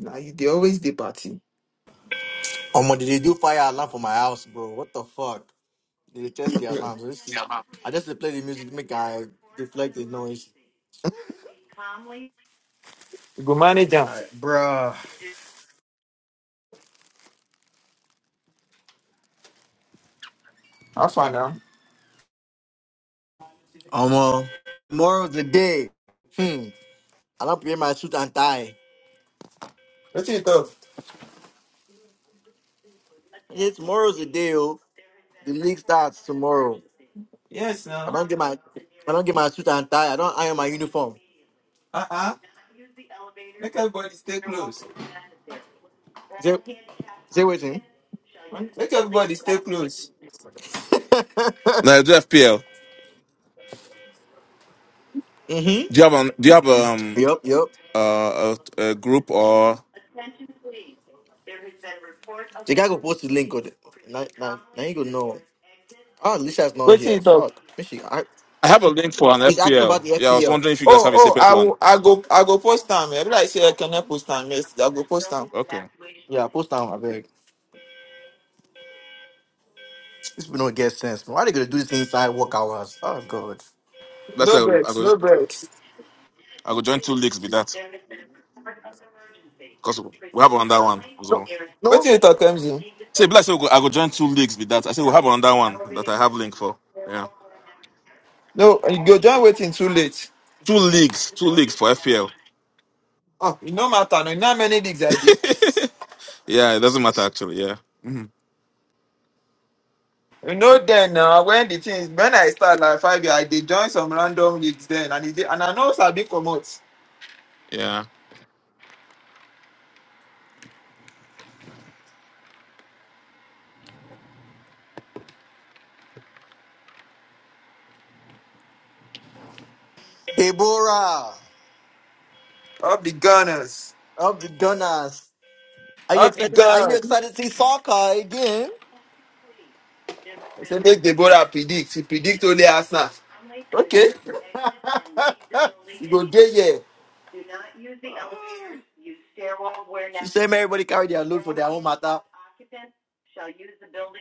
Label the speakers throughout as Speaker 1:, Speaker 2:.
Speaker 1: Nah, you, they always the party.
Speaker 2: Um, did they do fire alarm for my house, bro? What the fuck? Did they test the alarms?
Speaker 1: you
Speaker 2: Let's see. I just play the music, make I deflect the noise.
Speaker 1: go manage them.
Speaker 2: Alright, bruh.
Speaker 1: How far now?
Speaker 2: Um, uh, tomorrow's the day. Hmm. I don't wear my suit and tie.
Speaker 1: What you talk?
Speaker 2: Yeah, tomorrow's the day, oh. The league starts tomorrow.
Speaker 1: Yes,
Speaker 2: I
Speaker 1: now.
Speaker 2: don't get my, I don't get my suit and tie. I don't iron my uniform.
Speaker 1: Uh uh Make everybody stay close.
Speaker 2: Say, say waiting.
Speaker 1: Make everybody stay close.
Speaker 3: Now, do FPL?
Speaker 2: mm-hmm.
Speaker 3: Do you have an, do you have um
Speaker 2: Yup, yup.
Speaker 3: uh, a, a group or
Speaker 2: The guy go post the link. Go there. now, now, now you go know. Oh, Alicia's not
Speaker 1: What
Speaker 2: here.
Speaker 1: you talk?
Speaker 2: Fuck. Make sure I,
Speaker 3: I have a link for an
Speaker 2: he's asking about
Speaker 3: FPL.
Speaker 2: the
Speaker 3: Yeah, I was
Speaker 2: FPL.
Speaker 3: wondering if you guys
Speaker 1: Oh,
Speaker 3: have a
Speaker 1: oh,
Speaker 3: separate
Speaker 1: I
Speaker 3: one.
Speaker 1: will, I go, I go post time. I like say I cannot post time. Yes, I go post time.
Speaker 3: Okay,
Speaker 2: Yeah, post down. I beg. This people don't get sense. man. Why they gonna do this inside work hours? Oh god.
Speaker 3: that's I
Speaker 1: No
Speaker 3: go I
Speaker 1: breaks, no
Speaker 3: go
Speaker 1: breaks.
Speaker 3: I go join two leagues with that because we have another one.
Speaker 2: No,
Speaker 3: So
Speaker 1: What
Speaker 2: no.
Speaker 1: you talk, MZ?
Speaker 3: say, but I say we go, I go join two leagues with that. I say we have another one that I have link for. Yeah,
Speaker 1: No, you go join waiting too late.
Speaker 3: two leagues, two leagues for FPL.
Speaker 1: Oh, you know matter. No, you know how many digs I did.
Speaker 3: yeah, it doesn't matter actually. Yeah, Mhm.
Speaker 1: You know then uh, when the things when I start like five years, I did join some random gigs then and it, dey- and I know Sabi come out.
Speaker 3: yeah.
Speaker 2: Deborah,
Speaker 1: Up the gunners.
Speaker 2: up the gunners. Are you
Speaker 1: Up the
Speaker 2: excited? Are you
Speaker 1: gunners.
Speaker 2: excited to see Sawkeye again?
Speaker 1: I say make Deborah predict. She predict only Arsenal. Okay. You go there yeah.
Speaker 2: She said, "Man, everybody carry their load for their own matter.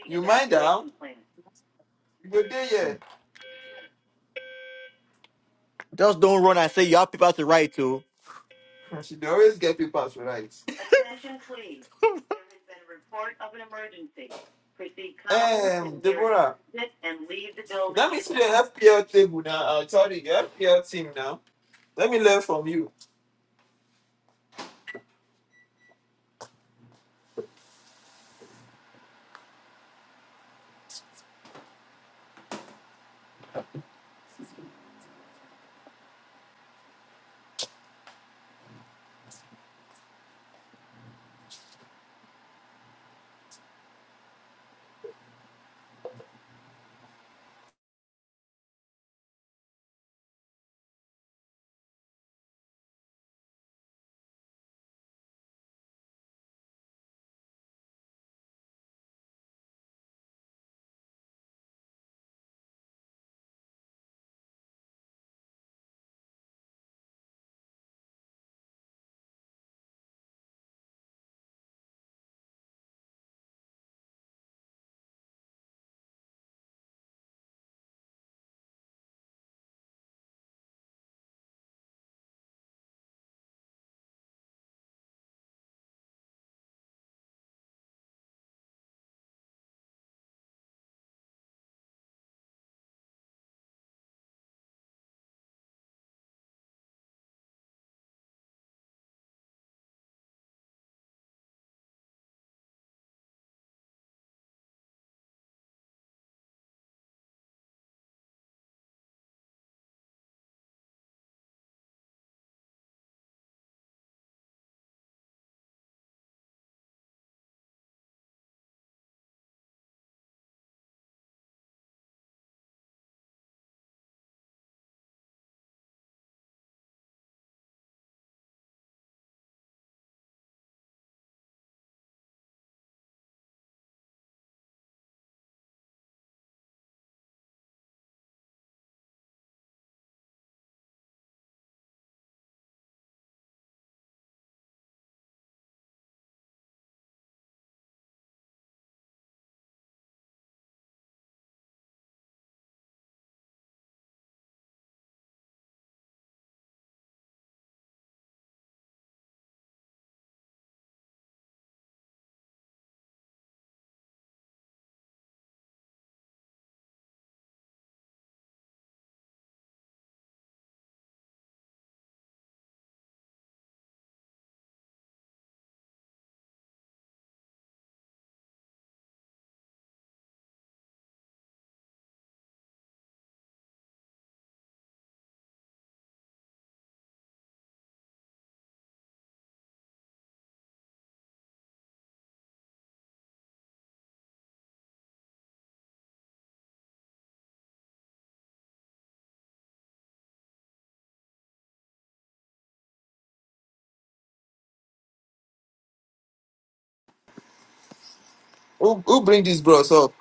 Speaker 1: You mind now? You go there
Speaker 2: Just don't run and say your people have to right to."
Speaker 1: yeah. She dey always get papers right. Um, Deborah, let me see the FPL table now. i Uh, sorry, your FPL team now. Let me learn from you. Who, who bring these bros up?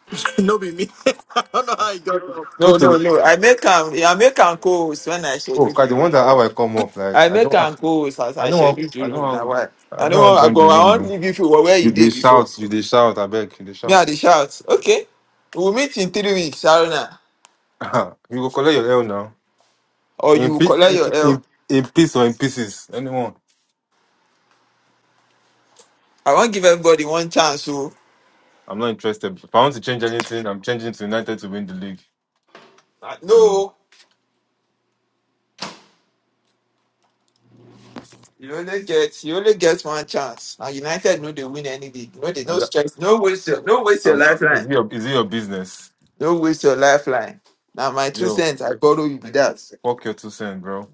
Speaker 2: no, be me. I don't know how you got go.
Speaker 4: Go
Speaker 1: No, no,
Speaker 4: to
Speaker 1: no. I make him. I make him co-host when I
Speaker 4: oh,
Speaker 1: schedule
Speaker 4: cause the wonder
Speaker 1: you.
Speaker 4: how I come off
Speaker 1: I
Speaker 4: like I
Speaker 1: make
Speaker 4: don't
Speaker 1: am
Speaker 4: ah,
Speaker 1: go as
Speaker 4: I
Speaker 1: I
Speaker 4: don't
Speaker 1: schedule
Speaker 4: want
Speaker 1: the
Speaker 4: I don't
Speaker 1: room na
Speaker 4: want
Speaker 1: why.
Speaker 4: I
Speaker 1: I
Speaker 4: don't
Speaker 1: no wan
Speaker 4: want
Speaker 1: I
Speaker 4: join the
Speaker 1: go I
Speaker 4: room
Speaker 1: wan
Speaker 4: now.
Speaker 1: leave you for where where
Speaker 4: You
Speaker 1: you
Speaker 4: they
Speaker 1: dey before.
Speaker 4: shout, you they shout, I beg, you they
Speaker 1: Me I
Speaker 4: shout.
Speaker 1: dey shout okay we will meet in three weeks Haruna
Speaker 4: Ah, you go collect your L now.
Speaker 1: or
Speaker 4: In,
Speaker 1: you
Speaker 4: pe-
Speaker 1: collect
Speaker 4: in
Speaker 1: your L.
Speaker 4: in in peace or in pieces, anyone.
Speaker 1: I wan give everybody one chance o.
Speaker 4: I'm not interested. If I want to change anything, I'm changing to United to win the league.
Speaker 1: Ah, No
Speaker 4: So
Speaker 1: o, you only get you only get one chance and United no dey win any league no dey no
Speaker 4: and that,
Speaker 1: stress no waste your no waste your
Speaker 4: I'm, is
Speaker 1: lifeline
Speaker 4: it your is it your business?
Speaker 1: no waste your lifeline. Na my two
Speaker 4: Yo,
Speaker 1: cents I borrow you be that.
Speaker 4: fuck your two cents, bro.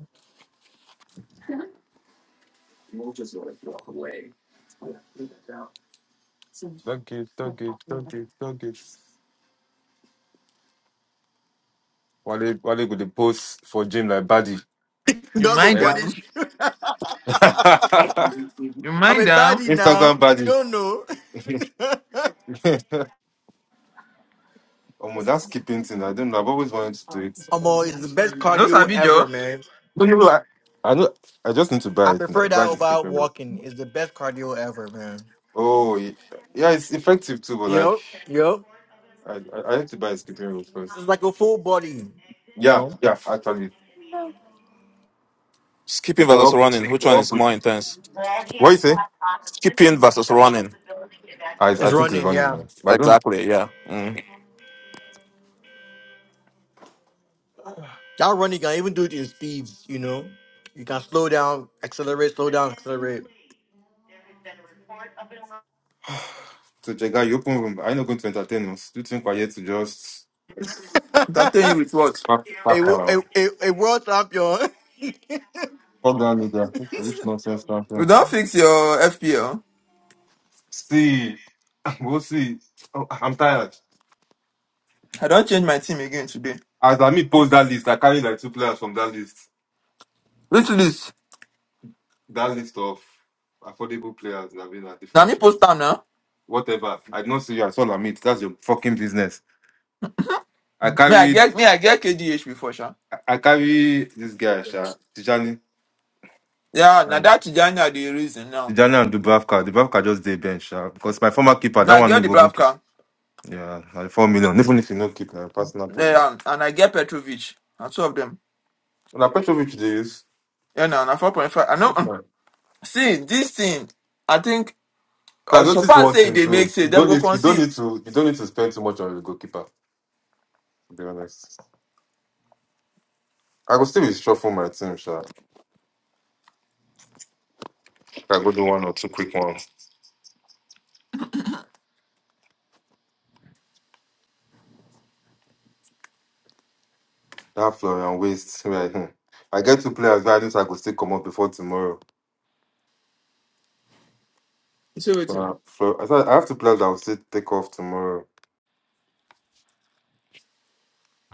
Speaker 4: Don't give, don't give, don't give, don't give. Wale Wale go the post for gym like buddy.
Speaker 1: You
Speaker 2: God go
Speaker 1: mind am?
Speaker 2: punish you.
Speaker 4: Yeah.
Speaker 1: You
Speaker 2: I'm
Speaker 1: mind
Speaker 2: a
Speaker 1: am?
Speaker 2: baddie now.
Speaker 4: Instagram
Speaker 2: You
Speaker 4: baddies.
Speaker 2: don't know.
Speaker 4: oh my, that's keeping thing. I don't know. I've always wanted to do it.
Speaker 2: Amo, it's the best
Speaker 1: No
Speaker 2: cardio
Speaker 1: sabi
Speaker 2: ever,
Speaker 1: Joe.
Speaker 2: man.
Speaker 4: No, no, no, I, I know. I just need to
Speaker 2: I
Speaker 4: buy it. now.
Speaker 2: prefer that
Speaker 4: Buy the
Speaker 2: over
Speaker 4: skipping rope.
Speaker 2: walking. It's the best cardio ever, man.
Speaker 4: Oh, ye- yeah, it's effective too. But like,
Speaker 2: Yup, yup.
Speaker 4: I I, I have to buy a skipping rope first.
Speaker 2: It's like a full body. You
Speaker 4: Yeah,
Speaker 2: know?
Speaker 4: yeah. Actually,
Speaker 3: Skipping
Speaker 4: it
Speaker 3: versus
Speaker 4: will help.
Speaker 3: running.
Speaker 4: It
Speaker 3: Which
Speaker 4: will
Speaker 3: one
Speaker 4: help
Speaker 3: is
Speaker 4: with-
Speaker 3: more intense?
Speaker 4: What you say?
Speaker 3: Skipping versus running.
Speaker 4: I I
Speaker 2: It's
Speaker 4: think it's
Speaker 2: running,
Speaker 4: running
Speaker 2: yeah.
Speaker 4: now. But I don't.
Speaker 3: Exactly. Yeah. Mm.
Speaker 2: That running, you can even do it in speeds, you know? You can slow down, accelerate, slow down, accelerate.
Speaker 4: So Jega, you open room. I am not going to entertain us. Do you think we're here to just
Speaker 1: Entertain
Speaker 2: a,
Speaker 1: you with what?
Speaker 4: pack pack
Speaker 2: wo- a,
Speaker 4: around?
Speaker 2: a, a world champion.
Speaker 4: Fuck down media. Which nonsense,
Speaker 1: We
Speaker 4: nonsense.
Speaker 1: don't fix your FPL.
Speaker 4: See, we'll see. Oh, I'm tired.
Speaker 1: I don't change my team again today.
Speaker 4: As I post that list, I carry like two players from that list.
Speaker 1: Which list?
Speaker 4: That list of affordable players that have been at
Speaker 1: Now me post
Speaker 4: differentials.
Speaker 1: am now.
Speaker 4: Whatever. I don't see you as all I saw Amit. That's your fucking business. I
Speaker 1: Me I
Speaker 4: carried
Speaker 1: get me I get KDH before sha.
Speaker 4: I I carry this guy, Sha, Tijani.
Speaker 1: Yeah, now
Speaker 4: And
Speaker 1: that Tijani are the reason now.
Speaker 4: Tijani and Dubravka. Dubravka just did bench, Sha. Because my former keeper,
Speaker 1: Me
Speaker 4: that
Speaker 1: I
Speaker 4: one no
Speaker 1: get the
Speaker 4: go even keep.
Speaker 1: Bravka.
Speaker 4: Yeah, like four million. Even if you no keep na personal problem.
Speaker 1: Yeah, and and I get Petrovic. And two of them.
Speaker 4: Now Petrovic they use.
Speaker 1: Yeah, now na four point five. I know. mm.
Speaker 4: No.
Speaker 1: See this thing. I think
Speaker 4: So I
Speaker 1: uh, so
Speaker 4: noticed
Speaker 1: far
Speaker 4: one
Speaker 1: say
Speaker 4: thing
Speaker 1: they make
Speaker 4: too.
Speaker 1: say
Speaker 4: You
Speaker 1: they
Speaker 4: don't
Speaker 1: go
Speaker 4: need you don't
Speaker 1: concede.
Speaker 4: need to you don't need to spend too much on your goalkeeper, to be honest. I go still be shuffle my team, sha. I go do one or two quick ones. That Florian waste. Right? hmm. I get two players that I think I go still come up before tomorrow.
Speaker 1: You see wetin?
Speaker 4: Uh, Flo- I said I have two players that will still take off tomorrow.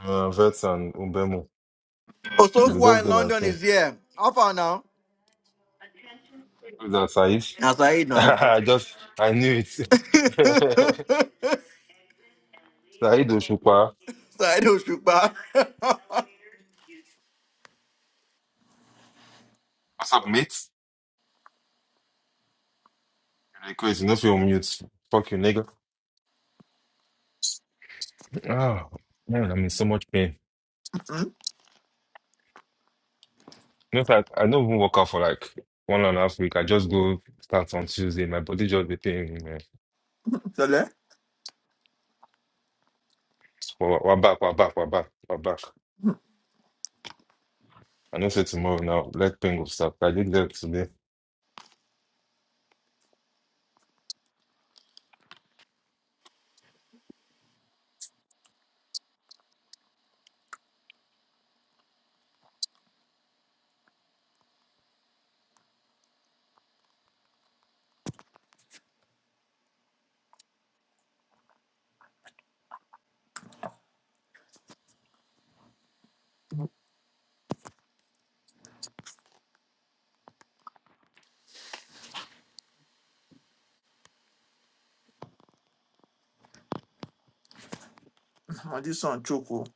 Speaker 4: Uh, Vets and Umbemo.
Speaker 2: oh, so
Speaker 4: They
Speaker 2: far
Speaker 4: just
Speaker 2: in
Speaker 4: be my
Speaker 2: London
Speaker 4: thing.
Speaker 2: is here. How far now?
Speaker 4: Who's that Saif?
Speaker 2: That's eight now.
Speaker 4: I just I knew it. Said Oshupa.
Speaker 2: I do shoot back.
Speaker 4: What's up, mate? Request, you know if you're on mute. Fuck you, nigga. Oh man, I'm in so much pain.
Speaker 1: Hmm?
Speaker 4: No, I, I don't even work out for like one and a half week. I just go start on Tuesday. My body just be pain. man.
Speaker 1: Sele?
Speaker 4: We're, we're back, we're back, we're back, we're back. I know say tomorrow now, leg pain will start. I did that today.
Speaker 1: Oh, this one choke oh.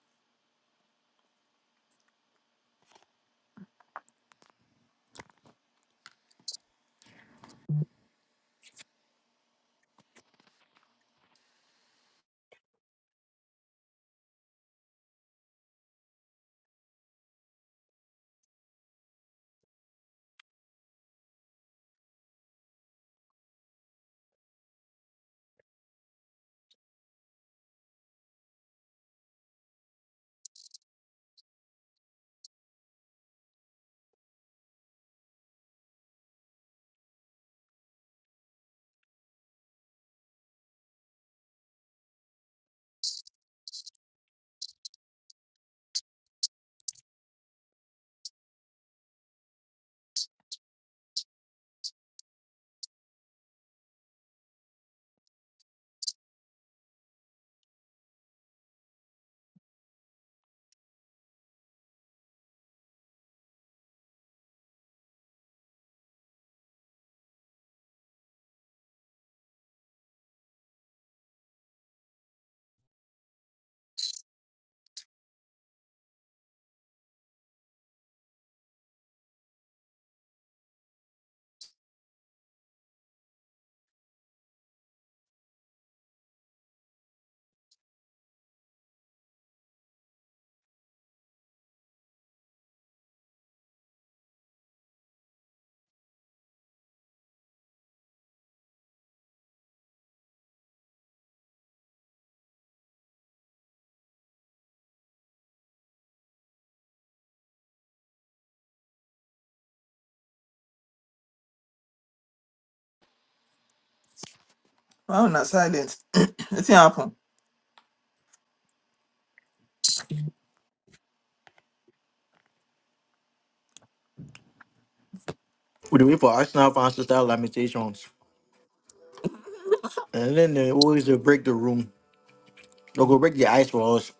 Speaker 1: Why una silent? Nothing happen.
Speaker 2: We do it for Arsenal fans to start lamentations. And then they always they break the room. They'll go break the ice for us.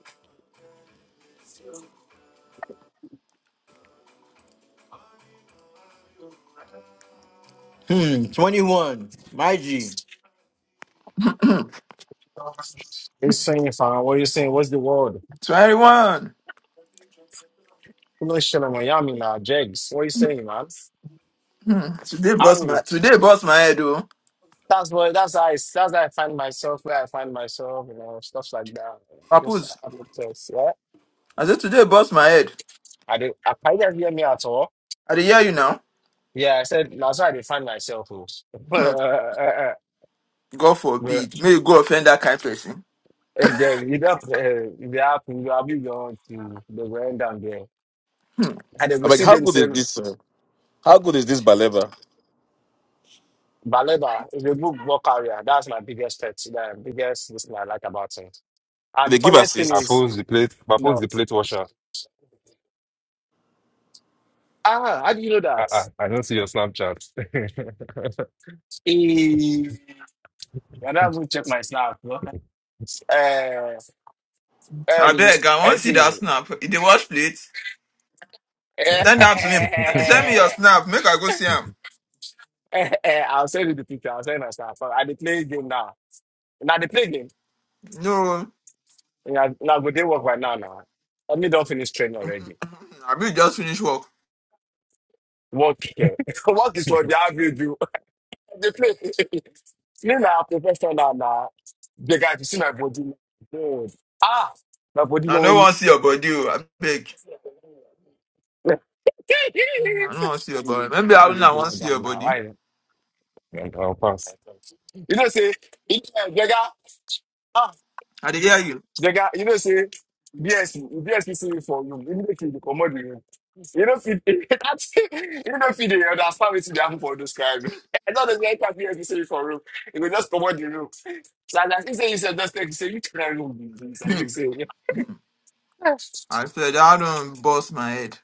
Speaker 2: Hmm, 21. My G.
Speaker 5: He's saying, fam, what are you saying? What's the word?
Speaker 1: So everyone,
Speaker 5: You know, shit, Miami, am a now, Jegs. What are you saying, man?
Speaker 1: today
Speaker 5: I
Speaker 1: boss my today boss my head oh.
Speaker 5: That's what. That's how I. That's how I find myself. Where I find myself, you know, stuff like that. I just
Speaker 1: Papoose,
Speaker 5: have no place. Yeah,
Speaker 1: I said today bust my head.
Speaker 5: I did. I probably didn't hear me at all.
Speaker 1: I dey hear you now.
Speaker 5: Yeah, I said nah, that's how I find myself. oh. but uh,
Speaker 1: Hmm.
Speaker 5: uh, uh,
Speaker 1: God
Speaker 5: but
Speaker 1: forbid. May you go offend that kind person.
Speaker 5: and then you know, uh, the app, you have you going to the ground down there, and they
Speaker 3: I'm
Speaker 5: will
Speaker 3: like,
Speaker 5: see
Speaker 3: how good is
Speaker 5: themselves.
Speaker 3: this? Uh, how good is this Baleba?
Speaker 5: Baleba is a good ball carrier. That's my biggest pet, the biggest thing I like about him. And
Speaker 3: Did
Speaker 5: the
Speaker 3: they give
Speaker 5: funniest thing
Speaker 4: I
Speaker 3: assist?
Speaker 4: post
Speaker 5: is,
Speaker 4: the plate, I post
Speaker 5: no.
Speaker 4: the plate washer.
Speaker 5: ah, how do you know that?
Speaker 4: I, I, I don't see your Snapchat.
Speaker 5: He, I don't even check my snap. Uh,
Speaker 1: I
Speaker 5: um,
Speaker 1: beg, I want see that
Speaker 5: Ezzy,
Speaker 1: snap. If they wash plate,
Speaker 5: Eh,
Speaker 1: send am to me. Send me your
Speaker 5: eh,
Speaker 1: snap. Make I go see him.
Speaker 5: eh, I'll send you the picture. I'll send you my snap. I dey play game now. Now they play game.
Speaker 1: No,
Speaker 5: Now go they work right now. Now, I mean, don't finish training already.
Speaker 1: I be just finish work.
Speaker 5: Work here. work is what they have you do. Nina professional na the guy to see my body. God. Ah, my body
Speaker 1: I no
Speaker 5: don't.
Speaker 1: want see your body. oh, I beg. I no want see your body. Maybe I
Speaker 5: I go
Speaker 1: don't
Speaker 5: do
Speaker 1: want
Speaker 5: like
Speaker 1: see
Speaker 5: that
Speaker 1: your
Speaker 5: now.
Speaker 1: body.
Speaker 5: I
Speaker 4: And I'll pass.
Speaker 5: you know say you know Jega ah
Speaker 1: I dey hear you.
Speaker 5: Jega you know say BSC for you immediately the commodity you know fit that you know fit the understand what you have for those kind. I don't know if BSC for room. You go just commodity So I like, he said, he said, that's thing. He said, you cannot go do this. I think
Speaker 1: Hmm.
Speaker 5: so. Yeah.
Speaker 1: I said I don't bust my head.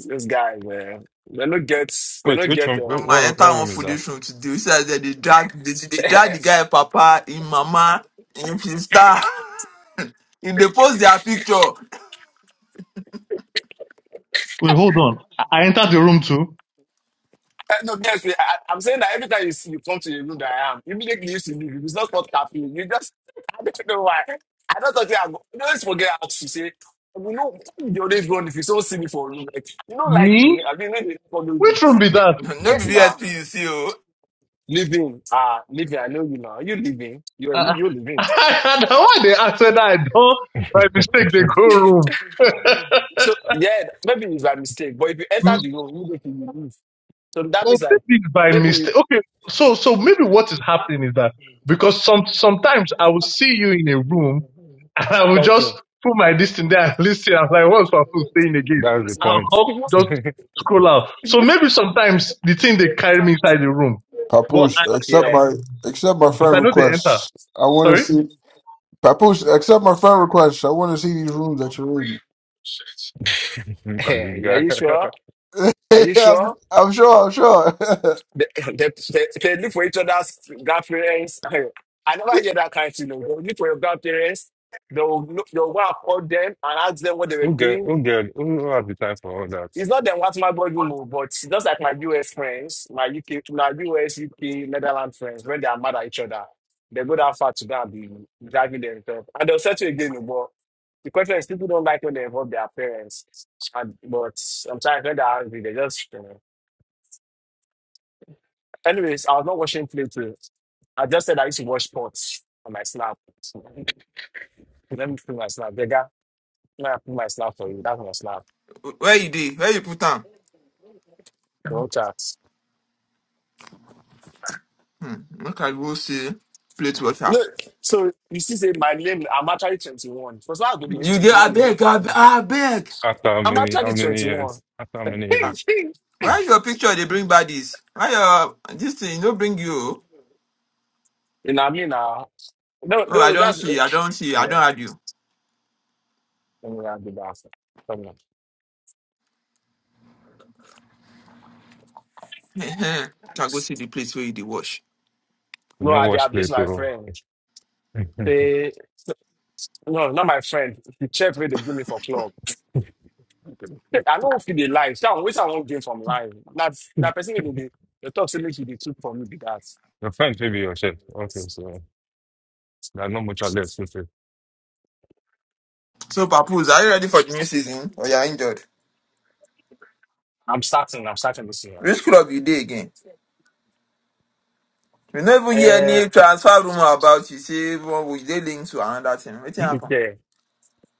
Speaker 5: This guy, man. They don't get, they
Speaker 4: Wait,
Speaker 5: don't
Speaker 4: which
Speaker 5: get,
Speaker 4: one? What,
Speaker 1: Omo, I
Speaker 4: what
Speaker 1: enter one
Speaker 4: room is that?
Speaker 1: foolish room today. You see as They dey drag, they, they drag the guy, papa, in mama, in sister. If they post their picture,
Speaker 6: Wait, hold on. I I entered the room
Speaker 5: um,
Speaker 6: too.
Speaker 5: Uh, no, yes, we- I, I'm saying that every time you see you come to the room that I am, immediately you used to leave. If It's not called caffeine. You just I don't know why. I don't think I go. You always forget how to say. You know, you always run if you don't see me for a room. Like you don't like
Speaker 6: Me?
Speaker 5: me. I mean, maybe for no
Speaker 6: Which room
Speaker 5: use.
Speaker 6: be that?
Speaker 1: no be
Speaker 5: Yes, now
Speaker 1: VSP you see oh.
Speaker 5: living. Ah, living. I know you now. You living. You're li-
Speaker 6: Uh,
Speaker 5: you're living.
Speaker 6: now why they answer that I don't by mistake they go room.
Speaker 5: So yeah, maybe it's by mistake. But if you enter
Speaker 6: Mm,
Speaker 5: the room, immediately you leave. So that
Speaker 6: oh,
Speaker 5: means like.
Speaker 6: maybe it's by
Speaker 5: maybe
Speaker 6: mistake. Okay, so so maybe
Speaker 5: Thank
Speaker 6: what is happening is that because some sometimes I will see you in a room and I will just put my distance there and listen. I'm like, what's my food saying again?
Speaker 4: That's the
Speaker 6: I'll
Speaker 4: point.
Speaker 6: hop, just
Speaker 4: Look
Speaker 6: scroll out. So maybe sometimes the thing they carry me inside the room, but
Speaker 7: Papoose,
Speaker 6: I
Speaker 7: accept
Speaker 5: Yeah.
Speaker 7: my accept my
Speaker 6: but
Speaker 7: friend
Speaker 6: I know they enter.
Speaker 7: requests. I want to
Speaker 6: Sorry.
Speaker 7: see Papoose, accept my friend requests. I want to see these rooms that you're in.
Speaker 4: at this
Speaker 5: Hey, are
Speaker 4: guy.
Speaker 5: you sure? Are you
Speaker 7: I'm,
Speaker 5: sure?
Speaker 7: I'm sure. I'm sure.
Speaker 5: They, they, they, they live for each other's grandparents. I never hear that kind of thing. no. They live for your grandparents. They'll, they'll go and call them and ask them what they were
Speaker 4: We'll get,
Speaker 5: doing.
Speaker 4: we'll get, we'll have the time for all that.
Speaker 5: It's not them what my body move, but just like my US friends, my UK, my US, UK, Netherlands friends, when they are mad at each other, they go that far to go and be dragging themselves. And they'll settle again, but the question is people don't like when they involve their parents. And, but sometimes when they're angry, they just, you know. Anyways, I was not watching play too. I just said I used to watch sports on my snap. Let me put my snap. Vega, let me put my snap for you. That's my snap.
Speaker 1: Where you dey? Where you put am?
Speaker 5: Don't chat.
Speaker 1: Hmm. Make I go see plate water.
Speaker 5: No, so you see, say my name, I'm actually 21. For so I'm going to use
Speaker 1: You get
Speaker 5: 21 again
Speaker 1: abeg,
Speaker 5: for
Speaker 1: abeg,
Speaker 5: Andy.
Speaker 1: abeg.
Speaker 4: After how
Speaker 5: I'm
Speaker 4: many,
Speaker 5: actually
Speaker 4: how many
Speaker 5: 21.
Speaker 4: years? After how many
Speaker 5: you
Speaker 1: Ah,
Speaker 4: years?
Speaker 5: know
Speaker 1: Why your picture they bring baddies? Why your this thing no bring you? oh?
Speaker 5: what I mean? Nah. No,
Speaker 1: oh, I
Speaker 5: no,
Speaker 1: don't
Speaker 5: that's
Speaker 1: see, I don't see, I
Speaker 5: yeah.
Speaker 1: don't add you.
Speaker 5: Let me not do that. Come on.
Speaker 1: Can go see the place where you dey wash.
Speaker 4: You
Speaker 5: No,
Speaker 4: know,
Speaker 5: I
Speaker 4: watch
Speaker 5: have
Speaker 4: play
Speaker 5: this my
Speaker 4: through.
Speaker 5: friend.
Speaker 4: your
Speaker 5: They no, not my friend. The chef where they give me for club. I don't feel the life. So I always I won't gain from life. Now, now person they they talk so much they took for me be
Speaker 4: friend may be your chef also,
Speaker 5: that.
Speaker 4: so there are not much outlets to say
Speaker 1: So Papoose, are you ready for the new season? Or you are injured?
Speaker 5: I'm starting. I'm starting this year.
Speaker 1: Which club you dey again? We never hear
Speaker 5: Uh,
Speaker 1: any transfer rumor about you. Say one we dey linked to another thing. Wetin happen?
Speaker 5: okay.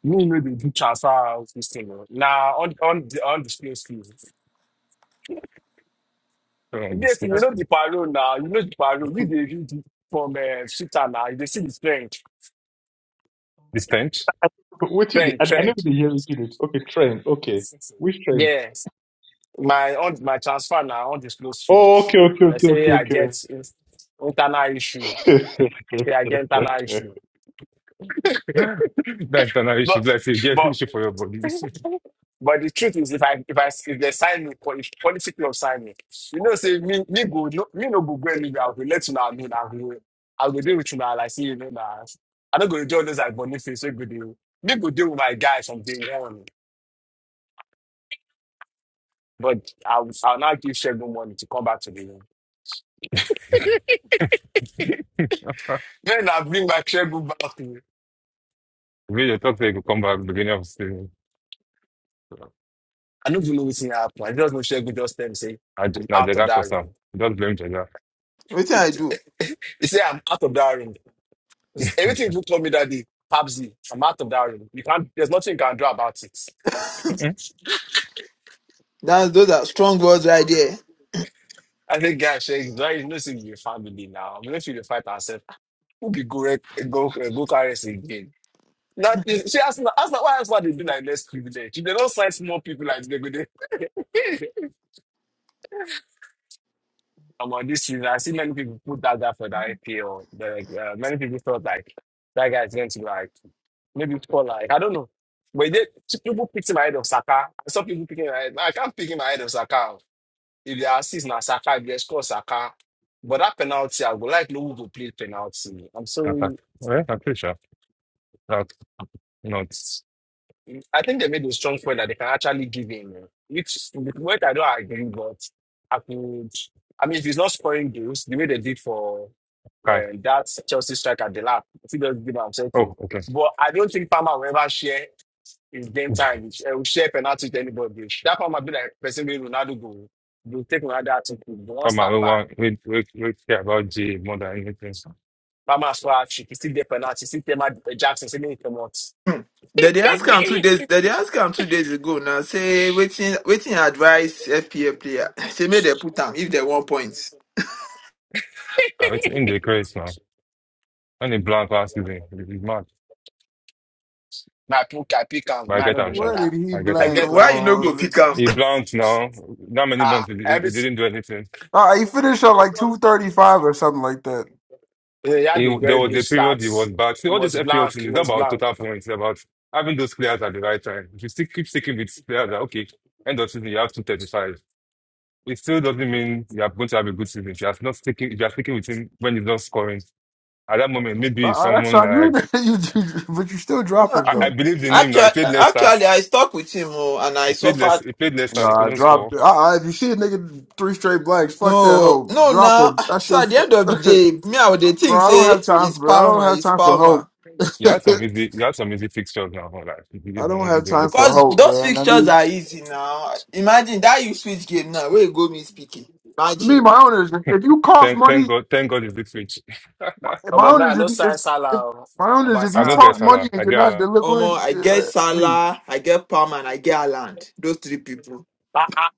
Speaker 5: Me know the do transfer out this thing. oh. Now on on the on the space field.
Speaker 4: on this
Speaker 5: Yes, you
Speaker 4: place.
Speaker 5: know the parole now. You know the parole. We dey read it from uh, Sita now. You dey see the trend,
Speaker 4: The stench?
Speaker 6: What you did?
Speaker 5: trend,
Speaker 6: I, I
Speaker 5: trend.
Speaker 6: never did hear what you did. Okay, train. Okay. Which train?
Speaker 5: Yes, my on my transfer now on the space field.
Speaker 6: Oh, okay, okay,
Speaker 5: They
Speaker 6: okay, okay,
Speaker 5: say I
Speaker 6: okay.
Speaker 5: get in- internal issue. Say I get internal issue.
Speaker 4: That's another issue.
Speaker 5: But
Speaker 4: Bless you. Get
Speaker 5: but
Speaker 4: issue for your body.
Speaker 5: but the truth is, if I if I if they sign me, po- if politically of sign me, you know, say me me go no me no go go anywhere. I will let you know. know I know I will deal with you now. Like see you know now. I don't go do join this like Boniface. So good deal. Me go deal with my guys from day one. But I'll I'll now give Shegun money to come back to the room. Then I bring my Shegun back. To
Speaker 4: We you talk to you, could come back beginning of season. So,
Speaker 5: I don't even know what's in happen I just know Shegun just tell me say
Speaker 4: I j-
Speaker 5: I'm
Speaker 4: na
Speaker 5: out of
Speaker 4: Jega for
Speaker 5: that
Speaker 4: some.
Speaker 5: room.
Speaker 4: Don't blame Jega.
Speaker 1: Wetin I do?
Speaker 5: He say I'm out of that room.
Speaker 4: Mm-mm.
Speaker 5: Everything you told me that day, Pabsy, I'm out of that room. You can't, there's nothing you can do about it.
Speaker 1: That's those are strong words right there.
Speaker 5: I think, guys, she's right. You know, see, your family now. We don't feel to fight ourselves. Who be go rec- go go carry us again? Now, she asked, asked why ask why they do like less privilege. If they don't sign small people like they go there. Come on, this season, I see many people put that guy for the IPL. Like, uh, many people thought like that guy is going to like maybe score like I don't know. But they, people picked him ahead of Saka. I saw people picking him ahead. I can't pick him ahead of Saka. If they assist now Saka, if they score Saka. But that penalty, I would like Luwu to play penalty. I'm
Speaker 4: Attack.
Speaker 5: sorry.
Speaker 4: Well, I'm pretty sure that's not
Speaker 5: I think they made a strong point that they can actually give him, eh, which with what I don't agree, but I could. I mean, if he's not scoring goals the way they did for
Speaker 4: Kai.
Speaker 5: and that's Chelsea striker the lap. If he doesn't give himself
Speaker 4: Oh,
Speaker 5: to.
Speaker 4: okay.
Speaker 5: But I don't think Palmer will ever share his game time. He will share penalty to anybody. That Palmer be like person with Ronaldo go. You take Ronaldo out to the one
Speaker 4: But man, we
Speaker 5: start back.
Speaker 4: want we we we care about G more than anything.
Speaker 5: Palmer score hat trick. He still get penalty. He Still tell my Jackson say make him come out.
Speaker 1: Hmm. Then they ask him two days. They they ask him two days ago. Now say waiting, waiting advice FPA player. Say make they put him if they want points.
Speaker 4: I it's in the craze now. Only blank last season. It- It's mad.
Speaker 5: Na pick I pick
Speaker 4: But
Speaker 5: am.
Speaker 4: I
Speaker 5: Man,
Speaker 4: get
Speaker 5: I no go
Speaker 4: him, sure.
Speaker 7: Where
Speaker 5: lie.
Speaker 7: did he
Speaker 4: I get
Speaker 5: I
Speaker 4: him.
Speaker 5: get
Speaker 7: blank?
Speaker 1: Why you
Speaker 5: am.
Speaker 1: no go
Speaker 7: Or
Speaker 1: pick him?
Speaker 4: He blanked now. Not many
Speaker 5: Ah,
Speaker 4: months he, he he
Speaker 5: every,
Speaker 4: didn't do anything.
Speaker 7: uh, he finished at like two thirty five or something like that.
Speaker 5: yeah, he
Speaker 4: He,
Speaker 5: had a
Speaker 4: there
Speaker 5: very
Speaker 4: was
Speaker 5: good
Speaker 4: a period
Speaker 5: start.
Speaker 4: he was bad. See
Speaker 5: He
Speaker 4: all this
Speaker 5: was
Speaker 4: FPL
Speaker 5: blank.
Speaker 4: thing
Speaker 5: He
Speaker 4: is not
Speaker 5: was
Speaker 4: about
Speaker 5: blank.
Speaker 4: total points, it's about having those players at the right time. If you still keep sticking with players that okay, end of season you have two thirty five. It still doesn't mean you are going to have a good season. If you are not sticking if you are sticking with him when he's not scoring. At that moment,
Speaker 7: Uh,
Speaker 4: maybe
Speaker 7: uh, that's
Speaker 4: someone
Speaker 7: not you,
Speaker 4: like
Speaker 7: you, you- but you still drop
Speaker 1: No,
Speaker 7: him
Speaker 4: I, I
Speaker 7: though.
Speaker 4: believe in him now. He
Speaker 1: actually,
Speaker 4: played Leicester.
Speaker 1: actually, I stuck with him oh, and I
Speaker 4: He played
Speaker 1: suffered.
Speaker 4: Leicester. He played Leicester
Speaker 7: No,
Speaker 4: and he
Speaker 7: I
Speaker 4: couldn't
Speaker 7: dropped.
Speaker 4: score.
Speaker 7: Uh, uh, if you see a nigga three straight blanks, fuck that
Speaker 1: No,
Speaker 7: hoe.
Speaker 1: no,
Speaker 7: Drop
Speaker 1: now.
Speaker 7: him. That's
Speaker 1: So
Speaker 7: your.
Speaker 1: at the
Speaker 7: Fu-
Speaker 1: end of
Speaker 7: Bro,
Speaker 1: the day, me I would dey think
Speaker 7: I don't have
Speaker 1: say
Speaker 7: time
Speaker 1: it's
Speaker 7: for. I don't
Speaker 1: Palmer,
Speaker 7: have
Speaker 1: it's
Speaker 7: time for hope.
Speaker 1: Palmer.
Speaker 4: He had some easy. He had some easy fixtures now. Like he
Speaker 7: I
Speaker 4: didn't
Speaker 7: don't
Speaker 4: really
Speaker 7: have
Speaker 4: do
Speaker 7: time for
Speaker 4: anything.
Speaker 1: Because
Speaker 7: hope,
Speaker 1: those
Speaker 7: man. I
Speaker 1: fixtures
Speaker 7: need
Speaker 1: are easy now. Imagine that you switch game now. Where you go me speaking. Imagine.
Speaker 7: me, my owners. If you cost
Speaker 4: Thank, thank
Speaker 7: money,
Speaker 4: God. Thank God he's this
Speaker 7: my,
Speaker 5: Come
Speaker 7: my
Speaker 5: on,
Speaker 7: owners.
Speaker 5: man. No
Speaker 7: If, you- if
Speaker 5: sign Salah.
Speaker 7: if
Speaker 5: oh.
Speaker 7: my owners,
Speaker 5: About
Speaker 7: if
Speaker 4: I
Speaker 7: you
Speaker 4: know
Speaker 5: Salah.
Speaker 4: get
Speaker 7: cost
Speaker 5: Man.
Speaker 7: money
Speaker 4: Salah.
Speaker 7: and
Speaker 4: I
Speaker 7: you're
Speaker 4: get
Speaker 7: not
Speaker 4: Salah.
Speaker 1: Omo,
Speaker 7: delivering,
Speaker 1: I get
Speaker 7: uh, me,
Speaker 1: Salah, I get Palm, and I get Haaland. Those three people.
Speaker 5: Ah, ah.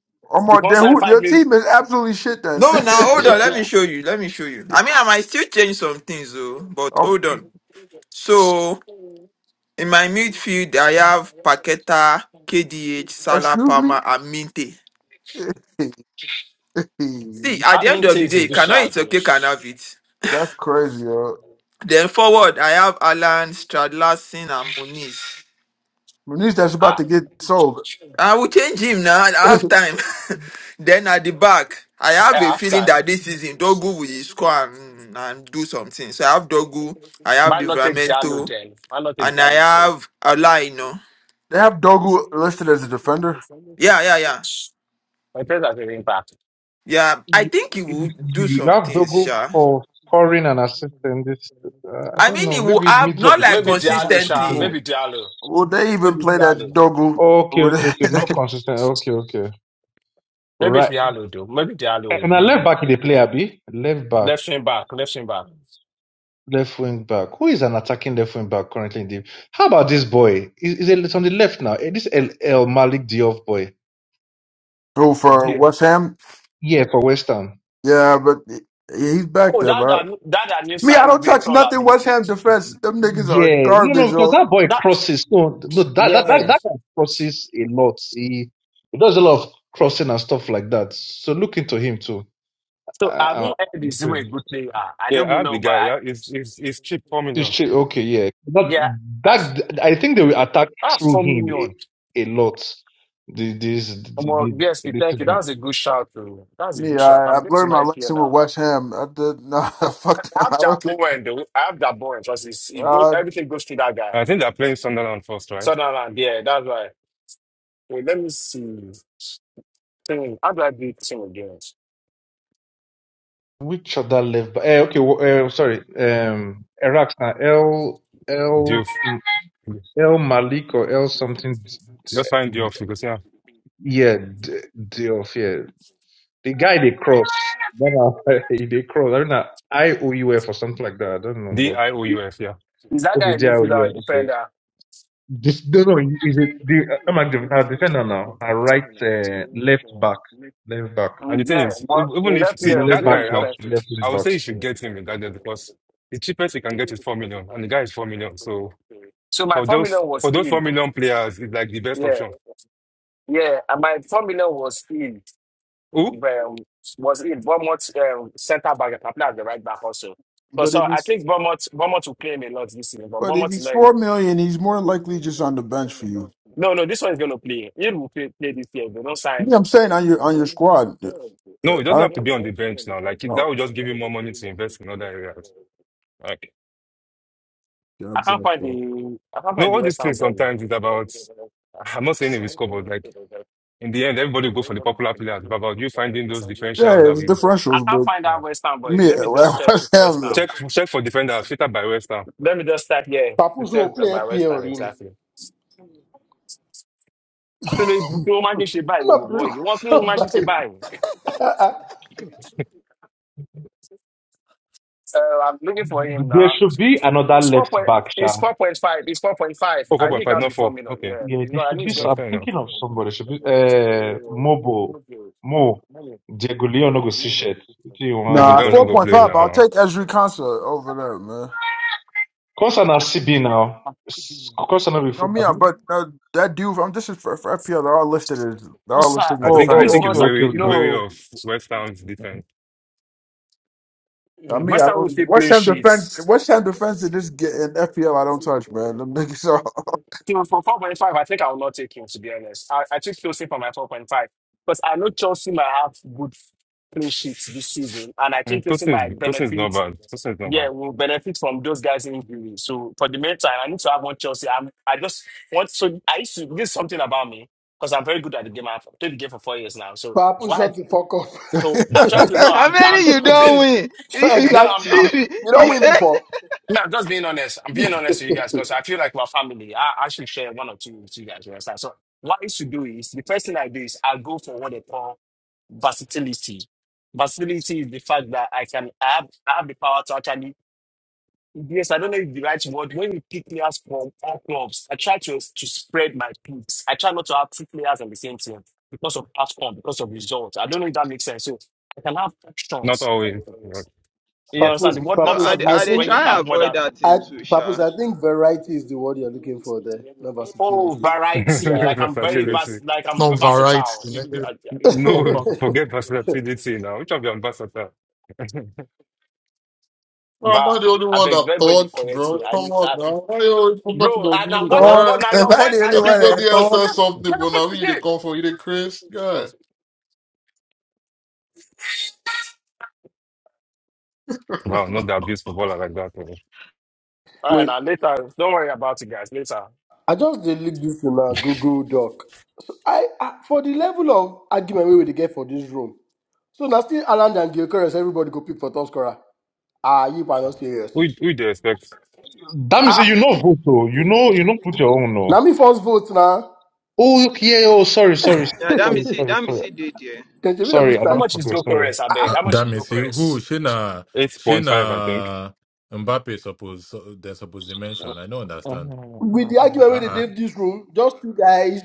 Speaker 5: You
Speaker 7: Omar,
Speaker 5: can't
Speaker 7: then
Speaker 5: sign
Speaker 7: who,
Speaker 5: five
Speaker 7: your
Speaker 5: million.
Speaker 7: team is absolutely shit. Then,
Speaker 1: No, now hold on. Let me
Speaker 5: Yeah.
Speaker 1: show you. Let me show you. I mean, I might still change some things, though. But
Speaker 7: Um,
Speaker 1: hold on. So in my midfield, I have Paqueta, KDH, Salah,
Speaker 7: excuse me.
Speaker 1: Palmer, and Minte. See, at
Speaker 5: That
Speaker 1: the end
Speaker 5: means
Speaker 1: of the
Speaker 5: it's a
Speaker 1: day, you
Speaker 5: good
Speaker 1: cannot eat
Speaker 5: shout.
Speaker 1: your
Speaker 5: eh.
Speaker 1: cake and have it.
Speaker 7: That's crazy, yo.
Speaker 1: Then forward, I have Alan, Stradlassen, and Muniz.
Speaker 7: Manish, that's about
Speaker 5: Ah.
Speaker 7: to get sold.
Speaker 1: I will change him now at
Speaker 7: they
Speaker 1: half time. then at the back, I have a
Speaker 5: Yeah,
Speaker 1: feeling
Speaker 5: halftime.
Speaker 1: that this season Dogu will score and, mm, and do something. So I have Dogu, I have
Speaker 5: Why not take Diallo
Speaker 1: Livramento,
Speaker 5: then? Why not take
Speaker 1: and I
Speaker 5: Diallo instead?
Speaker 1: have Alaino.
Speaker 7: have Dogu listed as a defender.
Speaker 1: Yeah, yeah, yeah.
Speaker 5: My players have very impact.
Speaker 1: Yeah, I
Speaker 6: you,
Speaker 1: think he will do
Speaker 6: you
Speaker 1: some
Speaker 6: have
Speaker 1: things,
Speaker 6: double
Speaker 1: sure.
Speaker 6: for scoring and assisting this. Uh, I
Speaker 1: I
Speaker 6: don't
Speaker 1: mean,
Speaker 6: know.
Speaker 1: he will
Speaker 6: Maybe
Speaker 1: have,
Speaker 6: middle of
Speaker 1: not
Speaker 6: the
Speaker 1: like
Speaker 6: season,
Speaker 5: Maybe
Speaker 6: but not
Speaker 5: Diallo,
Speaker 6: the
Speaker 5: Sha.
Speaker 1: consistently.
Speaker 6: beginning.
Speaker 7: Will
Speaker 5: Maybe Diallo.
Speaker 7: will they even
Speaker 5: Maybe
Speaker 7: play that
Speaker 5: Diallo.
Speaker 7: Dogu
Speaker 6: Okay,
Speaker 7: over
Speaker 6: okay,
Speaker 7: there?
Speaker 6: okay. Not consistent. Okay, okay.
Speaker 5: Maybe
Speaker 6: Right.
Speaker 5: Diallo, though. Maybe Diallo will
Speaker 6: And I
Speaker 5: be
Speaker 6: left
Speaker 5: good.
Speaker 6: back in the player B. Left back.
Speaker 5: Left wing back, left wing back.
Speaker 6: Left wing back. Who is an attacking left wing back currently in the? How about this boy? Is is it- it's on the left now? Eh, This El, El Malik Diop boy.
Speaker 7: who for
Speaker 5: Yeah.
Speaker 7: West Ham?
Speaker 6: Yeah, for West Ham.
Speaker 7: Yeah, but he- he's back
Speaker 5: Oh,
Speaker 7: there,
Speaker 5: that
Speaker 7: bro.
Speaker 5: that that, that new
Speaker 7: Me, I
Speaker 5: signing,
Speaker 7: don't
Speaker 5: very
Speaker 7: touch
Speaker 5: tall,
Speaker 7: nothing
Speaker 5: Abi.
Speaker 7: West Ham defense. Them niggas are
Speaker 6: Yeah, no, no,
Speaker 7: garbage.
Speaker 6: because
Speaker 7: Oh,
Speaker 6: that boy
Speaker 5: That
Speaker 6: crosses. No, no, that that that,
Speaker 5: yeah.
Speaker 6: that guy crosses a lot. He he does a lot of crossing and stuff like that. So look into him too.
Speaker 5: So I
Speaker 6: Uh,
Speaker 5: haven't heard this a
Speaker 6: uh,
Speaker 5: good player. I
Speaker 4: Yeah,
Speaker 5: don't
Speaker 4: I have
Speaker 5: know,
Speaker 4: the
Speaker 5: but
Speaker 4: guy.
Speaker 5: I
Speaker 4: Yeah, it's it's it's cheap, four million.
Speaker 6: This chi- okay, yeah. That
Speaker 5: yeah. That's,
Speaker 6: that I think they will attack
Speaker 5: that's
Speaker 6: through
Speaker 5: four
Speaker 6: him a,
Speaker 5: million.
Speaker 6: a lot. The- This the-
Speaker 5: Well,
Speaker 6: the-
Speaker 5: yes, we
Speaker 6: this
Speaker 5: thank
Speaker 6: is
Speaker 5: you.
Speaker 6: not-
Speaker 5: That's a good shout, too. That's a
Speaker 7: me,
Speaker 5: good shout.
Speaker 7: I,
Speaker 5: I'm
Speaker 7: I've
Speaker 5: going to
Speaker 7: learned
Speaker 5: my
Speaker 7: my
Speaker 5: FPL
Speaker 7: lesson with
Speaker 5: now.
Speaker 7: West Ham. I did not
Speaker 5: I
Speaker 7: fuck
Speaker 5: I
Speaker 7: them. I
Speaker 5: have
Speaker 7: don't.
Speaker 5: Jaboen, though. I have Jaboen. Trust it's, it goes,
Speaker 7: Uh,
Speaker 5: everything goes through that guy.
Speaker 4: I think they're playing Sunderland first, right?
Speaker 5: Sunderland, yeah, that's right. Wait, let me see. Team. How do I do team again?
Speaker 6: which other left? back- Eh, okay, well, uh, sorry. Um, Iraq's now L L
Speaker 4: Diouf.
Speaker 6: mm, L Malik or L something.
Speaker 4: Just find Diouf because yeah,
Speaker 6: yeah, D- Diouf, yeah. The guy they cross. That are- they cross. I mean, uh, IOUF or something like that. I don't know,
Speaker 4: D I
Speaker 6: but
Speaker 4: O U F. Yeah.
Speaker 5: Is that guy
Speaker 6: okay,
Speaker 5: a
Speaker 6: JIOUF.
Speaker 5: midfielder or a
Speaker 6: Okay.
Speaker 5: defender?
Speaker 6: This no, no. Is it the I'm a def-
Speaker 5: Mm,
Speaker 6: our defender now? I right, uh, left back, left back,
Speaker 4: And the thing
Speaker 5: Yeah,
Speaker 4: is, e-
Speaker 5: well,
Speaker 4: even
Speaker 5: in
Speaker 4: if
Speaker 5: that
Speaker 4: see
Speaker 5: year,
Speaker 6: le-
Speaker 5: I was
Speaker 6: left
Speaker 4: that
Speaker 6: back
Speaker 5: in
Speaker 4: guy,
Speaker 5: the
Speaker 4: I,
Speaker 6: slash
Speaker 5: pastor.
Speaker 6: left wing
Speaker 4: I would
Speaker 6: back.
Speaker 4: say you should get him regardless because the cheapest you can get is four million, and the guy is four million. So,
Speaker 5: So my
Speaker 4: For those
Speaker 5: formula was
Speaker 4: for those four
Speaker 5: in.
Speaker 4: million players, it's like the best
Speaker 5: Yeah,
Speaker 4: option.
Speaker 5: yeah, and my formula was in.
Speaker 4: Who?
Speaker 5: Um, was in Bournemouth um, centre back. I played as the right back also. But
Speaker 7: but if
Speaker 5: so I
Speaker 7: he's
Speaker 5: think Bournemouth, Bournemouth will claim a lot this season, but
Speaker 7: but if
Speaker 5: Bournemouth is
Speaker 7: he's
Speaker 5: not.
Speaker 7: four million, he's more likely just on
Speaker 5: in.
Speaker 7: the bench for you.
Speaker 5: No, no, this one is gonna play. It will play, play this year. If They don't sign.
Speaker 7: Yeah, I'm saying on your on your squad. Uh,
Speaker 4: No, it
Speaker 7: I
Speaker 4: doesn't
Speaker 7: don't
Speaker 4: have to be on the bench now. Like it- that
Speaker 7: know.
Speaker 4: will just give you more money to invest in other areas. Like
Speaker 7: Yeah,
Speaker 5: I
Speaker 7: it's
Speaker 5: can't
Speaker 7: like,
Speaker 5: find
Speaker 7: uh,
Speaker 5: the I can't
Speaker 4: no,
Speaker 5: find the
Speaker 4: all
Speaker 5: West
Speaker 4: these
Speaker 5: Ham
Speaker 4: things
Speaker 5: boy.
Speaker 4: sometimes is
Speaker 5: I
Speaker 4: about. I'm not saying it will score, but like in the end, everybody will go for the popular players. It's about you finding those differentials
Speaker 7: yeah,
Speaker 4: that
Speaker 7: it's
Speaker 4: we
Speaker 7: differentials,
Speaker 5: can't
Speaker 7: but
Speaker 5: find that
Speaker 4: yeah.
Speaker 5: West Ham boy.
Speaker 7: me,
Speaker 5: Let me just check
Speaker 7: West
Speaker 5: with West
Speaker 7: Ham.
Speaker 5: Ham.
Speaker 4: Check check for defenders. Fitter by West Ham.
Speaker 5: Let me just start here to
Speaker 8: Papo João
Speaker 5: tell
Speaker 8: play
Speaker 5: about West Ham
Speaker 8: Pierini.
Speaker 5: exactly. So the pro magic she buy,
Speaker 8: I'm
Speaker 5: boy. You want pro
Speaker 8: not
Speaker 5: magic she
Speaker 8: breaking
Speaker 5: buy? Uh, I'm looking for him
Speaker 6: There
Speaker 5: now.
Speaker 6: should be another
Speaker 5: It's four
Speaker 6: left
Speaker 5: point.
Speaker 6: back, Sha.
Speaker 5: It's four point five. It's four point five.
Speaker 4: Oh, four
Speaker 5: I knew
Speaker 4: point
Speaker 5: it
Speaker 4: five,
Speaker 5: can't
Speaker 4: not
Speaker 5: be four
Speaker 4: four.
Speaker 5: million.
Speaker 4: Okay,
Speaker 5: Yeah,
Speaker 6: Yeah,
Speaker 5: you
Speaker 6: there
Speaker 5: know, I
Speaker 6: should
Speaker 5: knew
Speaker 6: be.
Speaker 5: it's
Speaker 4: okay,
Speaker 6: some-
Speaker 5: going.
Speaker 6: I'm
Speaker 4: fair enough.
Speaker 6: thinking of somebody. Should be uh, Mobo, Mo, Diego Leon Ogosishet. What do you
Speaker 4: Yeah,
Speaker 6: want to
Speaker 7: Nah,
Speaker 4: Goleon no
Speaker 6: invest
Speaker 7: four
Speaker 6: in
Speaker 4: go
Speaker 7: point
Speaker 6: Diego
Speaker 4: play
Speaker 6: Leon
Speaker 7: five. I'll
Speaker 4: now.
Speaker 7: take Ezri Konsa over there, man.
Speaker 6: Consonant CB now. S- Consonant
Speaker 7: No,
Speaker 6: before.
Speaker 7: Mia,
Speaker 6: abi?
Speaker 7: but uh, that dude. I'm just for, for FPL. They're all listed as they're all
Speaker 5: Sponsor,
Speaker 7: listed as
Speaker 4: I
Speaker 6: Oh,
Speaker 4: think I
Speaker 5: please
Speaker 7: defender.
Speaker 6: oh,
Speaker 4: think it's
Speaker 6: okay,
Speaker 5: sponsor.
Speaker 6: okay,
Speaker 4: wary it's
Speaker 6: okay.
Speaker 4: wary of West Ham's
Speaker 5: No.
Speaker 4: defense.
Speaker 7: I
Speaker 5: Mm,
Speaker 7: mean,
Speaker 5: West
Speaker 7: I
Speaker 5: Ham will
Speaker 7: don't
Speaker 5: still
Speaker 7: West
Speaker 5: play
Speaker 7: Ham
Speaker 5: shit. So
Speaker 7: defense. West Ham defense in this get in FPL. I don't touch, man. Them niggas all.
Speaker 5: for 4.5, I think I will not take him, to be honest. I, I took Chelsea for my 4.5 because I know Chelsea might have good play sheets this season, and I
Speaker 4: Mm,
Speaker 5: think Chelsea
Speaker 4: Tosin is
Speaker 5: might
Speaker 4: Tosin is not
Speaker 5: benefit.
Speaker 4: bad. Tosin is not
Speaker 5: Yeah,
Speaker 4: bad.
Speaker 5: will benefit from those guys injury. So for the meantime, I need to have one Chelsea. I'm, I just want so I used to this is something about me because I'm very good at the game. I've played the game for four years now. So
Speaker 8: Papu
Speaker 5: why?
Speaker 8: shut the fuck up.
Speaker 5: So I'm trying to no.
Speaker 1: How
Speaker 5: I'm I'm
Speaker 1: many you
Speaker 5: I'm
Speaker 1: don't
Speaker 5: being
Speaker 1: win?
Speaker 8: So
Speaker 5: no, I'm,
Speaker 8: exactly.
Speaker 5: I'm,
Speaker 8: You
Speaker 5: I
Speaker 8: don't
Speaker 1: he
Speaker 5: mean,
Speaker 8: win
Speaker 1: said.
Speaker 8: before.
Speaker 5: no, I'm just being honest. I'm being honest with you guys because I feel like my family, I, I should share one or two with you guys. You understand? So, what I used to do is the first thing I do is I go for what they call versatility. Versatility is the fact that I can I have, I have the power to actually, yes, I don't know if the right word. When you pick players from all clubs, I try to, to spread my picks. I try not to have two players on the same team because of outcome, because of results. I don't know if that makes sense. So, I can have
Speaker 4: Not
Speaker 5: options
Speaker 4: always.
Speaker 5: you
Speaker 4: That's
Speaker 5: understand?
Speaker 8: Papu's.
Speaker 5: The word
Speaker 1: No, I,
Speaker 5: options
Speaker 8: Papu's.
Speaker 1: dey-
Speaker 8: I
Speaker 1: I
Speaker 5: means
Speaker 1: they
Speaker 8: think
Speaker 5: when you
Speaker 1: try
Speaker 5: have more
Speaker 1: avoid
Speaker 5: than
Speaker 1: that
Speaker 8: I
Speaker 1: thing too,
Speaker 8: Papu's.
Speaker 1: Sha.
Speaker 8: I think variety is the word you're looking for there, not
Speaker 5: oh
Speaker 8: versatility.
Speaker 5: variety.
Speaker 8: Yeah.
Speaker 5: Like I'm very
Speaker 8: Okay.
Speaker 4: versatility.
Speaker 5: vast. Like I'm
Speaker 9: No variety,
Speaker 5: versatile. You-
Speaker 9: nigga.
Speaker 5: you-
Speaker 9: No
Speaker 4: No,
Speaker 9: variety.
Speaker 4: forget versatility now. Which of your ambassador?
Speaker 9: Bro, am
Speaker 5: Bah,
Speaker 9: I the only
Speaker 5: I
Speaker 9: one
Speaker 5: beg
Speaker 9: that
Speaker 5: everybody
Speaker 9: thought,
Speaker 5: correct
Speaker 9: bro?
Speaker 5: me. I
Speaker 9: Come
Speaker 5: need
Speaker 9: on
Speaker 5: that.
Speaker 9: now. Why you always focusing
Speaker 5: Bro,
Speaker 9: on
Speaker 5: and now
Speaker 9: me,
Speaker 5: what
Speaker 7: Thor,
Speaker 5: about
Speaker 9: bro?
Speaker 5: now?
Speaker 7: if
Speaker 5: Your
Speaker 7: I
Speaker 5: voice
Speaker 7: did
Speaker 5: again.
Speaker 7: anyone
Speaker 5: Now
Speaker 9: Everybody
Speaker 7: at
Speaker 9: else
Speaker 5: push me
Speaker 7: Thor.
Speaker 9: has
Speaker 5: again.
Speaker 9: something,
Speaker 5: Now
Speaker 9: but
Speaker 5: push
Speaker 9: now
Speaker 5: me
Speaker 9: me they
Speaker 5: there.
Speaker 9: come for you, they Chris. Yeah.
Speaker 4: wow, not the abuse footballer like that. oh.
Speaker 5: All right,
Speaker 8: Wait,
Speaker 5: now later. Don't worry about it, guys. Later.
Speaker 8: I just did this in a Google Doc. So I, I for the level of argument we will get for this room. So now still Alan and Gilchrist, everybody go pick for top scorer. Ah, you are not serious.
Speaker 4: Who who do you expect?
Speaker 6: That means
Speaker 8: Ah,
Speaker 6: you know vote, oh. You know, you don't put your own, no.
Speaker 8: Now me first vote now.
Speaker 6: Oh, okay, yeah, oh, sorry, sorry,
Speaker 1: Yeah, that me
Speaker 6: sorry,
Speaker 1: see,
Speaker 6: sorry,
Speaker 1: that me
Speaker 6: sorry.
Speaker 1: see did there.
Speaker 8: Then Jimmy, let me
Speaker 6: Sorry, I
Speaker 5: How
Speaker 8: start.
Speaker 6: don't
Speaker 5: much is
Speaker 6: forget, sorry.
Speaker 5: Gokores? I beg.
Speaker 10: Uh,
Speaker 5: How much is
Speaker 10: damn it, see who
Speaker 5: Gokores?
Speaker 10: Shina
Speaker 4: Eight point five, I think.
Speaker 10: Shina Mbappe suppose so- they suppose to mention. I don't understand.
Speaker 8: With the argument where they
Speaker 10: Uh uh
Speaker 8: gave this room, just two guys.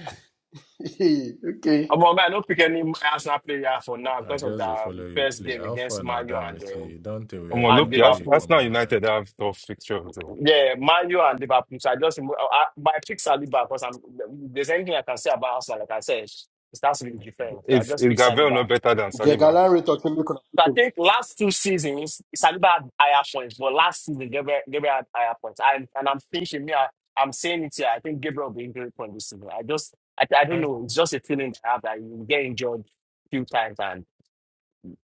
Speaker 8: okay.
Speaker 5: Um, man, I don't pick any Arsenal player for now
Speaker 10: I
Speaker 5: because of the
Speaker 10: just dey
Speaker 5: um,
Speaker 10: follow you
Speaker 5: first
Speaker 10: play.
Speaker 5: game
Speaker 10: How
Speaker 5: against
Speaker 10: far now,
Speaker 5: Man U
Speaker 10: damn
Speaker 5: and
Speaker 10: it,
Speaker 5: um,
Speaker 10: see don't tell
Speaker 4: Um,
Speaker 10: where I
Speaker 4: look,
Speaker 5: and
Speaker 10: don't
Speaker 4: yeah,
Speaker 10: where
Speaker 4: Ars-
Speaker 10: you
Speaker 5: Liverpool.
Speaker 10: come
Speaker 4: Arsenal
Speaker 10: on now.
Speaker 4: United have tough fixtures. So.
Speaker 5: Yeah, Man U and Liverpool. So I just remo- I, I- my picks are Saliba because I'm. if There's anything I can say about Arsenal, like I said, it starts with defense. So I
Speaker 4: Is
Speaker 5: just
Speaker 4: is
Speaker 5: pick
Speaker 4: Gabriel
Speaker 5: Saliba.
Speaker 4: not better than Saliba?
Speaker 8: Jagalan retorting me
Speaker 5: So I
Speaker 8: connection.
Speaker 5: think last two seasons Saliba had higher points, but last season Gabriel, Gabriel had higher points. And and I'm thinking, me, I, I'm saying it here. I think Gabriel will be injured point this season. I just I, I don't know. It's just a feeling I have that you get injured few times and.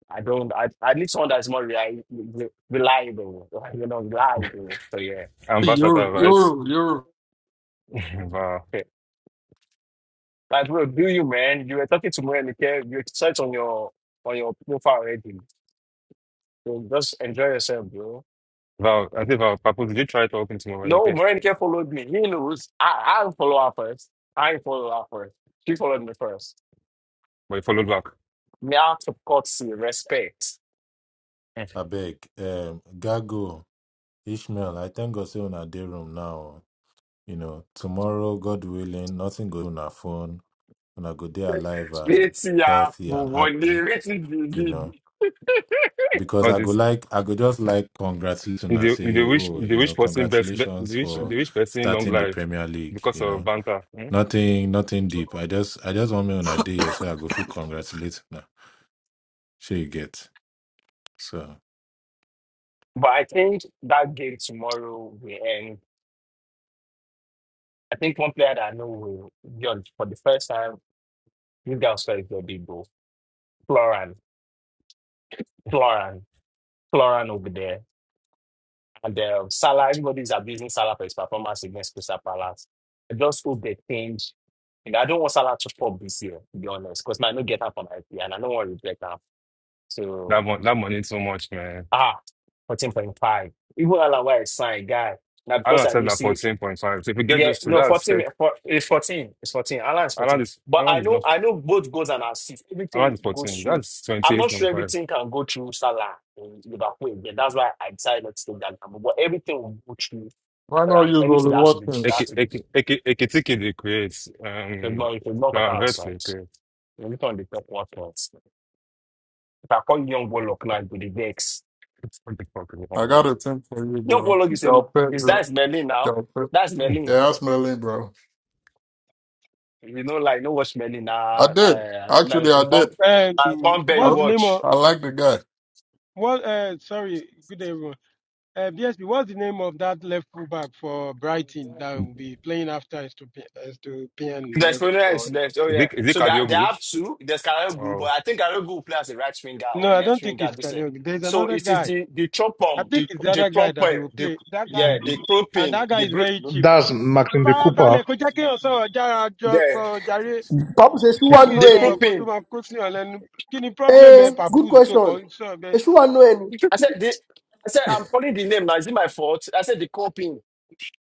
Speaker 5: I don't. I I need someone that's more reli- re- reliable. You know, reliable. So yeah.
Speaker 4: Ambassador,
Speaker 9: You're,
Speaker 4: right?
Speaker 9: you're, you're.
Speaker 4: wow.
Speaker 5: Okay. Like, bro, do you man? You were talking to me and you search on your on your profile already. So just enjoy yourself, bro.
Speaker 4: Val, I think Val, Papu, did you try talking to
Speaker 5: No,
Speaker 4: Morenike?
Speaker 5: Morenike followed me. He knows. I I follow her first. I follow her first. She followed me first.
Speaker 4: But you followed back.
Speaker 5: Me out of courtesy, respect.
Speaker 4: Eh.
Speaker 10: I beg, um Gago, Ishmael, I thank God say una day room now. You know, tomorrow, God willing, nothing go on our phone. Una go day alive and
Speaker 5: Let's
Speaker 10: healthy and
Speaker 5: one day.
Speaker 10: happy,
Speaker 5: Let's
Speaker 10: you know. because
Speaker 4: All
Speaker 10: I go
Speaker 4: this,
Speaker 10: like I go just like congratulate
Speaker 4: if they
Speaker 10: and
Speaker 4: if they
Speaker 10: say,
Speaker 4: wish,
Speaker 10: oh,
Speaker 4: if the
Speaker 10: you
Speaker 4: wish
Speaker 10: know,
Speaker 4: person best, be- if
Speaker 10: congratulations
Speaker 4: they wish, if
Speaker 10: for
Speaker 4: the wish person long
Speaker 10: starting the
Speaker 4: life
Speaker 10: Premier League.
Speaker 4: because
Speaker 10: You
Speaker 4: of
Speaker 10: know,
Speaker 4: banter. Hmm?
Speaker 10: nothing, nothing deep. I just I just want me on a day here so I go feel congratulate now. Sure you get so.
Speaker 5: But I think that game tomorrow will end I think one player that I know will judge for the first time, this guy was very good, big bro. Floran, Floran, Floran over there. And um, Salah, everybody's abusing Salah for his performance against Crystal Palace. I just hope they change. And I don't want Salah to pop this year, to be honest, because I don't get her from IP and I don't want to regret her. So,
Speaker 4: That mon- that money so much, man.
Speaker 5: ah, 14.5. Even Alawa is signed, guy. Now, because
Speaker 4: Alan
Speaker 5: I
Speaker 4: said
Speaker 5: knew
Speaker 4: that
Speaker 5: see.
Speaker 4: fourteen point five. So if you get
Speaker 5: Yeah,
Speaker 4: those two,
Speaker 5: no,
Speaker 4: that's
Speaker 5: 14,
Speaker 4: tech.
Speaker 5: for- it's 14. It's 14. Alan is
Speaker 4: Alan
Speaker 5: 14.
Speaker 4: is
Speaker 5: But I
Speaker 4: Alan is
Speaker 5: know
Speaker 4: not
Speaker 5: I know both goals and assists.
Speaker 4: Alan
Speaker 5: Everything
Speaker 4: is
Speaker 5: goes
Speaker 4: fourteen.
Speaker 5: through.
Speaker 4: That's twenty
Speaker 5: I'm
Speaker 4: eight
Speaker 5: not sure
Speaker 4: point five.
Speaker 5: everything can go through Salah in Liverpool again. That's why I decided not to take that gamble. But everything will go through
Speaker 9: Why not
Speaker 5: Alan.
Speaker 9: use
Speaker 5: Anything
Speaker 9: Holy
Speaker 5: that has to be that has
Speaker 4: Eke
Speaker 9: Watkins?
Speaker 5: to be. It's
Speaker 4: Eke Eke Eke they create. Um,
Speaker 5: not it's not a
Speaker 4: no,
Speaker 5: thousand
Speaker 4: Vex they
Speaker 5: songs.
Speaker 4: create.
Speaker 5: You look on the top what else. If I call young Warlock now, it will be vex.
Speaker 4: It's What the fuck is wrong
Speaker 9: I
Speaker 4: with
Speaker 9: got
Speaker 4: that?
Speaker 9: a thing for you,
Speaker 5: Young
Speaker 9: bro.
Speaker 5: Warlock
Speaker 9: you
Speaker 5: is a
Speaker 9: Pedro.
Speaker 5: man.
Speaker 9: pet,
Speaker 5: Is
Speaker 9: Pedro.
Speaker 5: that's Merlin now?
Speaker 9: Y'all pet.
Speaker 5: That's Merlin.
Speaker 9: Yeah, that's Merlin, bro.
Speaker 5: You know, like no watch many
Speaker 9: I
Speaker 5: nah.
Speaker 9: did.
Speaker 5: Uh, like
Speaker 9: Actually, I
Speaker 5: inform,
Speaker 9: did.
Speaker 5: nah,
Speaker 11: Um,
Speaker 5: inform bear you
Speaker 9: I,
Speaker 11: what's the name of
Speaker 5: watch.
Speaker 9: I like the guy.
Speaker 11: what? Uh, sorry, good day, everyone. Uh, BSP, what's the name of that left fullback for Brighton that will be playing after
Speaker 5: The
Speaker 11: Estopian left
Speaker 5: exponent
Speaker 11: for?
Speaker 5: is left. Oh
Speaker 4: Is
Speaker 5: yeah.
Speaker 4: it is it
Speaker 5: So they, they
Speaker 4: Kadioglu?
Speaker 5: have two. There's Karagu, but I think Karagu will play as a right winger or
Speaker 11: No,
Speaker 5: a
Speaker 11: I
Speaker 5: left
Speaker 11: don't think
Speaker 5: winger.
Speaker 11: it's
Speaker 5: This year.
Speaker 11: Kadeogu. There's
Speaker 5: So
Speaker 11: another
Speaker 5: it is
Speaker 11: guy.
Speaker 5: the the
Speaker 11: I
Speaker 5: chopom,
Speaker 11: think
Speaker 5: the
Speaker 11: it's the
Speaker 5: the
Speaker 11: other guy that they
Speaker 5: cropper,
Speaker 11: will
Speaker 5: the
Speaker 11: play. That
Speaker 5: yeah,
Speaker 11: guy
Speaker 5: the
Speaker 11: and
Speaker 5: cropping,
Speaker 11: that guy
Speaker 5: the
Speaker 11: is
Speaker 5: group,
Speaker 11: very cheap.
Speaker 6: That's Martin the Cooper.
Speaker 11: Farabalẹ̀ kó jẹ́ kéèyàn sọ̀rọ̀ jára jọ
Speaker 5: the
Speaker 11: sọ̀rọ̀ jàre
Speaker 8: Papa says she
Speaker 11: jẹ́
Speaker 8: won't
Speaker 11: kí
Speaker 8: know
Speaker 11: n
Speaker 5: the
Speaker 11: sọ̀rọ̀
Speaker 8: any.
Speaker 11: kó tó
Speaker 5: cropping.
Speaker 11: máa kó sí ọ̀ lẹ́nu. Kí ni problem ẹ
Speaker 8: Eh, good
Speaker 11: Papoose tó kọ
Speaker 8: question.
Speaker 11: sọ̀rọ̀
Speaker 8: Eh,
Speaker 11: bẹ́ẹ̀?
Speaker 8: She won't know any.
Speaker 5: I said the. I said I'm calling the name now. Is it my fault? I said the cropping.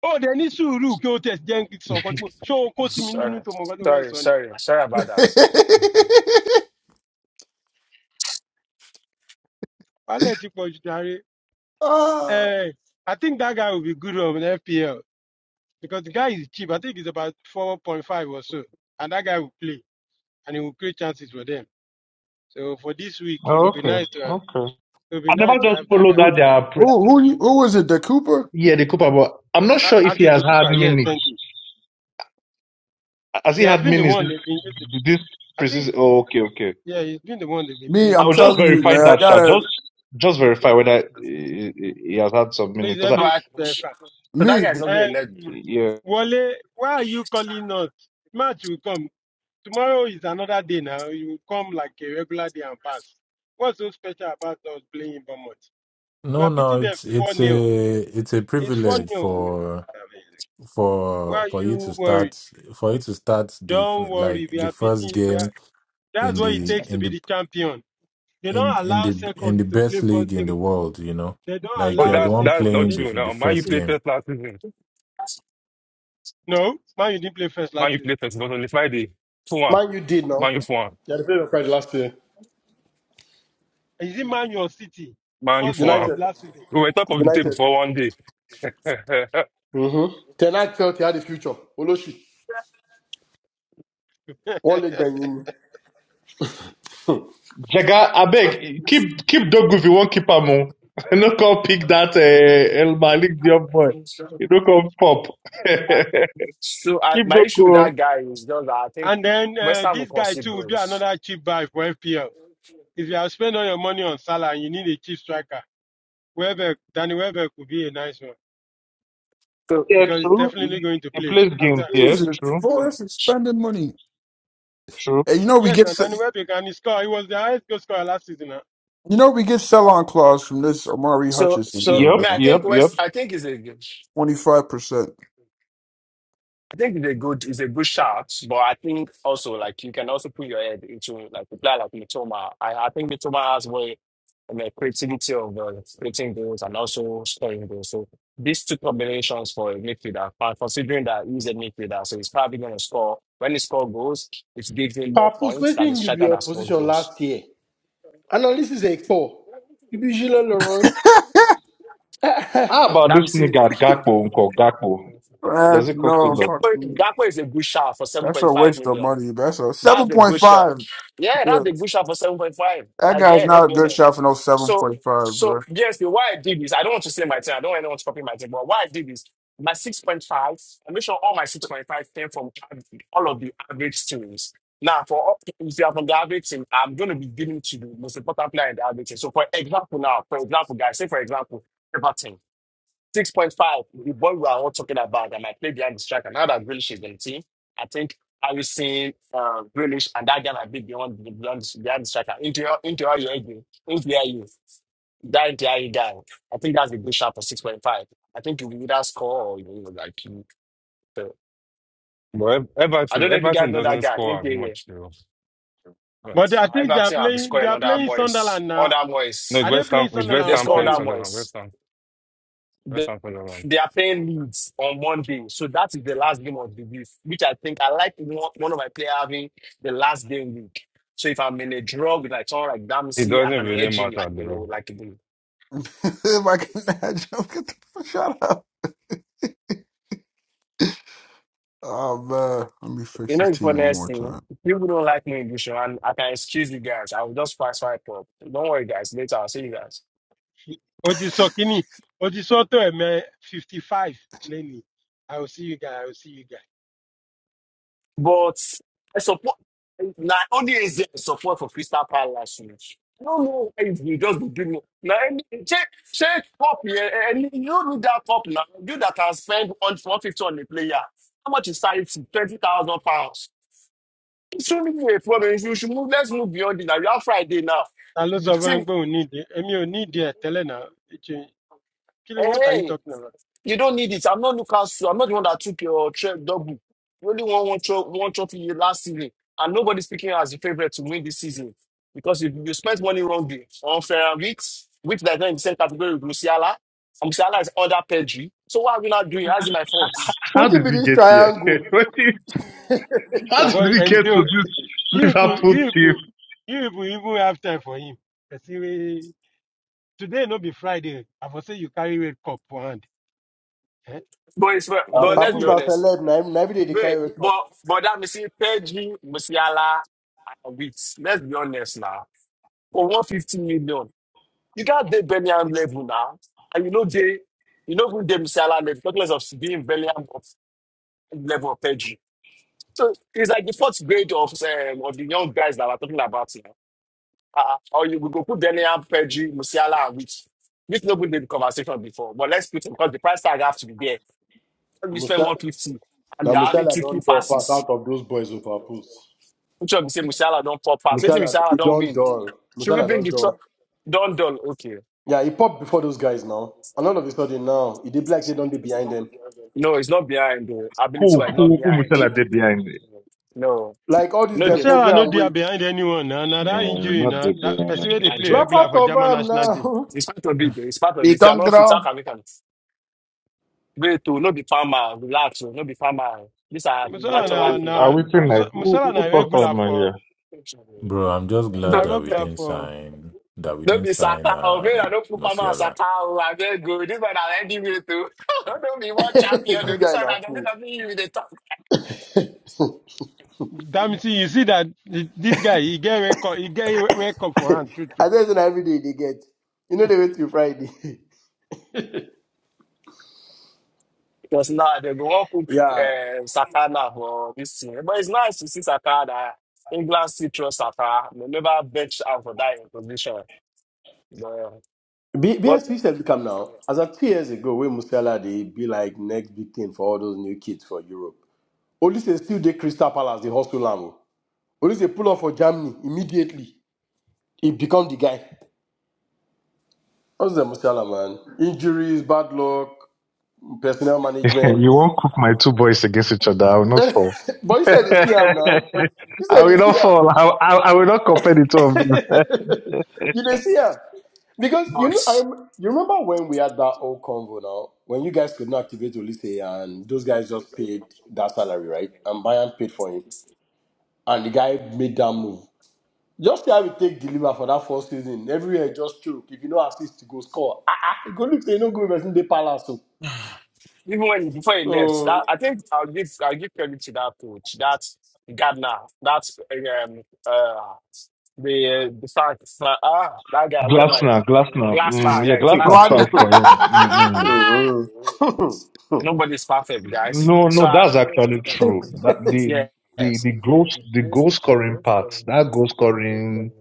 Speaker 11: Ó dẹ̀ ní sùúrù kí ó tẹ̀ jẹ́ kí n sọ̀rọ̀ kan tó ṣó o kó sí mi nínú
Speaker 5: Sorry,
Speaker 11: tó mọ̀ nǹkan tó fẹ́
Speaker 5: sorry,
Speaker 11: sọ ni.
Speaker 5: sorry, sorry about that.
Speaker 11: Paletti Pochinari.
Speaker 7: Ah.
Speaker 11: Eh, I think that guy will be good on FPL because the guy is cheap. I think it's about 4.5 or so. And that guy will play and he will create chances for them. So for this week, it
Speaker 6: Oh,
Speaker 11: will be
Speaker 6: okay,
Speaker 11: nice to have,
Speaker 6: okay.
Speaker 11: it will be
Speaker 6: I
Speaker 11: nice
Speaker 6: never
Speaker 11: to
Speaker 6: just
Speaker 11: have that
Speaker 6: follow
Speaker 11: guy.
Speaker 6: that,
Speaker 7: who,
Speaker 6: their pre-
Speaker 7: who, who, you- who was it? The Cooper?
Speaker 6: yeah, the Cooper, but I'm not sure if he
Speaker 11: Ati
Speaker 6: has
Speaker 11: to
Speaker 6: had
Speaker 11: Cooper, yeah,
Speaker 6: minutes.
Speaker 11: thank you.
Speaker 6: Has
Speaker 11: He
Speaker 6: he
Speaker 11: has
Speaker 6: had
Speaker 11: been the
Speaker 6: minutes
Speaker 11: one
Speaker 6: this,
Speaker 11: they've been using.
Speaker 6: this
Speaker 11: I
Speaker 6: precise?
Speaker 11: think,
Speaker 6: Oh, okay, okay.
Speaker 11: yeah, he's been the one they've been
Speaker 7: Me,
Speaker 11: playing
Speaker 6: I
Speaker 7: I'm
Speaker 11: for
Speaker 6: will
Speaker 11: deep.
Speaker 6: just
Speaker 7: telling you,
Speaker 6: verify
Speaker 7: man. I
Speaker 6: that, Sha.
Speaker 7: gotta
Speaker 6: Just, just verify whether he, he he has had some minutes.
Speaker 11: Please
Speaker 6: 'Cause
Speaker 11: help
Speaker 5: No,
Speaker 11: me,
Speaker 5: I,
Speaker 11: uh,
Speaker 5: so
Speaker 11: Frank.
Speaker 5: that
Speaker 7: me.
Speaker 5: guy is not going to
Speaker 11: Um,
Speaker 6: Yeah.
Speaker 11: Wale, why are you calling us? Match will come. Tomorrow is another day now. You will come like a regular day and pass. What's so special about us playing in Bournemouth? We
Speaker 10: No,
Speaker 11: are beating
Speaker 10: no,
Speaker 11: them
Speaker 10: it's
Speaker 11: 4
Speaker 10: it's
Speaker 11: nil
Speaker 10: a it's a
Speaker 11: It's 4
Speaker 10: privilege
Speaker 11: nil
Speaker 10: for
Speaker 11: Why
Speaker 10: for
Speaker 11: are
Speaker 10: for you
Speaker 11: you
Speaker 10: to start
Speaker 11: worried?
Speaker 10: for you to start the
Speaker 11: Don't
Speaker 10: f-
Speaker 11: worry.
Speaker 10: like
Speaker 11: We
Speaker 10: the
Speaker 11: are
Speaker 10: first
Speaker 11: beating. We are,
Speaker 10: game
Speaker 11: that's
Speaker 10: in
Speaker 11: what it
Speaker 5: let.
Speaker 10: the
Speaker 11: takes to
Speaker 10: in
Speaker 11: be
Speaker 10: the
Speaker 11: the champion. They don't
Speaker 10: in in
Speaker 11: allow
Speaker 10: the in
Speaker 11: second
Speaker 10: the
Speaker 11: to
Speaker 10: best
Speaker 11: play
Speaker 10: league
Speaker 11: first
Speaker 10: in
Speaker 11: game.
Speaker 10: the world. You know,
Speaker 11: They don't
Speaker 10: like
Speaker 4: Oh,
Speaker 10: you are
Speaker 11: allow
Speaker 10: the
Speaker 4: that
Speaker 10: one
Speaker 4: that's
Speaker 11: second.
Speaker 4: not
Speaker 10: playing
Speaker 11: They,
Speaker 10: the
Speaker 4: true.
Speaker 10: the
Speaker 4: Now, Man U
Speaker 10: first
Speaker 11: listen.
Speaker 4: played
Speaker 10: game
Speaker 4: third last season.
Speaker 11: No, man, you didn't play first
Speaker 4: Man
Speaker 11: last
Speaker 4: U
Speaker 11: season.
Speaker 4: played third. It was on the Friday. Four one.
Speaker 8: Man, you did now.
Speaker 4: Man U four one.
Speaker 8: Yeah, the favorite prize last year.
Speaker 11: Is it Man Your City?
Speaker 4: Man U
Speaker 11: First
Speaker 4: four
Speaker 11: game
Speaker 4: one.
Speaker 11: of
Speaker 8: United.
Speaker 11: last season.
Speaker 4: We were top of the table
Speaker 8: United.
Speaker 4: for one day. but
Speaker 8: Mm-hmm. Tonight felt he had a future. Oloshi. All leg banging.
Speaker 6: Jaga, I beg, keep keep Dogu if you want keep am. oh. No come pick that uh, El Malik the young boy. You don't come pop.
Speaker 5: So I,
Speaker 6: keep
Speaker 5: my
Speaker 6: Dogu.
Speaker 5: issue with
Speaker 6: oh.
Speaker 5: that guy is just that I think
Speaker 11: and then
Speaker 5: West
Speaker 11: uh,
Speaker 5: Ham will
Speaker 11: this guy,
Speaker 5: concede
Speaker 11: too, will do
Speaker 5: goals.
Speaker 11: another cheap buy for FPL. If you have spent all your money on Salah and you need a cheap striker, Welbeck, Danny Welbeck would be a nice one
Speaker 6: Yeah,
Speaker 11: because he's
Speaker 6: true.
Speaker 11: definitely going to
Speaker 6: He
Speaker 11: play
Speaker 6: plays games,
Speaker 11: after.
Speaker 6: yes,
Speaker 7: Jesus,
Speaker 6: true,
Speaker 7: Forrest is spending money.
Speaker 6: true.
Speaker 7: And you know we
Speaker 11: Yes,
Speaker 7: get
Speaker 11: and Danny
Speaker 7: s-
Speaker 11: Welbeck and he scored. He was the highest goal scorer last season. Now.
Speaker 7: you know we get sell on clause from this Amari
Speaker 5: So
Speaker 7: Hutchinson
Speaker 5: so
Speaker 7: deal,
Speaker 5: I, mean,
Speaker 7: man.
Speaker 6: Yep,
Speaker 5: I think
Speaker 6: yep, yep.
Speaker 5: West I think is a good-
Speaker 7: 25 percent.
Speaker 5: I think it's a good is a good shot, but I think also like you can also put your head into like a player like Mitoma. I, I think Mitoma has way and the creativity of uh, creating goals and also scoring goals. So these two combinations for a midfielder, but considering that he's a midfielder, so he's probably going to score. When he scores goals, it gives him more
Speaker 8: Papus,
Speaker 5: points than a
Speaker 8: waiting you be
Speaker 5: striker
Speaker 8: your
Speaker 5: that scores
Speaker 8: position
Speaker 5: goals.
Speaker 8: last year. Analysis is a poor. You be Gilles Laurent.
Speaker 6: How about this
Speaker 5: Dempsey,
Speaker 6: nigga Gakpo Unko Gakpo? Does
Speaker 7: That's
Speaker 6: it cost a
Speaker 7: no
Speaker 6: lot?
Speaker 5: Gakpo,
Speaker 7: fucking.
Speaker 5: Gakpo is a good shot for
Speaker 7: That's a
Speaker 5: 7.5
Speaker 7: waste of
Speaker 5: million.
Speaker 7: money. That's a
Speaker 5: That's
Speaker 7: seven
Speaker 5: a
Speaker 7: point
Speaker 5: good shot.
Speaker 7: five.
Speaker 5: Yeah,
Speaker 7: Yeah,
Speaker 5: that's a good shot for 7.5.
Speaker 7: that
Speaker 5: Like,
Speaker 7: guy's
Speaker 5: yeah, let's
Speaker 7: not a
Speaker 5: be
Speaker 7: good
Speaker 5: honest.
Speaker 7: shot for no seven
Speaker 5: So,
Speaker 7: point five,
Speaker 5: so
Speaker 7: bro.
Speaker 5: yes, the why I did this, I don't want to say my team. I don't want anyone to copy my team, but why I did this, my 6.5, I make sure all my 6.5 came from av- all of the average teams. Now, for all- if you are from the average team, I'm going to be giving to the most important player in the average team. So, for example, now, for example, guys, say for example, Everton. 6.5, the ball we are all talking about that might play behind the striker. Now that Grealish is in the team, I think Harrison, uh, Grealish, and that guy might be beyond, the beyond, the- behind the striker. Into your, into your, you into your, you. that entire guy. I think that's a good shot for 6.5. I think you will either score or you will like you. fail.
Speaker 4: Ev-
Speaker 5: I don't
Speaker 4: Everton,
Speaker 5: know if you guys
Speaker 4: Everton
Speaker 5: know that
Speaker 4: doesn't
Speaker 5: guy.
Speaker 4: score as
Speaker 5: Into your
Speaker 4: much though. But
Speaker 11: But they- I
Speaker 5: uh,
Speaker 11: think they are
Speaker 5: Everton, I'll be
Speaker 11: playing. They
Speaker 5: scoring
Speaker 11: are
Speaker 5: under
Speaker 11: playing
Speaker 5: Moyes.
Speaker 11: Sunderland now.
Speaker 5: Under
Speaker 4: no,
Speaker 5: Moyes.
Speaker 4: it's
Speaker 11: Are they
Speaker 4: West Ham.
Speaker 11: playing
Speaker 4: It's West
Speaker 5: They
Speaker 11: Sunderland or
Speaker 4: Ham
Speaker 5: score under
Speaker 4: playing
Speaker 11: Burnley?
Speaker 4: Sunderland.
Speaker 5: Moyes.
Speaker 4: West Ham. West Ham Sunderland.
Speaker 5: They are playing Leeds on Monday, so that is the last game of the week, which I think I like one, one of my player having the last game week. So if I'm in a draw with like someone like
Speaker 4: It
Speaker 5: Dempsey, I
Speaker 4: doesn't
Speaker 5: can
Speaker 4: really
Speaker 5: edge him
Speaker 4: matter
Speaker 5: like you know,
Speaker 4: though.
Speaker 5: like you the
Speaker 7: if I can imagine, get the fuck shut up. Oh man, let me
Speaker 5: you
Speaker 7: fix
Speaker 5: know
Speaker 7: this
Speaker 5: the
Speaker 7: T one
Speaker 5: funniest
Speaker 7: more
Speaker 5: thing.
Speaker 7: time.
Speaker 5: People don't like me in this show, and I can excuse you guys. I will just pass right up. Don't worry, guys. Later, I'll see you guys.
Speaker 11: Odisokini, Odisoto, Eme, 55, Lenny. I will see you guys. I will see you guys.
Speaker 5: But I support now only is there support for Crystal Palace. you know. I don't know why you just be giving now any check check cup here and you need that cup now. You that can spend on one fifty on a player. How much is that? Twenty thousand pounds. It shouldn't be a problem. You should you should move. Let's move beyond it now. We have Friday now.
Speaker 11: I lose
Speaker 5: The
Speaker 11: of
Speaker 5: team.
Speaker 11: them, but we need it. Emi, we need it. Tell now. It's What are you
Speaker 5: Hey.
Speaker 11: talking about?
Speaker 5: You don't need it. I'm not Newcastle. I'm not the one that took your tre- double. You only won one, tro- one trophy last season. And nobody's picking you as a favorite to win this season. Because if you spent money wrongly on Ferrariks, which they not in the same category with Musiala, and Musiala is under Pedri. So what are we not doing? How's it my fault?
Speaker 6: How
Speaker 8: What you
Speaker 6: did
Speaker 8: be
Speaker 6: we
Speaker 8: this
Speaker 6: get here?
Speaker 8: triangle?
Speaker 6: What is- How
Speaker 11: Your
Speaker 6: did we get
Speaker 11: boy,
Speaker 6: to this
Speaker 11: You people,
Speaker 6: Liverpool
Speaker 11: you
Speaker 6: team
Speaker 11: people, you people even have time for him. Person wey- Today no be Friday. I for say you carry red cup for hand. Eh?
Speaker 5: But, it's, but
Speaker 8: Uh,
Speaker 5: let's be
Speaker 8: Papoose
Speaker 11: Continue.
Speaker 8: now
Speaker 5: honest.
Speaker 8: celeb. Now, now every day they
Speaker 5: But,
Speaker 8: carry wake up.
Speaker 5: but, but that missing Pedri, Musiala, and Wits. Let's be honest now. For 150 million. You can't date Birmingham level now. And you know they you know who them Salah level, talk less of being Birmingham of level of Pedri. So it's like the fourth grade of um, of the young guys that we're talking about here. Uh, or you we go put Birmingham, Pedri, Musiala, and Rich. Rich no good in the conversation before, but let's put him because the price tag have to be there. When you spend
Speaker 8: Musala,
Speaker 5: 150 and
Speaker 8: now
Speaker 5: you're having
Speaker 8: Musala
Speaker 5: two key
Speaker 8: don't draw pass
Speaker 5: passes,
Speaker 8: out of those boys with Papoose.
Speaker 5: which one we say Musiala don't pop pass, wait till
Speaker 8: Musala,
Speaker 5: Musiala
Speaker 8: he
Speaker 5: don't
Speaker 8: don't
Speaker 5: win.
Speaker 8: draw.
Speaker 5: Should we
Speaker 8: Musala
Speaker 5: bring
Speaker 8: don't
Speaker 5: the tro-
Speaker 8: draw.
Speaker 5: Don Don? Okay.
Speaker 8: Yeah, he popped before those guys now. And all of a sudden now, he did black say don't be behind them.
Speaker 5: No, it's not behind the
Speaker 6: who
Speaker 5: ability wise, not
Speaker 6: who who
Speaker 5: behind.
Speaker 6: Musala did behind it?
Speaker 5: No.
Speaker 8: Like all these
Speaker 5: No,
Speaker 11: We
Speaker 8: them
Speaker 5: there.
Speaker 11: say I
Speaker 8: Pedro
Speaker 11: no
Speaker 8: and
Speaker 11: there
Speaker 8: Wade.
Speaker 11: behind anyone now. Now that
Speaker 6: No,
Speaker 11: injury
Speaker 6: not
Speaker 11: now, that person
Speaker 6: that.
Speaker 11: where they play
Speaker 5: Nigeria.
Speaker 8: Laugh
Speaker 11: regular
Speaker 8: out
Speaker 11: for German
Speaker 8: of him
Speaker 11: national team.
Speaker 8: now.
Speaker 5: It's part of it. It's part of it.
Speaker 7: You
Speaker 5: If you are
Speaker 7: don't
Speaker 5: not fit, how
Speaker 7: grow
Speaker 5: can we can wait to no be farmer, relax, oh, no be farmer. These are
Speaker 11: Musala
Speaker 5: natural
Speaker 11: na
Speaker 5: things,
Speaker 6: Are
Speaker 11: na
Speaker 5: no
Speaker 6: we
Speaker 5: be
Speaker 6: tonight?
Speaker 5: farmer.
Speaker 6: Who,
Speaker 11: Musala
Speaker 6: who who
Speaker 11: na
Speaker 6: talk for
Speaker 11: regular
Speaker 6: my
Speaker 11: for
Speaker 6: ear?
Speaker 10: Bro, I'm just glad
Speaker 11: na
Speaker 5: No,
Speaker 10: that we
Speaker 11: regular
Speaker 10: didn't
Speaker 11: for.
Speaker 10: sign that we
Speaker 5: no
Speaker 10: didn't
Speaker 5: be
Speaker 10: sign
Speaker 5: sakao. Man, I
Speaker 10: um
Speaker 5: don't put farmer as
Speaker 10: Musiala.
Speaker 5: sakao. I get good. This one I ready with too. Don't be one champion. Though.
Speaker 8: this
Speaker 5: This
Speaker 8: guy
Speaker 5: one
Speaker 8: now
Speaker 5: I
Speaker 8: fool.
Speaker 5: don't be you with the talk.
Speaker 11: Damn, see you see that th- this guy he get red cup, he get red cup for hand. True,
Speaker 8: I
Speaker 11: true.
Speaker 8: tell you now every day they get. You know they wait till Friday.
Speaker 5: Because now they go one cook
Speaker 8: yeah.
Speaker 5: uh, sata now for this thing. But it's nice to see sakana. that England still trust sakana. They never bench out for that in position. But
Speaker 8: B B
Speaker 5: what?
Speaker 8: S P BSP said become now. As of two years ago, when Musala they be like next big thing for all those new kids for Europe. Olise still dey Crystal Palace, the hostel am. o. Olise pull up for Germany immediately. He become the guy. What's the Musiala man? Injuries, bad luck, personnel management.
Speaker 6: you won't cook my two boys against each other. I will not fall.
Speaker 8: but you said they see him now. You
Speaker 6: I
Speaker 8: said they
Speaker 6: will not
Speaker 8: see him.
Speaker 6: fall. I, I, I will not compare the two of them.
Speaker 8: You they see him because you know. I
Speaker 5: But.
Speaker 8: rem- you remember when we had that old convo now when you guys could not activate Olise and those guys just paid that salary right and Bayern paid for him and the guy made that move. Just see how we take deliver for that first season. Everywhere just choke. If you know assist, you go score. Ah, ah, you go look say you no go invest in the palace.
Speaker 5: Even when before
Speaker 8: So,
Speaker 5: he left,
Speaker 8: so
Speaker 5: that I think I'll give I'll give credit to that coach, that Gardner, that's um uh the the fact uh, ah that guy whatever his-
Speaker 6: Glassner, Glassner. Mm,
Speaker 5: Glassner
Speaker 6: yeah,
Speaker 5: yeah
Speaker 6: Glassner
Speaker 7: blood.
Speaker 5: Glassner.
Speaker 6: tried for him. Mm-mm.
Speaker 5: Nobody's perfect, guys.
Speaker 6: No,
Speaker 5: So
Speaker 6: no,
Speaker 5: I,
Speaker 6: that's actually true. That the
Speaker 5: yeah,
Speaker 6: the
Speaker 5: yes.
Speaker 6: the goal the goal scoring part that goal scoring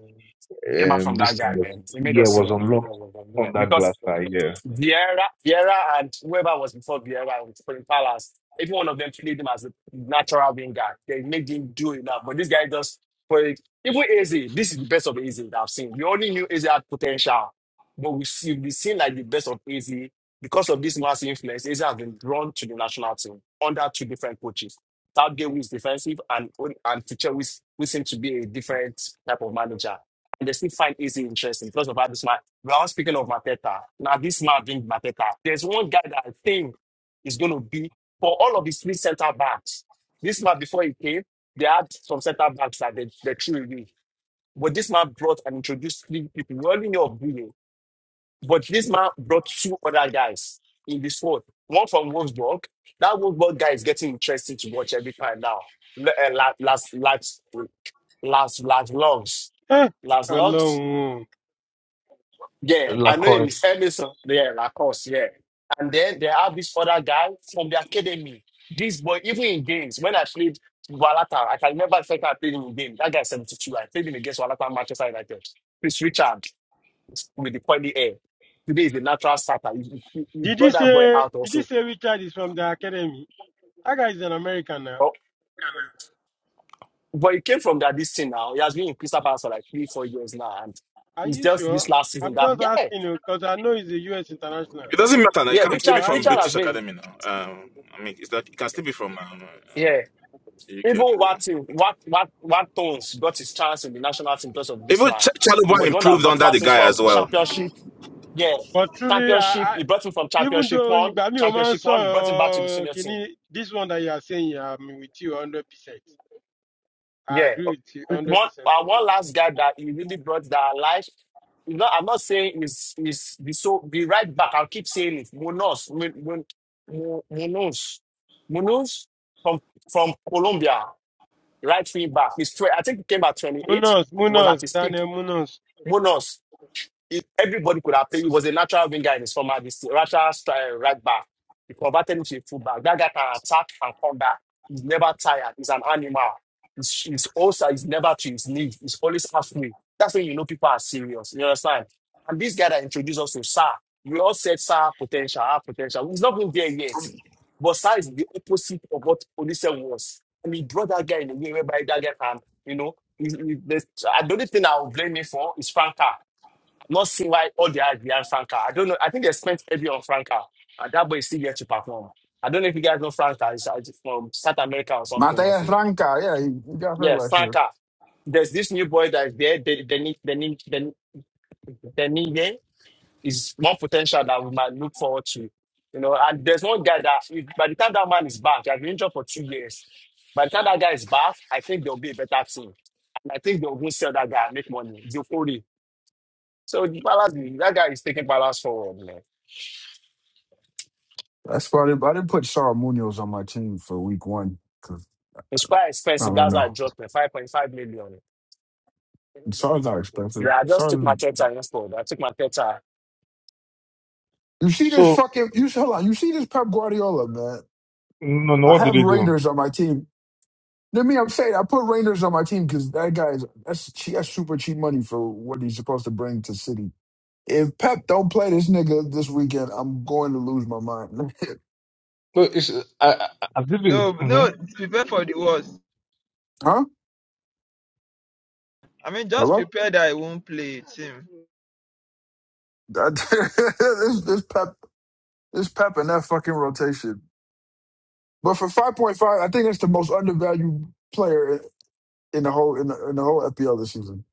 Speaker 5: Came out
Speaker 6: um
Speaker 5: from that
Speaker 6: this thing
Speaker 5: guy,
Speaker 6: was,
Speaker 5: man. He made
Speaker 6: yeah
Speaker 5: us
Speaker 6: was
Speaker 5: sing.
Speaker 6: unlocked
Speaker 5: Yeah,
Speaker 6: on that
Speaker 5: because
Speaker 6: Glassner yeah
Speaker 5: Vieira, Vieira, and whoever was before Vieira in Spring Palace, every one of them treated him as a natural winger. They made him do enough, but this guy just for it. Even Eze, this is the best of Eze that I've seen. We only knew Eze had potential, but we see we seen like the best of Eze because of this massive influence. Eze has been drawn to the national team under two different coaches. Southgate, who is defensive, and and Tuchel, who, is- who seems to be a different type of manager. And they still find Eze interesting because of how this man we are all speaking of Mateta. Now, this man being Mateta, there's one guy that I think is going to be for all of his three center backs. This man, before he came, they had some center backs that they, they threw away. But this man brought and introduced three people. We only know of Bruno. But this man brought two other guys in this squad. One from Wolfsburg. That Wolfsburg guy is getting interesting to watch every time now. L- eh, Last, last, last, last, last logs.
Speaker 11: Eh?
Speaker 5: Last logs.
Speaker 11: Alone.
Speaker 5: Yeah, I know him.
Speaker 6: Lacroix.
Speaker 5: It's Emerson. Yeah, like, of course. Yeah. And then they have this other guy from the academy. This boy, even in games, when I played Walata, I can remember the first time I played him in game. That guy is 72. I played him against Walata Manchester United. Chris Richard with the pointy hair. Today is the natural starter. He, he, he
Speaker 11: Did you
Speaker 5: brought that boy
Speaker 11: say
Speaker 5: out
Speaker 11: did you
Speaker 5: also.
Speaker 11: say Richard is from the academy? That guy is an American now.
Speaker 5: Oh, but he came from that this thing now. He has been in Crystal Palace for like three, four years now. And
Speaker 11: Are
Speaker 5: it's
Speaker 11: you
Speaker 5: just
Speaker 11: sure?
Speaker 5: this last season
Speaker 11: I'm
Speaker 5: that,
Speaker 11: just
Speaker 5: yeah,
Speaker 11: asking you because I know he's a U.S. international.
Speaker 3: It does
Speaker 5: yeah,
Speaker 11: So
Speaker 5: Richard, Richard
Speaker 11: I,
Speaker 5: has been.
Speaker 3: academy now. Um, I mean, it's that it can still be from um, um,
Speaker 5: yeah,
Speaker 3: UK
Speaker 5: Even
Speaker 3: academy.
Speaker 5: Watson, Wat, Wat, Watkins got his chance in the national team because of this
Speaker 3: Even
Speaker 5: man.
Speaker 3: Ch-
Speaker 5: He
Speaker 3: Chaluba
Speaker 5: was the one that
Speaker 3: improved
Speaker 5: brought
Speaker 3: under the
Speaker 5: Watkins
Speaker 3: guy
Speaker 5: from
Speaker 3: as well.
Speaker 5: championship. Yeah,
Speaker 11: but truly, I,
Speaker 5: championship.
Speaker 11: I
Speaker 5: He brought him from
Speaker 11: even
Speaker 5: championship
Speaker 11: though
Speaker 5: one,
Speaker 11: Ibami Oman
Speaker 5: championship one. He brought him back to the
Speaker 11: saw
Speaker 5: senior team.
Speaker 11: Kini, this one that you are saying, I'm with you 100%. I
Speaker 5: Yeah.
Speaker 11: agree with you 100% on
Speaker 5: One, uh,
Speaker 11: this.
Speaker 5: one last guy that he really brought that life. You know, I'm not saying is is the so the right back. I'll keep saying it. Munoz, Mun- Mun- Mun- Munoz, Munoz from from Colombia, right wing back. He's tw- I think he came at 28.
Speaker 11: Munoz,
Speaker 5: was at
Speaker 11: Munoz,
Speaker 5: his peak
Speaker 11: Daniel Munoz.
Speaker 5: bonus if everybody could have played, it was a natural winger in his former this natural stri- right back. He converted into a fullback. That guy can attack and come back. He's never tired. He's an animal. He's, he's also he's never to his knees. He's always halfway. That's when you know people are serious. You understand? And this guy that introduced us to Sa, we all said Sa potential, our potential. He's not been there yet. But Sa is the opposite of what Olise was. And he brought that guy in a way whereby that guy can, you know, he, he, the, the only thing I'll blame him for is Franca. Not see why all the eyes behind Franca. I don't know. I think they spent heavy on Franca. And that boy is still there to perform. I don't know if you guys know Franca. He's uh, from South America or something or
Speaker 7: Mateus
Speaker 5: something.
Speaker 7: Ranca, yeah, he, he got hurt
Speaker 5: Yeah,
Speaker 7: last year.
Speaker 5: Franca. There's this new boy that is there. The Denis Denis is more potential that we might look forward to. You know, and there's one guy that if, by the time that man is back, he has been injured for two years. By the time that guy is back, I think there'll be a better team. And I think they'll go sell that guy and make money. Dufori. So the Palace, that guy is taking Palace forward, man.
Speaker 7: That's why I didn't, I didn't put Sar Munoz on my team for week one because
Speaker 5: It's quite
Speaker 7: I
Speaker 5: expensive.
Speaker 7: don't
Speaker 5: That's why I
Speaker 7: know.
Speaker 5: dropped it. 5.5 million.
Speaker 7: Sar's not expensive.
Speaker 5: Yeah, I just took
Speaker 7: Sar
Speaker 5: my Teta installed. I took my Teta.
Speaker 7: You see this
Speaker 6: So
Speaker 7: fucking you hold on. You see this Pep Guardiola, man.
Speaker 6: no, no,
Speaker 7: I
Speaker 6: what did
Speaker 7: have
Speaker 6: they do?
Speaker 7: Raiders on my team. Let me I'm saying I put Raiders on my team because that guy's that's che- that's super cheap money for what he's supposed to bring to City. If Pep don't play this nigga this weekend, I'm going to lose my mind.
Speaker 6: No, it's I, I, As if it's,
Speaker 1: No,
Speaker 6: hmm
Speaker 1: no, prepare for the worst.
Speaker 7: huh?
Speaker 1: I mean, just
Speaker 7: Hello?
Speaker 1: prepare that I won't play team.
Speaker 7: That- this this Pep this Pep and that fucking rotation. But for five point five, I think it's the most undervalued player in the whole in the, in the whole FPL this season.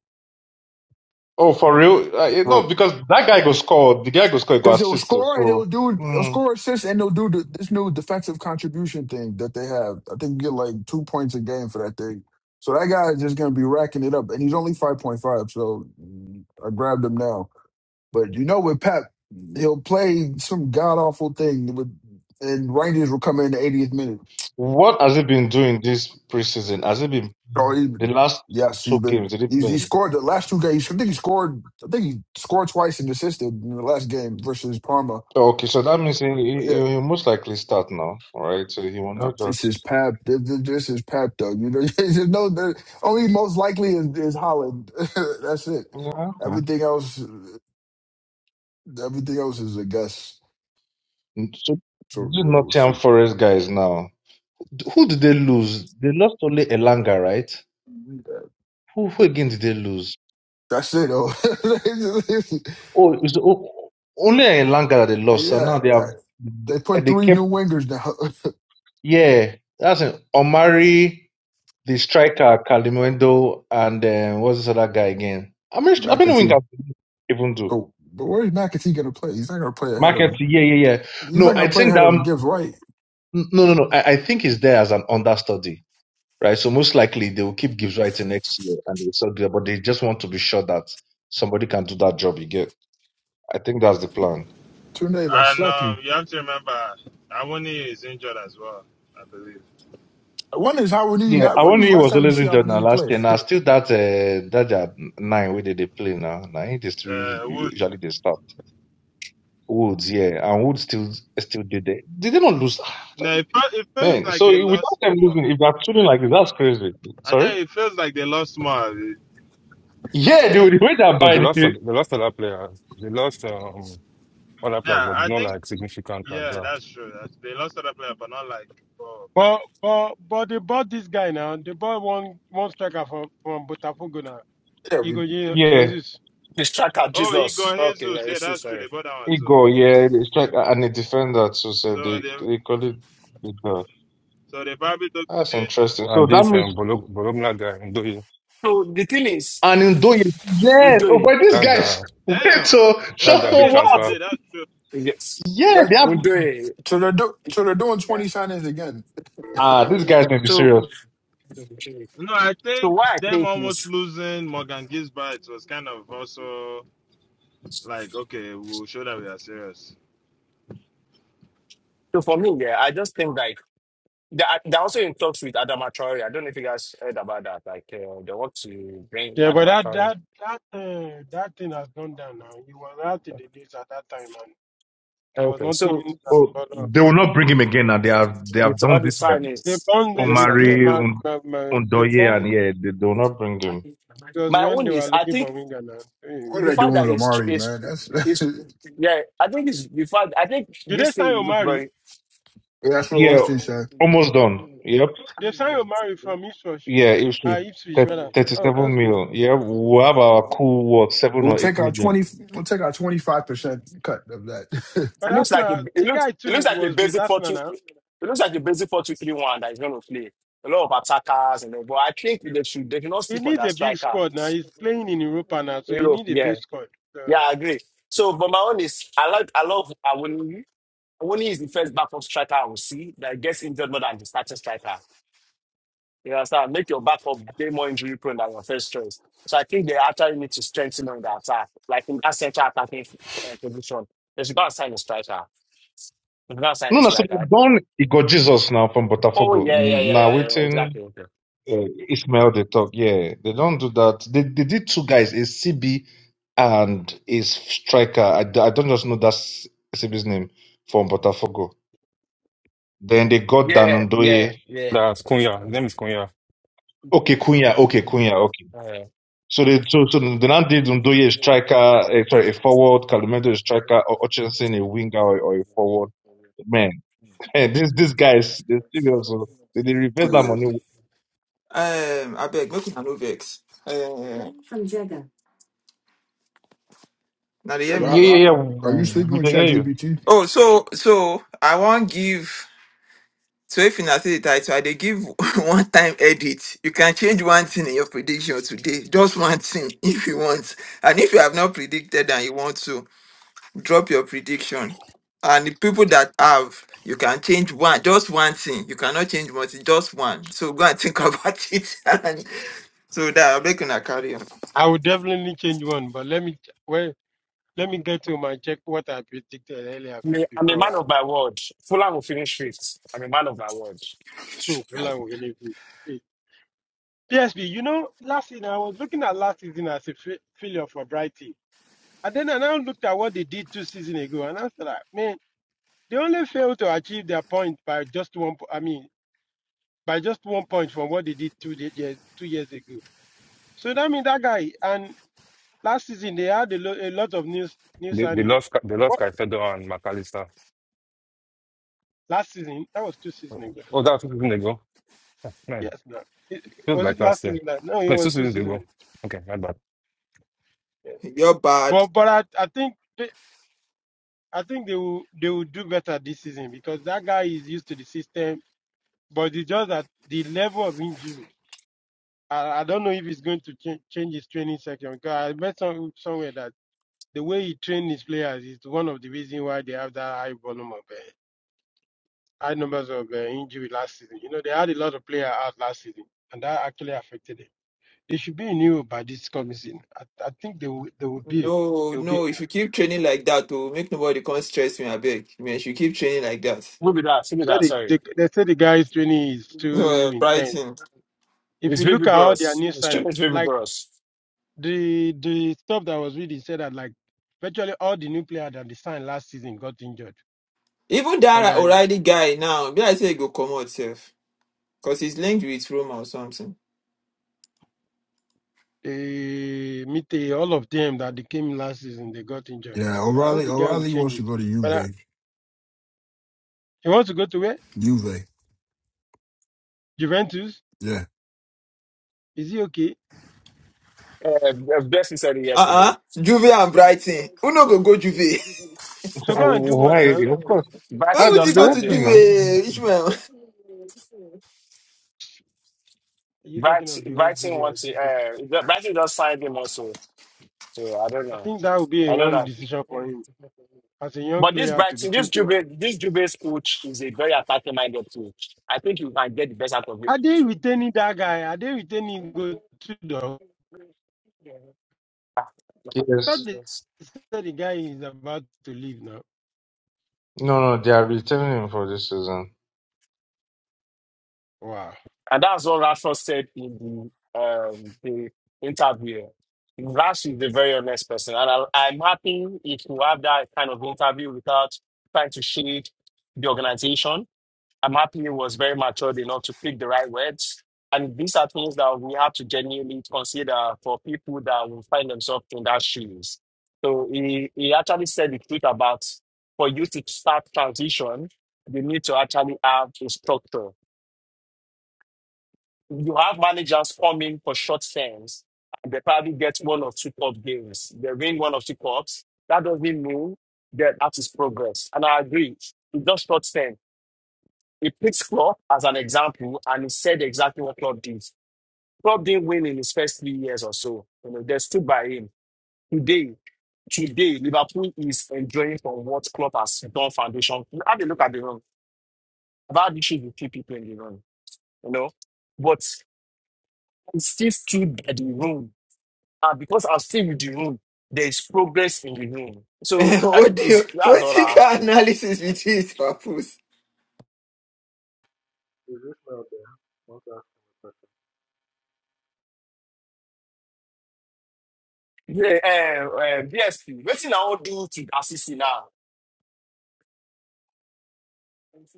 Speaker 6: oh for real. Uh, you know, because that guy go score. The guy go score. He go
Speaker 7: Because he'll
Speaker 6: assist. too.
Speaker 7: score and he'll
Speaker 6: So
Speaker 7: do he'll
Speaker 6: Mm.
Speaker 7: score assists and he'll do the, this new defensive contribution thing that they have. I think you get like two points a game for that thing. So that guy is just gonna be racking it up, and he's only five point five. So mm, I grabbed him now. But you know, with Pep, he'll play some god awful thing, with, and Rangers will come in the 80th minute.
Speaker 6: what has he been doing this preseason? Has he been
Speaker 7: So he,
Speaker 6: the last
Speaker 7: yes, he's
Speaker 6: two
Speaker 7: been
Speaker 6: games? Did he
Speaker 7: he's
Speaker 6: play?
Speaker 7: he scored the last two games. I think he scored. I think he scored twice and assisted in the last game versus Parma.
Speaker 6: Okay, so that means he, he, he will most likely start now, all right? So he will
Speaker 7: No,
Speaker 6: not just
Speaker 7: this is Pap. This, this this is Pap, though. You know, you know the only most likely is, is Holland. That's it.
Speaker 6: yeah.
Speaker 7: Everything else, everything else is a guess.
Speaker 6: Okay. So
Speaker 7: So
Speaker 6: these
Speaker 7: yeah, we'll
Speaker 6: Nottingham
Speaker 7: see.
Speaker 6: Forest guys now. Who did they lose? They lost only Elanga, right? Who who again did they lose?
Speaker 7: That's it, though.
Speaker 6: Oh, it was o- only in Sri Lanka that they lost, and
Speaker 7: yeah,
Speaker 6: now they
Speaker 7: yeah,
Speaker 6: have
Speaker 7: they put
Speaker 6: they
Speaker 7: three
Speaker 6: kept
Speaker 7: new wingers now.
Speaker 6: yeah. That's an Omari, the striker Kalimwendo, and um, what's this other guy again? I mean, I mean, we
Speaker 7: McAtee,
Speaker 6: can even do
Speaker 7: but but where's McAtee gonna play? He's not gonna play ahead
Speaker 6: market.
Speaker 7: of.
Speaker 6: Yeah, yeah, yeah.
Speaker 7: He's not
Speaker 6: No, I
Speaker 7: gonna play
Speaker 6: think
Speaker 7: ahead of
Speaker 6: that
Speaker 7: Gibbs White.
Speaker 6: no, no, no. I, I think he's there as an understudy, right? So most likely they will keep Gibbs right in next year, and they will sell there, but they just want to be sure that somebody can do that job. You get? I think that's the plan.
Speaker 7: Two days, I
Speaker 12: And
Speaker 7: slap you.
Speaker 12: um, you have to remember, Awoni is injured as well, I believe.
Speaker 7: One is how we need.
Speaker 6: Yeah, I
Speaker 7: Not when is the
Speaker 6: only
Speaker 7: last
Speaker 6: was
Speaker 7: time you
Speaker 6: always
Speaker 7: see how
Speaker 6: injured
Speaker 7: we
Speaker 6: now
Speaker 7: need
Speaker 6: last
Speaker 7: play?
Speaker 6: year. Now still that uh, that their nine where they, they play now. Now it is still
Speaker 12: Uh, Wood.
Speaker 6: usually they start Woods, yeah, and Woods still still did they did they not lose? I
Speaker 12: No,
Speaker 6: don't
Speaker 12: it, fe- it feels
Speaker 6: man.
Speaker 12: like
Speaker 6: So
Speaker 12: they
Speaker 6: you- without
Speaker 12: lost
Speaker 6: them
Speaker 12: more.
Speaker 6: losing, if they're shooting like this, that's crazy.
Speaker 12: I
Speaker 6: Sorry.
Speaker 12: think it feels like they lost more.
Speaker 6: Yeah, the, the way they're
Speaker 4: No, they
Speaker 6: buying, it,
Speaker 4: lost. a-
Speaker 6: it-
Speaker 4: They lost a players. They lost um other players,
Speaker 12: Yeah,
Speaker 4: but
Speaker 12: I
Speaker 4: not
Speaker 12: think,
Speaker 4: like significant like
Speaker 12: yeah,
Speaker 4: that.
Speaker 12: that's true. That's, they lost other player, but not like, oh,
Speaker 11: But, but, but they bought this guy now. They bought one, one striker from, from Botafogo now.
Speaker 7: yeah, we.
Speaker 11: Igor Ye-
Speaker 6: yeah,
Speaker 11: Jesus.
Speaker 5: This tracker,
Speaker 12: oh,
Speaker 5: Jesus.
Speaker 12: Igor
Speaker 5: Okay, yeah,
Speaker 12: Jesus. Yeah,
Speaker 5: it's so
Speaker 12: that's true. They
Speaker 5: sorry.
Speaker 12: bought that one
Speaker 6: it
Speaker 12: too.
Speaker 6: go, yeah, they strike and the defender too. So
Speaker 12: So
Speaker 6: they
Speaker 12: they,
Speaker 6: they call it the goal.
Speaker 12: so they probably took
Speaker 6: That's
Speaker 12: it.
Speaker 6: interesting. So
Speaker 4: And
Speaker 6: that
Speaker 4: this um
Speaker 6: means
Speaker 4: Bolog- Bologna guy, Ndoye,
Speaker 5: So the thing is,
Speaker 6: and in Doyle, yes, oh,
Speaker 5: Ndoye,
Speaker 6: but these
Speaker 4: that's
Speaker 6: guys
Speaker 4: the
Speaker 6: wait
Speaker 12: Damn.
Speaker 6: so
Speaker 4: that's
Speaker 6: shut
Speaker 12: Undo
Speaker 6: up.
Speaker 4: their big
Speaker 6: Wow.
Speaker 12: yourself
Speaker 4: transfer
Speaker 12: did. That's true.
Speaker 5: yes,
Speaker 6: Yeah,
Speaker 7: yeah,
Speaker 6: they have
Speaker 5: Ndoye.
Speaker 7: So they're do- so they're doing twenty signings again.
Speaker 6: Ah, these guys may be
Speaker 5: So,
Speaker 6: serious.
Speaker 12: No, I
Speaker 5: so
Speaker 12: think
Speaker 5: what I
Speaker 12: them
Speaker 5: think
Speaker 12: almost
Speaker 5: is,
Speaker 12: losing Morgan Gisbert was kind of also like, okay, we'll show that we are serious.
Speaker 5: so for me, yeah, I just think like, they're, they're also in talks with Adama Traore. I don't know if you guys heard about that. Like, uh, they want to bring
Speaker 11: Yeah, but
Speaker 5: Adama
Speaker 11: that
Speaker 5: Traore.
Speaker 11: that that uh, that thing has gone down now. He was out in the news at that time, There was
Speaker 5: Okay, so
Speaker 11: nothing that
Speaker 6: Oh,
Speaker 11: bothered
Speaker 6: they will
Speaker 11: them.
Speaker 6: not bring him again. Now they have they have
Speaker 5: it's all
Speaker 6: done
Speaker 5: the
Speaker 6: this. Um,
Speaker 11: They
Speaker 5: signings.
Speaker 11: bond it
Speaker 5: This
Speaker 11: with this
Speaker 5: okay.
Speaker 6: Omari,
Speaker 11: man.
Speaker 6: Un-
Speaker 11: man- man- They
Speaker 6: Undoye,
Speaker 11: bond
Speaker 6: and yeah, they, do not bring him.
Speaker 11: it was
Speaker 5: My
Speaker 11: when
Speaker 5: own
Speaker 11: they
Speaker 5: is
Speaker 11: were
Speaker 5: I
Speaker 11: looking for
Speaker 5: think.
Speaker 11: winger now.
Speaker 7: What
Speaker 11: Anyway.
Speaker 7: are
Speaker 5: the
Speaker 7: they
Speaker 5: fact
Speaker 7: doing
Speaker 5: that
Speaker 7: with
Speaker 5: it's tr-
Speaker 7: Amari,
Speaker 5: it's
Speaker 7: man? That's
Speaker 5: it's yeah, I think it's the fact I think
Speaker 11: Did they
Speaker 5: this
Speaker 11: sign
Speaker 5: thing will look
Speaker 11: Omari?
Speaker 5: very
Speaker 7: that's what
Speaker 6: Yeah,
Speaker 5: it
Speaker 7: Ornstein said.
Speaker 6: almost done. Yep.
Speaker 11: They signed Omari from Ipswich.
Speaker 6: Yeah, it should.
Speaker 11: Uh, Ipswich, rather. Oh,
Speaker 6: 37
Speaker 11: that's good.
Speaker 6: million. Yeah, we have our cool, what, 7
Speaker 7: We'll
Speaker 6: or 8
Speaker 7: take our
Speaker 6: million.
Speaker 7: twenty. We'll take our twenty five percent cut of that.
Speaker 11: But
Speaker 5: looks like a,
Speaker 11: Arsenal,
Speaker 5: it
Speaker 11: the
Speaker 5: looks
Speaker 11: guy
Speaker 5: it looks
Speaker 11: too
Speaker 5: like a
Speaker 11: was with
Speaker 5: basic four
Speaker 11: Arsenal
Speaker 5: two
Speaker 11: now.
Speaker 5: it looks like a basic four two three one that is gonna play. A lot of attackers and all, but I think they should they should not
Speaker 11: He
Speaker 5: sleep on
Speaker 11: needs
Speaker 5: that
Speaker 11: a big
Speaker 5: striker.
Speaker 11: squad now. He's playing in Europa now, so he
Speaker 5: Europe,
Speaker 11: needs a
Speaker 5: yeah.
Speaker 11: big squad.
Speaker 5: Yeah,
Speaker 11: So
Speaker 5: I agree. So but my own is I like I love Awoni. Only is the first backup striker I will see that gets injured more than the starting striker. You understand? Make your backup way more injury prone than your first choice. So I think they actually need to strengthen on the attack, like in that central attacking uh, position. They should go and sign a striker. They should go and sign
Speaker 6: No,
Speaker 5: a
Speaker 6: no. So they've
Speaker 5: striker.
Speaker 6: done. He got Jesus now from
Speaker 5: Oh
Speaker 6: Botafogo.
Speaker 5: yeah, yeah, yeah,
Speaker 6: Now
Speaker 5: yeah, yeah.
Speaker 6: waiting.
Speaker 5: exactly. Okay.
Speaker 6: Yeah, Ishmael they talk. Yeah, they don't do that. They they did two guys, a CB and a striker. I, d- I don't just know that CB's name from Botafogo. Then they got
Speaker 5: Yeah, yeah,
Speaker 6: Danundoye.
Speaker 5: yeah.
Speaker 4: That's Cunha. His name is Cunha.
Speaker 6: Okay, Cunha. Okay, Cunha. Okay. So they so, so they now did Ndoye a striker, uh, sorry, a forward, Calumedo a striker, or Hutchinson a winger or, or a forward.
Speaker 5: Uh,
Speaker 6: Man, this these guys, they serious. oh. They, they reverse that
Speaker 7: yeah.
Speaker 6: money.
Speaker 1: Um, I beg, make una no vex. Uh, now they
Speaker 7: I
Speaker 1: hear me.
Speaker 6: Yeah, yeah,
Speaker 7: got-
Speaker 6: yeah.
Speaker 7: Are you
Speaker 6: We
Speaker 7: sleeping
Speaker 6: we
Speaker 7: with
Speaker 6: can hear you.
Speaker 7: ChatGPT?
Speaker 1: Oh, so so I won't give. So if you not see the title, I dey give one time edit. You can change one thing in your prediction today, just one thing if you want. And if you have not predicted and you want to, drop your prediction. And the people that have, you can change one, just one thing. You cannot change multi, just one. So go and think about it. and so that I'm making a carry
Speaker 11: I would definitely change one, but let me well, let me get to my check what I predicted earlier
Speaker 5: Me- I'm a
Speaker 11: before
Speaker 5: man of my word. Fulham will finish fifth. I'm a man of my word.
Speaker 11: and
Speaker 7: Yeah,
Speaker 11: Fulham will win it. PSB, you know, last season I was looking at last season as a fa- failure for Brighton. And then I now looked at what they did two seasons ago, and I was like, man, they only failed to achieve their point by just one. po- I mean, by just one point from what they did two de- years two years ago. So that means that guy. And last season they had a, lo- a lot of new new
Speaker 4: They, they
Speaker 11: signing.
Speaker 4: lost Ca- they lost
Speaker 11: What
Speaker 4: Caicedo and McAllister.
Speaker 11: last season? That was two seasons
Speaker 4: Oh,
Speaker 11: ago.
Speaker 4: that was two seasons ago. Yeah, Man,
Speaker 11: Yes, no, It-
Speaker 4: feels
Speaker 11: was
Speaker 4: like
Speaker 11: it
Speaker 4: last
Speaker 11: last
Speaker 4: year.
Speaker 11: season? That no, it
Speaker 4: No, it's two
Speaker 11: was two
Speaker 4: seasons
Speaker 11: seasons
Speaker 4: ago.
Speaker 11: ago.
Speaker 4: Okay, my bad.
Speaker 11: Yeah.
Speaker 1: You're bad.
Speaker 11: But but I I think. I think they will they will do better this season because that guy is used to the system, but it's just that the level of injury. I, I don't know if it's going to change, change his training section because I read some, somewhere that the way he trained his players is one of the reasons why they have that high volume of uh, high numbers of uh, injury last season. You know they had a lot of players out last season, and that actually affected them. They should be in Europe by this coming season. I, I think they will they will be
Speaker 1: No,
Speaker 11: they will be. in
Speaker 1: no. If you
Speaker 11: Europe.
Speaker 1: keep training like that, to make nobody come stress me, I beg. Man, if you keep training like that.
Speaker 5: Who be that? Who be
Speaker 11: So
Speaker 5: that?
Speaker 11: they,
Speaker 5: Sorry.
Speaker 11: they, they say the guy's training is
Speaker 1: No,
Speaker 11: too
Speaker 1: uh,
Speaker 11: intense
Speaker 1: Brighton.
Speaker 11: If
Speaker 5: It's
Speaker 11: you look
Speaker 5: Baby
Speaker 11: at all their
Speaker 5: Gross.
Speaker 11: new
Speaker 5: It's true,
Speaker 11: signing,
Speaker 5: it's Baby
Speaker 11: like
Speaker 5: Gross.
Speaker 11: the the stuff that was reading said that like virtually all the new players that they signed last season got injured.
Speaker 1: Even
Speaker 11: And
Speaker 1: that
Speaker 11: then
Speaker 1: O'Reilly guy now, be I say he go come out safe. Because he's linked with Roma or something.
Speaker 11: eh, Mite, all of them that they came last season, they got injured.
Speaker 7: Yeah,
Speaker 11: I hope
Speaker 7: O'Reilly.
Speaker 11: the guy will
Speaker 7: O'Reilly
Speaker 11: change
Speaker 7: wants to
Speaker 11: it.
Speaker 7: go to
Speaker 11: But uh,
Speaker 7: Juve.
Speaker 11: he wants to go to where?
Speaker 7: Juve.
Speaker 11: Juventus?
Speaker 7: Yeah.
Speaker 11: Is he okay?
Speaker 5: Uh, uh, Bessie said it yesterday.
Speaker 1: Uh-uh. Juve and Brighton. Who no go go Juve?
Speaker 11: So go and do what
Speaker 6: Why?
Speaker 11: now? Are
Speaker 6: Of course.
Speaker 1: Why
Speaker 6: I
Speaker 5: Brighton
Speaker 1: would
Speaker 5: just
Speaker 1: you go
Speaker 5: signed
Speaker 1: to
Speaker 6: don't
Speaker 5: him.
Speaker 6: know.
Speaker 1: Juve, Ishmael?
Speaker 11: you
Speaker 5: Bright,
Speaker 11: talking of the old
Speaker 5: Brighton
Speaker 11: Juve or
Speaker 5: wants to,
Speaker 11: this? one?
Speaker 5: uh, Brighton just signed him also. So I don't
Speaker 11: I
Speaker 5: know.
Speaker 11: think that would be a
Speaker 5: I don't
Speaker 11: wrong
Speaker 5: know.
Speaker 11: decision for him as a young
Speaker 5: But this
Speaker 11: player to
Speaker 5: Brighton,
Speaker 11: be
Speaker 5: this
Speaker 11: thinking of.
Speaker 5: Jube, this Jube's coach is a very attacking minded coach. I think you can get the best out of
Speaker 11: Are they retaining that guy? Are they retaining Go to the? thought
Speaker 6: Yes.
Speaker 11: they
Speaker 5: it.
Speaker 11: said the guy is about to leave now.
Speaker 6: No, no, they are returning him for this season.
Speaker 11: Wow.
Speaker 5: And that's what Rashford said in the, um, the interview. Rash is a very honest person. And I, I'm happy if you have that kind of interview without trying to shade the organization. I'm happy he was very mature enough to pick the right words. And these are things that we have to genuinely consider for people that will find themselves in that shoes. So he, he actually said the truth about for you to start transition, you need to actually have a structure you have managers come in for short terms and they probably get one or two cup games. They win one or two cups. That doesn't mean that that is progress. And I agree. It's just short term. He picks Klopp as an example and he said exactly what Klopp did. Klopp didn't win in his first three years or so. You know, they stood by him. Today, today, Liverpool is enjoying from what Klopp has done foundation. Have a look at the room. I've had issues with few people in the room, you know. But he still stood by the room And because I'm still with the room, there is progress in the room. So
Speaker 1: Eh,
Speaker 5: that
Speaker 1: what do you,
Speaker 5: is, that's
Speaker 1: what
Speaker 5: all I
Speaker 1: you
Speaker 5: ask
Speaker 1: got
Speaker 5: you.
Speaker 1: analysis with this, Papoose?
Speaker 13: Is this not there? What's that?
Speaker 5: Yeah, uh, uh, BSP, what thing I want do to assist you now?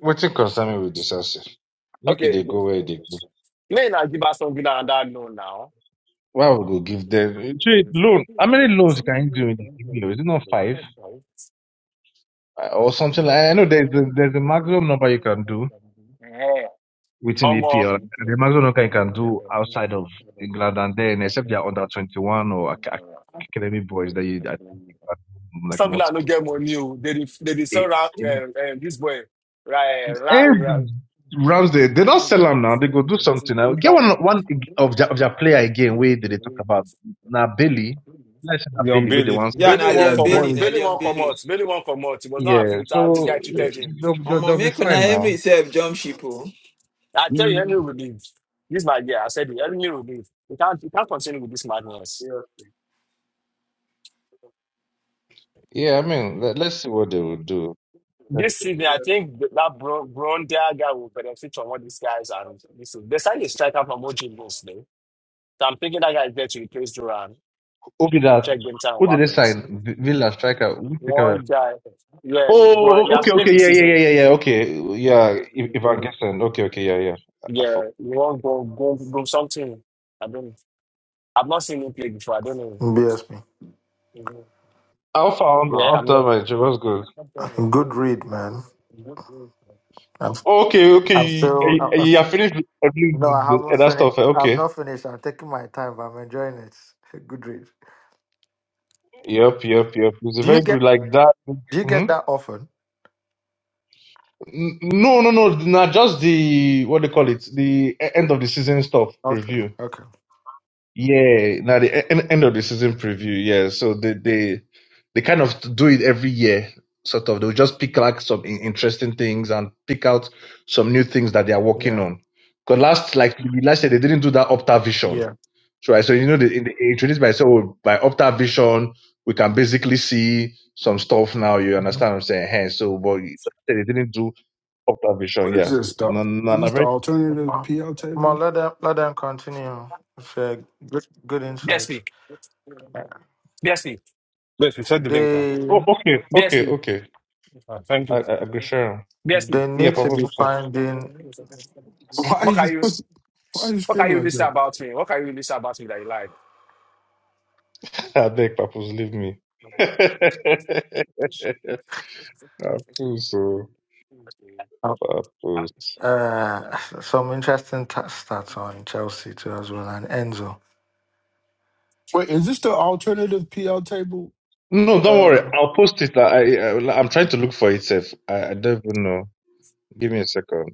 Speaker 6: Waiting concern me with the Chelsea. Make it
Speaker 5: Okay,
Speaker 6: they go where they go.
Speaker 5: may I give us something that I know now?
Speaker 6: Why would go give
Speaker 5: Yeah.
Speaker 6: them Shey, loan? How many loans can you do in the EPL? Is it not five Uh, or something? Like, I know there's a, there's a maximum number you can do within EPL.
Speaker 5: Omo,
Speaker 6: and The maximum number you can do outside of England, and then except they are under twenty one or ac- ac- academy boys that you that you can do, like
Speaker 5: Aston Villa no
Speaker 6: multiple.
Speaker 5: get money. o. They dey they dey
Speaker 6: Eh,
Speaker 5: sell ra-
Speaker 6: eh,
Speaker 5: um, um, this boy right,
Speaker 6: And Ramsdale, they don't
Speaker 5: Look
Speaker 6: sell him now. They go do something now. Get
Speaker 5: at
Speaker 6: one one of their, of their player again. Where did they talk about now Bailey Let's say now
Speaker 4: Leon
Speaker 6: Billy with the one
Speaker 4: Bailey.
Speaker 1: Yeah,
Speaker 6: still.
Speaker 5: Bailey
Speaker 1: na
Speaker 7: Yeah,
Speaker 5: won't
Speaker 1: Leon
Speaker 7: it's
Speaker 5: come
Speaker 1: Bailey,
Speaker 5: out.
Speaker 7: barely.
Speaker 1: na
Speaker 5: Bailey
Speaker 1: Leon
Speaker 5: won't come
Speaker 1: Bailey.
Speaker 5: out. Bailey won't come out. He was not happy
Speaker 6: Yeah,
Speaker 5: with how this
Speaker 6: so
Speaker 5: guy
Speaker 6: eh,
Speaker 5: treated him.
Speaker 6: they'll, they'll,
Speaker 1: Omo,
Speaker 6: they'll be
Speaker 1: make una
Speaker 6: fine now.
Speaker 1: Emery self jump ship, oh.
Speaker 5: I tell you,
Speaker 7: Mm,
Speaker 5: Henry will leave. This my guy. I said, it, Henry will leave. We can't, we can't continue with this madness.
Speaker 6: Yeah, I mean, let, let's see what they will do. Let's
Speaker 5: This
Speaker 6: see.
Speaker 5: season, I
Speaker 13: BSP.
Speaker 5: think that that Bro- Brondia guy will benefit from what these guys are. This is, they signed a striker from OG mostly. So I'm thinking that guy is there to replace Duran,
Speaker 6: Who did that?
Speaker 5: check them time
Speaker 6: Who did they
Speaker 5: weapons.
Speaker 6: sign? V- Villa striker. Who take a-
Speaker 5: One guy, yeah, but he
Speaker 6: Oh,
Speaker 5: has
Speaker 6: okay,
Speaker 5: played
Speaker 6: okay,
Speaker 5: the
Speaker 6: yeah, yeah, yeah,
Speaker 5: season.
Speaker 6: yeah, yeah. Okay, yeah. If, if I'm guessing, okay, okay, yeah, yeah. I, I forgot.
Speaker 5: Yeah, you want go go go something. I don't. know. I've not seen him play before. I don't know. Mhm.
Speaker 6: Alpha on
Speaker 5: Yeah,
Speaker 6: on
Speaker 5: I'm here.
Speaker 6: time, man. What's good?
Speaker 13: Good read, man. I'm,
Speaker 6: Okay, okay.
Speaker 13: I'm
Speaker 6: You,
Speaker 13: still,
Speaker 6: you
Speaker 13: I'm
Speaker 6: you are
Speaker 13: still.
Speaker 6: finished with every-
Speaker 13: No,
Speaker 6: the,
Speaker 13: I
Speaker 6: the-
Speaker 13: haven't
Speaker 6: that
Speaker 13: finished.
Speaker 6: stuff. eh?
Speaker 13: I've
Speaker 6: Okay.
Speaker 13: not finished. I'm taking my time, but I'm enjoying it. Good read.
Speaker 6: Yep, yep, yep. It's
Speaker 13: Do
Speaker 6: very
Speaker 13: you get?
Speaker 6: good like that.
Speaker 13: Do you get
Speaker 6: Mhm.
Speaker 13: that often?
Speaker 6: N- No, no, no. Not just the what they call it, the e- end of the season stuff
Speaker 13: Okay.
Speaker 6: preview.
Speaker 13: Okay.
Speaker 6: Yeah, now the e- en- end of the season preview. Yeah, so they they they kind of do it every year. Sort of, they'll just pick like some in- interesting things and pick out some new things that they are working
Speaker 13: Yeah.
Speaker 6: on. Because last, like we last year, they didn't do that Opta Vision,
Speaker 13: Yeah.
Speaker 6: so right? So you know, they, in the, they introduced by so by Opta Vision, we can basically see some stuff now. You
Speaker 13: Mhm.
Speaker 6: understand what I'm saying? Hey, so but you- they didn't do Opta Vision.
Speaker 7: What is
Speaker 6: Yeah,
Speaker 7: this,
Speaker 6: no,
Speaker 7: dog?
Speaker 6: no,
Speaker 7: Is
Speaker 6: no,
Speaker 7: this the
Speaker 6: very.
Speaker 7: alternative
Speaker 13: Well,
Speaker 7: PL
Speaker 13: well,
Speaker 7: table?
Speaker 13: let them let them continue. It's a good good insight.
Speaker 5: BSP, BSP,
Speaker 4: Yes, we shared the
Speaker 5: BSP,
Speaker 4: link now.
Speaker 13: They
Speaker 6: Oh, okay, okay,
Speaker 5: BSP.
Speaker 6: okay.
Speaker 4: Ah, thank
Speaker 6: I, I,
Speaker 4: you.
Speaker 6: agree, sure.
Speaker 13: they
Speaker 6: Yeah,
Speaker 13: need to be
Speaker 6: Professor.
Speaker 13: finding.
Speaker 7: Why are
Speaker 5: What
Speaker 7: you
Speaker 5: can you
Speaker 7: Why are you
Speaker 5: what can
Speaker 7: screaming
Speaker 5: you
Speaker 7: like
Speaker 5: listen
Speaker 7: that?
Speaker 5: about me? What can you listen about me that you like?
Speaker 6: I beg, Papoose, leave me. Papoose, oh,
Speaker 13: uh,
Speaker 6: Papoose.
Speaker 13: Uh, some interesting t- stats on
Speaker 5: I'm-
Speaker 13: Chelsea too as well, and Enzo.
Speaker 7: Wait, is this the alternative PL table?
Speaker 6: No, don't
Speaker 7: Uh,
Speaker 6: worry. I'll post it. I, I I'm trying to look for it. Safe. I, I don't even know. Give me a second.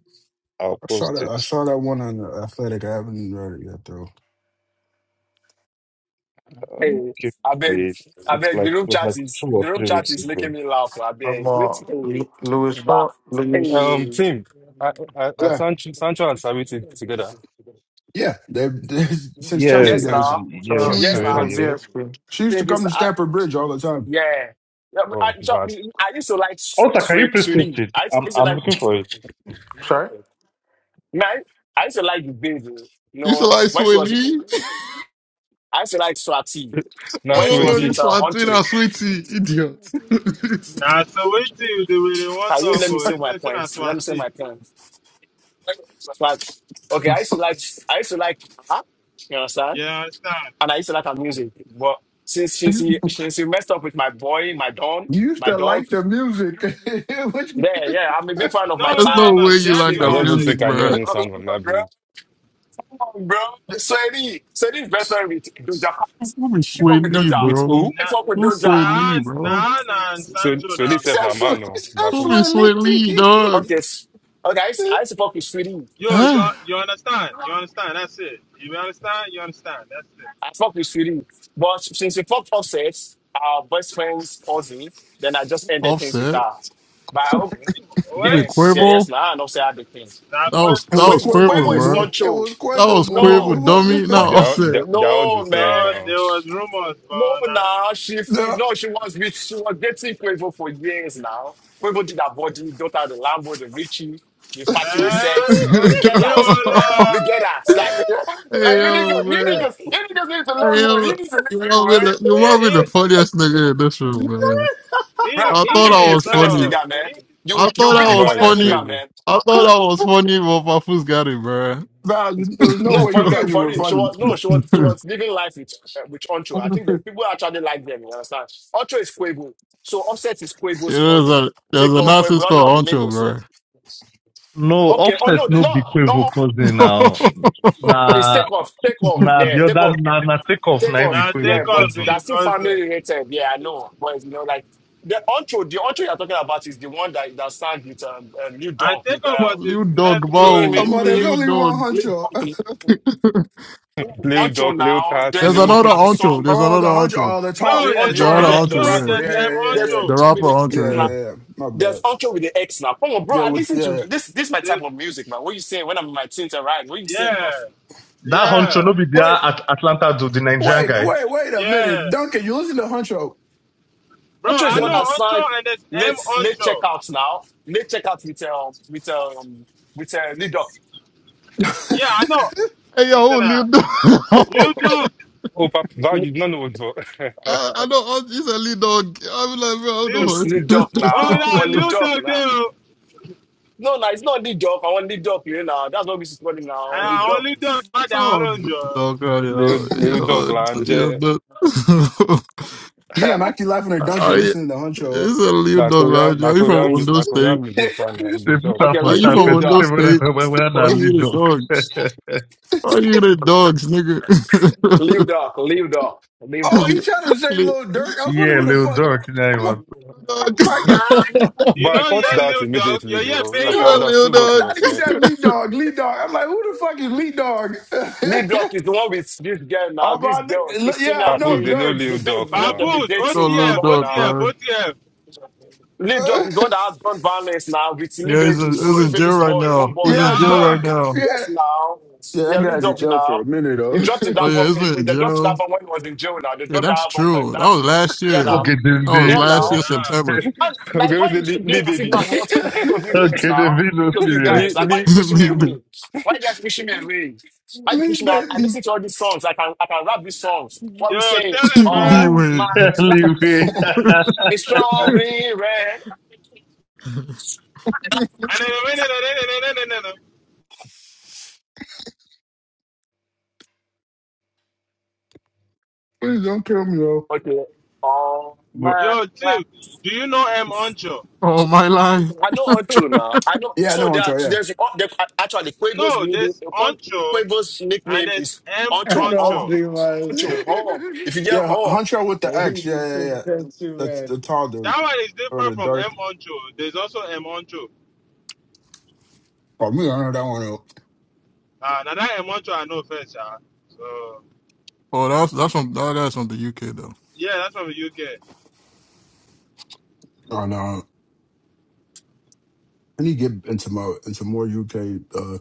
Speaker 6: I'll
Speaker 7: I saw
Speaker 6: post
Speaker 7: that. I
Speaker 6: it.
Speaker 7: saw that one on the Athletic. I haven't read it yet though.
Speaker 6: Um,
Speaker 5: Hey,
Speaker 6: give
Speaker 5: I beg,
Speaker 6: me it.
Speaker 5: I
Speaker 6: It's
Speaker 5: beg. The
Speaker 6: like it
Speaker 5: room
Speaker 6: was like
Speaker 5: chat is
Speaker 6: two or
Speaker 5: the room
Speaker 6: three
Speaker 5: chat
Speaker 6: weeks
Speaker 5: is
Speaker 6: ago.
Speaker 5: making me laugh. I
Speaker 13: But
Speaker 5: beg. Wait,
Speaker 13: more
Speaker 5: hey,
Speaker 13: Lu- Luis,
Speaker 5: bah,
Speaker 13: Ho-
Speaker 5: hey.
Speaker 13: Luis.
Speaker 4: Um, team. I, I, I
Speaker 7: Yeah,
Speaker 4: Sancho, Sancho and Saviti together.
Speaker 7: yeah. They, they since
Speaker 6: Yeah,
Speaker 7: Chelsea
Speaker 5: Yes,
Speaker 7: days,
Speaker 5: now,
Speaker 7: she
Speaker 13: So
Speaker 6: yes,
Speaker 7: was
Speaker 5: yes, now. I
Speaker 13: so
Speaker 7: she,
Speaker 6: really, yeah.
Speaker 5: think,
Speaker 13: BSP.
Speaker 7: she used to
Speaker 5: think
Speaker 7: come
Speaker 5: it's,
Speaker 7: to
Speaker 5: I,
Speaker 7: Stamford Bridge all the time.
Speaker 5: yeah. Yeah, but I,
Speaker 4: oh,
Speaker 5: so,
Speaker 4: bad.
Speaker 5: I used to like
Speaker 6: Alta, can you
Speaker 5: Sweet
Speaker 6: please post
Speaker 5: Sweetie.
Speaker 6: it?
Speaker 5: I used I
Speaker 6: I'm
Speaker 5: used to
Speaker 6: I'm
Speaker 5: like
Speaker 6: looking for it.
Speaker 13: Sorry.
Speaker 5: man. I used to like the baby. You
Speaker 9: You should
Speaker 5: know,
Speaker 9: like
Speaker 5: when she
Speaker 9: Sway
Speaker 5: was,
Speaker 9: Lee.
Speaker 5: I used to like Swati
Speaker 9: I
Speaker 5: when she
Speaker 9: don't
Speaker 5: was
Speaker 9: know
Speaker 4: Nasueli.
Speaker 5: with
Speaker 9: this
Speaker 5: uh, Huntley.
Speaker 9: Martina, sweetie, idiot.
Speaker 12: Now, so wetin the way they want to
Speaker 5: Can you
Speaker 12: talk
Speaker 5: let me
Speaker 12: oh,
Speaker 5: say
Speaker 12: It's
Speaker 5: my
Speaker 12: not say na
Speaker 5: points? Let me say
Speaker 12: Swati.
Speaker 5: my points. But okay, I used to like I used to like her, you understand?
Speaker 12: You understand?
Speaker 5: And I used to like her music. But since since
Speaker 7: It's
Speaker 5: he
Speaker 7: like, you
Speaker 5: since he messed up with my boy, my don,
Speaker 7: used
Speaker 5: my
Speaker 7: to like
Speaker 5: dog.
Speaker 7: the music.
Speaker 5: Yeah, yeah. I'm a big
Speaker 7: Which-
Speaker 5: fan of
Speaker 12: No,
Speaker 5: my
Speaker 12: no,
Speaker 9: There's no
Speaker 5: type,
Speaker 12: no.
Speaker 9: way
Speaker 12: She
Speaker 9: you
Speaker 5: six
Speaker 12: had
Speaker 9: like
Speaker 12: good
Speaker 4: I
Speaker 9: the
Speaker 4: don't
Speaker 5: figures.
Speaker 4: even
Speaker 12: music
Speaker 9: music,
Speaker 4: think I
Speaker 12: now.
Speaker 4: know
Speaker 9: bro.
Speaker 4: any
Speaker 5: Oh,
Speaker 4: song
Speaker 5: come
Speaker 4: on
Speaker 5: on,
Speaker 4: that
Speaker 5: bro.
Speaker 4: bridge.
Speaker 5: Come on, bro. Sweaty. Sweaty is best friend with Doja Cat.
Speaker 9: Who be
Speaker 5: I
Speaker 9: Sway
Speaker 5: fuck with
Speaker 9: Lee,
Speaker 5: Doja.
Speaker 4: With
Speaker 9: bro?
Speaker 4: who?
Speaker 5: I
Speaker 12: Na
Speaker 5: fuck with
Speaker 9: Who Sway
Speaker 5: Doja.
Speaker 12: na
Speaker 9: Lee, bro?
Speaker 12: na na and
Speaker 4: So,
Speaker 12: Sancho
Speaker 4: Sueli
Speaker 12: now.
Speaker 4: Sef
Speaker 7: That's what.
Speaker 4: Namano,
Speaker 9: Who
Speaker 4: Bapus.
Speaker 9: be Sway Lee,
Speaker 7: It
Speaker 9: dog?
Speaker 5: Okay. s- Okay, I used, I used to fuck with Sweetie.
Speaker 12: Yo, you
Speaker 9: Huh?
Speaker 12: you understand? You understand? That's it. You understand? You understand? That's it.
Speaker 5: I fuck with Sweetie. But since we fucked offset, our best friend's cousin, then I just ended things with
Speaker 9: Offset.
Speaker 5: her. But I hope,
Speaker 9: You
Speaker 12: What?
Speaker 9: been
Speaker 5: yes, yeah, yes,
Speaker 9: Quavo?
Speaker 5: now I and offset had the things.
Speaker 12: Now,
Speaker 9: That
Speaker 12: for
Speaker 9: was that
Speaker 7: was
Speaker 9: was
Speaker 5: Quavo
Speaker 7: Quavo
Speaker 9: Quavo,
Speaker 5: Quavo is
Speaker 9: bro.
Speaker 7: Mumu. It
Speaker 5: control.
Speaker 7: was
Speaker 9: That
Speaker 7: Quavo
Speaker 9: was
Speaker 7: Mumu.
Speaker 9: Quavo,
Speaker 5: No.
Speaker 9: dummy.
Speaker 7: It was
Speaker 9: Not
Speaker 5: Qua-
Speaker 4: They're, all-
Speaker 9: Offset.
Speaker 4: they're, they're all the
Speaker 5: no,
Speaker 4: same
Speaker 12: no,
Speaker 4: now.
Speaker 12: there
Speaker 5: man.
Speaker 12: was rumors,
Speaker 5: No,
Speaker 12: but not.
Speaker 5: now she f- no, she was with she was dating Quavo for years now. Quavo did her body, daughter the Lambo, the Richie, the factory
Speaker 12: Eh,
Speaker 5: reset.
Speaker 12: oh,
Speaker 5: We get
Speaker 12: we
Speaker 5: that.
Speaker 12: will.
Speaker 5: We
Speaker 12: Uh,
Speaker 5: get that. Like, like
Speaker 9: hey
Speaker 5: you
Speaker 9: yo,
Speaker 5: niggas, you
Speaker 9: man.
Speaker 5: niggas, you niggas need to know
Speaker 9: Hey
Speaker 5: low.
Speaker 9: yo,
Speaker 5: You need to know
Speaker 9: you might be
Speaker 5: man.
Speaker 9: the you
Speaker 12: he
Speaker 9: might be
Speaker 12: he
Speaker 9: the funniest nigga in this
Speaker 7: no.
Speaker 9: room, man.
Speaker 12: he
Speaker 5: Bro,
Speaker 9: I
Speaker 12: he
Speaker 9: thought
Speaker 5: you be
Speaker 9: I
Speaker 5: the
Speaker 12: didn't
Speaker 9: was
Speaker 5: funniest
Speaker 9: funny.
Speaker 12: know.
Speaker 5: nigga, man.
Speaker 12: He,
Speaker 5: You
Speaker 9: I
Speaker 5: you
Speaker 9: thought
Speaker 5: be the
Speaker 9: I was
Speaker 4: Wow, you're
Speaker 5: funniest
Speaker 9: funny.
Speaker 5: nigga,
Speaker 4: crazy.
Speaker 5: man.
Speaker 9: I thought I was funny, but my fool's got it,
Speaker 7: Val, you, there was no
Speaker 5: No,
Speaker 7: way you
Speaker 5: for real,
Speaker 7: thought
Speaker 9: bro.
Speaker 7: you
Speaker 5: for
Speaker 7: were
Speaker 5: real. She
Speaker 7: funny.
Speaker 5: was no, she was she was living life with uh, with Oncho. I think the
Speaker 7: I'm
Speaker 5: people actually like them. You understand? Oncho is Quavo, so Offset is Quavo's
Speaker 9: There's
Speaker 5: cousin.
Speaker 9: a there's
Speaker 5: Take
Speaker 9: a
Speaker 5: off Quavo. I
Speaker 9: nonsense
Speaker 5: don't know of the
Speaker 9: called Oncho,
Speaker 5: Lagos yeah.
Speaker 9: bro.
Speaker 6: No,
Speaker 5: Okay. Oh
Speaker 6: offset
Speaker 5: no, no,
Speaker 6: no be
Speaker 5: no. no,
Speaker 6: Quavo cousin now.
Speaker 5: It's
Speaker 6: Na
Speaker 5: take off, take off.
Speaker 6: na
Speaker 5: Yeah,
Speaker 6: the
Speaker 5: take
Speaker 6: other
Speaker 5: off,
Speaker 6: na na take off
Speaker 5: take
Speaker 6: na be
Speaker 5: off.
Speaker 12: now,
Speaker 6: Quavo
Speaker 5: Yeah,
Speaker 12: Jacob
Speaker 5: but
Speaker 12: be
Speaker 6: cousin.
Speaker 12: your
Speaker 5: that's still
Speaker 12: cousin.
Speaker 5: family related. Yeah, I know. But you know, like the outro, the outro you're talking about is the one that that sang with um uh, New
Speaker 12: And
Speaker 5: Donk with
Speaker 12: Jacob
Speaker 5: uh
Speaker 12: was his
Speaker 9: Liu dog,
Speaker 12: nephew,
Speaker 9: wow.
Speaker 12: I
Speaker 5: me, me,
Speaker 12: think.
Speaker 9: Who
Speaker 7: like,
Speaker 9: be
Speaker 7: there's
Speaker 5: me,
Speaker 9: Liu
Speaker 7: only one
Speaker 9: dog?
Speaker 5: Lil
Speaker 7: huncho.
Speaker 5: Donk. No,
Speaker 4: Lil
Speaker 5: outro
Speaker 4: Doc, Lil
Speaker 5: now.
Speaker 4: Cats,
Speaker 5: There's
Speaker 9: There's
Speaker 5: a
Speaker 4: Lil
Speaker 9: another
Speaker 5: popular
Speaker 9: Oncho.
Speaker 5: song.
Speaker 9: There's
Speaker 7: Oh, the
Speaker 9: another
Speaker 7: huncho.
Speaker 9: Oncho.
Speaker 7: Oh, the tall.
Speaker 5: No,
Speaker 12: No,
Speaker 7: Yeah,
Speaker 12: there's
Speaker 7: yeah,
Speaker 9: The
Speaker 5: outro
Speaker 7: yeah,
Speaker 9: other
Speaker 5: with the
Speaker 7: the, the
Speaker 9: Oncho,
Speaker 12: Ancho,
Speaker 5: X
Speaker 9: yeah.
Speaker 7: rapper.
Speaker 12: there's
Speaker 5: with
Speaker 7: Yeah,
Speaker 5: the.
Speaker 12: M
Speaker 7: yeah,
Speaker 5: There's
Speaker 7: yeah,
Speaker 12: Ancho.
Speaker 9: The
Speaker 5: outro with
Speaker 9: rapper
Speaker 5: the
Speaker 7: yeah, yeah,
Speaker 5: X
Speaker 9: Oncho,
Speaker 7: yeah.
Speaker 5: now.
Speaker 9: yeah.
Speaker 7: yeah. yeah. My
Speaker 5: There's
Speaker 7: bad.
Speaker 5: outro with the X now. Come on, bro.
Speaker 7: Yeah,
Speaker 5: I
Speaker 7: with
Speaker 5: listen to
Speaker 7: yeah.
Speaker 5: this. This is my type
Speaker 12: There's
Speaker 5: of music, man. What you saying when I'm in my teens and right? What you saying, bro?
Speaker 12: yeah,
Speaker 6: That honcho
Speaker 12: yeah,
Speaker 6: no be there
Speaker 7: Wait,
Speaker 6: at Atlanta do the Nigerian
Speaker 7: wait,
Speaker 6: guy.
Speaker 7: wait, wait a
Speaker 12: yeah.
Speaker 7: minute, Duncan. You listen to huncho.
Speaker 12: Bro,
Speaker 5: Ocho is
Speaker 12: I
Speaker 5: the
Speaker 7: The,
Speaker 5: one
Speaker 12: know
Speaker 5: that
Speaker 7: the
Speaker 12: Ancho
Speaker 5: signed
Speaker 12: and there's M
Speaker 5: late late
Speaker 12: Ancho.
Speaker 5: checkouts now. Late checkouts with um with um with uh, Lidok.
Speaker 12: Yeah, I know.
Speaker 9: Hey, yo,
Speaker 12: Listen,
Speaker 9: who Liu
Speaker 12: uh,
Speaker 9: dog?
Speaker 12: Lil
Speaker 9: I,
Speaker 12: Dog,
Speaker 4: Opa Value, none of them.
Speaker 9: I know Oncho is a Liu dog. I'm like, bro, I don't
Speaker 12: Lil.
Speaker 5: It's
Speaker 9: know
Speaker 5: Lidok
Speaker 9: what.
Speaker 12: oh
Speaker 5: now.
Speaker 12: no,
Speaker 5: On
Speaker 12: Lil
Speaker 5: Lidok
Speaker 12: Dog
Speaker 5: now.
Speaker 12: there.
Speaker 5: No, no, it's not Lidok. I want Lidok here now. That's what we should call him now. On
Speaker 12: Uh,
Speaker 5: Lidok.
Speaker 12: only Dog I
Speaker 9: oh,
Speaker 12: download you.
Speaker 9: dog,
Speaker 4: Lil
Speaker 9: yo,
Speaker 4: Lil Doc
Speaker 9: yo,
Speaker 4: là ń
Speaker 9: yo,
Speaker 4: jẹ́
Speaker 9: dog.
Speaker 7: me, I'm actually laughing at Duncan
Speaker 9: Are you?
Speaker 7: listening to
Speaker 9: It's
Speaker 7: huncho.
Speaker 9: a Liu
Speaker 4: na
Speaker 9: dog,
Speaker 4: Korean
Speaker 9: man.
Speaker 4: na
Speaker 9: Are you from
Speaker 4: Korean mu-
Speaker 9: Ondo
Speaker 4: na Korean
Speaker 9: State?
Speaker 4: music fan na
Speaker 6: They
Speaker 4: Lil
Speaker 6: put
Speaker 4: Doc.
Speaker 6: her
Speaker 5: okay,
Speaker 6: for
Speaker 9: Are you
Speaker 6: chat
Speaker 9: from
Speaker 6: and
Speaker 9: Ondo
Speaker 6: say
Speaker 5: Lidok.
Speaker 6: whether
Speaker 9: State?
Speaker 6: whether whether na
Speaker 9: Are
Speaker 6: lead
Speaker 9: you the
Speaker 6: dog.
Speaker 9: dog? Oh, you the dogs, nigga.
Speaker 5: Lidok. Lidok.
Speaker 7: Oh,
Speaker 5: Lidok.
Speaker 7: he
Speaker 9: little,
Speaker 7: trying to say
Speaker 9: little
Speaker 7: little Dirk. I was wondering
Speaker 6: yeah,
Speaker 7: who the
Speaker 6: little
Speaker 7: fuck.
Speaker 6: dog. Yeah, he
Speaker 7: I'm like,
Speaker 6: was.
Speaker 7: oh
Speaker 9: dog.
Speaker 7: my god.
Speaker 4: But
Speaker 12: You
Speaker 4: I
Speaker 12: know,
Speaker 4: caught
Speaker 12: yeah,
Speaker 4: that
Speaker 12: Lil Dog.
Speaker 4: immediately
Speaker 12: Yeah, yeah,
Speaker 4: though.
Speaker 12: pay
Speaker 7: No,
Speaker 4: Like I
Speaker 12: you.
Speaker 9: little
Speaker 4: understood
Speaker 7: I
Speaker 4: what you
Speaker 9: dog.
Speaker 4: were
Speaker 7: thought he
Speaker 4: saying.
Speaker 7: said lead dog, lead dog. I'm like, who the fuck is lead dog?
Speaker 5: Lidok is the one with this girl now.
Speaker 7: All
Speaker 5: This
Speaker 7: my
Speaker 5: girl,
Speaker 7: niggas, yeah,
Speaker 5: Christina,
Speaker 7: I
Speaker 4: Papu,
Speaker 7: know
Speaker 4: they
Speaker 5: the
Speaker 4: know
Speaker 7: Dirk.
Speaker 5: the
Speaker 4: Lil
Speaker 5: babe
Speaker 4: Doc
Speaker 5: that they've
Speaker 4: now.
Speaker 5: been
Speaker 12: Baboons,
Speaker 9: no
Speaker 5: dating for
Speaker 9: little
Speaker 12: OTF,
Speaker 5: long
Speaker 9: dog,
Speaker 12: OTF,
Speaker 5: now.
Speaker 9: bro.
Speaker 12: OTF.
Speaker 5: Lil Ducky going to have gun violence now with Lil
Speaker 9: Yeah, he's
Speaker 5: Baby,
Speaker 9: in, he's
Speaker 5: Lil
Speaker 9: in jail
Speaker 5: Baby's
Speaker 9: right
Speaker 5: boy, own
Speaker 9: now.
Speaker 5: boy.
Speaker 9: He's
Speaker 7: yeah,
Speaker 12: Yeah,
Speaker 9: in jail right
Speaker 7: Dirk.
Speaker 9: now.
Speaker 7: Yeah,
Speaker 5: Yes, now.
Speaker 7: yeah, that
Speaker 5: Yeah, Lil
Speaker 7: guy's a
Speaker 5: Ducky
Speaker 7: joke for
Speaker 5: now.
Speaker 7: a minute
Speaker 5: He
Speaker 7: though.
Speaker 5: dropped his
Speaker 9: Oh, yeah,
Speaker 5: album.
Speaker 9: he's
Speaker 5: eh,
Speaker 9: been in
Speaker 5: They dropped his
Speaker 9: jail.
Speaker 5: album when he was in jail now. They
Speaker 9: Yeah,
Speaker 5: dropped the
Speaker 9: that's
Speaker 5: album for him.
Speaker 9: true. That
Speaker 5: That's
Speaker 9: was
Speaker 5: it.
Speaker 9: last
Speaker 5: Yeah,
Speaker 9: year.
Speaker 5: now.
Speaker 6: Okay, then
Speaker 9: That was
Speaker 5: Yeah,
Speaker 6: they
Speaker 9: last year,
Speaker 5: now.
Speaker 12: yeah.
Speaker 9: September.
Speaker 5: And,
Speaker 4: Okay,
Speaker 5: like,
Speaker 4: we
Speaker 5: why you
Speaker 4: say Lee,
Speaker 5: just
Speaker 4: Lee
Speaker 5: doing as if now
Speaker 4: baby.
Speaker 5: I'm not? I'm
Speaker 7: yeah,
Speaker 5: part of you guys
Speaker 6: okay then
Speaker 5: now.
Speaker 6: they
Speaker 5: I'm
Speaker 6: no
Speaker 5: part of you
Speaker 6: serious.
Speaker 5: guys.
Speaker 4: Lee,
Speaker 5: Like, why you
Speaker 4: Lee.
Speaker 5: pushing me
Speaker 9: me, me,
Speaker 5: away? Why you guys pushing me away? Why you
Speaker 7: please,
Speaker 5: pushing me? I, I
Speaker 7: baby,
Speaker 5: listen to all these songs. I can I can rap these songs. What
Speaker 12: Yo,
Speaker 5: we say?
Speaker 12: tell him, bro.
Speaker 9: me
Speaker 5: Oh, my
Speaker 9: went
Speaker 5: life
Speaker 6: Anyway,
Speaker 5: is strong, green, red.
Speaker 12: And then,
Speaker 7: please don't kill me though.
Speaker 5: Okay. Oh
Speaker 6: But
Speaker 5: my
Speaker 12: Yo, Tim, do you know M
Speaker 5: life.
Speaker 12: Ancho?
Speaker 9: all my life.
Speaker 5: I know all now. I know.
Speaker 7: Yeah, I
Speaker 5: So
Speaker 7: know
Speaker 5: there, are-
Speaker 7: Huncho. Yeah,
Speaker 5: there's oh, there, actually Quavo's
Speaker 12: No,
Speaker 5: middle
Speaker 12: there's
Speaker 5: upon
Speaker 12: Oncho
Speaker 5: Quavo's
Speaker 12: and
Speaker 5: nickname
Speaker 12: there's
Speaker 5: is
Speaker 12: M
Speaker 5: Unto
Speaker 13: And all
Speaker 5: Hall.
Speaker 12: Oncho.
Speaker 13: three miles.
Speaker 5: Unto Hall. If you get
Speaker 7: yeah, H-
Speaker 5: Hall,
Speaker 7: Huncho with the
Speaker 13: The
Speaker 7: X.
Speaker 13: Hebrew
Speaker 7: Yeah, yeah,
Speaker 13: said
Speaker 7: yeah.
Speaker 13: thank
Speaker 7: That's the
Speaker 13: man.
Speaker 7: tall dude
Speaker 12: That one is
Speaker 7: or
Speaker 12: different
Speaker 7: the
Speaker 12: from M
Speaker 7: dark.
Speaker 12: Oncho. There's also M Oncho.
Speaker 7: Oh, me, I know that one. Out.
Speaker 12: Uh, now that M Oncho, I know first. Uh, so
Speaker 9: Oh, that's that's from that, that's from the UK though.
Speaker 12: yeah, that's from the UK.
Speaker 7: Oh no, I need to get into my into more UK. Uh,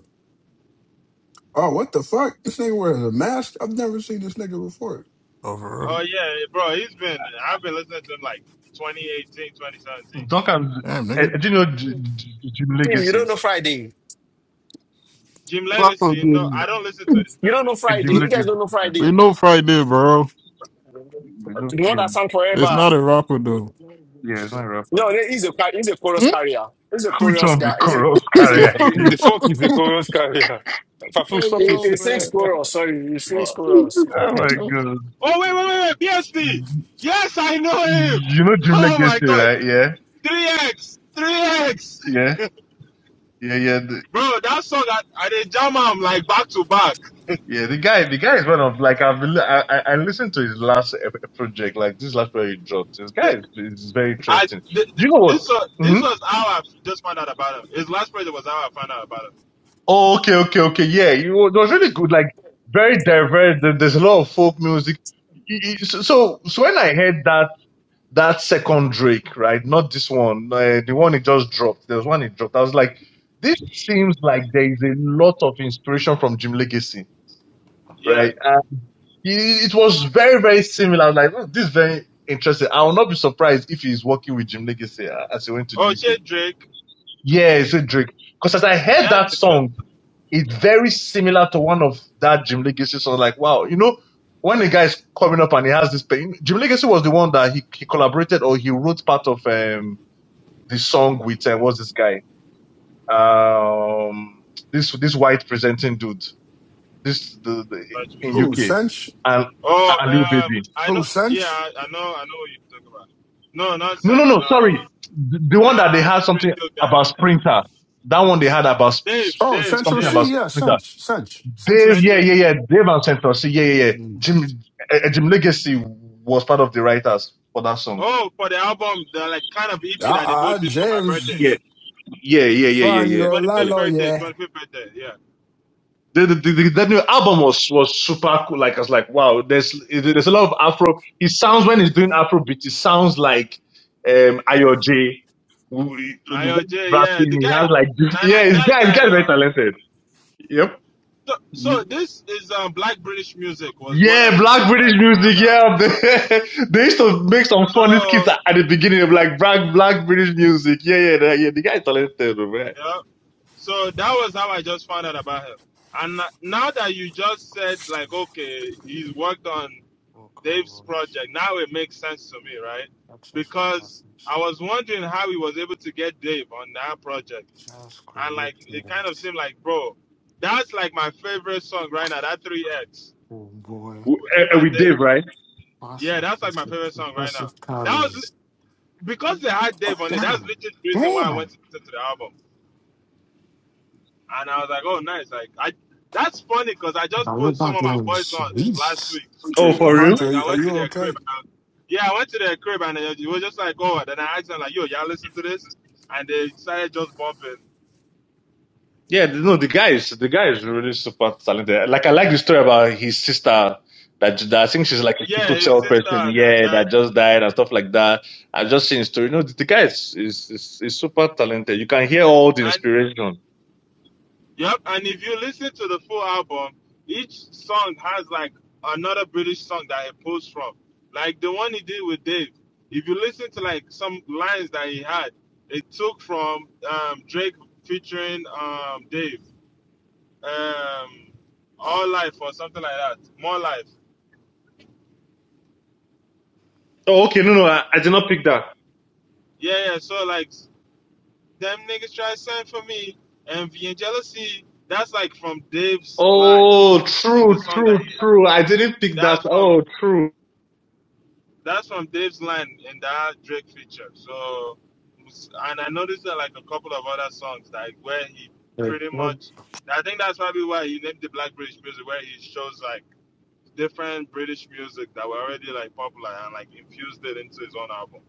Speaker 7: oh, what the fuck? This nigga wears a mask. I've never seen this nigga before.
Speaker 9: Oh, for real.
Speaker 12: Oh yeah, bro, he's been. I've been listening to him like 2018, 2017.
Speaker 6: dog and
Speaker 9: Damn,
Speaker 6: eh, eh,
Speaker 9: nigga.
Speaker 6: do you know J- J- J- Jim
Speaker 5: Tim, you
Speaker 6: Legacy?
Speaker 5: don't know Friday.
Speaker 12: Jim
Speaker 9: Rapper,
Speaker 12: Legacy. No, I
Speaker 9: dude.
Speaker 12: don't listen to his
Speaker 5: You don't know
Speaker 12: music.
Speaker 6: Eh,
Speaker 5: Friday.
Speaker 6: Jim
Speaker 5: You guys don't
Speaker 6: Legacy.
Speaker 5: know
Speaker 6: um,
Speaker 9: We
Speaker 5: Friday.
Speaker 9: know Friday, bro.
Speaker 6: We don't
Speaker 5: The one
Speaker 6: feel.
Speaker 5: that sang
Speaker 9: It's
Speaker 5: forever.
Speaker 9: not a rapper though.
Speaker 6: Yeah, it's not a rapper.
Speaker 5: No, he's a car- he's a chorus carrier. He's a
Speaker 6: Which
Speaker 5: chorus
Speaker 6: one be
Speaker 5: guy. He's a
Speaker 6: Koros
Speaker 5: he's
Speaker 6: carry
Speaker 5: a he,
Speaker 6: again?
Speaker 4: The fuck is the Korean carrier? Papu,
Speaker 9: Hey,
Speaker 4: stop
Speaker 5: he
Speaker 4: it.
Speaker 9: yo,
Speaker 5: he sings
Speaker 9: bro.
Speaker 5: chorus. Sorry, he sings chorus.
Speaker 6: Oh my god.
Speaker 12: Oh wait, wait, wait, wait. BSP. Yes, I know him.
Speaker 6: You know Jim
Speaker 12: Oh my
Speaker 6: Legacy,
Speaker 12: God.
Speaker 6: right? Yeah,
Speaker 12: 3x, 3x.
Speaker 6: yeah, yeah, yeah. the,
Speaker 12: Bro, that song I, I did jam am like back to back.
Speaker 6: Yeah, the guy, the guy is one of like I've li- I, I I listened to his last ep- project, like this last project he dropped. This guy is, is very
Speaker 12: I
Speaker 6: interesting.
Speaker 12: th-
Speaker 6: You
Speaker 12: th-
Speaker 6: know what?
Speaker 12: this was
Speaker 6: hmm
Speaker 12: this was how I just found out about him. His last project was how I found out about him.
Speaker 6: Oh, okay, okay, okay. Yeah, you, know, it was really good. Like very diverse. There- There's a lot of folk music. Y- y- So, so so when I heard that that second Drake, right, not this one, uh, the one he just dropped. There was one he dropped. I was like, this seems like there is a lot of inspiration from Jim Legacy,
Speaker 12: Yeah.
Speaker 6: right? It, it was very, very similar. I was like, "Oh, this is very interesting. I will not be surprised if he's working with Jim Legacy uh, as he went to
Speaker 12: Oh,
Speaker 6: the UK.
Speaker 12: shit, Drake.
Speaker 6: Yeah, it's a Drake. Because as I heard
Speaker 12: That's
Speaker 6: that
Speaker 12: the good
Speaker 6: song, it's very similar to one of that Jim Legacy song. Like, wow, you know, when the guy is coming up and he has this pain, Jim Legacy was the one that he, he collaborated or he wrote part of um, the song with, uh, what's this guy? Um, this this white presenting dude, this the, the in
Speaker 12: graduation.
Speaker 7: Who
Speaker 6: UK,
Speaker 7: Sench?
Speaker 6: and
Speaker 12: Oh,
Speaker 6: and Lil
Speaker 12: um,
Speaker 6: Baby.
Speaker 12: I
Speaker 7: Who
Speaker 12: know. Yeah,
Speaker 7: Sench?
Speaker 12: I, I know. I know what you're talking about. No, not
Speaker 6: No, no,
Speaker 12: Sanch.
Speaker 6: no.
Speaker 12: Um,
Speaker 6: Sorry, the, the one that they
Speaker 12: nah,
Speaker 6: had
Speaker 12: this pretty
Speaker 6: something
Speaker 12: cool guy.
Speaker 6: about Sprinter. That one they had about s-
Speaker 12: Dave,
Speaker 7: Oh,
Speaker 6: s-
Speaker 12: Dave,
Speaker 7: Central
Speaker 6: something
Speaker 12: Dave.
Speaker 7: C,
Speaker 6: about
Speaker 7: yeah,
Speaker 6: Sprinter.
Speaker 7: Cinch, Cinch, Central
Speaker 6: Dave,
Speaker 7: C.
Speaker 6: yeah,
Speaker 12: Central
Speaker 6: yeah, yeah.
Speaker 12: Speed.
Speaker 6: Dave and Central. See, yeah, yeah, yeah.
Speaker 7: Mm.
Speaker 6: Jim, uh, Jim Legacy was part of the writers for that song.
Speaker 12: Oh, for the album, the like kind of
Speaker 7: I,
Speaker 12: EP that they
Speaker 7: I,
Speaker 12: both did for my birthday,
Speaker 6: Yeah,
Speaker 7: James,
Speaker 6: yeah, yeah, yeah, yeah,
Speaker 7: fine,
Speaker 6: yeah.
Speaker 7: you're a
Speaker 6: yeah.
Speaker 12: 25th
Speaker 7: lalo,
Speaker 12: birthday,
Speaker 7: yeah.
Speaker 12: 25th birthday. Yeah.
Speaker 6: The, the, the, that new album was was super cool. Like I was like, wow, there's there's a lot of Afro. He sounds when he's doing Afro beats, it sounds like um Ayo J. W- the
Speaker 12: Ayo
Speaker 6: one
Speaker 12: J. Yeah,
Speaker 6: Rapping,
Speaker 12: the
Speaker 6: he has
Speaker 12: guy.
Speaker 6: like
Speaker 12: Nah,
Speaker 6: yeah,
Speaker 12: nah,
Speaker 6: his
Speaker 12: that
Speaker 6: guy, his
Speaker 12: guy.
Speaker 6: guy is very
Speaker 12: nah.
Speaker 6: talented. Yep.
Speaker 12: So, so
Speaker 7: Mm.
Speaker 12: this is um, black British music was what I
Speaker 6: Yeah,
Speaker 12: just
Speaker 6: black British
Speaker 12: like found
Speaker 6: music.
Speaker 12: out.
Speaker 6: Yeah,
Speaker 12: Uh,
Speaker 6: they, used to make some funny skits
Speaker 12: so
Speaker 6: at at the beginning of like black black British music. Yeah, yeah, yeah. yeah. The guy is talented, right?
Speaker 12: yeah, so that was how I just found out about him. And now that you just said like, okay, he's worked on
Speaker 13: Full
Speaker 12: Dave's
Speaker 13: coverage,
Speaker 12: project. Now it makes sense to me, right?
Speaker 13: access for
Speaker 12: Because I
Speaker 13: passes,
Speaker 12: was wondering how he was able to get Dave on that project,
Speaker 13: just
Speaker 12: and like it kind
Speaker 13: created.
Speaker 12: of seemed like, bro, that's like my favorite song right now. That three X,
Speaker 13: Oh boy,
Speaker 6: With
Speaker 12: with him
Speaker 6: eh, eh,
Speaker 12: and
Speaker 6: with
Speaker 12: Dave.
Speaker 6: Dave, right?
Speaker 13: pass
Speaker 12: Yeah, that's like my
Speaker 13: aggressive,
Speaker 12: favorite song right now.
Speaker 13: impressive
Speaker 12: That was
Speaker 13: carries.
Speaker 12: because they had Dave on it, that's
Speaker 13: Damn,
Speaker 12: literally the reason why I
Speaker 13: damn.
Speaker 12: went to, to, to the album. And I was like, oh, nice. Like, I that's funny because I just put some
Speaker 13: Baloba
Speaker 12: of my
Speaker 13: guy
Speaker 12: boys
Speaker 13: is
Speaker 12: on last
Speaker 13: beast.
Speaker 12: week.
Speaker 6: Oh,
Speaker 7: Hunter,
Speaker 6: for real?
Speaker 7: Hunter,
Speaker 12: Like, I
Speaker 7: are
Speaker 12: went to
Speaker 7: you
Speaker 12: their crib.
Speaker 7: okay?
Speaker 12: And, yeah, I went to their crib and it was just like, oh, and then I asked them, like, yo, y'all listen to this? And they started just bumping.
Speaker 6: Yeah, the- no, the guy is the guy is really super talented. Like I like the story about his sister that, j- that I think she's like a
Speaker 12: Yeah,
Speaker 6: sickle
Speaker 12: his
Speaker 6: cell
Speaker 12: sister,
Speaker 6: person.
Speaker 12: that,
Speaker 6: Yeah,
Speaker 12: that.
Speaker 6: that just died and stuff like that. I just seen his story. No, the, the guy is is, is is super talented. You can hear all the
Speaker 12: And
Speaker 6: inspiration.
Speaker 12: Yep, and if you listen to the full album, each song has like another British song that it pulls from. Like the one he did with Dave. If you listen to like some lines that he had, it took from um, Drake featuring um, Dave, um, All Life or something like that. More Life.
Speaker 6: Oh, okay, no, no, I, I did not pick that.
Speaker 12: Yeah, yeah. So like them niggas try to send for me, envy and jealousy. That's like from Dave's line
Speaker 6: Oh,
Speaker 12: in the
Speaker 6: true,
Speaker 12: song
Speaker 6: true,
Speaker 12: that he. had.
Speaker 6: true. I didn't pick that.
Speaker 12: That's from
Speaker 6: Oh, true.
Speaker 12: That's from Dave's line in that Drake feature. So, and I noticed that like a couple of other songs, like where he pretty much, I think that's probably why he named the Black British music, where he shows like different British music that were already like popular and like infused it into his own album.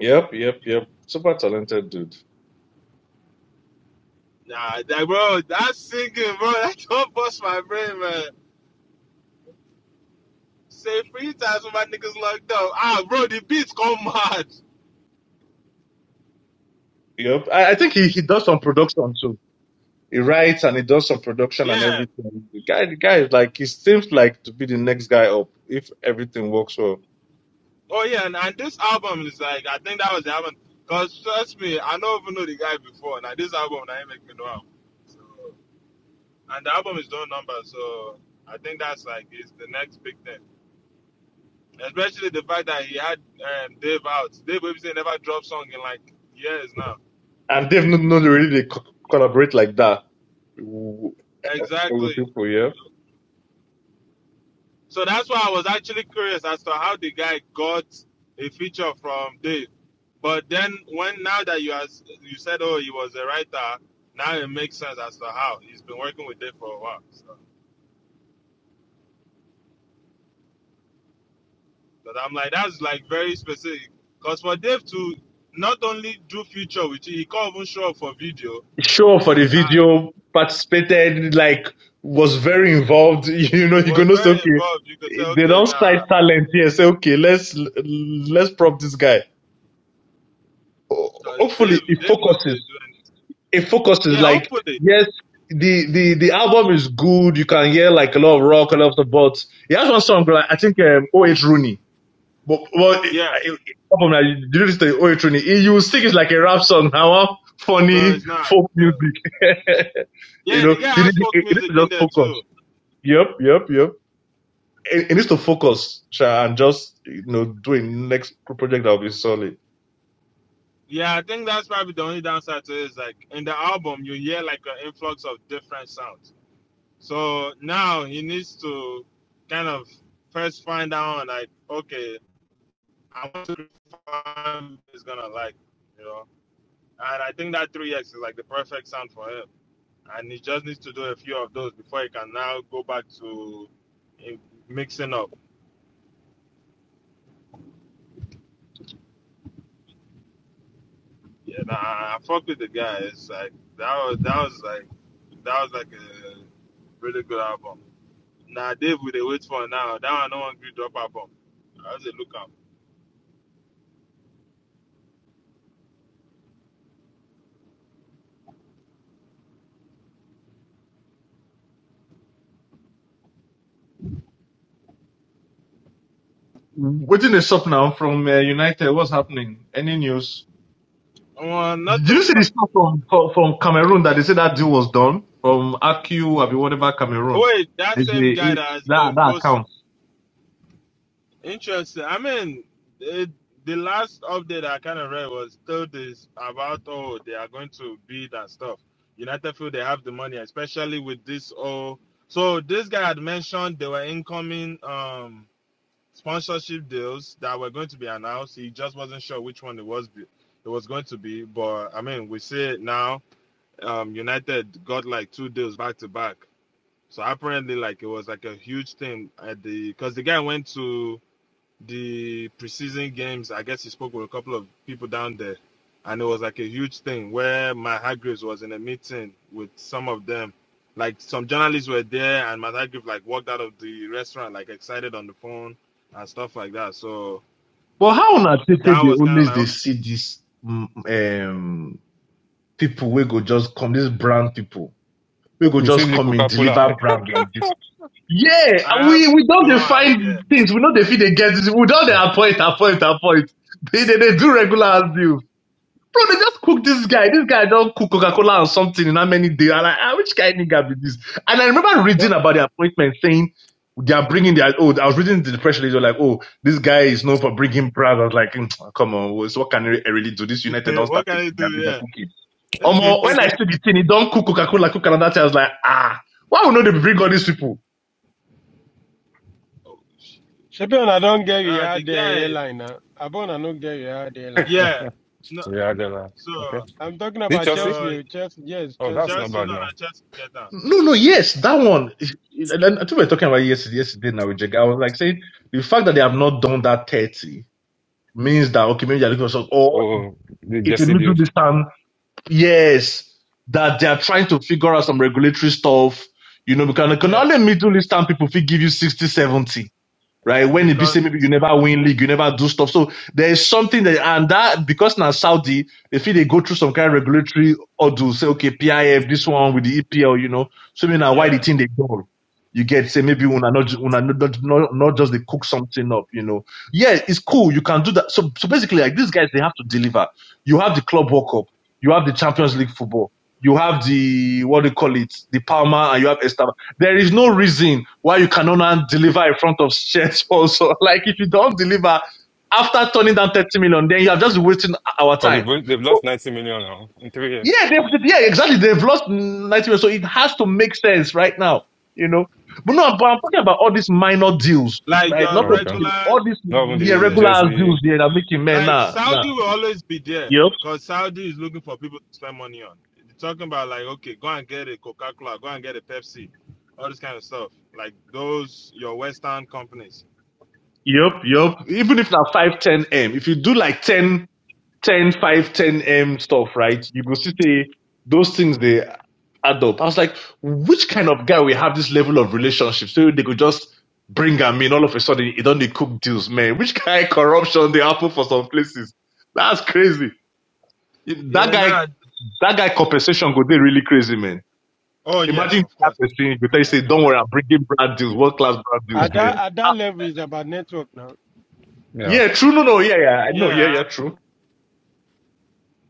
Speaker 6: Yep, yep, yep. Super talented dude.
Speaker 12: Nah, that bro, that's singing, bro. That don't bust my brain, man. Say three times when my niggas locked up. Ah, bro, the beats go mad.
Speaker 6: Yep. I, I think he, he does some production too. He writes and he does some production and
Speaker 12: Yeah,
Speaker 6: everything. The guy, the guy is like, he seems like to be the next guy up if everything works well.
Speaker 12: Oh yeah, and, and this album is like I think that was the album. Cause trust me, I don't even know the guy before. Now this album, now he make me know him. So, and the album is no number, so I think that's like it's the next big thing. Especially the fact that he had um, Dave out. Dave Webster never dropped song in like years now.
Speaker 6: And they've not, not really they co- collaborate like that. It was
Speaker 12: Exactly. So that's why I was actually curious as to how the guy got a feature from Dave. But then when now that you as you said, oh, he was a writer, now it makes sense as to how he's been working with Dave for a while. So, but I'm like, that's like very specific. Cause for Dave to not only do feature, which he can't even show up for video,
Speaker 6: show up for the
Speaker 12: uh,
Speaker 6: video, participated, like was very involved. You know, you
Speaker 12: was
Speaker 6: gonna say,
Speaker 12: very
Speaker 6: okay,
Speaker 12: involved. You could say,
Speaker 6: they
Speaker 12: okay,
Speaker 6: don't
Speaker 12: nah,
Speaker 6: cite talent here. Say, okay, let's let's prop this guy. Ho-
Speaker 12: cause
Speaker 6: Hopefully,
Speaker 12: Dave,
Speaker 6: it
Speaker 12: Dave knows they
Speaker 6: focuses.
Speaker 12: do anything.
Speaker 6: It focuses.
Speaker 12: Yeah,
Speaker 6: Like,
Speaker 12: hopefully,
Speaker 6: yes, the the the album is good. You can hear like a lot of rock, a lot of stuff, but he has one song. Like, I think um, O H Rooney. But well, it-
Speaker 12: yeah,
Speaker 6: problem that you do this to Oyetruni, you will think it's like a rap song now, huh?
Speaker 12: but
Speaker 6: funny
Speaker 12: it's not.
Speaker 6: folk
Speaker 12: Yeah,
Speaker 6: music. you
Speaker 12: yeah
Speaker 6: know,
Speaker 12: the guy
Speaker 6: he
Speaker 12: has
Speaker 6: needs,
Speaker 12: folk
Speaker 6: he needs
Speaker 12: music
Speaker 6: to
Speaker 12: in
Speaker 6: just
Speaker 12: there
Speaker 6: focus.
Speaker 12: too.
Speaker 6: Yep, yep, yep. He he needs to focus, Sha, and just you know do a next project that will be solid.
Speaker 12: Yeah, I think that's probably the only downside to it is like in the album you hear like an influx of different sounds. So now he needs to kind of first find out like okay, I want to find is gonna like, you know. And I think that 3x is like the perfect sound for him. And he just needs to do a few of those before he can now go back to eh, mixing up. Yeah, nah, I fuck with the guy. It's like that was that was like that was like a really good album. Nah, Dave, we dey wait for now. That one no one gree drop her bomb. I say look am.
Speaker 6: Waiting the shop now from uh, United. What's happening? Any news?
Speaker 12: Oh,
Speaker 6: Did
Speaker 12: nothing.
Speaker 6: you see the stuff from from Cameroon that they said that deal was done from AQ, or whatever Cameroon?
Speaker 12: Wait, that
Speaker 6: They say,
Speaker 12: same guy
Speaker 6: eh,
Speaker 12: that has been
Speaker 6: that that
Speaker 12: posting.
Speaker 6: account.
Speaker 12: Interesting. I mean, it, the last update I kind of read was still this about oh they are going to bid and stuff. United feel they have the money, especially with this oh. So this guy had mentioned there were incoming um sponsorship deals that were going to be announced. He just wasn't sure which one it was. be- It was going to be, but I mean, we see it now um, United got like two deals back to back. So apparently, like it was like a huge thing at the because the guy went to the preseason games. I guess he spoke with a couple of people down there, and it was like a huge thing where my Hargreaves was in a meeting with some of them. Like some journalists were there, and my Hargreaves like walked out of the restaurant like excited on the phone and stuff like that. So
Speaker 6: But how una take take
Speaker 12: that
Speaker 6: dey
Speaker 12: was kind of
Speaker 6: always dey
Speaker 12: like
Speaker 6: see dis mm, um, people wey go just come, dis brand people wey go
Speaker 4: you see
Speaker 6: just
Speaker 4: the
Speaker 6: come in
Speaker 4: Coca-Cola.
Speaker 6: deliver brand like dis? Yeah,
Speaker 12: I have
Speaker 6: we we don
Speaker 12: no
Speaker 6: dey
Speaker 12: idea
Speaker 6: find things, we no dey fit dey get, we don dey appoint, appoint, appoint. They dey dey do regular as Bro, they just cook this guy. This guy don't cook Coca Cola or something in how many days? And like, ah, which kind of nigga be this? And I remember
Speaker 11: But
Speaker 6: reading about the appointment saying they are bringing their. Oh, I was reading the press release. they were like, oh, this guy is known for bringing pride. I was like, mm, come on, so what can I really do? This United don't start
Speaker 12: what can
Speaker 6: taking their their
Speaker 12: I
Speaker 6: cooking.
Speaker 12: do.
Speaker 6: Um,
Speaker 12: Yeah.
Speaker 6: when I see the thing, he don't cook Coca Cola, cook another thing. I was like, ah, why would not they bring all these people?
Speaker 11: Shepion, I don't get you
Speaker 12: Uh, the
Speaker 11: had the
Speaker 12: guy,
Speaker 11: airline now. Abon, I don't get you had the airline.
Speaker 12: yeah. No,
Speaker 4: yeah, they're like,
Speaker 12: so
Speaker 4: okay.
Speaker 11: I'm talking
Speaker 4: Did
Speaker 11: about
Speaker 4: Chelsea?
Speaker 11: Chelsea.
Speaker 12: so
Speaker 11: oh, Chelsea, yes,
Speaker 4: Oh, that's
Speaker 11: Chelsea.
Speaker 4: not
Speaker 12: Chelsea, no,
Speaker 4: bad
Speaker 12: no, Chelsea get down.
Speaker 6: No, no, yes, that one. And then I think we were talking about it yesterday, yesterday now with Jega. I was like saying the fact that they have not done that 30 means that okay, maybe they're looking for some, or
Speaker 4: Oh, the
Speaker 6: it's a
Speaker 4: Jesse
Speaker 6: middle
Speaker 4: deal.
Speaker 6: distance. Yes, that they are trying to figure out some regulatory stuff, you know, because, because
Speaker 12: Yeah,
Speaker 6: only middle distance people will give you 60 70 right? When it be
Speaker 12: because
Speaker 6: say maybe you never win league, you never do stuff. So there is something that and that because now Saudi, if they go through some kind of regulatory order, say okay, PIF this one with the EPL, you know, so maybe now why the
Speaker 12: yeah,
Speaker 6: thing they go. You get say maybe when not when not, not not not just they cook something up, you know. Yeah, it's cool. You can do that. So so basically, like these guys, they have to deliver. You have the club World Cup, you have the Champions League football, you have the what do you call it, the Palma, and you have Estaban. There is no reason why you cannot now deliver in front of shared also. Like if you don't deliver after turning down 30 million, then you are just wasting our
Speaker 4: For the
Speaker 6: time.
Speaker 4: Bru- they've
Speaker 6: But
Speaker 4: lost 90 million now in three years.
Speaker 6: yeah, they, yeah, exactly. They've lost 90 million. So it has to make sense right now, you know. But no, but I'm talking about all these minor deals,
Speaker 12: like
Speaker 6: right? Not
Speaker 12: your
Speaker 4: Oh, okay.
Speaker 12: regular
Speaker 6: all these
Speaker 4: Not even
Speaker 6: yeah,
Speaker 12: this
Speaker 4: the
Speaker 12: thing,
Speaker 6: regular deals
Speaker 4: Jesse.
Speaker 6: yeah, that are making men
Speaker 12: like
Speaker 6: nah, nah.
Speaker 12: Saudi will always be there
Speaker 6: yep,
Speaker 12: because Saudi is looking for people to spend money on. They're talking about like, okay, go and get a Coca Cola, go and get a Pepsi, all this kind of stuff. Like those your Western companies.
Speaker 6: yep, yep. Even if now 5 10 M, if you do like 10 10 5 10 M stuff, right? You go see say those things they add up. I was like, which kind of guy will have this level of relationship? So they could just bring him in all of a sudden he don't they cook deals, man. Which kind of corruption they happen for some places? That's crazy. That
Speaker 12: Yeah,
Speaker 6: guy
Speaker 12: nah.
Speaker 6: that guy compensation go they really crazy, man.
Speaker 12: Oh yeah,
Speaker 6: Imagine
Speaker 12: of
Speaker 6: that
Speaker 12: course.
Speaker 6: person you tell you
Speaker 12: Nah,
Speaker 6: say, Don't worry, I'm bringing brand deals, world class brand deals,
Speaker 11: At
Speaker 6: man.
Speaker 11: that, at
Speaker 6: Ah,
Speaker 11: that level is about network now.
Speaker 4: yeah.
Speaker 6: yeah, true. No, no, yeah, yeah, I know, yeah,
Speaker 12: Yeah,
Speaker 6: yeah, true.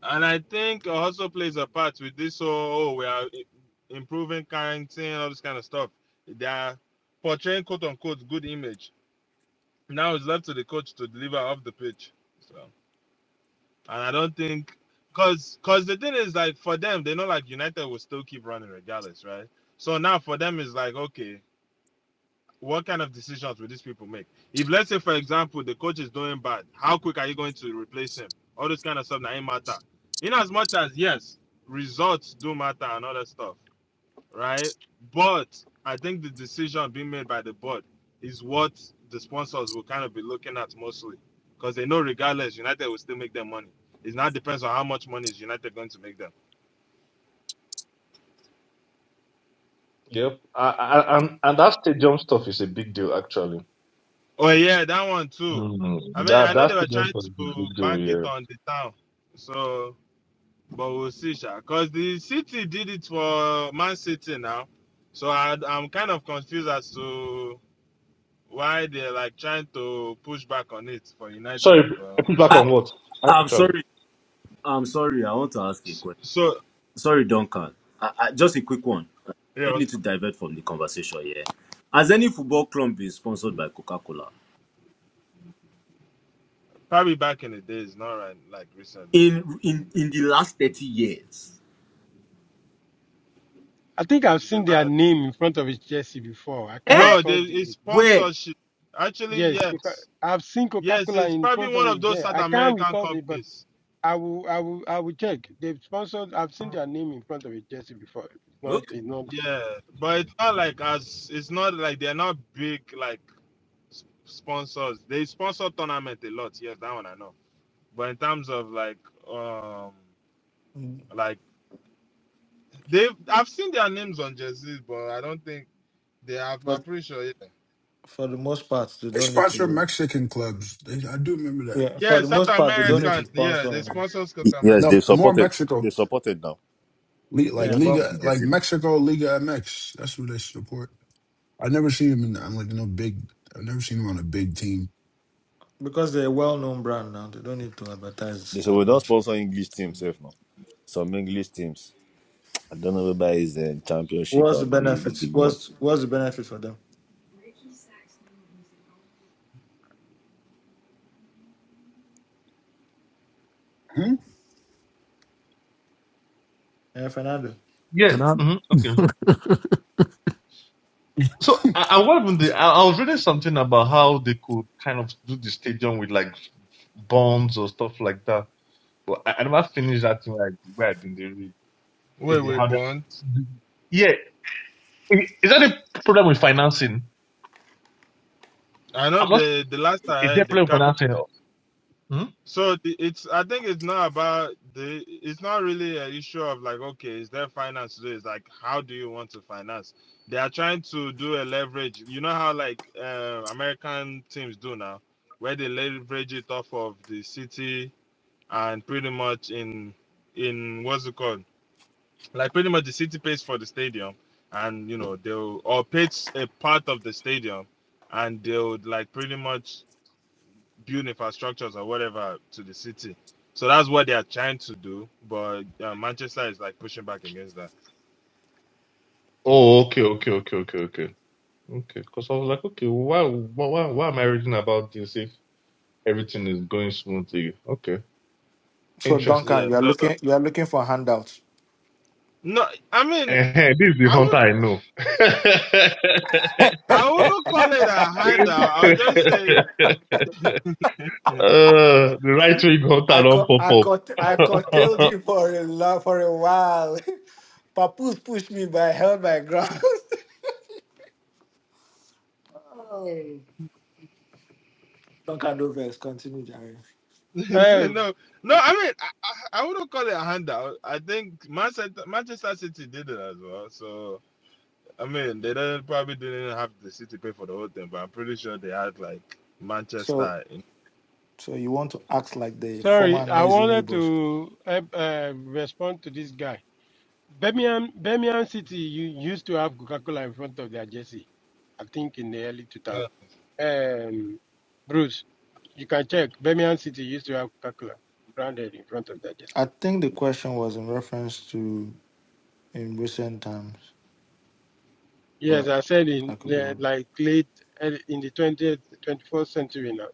Speaker 12: And I think also plays a part with this. So, oh, we are improving quarantine, all this kind of stuff. They are portraying quote unquote good image. Now it's left to the coach to deliver off the pitch. So, and I don't think, cause, cause the thing is like for them, they know like United will still keep running regardless, right? So now for them it's like okay, what kind of decisions will these people make? If let's say, for example, the coach is doing bad, how quick are you going to replace him? All this kind of stuff that ain't matter. In as much as yes, results do matter and all that stuff, right? But I think the decision being made by the board is what the sponsors will kind of be looking at mostly. Because they know regardless, United will still make their money. It now depends on how much money is United going to make them.
Speaker 6: Yep, I, and and that stadium stuff is a big deal, actually.
Speaker 12: Oh yeah, that one too. I
Speaker 6: Mm,
Speaker 12: mean,
Speaker 6: that
Speaker 12: I know they
Speaker 6: that's the
Speaker 12: were
Speaker 6: deal
Speaker 12: trying
Speaker 6: for the
Speaker 12: to
Speaker 6: individual
Speaker 12: bank it
Speaker 6: here.
Speaker 12: on the town. So But we'll see, Sha. because the City did it for Man City now. So I, I'm kind of confused as to why they're like trying to push back on it for
Speaker 6: Sorry,
Speaker 12: United,
Speaker 6: I
Speaker 12: but
Speaker 6: put
Speaker 12: we'll
Speaker 6: back
Speaker 12: see.
Speaker 14: I,
Speaker 6: on what A-
Speaker 14: I'm
Speaker 6: actually.
Speaker 14: sorry. I'm sorry. I want to ask a question.
Speaker 12: So
Speaker 14: Sorry, Duncan. I, I, just a quick one. I
Speaker 12: yeah, it
Speaker 14: don't
Speaker 12: was
Speaker 14: need to divert from the conversation here. Has any football club been sponsored by Coca-Cola
Speaker 12: probably back in the days, not right like recently.
Speaker 14: in in in the last thirty years?
Speaker 11: I think I've
Speaker 12: The
Speaker 11: seen their
Speaker 12: la-
Speaker 11: name in front of a Chelsea before. I
Speaker 14: Eh?
Speaker 11: can't
Speaker 12: no, they,
Speaker 11: recall
Speaker 12: it's
Speaker 11: the
Speaker 14: Where?
Speaker 12: sponsorship. Actually,
Speaker 11: yes. Coca-
Speaker 12: yes,
Speaker 11: I've seen
Speaker 12: yes,
Speaker 11: Coca-Cola
Speaker 12: it's
Speaker 11: in
Speaker 12: probably
Speaker 11: front of
Speaker 12: one of
Speaker 11: it
Speaker 12: those
Speaker 11: there.
Speaker 12: South
Speaker 11: I can't
Speaker 12: American
Speaker 11: recall it, but
Speaker 12: companies.
Speaker 11: I will, I will, I will check. They've sponsored. I've seen their name in front of a Chelsea before. It's not,
Speaker 14: Okay.
Speaker 11: it's not.
Speaker 12: Yeah, but it's not like as it's not like they're not big like sponsors. They sponsor tournament a lot. Yes, that one I know. But in terms of like, um,
Speaker 13: Mm.
Speaker 12: like they've I've seen their names on jerseys, but I don't think they have. I'm
Speaker 13: For
Speaker 12: pretty sure. Yeah,
Speaker 13: for the most part, they
Speaker 7: They
Speaker 13: don't need
Speaker 7: sponsor
Speaker 13: to.
Speaker 7: Mexican clubs. They, I do remember that.
Speaker 13: Yeah, for
Speaker 12: yeah
Speaker 13: the
Speaker 12: South
Speaker 13: most part, they don't need
Speaker 7: Li-
Speaker 12: American.
Speaker 13: to
Speaker 12: Yeah, they
Speaker 13: sponsor.
Speaker 12: sponsor South American.
Speaker 15: Yes,
Speaker 7: No,
Speaker 15: they've
Speaker 7: more
Speaker 15: supported.
Speaker 7: Mexico,
Speaker 15: They supported now.
Speaker 7: Le-
Speaker 15: They
Speaker 7: like
Speaker 13: Yeah,
Speaker 15: don't
Speaker 13: but
Speaker 15: get
Speaker 7: Liga,
Speaker 15: people
Speaker 13: f-
Speaker 7: like
Speaker 15: Jesse now.
Speaker 7: Mexico Liga MX. That's who they support. I never seen him in. I'm like no big. I've never seen him on a big team.
Speaker 13: because they're a well-known brand now, they don't need to advertise
Speaker 15: They say
Speaker 13: that
Speaker 15: we don't
Speaker 13: much.
Speaker 15: sponsor English teams safe now. Some English teams. I don't know whether it's the championship
Speaker 13: What's the
Speaker 15: or the
Speaker 13: benefit?
Speaker 15: big one.
Speaker 13: What's what's the benefit for them?
Speaker 7: Hmm?
Speaker 13: Yeah, Fernando.
Speaker 6: Yeah.
Speaker 9: And I,
Speaker 6: mhm, okay. So I, I what happened there- I, I was reading something about how they could kind of do the stadium with like bombs or stuff like that, but I, I never finished that thing like where I did the read. So
Speaker 12: Wait,
Speaker 6: they
Speaker 12: we
Speaker 6: have
Speaker 12: Bond.
Speaker 6: that. Yeah. i- Is that a problem with financing?
Speaker 12: I know
Speaker 6: I'm not sure.
Speaker 12: the the last I
Speaker 6: Is there a
Speaker 12: heard, the
Speaker 6: problem with
Speaker 12: capital
Speaker 6: financing? Hmm?
Speaker 12: So the- it's I think it's not about the it's not really an issue of like okay is there finance today? It's like how do you want to finance? They are trying to do a leverage. You know how like uh, American teams do now, where they leverage it off of the city and pretty much in in what's it called? Like pretty much the city pays for the stadium, and you know they'll or pays a part of the stadium, and they'll like pretty much build infrastructures or whatever to the city. So that's what they are trying to do, but uh, Manchester is like pushing back against that.
Speaker 6: Oh, okay, okay, okay, okay, okay. Okay, because I was like, okay, why, why, why why am I reading about this? if everything is going smoothly. Okay.
Speaker 13: So
Speaker 6: Interesting.
Speaker 13: Duncan,
Speaker 12: Yeah,
Speaker 13: you are
Speaker 12: so,
Speaker 13: looking you are looking for handouts.
Speaker 12: no, I mean,
Speaker 6: Eh, this is the
Speaker 12: I
Speaker 6: hunter
Speaker 12: would,
Speaker 6: I know. uh,
Speaker 12: I wouldn't call it a handout. I would just say,
Speaker 6: the right wing hunter
Speaker 13: I
Speaker 6: don't
Speaker 13: caught,
Speaker 6: pop
Speaker 13: I
Speaker 6: up.
Speaker 13: caught, I curtailed him for a lot, for a while. Papoose pushed me, but I held my ground. Oh. Duncan Rovers, continue, Jerry.
Speaker 12: say
Speaker 11: um,
Speaker 12: no, no. I mean, I, I, wouldn't call it a handout. I think Manchester, Manchester City did it as well. So I mean, they didn't, probably didn't have the city pay for the whole thing, but I'm pretty sure they had like
Speaker 13: So
Speaker 12: Manchester. In,
Speaker 13: So you want to act like the former
Speaker 11: Sorry, I
Speaker 13: noisy
Speaker 11: wanted
Speaker 13: neighbors.
Speaker 11: to uh, uh, respond to this guy. Birmingham, Birmingham City you used to have Coca-Cola in front of their jersey. I think in the early 2000s.
Speaker 12: uh,
Speaker 11: Um, Bruce, you can check. Birmingham City used to have Coca-Cola branded in front of their jersey.
Speaker 13: I think the question was in reference to in recent times,
Speaker 11: Yes,
Speaker 13: but
Speaker 11: I said
Speaker 13: I
Speaker 11: in
Speaker 13: could be
Speaker 11: the,
Speaker 13: wrong.
Speaker 11: like late early- in the 20th, 21st century now,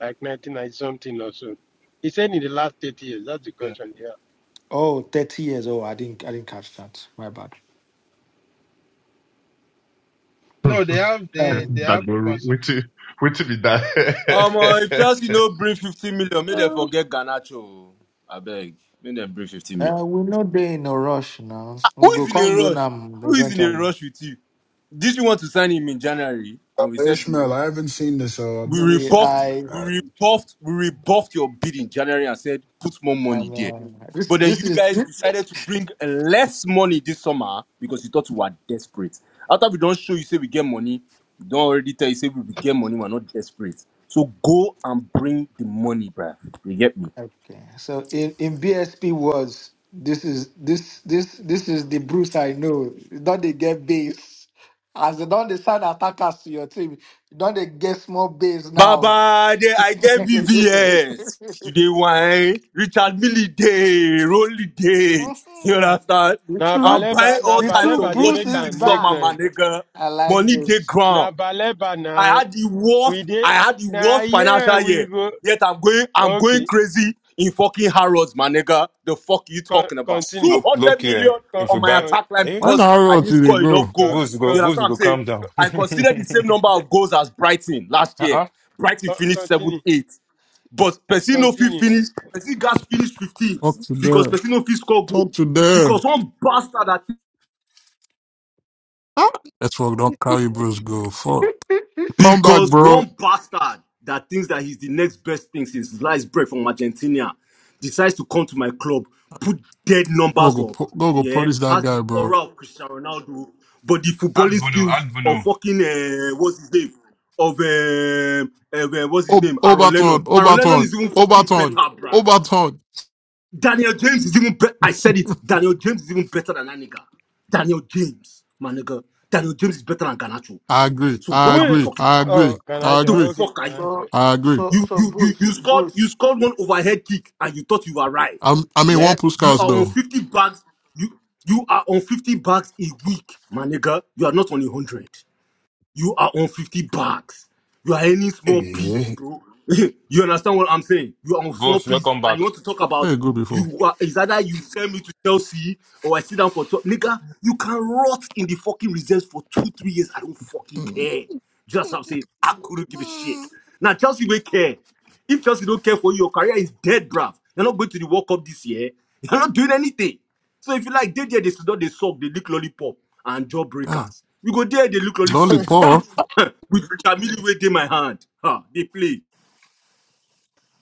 Speaker 11: like 1990 something or so. He said in the last 30 years. That's the
Speaker 12: yeah.
Speaker 11: question. Yeah.
Speaker 13: Oh, 30 years. Oh, I didn't I didn't catch that. My bad.
Speaker 12: No, they have they they
Speaker 13: Um
Speaker 12: have
Speaker 6: that go
Speaker 12: consortium
Speaker 6: wait till wait till be that.
Speaker 14: Omo, if Chelsea no bring 50 million, make them
Speaker 6: Uh,
Speaker 14: forget Garnacho. oh. Abeg, make them bring 50 million.
Speaker 13: uh, we know they in a rush now.
Speaker 14: Who
Speaker 13: We go
Speaker 14: is in
Speaker 13: call
Speaker 14: a rush?
Speaker 13: Lunam
Speaker 14: Who is in a
Speaker 13: eventually.
Speaker 14: rush with you? Did you want to sign him in January? And we
Speaker 7: Uh,
Speaker 14: said
Speaker 7: Ishmael,
Speaker 14: no.
Speaker 7: I haven't seen this. So I've
Speaker 14: We
Speaker 7: never. s-
Speaker 13: We-
Speaker 14: rebuffed,
Speaker 13: I
Speaker 14: we rebuffed, we rebuffed your bid in January and said put more money there.
Speaker 13: am uh, this
Speaker 14: But then
Speaker 13: this
Speaker 14: you guys
Speaker 13: is
Speaker 14: decided to bring less money this summer because you thought we were desperate. After we don't show you say we get money, we don't already tell you say we will get money, we're not desperate. So go and bring the money, bruh. You get me?
Speaker 13: Okay. So in, in BSP words, this is this this this is the Bruce I know. Don't they get base? As they don't they sign attackers to your team, don't they get small base now?
Speaker 14: Baba, they, I get BVS. Today, wine, Richard Millie Day, Rolly Day. You
Speaker 13: Mhm.
Speaker 14: understand?
Speaker 13: the
Speaker 11: Now
Speaker 14: I'm
Speaker 13: true
Speaker 11: Baleba,
Speaker 14: buying all
Speaker 11: now
Speaker 13: the
Speaker 14: types
Speaker 13: true
Speaker 14: of
Speaker 11: Baleba, they
Speaker 13: Bruce
Speaker 11: make
Speaker 14: watches
Speaker 13: is
Speaker 14: this
Speaker 11: and make
Speaker 14: summer, my
Speaker 11: noise.
Speaker 13: back.
Speaker 14: nigga.
Speaker 13: I like
Speaker 14: Money day
Speaker 13: this.
Speaker 14: ground.
Speaker 11: na Baleba
Speaker 14: I
Speaker 11: na
Speaker 14: had the
Speaker 11: we
Speaker 14: worst,
Speaker 11: dey
Speaker 14: I had the
Speaker 11: na
Speaker 14: worst financial
Speaker 11: here we
Speaker 14: year.
Speaker 11: go.
Speaker 14: Yet I'm going, I'm going
Speaker 11: Okay,
Speaker 14: crazy in fucking Harrods, my nigga. The fuck you
Speaker 11: con,
Speaker 14: talking about?
Speaker 11: continue,
Speaker 4: Look, look
Speaker 14: 200 million
Speaker 4: here.
Speaker 11: con,
Speaker 4: If we
Speaker 14: on my
Speaker 4: buy,
Speaker 11: con,
Speaker 14: attack line
Speaker 4: eh?
Speaker 9: when
Speaker 14: because
Speaker 9: I
Speaker 14: I
Speaker 9: wrote
Speaker 4: No.
Speaker 14: didn't
Speaker 9: you, they
Speaker 14: score
Speaker 9: go
Speaker 14: enough
Speaker 11: con,
Speaker 14: goals.
Speaker 4: Bulls go,
Speaker 14: You
Speaker 11: con,
Speaker 14: understand
Speaker 4: Bulls
Speaker 14: what I'm
Speaker 4: go
Speaker 14: saying?
Speaker 4: calm down.
Speaker 14: I considered the same number
Speaker 4: uh-uh.
Speaker 14: of goals as Brighton last year. Brighton
Speaker 11: con,
Speaker 14: finished seventh,
Speaker 11: continue,
Speaker 14: eighth. But Pesino
Speaker 11: continue.
Speaker 14: finished, Pesino Gas finished 15th
Speaker 9: talk to
Speaker 14: because
Speaker 9: them,
Speaker 14: Pesino scored goal.
Speaker 9: talk to them.
Speaker 14: Because one bastard that
Speaker 9: Ah, That's why we don't carry bros go. Fuck, come back,
Speaker 14: Because
Speaker 9: bro.
Speaker 14: one bastard that thinks that he's the next best thing since sliced bread from Argentina decides to come to my club, put dead
Speaker 9: Go
Speaker 14: numbers
Speaker 9: go
Speaker 14: up,
Speaker 9: pu- go go
Speaker 14: yeah,
Speaker 9: punish that
Speaker 14: has the
Speaker 9: guy, bro.
Speaker 14: aura of Cristiano Ronaldo, but the
Speaker 4: And
Speaker 14: footballing
Speaker 4: Bruno,
Speaker 14: skills
Speaker 4: and
Speaker 14: of
Speaker 4: Bruno.
Speaker 14: fucking uh, what's his name of um of, uh, what's his
Speaker 9: O-
Speaker 14: name Aaron
Speaker 9: Overton,
Speaker 14: Lennon. Aaron Lennon
Speaker 9: Overton,
Speaker 14: is even fucking better,
Speaker 9: Overton,
Speaker 14: bruh.
Speaker 9: Overton.
Speaker 14: Daniel James is even better. I said it. Daniel James is even better than that nigga. Daniel James, my nigga. Daniel James is better than Ganacho.
Speaker 9: I agree,
Speaker 14: So
Speaker 9: I
Speaker 14: what are we
Speaker 11: Where?
Speaker 9: agree,
Speaker 14: talking
Speaker 9: I
Speaker 14: about?
Speaker 11: Oh,
Speaker 9: agree, I
Speaker 14: the
Speaker 11: Ganacha.
Speaker 9: agree,
Speaker 11: Okay,
Speaker 14: fuck are you?
Speaker 11: Ganacha.
Speaker 13: So
Speaker 9: I agree.
Speaker 13: so
Speaker 14: You
Speaker 13: so
Speaker 14: you you
Speaker 13: Bruce,
Speaker 14: you scored
Speaker 13: Bruce.
Speaker 14: you scored one overhead kick and you thought you arrived.
Speaker 9: I'm, I mean, one
Speaker 14: Yeah,
Speaker 9: push
Speaker 14: you
Speaker 9: cars
Speaker 14: are on
Speaker 9: though.
Speaker 14: fifty bags. You you are on fifty bags a week, my nigga. You are not on a hundred. You are on 50 bucks. You are earning small peas,
Speaker 7: I-
Speaker 14: bro. you understand what I'm saying? You are on small
Speaker 4: Bulls,
Speaker 14: peas,
Speaker 4: welcome
Speaker 14: and
Speaker 4: back.
Speaker 14: you want to talk about
Speaker 9: Very good before.
Speaker 14: you are is either you send me to Chelsea or I sit down for top. Nigga, you can rot in the fucking reserves for two, three years. I don't fucking care. Just how I'm saying, I couldn't give a shit. Now Chelsea will care. If Chelsea don't care for you, your career is dead, bruv. You're not going to the World Cup this year. You're not doing anything. So if you like, they there, they don't they suck, they lick lollipop and
Speaker 9: Ah,
Speaker 14: jawbreakers. You go there, they lick lollipop
Speaker 7: I-
Speaker 14: with
Speaker 9: lollipop.
Speaker 14: you. with Richard Millie way in my hand. Ha, they play.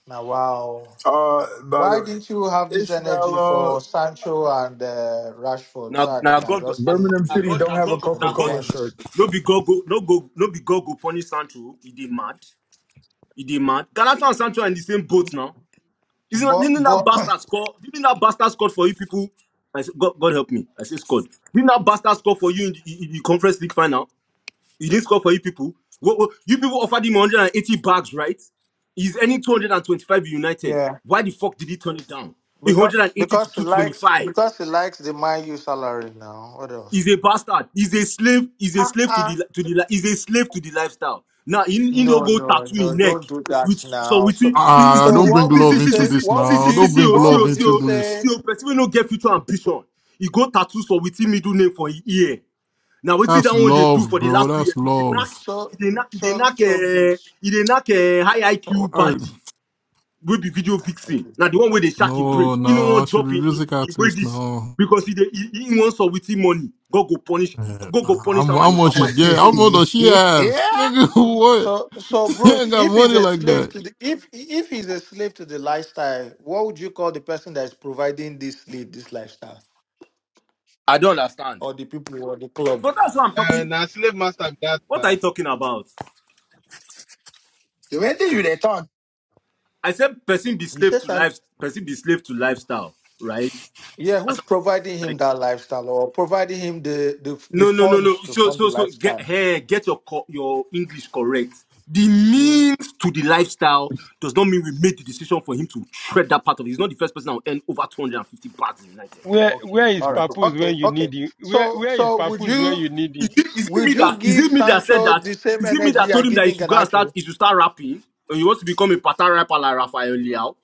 Speaker 13: Now wow.
Speaker 7: Uh, by the
Speaker 13: Why didn't you have
Speaker 7: way,
Speaker 13: this
Speaker 7: Ishmael,
Speaker 13: energy
Speaker 7: uh,
Speaker 13: for Sancho and uh, Rashford
Speaker 14: Now
Speaker 13: so that they
Speaker 14: now
Speaker 13: can
Speaker 14: God go
Speaker 13: just
Speaker 14: now
Speaker 13: stay in
Speaker 7: Birmingham City
Speaker 13: the
Speaker 14: God
Speaker 7: don't
Speaker 14: now
Speaker 7: have a
Speaker 14: God go
Speaker 13: in
Speaker 7: Coca
Speaker 14: now
Speaker 13: the
Speaker 14: God
Speaker 7: Cola
Speaker 13: bench?
Speaker 7: shirt.
Speaker 14: no be God go no go no be God go punish Sancho. He dey mad. He dey mad. Galata and Sancho are in the same boat now. Isn't that,
Speaker 13: But
Speaker 14: didn't that
Speaker 13: but
Speaker 14: bastard score? Didn't that bastard score for you people? I said, God, God help me. I say scored. Didn't that bastard score for you in the, in the conference league final? You didn't score for you people. What, what- you people offered him 180 bags, right? He's earning 225 with United.
Speaker 13: yeah,
Speaker 14: Why the fuck did he turn it down?
Speaker 13: because
Speaker 14: 180 to
Speaker 13: because he likes
Speaker 14: 225.
Speaker 13: because he likes the Man U salary now. What else?
Speaker 14: He's a bastard. He's a slave. He's a slave to
Speaker 13: Uh-uh.
Speaker 14: the li- to the li- he's a slave to the lifestyle. Now in in
Speaker 13: No
Speaker 14: don't go
Speaker 13: no
Speaker 14: tattoo his
Speaker 13: no!
Speaker 14: neck
Speaker 13: Don't do that
Speaker 14: with so
Speaker 13: now.
Speaker 14: with
Speaker 13: So
Speaker 14: see see
Speaker 9: Ah,
Speaker 13: so
Speaker 9: don't bring
Speaker 13: what would
Speaker 14: see see
Speaker 9: love
Speaker 13: you
Speaker 14: see see
Speaker 9: into
Speaker 13: say?
Speaker 14: see
Speaker 9: this
Speaker 13: What
Speaker 14: see
Speaker 13: would
Speaker 14: see
Speaker 9: now.
Speaker 14: see
Speaker 13: you
Speaker 9: Don't
Speaker 14: see
Speaker 9: bring
Speaker 14: oh, see
Speaker 13: what
Speaker 9: love
Speaker 14: oh,
Speaker 13: would
Speaker 14: see
Speaker 9: into
Speaker 13: you
Speaker 14: oh,
Speaker 9: this.
Speaker 13: say?
Speaker 14: see oh, person wey no get future ambition. He go tattoo so with him middle name for his ear. Now we see that
Speaker 9: That's
Speaker 14: one they do
Speaker 9: love,
Speaker 14: for the
Speaker 9: bro.
Speaker 14: last two years.
Speaker 9: That's
Speaker 14: They knock,
Speaker 9: love.
Speaker 13: So
Speaker 14: they knock, they
Speaker 13: so
Speaker 14: knock,
Speaker 13: so
Speaker 14: uh,
Speaker 13: Bruce.
Speaker 14: they knock uh, high IQ
Speaker 9: I,
Speaker 14: body will be video
Speaker 13: Ah,
Speaker 14: fixing. Now
Speaker 13: Okay,
Speaker 14: the one where they shack in brain,
Speaker 9: no,
Speaker 14: you know
Speaker 9: no, I
Speaker 14: one
Speaker 9: should be
Speaker 14: drop in, in,
Speaker 9: music
Speaker 14: in
Speaker 9: artist
Speaker 14: wages
Speaker 9: now.
Speaker 14: because he, dey- he, he wants with him money. Go, go punish,
Speaker 9: Eh,
Speaker 14: go, go
Speaker 9: How,
Speaker 14: punish
Speaker 9: mu-
Speaker 14: him
Speaker 9: how
Speaker 14: and him
Speaker 9: much
Speaker 14: papa
Speaker 9: she
Speaker 14: if he
Speaker 9: get? How
Speaker 14: crazy.
Speaker 9: much does she have?
Speaker 7: yeah,
Speaker 9: Nigga, what?
Speaker 13: So, so
Speaker 9: She
Speaker 13: Bruce,
Speaker 9: ain't got
Speaker 13: if he's
Speaker 9: money
Speaker 13: a
Speaker 9: like
Speaker 13: slave
Speaker 9: that.
Speaker 13: to the if if he's a slave to the lifestyle, what would you call the person that is providing this sleep, this lifestyle,
Speaker 14: I don't understand.
Speaker 13: or the people or the club?
Speaker 14: But that's what I'm
Speaker 12: Uh,
Speaker 14: talking.
Speaker 12: na slave master be that
Speaker 14: What are
Speaker 12: na.
Speaker 14: you talking about?
Speaker 7: where did you they talk?
Speaker 14: I said person be
Speaker 13: You
Speaker 14: slave
Speaker 13: say,
Speaker 14: to
Speaker 13: son,
Speaker 14: life, person be slave to lifestyle, right?
Speaker 13: yeah, who's providing him that lifestyle or providing him the the, the
Speaker 14: No, no, no, no.
Speaker 13: funds to
Speaker 14: So,
Speaker 13: fund the
Speaker 14: so, so get
Speaker 13: lifestyle?
Speaker 14: here, get your co- your English correct. The
Speaker 13: Mm,
Speaker 14: means to the lifestyle does not mean we made the decision for him to tread that part of it. He's not the first person that will earn over 250 bucks in United.
Speaker 11: Where
Speaker 13: okay,
Speaker 11: where is
Speaker 13: all
Speaker 14: He's
Speaker 13: right,
Speaker 14: not.
Speaker 11: Papoose
Speaker 13: okay,
Speaker 11: when you
Speaker 13: okay.
Speaker 11: need him? Where
Speaker 13: So,
Speaker 11: where is
Speaker 13: so would
Speaker 11: Papoose when
Speaker 13: you
Speaker 11: you need
Speaker 14: Is
Speaker 11: him?
Speaker 14: it, is it
Speaker 13: would
Speaker 14: me
Speaker 13: you
Speaker 14: that is
Speaker 13: give
Speaker 14: it me that said
Speaker 13: Sancho
Speaker 14: that?
Speaker 13: the same
Speaker 14: Is it me
Speaker 13: energy
Speaker 14: that
Speaker 13: you're
Speaker 14: told him that he
Speaker 13: giving
Speaker 14: should go and
Speaker 13: Ganacho?
Speaker 14: start he should start rapping and he wants to become a pattern rapper like Raphael Leao?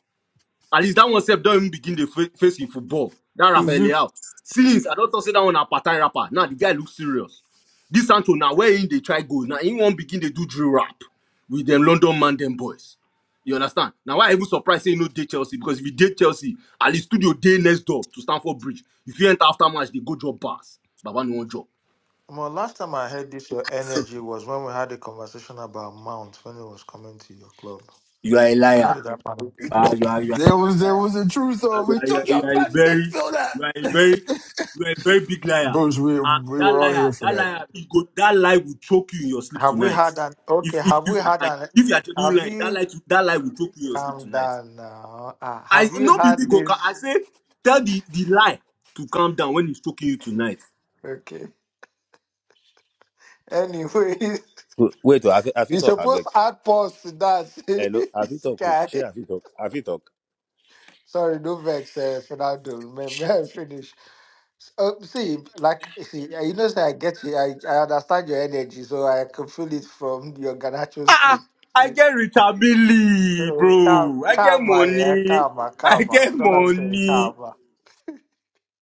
Speaker 14: At least that one self don't even begin the fa- face in football. That
Speaker 9: Is
Speaker 14: Rafael
Speaker 9: it
Speaker 14: Leao. Since I don't talk say that one a part-time rapper. Now the guy looks serious. This Santo now where in they try go. Now he won't begin they do drill rap with them London man them boys. You understand? Now why I even surprised say no date Chelsea because if you date Chelsea, at least studio day next door to Stamford Bridge. If you enter after match, they go job bars. Baba no one job.
Speaker 13: Well, last time I heard this, your energy was when we had a conversation about Mount when he was coming to your club.
Speaker 14: You are a
Speaker 13: How
Speaker 14: liar.
Speaker 13: did that happen?
Speaker 14: Ah, you are, you
Speaker 7: There was there was a truth.
Speaker 14: Uh,
Speaker 7: So
Speaker 14: you
Speaker 7: we
Speaker 14: are, you
Speaker 7: took
Speaker 14: are you
Speaker 7: your
Speaker 14: are a
Speaker 7: best
Speaker 14: very
Speaker 7: midfielder.
Speaker 14: you are a very you are a very big liar
Speaker 7: Bruce, we
Speaker 14: and
Speaker 7: we
Speaker 14: that
Speaker 7: were all here
Speaker 14: liar
Speaker 7: for
Speaker 14: that
Speaker 7: that.
Speaker 14: liar he go that lie will choke you in your sleep
Speaker 13: Have we
Speaker 14: tonight
Speaker 13: had an okay?
Speaker 14: if if
Speaker 13: Have
Speaker 14: if
Speaker 13: we
Speaker 14: you are
Speaker 13: had
Speaker 14: lying
Speaker 13: an?
Speaker 14: if you are genuine
Speaker 13: Have
Speaker 14: lying that
Speaker 13: you
Speaker 14: lie to, that lie will choke you in your sleep
Speaker 13: calm
Speaker 14: tonight
Speaker 13: down now? Ah,
Speaker 14: i
Speaker 13: have you
Speaker 14: no be
Speaker 13: had
Speaker 14: big oka i
Speaker 13: this?
Speaker 14: say tell the the lie to calm down when he's choking you tonight
Speaker 13: Okay. Anyway,
Speaker 15: Wait, wait oh, I fit I
Speaker 13: you
Speaker 15: fit talk, I
Speaker 13: supposed to add pause to that.
Speaker 15: Hello, I fit
Speaker 13: this
Speaker 15: talk. oh.
Speaker 13: guy.
Speaker 15: Shey, I fit talk. I fit talk.
Speaker 13: Sorry, no vex, uh, Fernando. May, may I finish? S- Uh, see, like, see, uh, you know, say I get you. I, I understand your energy, so I can feel it from your Ganacho
Speaker 14: ah
Speaker 13: speech.
Speaker 14: ah, i
Speaker 13: See,
Speaker 14: get retabili
Speaker 13: So, calm,
Speaker 14: bro i get
Speaker 13: calma, yeah,
Speaker 14: money
Speaker 13: calma,
Speaker 14: i
Speaker 13: calma.
Speaker 14: get
Speaker 13: Don't let me say
Speaker 14: money
Speaker 13: calma.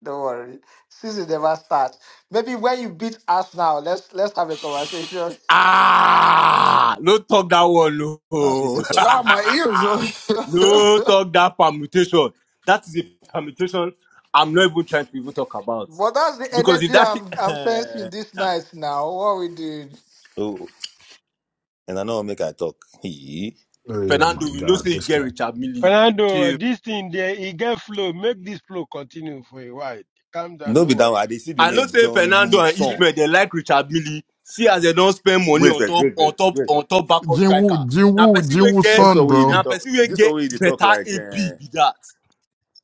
Speaker 13: Don't worry. Season never starts. Maybe when you beat us now, let's let's have a conversation.
Speaker 14: Ah, no talk that one, no.
Speaker 15: I fit say
Speaker 7: Ah,
Speaker 15: something.
Speaker 7: my ears. oh.
Speaker 14: no talk that permutation. That is a permutation I'm not even trying to even talk about.
Speaker 13: But that's the
Speaker 14: Because if
Speaker 13: energy
Speaker 14: that shit,
Speaker 13: I'm I'm sensing this night now. What we did.
Speaker 15: Oh, and I know make I talk. Hee.
Speaker 7: Oh yeah,
Speaker 14: Fernando,
Speaker 7: my
Speaker 14: we know, say
Speaker 7: God,
Speaker 14: you
Speaker 7: this
Speaker 14: get
Speaker 7: guy.
Speaker 14: Richard Millie.
Speaker 11: Fernando,
Speaker 14: Chill.
Speaker 11: this thing there, he get flow. Make this flow continue for a while. Calm down,
Speaker 15: No be
Speaker 11: no
Speaker 15: that
Speaker 11: worry.
Speaker 15: one. I dey see the
Speaker 14: I know
Speaker 15: name
Speaker 14: say
Speaker 15: John
Speaker 14: Fernando
Speaker 15: Woo
Speaker 14: and
Speaker 15: Song.
Speaker 11: You,
Speaker 14: Ishmael, they like Richard Millie. See as they don't spend money
Speaker 15: Wait,
Speaker 14: on
Speaker 15: wait,
Speaker 14: top,
Speaker 15: wait, wait,
Speaker 14: on top,
Speaker 15: wait.
Speaker 14: on top backup striker.
Speaker 9: Jinwoo,
Speaker 14: Now,
Speaker 9: Jinwoo,
Speaker 14: person will
Speaker 9: Jinwoo's
Speaker 14: get,
Speaker 15: This
Speaker 9: son,
Speaker 15: one way they
Speaker 9: bro?
Speaker 14: now
Speaker 15: talk.
Speaker 14: person will
Speaker 15: This one
Speaker 14: get
Speaker 15: way they talk
Speaker 14: better
Speaker 15: like.
Speaker 14: AP
Speaker 15: eh,
Speaker 14: be that.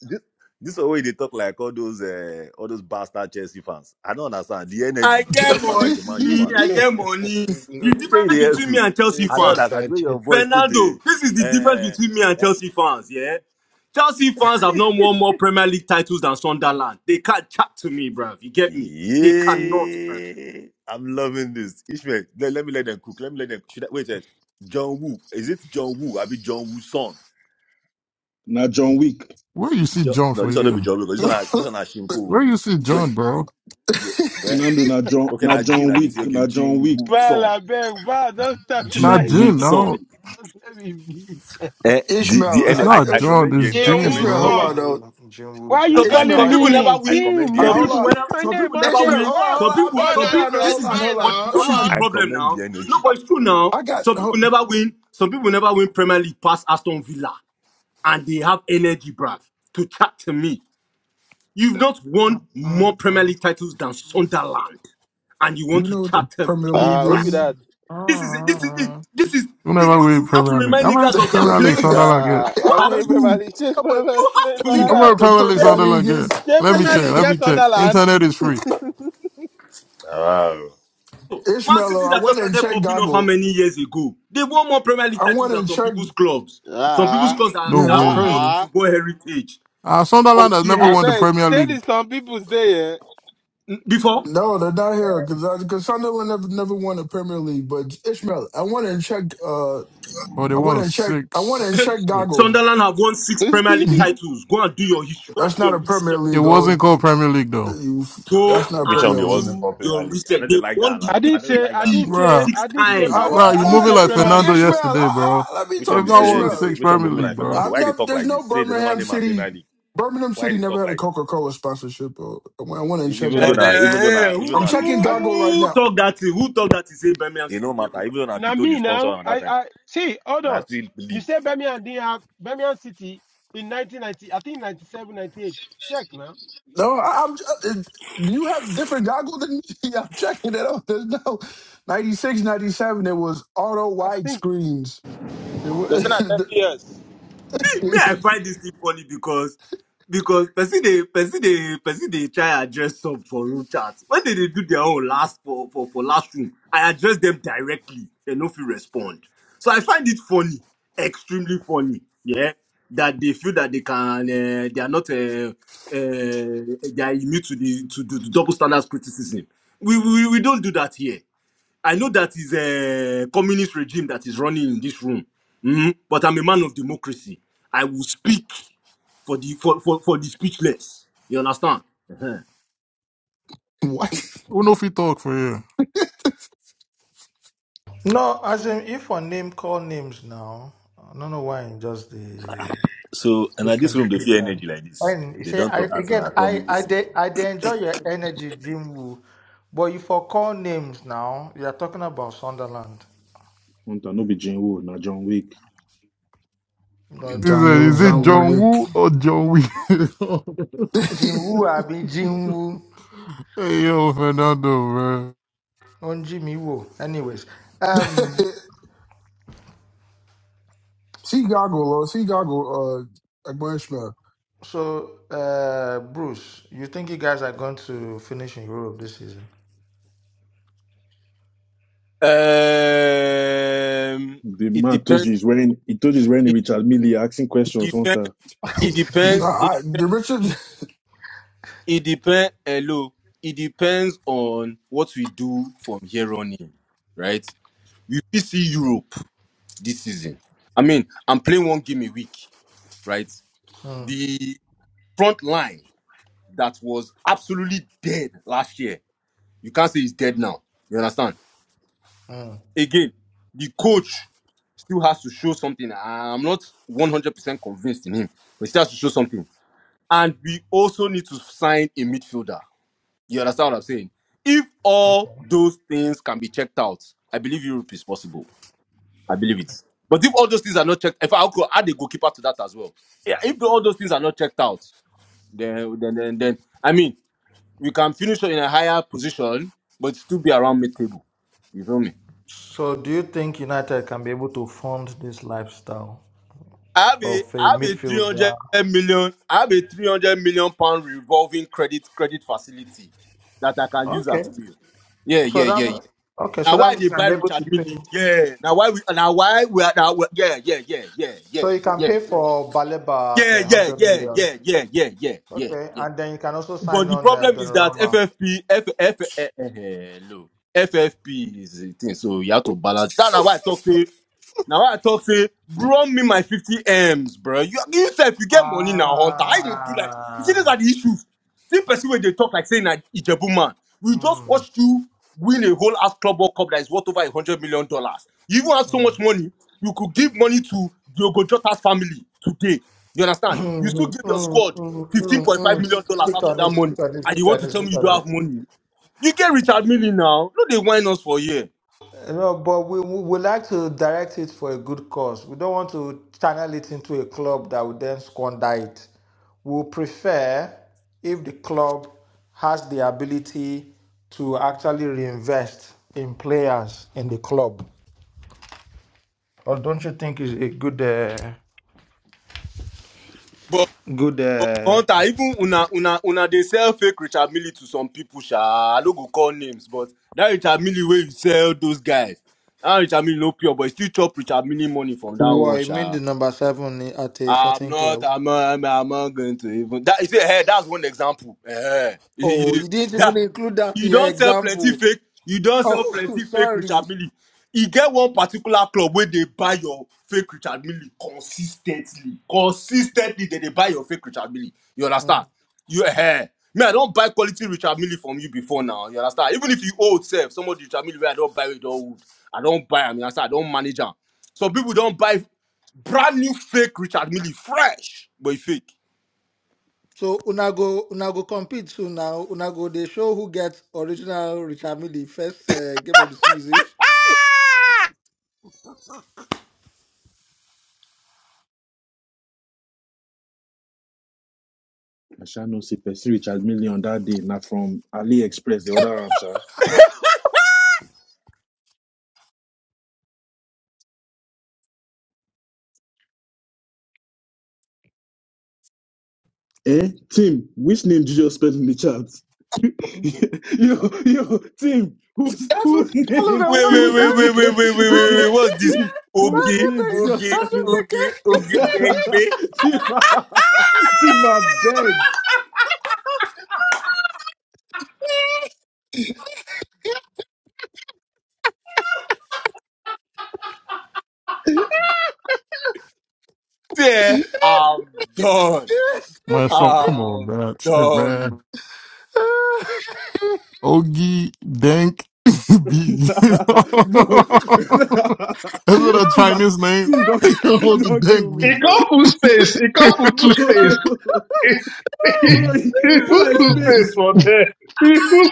Speaker 15: this this way they talk like all those uh, all those bastard Chelsea fans. I don't understand the
Speaker 14: I
Speaker 15: energy. You
Speaker 14: get
Speaker 15: don't sound like a Man U
Speaker 14: money.
Speaker 15: fan.
Speaker 14: I
Speaker 11: which one?
Speaker 14: get money.
Speaker 11: is
Speaker 14: The
Speaker 11: the-
Speaker 15: Stay
Speaker 14: difference
Speaker 15: there,
Speaker 14: between me
Speaker 15: too.
Speaker 14: and Chelsea
Speaker 15: I know
Speaker 14: fans,
Speaker 15: that. I
Speaker 11: bastard?
Speaker 15: do your voice today.
Speaker 14: Fernando. This is the difference
Speaker 15: Uh,
Speaker 14: between me and
Speaker 15: uh,
Speaker 14: Chelsea fans. Yeah, Chelsea fans have not won more Premier League titles than Sunderland. They can't chat to me, bruv. You get me? They cannot. Bruv.
Speaker 15: yeah, I'm loving this. Ishmael, let, let me let them cook. Let me let them. Should I, wait, wait. John Woo. Is it John Woo? I be John Woo's son.
Speaker 16: Now John Wick.
Speaker 9: Where you see
Speaker 15: Jo-
Speaker 9: John
Speaker 15: no,
Speaker 9: for
Speaker 15: this one not be
Speaker 9: here?
Speaker 15: John Woo. 'cause This one, na- this one, na Shimko.
Speaker 9: Where you see
Speaker 15: Wait,
Speaker 9: John, bro?
Speaker 15: wait.
Speaker 16: Fernando now John
Speaker 15: Okay,
Speaker 16: now
Speaker 15: now Gene,
Speaker 16: John
Speaker 15: I dey say
Speaker 16: Wick.
Speaker 15: okay,
Speaker 16: Now John
Speaker 15: Gene
Speaker 16: Wick.
Speaker 15: Woo
Speaker 11: Val,
Speaker 15: son.
Speaker 11: I beg, Val, don't start
Speaker 15: Gene
Speaker 9: Not
Speaker 11: tonight
Speaker 15: Woo
Speaker 9: Jin,
Speaker 11: again.
Speaker 15: son.
Speaker 9: no.
Speaker 11: Just let me be.
Speaker 15: Eh, the the
Speaker 7: Ishmael,
Speaker 9: It's
Speaker 15: energy.
Speaker 7: I,
Speaker 15: I,
Speaker 9: not
Speaker 15: I
Speaker 7: Ish-
Speaker 9: John,
Speaker 15: commend the
Speaker 9: it's
Speaker 15: en- I
Speaker 9: Jin,
Speaker 12: Yehun
Speaker 15: commend
Speaker 7: Ishmael,
Speaker 13: Jinwoo,
Speaker 15: the
Speaker 7: hold
Speaker 9: bro.
Speaker 12: son.
Speaker 7: on
Speaker 15: energy.
Speaker 7: though.
Speaker 13: Jinwoo,
Speaker 11: Why are
Speaker 15: I,
Speaker 14: Some
Speaker 11: you
Speaker 14: people,
Speaker 15: I,
Speaker 13: Jinwoo,
Speaker 7: Ishmael,
Speaker 11: calling
Speaker 14: some
Speaker 15: I
Speaker 7: I,
Speaker 14: people
Speaker 15: commend
Speaker 14: never
Speaker 11: me?
Speaker 15: I
Speaker 14: win.
Speaker 15: commend
Speaker 11: Tim,
Speaker 7: I
Speaker 15: the
Speaker 11: you
Speaker 14: Some
Speaker 11: been
Speaker 7: hold
Speaker 15: energy.
Speaker 14: people,
Speaker 7: on.
Speaker 14: win.
Speaker 11: screaming my
Speaker 14: some
Speaker 11: name
Speaker 14: people
Speaker 11: all
Speaker 14: never
Speaker 7: Ishmael,
Speaker 11: day.
Speaker 14: win.
Speaker 7: hold on,
Speaker 11: What?
Speaker 7: hold
Speaker 14: Some
Speaker 7: on. I'm
Speaker 14: people,
Speaker 7: back.
Speaker 12: Oh, na
Speaker 14: some
Speaker 7: Hold on,
Speaker 14: people.
Speaker 7: no,
Speaker 12: liberal
Speaker 14: This
Speaker 7: hold
Speaker 14: is
Speaker 7: on,
Speaker 14: the,
Speaker 12: Ishmael
Speaker 7: hold
Speaker 14: but
Speaker 7: on,
Speaker 12: now.
Speaker 14: this
Speaker 7: hold
Speaker 14: is the
Speaker 12: Ah,
Speaker 15: I
Speaker 7: on.
Speaker 14: problem
Speaker 15: commend
Speaker 14: now.
Speaker 15: the
Speaker 14: No,
Speaker 15: energy.
Speaker 14: but it's true now.
Speaker 7: I
Speaker 14: Some
Speaker 7: got.
Speaker 14: people never win. Some people never win Premier League past Aston Villa, and they have energy, bruv, to chat to me. You've not won more Premier League titles than Sunderland, and you
Speaker 7: Do
Speaker 14: want
Speaker 7: you
Speaker 14: to
Speaker 7: know what the
Speaker 14: chatter
Speaker 7: Premier
Speaker 14: me,
Speaker 7: League
Speaker 12: Ah,
Speaker 14: bruh.
Speaker 12: who be
Speaker 7: is?
Speaker 12: that?
Speaker 14: This is it. This is
Speaker 13: Jinwoo.
Speaker 14: it. This is this,
Speaker 9: Whenever
Speaker 14: we,
Speaker 9: we
Speaker 14: we we have to
Speaker 9: Premier League.
Speaker 14: remind
Speaker 9: I mean,
Speaker 14: niggas of their
Speaker 9: Premier League,
Speaker 14: place.
Speaker 9: Sunderland, Yeah.
Speaker 12: Ah,
Speaker 14: You
Speaker 7: I
Speaker 12: I'm
Speaker 14: have
Speaker 12: here,
Speaker 7: don't.
Speaker 12: Premier
Speaker 14: to.
Speaker 12: League.
Speaker 7: Does he
Speaker 12: Chase
Speaker 7: know
Speaker 12: Premier
Speaker 7: what,
Speaker 12: League,
Speaker 14: You have
Speaker 12: Chase
Speaker 7: does he
Speaker 14: to.
Speaker 9: I'm
Speaker 7: know
Speaker 12: Sunderland.
Speaker 7: what
Speaker 9: not
Speaker 7: the
Speaker 9: playing with
Speaker 7: Premier
Speaker 12: Chase,
Speaker 9: Alexander
Speaker 7: League
Speaker 9: Lundgren.
Speaker 7: is?
Speaker 12: Chase
Speaker 9: Let me
Speaker 12: Premier
Speaker 9: check.
Speaker 12: League,
Speaker 9: Let me
Speaker 12: get
Speaker 9: check.
Speaker 12: Sunderland.
Speaker 9: Internet is free.
Speaker 15: Wow.
Speaker 14: Man
Speaker 7: Ishmael,
Speaker 14: City
Speaker 7: I
Speaker 14: that
Speaker 7: went
Speaker 14: just
Speaker 7: and
Speaker 14: started
Speaker 7: checked
Speaker 14: popping off how
Speaker 7: Goggle.
Speaker 14: many years ago? They won more Premier League
Speaker 7: I
Speaker 14: titles
Speaker 7: went
Speaker 14: than
Speaker 7: and
Speaker 14: some
Speaker 7: checked.
Speaker 14: people's clubs. Some people's
Speaker 12: Ah,
Speaker 14: clubs that,
Speaker 9: No
Speaker 7: Yeah,
Speaker 14: that are
Speaker 7: that's
Speaker 12: ah,
Speaker 14: holding
Speaker 9: way.
Speaker 14: on to
Speaker 7: crazy.
Speaker 12: ah.
Speaker 14: football heritage.
Speaker 9: Uh,
Speaker 14: Oh
Speaker 9: Sunderland has never
Speaker 14: yeah.
Speaker 12: I
Speaker 9: won the
Speaker 12: beg,
Speaker 9: Premier
Speaker 12: Chase is
Speaker 9: League,
Speaker 12: some people's day, eh?
Speaker 14: N- Before
Speaker 7: No, they're not here because because Sunderland never never won the Premier League. But Ishmael, I went and checked. Uh,
Speaker 9: or they
Speaker 7: I went
Speaker 9: won
Speaker 7: and checked. I went
Speaker 9: six.
Speaker 7: and checked Goggle.
Speaker 14: Sunderland have won six Premier League
Speaker 9: Yeah.
Speaker 12: They
Speaker 14: titles. Go and do your history. Go and
Speaker 7: That's
Speaker 14: do
Speaker 7: not
Speaker 14: your
Speaker 7: a
Speaker 14: research.
Speaker 7: Premier
Speaker 9: it
Speaker 7: League. Oh,
Speaker 9: wasn't called Premier League though.
Speaker 7: you.
Speaker 14: Go
Speaker 7: That's not a
Speaker 15: Which
Speaker 14: and
Speaker 15: one
Speaker 7: Premier
Speaker 15: they wasn't
Speaker 7: League.
Speaker 14: do
Speaker 15: called Premier
Speaker 14: your
Speaker 15: League? I
Speaker 14: research.
Speaker 15: know they
Speaker 14: They've
Speaker 15: like that.
Speaker 14: won the
Speaker 11: I
Speaker 15: anal- I
Speaker 11: didn't
Speaker 15: know they
Speaker 14: English
Speaker 11: say,
Speaker 15: like
Speaker 11: I
Speaker 15: that
Speaker 11: didn't
Speaker 14: league
Speaker 15: analogy.
Speaker 11: say,
Speaker 9: Bruh,
Speaker 14: six
Speaker 11: I didn't
Speaker 15: Which
Speaker 11: say,
Speaker 15: one
Speaker 14: times.
Speaker 7: I,
Speaker 15: be
Speaker 11: pap,
Speaker 9: bruh,
Speaker 7: well,
Speaker 15: wasn't
Speaker 11: I
Speaker 9: you
Speaker 15: called
Speaker 7: no,
Speaker 11: didn't
Speaker 9: moving
Speaker 11: say
Speaker 15: Premier
Speaker 7: let
Speaker 9: like
Speaker 7: me
Speaker 15: League?
Speaker 7: talk
Speaker 11: Premier
Speaker 7: to
Speaker 9: Fernando
Speaker 11: League.
Speaker 7: Ishmael.
Speaker 11: No.
Speaker 7: Uh,
Speaker 9: yesterday, bro.
Speaker 7: uh, let me
Speaker 15: Which one
Speaker 7: talk
Speaker 9: If
Speaker 15: be
Speaker 7: to
Speaker 9: not
Speaker 15: say
Speaker 9: won
Speaker 15: this?
Speaker 7: Ishmael.
Speaker 15: eh,
Speaker 9: six
Speaker 15: Which one be
Speaker 9: Premier
Speaker 15: move
Speaker 9: League,
Speaker 15: like
Speaker 9: bro.
Speaker 15: Fernando?
Speaker 7: I've
Speaker 15: Why they
Speaker 7: never.
Speaker 15: talk
Speaker 7: There's
Speaker 15: like
Speaker 7: no
Speaker 15: this? Say the never
Speaker 7: Birmingham
Speaker 15: name and
Speaker 7: City.
Speaker 15: Premier League.
Speaker 7: Birmingham
Speaker 15: Why
Speaker 7: City
Speaker 15: they
Speaker 7: never
Speaker 15: talk
Speaker 7: had a
Speaker 15: like this?
Speaker 7: Coca Cola sponsorship. Bro. I want
Speaker 15: E-
Speaker 7: to check
Speaker 15: Even though
Speaker 11: Check.
Speaker 15: na
Speaker 7: Goggle.
Speaker 15: even though
Speaker 14: Eh,
Speaker 15: na
Speaker 14: who,
Speaker 15: even
Speaker 7: I'm
Speaker 15: na Pit-
Speaker 7: checking
Speaker 14: who,
Speaker 11: I,
Speaker 7: Goggle right
Speaker 14: who
Speaker 7: now.
Speaker 14: talk that thing? Who talk that thing? Say Birmingham
Speaker 15: e no
Speaker 14: City.
Speaker 15: matter. Even though na
Speaker 11: now
Speaker 15: Pito the
Speaker 11: me
Speaker 15: sponsor
Speaker 11: now,
Speaker 15: at that
Speaker 11: I,
Speaker 15: time.
Speaker 11: I, see, hold
Speaker 15: Na
Speaker 11: on.
Speaker 15: still
Speaker 11: You
Speaker 15: league.
Speaker 11: said Birmingham didn't have, Birmingham City in 1990, I think 97, 98. Check now.
Speaker 7: No, I, I'm. uh, You have different Goggle than me. I'm checking it out. There's no 96, 97. It was auto
Speaker 11: I
Speaker 7: wide
Speaker 11: think,
Speaker 7: screens. It
Speaker 12: say na 30
Speaker 7: was
Speaker 12: years.
Speaker 14: me, I find this thing funny because because person they person they person they try address some for room chat. When they, they do their own last for, for for last room, I address them directly. They no fit respond. So I find it funny, extremely funny. Yeah, that they feel that they can uh, they are not uh, uh, they are immune to the to, the to double standards criticism. We, we we don't do that here. I know that is a communist regime that is running in this room, Mhm. but I'm a man of democracy. I will speak for the for, for, for the speechless. You understand? Uh-huh.
Speaker 7: what?
Speaker 9: Who know if he talk for you?
Speaker 13: No, as in, if one name call names now, I don't know why I'm just the
Speaker 15: So and at this
Speaker 13: speaking.
Speaker 15: room they feel
Speaker 13: Peter.
Speaker 15: energy like this.
Speaker 13: And you
Speaker 15: They
Speaker 13: say,
Speaker 15: don't
Speaker 13: I
Speaker 15: talk as an
Speaker 13: again, I I
Speaker 15: communist.
Speaker 13: de, I de enjoy your energy, Jim Woo, but you for call names now. You are talking about Sunderland.
Speaker 16: Hunter, no be Jane Wood, now John Wick.
Speaker 13: No,
Speaker 9: He
Speaker 13: no,
Speaker 7: John
Speaker 9: said,
Speaker 7: Woo,
Speaker 9: "Is it
Speaker 7: John
Speaker 13: no.
Speaker 7: Woo
Speaker 9: John
Speaker 7: Wick.
Speaker 9: Woo or John Wee?"
Speaker 13: Jim Woo, I be Jim Woo
Speaker 9: hey yo, Fernando, man.
Speaker 13: on Jimmy Woo. Anyways, um,
Speaker 7: See Goggle, or see Goggle. Uh, Agbury Smith.
Speaker 13: so uh, Bruce, you think you guys are going to finish in Europe this season?
Speaker 14: Um,
Speaker 16: The
Speaker 14: it
Speaker 16: man told
Speaker 14: depends.
Speaker 16: you he's wearing he told you he's wearing
Speaker 14: It,
Speaker 16: Richard Millie asking
Speaker 14: it
Speaker 16: questions,
Speaker 14: depends.
Speaker 16: Hunter.
Speaker 14: It
Speaker 7: Nah,
Speaker 14: depends. It,
Speaker 7: I, the Richard
Speaker 14: it depends. Hello. It depends on what we do from here on in, right? We fit see Europe this season. I mean, I'm playing one game a week, right?
Speaker 13: Hmm,
Speaker 14: The front line. that was absolutely dead last year. You can't say he's dead now. You understand?
Speaker 13: hmm.
Speaker 14: Again, the coach still has to show something. I'm not 100% convinced in him, but he still has to show something. And we also need to sign a midfielder. You understand what I'm saying? If all those things can be checked out, I believe Europe is possible. I believe it. But if all those things are not checked, if I could add a goalkeeper to that as well, yeah, if all those things are not checked out, then then then, then I mean. you can finish in a higher position, but still be around mid table. You feel me?
Speaker 13: So, do you think United can be able to fund this lifestyle
Speaker 14: I have
Speaker 13: of
Speaker 14: a
Speaker 13: a
Speaker 14: I have a three
Speaker 13: midfielder?
Speaker 14: hundred million I have a three hundred million pound revolving credit credit facility that I can use at
Speaker 13: Okay.
Speaker 14: will. Yeah,
Speaker 13: So
Speaker 14: yeah, yeah, yeah.
Speaker 13: that okay. So
Speaker 14: Now
Speaker 13: that
Speaker 14: why
Speaker 13: means
Speaker 14: they
Speaker 13: you can
Speaker 14: buy
Speaker 13: be able
Speaker 14: Richard
Speaker 13: to pay.
Speaker 14: Millie? Yeah. Now why we now why we are now we- yeah, yeah, yeah, yeah, yeah,
Speaker 13: So you can
Speaker 14: yeah.
Speaker 13: pay for Baleba at
Speaker 14: Yeah,
Speaker 13: uh,
Speaker 14: yeah,
Speaker 13: hundred
Speaker 14: yeah,
Speaker 13: million.
Speaker 14: yeah, yeah, yeah, yeah, yeah, yeah.
Speaker 13: Okay, and then you can also sign
Speaker 14: But the
Speaker 13: on uh,
Speaker 14: problem is that
Speaker 13: Donnarumma.
Speaker 14: FFP, F, F, eh, eh, hello. FFP is the thing, so you have to balance. That's why I talk say now I talk say, bro, me my 50 M's, bro. You you say if you get money now, hunter, I they do like you see these
Speaker 13: Ah.
Speaker 14: are the issues. See person where they talk like saying that Ijebu man. We just
Speaker 13: Mm,
Speaker 14: watched you win a whole ass club World cup that is worth over a hundred million dollars. You even have so
Speaker 13: mm.
Speaker 14: much money, you could give money to Diogo Jota's family today. You understand? You still
Speaker 13: Mm,
Speaker 14: give your
Speaker 13: mm,
Speaker 14: squad
Speaker 13: mm, mm,
Speaker 14: $15.5
Speaker 13: mm.
Speaker 14: million dollars
Speaker 13: Speak
Speaker 14: out of
Speaker 13: on
Speaker 14: that
Speaker 13: it.
Speaker 14: money,
Speaker 13: Speak on it.
Speaker 14: and you
Speaker 13: Speak on
Speaker 14: want to
Speaker 13: it.
Speaker 14: tell me
Speaker 13: Speak
Speaker 14: you
Speaker 13: on
Speaker 14: don't
Speaker 13: it.
Speaker 14: have money. You get Richard Millie now. No, they whine us for a year.
Speaker 13: No, but we we would like to direct it for a good cause. We don't want to channel it into a club that would then squander it. We prefer if the club has the ability to actually reinvest in players in the club. Or don't you think it's a good uh, good? Uh...
Speaker 14: Hunter, even una una una dey sell fake Richard Millie to some people, sha. I no go call names, but that Richard Millie wey you sell those guys, that Richard Millie no pure, but you still chop Richard Millie money from that
Speaker 13: Well,
Speaker 14: one,
Speaker 13: you mean
Speaker 14: sha.
Speaker 13: the number seven at a
Speaker 14: I'm
Speaker 13: certain
Speaker 14: not.
Speaker 13: club?
Speaker 14: I'm. not, I'm. not, I'm not going to even. That you see, hey, that's one example. Eh, you,
Speaker 13: Oh,
Speaker 14: you-
Speaker 13: you didn't even
Speaker 14: that,
Speaker 13: include that
Speaker 14: you
Speaker 13: in your
Speaker 14: don't sell plenty
Speaker 13: example.
Speaker 14: fake. You don't sell
Speaker 13: Oh,
Speaker 14: plenty fake
Speaker 13: sorry.
Speaker 14: Richard Millie. You get one particular club where they buy your fake Richard Millie consistently. Consistently, they they buy your fake Richard Millie. You understand? You eh. eh, Me, I don't buy quality Richard Millie from you before now. You understand? Even if you old self, some Richard Millie where I don't buy it old. I don't buy buy. 'em, You understand? I don't manage them. Some people don't buy. Brand new fake Richard Millie, fresh, but he fake.
Speaker 13: So una go una go compete soon now. Una go they show who gets original Richard Mille first uh, game of the season.
Speaker 16: I shall know say Percy Richard Millie on that day, not from AliExpress, the other arm, sir. Eh? Tim, which name did you just spell in the chat? yo, yo, Tim, whose
Speaker 7: That's what
Speaker 16: whose
Speaker 7: they call it
Speaker 16: name?
Speaker 7: at
Speaker 14: Wait,
Speaker 7: work.
Speaker 14: wait,
Speaker 16: Whose
Speaker 14: wait, wait, wait,
Speaker 16: name?
Speaker 14: wait, wait, wait,
Speaker 16: Wait,
Speaker 14: wait. What's this?
Speaker 16: Tim, whose
Speaker 7: That's,
Speaker 14: Oge,
Speaker 16: name did you just
Speaker 14: oge,
Speaker 16: spell in?
Speaker 7: what they.
Speaker 14: oge,
Speaker 7: That's what
Speaker 14: oge, dengbe.
Speaker 16: Tim, Tim, I beg.
Speaker 7: they
Speaker 14: Say, I'm done.
Speaker 9: My son, come on,
Speaker 14: I'm
Speaker 9: man. Shit, man.
Speaker 14: done.
Speaker 9: Ogi Dank B. Is
Speaker 16: Nah, bro, nah,
Speaker 9: it
Speaker 16: bro,
Speaker 9: a
Speaker 16: team, has,
Speaker 9: Chinese name?
Speaker 16: team don't, team
Speaker 9: Ogi
Speaker 16: don't kill
Speaker 9: Dank
Speaker 6: He
Speaker 16: me,
Speaker 9: B.
Speaker 16: bro,
Speaker 6: can't put space. He can't put two space.
Speaker 16: bro,
Speaker 6: He,
Speaker 16: bro. You, you put
Speaker 6: put
Speaker 16: like
Speaker 6: two
Speaker 17: Mr.
Speaker 6: space
Speaker 16: space.
Speaker 6: for there. He put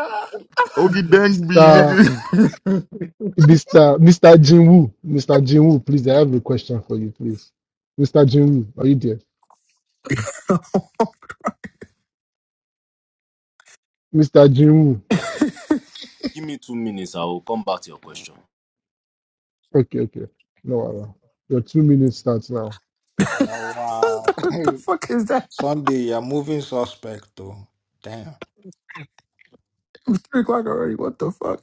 Speaker 7: call.
Speaker 9: Ogi Dank B, nigga.
Speaker 17: Mr. Mr. Jinwoo, Mr. Jinwoo, please, I have a question for you, please. Mr. Jinwoo, are you there? Mr. Jinwoo,
Speaker 14: Give me two minutes. I will come back to your question.
Speaker 17: okay, okay. No, Allah. your two minutes starts now.
Speaker 13: Now, uh,
Speaker 7: what the fuck is that?
Speaker 13: Sunday, you're moving suspect, though. Damn.
Speaker 7: It's Three o'clock already. What the fuck?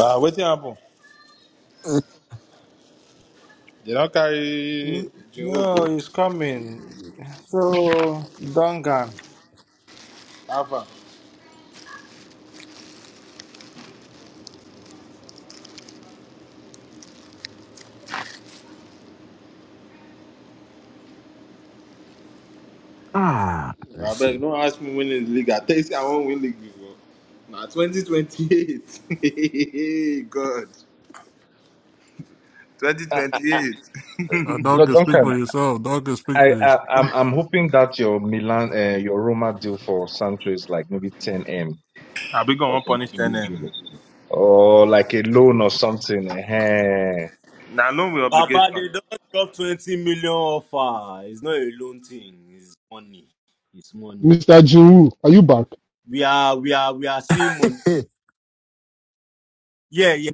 Speaker 12: Ah, wetin happen? They don't carry Jinwu go.
Speaker 13: No, he's coming. So, Duncan.
Speaker 12: Alpha.
Speaker 7: Ah, that
Speaker 12: I
Speaker 7: shit.
Speaker 12: beg, don't ask me when in the league. I tell you, say I won't win league before. Now, 2028. God.
Speaker 6: space.
Speaker 12: 2028.
Speaker 9: A dog can speak
Speaker 6: Duncan,
Speaker 9: for yourself. Dog can speak
Speaker 6: I,
Speaker 9: for
Speaker 6: I
Speaker 9: yourself.
Speaker 6: I'm I'm hoping that your Milan uh, your Roma deal for Sancho is like maybe 10 m
Speaker 12: I be
Speaker 6: or
Speaker 12: going to punish them.
Speaker 6: something or like a loan or something. Ehen.
Speaker 12: Now, loan with obligation.
Speaker 14: Baba, they don't drop 20 million offer. It's not a loan thing. It's money. It's money.
Speaker 17: Mr. Jinwoo, are you back?
Speaker 14: We are, we are, we are seeing money. Yeah, yeah.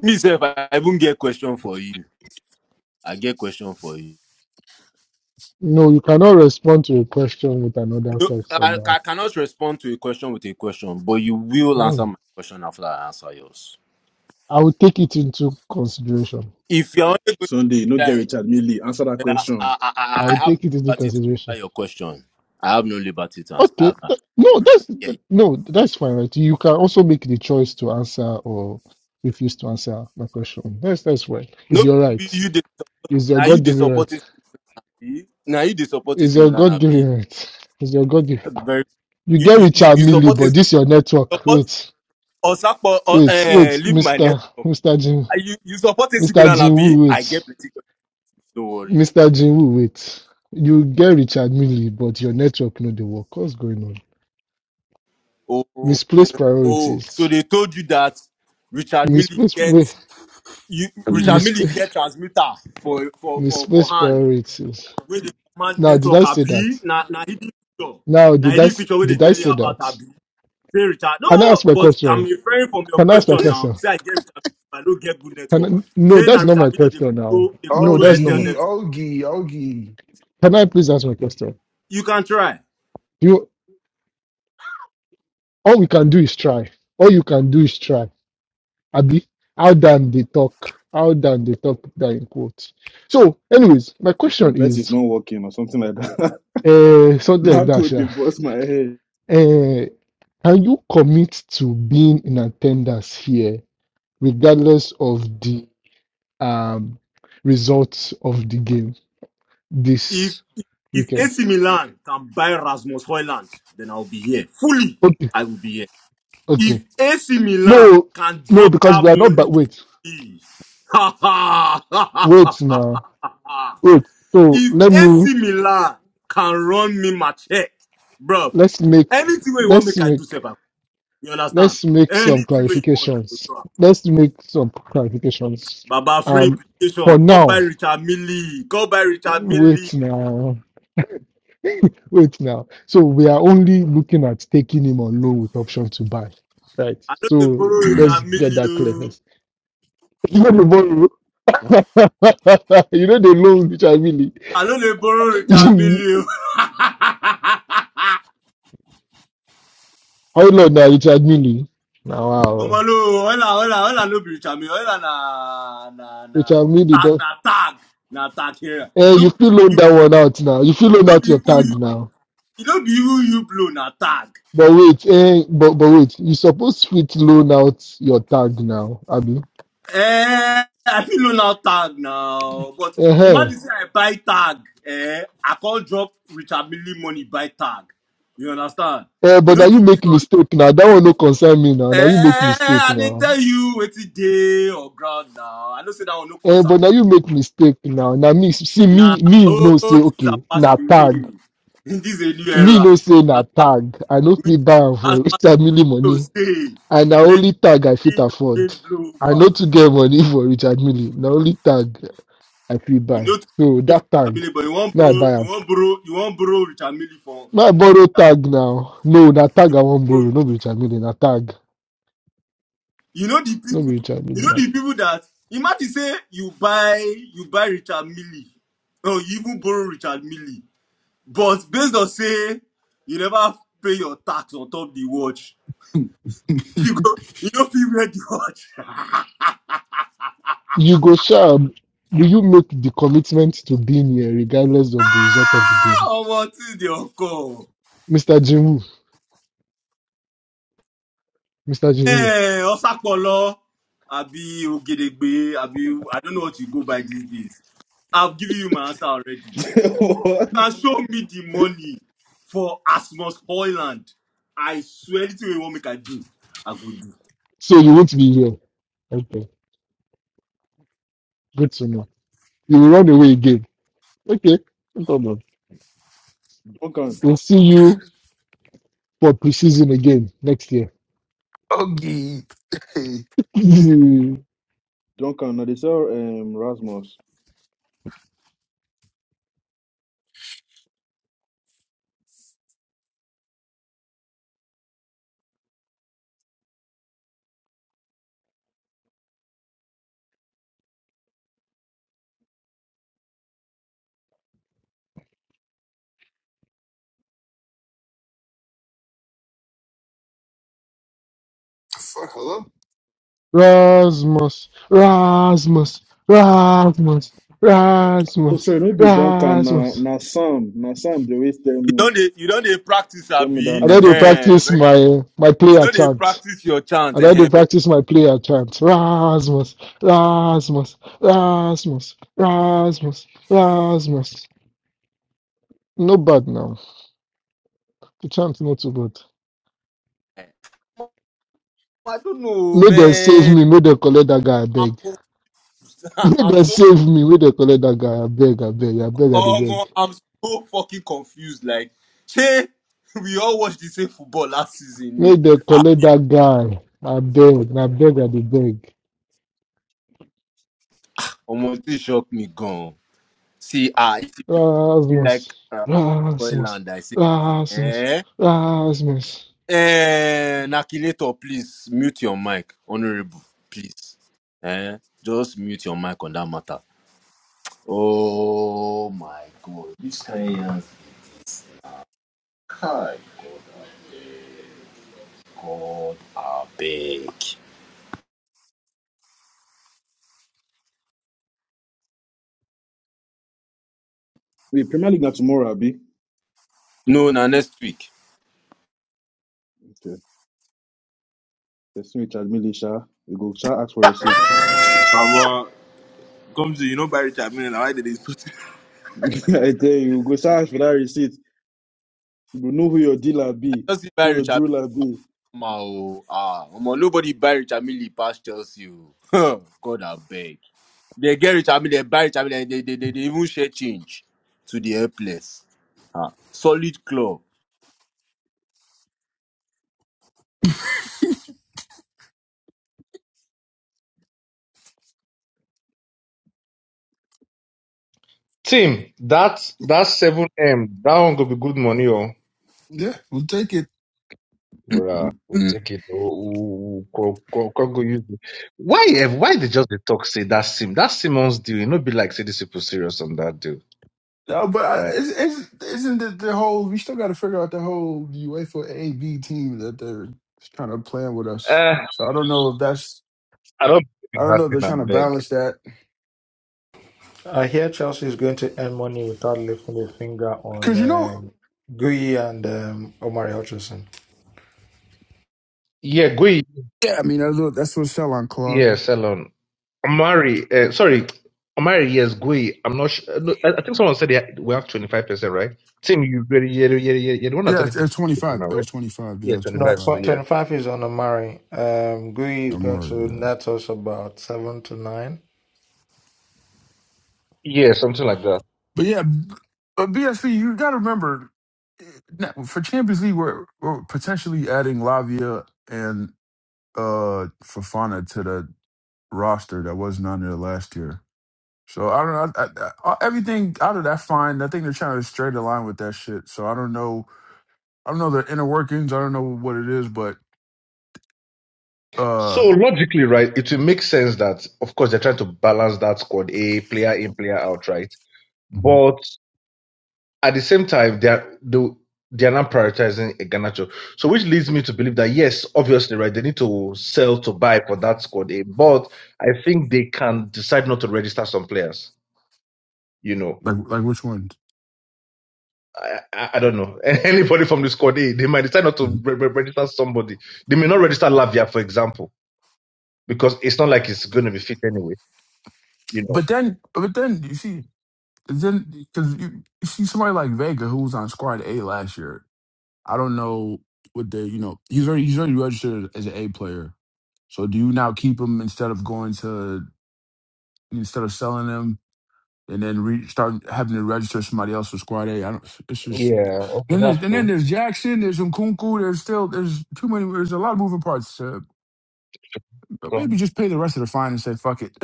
Speaker 14: Me, sir, if I even get question for you, I get question for you.
Speaker 17: No, you cannot respond to a question with another
Speaker 14: No,
Speaker 17: question
Speaker 14: I, I
Speaker 17: now.
Speaker 14: cannot respond to a question with a question, but you will
Speaker 17: Hmm.
Speaker 14: answer my question after I answer yours.
Speaker 17: I will take it into consideration.
Speaker 14: If you're only good,
Speaker 16: Sunday, no get
Speaker 14: there,
Speaker 16: Richard Millie. Answer that
Speaker 14: then I,
Speaker 16: question.
Speaker 14: I,
Speaker 17: I
Speaker 14: I, I
Speaker 17: will
Speaker 14: have no
Speaker 17: take it into
Speaker 14: liberty to
Speaker 17: consideration.
Speaker 14: answer your question. I have no liberty to answer. I
Speaker 17: Okay,
Speaker 14: have, no,
Speaker 17: th- no, that's
Speaker 14: yeah,
Speaker 17: th- no,
Speaker 14: yeah.
Speaker 17: that's fine, right? You can also make the choice to answer or refuse to answer my question. That's that's right. Is
Speaker 14: No,
Speaker 17: your
Speaker 14: be
Speaker 17: right?
Speaker 14: you the
Speaker 17: Is your
Speaker 14: now you
Speaker 17: God
Speaker 14: the
Speaker 17: given
Speaker 14: support
Speaker 17: right?
Speaker 14: is now you the support
Speaker 17: Is
Speaker 14: is
Speaker 17: your
Speaker 14: Milan
Speaker 17: God
Speaker 14: B.
Speaker 17: given right? Is your God given?
Speaker 14: Very
Speaker 17: You
Speaker 14: you
Speaker 17: get
Speaker 14: you you
Speaker 17: Richard
Speaker 14: you
Speaker 17: Millie,
Speaker 14: support
Speaker 17: but
Speaker 14: is
Speaker 17: this your network.
Speaker 14: support
Speaker 17: Wait,
Speaker 14: Osakpo or uh,
Speaker 17: wait,
Speaker 14: eh,
Speaker 17: wait,
Speaker 14: leave my
Speaker 17: Mister
Speaker 14: network.
Speaker 17: Mister Jim,
Speaker 14: Ah, You you support is
Speaker 17: Mister
Speaker 14: Milan
Speaker 17: Jim
Speaker 14: B.
Speaker 17: Woo,
Speaker 14: I
Speaker 17: wait,
Speaker 14: get plenty. Don't worry.
Speaker 17: Mister Jim Woo, wait. You get Richard Millie, but your network no dey work. What's going on?
Speaker 14: Oh, oh, oh.
Speaker 17: Misplaced
Speaker 14: oh. so
Speaker 17: priorities.
Speaker 14: they told you that Richard Millie
Speaker 17: Misplaced.
Speaker 14: get
Speaker 17: Wait,
Speaker 14: you, Richard Millie
Speaker 17: misplaced.
Speaker 14: get transmitter for for
Speaker 17: The
Speaker 14: for for
Speaker 17: space
Speaker 14: hand.
Speaker 17: priorities.
Speaker 14: Where the command
Speaker 17: Now, did I
Speaker 14: network
Speaker 17: say that?
Speaker 14: abi na na hidden feature.
Speaker 17: Now,
Speaker 14: Na
Speaker 17: did I
Speaker 14: hidden
Speaker 17: s-
Speaker 14: feature where they
Speaker 17: did I
Speaker 14: tell you
Speaker 17: say
Speaker 14: about
Speaker 17: that?
Speaker 14: abi. Say Richard,
Speaker 17: Can I
Speaker 14: no,
Speaker 17: ask my
Speaker 14: but I'm
Speaker 17: question?
Speaker 14: referring from your
Speaker 17: Can I ask my
Speaker 14: question
Speaker 17: question?
Speaker 14: now. Say I get Richard, Mille, I don't get good
Speaker 17: Can
Speaker 14: network.
Speaker 17: I, no,
Speaker 14: Say na
Speaker 17: that's not
Speaker 14: Richard
Speaker 17: my
Speaker 14: Millie they
Speaker 17: question now.
Speaker 14: control they
Speaker 17: No,
Speaker 14: control
Speaker 17: that's not
Speaker 14: Airtel
Speaker 17: my.
Speaker 7: Ogie,
Speaker 14: network.
Speaker 7: Ogie, Ogie,
Speaker 17: Can I please ask my question?
Speaker 14: You can try
Speaker 17: You all we can do is try. All you can do is try. Abi, how than they talk? How than they talk? That in quote. So, anyways, my
Speaker 16: If your
Speaker 17: question
Speaker 16: bet is
Speaker 17: is,
Speaker 16: not working or something like that,
Speaker 17: uh, something like
Speaker 16: that
Speaker 17: that,
Speaker 16: could they
Speaker 17: yeah.
Speaker 16: bust my head.
Speaker 17: Uh, can you commit to being in attendance here? regardless of the um, results of the game
Speaker 14: if
Speaker 17: this
Speaker 14: if if
Speaker 17: weekend.
Speaker 14: AC Milan can buy Rasmus Hoyland, then I'll be here fully.
Speaker 17: Okay,
Speaker 14: I will be here.
Speaker 17: okay.
Speaker 14: If AC Milan
Speaker 17: No,
Speaker 14: can
Speaker 17: no,
Speaker 14: drop
Speaker 17: because
Speaker 14: that
Speaker 17: we are not.
Speaker 14: money,
Speaker 17: But wait,
Speaker 14: fee, ha ha ha ha
Speaker 17: wait
Speaker 14: ha
Speaker 17: now,
Speaker 14: ha ha.
Speaker 17: wait. So
Speaker 14: If
Speaker 17: let me
Speaker 14: AC Milan can run me my check, bro,
Speaker 17: let's make
Speaker 14: anything wey you want
Speaker 17: let's
Speaker 14: make I do,
Speaker 17: make
Speaker 14: Sepa, you understand?
Speaker 17: let's make some
Speaker 14: Anything wey you want, I go
Speaker 17: clarifications.
Speaker 14: do. am.
Speaker 17: Let's make some clarifications.
Speaker 14: Baba free
Speaker 17: Um,
Speaker 14: implication.
Speaker 17: for
Speaker 14: Come buy
Speaker 17: now,
Speaker 14: Richard Millie. Come buy Richard Millie.
Speaker 17: wait now. Wait now. So we are only looking at taking him on loan with option to buy. Right.
Speaker 14: I know they
Speaker 17: So
Speaker 14: borrow
Speaker 17: let's
Speaker 14: Richard
Speaker 17: get
Speaker 14: Millie.
Speaker 17: that clear
Speaker 14: oh.
Speaker 17: first. You know the borrow. you know the loan Richard Mille.
Speaker 14: I know they borrow Richard
Speaker 17: You-
Speaker 14: Millie. oh.
Speaker 17: How long now Richard Mille? Now
Speaker 14: Oh
Speaker 17: wow.
Speaker 14: malo, hola, hola, hola, no be chami, hola na na na
Speaker 17: Richard Mille
Speaker 14: tag
Speaker 17: does
Speaker 14: na tag na tag here.
Speaker 17: eh,
Speaker 14: No
Speaker 17: you
Speaker 14: be
Speaker 17: feel
Speaker 14: who
Speaker 17: loan
Speaker 14: you,
Speaker 17: that one out now. You feel loan
Speaker 14: no
Speaker 17: out
Speaker 14: be
Speaker 17: your
Speaker 14: who
Speaker 17: tag
Speaker 14: you,
Speaker 17: now.
Speaker 14: no be who you blow na tag.
Speaker 17: But wait, eh, but but wait, you supposed fit loan out your tag now, Abby.
Speaker 14: Eh, I feel no now tag now, but
Speaker 17: Eh, eh.
Speaker 14: imagine say I buy tag, eh, I can't drop Richard Millie money buy tag. You understand?
Speaker 17: Eh,
Speaker 14: You
Speaker 17: but now
Speaker 14: know
Speaker 17: you
Speaker 14: too
Speaker 17: make
Speaker 14: pure.
Speaker 17: mistake now. That one no concern me now. Now you make
Speaker 14: Eh,
Speaker 17: mistake
Speaker 14: I dey
Speaker 17: now
Speaker 14: tell you it's a day or ground now. I know say that one no
Speaker 17: Eh,
Speaker 14: concern
Speaker 17: but now you make mistake now. Now me see
Speaker 14: Now
Speaker 17: me me no say
Speaker 14: all things are
Speaker 17: okay
Speaker 14: passed
Speaker 17: na
Speaker 14: away.
Speaker 17: tag.
Speaker 14: In this a new
Speaker 17: Me
Speaker 14: era,
Speaker 17: no say na tag. I no
Speaker 14: we
Speaker 17: fit buy am
Speaker 14: as
Speaker 17: for Richard Mille
Speaker 14: to
Speaker 17: money.
Speaker 14: say,
Speaker 17: And na
Speaker 14: let the
Speaker 17: only tag I fit
Speaker 14: wind of
Speaker 17: afford.
Speaker 14: change blow
Speaker 17: I no
Speaker 14: over.
Speaker 17: too get money for Richard Mille. Na only tag I fit
Speaker 14: You
Speaker 17: buy.
Speaker 14: know, to
Speaker 17: So
Speaker 14: pay for
Speaker 17: that tag,
Speaker 14: Chamele, but you won't
Speaker 17: now I
Speaker 14: borrow,
Speaker 17: buy
Speaker 14: you
Speaker 17: am.
Speaker 14: won't borrow, you won't borrow with Chamele for,
Speaker 17: Now I borrow tag now. No, na tag I wan
Speaker 14: for
Speaker 17: borrow. No be Richard Mille, na tag.
Speaker 14: you know the
Speaker 17: No be
Speaker 14: people,
Speaker 17: Richard
Speaker 14: you
Speaker 17: Mille.
Speaker 14: know
Speaker 17: Na...
Speaker 14: the people that imagine say you buy you buy Richard Millie, or you even borrow Richard Millie, but based on say you never pay your tax on top the watch, you go you don't feel ready watch.
Speaker 17: You go sure. Will you make the commitment to being here regardless of the result of the
Speaker 14: Ah,
Speaker 17: game,
Speaker 14: ọmọ tí ìdí ọkọ
Speaker 17: Mister Jim? Mr.
Speaker 14: ẹ
Speaker 17: Jimmy.
Speaker 14: ọsàpọlọ àbí ògèdègbè àbí i don't know what you go by these days i've given you my answer already you
Speaker 16: what?
Speaker 14: can show me the money for asmus hoyland i swear anything wey you wan make i do i go do.
Speaker 17: So you won't be here. Okay. Good to know. You will run away again. Okay. No problem.
Speaker 16: Duncan,
Speaker 17: We'll see you for preseason again next year.
Speaker 7: Ogie. Hey,
Speaker 16: Duncan. Now they sell um Rasmus.
Speaker 7: fuck, hello.
Speaker 17: Rasmus. Rasmus. Rasmus.
Speaker 16: Oh,
Speaker 17: Rasmus.
Speaker 16: sorry, no be Duncan. Now,
Speaker 17: Rasmus.
Speaker 16: now Sam, now Sam. They always tell
Speaker 14: you don
Speaker 16: me,
Speaker 14: dey you don dey practice
Speaker 16: tell me that
Speaker 14: abi
Speaker 17: I had to
Speaker 16: nonsense.
Speaker 14: Ehem,
Speaker 17: practice
Speaker 14: very
Speaker 17: my my
Speaker 14: you
Speaker 17: player
Speaker 14: don dey
Speaker 17: chant.
Speaker 14: practice your chant
Speaker 17: I had to
Speaker 14: Ehem, very.
Speaker 17: practice my player chant. Rasmus. Rasmus. Rasmus. Rasmus. Rasmus. No bad now. The chant not too bad.
Speaker 14: I don't know,
Speaker 17: May they save
Speaker 14: man.
Speaker 17: me, may they collect that guy, I
Speaker 14: I'm,
Speaker 17: beg.
Speaker 14: con-
Speaker 17: May
Speaker 14: I'm
Speaker 17: they
Speaker 14: so
Speaker 17: save me, may they collect that guy, I beg, I beg, I beg, I dey
Speaker 14: Oh man,
Speaker 17: beg.
Speaker 14: I'm so fucking confused. Like, say we all watched the same football last season.
Speaker 17: May
Speaker 14: ni.
Speaker 17: they collect that guy, I beg, I beg, I dey beg.
Speaker 14: Omo, it shocked me gone. See, ah, it feel
Speaker 17: Rasmus,
Speaker 14: like uh,
Speaker 17: Rasmus,
Speaker 14: Thailand. I say,
Speaker 17: Rasmus,
Speaker 14: eh,
Speaker 17: Rasmus.
Speaker 14: eh, Nakilator, please mute your mic, honorable, please. Eh, just mute your mic on that matter. Oh my God, this kind of big.
Speaker 16: Wait, Premier League now tomorrow, Abi.
Speaker 14: No, na next week.
Speaker 16: Okay. Person with admit it, sha. You go start ask for receipt.
Speaker 12: I'm uh, come to, you know, by Richard Mille. Now, Why did they put it?
Speaker 16: I tell you, you go start ask for that receipt. You go know who your dealer be,
Speaker 14: I just invite
Speaker 16: who your
Speaker 14: Richard.
Speaker 16: jeweler be.
Speaker 14: Ma, oh, ah, omo, nobody buy Rich Amili past Chelsea. oh. God, I beg. They get Rich Amili, they buy Rich Amili, they, they, they, they even share change to the helpless. Ah, solid club.
Speaker 6: Tim, that that seven m that one could be good money oh.
Speaker 7: Yeah, we'll take it.
Speaker 6: Bruh, we'll take it. Oh, go, go, go, go use it. Why, eh, why they just the talk say that Sim, that Simon's deal? You know, be like say this people serious on that deal.
Speaker 7: No, but I,
Speaker 6: Like,
Speaker 7: it's, it's, isn't it the whole? We still got to figure out the whole UEFA AB team that they're trying to plan with us.
Speaker 6: eh,
Speaker 7: So I don't know if that's.
Speaker 6: I don't believe
Speaker 7: I
Speaker 6: in
Speaker 7: don't
Speaker 6: that
Speaker 7: know if
Speaker 6: thing.
Speaker 7: they're
Speaker 6: I
Speaker 7: trying to
Speaker 6: beg.
Speaker 7: balance that
Speaker 13: I hear Chelsea is going to earn money without lifting a finger on
Speaker 7: because you know.
Speaker 13: uh, Gui and um, Omari Hutchinson.
Speaker 6: Yeah, go.
Speaker 7: Yeah, I mean that's what, that's what sell-on
Speaker 6: Yeah,
Speaker 7: clauses.
Speaker 6: Salon. Amari, uh, sorry, Amari, yes, Gui. I'm not sure. No, I, I think someone said they- ha- we have 25%, right? Tim, you really, yeah, yeah, yeah, yeah, the one that
Speaker 7: Yeah,
Speaker 6: said
Speaker 7: it's,
Speaker 6: it to
Speaker 7: it's
Speaker 6: me
Speaker 7: twenty-five.
Speaker 6: now,
Speaker 7: It was
Speaker 6: right?
Speaker 7: twenty-five. Yeah, it
Speaker 6: Yeah,
Speaker 7: was
Speaker 13: No,
Speaker 6: 25
Speaker 7: twenty-five.
Speaker 6: to
Speaker 13: tw-
Speaker 6: yeah.
Speaker 13: 25 is on Omari. Um, Gui is
Speaker 7: I'm
Speaker 13: going
Speaker 7: already.
Speaker 13: to
Speaker 7: Yeah,
Speaker 13: net us about 7 to 9.
Speaker 6: Yeah, something like that.
Speaker 7: but yeah, b- but BSV, you got to remember eh, now, for Champions League, we're, we're potentially adding Lavia and uh Fafana to the roster that wasn't on there last year. So I don't know. I, I, I, everything out of that fine. I think they're trying to straight align with that shit. So I don't know. I don't know the inner workings. I don't know what it is, but
Speaker 6: So
Speaker 7: uh,
Speaker 6: logically, right, it will make sense that, of course, they're trying to balance that squad A, player in, player out, right?
Speaker 7: Mhm.
Speaker 6: But. at the same time, they are they, they are not prioritizing Iheanacho. So which leads me to believe that yes, obviously, right, they need to sell to buy for that squad A, but I think they can decide not to register some players. You know,
Speaker 7: like like which ones.
Speaker 6: I, I, I don't know anybody from the squad A. They might decide not to
Speaker 7: Mhm.
Speaker 6: re- re- register somebody. They may not register Lavia, for example, because it's not like it's going to be fit anyway. You know.
Speaker 7: But then, but then you see, then because you, you see somebody like Vega who was on Squad A last year. I don't know what they. You know, he's already he's already registered as an A player. So do you now keep him instead of going to instead of selling him? and then re- start having to register somebody else for squad A. I don't. It's just
Speaker 6: Yeah. Okay,
Speaker 7: then
Speaker 6: that's
Speaker 7: there's and then
Speaker 6: true.
Speaker 7: there's Jackson, there's Nkunku, there's still there's too many. There's a lot of moving parts. Uh, but
Speaker 6: So.
Speaker 7: maybe just pay the rest of the fine and say fuck it.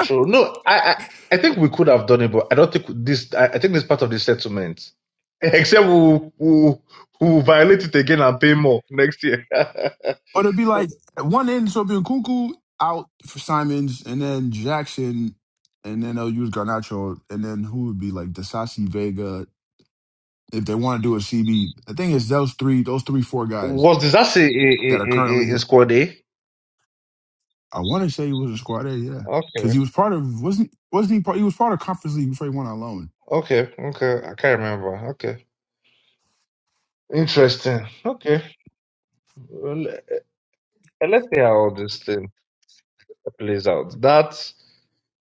Speaker 6: True. No, I, I, I think we could have done it, but I don't think this. I, I think this part of the settlement. Except we will we'll, we'll violate it again and pay more next year.
Speaker 7: or it'll be like at one end, so it'll be Nkunku out for Simons, and then Jackson, and then they'll use Garnacho, and then who would be like Dasasi Vega if they want to do a CB. The thing is, those three, those three, four guys
Speaker 6: Was disaster in,
Speaker 7: that are
Speaker 6: in,
Speaker 7: currently
Speaker 6: in, in squad A?
Speaker 7: I want to say he was a squad A, yeah, because
Speaker 6: Okay,
Speaker 7: he was part of wasn't wasn't he part? He was part of Conference League before he went on loan.
Speaker 6: okay, okay. I can't remember. Okay, interesting. Okay, well, let's see how this thing plays out. That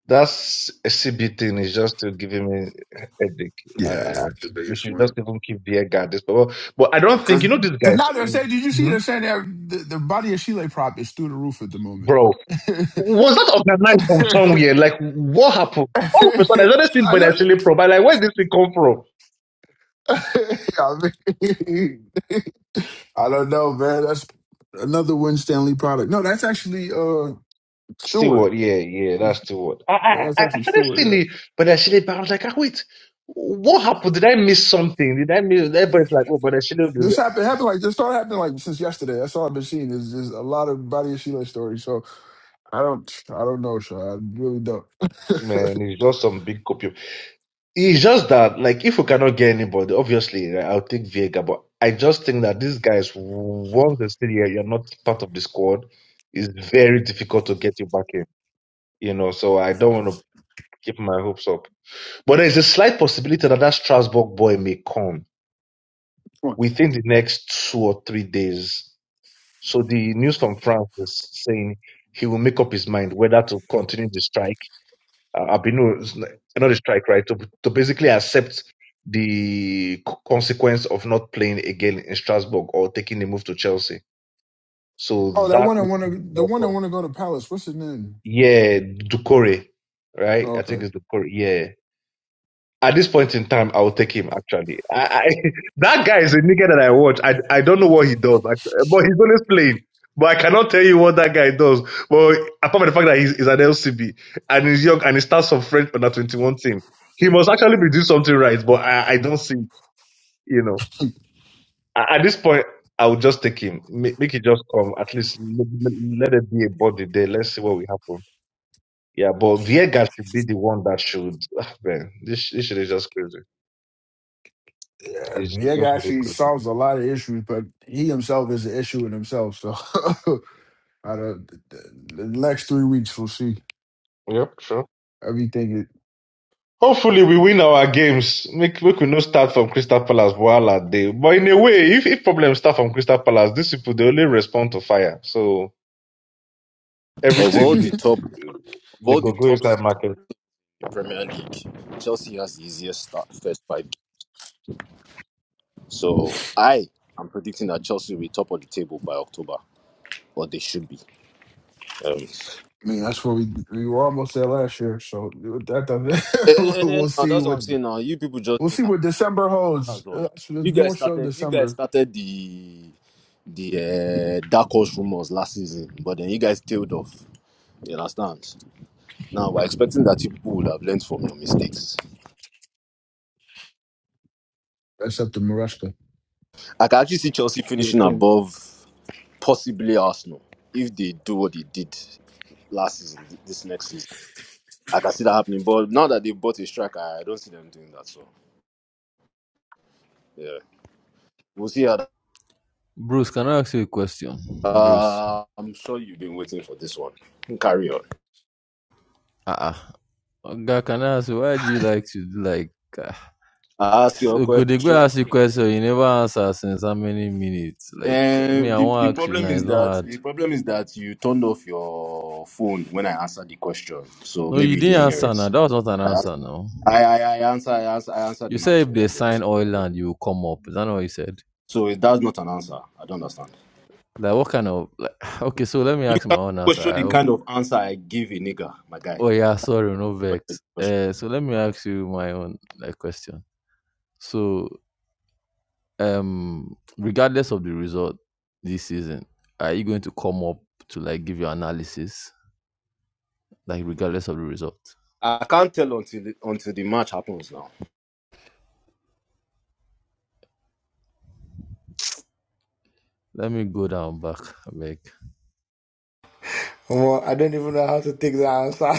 Speaker 6: That's SCB thing is just still giving me headache.
Speaker 7: Yeah,
Speaker 6: I,
Speaker 7: yeah,
Speaker 6: I,
Speaker 7: that's the
Speaker 6: they
Speaker 7: biggest
Speaker 6: should just
Speaker 7: one.
Speaker 6: even keep the air guard. This, but, but I don't think
Speaker 7: Because
Speaker 6: you know these
Speaker 7: because
Speaker 6: guys,
Speaker 7: now they're saying, did you see
Speaker 6: Mhm.
Speaker 7: they're saying that the, the body of Chile prop is through the roof at the moment.
Speaker 6: bro. Was that organized from somewhere? Like what happened? All of
Speaker 7: I
Speaker 6: a sudden, there's another thing, but
Speaker 7: don't.
Speaker 6: actually, pro. But like, where did this thing come from?
Speaker 7: I, mean, I don't know, man. That's another Win Stanley product. No, that's actually uh Stewart.
Speaker 6: Steward, yeah, yeah,
Speaker 7: It's-
Speaker 6: that's Steward. I, I,
Speaker 7: That's
Speaker 6: I I
Speaker 7: actually
Speaker 6: started
Speaker 7: Stewart.
Speaker 6: seeing
Speaker 7: yeah.
Speaker 6: it, but actually, but I was like, ah, wait, what happened? Did I miss something? Did I miss? Everybody's like, oh, but actually,
Speaker 7: This happened happened like this started happening like since yesterday. That's all I've been seeing is is a lot of body of Sheila stories. So I don't I don't know, Shaw. I really don't. Come
Speaker 6: man, it's just some big copy It's just that, like, if we cannot get anybody, obviously, right, I'll take Viega. But I just think that these guys, once they still here, you're not part of the squad. It's very difficult to get you back in, you know. So I don't want to keep my hopes up. But there's a slight possibility that that Strasbourg boy may come
Speaker 7: on.
Speaker 6: within the next two or three days. So the news from France is saying he will make up his mind whether to continue the strike Uh, I've been no, n- not a strike, right? To to basically accept the c- consequence of not playing again in Strasbourg or taking the move to Chelsea. So
Speaker 7: oh, that
Speaker 6: that
Speaker 7: one I want to the one I want to go to Palace. What's his name?
Speaker 6: yeah, Ducore, right?
Speaker 7: Oh,
Speaker 6: I think
Speaker 7: okay.
Speaker 6: it's Ducore. Yeah, at this point in time, I will take him. Actually, I, I, that guy is a nigga that I watch. I I don't know what he does, act- but he's always playing. But I cannot tell you what that guy does. But apart from the fact that he's, he's an LCB and he's young and he starts some French under twenty one team, he must actually be doing something right. But I, I don't see, you know, A- at this point, I will just take him. Make, make it just come. At least let, let it be a body there. Let's see what will happen. Yeah, but Viega should be the one that should. Man, this this shit is just crazy.
Speaker 7: Yeah,
Speaker 6: It's, it's not
Speaker 7: Viega
Speaker 6: the
Speaker 7: actually
Speaker 6: good.
Speaker 7: solves a lot of issues, but he himself is an issue in himself. So I don't. The the next three weeks we'll see
Speaker 6: Yep, sure.
Speaker 7: everything. It,
Speaker 6: Hopefully we win our games. Make make we no start from Crystal Palace Boala Day. But in a way, if, if problems start from Crystal Palace, these people they only respond to fire. So
Speaker 14: Of all
Speaker 6: everything
Speaker 14: the top, of
Speaker 6: they, they
Speaker 14: all the
Speaker 6: go go
Speaker 14: top
Speaker 6: inside
Speaker 14: six in
Speaker 6: market.
Speaker 14: the Premier League, Chelsea has the easiest start first five. games. So I am predicting that Chelsea will be top of the table by October, or they should be. Um,
Speaker 7: I mean, that's what we we were almost there last year. So that
Speaker 14: and,
Speaker 7: doesn't.
Speaker 14: and,
Speaker 7: we'll
Speaker 14: and now
Speaker 7: see
Speaker 14: that's what I'm
Speaker 7: what
Speaker 14: saying. Now you people
Speaker 7: We'll
Speaker 14: just
Speaker 7: see what December holds.
Speaker 14: That's all
Speaker 7: Uh,
Speaker 14: now.
Speaker 7: so it's
Speaker 14: You guys
Speaker 7: more so
Speaker 14: started. You guys
Speaker 7: December,
Speaker 14: started the the uh, dark horse rumors last season, but then you guys tailed off. You understand? Now we're expecting that you people would have learned from your mistakes.
Speaker 7: except the Maresca.
Speaker 14: I can actually see Chelsea
Speaker 16: Your
Speaker 14: finishing
Speaker 16: team,
Speaker 14: above possibly Arsenal if they do what they did last season, th- this next season. I can see that happening. But now that they have bought a striker, I don't see them doing that. So yeah, we'll see how. That,
Speaker 18: Bruce, can I ask you a question? Bruce.
Speaker 14: uh, I'm sure you've been waiting for this one. Carry on.
Speaker 18: Uh-uh. can I ask you, why do you like to, do like, ah,
Speaker 14: I ask your
Speaker 18: so good, they go
Speaker 14: question.
Speaker 18: ask you a question, you never answer since how many minutes? Like,
Speaker 14: Uh,
Speaker 18: me, I
Speaker 14: the the
Speaker 18: won't ask you
Speaker 14: problem
Speaker 18: now,
Speaker 14: is
Speaker 18: it's not
Speaker 14: that
Speaker 18: hard.
Speaker 14: the problem is that you turned off your phone when I answered the question, so
Speaker 18: No, you
Speaker 14: maybe you
Speaker 18: didn't
Speaker 14: didn't hear
Speaker 18: answer now,
Speaker 14: it.
Speaker 18: that was not an
Speaker 14: I ans-
Speaker 18: answer now.
Speaker 14: I I, I answer I answer I answered
Speaker 18: You
Speaker 14: him
Speaker 18: said if
Speaker 14: actually.
Speaker 18: they
Speaker 14: I did.
Speaker 18: sign oil and you will come up, is that not what you said?
Speaker 14: So it- that's not an answer. I don't understand.
Speaker 18: Like, what kind of, like, okay, so let me
Speaker 14: You
Speaker 18: ask my
Speaker 14: cannot
Speaker 18: own answer,
Speaker 14: question
Speaker 18: I
Speaker 14: the
Speaker 18: hope.
Speaker 14: kind of answer I give a nigga, my guy.
Speaker 18: Oh yeah, sorry, no
Speaker 14: That's
Speaker 18: vex.
Speaker 14: the question.
Speaker 18: Uh, so let me ask you my own like question. So um regardless of the result this season are you going to come up to like give your analysis like regardless of the result
Speaker 14: I can't tell until the- until the match happens now.
Speaker 18: let me go down back like
Speaker 13: Well, I don't even know how to take the answer.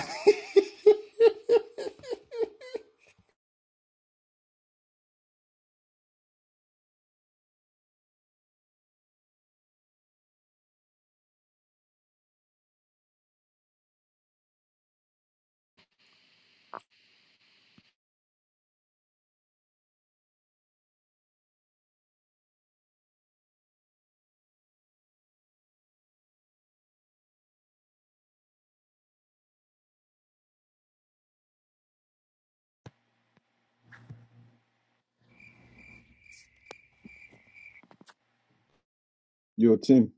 Speaker 16: your team.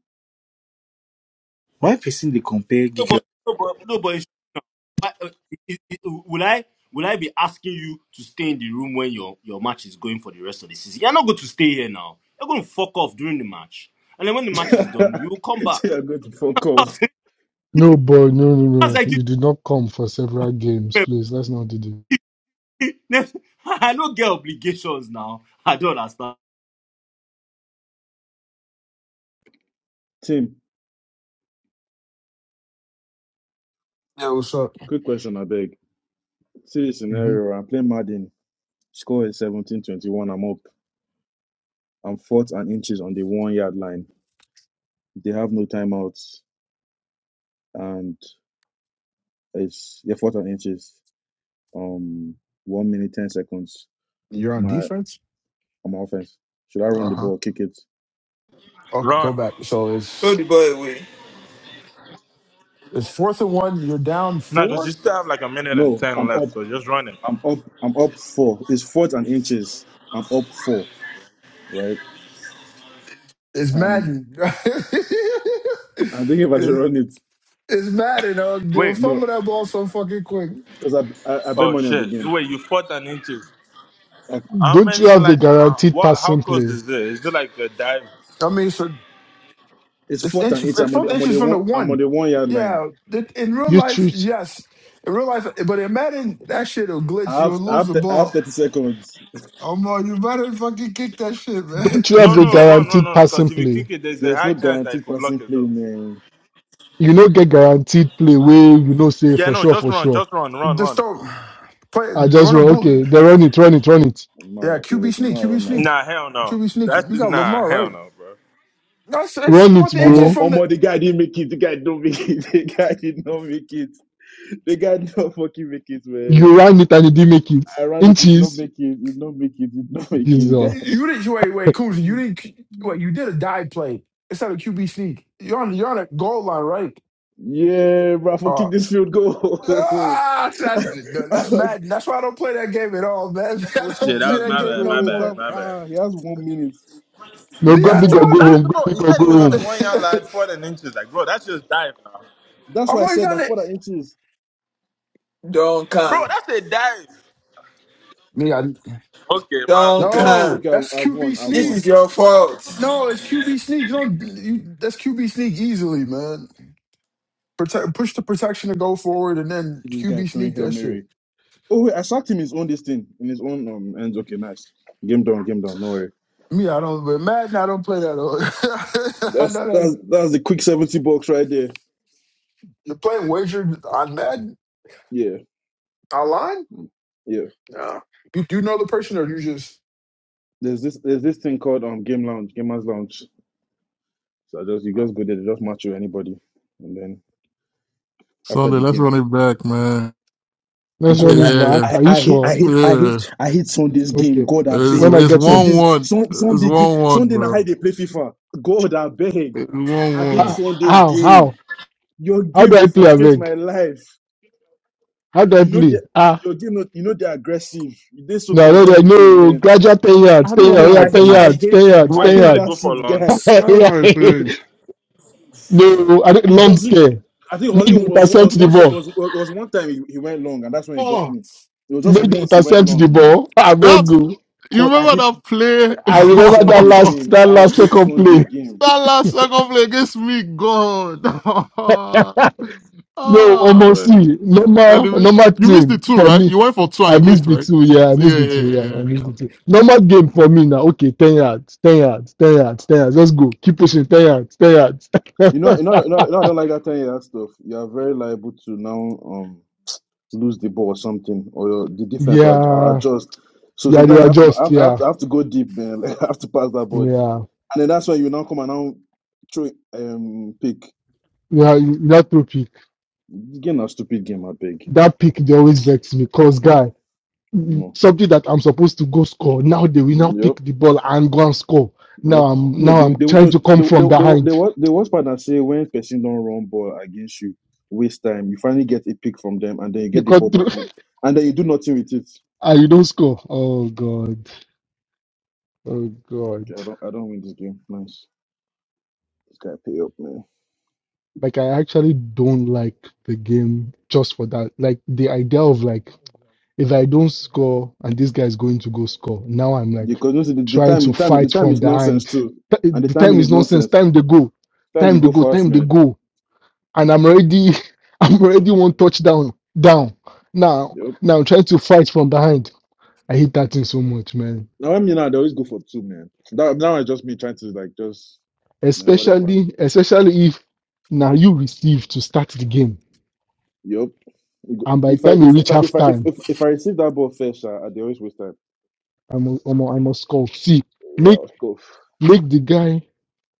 Speaker 19: Why person they compare
Speaker 14: No,
Speaker 19: Gikyo?
Speaker 14: but, no, but, no, but it Why- uh, it- it- Will I will I be asking you to stay in the room when your, your match is going for the rest of the season? You're not going to stay here now. You're going to fuck off during the match, and then when the
Speaker 16: so
Speaker 14: match is done, you will come back.
Speaker 16: you're going to fuck off.
Speaker 14: That's
Speaker 17: No, boy, no, no, no.
Speaker 14: like
Speaker 17: You did not come for several games, please. Let's not do this.
Speaker 14: this. I don't get obligations now. I don't understand.
Speaker 16: Team,
Speaker 7: Yeah, what's up?
Speaker 16: quick question, I beg. See this
Speaker 7: hmm
Speaker 16: scenario, I'm playing Madden. Score is 17-21, I'm up. I'm fourth and inches on the one yard line. They have no timeouts and it's yeah, fourth and inches. Um one minute ten seconds.
Speaker 7: You're on
Speaker 16: My
Speaker 7: defense.
Speaker 16: on my offense. Should I
Speaker 7: Uh
Speaker 16: run the
Speaker 7: huh.
Speaker 16: ball, kick it?
Speaker 7: Okay, go
Speaker 12: Run.
Speaker 7: back. So
Speaker 1: Throw
Speaker 7: it's
Speaker 1: the boy away.
Speaker 7: it's fourth and one. You're down
Speaker 12: Now, because you
Speaker 7: four.
Speaker 12: still have like a minute and
Speaker 16: No,
Speaker 12: 10
Speaker 16: I'm up.
Speaker 12: left, so just run it.
Speaker 16: I'm up. I'm up four. It's fourth and inches. I'm up four, right?
Speaker 7: It's
Speaker 16: And
Speaker 7: Madden.
Speaker 16: I don't know if I should
Speaker 7: it's,
Speaker 16: run it.
Speaker 7: it's Madden. Uh, they'll
Speaker 12: Wait.
Speaker 16: No,
Speaker 7: fumble that ball so fucking quick.
Speaker 16: because I, I I bet
Speaker 12: Oh,
Speaker 16: money on the
Speaker 12: shit.
Speaker 16: game.
Speaker 12: Wait, you fought an inches.
Speaker 16: Like,
Speaker 12: How
Speaker 17: Don't you
Speaker 12: many,
Speaker 17: have a
Speaker 12: like, uh,
Speaker 17: guaranteed
Speaker 12: what? how
Speaker 17: passing
Speaker 12: close
Speaker 17: play?
Speaker 12: is it? Is it like a dive?
Speaker 7: I mean, so
Speaker 16: it's
Speaker 7: it's
Speaker 16: fourth and
Speaker 7: inches.
Speaker 16: inches.
Speaker 7: It's
Speaker 16: I'm on the
Speaker 7: from
Speaker 16: I'm on the
Speaker 7: inches from the
Speaker 16: one I'm on
Speaker 7: one.
Speaker 16: the one yard line.
Speaker 7: Yeah, that- in real
Speaker 17: You
Speaker 7: life,
Speaker 17: treat.
Speaker 7: yes. In real life, but in Madden, that shit will glitch.
Speaker 16: I
Speaker 7: You'll
Speaker 16: have I
Speaker 7: lose
Speaker 16: have,
Speaker 7: the
Speaker 16: to, I have
Speaker 7: ball.
Speaker 16: thirty seconds.
Speaker 7: Omar, you better fucking kick that shit, man.
Speaker 17: Don't you
Speaker 12: No,
Speaker 17: have a
Speaker 7: And
Speaker 12: no,
Speaker 7: play,
Speaker 12: run, run,
Speaker 17: guaranteed
Speaker 12: run.
Speaker 17: passing
Speaker 12: Because if you
Speaker 17: play?
Speaker 12: kick it, there's a
Speaker 16: There's
Speaker 12: high
Speaker 16: no
Speaker 12: chance that you
Speaker 16: guaranteed
Speaker 12: could block
Speaker 16: passing
Speaker 12: it,
Speaker 16: play,
Speaker 12: though.
Speaker 16: man.
Speaker 17: you no get guaranteed play wey you know say
Speaker 12: Yeah,
Speaker 17: for
Speaker 12: no,
Speaker 17: sure,
Speaker 12: just
Speaker 17: for
Speaker 12: run,
Speaker 17: sure.
Speaker 12: just run, run,
Speaker 7: just
Speaker 12: run.
Speaker 7: don't play.
Speaker 17: I just
Speaker 7: Run a
Speaker 17: run, okay,
Speaker 7: boot.
Speaker 16: Um,
Speaker 17: they run it, run it, run it.
Speaker 16: I'm not
Speaker 7: Yeah,
Speaker 16: okay.
Speaker 7: QB
Speaker 16: Wait, I'm
Speaker 7: sneak,
Speaker 16: not
Speaker 7: QB
Speaker 16: run now.
Speaker 7: sneak,
Speaker 12: Nah, hell no.
Speaker 7: QB sneak.
Speaker 12: That's
Speaker 7: You
Speaker 12: just
Speaker 7: got
Speaker 12: nah,
Speaker 7: Lamar
Speaker 12: hell
Speaker 7: right.
Speaker 12: no, bro.
Speaker 7: No, it's, it's
Speaker 17: Run
Speaker 7: start
Speaker 17: it,
Speaker 7: the inches
Speaker 16: Omo,
Speaker 17: bro.
Speaker 7: from the.
Speaker 16: Omo, the guy didn't make it. The guy don't make it. The guy did not make it. The guy did not fucking make it, man.
Speaker 17: You ran it and you didn't make it.
Speaker 16: I ran it, did not
Speaker 17: Inches.
Speaker 16: make it, did not make it, did not make it, guy.
Speaker 17: Jesus.
Speaker 7: You didn't wait, wait, Coons. You didn't. Wait, you did a dive play instead of QB sneak. You're on, you're on a goal line, right?
Speaker 16: Yeah, Rafa,
Speaker 7: Uh,
Speaker 16: kick this field goal.
Speaker 7: ah, that's that's
Speaker 16: Rafa,
Speaker 7: mad. That's why I don't play that game at all, man. I
Speaker 16: kick
Speaker 12: Shit,
Speaker 7: don't
Speaker 12: that
Speaker 7: play
Speaker 16: this
Speaker 12: was
Speaker 7: that
Speaker 12: my
Speaker 16: field
Speaker 7: game
Speaker 12: bad,
Speaker 16: goal.
Speaker 7: no
Speaker 12: my
Speaker 16: Wait,
Speaker 12: bad,
Speaker 7: more.
Speaker 16: damn,
Speaker 12: my bad.
Speaker 16: ah, he has one minute.
Speaker 17: No,
Speaker 16: He
Speaker 17: go
Speaker 16: has
Speaker 7: Yeah, I
Speaker 17: big
Speaker 16: one
Speaker 17: or go
Speaker 7: told
Speaker 16: minute.
Speaker 7: you.
Speaker 17: home.
Speaker 12: Nah,
Speaker 17: Go
Speaker 12: bro,
Speaker 17: big
Speaker 12: he
Speaker 17: or
Speaker 12: said
Speaker 17: go
Speaker 12: he was on the
Speaker 17: home.
Speaker 12: one yard line, four than inches. Like, bro, that's just dive now.
Speaker 16: That's
Speaker 7: I'm
Speaker 16: why I
Speaker 7: always
Speaker 16: said
Speaker 7: on
Speaker 16: that for
Speaker 7: it.
Speaker 16: the inches.
Speaker 12: Bro,
Speaker 1: Duncan,
Speaker 12: that's a dive.
Speaker 7: Yeah,
Speaker 12: Okay, my
Speaker 16: Okay, I've,
Speaker 1: Duncan,
Speaker 7: No,
Speaker 16: okay, I've,
Speaker 7: that's
Speaker 16: I've
Speaker 7: QB
Speaker 16: won, I've
Speaker 1: this
Speaker 16: won.
Speaker 1: is
Speaker 7: sneak.
Speaker 1: your fault.
Speaker 7: No, it's QB sneak. You don't. You, that's QB sneak easily, man. Protect, push the protection to go forward, and then
Speaker 16: See this guy
Speaker 7: QB
Speaker 16: throwing
Speaker 7: sneak
Speaker 16: Hail
Speaker 7: that shit.
Speaker 16: Mary. Oh, wait, I sacked him in his own this thing, in his own um, ends. Okay, nice. Game down, game down, no worry.
Speaker 7: Me, I don't. But Madden, I don't play that. I
Speaker 16: That's,
Speaker 7: know that
Speaker 16: that's, that's the quick 70 bucks right there.
Speaker 7: you're playing wager on Madden
Speaker 16: Yeah,
Speaker 7: online.
Speaker 16: yeah.
Speaker 7: Yeah. You, you know the person, or you just.
Speaker 16: There's this, there's this thing called um Game Lounge, Gamers Lounge So I just you
Speaker 7: Oh.
Speaker 16: just go there, they just match you anybody, and then after
Speaker 9: Sunday,
Speaker 16: the
Speaker 9: let's
Speaker 16: game,
Speaker 9: run it back, man.
Speaker 17: Let's run
Speaker 16: God,
Speaker 17: it
Speaker 16: I
Speaker 17: back.
Speaker 9: Yeah,
Speaker 16: I,
Speaker 17: Are you
Speaker 16: I hate I
Speaker 17: sure?
Speaker 16: hate I hate
Speaker 9: yeah. It's
Speaker 16: I hate Sunday's game.
Speaker 17: Okay.
Speaker 16: God, I
Speaker 17: When
Speaker 16: beg
Speaker 17: I
Speaker 9: it's
Speaker 17: get home.
Speaker 9: one
Speaker 16: Sunday's
Speaker 9: one.
Speaker 16: Sun,
Speaker 9: It's
Speaker 16: Sunday game
Speaker 9: one one,
Speaker 16: Sunday
Speaker 9: bro.
Speaker 16: night they play FIFA. God, I beg.
Speaker 9: It's one
Speaker 16: I hate
Speaker 17: Ah,
Speaker 9: one.
Speaker 16: Sunday's
Speaker 17: how?
Speaker 16: game.
Speaker 17: How?
Speaker 16: Your
Speaker 17: How
Speaker 16: game
Speaker 17: do I
Speaker 16: they
Speaker 17: play,
Speaker 16: frustrate
Speaker 17: Aveg?
Speaker 16: my life.
Speaker 17: How do I
Speaker 16: You know they,
Speaker 17: play? Ah.
Speaker 16: your game not- you know they're aggressive. They're so
Speaker 17: No, no, no,
Speaker 16: conservative,
Speaker 17: no.
Speaker 16: man.
Speaker 17: Gradual 10 yards,
Speaker 9: I don't
Speaker 17: 10 yards,
Speaker 9: even
Speaker 17: oh
Speaker 16: God,
Speaker 9: know how
Speaker 17: yeah,
Speaker 16: I
Speaker 9: it
Speaker 17: 10
Speaker 16: I
Speaker 9: plays.
Speaker 17: yards,
Speaker 16: hate
Speaker 17: 10 yards,
Speaker 16: I
Speaker 12: wait,
Speaker 17: 10
Speaker 12: you know
Speaker 16: hate
Speaker 12: they go
Speaker 16: that
Speaker 17: yards.
Speaker 12: for
Speaker 16: shit
Speaker 12: long.
Speaker 16: guy.
Speaker 9: I don't know how it plays.
Speaker 17: No, I think
Speaker 16: He
Speaker 17: long
Speaker 16: doesn't.
Speaker 17: care.
Speaker 16: I think
Speaker 17: Make
Speaker 16: only
Speaker 17: they
Speaker 16: was was
Speaker 17: intercept the
Speaker 16: one ti-
Speaker 17: ball.
Speaker 16: was was one time he, he went long, and that's when he got
Speaker 9: Oh,
Speaker 16: me. It was just
Speaker 17: Make they
Speaker 16: once he went
Speaker 17: intercept the
Speaker 16: long, man.
Speaker 17: ball. I
Speaker 9: that
Speaker 17: beg you.
Speaker 9: you
Speaker 16: God, I
Speaker 9: remember
Speaker 16: hit
Speaker 17: I
Speaker 16: I hit
Speaker 17: remember
Speaker 9: that
Speaker 17: that
Speaker 16: Sunday
Speaker 9: play?
Speaker 17: last
Speaker 16: game.
Speaker 17: that
Speaker 16: I
Speaker 17: last
Speaker 16: hit
Speaker 17: second
Speaker 16: Sunday
Speaker 17: play.
Speaker 16: game.
Speaker 9: That last second play against me, God. oh,
Speaker 17: no, almost
Speaker 9: man.
Speaker 17: see.
Speaker 9: And
Speaker 17: Normal
Speaker 9: you mi-
Speaker 17: normal
Speaker 9: you missed the
Speaker 17: thing
Speaker 9: two,
Speaker 17: for
Speaker 9: right?
Speaker 17: me.
Speaker 9: You went for two and
Speaker 17: I
Speaker 9: you
Speaker 17: missed
Speaker 9: missed,
Speaker 17: the
Speaker 9: right?
Speaker 17: two, yeah. I missed
Speaker 9: Yeah,
Speaker 17: the
Speaker 9: yeah,
Speaker 17: two, yeah. I
Speaker 9: yeah.
Speaker 17: missed
Speaker 9: Yeah,
Speaker 17: the two. Normal game for me now. Okay, ten yards, ten yards, ten yards, ten yards. Let's go. Keep pushing. Ten yards, ten yards.
Speaker 16: You know, you know, you know, you know I don't like that kind of stuff. You are very liable to now um lose the ball or something, or your, the defense or, or
Speaker 17: yeah,
Speaker 16: adjust. So
Speaker 17: yeah. They
Speaker 16: sometimes I have to I
Speaker 17: adjust.
Speaker 16: have, I
Speaker 17: Yeah,
Speaker 16: have to I have to go deep, man. Like, I have to pass that ball deep,
Speaker 17: yeah.
Speaker 16: and then that's when you now come and now throw um pick.
Speaker 17: Yeah, that throw pick.
Speaker 16: Game a stupid game, I beg.
Speaker 17: That pick they always vex me. Cause guy.
Speaker 16: No.
Speaker 17: something that I'm supposed to go score. Now they will now
Speaker 16: yep.
Speaker 17: pick the ball and go and score.
Speaker 16: You
Speaker 17: Now
Speaker 16: know,
Speaker 17: I'm
Speaker 16: no,
Speaker 17: now
Speaker 16: they
Speaker 17: I'm
Speaker 16: they
Speaker 17: trying
Speaker 16: no
Speaker 17: to come
Speaker 16: they they
Speaker 17: from
Speaker 16: they they
Speaker 17: behind
Speaker 16: was they was part that say when person don't run ball against you, waste time. You finally get a pick from them, and then you get the
Speaker 17: because
Speaker 16: ball back, and, and then you do nothing with it.
Speaker 17: and you don't score. Oh god, oh god.
Speaker 16: Okay, I don't I don't win this game. Nice, this guy pay up, man.
Speaker 17: Like I actually don't like the game just for that. Like the idea of like if I don't score and this guy is going to go score. Now I'm like
Speaker 16: Because you see, the, the
Speaker 17: trying
Speaker 16: time
Speaker 17: to
Speaker 16: the time the
Speaker 17: fight
Speaker 16: time
Speaker 17: from
Speaker 16: is
Speaker 17: behind.
Speaker 16: nonsense too,
Speaker 17: Th-
Speaker 16: and the
Speaker 17: The time
Speaker 16: timing
Speaker 17: is
Speaker 16: is
Speaker 17: nonsense.
Speaker 16: nonsense.
Speaker 17: Time they go.
Speaker 16: Time they
Speaker 17: Time they
Speaker 16: go
Speaker 17: go.
Speaker 16: fast,
Speaker 17: Time they
Speaker 16: man.
Speaker 17: go and I'm already I'm already one touchdown down. Now
Speaker 16: Yep.
Speaker 17: now I'm trying to fight from behind. I hate that thing so much, man.
Speaker 16: Now I mean, now they always go for two, man. That now it's just me trying to like just man whatever.
Speaker 17: Especially especially if now you receive to start the game,
Speaker 16: Yep.
Speaker 17: and by the
Speaker 16: If I
Speaker 17: time you
Speaker 16: if
Speaker 17: reach
Speaker 16: if I if I if
Speaker 17: halftime,
Speaker 16: if, if I receive that ball first, uh, they always waste time.
Speaker 17: I'm a- I'm a- I must score. See,
Speaker 16: Yeah,
Speaker 17: make
Speaker 16: score.
Speaker 17: make the guy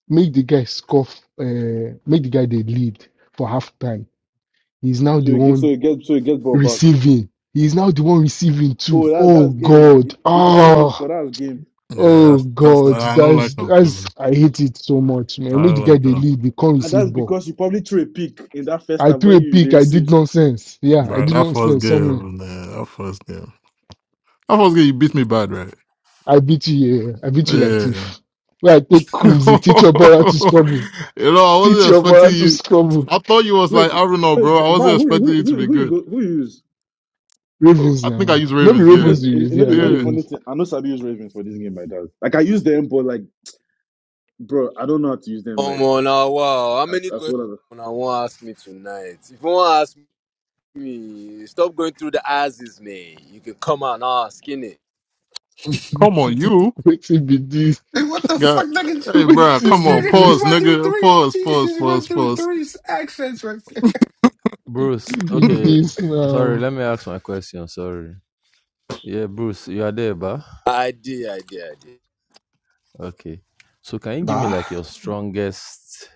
Speaker 17: make the guy scoff. Uh, make the guy the lead for halftime. He's now
Speaker 16: So
Speaker 17: the
Speaker 16: you get, so
Speaker 17: one
Speaker 16: you get, so you get ball back.
Speaker 17: receiving. He's now the one receiving too.
Speaker 16: Oh, that's
Speaker 17: Oh
Speaker 16: that's game now.
Speaker 17: God!
Speaker 16: If, if you can't go
Speaker 17: Oh.
Speaker 16: score, that's game.
Speaker 9: Yeah,
Speaker 17: Oh
Speaker 9: that's, that's,
Speaker 17: God,
Speaker 9: I don't
Speaker 17: that's
Speaker 9: like that
Speaker 17: that's
Speaker 9: feeling.
Speaker 17: I hate it so much, man.
Speaker 9: I
Speaker 17: Make the
Speaker 9: don't
Speaker 17: guy
Speaker 9: like
Speaker 17: They
Speaker 9: that.
Speaker 17: lead, they can't
Speaker 16: And
Speaker 17: receive
Speaker 16: that's
Speaker 17: ball.
Speaker 16: because you probably threw a pick in that first
Speaker 17: I
Speaker 16: half
Speaker 17: threw
Speaker 16: when
Speaker 17: a
Speaker 16: you they
Speaker 17: pick, I did
Speaker 16: receive.
Speaker 17: nonsense. Yeah, I
Speaker 9: But
Speaker 17: did
Speaker 9: that first
Speaker 17: nonsense somewhere.
Speaker 9: game, man, that first game. That first game, you beat me bad, right?
Speaker 17: I beat you, yeah. I beat
Speaker 9: Yeah.
Speaker 17: you like thief. Where I take Kumzi, teach your brother to scrabble.
Speaker 9: you know, I
Speaker 17: Teach
Speaker 9: wasn't
Speaker 17: your
Speaker 9: expecting
Speaker 17: brother to
Speaker 9: you.
Speaker 17: scrabble.
Speaker 9: I thought you was
Speaker 16: Wait,
Speaker 9: like, I don't know,
Speaker 16: wait,
Speaker 9: bro. I
Speaker 16: Val,
Speaker 9: wasn't
Speaker 16: who
Speaker 9: expecting
Speaker 16: who
Speaker 9: you to
Speaker 16: who
Speaker 9: be
Speaker 16: who you
Speaker 9: good.
Speaker 16: go who you use?
Speaker 9: Oh,
Speaker 17: Ravens
Speaker 9: I think I
Speaker 17: now.
Speaker 9: used
Speaker 17: No be
Speaker 9: Ravens,
Speaker 16: You
Speaker 9: yeah.
Speaker 17: Ravens
Speaker 16: know,
Speaker 17: you
Speaker 16: you
Speaker 17: use,
Speaker 16: know,
Speaker 17: yeah,
Speaker 16: the, you
Speaker 17: na
Speaker 16: know the
Speaker 9: Yeah.
Speaker 16: funny
Speaker 17: Ravens.
Speaker 16: thing. I know Sabi use Ravens for this game, my dad. Like I use them, but like, bro, I don't know how to use them.
Speaker 14: Come
Speaker 16: Like
Speaker 14: on now, wow. How
Speaker 16: as
Speaker 14: many
Speaker 16: as
Speaker 14: questions
Speaker 16: well as.
Speaker 14: I won't ask me tonight? If you want to ask me, stop going through the asses, man. You can come out and ask, innit?
Speaker 9: Come on, you.
Speaker 17: Wait till be this.
Speaker 7: Hey, What the fuck,
Speaker 9: God,
Speaker 7: nigga?
Speaker 9: hey,
Speaker 17: Wait
Speaker 9: bro,
Speaker 17: till
Speaker 7: This
Speaker 9: come
Speaker 17: be
Speaker 9: on,
Speaker 7: nigga just
Speaker 9: pause,
Speaker 17: this.
Speaker 7: went through
Speaker 9: nigga,
Speaker 7: three.
Speaker 9: pause,
Speaker 7: He
Speaker 9: pause,
Speaker 7: just went
Speaker 9: pause,
Speaker 7: through
Speaker 9: pause,
Speaker 7: three accents right there.
Speaker 18: bruce
Speaker 17: Be
Speaker 18: okay
Speaker 17: this now.
Speaker 18: sorry let me ask my question sorry yeah bruce you are there ba
Speaker 14: I did, I did,
Speaker 18: okay so can you give me
Speaker 7: Nah.
Speaker 18: like your strongest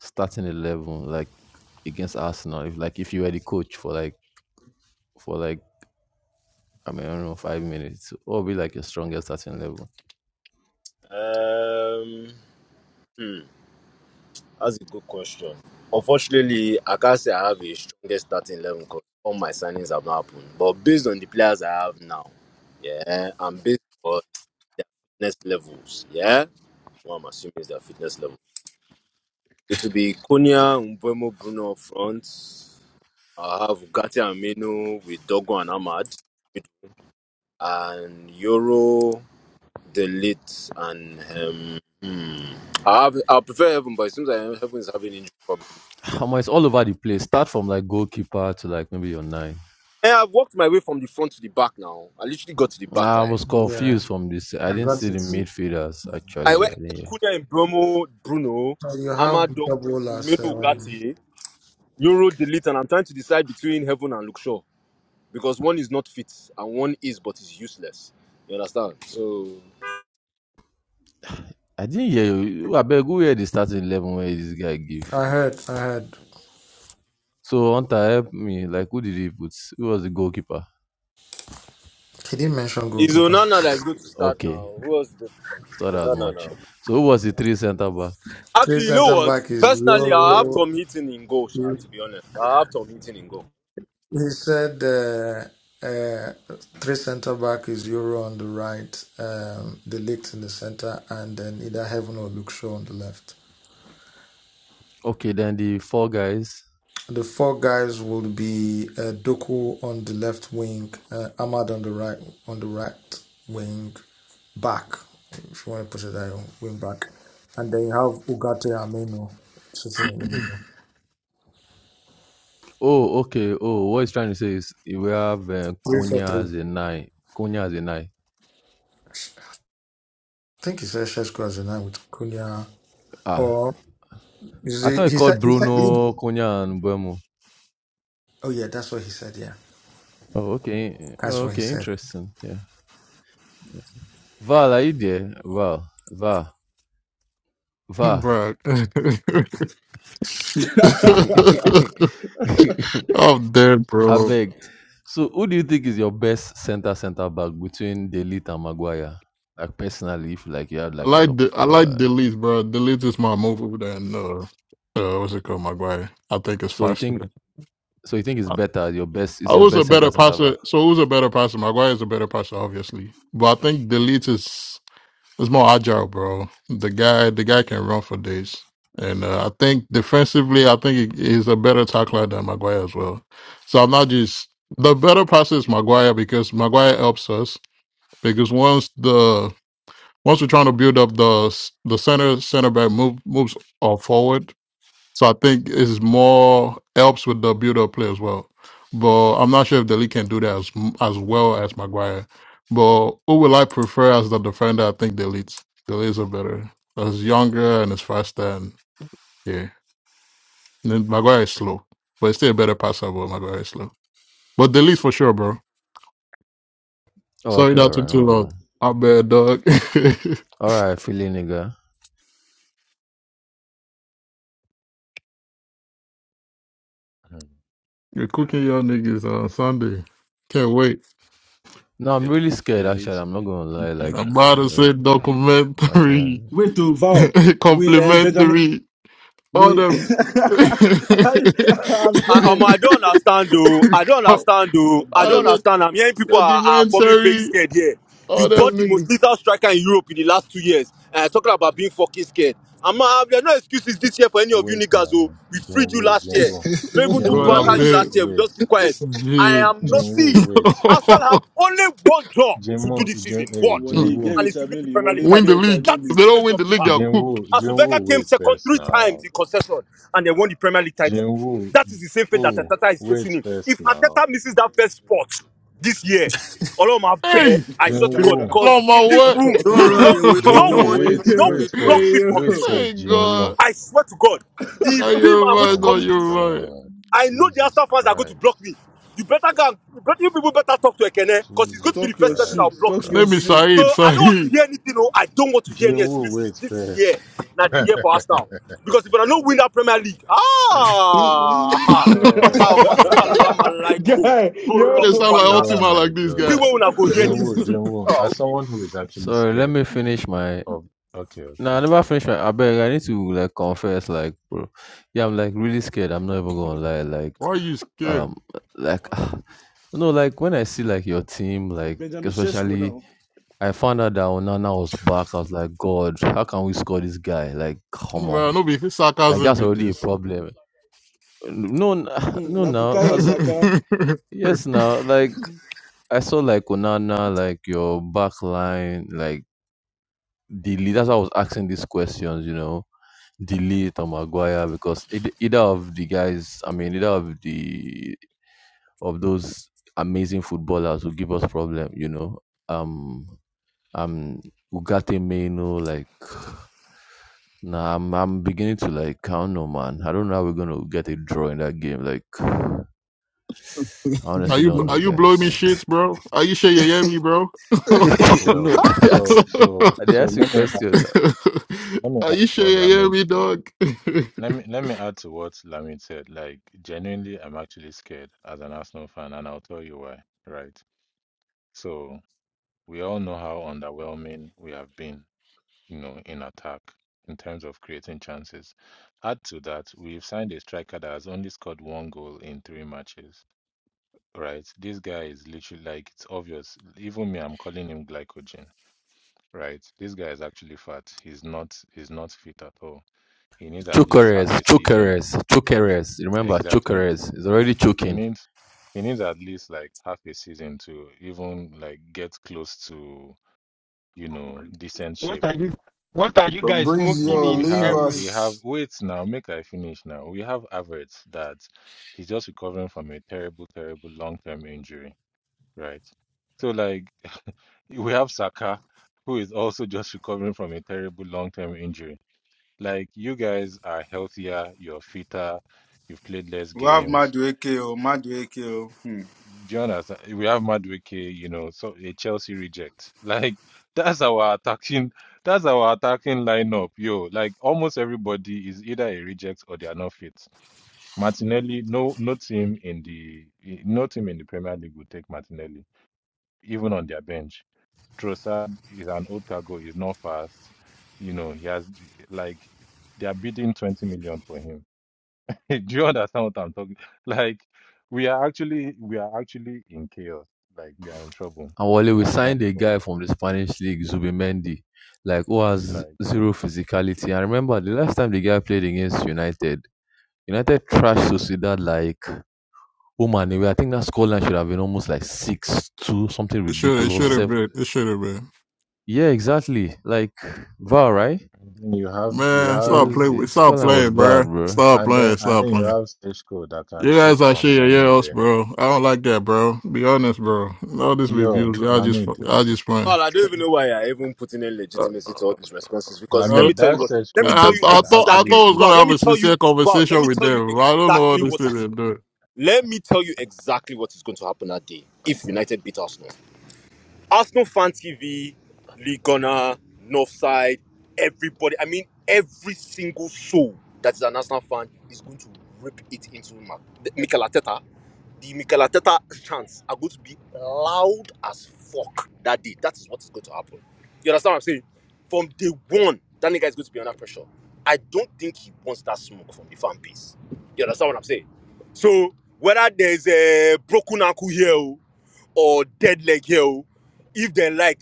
Speaker 18: starting 11 like against arsenal if like if you were the coach for like for like i mean i don't know five minutes what would be like your strongest starting eleven?
Speaker 14: I did. Um, That's a good question. Unfortunately, I can't say I have a strongest starting eleven because all my signings have not happened. But based on the players I have now, yeah, and based on fitness levels, yeah, what I'm assuming is their fitness level. It will be Konya, Mbemo, Bruno up front. I have Ugarte and Amino with Dogo and Ahmad, and Euro, Delete, and um, hmm. I have, I prefer Heaven, but it seems like Heaven is having injury problems.
Speaker 18: Omo, it's all over the place. Start from like goalkeeper to like maybe your nine.
Speaker 14: And I've walked my way from the front to the back now. I literally got to the back
Speaker 18: I
Speaker 14: line.
Speaker 18: was
Speaker 13: Yeah,
Speaker 18: confused from this. I
Speaker 13: I
Speaker 18: didn't
Speaker 13: got
Speaker 18: see
Speaker 13: it.
Speaker 18: the
Speaker 13: So
Speaker 18: midfielders
Speaker 14: I
Speaker 18: actually. I
Speaker 14: went
Speaker 18: didn't hear.
Speaker 14: Cunha and Bromo, Bruno,
Speaker 13: you have the
Speaker 14: Amado,
Speaker 13: top
Speaker 14: Mino
Speaker 13: rollers. Um,
Speaker 14: Ugati, Euro Delete, and I'm trying to decide between Heaven and Luxor because one is not fit and one is but is useless. You understand? So
Speaker 18: I didn't hear you. I beg who hear the starting eleven where this guy give.
Speaker 13: I heard, I heard.
Speaker 18: So Hunter help me. Like who did he put? Who was the goalkeeper?
Speaker 13: He didn't mention
Speaker 14: it's
Speaker 13: goalkeeper.
Speaker 14: Onana that is going to start
Speaker 18: Okay.
Speaker 14: now. Who else is going to
Speaker 18: Thought as
Speaker 14: Onana
Speaker 18: much.
Speaker 14: now?
Speaker 18: So who was the three centre back?
Speaker 13: Three
Speaker 14: Actually, you know
Speaker 13: centre
Speaker 14: what?
Speaker 13: back is
Speaker 14: Personally, I have
Speaker 13: Euro.
Speaker 14: Tom Hitton in goal,
Speaker 13: He,
Speaker 14: Sha, to be honest. I have Tom Hitton in goal.
Speaker 13: he said uh, uh, three centre back is Euro on the right, um, the Ligt in the centre, and then either Heaven or Luke Shaw on the left.
Speaker 18: Okay, then the four guys.
Speaker 13: The four guys would be uh, Doku on the left wing, uh, Ahmad on the right on the right wing, back if you want to put it that way, wing back, and then you have Ugarte Ameno. sitting in the middle.
Speaker 18: Oh, okay. Oh, what he's trying to say is we have uh,
Speaker 13: Three for
Speaker 18: Cunha
Speaker 13: three.
Speaker 18: as a nine. Cunha as a nine.
Speaker 13: I think he said Sheshko as a nine with Kunya.
Speaker 18: Ah.
Speaker 13: Or is
Speaker 18: I
Speaker 13: he?
Speaker 18: thought he
Speaker 13: He
Speaker 18: called
Speaker 13: said he said. He,
Speaker 18: Bruno, Cunha, and Buemo.
Speaker 13: oh yeah, that's what he said. Yeah,
Speaker 18: Oh, okay.
Speaker 13: that's
Speaker 18: oh,
Speaker 13: what he
Speaker 18: Okay,
Speaker 13: said.
Speaker 18: interesting. Yeah. yeah. Val, are you there? Val, Val, Val.
Speaker 9: bro. I'm dead,
Speaker 18: I
Speaker 9: bro.
Speaker 18: beg. So, who do you think is your best center center back between Delete and Maguire? Like personally, if like you had
Speaker 9: I
Speaker 18: like an,
Speaker 9: like
Speaker 18: op-
Speaker 9: the I like
Speaker 18: uh,
Speaker 9: delete, bro. Delete is my move than uh, uh, what's it called, Maguire? I think it's
Speaker 18: so you think
Speaker 9: faster.
Speaker 18: so you think it's
Speaker 9: I,
Speaker 18: better your best is
Speaker 9: I
Speaker 18: your
Speaker 9: was a
Speaker 18: best center
Speaker 9: better
Speaker 18: center back.
Speaker 9: passer, so who's a better passer? Maguire is a better passer, obviously, but I think delete is. It's more agile, bro. The guy, the guy can run for days, and uh, I think defensively, I think he- he's a better tackler than Maguire as well. So I'm not just the better passer is Maguire because Maguire helps us because once the once we're trying to build up the the center center back move moves uh, forward, so I think it's more helps with the build up play as well. But I'm not sure if Deli can do that as as well as Maguire. But who will I prefer as the defender? I think Deli's Deli's are better. He's younger and he's faster and yeah. And then Maguire is slow, but he's still a better passer. But Maguire is slow. But Deli's for sure, bro.
Speaker 18: Oh,
Speaker 9: Sorry
Speaker 18: okay,
Speaker 9: that
Speaker 18: all right,
Speaker 9: took
Speaker 18: no
Speaker 9: too long.
Speaker 18: wahala.
Speaker 9: I bet, dog.
Speaker 18: All right, Philly nigga.
Speaker 10: Hmm.
Speaker 9: You're cooking your niggas on Sunday. Can't wait.
Speaker 18: No, I'm really
Speaker 10: Delete,
Speaker 18: scared actually.
Speaker 10: delete.
Speaker 18: I'm not gonna lie. Like,
Speaker 9: I'm about to
Speaker 18: like
Speaker 9: say
Speaker 18: my child.
Speaker 9: documentary,
Speaker 16: wait, to Val, we um Benjamin,
Speaker 9: complimentary. all
Speaker 16: we.
Speaker 9: them.
Speaker 16: I, I'm
Speaker 14: I, um,
Speaker 16: dead.
Speaker 14: I don't understand though. I don't understand though.
Speaker 16: I'm
Speaker 14: I
Speaker 9: I
Speaker 14: don't
Speaker 16: dead.
Speaker 9: said,
Speaker 14: understand. I'm hearing people are, are forming fake
Speaker 9: sedimentary,
Speaker 14: scared here. You
Speaker 9: all them
Speaker 14: bought the most
Speaker 9: niggas.
Speaker 14: lethal striker in Europe in the last two years, and i talking about being fucking scared. I'm not, there are no excuses this year for any of you
Speaker 10: Wait
Speaker 14: niggas. Oh,
Speaker 10: now.
Speaker 14: we freed you
Speaker 10: Jinwoo,
Speaker 7: what
Speaker 14: last year.
Speaker 10: Jinwoo.
Speaker 14: We were able to
Speaker 7: the,
Speaker 9: God,
Speaker 10: Jinwoo,
Speaker 9: I
Speaker 16: Mm-mm.
Speaker 14: banter you
Speaker 10: wait,
Speaker 14: last
Speaker 9: bet.
Speaker 7: what
Speaker 14: year. We
Speaker 10: wait.
Speaker 14: just keep quiet.
Speaker 7: is?
Speaker 9: Yeah.
Speaker 14: I am not. See,
Speaker 10: Jinwoo, wait.
Speaker 14: Arsenal have only one job to do this
Speaker 10: Jinwoo, Jin,
Speaker 14: season. One,
Speaker 10: hey,
Speaker 16: Wale, get
Speaker 10: Jinwoo.
Speaker 14: and it's to
Speaker 16: Richard
Speaker 14: lift the
Speaker 16: Millie.
Speaker 14: Premier League
Speaker 16: Wale, no
Speaker 9: win
Speaker 16: get
Speaker 9: the
Speaker 14: title.
Speaker 16: Richard
Speaker 9: league.
Speaker 14: That
Speaker 9: If
Speaker 14: is
Speaker 16: Millie.
Speaker 9: they
Speaker 14: the only
Speaker 9: don't win
Speaker 14: job
Speaker 9: the
Speaker 14: you
Speaker 9: league,
Speaker 14: have.
Speaker 9: they're cooked.
Speaker 10: Jinwoo,
Speaker 14: As Vega
Speaker 10: Jinwoo,
Speaker 14: came
Speaker 10: wait
Speaker 14: second
Speaker 10: first
Speaker 14: three times
Speaker 10: now.
Speaker 14: in concession and they won the Premier League title.
Speaker 10: Jinwoo,
Speaker 14: That is the same fate that
Speaker 10: Jinwoo,
Speaker 14: Ateta is facing
Speaker 10: wait
Speaker 14: him.
Speaker 10: first
Speaker 14: If
Speaker 10: now.
Speaker 14: Ateta misses that first spot this year, Oloma bear,
Speaker 9: Hey,
Speaker 14: I swear to
Speaker 20: Please
Speaker 14: God,
Speaker 10: Jinwoo,
Speaker 14: because
Speaker 9: along
Speaker 14: in this
Speaker 9: my
Speaker 14: room,
Speaker 20: don't
Speaker 16: oh,
Speaker 9: way.
Speaker 20: run
Speaker 14: y'all, will-
Speaker 20: away. oh.
Speaker 14: y'all,
Speaker 20: No
Speaker 10: Jinwoo,
Speaker 14: will-
Speaker 20: one should
Speaker 16: hey, hey,
Speaker 10: wait,
Speaker 14: y'all
Speaker 16: yo,
Speaker 10: wait
Speaker 14: will
Speaker 20: wait.
Speaker 14: block
Speaker 16: hey,
Speaker 14: me
Speaker 10: first.
Speaker 16: yo.
Speaker 14: from
Speaker 10: Wait
Speaker 14: this room.
Speaker 10: first,
Speaker 9: Thank
Speaker 10: Jinwoo.
Speaker 9: God.
Speaker 14: I swear to God, the
Speaker 9: Now
Speaker 14: beam
Speaker 9: you're
Speaker 14: I'm going to
Speaker 9: right.
Speaker 10: Oh
Speaker 9: Now
Speaker 14: come
Speaker 10: my
Speaker 14: into
Speaker 9: you're
Speaker 14: this room.
Speaker 9: right.
Speaker 10: God.
Speaker 14: I know the
Speaker 10: Jesus
Speaker 14: Aston fans are going to block
Speaker 10: Christ.
Speaker 14: me. You better go. and- You better you people better talk to Ekene because he's going to
Speaker 10: Jesus
Speaker 14: be the
Speaker 16: Talk your
Speaker 14: first person that
Speaker 16: shit.
Speaker 14: will
Speaker 10: Christ,
Speaker 14: block me.
Speaker 16: Talk
Speaker 9: His
Speaker 16: your
Speaker 10: bro.
Speaker 9: name is
Speaker 16: shit.
Speaker 9: Saeed.
Speaker 14: So I don't want to
Speaker 9: Saeed.
Speaker 14: hear anything. No, I don't want to hear
Speaker 10: Jin
Speaker 14: any
Speaker 10: Woo
Speaker 14: excuses.
Speaker 10: waits
Speaker 14: This
Speaker 10: first.
Speaker 14: year, not the
Speaker 10: oh
Speaker 14: year for us now. Because if we are not win that Premier League, ah, ah,
Speaker 9: they
Speaker 14: ah,
Speaker 10: my God.
Speaker 14: masalam alaikum,
Speaker 16: Guy,
Speaker 14: burra
Speaker 16: yo.
Speaker 9: sound like
Speaker 14: upana.
Speaker 10: Oh
Speaker 9: Ultima,
Speaker 10: my
Speaker 9: like this
Speaker 14: See
Speaker 10: God.
Speaker 9: guy.
Speaker 14: where we na go here
Speaker 10: Jin
Speaker 14: this
Speaker 10: Woo, Jin
Speaker 14: season.
Speaker 10: Woo.
Speaker 14: Oh,
Speaker 10: As
Speaker 14: okay.
Speaker 10: someone who is actually
Speaker 18: Sorry, let
Speaker 10: scared
Speaker 18: me finish my.
Speaker 10: of okay,
Speaker 18: No, I
Speaker 10: okay.
Speaker 18: never finish my. I beg. I need to like confess. Like, bro. Yeah, I'm like really scared. I'm not even gonna lie. Like,
Speaker 9: Why are you scared?
Speaker 18: um, like, you know, like when I see like your team, like
Speaker 16: Benjamin Sheshko
Speaker 18: especially,
Speaker 16: now.
Speaker 18: I found out that Onana was back. I was like, God, how can we score this guy? Like, come
Speaker 9: Well,
Speaker 18: on.
Speaker 9: no be
Speaker 18: Like
Speaker 9: sarcasm
Speaker 18: that's
Speaker 9: be
Speaker 18: already a
Speaker 9: this.
Speaker 18: problem. No, n-
Speaker 16: Mm-mm,
Speaker 18: no,
Speaker 16: Na
Speaker 18: now
Speaker 9: are
Speaker 16: Bukayo
Speaker 18: that's
Speaker 16: Saka.
Speaker 18: yes, now like I saw like Onana, like your back line, like delete. That's why I was asking these questions, you know, delete or Maguire because eith- either of the guys, I mean, either of the of those amazing footballers will give us problem, you know. Um, um, Ugate Meno, like, nah, I'm I'm beginning to like count on man. I don't know how we're gonna get a draw in that game. Like, I honestly
Speaker 9: you
Speaker 18: don't
Speaker 7: Fabrizio,
Speaker 18: know,
Speaker 9: are you blowing me
Speaker 18: guys.
Speaker 9: shit, bro? Are you sure you hear me, bro?
Speaker 18: no,
Speaker 10: Yo,
Speaker 18: I dey
Speaker 10: so
Speaker 18: ask.
Speaker 10: so
Speaker 18: I dey
Speaker 10: so
Speaker 18: ask you
Speaker 10: let me add
Speaker 18: question. now.
Speaker 10: let me
Speaker 9: are
Speaker 10: add
Speaker 9: you
Speaker 10: to
Speaker 9: sure
Speaker 10: what
Speaker 9: you hear
Speaker 10: Lamid
Speaker 9: me, dog?
Speaker 10: let me let me add to what Lamid said. Like genuinely I'm actually scared as an Arsenal fan and I'll tell you why. Right. So we all know how underwhelming we have been you know, in attack in terms of creating chances. Add to that, we've signed a striker that has only scored one goal in three matches. Right? This guy is literally like it's obvious. Even me, I'm calling him glycogen. Right? This guy is actually fat. He's not he's not fit at all. He needs at least half
Speaker 18: Chokeres,
Speaker 10: a season.
Speaker 18: chokeres, chokeres. Remember,
Speaker 10: Exactly.
Speaker 18: chokeres is already
Speaker 10: He
Speaker 18: choking.
Speaker 10: needs he needs at least like half a season to even like get close to, you know, decent shape
Speaker 11: what are you, what are you guys smoking
Speaker 10: we
Speaker 7: or
Speaker 10: we
Speaker 11: in
Speaker 7: leave
Speaker 10: have we
Speaker 11: Emirates?
Speaker 10: have
Speaker 7: us.
Speaker 10: wait now make i finish now we have Havertz that he's just recovering from a terrible terrible long-term injury right so like we have Saka who is also just recovering from a terrible long-term injury like you guys are healthier you're fitter you've played less
Speaker 20: We have
Speaker 10: games
Speaker 20: Madueke, oh, Madueke, oh. Hmm.
Speaker 10: do you understand? We have Madueke, you know, so a Chelsea reject. Like that's our attacking, that's our attacking lineup, yo. Like almost everybody is either a reject or they are not fit. Martinelli, no, no team in the, no team in the Premier League will take Martinelli, even on their bench. Trossard is an old cargo. He's not fast. You know, he has like they are bidding twenty million for him. Do you understand what I'm talking? Like we are actually we are actually in chaos. Like we are in trouble.
Speaker 18: And Wale, we
Speaker 10: Arsenal
Speaker 18: signed a
Speaker 10: Football
Speaker 18: guy
Speaker 10: Club.
Speaker 18: from the Spanish league, Zubimendi, like who has
Speaker 10: Like
Speaker 18: zero physicality. And remember, the last time the guy played against United, United trashed Sociedad like, oh man, I think that scoreline should have been almost like 6 2, something
Speaker 9: It should have it should
Speaker 18: ridiculous, 7
Speaker 9: have been. It should have been.
Speaker 18: Yeah, exactly. Like Val, right?
Speaker 10: and then you have you
Speaker 9: Man,
Speaker 18: It
Speaker 10: have
Speaker 9: stop
Speaker 18: was
Speaker 9: playing with
Speaker 18: his
Speaker 9: stop
Speaker 18: Scotland was
Speaker 9: playing,
Speaker 18: bad,
Speaker 9: bro.
Speaker 18: bro.
Speaker 9: Stop
Speaker 10: and then
Speaker 9: playing,
Speaker 10: and
Speaker 9: stop
Speaker 10: then you
Speaker 9: playing.
Speaker 10: have Sechko that can
Speaker 9: You guys
Speaker 10: shoot
Speaker 9: are sure
Speaker 10: from
Speaker 9: you hear us,
Speaker 10: anywhere.
Speaker 9: bro. I don't like that, bro. Be honest, bro. All these
Speaker 10: Yo,
Speaker 9: reviews, y'all just
Speaker 10: Lamid,
Speaker 9: fu- y'all just playing.
Speaker 14: Well, I don't
Speaker 10: Se-
Speaker 14: even know why I even put in any legitimacy to all these responses because let
Speaker 9: I,
Speaker 14: me
Speaker 10: Lamid,
Speaker 14: tell you
Speaker 10: that
Speaker 14: what. Let me
Speaker 10: Sechko
Speaker 9: I
Speaker 14: tell you
Speaker 10: dude can
Speaker 9: thought I thought
Speaker 10: actually
Speaker 14: exactly.
Speaker 9: I was
Speaker 10: shoot.
Speaker 14: Val,
Speaker 9: gonna
Speaker 14: let
Speaker 9: have
Speaker 14: me
Speaker 9: a
Speaker 14: tell
Speaker 9: sincere
Speaker 14: you. Val, let
Speaker 9: conversation
Speaker 14: me
Speaker 9: with
Speaker 14: tell you
Speaker 9: them. I don't know what
Speaker 14: exactly
Speaker 9: this
Speaker 14: what
Speaker 9: thing
Speaker 14: is.
Speaker 9: is doing.
Speaker 14: Let me tell you exactly what is going to happen that day if United beat Arsenal. Arsenal Fan TV, Ligona, Northside, everybody. I mean, every single soul that is an Arsenal fan is going to rip it into Ma- the- Mikel Arteta. The Mikel Arteta chants are going to be loud as fuck that day. That is what is going to happen. You understand what I'm saying? From day one, that nigga is going to be under pressure. I don't think he wants that smoke from the fan base. You understand what I'm saying? So whether there's a broken ankle here, oh, or dead leg here. oh. If they like,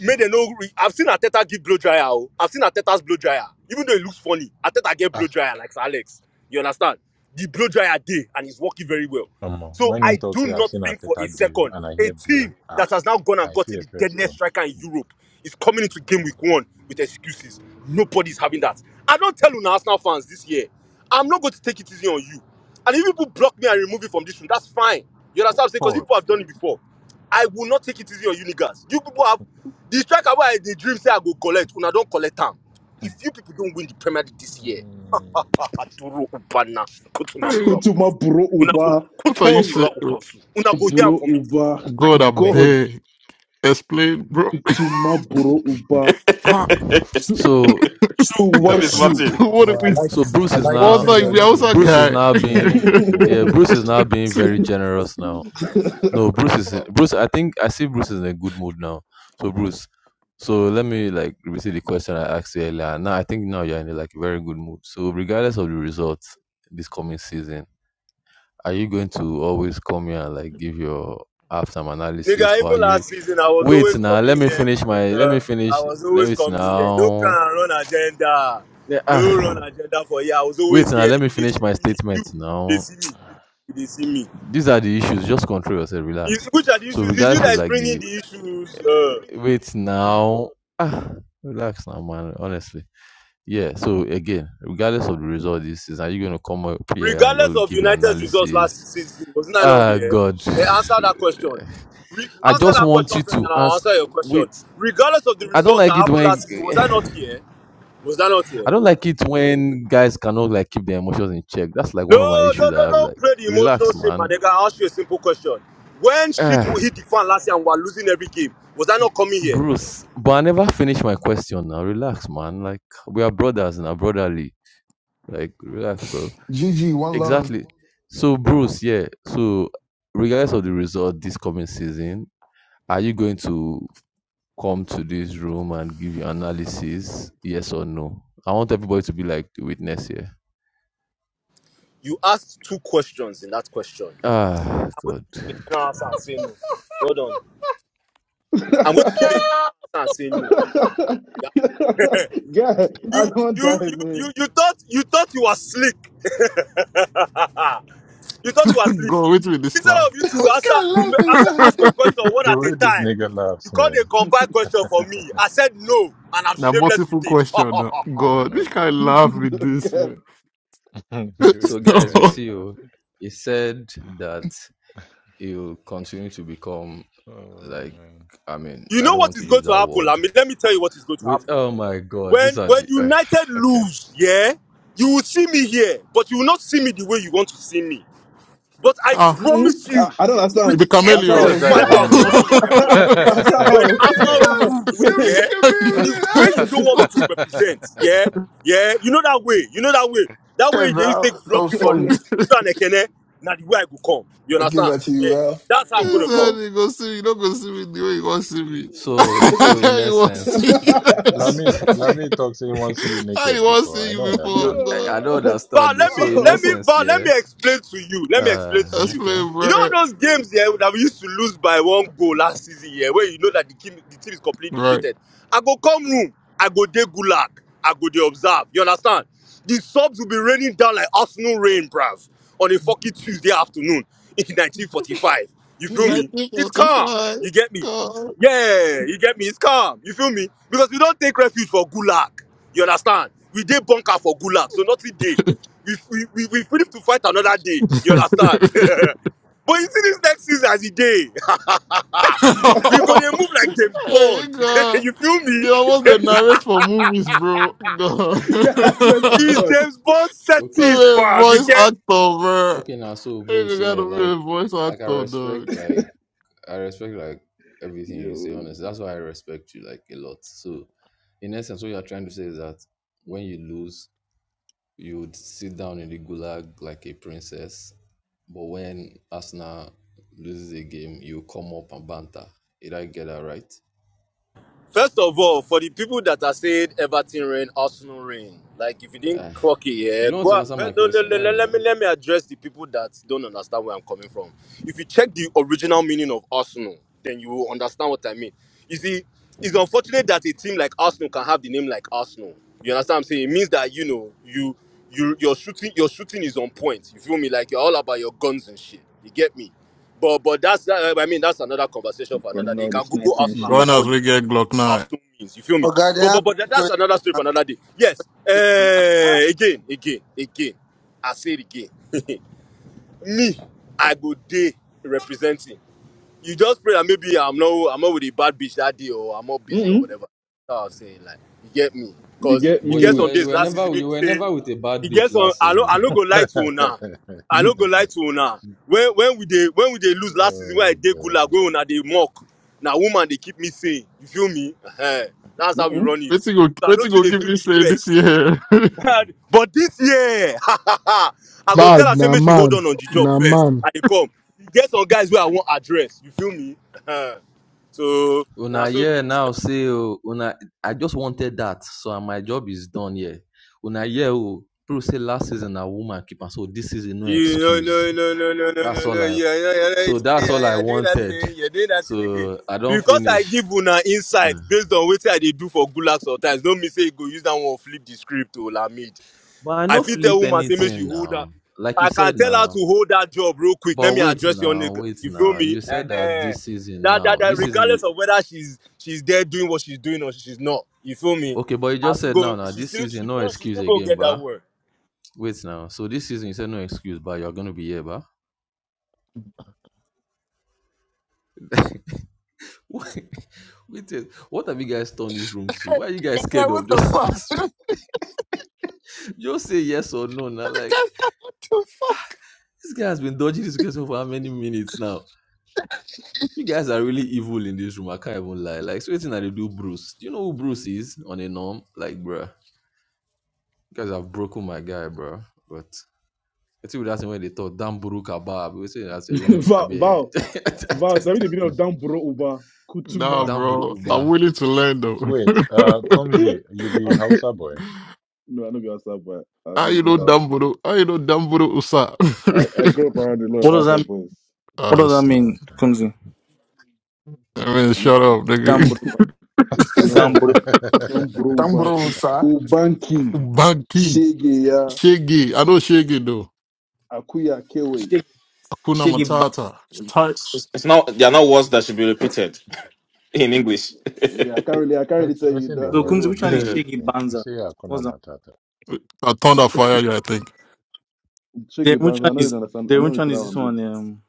Speaker 14: Make they know. Re- I've seen Ateta give blow dryer. Oh. I've seen Ateta's blow dryer. Even though it looks funny, Ateta get blow
Speaker 10: Ah,
Speaker 14: dryer like Sir Alex. You understand? The blow dryer day and it's working very well.
Speaker 10: come on.
Speaker 14: So
Speaker 10: When in
Speaker 14: I
Speaker 10: talks
Speaker 14: do
Speaker 10: here, I've
Speaker 14: not
Speaker 10: seen
Speaker 14: think for a
Speaker 10: Ateta give
Speaker 14: second
Speaker 10: and I
Speaker 14: a
Speaker 10: hear
Speaker 14: team
Speaker 10: blow. Ah,
Speaker 14: that has now gone and
Speaker 10: I
Speaker 14: gotten
Speaker 10: fear
Speaker 14: the
Speaker 10: first
Speaker 14: deadliest
Speaker 10: though.
Speaker 14: striker in Europe is coming into game week one with excuses. Nobody's having that. I don't tell you now, Arsenal fans this year. I'm not going to take it easy on you. And if people block me and remove me from this room, that's fine. You understand what I'm saying? Because
Speaker 9: Pause.
Speaker 14: people have done it before. I will not take it easy on you niggas. You people have the striker where I dey dream say I go collect, una don collect am.
Speaker 10: Mm.
Speaker 14: If you people don't win the Premier League this year, Aduru Ubana,
Speaker 9: Hey,
Speaker 14: Kutumambura
Speaker 16: Kutuma
Speaker 14: Ubansu.
Speaker 16: Bro
Speaker 14: Una go
Speaker 16: Uba.
Speaker 9: what are you
Speaker 16: K.
Speaker 14: Kutumambura
Speaker 9: saying?
Speaker 14: Ubansu. Una go hear am
Speaker 16: Bro
Speaker 14: me.
Speaker 16: Uba.
Speaker 14: I
Speaker 9: God, I
Speaker 14: swear.
Speaker 16: God.
Speaker 9: beg. Explain, bro.
Speaker 16: Kutuma Bro
Speaker 10: Mm.
Speaker 16: Uba.
Speaker 9: Ah,
Speaker 16: Chu
Speaker 18: So
Speaker 16: Chu
Speaker 3: Don't be
Speaker 18: yeah,
Speaker 16: Warshu.
Speaker 3: smarting.
Speaker 9: what are
Speaker 13: Well,
Speaker 9: we?
Speaker 13: I like
Speaker 18: so
Speaker 13: this.
Speaker 18: Bruce
Speaker 13: I
Speaker 18: is
Speaker 13: like
Speaker 9: What
Speaker 18: now
Speaker 13: using
Speaker 9: like
Speaker 10: Una
Speaker 9: we
Speaker 10: no
Speaker 13: names.
Speaker 10: go,
Speaker 9: also
Speaker 18: Bruce
Speaker 13: you
Speaker 18: is
Speaker 9: guy?
Speaker 18: now
Speaker 10: una no
Speaker 18: being
Speaker 10: go kill me
Speaker 18: yeah
Speaker 10: for
Speaker 18: Bruce
Speaker 10: this
Speaker 18: is now
Speaker 10: room.
Speaker 18: being very generous now. No, Bruce is in, Bruce. I think I see Bruce is in a good mood now. So Bruce, so let me like repeat the question I asked you earlier. Now I think now you're in a, like very good mood. So regardless of the results this coming season, are you going to always come here and like give your halftime analysis,
Speaker 14: Nigga,
Speaker 18: or are
Speaker 14: even
Speaker 18: you
Speaker 14: last season, I was
Speaker 18: Wait
Speaker 14: always
Speaker 18: now, let
Speaker 14: coming
Speaker 18: me
Speaker 14: here,
Speaker 18: finish
Speaker 14: my
Speaker 18: my let me
Speaker 14: nigga. I
Speaker 18: finish
Speaker 14: was
Speaker 18: let
Speaker 14: always
Speaker 18: me
Speaker 14: coming here. Don't
Speaker 18: now.
Speaker 14: try and run agenda.
Speaker 18: Yeah,
Speaker 14: No
Speaker 18: ah.
Speaker 14: run agenda for here. I was
Speaker 18: Wait
Speaker 14: always
Speaker 18: now,
Speaker 14: here.
Speaker 18: let me
Speaker 14: They
Speaker 18: finish my
Speaker 14: see me. You,
Speaker 18: statement
Speaker 14: they
Speaker 18: now.
Speaker 14: see me. they see me.
Speaker 18: These are the issues. Just control yourself,
Speaker 14: Is-
Speaker 18: relax.
Speaker 14: Which are the
Speaker 18: So
Speaker 14: issues? Is you
Speaker 18: regardless
Speaker 14: that
Speaker 18: of
Speaker 14: is
Speaker 18: like
Speaker 14: bringing
Speaker 18: the
Speaker 14: the issues? Uh,
Speaker 18: wait now. Ah relax now man, honestly. Yeah, so again, regardless of the result this is are you gonna come up here and
Speaker 14: regardless
Speaker 18: go
Speaker 14: of
Speaker 18: give your
Speaker 14: United's results
Speaker 18: analysis?
Speaker 14: last season, wasn't I not
Speaker 18: Ah
Speaker 14: here?
Speaker 18: God.
Speaker 14: Eh, answer that question. Re-
Speaker 18: I
Speaker 14: answer
Speaker 18: just
Speaker 14: that
Speaker 18: want
Speaker 14: question
Speaker 18: you
Speaker 14: first,
Speaker 18: to
Speaker 14: and I'll
Speaker 18: answer
Speaker 14: answer your question.
Speaker 18: wait.
Speaker 14: Regardless of the
Speaker 18: I don't
Speaker 14: results that
Speaker 18: like it
Speaker 14: happened last
Speaker 18: when
Speaker 14: season, was I not here? Was I not
Speaker 18: I
Speaker 14: here?
Speaker 18: don't like it when guys cannot like keep their emotions in check. That's like
Speaker 14: No,
Speaker 18: one of my
Speaker 14: no, no,
Speaker 18: issues I
Speaker 14: no,
Speaker 18: have.
Speaker 14: don't
Speaker 18: Like,
Speaker 14: play the
Speaker 18: relax,
Speaker 14: emotional shit, my
Speaker 18: man.
Speaker 14: nigga. I'll ask you a simple question. When shit will
Speaker 18: Ah,
Speaker 14: hit the fan last year and we're losing every game, was I not coming here?
Speaker 18: Bruce, but I never finished my question now. Relax, man. Like, we are brothers now, brotherly. Like, relax, bro.
Speaker 7: GG, one love.
Speaker 18: Exactly. So, Bruce, yeah. So, regardless of the result this coming season, are you going to come to this room and give your analysis? Yes or no? I want everybody to be like the witness here.
Speaker 14: You asked two questions in that question.
Speaker 18: Ah,
Speaker 14: I'm going
Speaker 18: God.
Speaker 14: to give you a general answer
Speaker 18: Right.
Speaker 14: and say no. I'm going to give you a general answer and say no. Yeah.
Speaker 16: God, I
Speaker 14: You,
Speaker 16: don't
Speaker 14: you,
Speaker 16: die,
Speaker 14: you,
Speaker 16: man.
Speaker 14: you, you thought you thought you were slick. you thought you were asleep.
Speaker 9: God, which with this
Speaker 14: Instead
Speaker 9: laugh?
Speaker 14: of you to
Speaker 7: what kind of
Speaker 14: answer to
Speaker 7: love
Speaker 14: ma-
Speaker 7: is
Speaker 14: answer
Speaker 7: that?
Speaker 14: ask your question one
Speaker 10: The
Speaker 14: at
Speaker 10: way
Speaker 14: a
Speaker 10: this
Speaker 14: time,
Speaker 10: nigga
Speaker 14: you
Speaker 10: laughs,
Speaker 14: called a
Speaker 10: man.
Speaker 14: compiled question for me. I said no, and I'm
Speaker 9: now
Speaker 14: shameless with
Speaker 9: multiple
Speaker 14: it.
Speaker 9: question. now.
Speaker 10: Oh
Speaker 9: God,
Speaker 10: my
Speaker 9: which kind of
Speaker 10: god.
Speaker 9: laugh with this
Speaker 16: God.
Speaker 9: man?
Speaker 10: the way
Speaker 18: So,
Speaker 10: this
Speaker 18: guys,
Speaker 10: guy
Speaker 18: you
Speaker 10: did
Speaker 18: see,
Speaker 10: laugh.
Speaker 18: oh, he said that he'll continue to become
Speaker 10: Oh
Speaker 18: like,
Speaker 10: man.
Speaker 18: I mean,
Speaker 14: you
Speaker 18: I
Speaker 14: know
Speaker 18: don't
Speaker 14: what
Speaker 18: want
Speaker 14: is
Speaker 18: to
Speaker 14: going
Speaker 18: use
Speaker 14: to
Speaker 18: that
Speaker 14: happen, I
Speaker 18: word.
Speaker 14: let me tell you what is going to
Speaker 18: Wait,
Speaker 14: happen.
Speaker 18: oh my God, these
Speaker 14: When
Speaker 18: are
Speaker 14: when
Speaker 18: the
Speaker 14: United
Speaker 18: okay.
Speaker 14: lose, yeah, you will see me here, but you will not see me the way you want to see me. But I
Speaker 9: ah,
Speaker 16: Mm-mm.
Speaker 14: promise
Speaker 16: I,
Speaker 14: you,
Speaker 16: I don't
Speaker 9: you
Speaker 14: with
Speaker 16: understand.
Speaker 9: be
Speaker 16: I
Speaker 10: What
Speaker 14: every
Speaker 7: the
Speaker 9: chameleon.
Speaker 10: does
Speaker 16: saw
Speaker 10: that
Speaker 14: fiber
Speaker 10: even
Speaker 16: God.
Speaker 14: of
Speaker 10: mean?
Speaker 14: muscle in my body, yeah,
Speaker 16: I
Speaker 14: when
Speaker 16: saw
Speaker 14: Arsenal
Speaker 7: chameleon!
Speaker 16: God.
Speaker 14: lose,
Speaker 16: Wait.
Speaker 7: The
Speaker 14: yeah, the way you
Speaker 7: chameleon!
Speaker 14: don't want me to represent, yeah, yeah, you know that way, you know that way, that way
Speaker 7: hey,
Speaker 14: they used to
Speaker 7: Val,
Speaker 14: take
Speaker 7: that
Speaker 14: block
Speaker 7: was
Speaker 14: me for
Speaker 7: funny.
Speaker 14: room. You and Ekene, now the way I go come, you
Speaker 7: I give
Speaker 14: understand?
Speaker 7: that to you,
Speaker 14: Yeah,
Speaker 7: Val.
Speaker 14: that's how I'm
Speaker 9: He
Speaker 14: gonna come.
Speaker 9: said
Speaker 16: Oh.
Speaker 9: he go see me. You not go see me the way you want see me.
Speaker 18: So, so
Speaker 9: How
Speaker 18: in
Speaker 9: want
Speaker 18: essence,
Speaker 9: see you?
Speaker 10: let me let me talk say he wants to see you
Speaker 9: How you
Speaker 10: naked
Speaker 9: want
Speaker 10: before.
Speaker 9: see
Speaker 10: I don't
Speaker 9: you
Speaker 18: you
Speaker 9: before
Speaker 18: know,
Speaker 10: understand.
Speaker 9: God?
Speaker 18: I, I don't
Speaker 14: Val,
Speaker 18: understand. though.
Speaker 14: let me
Speaker 18: So, in
Speaker 14: let me
Speaker 16: oh.
Speaker 18: essence,
Speaker 14: Val, let
Speaker 18: yeah,
Speaker 14: me explain to you. Let me explain
Speaker 18: uh,
Speaker 14: to
Speaker 9: That's
Speaker 14: you.
Speaker 18: okay.
Speaker 9: playing,
Speaker 14: You know
Speaker 9: bro.
Speaker 14: those games here that we used to lose by one goal last season here, where you know that the team the team is completely
Speaker 9: Right.
Speaker 14: deflated. I go come room, I go dey gulag, I go dey observe. You understand? The subs will be raining down like Arsenal rain, bruv, on a fucking Tuesday afternoon in 1945. You feel
Speaker 16: Mm-mm.
Speaker 14: me? It's calm.
Speaker 9: 1945.
Speaker 14: You get me?
Speaker 9: God.
Speaker 14: Yeah, you get me. It's calm. You feel me? Because we don't take refuge for gulag. You understand? We did bunker for gulag, so nothing day we, we, we, we finish to fight another day. You understand? but you see this next season as a day. ah, we
Speaker 16: God,
Speaker 14: gonna move like James Bond.
Speaker 9: hey, God.
Speaker 14: you feel me?
Speaker 9: You almost they narrate for movies, bro. God.
Speaker 16: I swear to
Speaker 14: It's
Speaker 16: God.
Speaker 14: James Bond settings,
Speaker 18: Okay,
Speaker 9: I'm a
Speaker 14: fam. You
Speaker 9: voice
Speaker 14: get
Speaker 9: actor, bro.
Speaker 18: okay now so Bruce,
Speaker 9: You
Speaker 18: yeah,
Speaker 9: gotta be a
Speaker 18: like
Speaker 9: voice
Speaker 18: like I
Speaker 9: actor,
Speaker 18: respect
Speaker 9: dog.
Speaker 18: like I respect like everything you say,
Speaker 16: Yo,
Speaker 18: honestly. That's why I respect you like a lot. So in essence what you're trying to say is that when you lose, you would sit down in the gulag like a princess. But when Arsenal loses a game, you come up and banter. Did I get that right?
Speaker 14: First of all, for the people that are saying Everton rain, Arsenal rain, like if you didn't
Speaker 18: Ah,
Speaker 14: clock it,
Speaker 18: you
Speaker 14: yeah,
Speaker 18: don't want
Speaker 14: go
Speaker 18: to
Speaker 14: out.
Speaker 18: answer my
Speaker 14: Let, no, no,
Speaker 18: question,
Speaker 14: no,
Speaker 18: why
Speaker 14: no, let
Speaker 18: now?
Speaker 14: me let me address the people that don't understand where I'm coming from. If you check the original meaning of Arsenal, then you will understand what I mean. You see, it's unfortunate that a team like Arsenal can have the name like Arsenal. You understand what I'm saying? It means that you know you you your shooting your shooting is on point. You feel me? Like you're all about your guns and shit. You get me? But but that's that, I mean that's another conversation for another
Speaker 16: running
Speaker 14: day. You
Speaker 16: all the
Speaker 14: can Google
Speaker 16: snacks and
Speaker 14: Arsenal and find
Speaker 16: shit.
Speaker 9: Gone
Speaker 14: out
Speaker 9: as
Speaker 14: what the
Speaker 9: we
Speaker 14: meaning.
Speaker 9: get Glock 9.
Speaker 14: Awesome means. You feel me?
Speaker 20: Oga
Speaker 14: But but but that, that's another story for another day. Yes. Uh, again, again, again. I say it again. me, I go day representing you just pray that maybe I'm not I'm not with a bad bitch that day or I'm not busy or
Speaker 16: Mm-mm.
Speaker 14: whatever. That's what i was saying. Like you get me?
Speaker 16: You
Speaker 14: Cause
Speaker 16: get
Speaker 14: you
Speaker 18: But you
Speaker 14: get
Speaker 16: me.
Speaker 14: some
Speaker 18: were you
Speaker 14: days
Speaker 18: were
Speaker 14: last season
Speaker 18: never
Speaker 14: people
Speaker 18: you were
Speaker 14: say
Speaker 18: never with a bad
Speaker 14: you get
Speaker 18: bitch
Speaker 14: some
Speaker 18: last
Speaker 14: I no
Speaker 18: season
Speaker 14: I
Speaker 18: now.
Speaker 14: no go lie to una. I no go lie to una. When when we dey when we dey lose last season when I
Speaker 10: oh
Speaker 14: dey gulag
Speaker 10: god.
Speaker 14: when una dey mock. Na woman dey keep me saying You feel me? uh That's how we
Speaker 16: Mm-mm.
Speaker 14: run it.
Speaker 9: What's
Speaker 14: So
Speaker 9: he go? to
Speaker 14: I
Speaker 9: What's
Speaker 14: no too
Speaker 9: go? going
Speaker 14: dey
Speaker 9: give
Speaker 14: feel
Speaker 9: me
Speaker 14: the
Speaker 9: say this
Speaker 14: effects
Speaker 9: year?
Speaker 14: tired. But this year, I go tell
Speaker 17: Bad,
Speaker 14: her say
Speaker 17: na
Speaker 14: make she hold
Speaker 17: man.
Speaker 14: on on the job
Speaker 17: Na
Speaker 14: first.
Speaker 17: man.
Speaker 14: I dey come. E Get some guys where I want address. You feel me? so now
Speaker 18: Una
Speaker 14: so
Speaker 18: here
Speaker 14: people say,
Speaker 18: now say oh, una I just wanted that, so my job is done here. Una here oh, people say last season a woman keeper, so this season no
Speaker 14: you
Speaker 18: excuse.
Speaker 14: no no no no no no no
Speaker 18: That's
Speaker 14: no
Speaker 18: all I.
Speaker 14: yeah yeah yeah yeah you
Speaker 18: So
Speaker 14: see,
Speaker 18: that's
Speaker 14: yeah
Speaker 18: all I
Speaker 14: yeah doing that
Speaker 18: wanted.
Speaker 14: thing you're doing that thing again.
Speaker 18: So I don't
Speaker 14: Because I
Speaker 18: finish.
Speaker 14: give una insight
Speaker 18: Mm.
Speaker 14: based on what I they do for Gulak sometimes. Don't me say you go use that one flip the script to Lamid.
Speaker 18: But I
Speaker 14: I
Speaker 18: no
Speaker 14: fit tell
Speaker 18: flip
Speaker 14: woman say make she
Speaker 18: anything
Speaker 14: hold that.
Speaker 18: now. Like you
Speaker 14: I can
Speaker 18: said
Speaker 14: tell her to
Speaker 18: now.
Speaker 14: hold that job real quick. Let
Speaker 18: But
Speaker 14: me
Speaker 18: wait
Speaker 14: address your
Speaker 18: now,
Speaker 14: nigga.
Speaker 18: wait
Speaker 14: You feel
Speaker 18: now.
Speaker 14: me?
Speaker 18: You said that
Speaker 14: Ehen.
Speaker 18: this season
Speaker 14: That, that
Speaker 18: now.
Speaker 14: that
Speaker 18: This season
Speaker 14: regardless
Speaker 18: you
Speaker 14: of whether she's she's there doing what she's doing or she's not. You feel me?
Speaker 18: okay, but you
Speaker 14: I
Speaker 18: just
Speaker 14: still
Speaker 18: said
Speaker 14: go
Speaker 18: now now
Speaker 14: she
Speaker 18: this
Speaker 14: still she
Speaker 18: season no
Speaker 14: still she
Speaker 18: excuse
Speaker 14: still go
Speaker 18: again,
Speaker 14: get that
Speaker 18: but
Speaker 14: word.
Speaker 18: wait now. So this season you said no excuse, but you're gonna be here, but. Wait, a- what have you guys turned this room to? Why are you guys
Speaker 7: Man,
Speaker 18: scared
Speaker 7: what
Speaker 18: of
Speaker 7: the
Speaker 18: just
Speaker 7: fuck?
Speaker 18: answering? just say yes or no? Now, like
Speaker 7: what the fuck?
Speaker 18: this guy has been dodging this question for how many minutes now? You guys are really evil in this room. I can't even lie. Like, so waiting that they do Bruce. Do you know who Bruce is on a norm? Like, bruh, you guys have broken my guy, bruh. But I think that's when they thought Dan Buru Kabab. We say that's a Rooney. I
Speaker 16: Val,
Speaker 18: be
Speaker 16: Val, Val, it's already been
Speaker 10: Hmm.
Speaker 16: of damn bro over
Speaker 9: nah,
Speaker 16: Kutuma.
Speaker 18: Dan Buru
Speaker 9: bro. I'm
Speaker 18: Uba.
Speaker 9: willing to learn though.
Speaker 10: Wait, uh Kumzi, you be
Speaker 16: I'm fu-
Speaker 10: Hausa boy.
Speaker 16: no, I don't are outside, but I
Speaker 9: How
Speaker 16: just
Speaker 9: you
Speaker 16: grew
Speaker 9: know
Speaker 16: up. out-
Speaker 10: Oh,
Speaker 9: Dumbledore? How you know Dumbledore Usa?
Speaker 16: I, I grew up around the
Speaker 19: What
Speaker 16: little
Speaker 19: does
Speaker 16: house
Speaker 19: that mean?
Speaker 16: of boys.
Speaker 19: What
Speaker 9: Ah,
Speaker 19: does that
Speaker 9: s-
Speaker 19: mean,
Speaker 10: okay.
Speaker 19: Kumzi?
Speaker 9: I mean,
Speaker 16: I know,
Speaker 9: shut up, nigga.
Speaker 19: Damburu,
Speaker 16: I know,
Speaker 19: Damburu,
Speaker 16: don't bro, but
Speaker 7: Dumbro, sir.
Speaker 16: Ubanki,
Speaker 9: Banky,
Speaker 16: Shegeya,
Speaker 9: Shaggy. I know Shaggy though.
Speaker 16: Akuya, Kewe.
Speaker 19: Shaggy,
Speaker 9: Akuna
Speaker 19: Shaggy. Ba-
Speaker 9: Matata. Types.
Speaker 3: It's, it's not. They are not words that should be repeated in English.
Speaker 16: Yeah, I can't really, I can't really
Speaker 10: What's
Speaker 16: tell
Speaker 10: what's
Speaker 16: you
Speaker 10: in the
Speaker 16: that
Speaker 19: So
Speaker 16: those
Speaker 10: world
Speaker 19: Kumzi,
Speaker 16: words
Speaker 10: this
Speaker 19: which
Speaker 16: in
Speaker 19: one is
Speaker 10: world
Speaker 3: Don't
Speaker 16: English.
Speaker 19: Shaggy
Speaker 10: today? You
Speaker 19: Banza?
Speaker 10: see Hakuna
Speaker 19: What's that?
Speaker 10: Matata.
Speaker 9: I turned that fire, yeah, I think.
Speaker 19: Then
Speaker 16: Shege
Speaker 19: which
Speaker 16: bands, I
Speaker 19: one
Speaker 16: don't
Speaker 19: is?
Speaker 16: really understand. I
Speaker 19: Then
Speaker 16: don't
Speaker 19: which
Speaker 16: really
Speaker 19: one is
Speaker 16: know what
Speaker 19: this one? Um,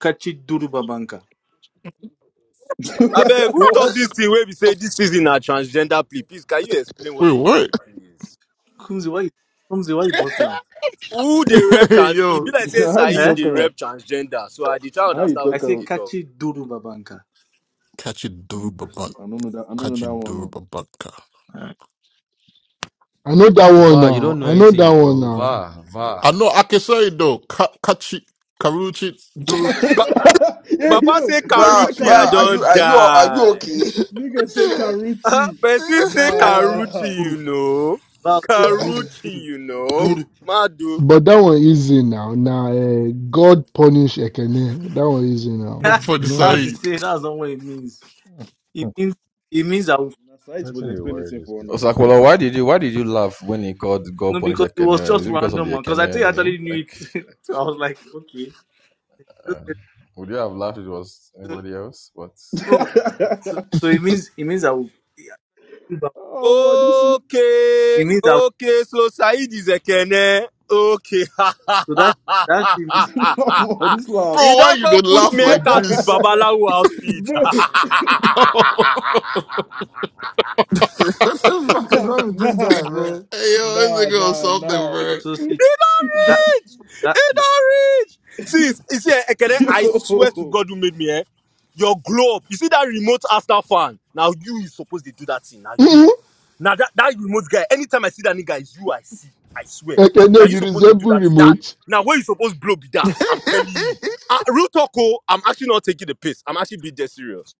Speaker 19: Kachi Duruba Banka.
Speaker 16: I'm
Speaker 14: I beg
Speaker 16: doing.
Speaker 14: who talk this
Speaker 16: What?
Speaker 14: thing where we say this season are transgender plea. Please can you explain
Speaker 9: Wait,
Speaker 14: what you mean,
Speaker 9: what?
Speaker 14: please?
Speaker 19: Kumzi, why? Kumzi, why you boss laugh?
Speaker 14: Who they rep
Speaker 9: hey,
Speaker 14: trans it be
Speaker 9: yo.
Speaker 14: like say
Speaker 16: Now, How you
Speaker 19: Eh?
Speaker 14: Saeed
Speaker 16: talk?
Speaker 14: they rep
Speaker 16: Um,
Speaker 14: transgender. So I dey try
Speaker 16: how you
Speaker 14: understand
Speaker 19: I
Speaker 14: what
Speaker 16: talk?
Speaker 19: say
Speaker 14: they
Speaker 16: Um,
Speaker 14: talk.
Speaker 19: Kachi Duruba Banka.
Speaker 9: Catch it, dude, babunk.
Speaker 16: I don't know that. I don't
Speaker 9: Catch
Speaker 16: know that
Speaker 9: it,
Speaker 16: one.
Speaker 9: dude,
Speaker 16: No.
Speaker 9: babunka.
Speaker 19: Alright.
Speaker 17: I know that one
Speaker 18: Va, you
Speaker 17: now.
Speaker 18: don't know
Speaker 17: I know that
Speaker 18: anything,
Speaker 17: one
Speaker 18: bro.
Speaker 17: now.
Speaker 18: Va, va.
Speaker 9: I know Akesai though. Ka- Kachi, Karuchi, dude.
Speaker 14: Ba-
Speaker 16: yeah,
Speaker 14: Baba
Speaker 16: yo,
Speaker 14: say
Speaker 16: nigga
Speaker 1: Bro,
Speaker 16: say
Speaker 1: bro,
Speaker 14: Karuchi, I
Speaker 1: are
Speaker 16: Karuchi.
Speaker 1: you
Speaker 14: don't
Speaker 1: are you are you
Speaker 14: die.
Speaker 1: okay?
Speaker 16: Nigga
Speaker 7: what
Speaker 16: say
Speaker 14: Uh,
Speaker 16: Karuchi.
Speaker 14: Person say
Speaker 19: Kachi
Speaker 14: Karuchi,
Speaker 16: Nah.
Speaker 14: you
Speaker 19: Duru.
Speaker 14: know.
Speaker 19: Well, say Duru,
Speaker 14: Karuchi,
Speaker 19: Duru,
Speaker 14: you know.
Speaker 19: Duru.
Speaker 14: Madu.
Speaker 17: But that one easy now. Now uh, God punish Ekene. That one easy now.
Speaker 9: for the
Speaker 17: No
Speaker 19: that's the
Speaker 9: side.
Speaker 17: hard.
Speaker 19: say. That's not what it means. It means. It means I will
Speaker 16: Na site
Speaker 10: What's
Speaker 16: was
Speaker 10: in the
Speaker 16: explaining this
Speaker 10: world
Speaker 16: thing
Speaker 10: these
Speaker 16: for now.
Speaker 10: people,
Speaker 18: Osakolo,
Speaker 10: man?
Speaker 18: why did you why did you laugh when he called God
Speaker 19: No, because
Speaker 18: Punisher
Speaker 19: it was
Speaker 18: Kenyan?
Speaker 19: just
Speaker 18: Is it because of
Speaker 19: random
Speaker 18: the
Speaker 19: one. Because I
Speaker 18: Kenyan
Speaker 19: think you,
Speaker 18: name?
Speaker 19: actually knew
Speaker 18: Like,
Speaker 19: it. so I was like, okay. Just
Speaker 18: uh,
Speaker 19: said-
Speaker 18: would you have laughed if it was
Speaker 19: So,
Speaker 18: anybody else? But
Speaker 19: no,
Speaker 18: oh, sure.
Speaker 19: so, so it means it means I will. It
Speaker 16: oh boy, this is
Speaker 14: Okay,
Speaker 19: means I will.
Speaker 14: okay. So Said is a kene. Okay.
Speaker 19: So that that should mean
Speaker 16: oh boy, this laugh.
Speaker 14: he
Speaker 9: Bro, why
Speaker 14: don't
Speaker 9: you
Speaker 14: go
Speaker 9: did
Speaker 14: put
Speaker 9: laugh
Speaker 14: me a
Speaker 9: like
Speaker 14: cat with
Speaker 9: this?
Speaker 14: Babalawo outfit.
Speaker 16: bro,
Speaker 9: hey, yo,
Speaker 7: the fuck is
Speaker 16: nah,
Speaker 7: wrong with this
Speaker 16: nah,
Speaker 7: guy, man?
Speaker 16: bro.
Speaker 9: this
Speaker 16: Nah,
Speaker 9: nigga or
Speaker 16: nah,
Speaker 9: something,
Speaker 16: nah.
Speaker 9: bro.
Speaker 19: so that
Speaker 14: rich.
Speaker 19: that.
Speaker 14: It not reach. See, you see, eh, Ekene, I swear to
Speaker 16: Yo.
Speaker 14: God who made me, eh? Your glow up. You see that remote after fan? Now you is supposed to do that thing. Now you.
Speaker 17: Mhm.
Speaker 14: Now that, that remote guy, anytime I see that nigga, it's you I see. I swear. Now
Speaker 17: Ekene,
Speaker 14: you
Speaker 17: you
Speaker 14: supposed to do
Speaker 17: resemble
Speaker 14: that. That
Speaker 17: remote.
Speaker 14: now where you supposed blow be that? I'm telling you. Uh, real talk, oh, I'm actually not taking the piss. I'm actually being dead serious.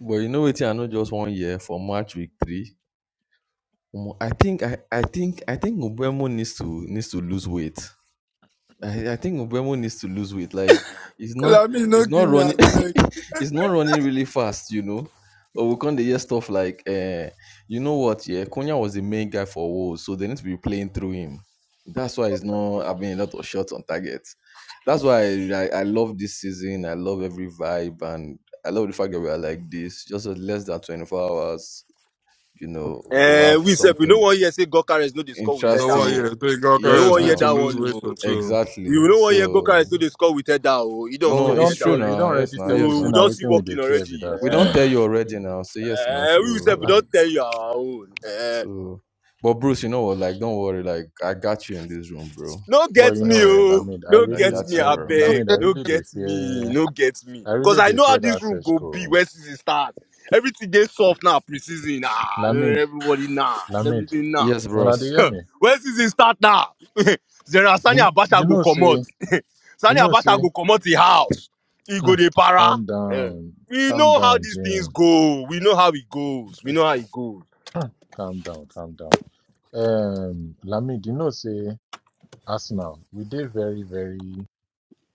Speaker 18: but you know what? I know just one year for March week three. Omo, I think I I think I think Ubemo needs to needs to lose weight. I, I think Mbemo needs to lose weight. Like it's not
Speaker 20: Lami, no
Speaker 18: it's not
Speaker 20: give me a
Speaker 18: running
Speaker 20: break.
Speaker 18: it's not running really fast, you know. Or we can't hear stuff like uh you know what, yeah, Konya was the main guy for Wolves, so they need to be playing through him. That's why he's not having a lot of shots on target. That's why I, I, I love this season. I love every vibe and I love the fact that we are like this. Just a less than twenty four hours, you know, we'll
Speaker 14: Eh,
Speaker 18: have
Speaker 14: we said we no
Speaker 18: something
Speaker 14: one here say God carries no the score with
Speaker 9: You
Speaker 14: her
Speaker 9: know
Speaker 14: that
Speaker 9: what?
Speaker 18: interesting.
Speaker 9: Yeah,
Speaker 14: oh.
Speaker 9: three
Speaker 14: We no
Speaker 18: Yes
Speaker 9: Gawker
Speaker 14: one hear
Speaker 9: need to
Speaker 18: now.
Speaker 14: that
Speaker 9: lose
Speaker 14: one
Speaker 9: weight for
Speaker 14: oh.
Speaker 9: two.
Speaker 18: Exactly.
Speaker 14: We no one hear God
Speaker 18: So
Speaker 14: carries no the score with her that oh. He don't
Speaker 10: But we
Speaker 18: No,
Speaker 14: score with
Speaker 18: it's
Speaker 14: her
Speaker 10: don't
Speaker 14: that
Speaker 18: true
Speaker 10: tell we don't
Speaker 14: already.
Speaker 18: now. Yes,
Speaker 10: already
Speaker 18: now.
Speaker 10: tell you
Speaker 18: Yes,
Speaker 14: So
Speaker 10: see
Speaker 14: we
Speaker 18: now.
Speaker 10: now
Speaker 14: don't see
Speaker 10: waiting with the
Speaker 14: working
Speaker 10: fear with
Speaker 14: already.
Speaker 10: us
Speaker 18: We
Speaker 14: Eh,
Speaker 18: don't
Speaker 10: now.
Speaker 18: tell you already now. Say yes now.
Speaker 14: eh,
Speaker 18: So
Speaker 14: we said we
Speaker 10: Uh-uh.
Speaker 14: don't
Speaker 18: like
Speaker 14: tell you our own. eh.
Speaker 18: so. But Bruce, you know what? Like, don't worry. Like, I got you in this room, bro.
Speaker 14: no
Speaker 10: But
Speaker 14: get
Speaker 10: you know,
Speaker 18: Like,
Speaker 14: me
Speaker 10: eh,
Speaker 14: oh
Speaker 10: Lamid, I
Speaker 14: no
Speaker 18: I
Speaker 14: get
Speaker 10: really
Speaker 18: got
Speaker 14: me
Speaker 18: you,
Speaker 10: I
Speaker 14: I
Speaker 18: bro.
Speaker 14: abeg
Speaker 10: Lamid, I
Speaker 14: no
Speaker 10: really they
Speaker 14: get me
Speaker 10: fear
Speaker 14: no get me
Speaker 10: I
Speaker 14: cause
Speaker 10: really
Speaker 14: i
Speaker 10: they
Speaker 14: know how
Speaker 10: fear
Speaker 14: this
Speaker 10: that
Speaker 14: room
Speaker 10: search
Speaker 14: go be
Speaker 10: code.
Speaker 14: when season start everything dey soft now pre-season ah no,
Speaker 10: Lamid,
Speaker 14: everybody nice
Speaker 10: Lamid.
Speaker 14: everything nice
Speaker 18: Yes,
Speaker 10: Una dey
Speaker 18: bros.
Speaker 10: hear me?
Speaker 14: when season start now general
Speaker 10: You
Speaker 14: sani
Speaker 10: kn-
Speaker 14: abacha
Speaker 10: you
Speaker 14: go
Speaker 10: know
Speaker 14: comot
Speaker 10: say you
Speaker 14: sani
Speaker 10: know
Speaker 14: abacha
Speaker 10: say
Speaker 14: go comot the house He go
Speaker 10: mm,
Speaker 14: dey para
Speaker 10: calm
Speaker 14: Eh,
Speaker 10: down,
Speaker 14: we
Speaker 10: calm
Speaker 14: know how
Speaker 10: down,
Speaker 14: these things
Speaker 10: Jane.
Speaker 14: go we know how it goes we know how it goes
Speaker 10: Calm down, calm down. Um, Lamid, you know, say Arsenal, we did very, very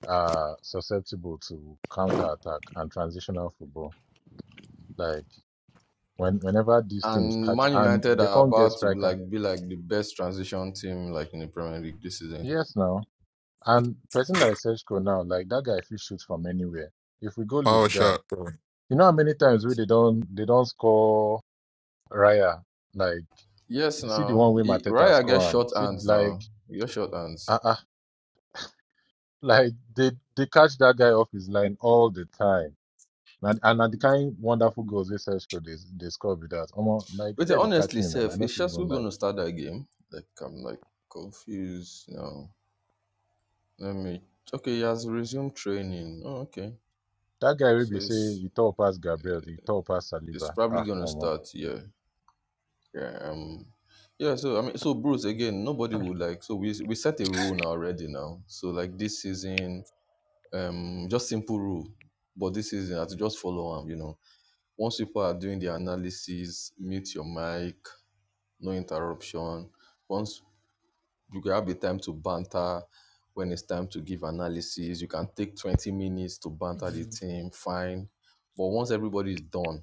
Speaker 10: uh susceptible to counter attack and transitional football. Like when whenever these teams
Speaker 18: And
Speaker 10: catch
Speaker 18: Man
Speaker 10: and
Speaker 18: United
Speaker 10: they
Speaker 18: are
Speaker 10: can't get
Speaker 18: about to
Speaker 10: striker.
Speaker 18: like be like the best transition team like in the Premier League this season.
Speaker 10: Yes, now and person like Sergio now, like that guy, if he shoots from anywhere, if we go
Speaker 9: Power
Speaker 10: lose guard,
Speaker 9: shot, bro.
Speaker 10: you know how many times we they don't they don't score Raya. Like
Speaker 18: Yes,
Speaker 10: see the
Speaker 18: now.
Speaker 10: one way
Speaker 18: E-
Speaker 10: Mateta
Speaker 18: Raya get
Speaker 10: score him.
Speaker 18: short
Speaker 10: See
Speaker 18: hands
Speaker 10: like
Speaker 18: now. You get short hands.
Speaker 10: ah uh, uh like they they catch that guy off his line all the time Na, and na the kind wonderful goals wey Sesko dey dey score be that. Omo, like
Speaker 18: But
Speaker 10: fear dey catch
Speaker 18: honestly,
Speaker 10: me, man. I
Speaker 18: Seth,
Speaker 10: no
Speaker 18: is
Speaker 10: fit even
Speaker 18: Shasku going
Speaker 10: lie.
Speaker 18: to start that game? Like, I'm like confused now. Let me. Okay, he has resumed training. Oh, okay.
Speaker 10: That guy will
Speaker 18: So
Speaker 10: be say
Speaker 18: it's
Speaker 10: he tall pass Gabriel, he tall pass
Speaker 18: it's
Speaker 10: Saliba.
Speaker 18: probably
Speaker 10: Ah,
Speaker 18: gonna
Speaker 10: omo,
Speaker 18: start. Yeah. Yeah. Um. Yeah. So I mean, so Bruce again, nobody would like. So we we set a rule now already now. So like this season, um, just simple rule. But this season, I have to just follow them. You know, once people are doing the analysis, mute your mic, no interruption. Once you can have the time to banter when it's time to give analysis. You can take 20 minutes to banter the
Speaker 10: Mm.
Speaker 18: team, fine. But once everybody is done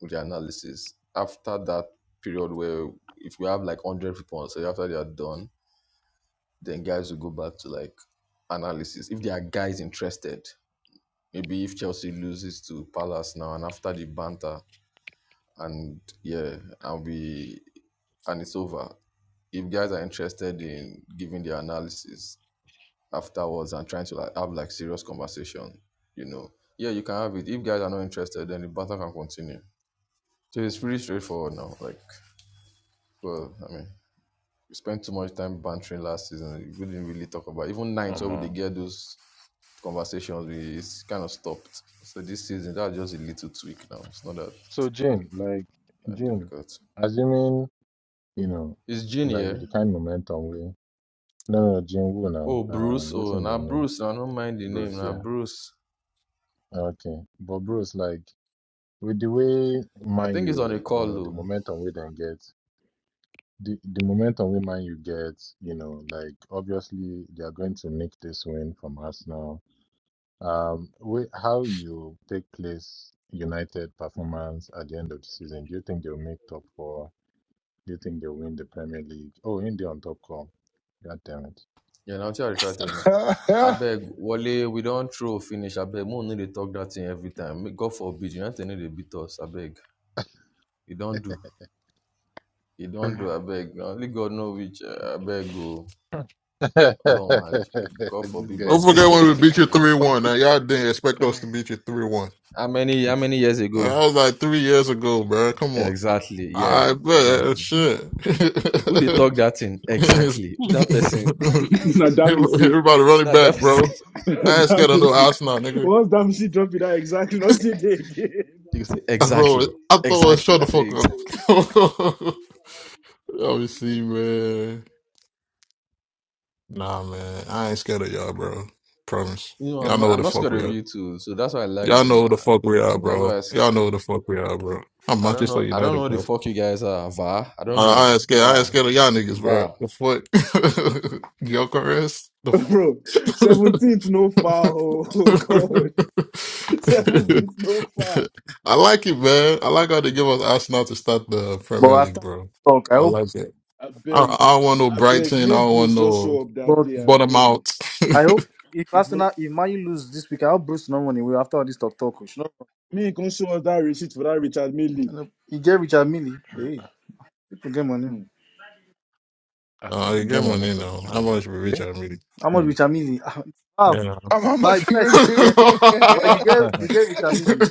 Speaker 18: with the analysis, after that period where if we have like 100 people, so after they are done, then guys will go back to like analysis. If there are guys interested, maybe if Chelsea loses to Palace now and after the banter, and yeah, and we and it's over. If guys are interested in giving their analysis, afterwards and trying to like have like serious conversation, you know. Yeah, you can have it. If guys are not interested, then the battle can continue. So it's pretty straightforward now. Like, well, I mean, we spent too much time bantering last season. We didn't really talk about even nights where we did
Speaker 10: omo.
Speaker 18: get those conversations. We it's kind of stopped. So this season, that's just a little tweak now. It's not that,
Speaker 10: So Jane, like
Speaker 18: that
Speaker 10: Jane,
Speaker 18: difficult.
Speaker 10: assuming you know,
Speaker 18: It's
Speaker 10: like with
Speaker 18: Junior.
Speaker 10: the kind momentum we. No, no, Jane who now.
Speaker 18: Oh, Bruce.
Speaker 10: Um,
Speaker 18: Oh,
Speaker 10: waiting be
Speaker 18: now
Speaker 10: new,
Speaker 18: Bruce. I don't mind the name.
Speaker 10: Bruce.
Speaker 18: Now
Speaker 10: Yeah,
Speaker 18: Bruce.
Speaker 10: okay. But Bruce, like with the way
Speaker 18: I
Speaker 10: Man
Speaker 18: think he's on a
Speaker 10: U, you
Speaker 18: call
Speaker 10: know, the
Speaker 18: though.
Speaker 10: momentum we then get. the the momentum we Man you get, you know, like obviously they are going to nick this win from Arsenal. Um, we, how you take place United performance at the end of the season? Do you think they'll make top four? Do you think they'll win the Premier League? Oh, in the on top call. God damn it.
Speaker 18: Yeah, now I try to try tell now. Abeg, Wale, we don't throw finish. Abeg, Mo no dey talk that thing every time. Make God forbid, United no dey beat us. Abeg, you don't do. You don't do. Abeg, na only God know which. eh, Abeg, go. Ọlọ́run máa God
Speaker 10: this
Speaker 18: forbid
Speaker 10: guy
Speaker 9: Don't
Speaker 18: but
Speaker 10: they
Speaker 9: forget
Speaker 10: fear
Speaker 9: when we
Speaker 10: true
Speaker 9: beat you
Speaker 10: true.
Speaker 18: God
Speaker 9: 3 1. Now,
Speaker 18: forbid bad
Speaker 9: y'all didn't expect us to beat you 3 1.
Speaker 18: How many, how many years
Speaker 9: That
Speaker 18: ago?
Speaker 9: was like three years ago, bro. Come
Speaker 18: Yeah,
Speaker 9: on.
Speaker 18: exactly. Yeah,
Speaker 9: I bet.
Speaker 18: exactly.
Speaker 9: Shit.
Speaker 18: Who they talk that thing? Exactly. Who that person?
Speaker 16: nah, damn is it.
Speaker 9: Everybody running
Speaker 18: That, that
Speaker 9: back,
Speaker 18: person.
Speaker 9: bro. I ain't
Speaker 16: damn
Speaker 9: scared of no
Speaker 16: is it.
Speaker 9: Arsenal, nigga.
Speaker 16: Once damn she dropped it out exactly, not today again.
Speaker 18: You say,
Speaker 9: I thought,
Speaker 18: exactly.
Speaker 9: I thought it was shut
Speaker 18: Exactly.
Speaker 9: the
Speaker 18: I say,
Speaker 9: fuck
Speaker 18: exactly.
Speaker 9: up. Obviously, man. Nah, man. I ain't scared of y'all, bro. Promise.
Speaker 18: You know,
Speaker 9: Y'all
Speaker 18: I'm not,
Speaker 9: know who
Speaker 18: I'm
Speaker 9: the
Speaker 18: not
Speaker 9: fuck
Speaker 18: scared
Speaker 9: we
Speaker 18: of
Speaker 9: are.
Speaker 18: you too. So that's why I like
Speaker 9: Y'all
Speaker 18: them.
Speaker 9: know who the fuck we are,
Speaker 18: That's
Speaker 9: bro.
Speaker 18: why I, s-
Speaker 9: Y'all know who the fuck we are, bro. I'm
Speaker 18: I don't
Speaker 9: Manchester
Speaker 18: know. I don't know
Speaker 9: United,
Speaker 18: what the
Speaker 9: bro.
Speaker 18: fuck you guys are. Va. I
Speaker 9: I,
Speaker 18: don't know.
Speaker 9: I ain't scared. I ain't
Speaker 18: Va.
Speaker 9: scared of y'all niggas, bro.
Speaker 18: Va.
Speaker 9: The fuck? Gyökeres? The fuck?
Speaker 16: Bro, 17th no far, oh, oh god. 17th no far.
Speaker 9: I like it, man. I like how they give us Arsenal to start the
Speaker 19: But
Speaker 9: Premier League,
Speaker 19: after
Speaker 9: bro.
Speaker 19: this talk, I
Speaker 9: I
Speaker 19: hope.
Speaker 9: like it.
Speaker 16: I
Speaker 9: I,
Speaker 16: beg,
Speaker 9: I don't want no
Speaker 16: I beg,
Speaker 9: Brighton. I
Speaker 16: make
Speaker 9: don't want
Speaker 16: Bruce just
Speaker 9: no
Speaker 16: show up that
Speaker 19: But
Speaker 16: day, I
Speaker 9: bottom
Speaker 16: beg.
Speaker 9: out.
Speaker 19: I hope if
Speaker 16: I feel.
Speaker 19: Arsenal if Man U lose this week, I hope Bruce no money. Will after all this talk talk, we should not-
Speaker 16: Me can show us that receipt for that Richard
Speaker 19: you
Speaker 16: Millie.
Speaker 19: know, he get Richard Millie. Hey, people get money.
Speaker 16: Hmm.
Speaker 10: Are
Speaker 9: Oh,
Speaker 10: people
Speaker 9: you
Speaker 10: get
Speaker 9: get
Speaker 10: money
Speaker 9: money
Speaker 10: for
Speaker 9: now.
Speaker 10: this
Speaker 9: How
Speaker 10: rumor?
Speaker 9: much we reach
Speaker 10: Eh?
Speaker 9: I'm really?
Speaker 19: How much
Speaker 10: Hmm.
Speaker 19: Richard Millie? Wow,
Speaker 9: Yeah. no.
Speaker 7: I'm how
Speaker 19: why did
Speaker 7: much we
Speaker 19: I
Speaker 7: rich
Speaker 19: you guys get?
Speaker 7: here?
Speaker 19: Why you get you get Richard Millie?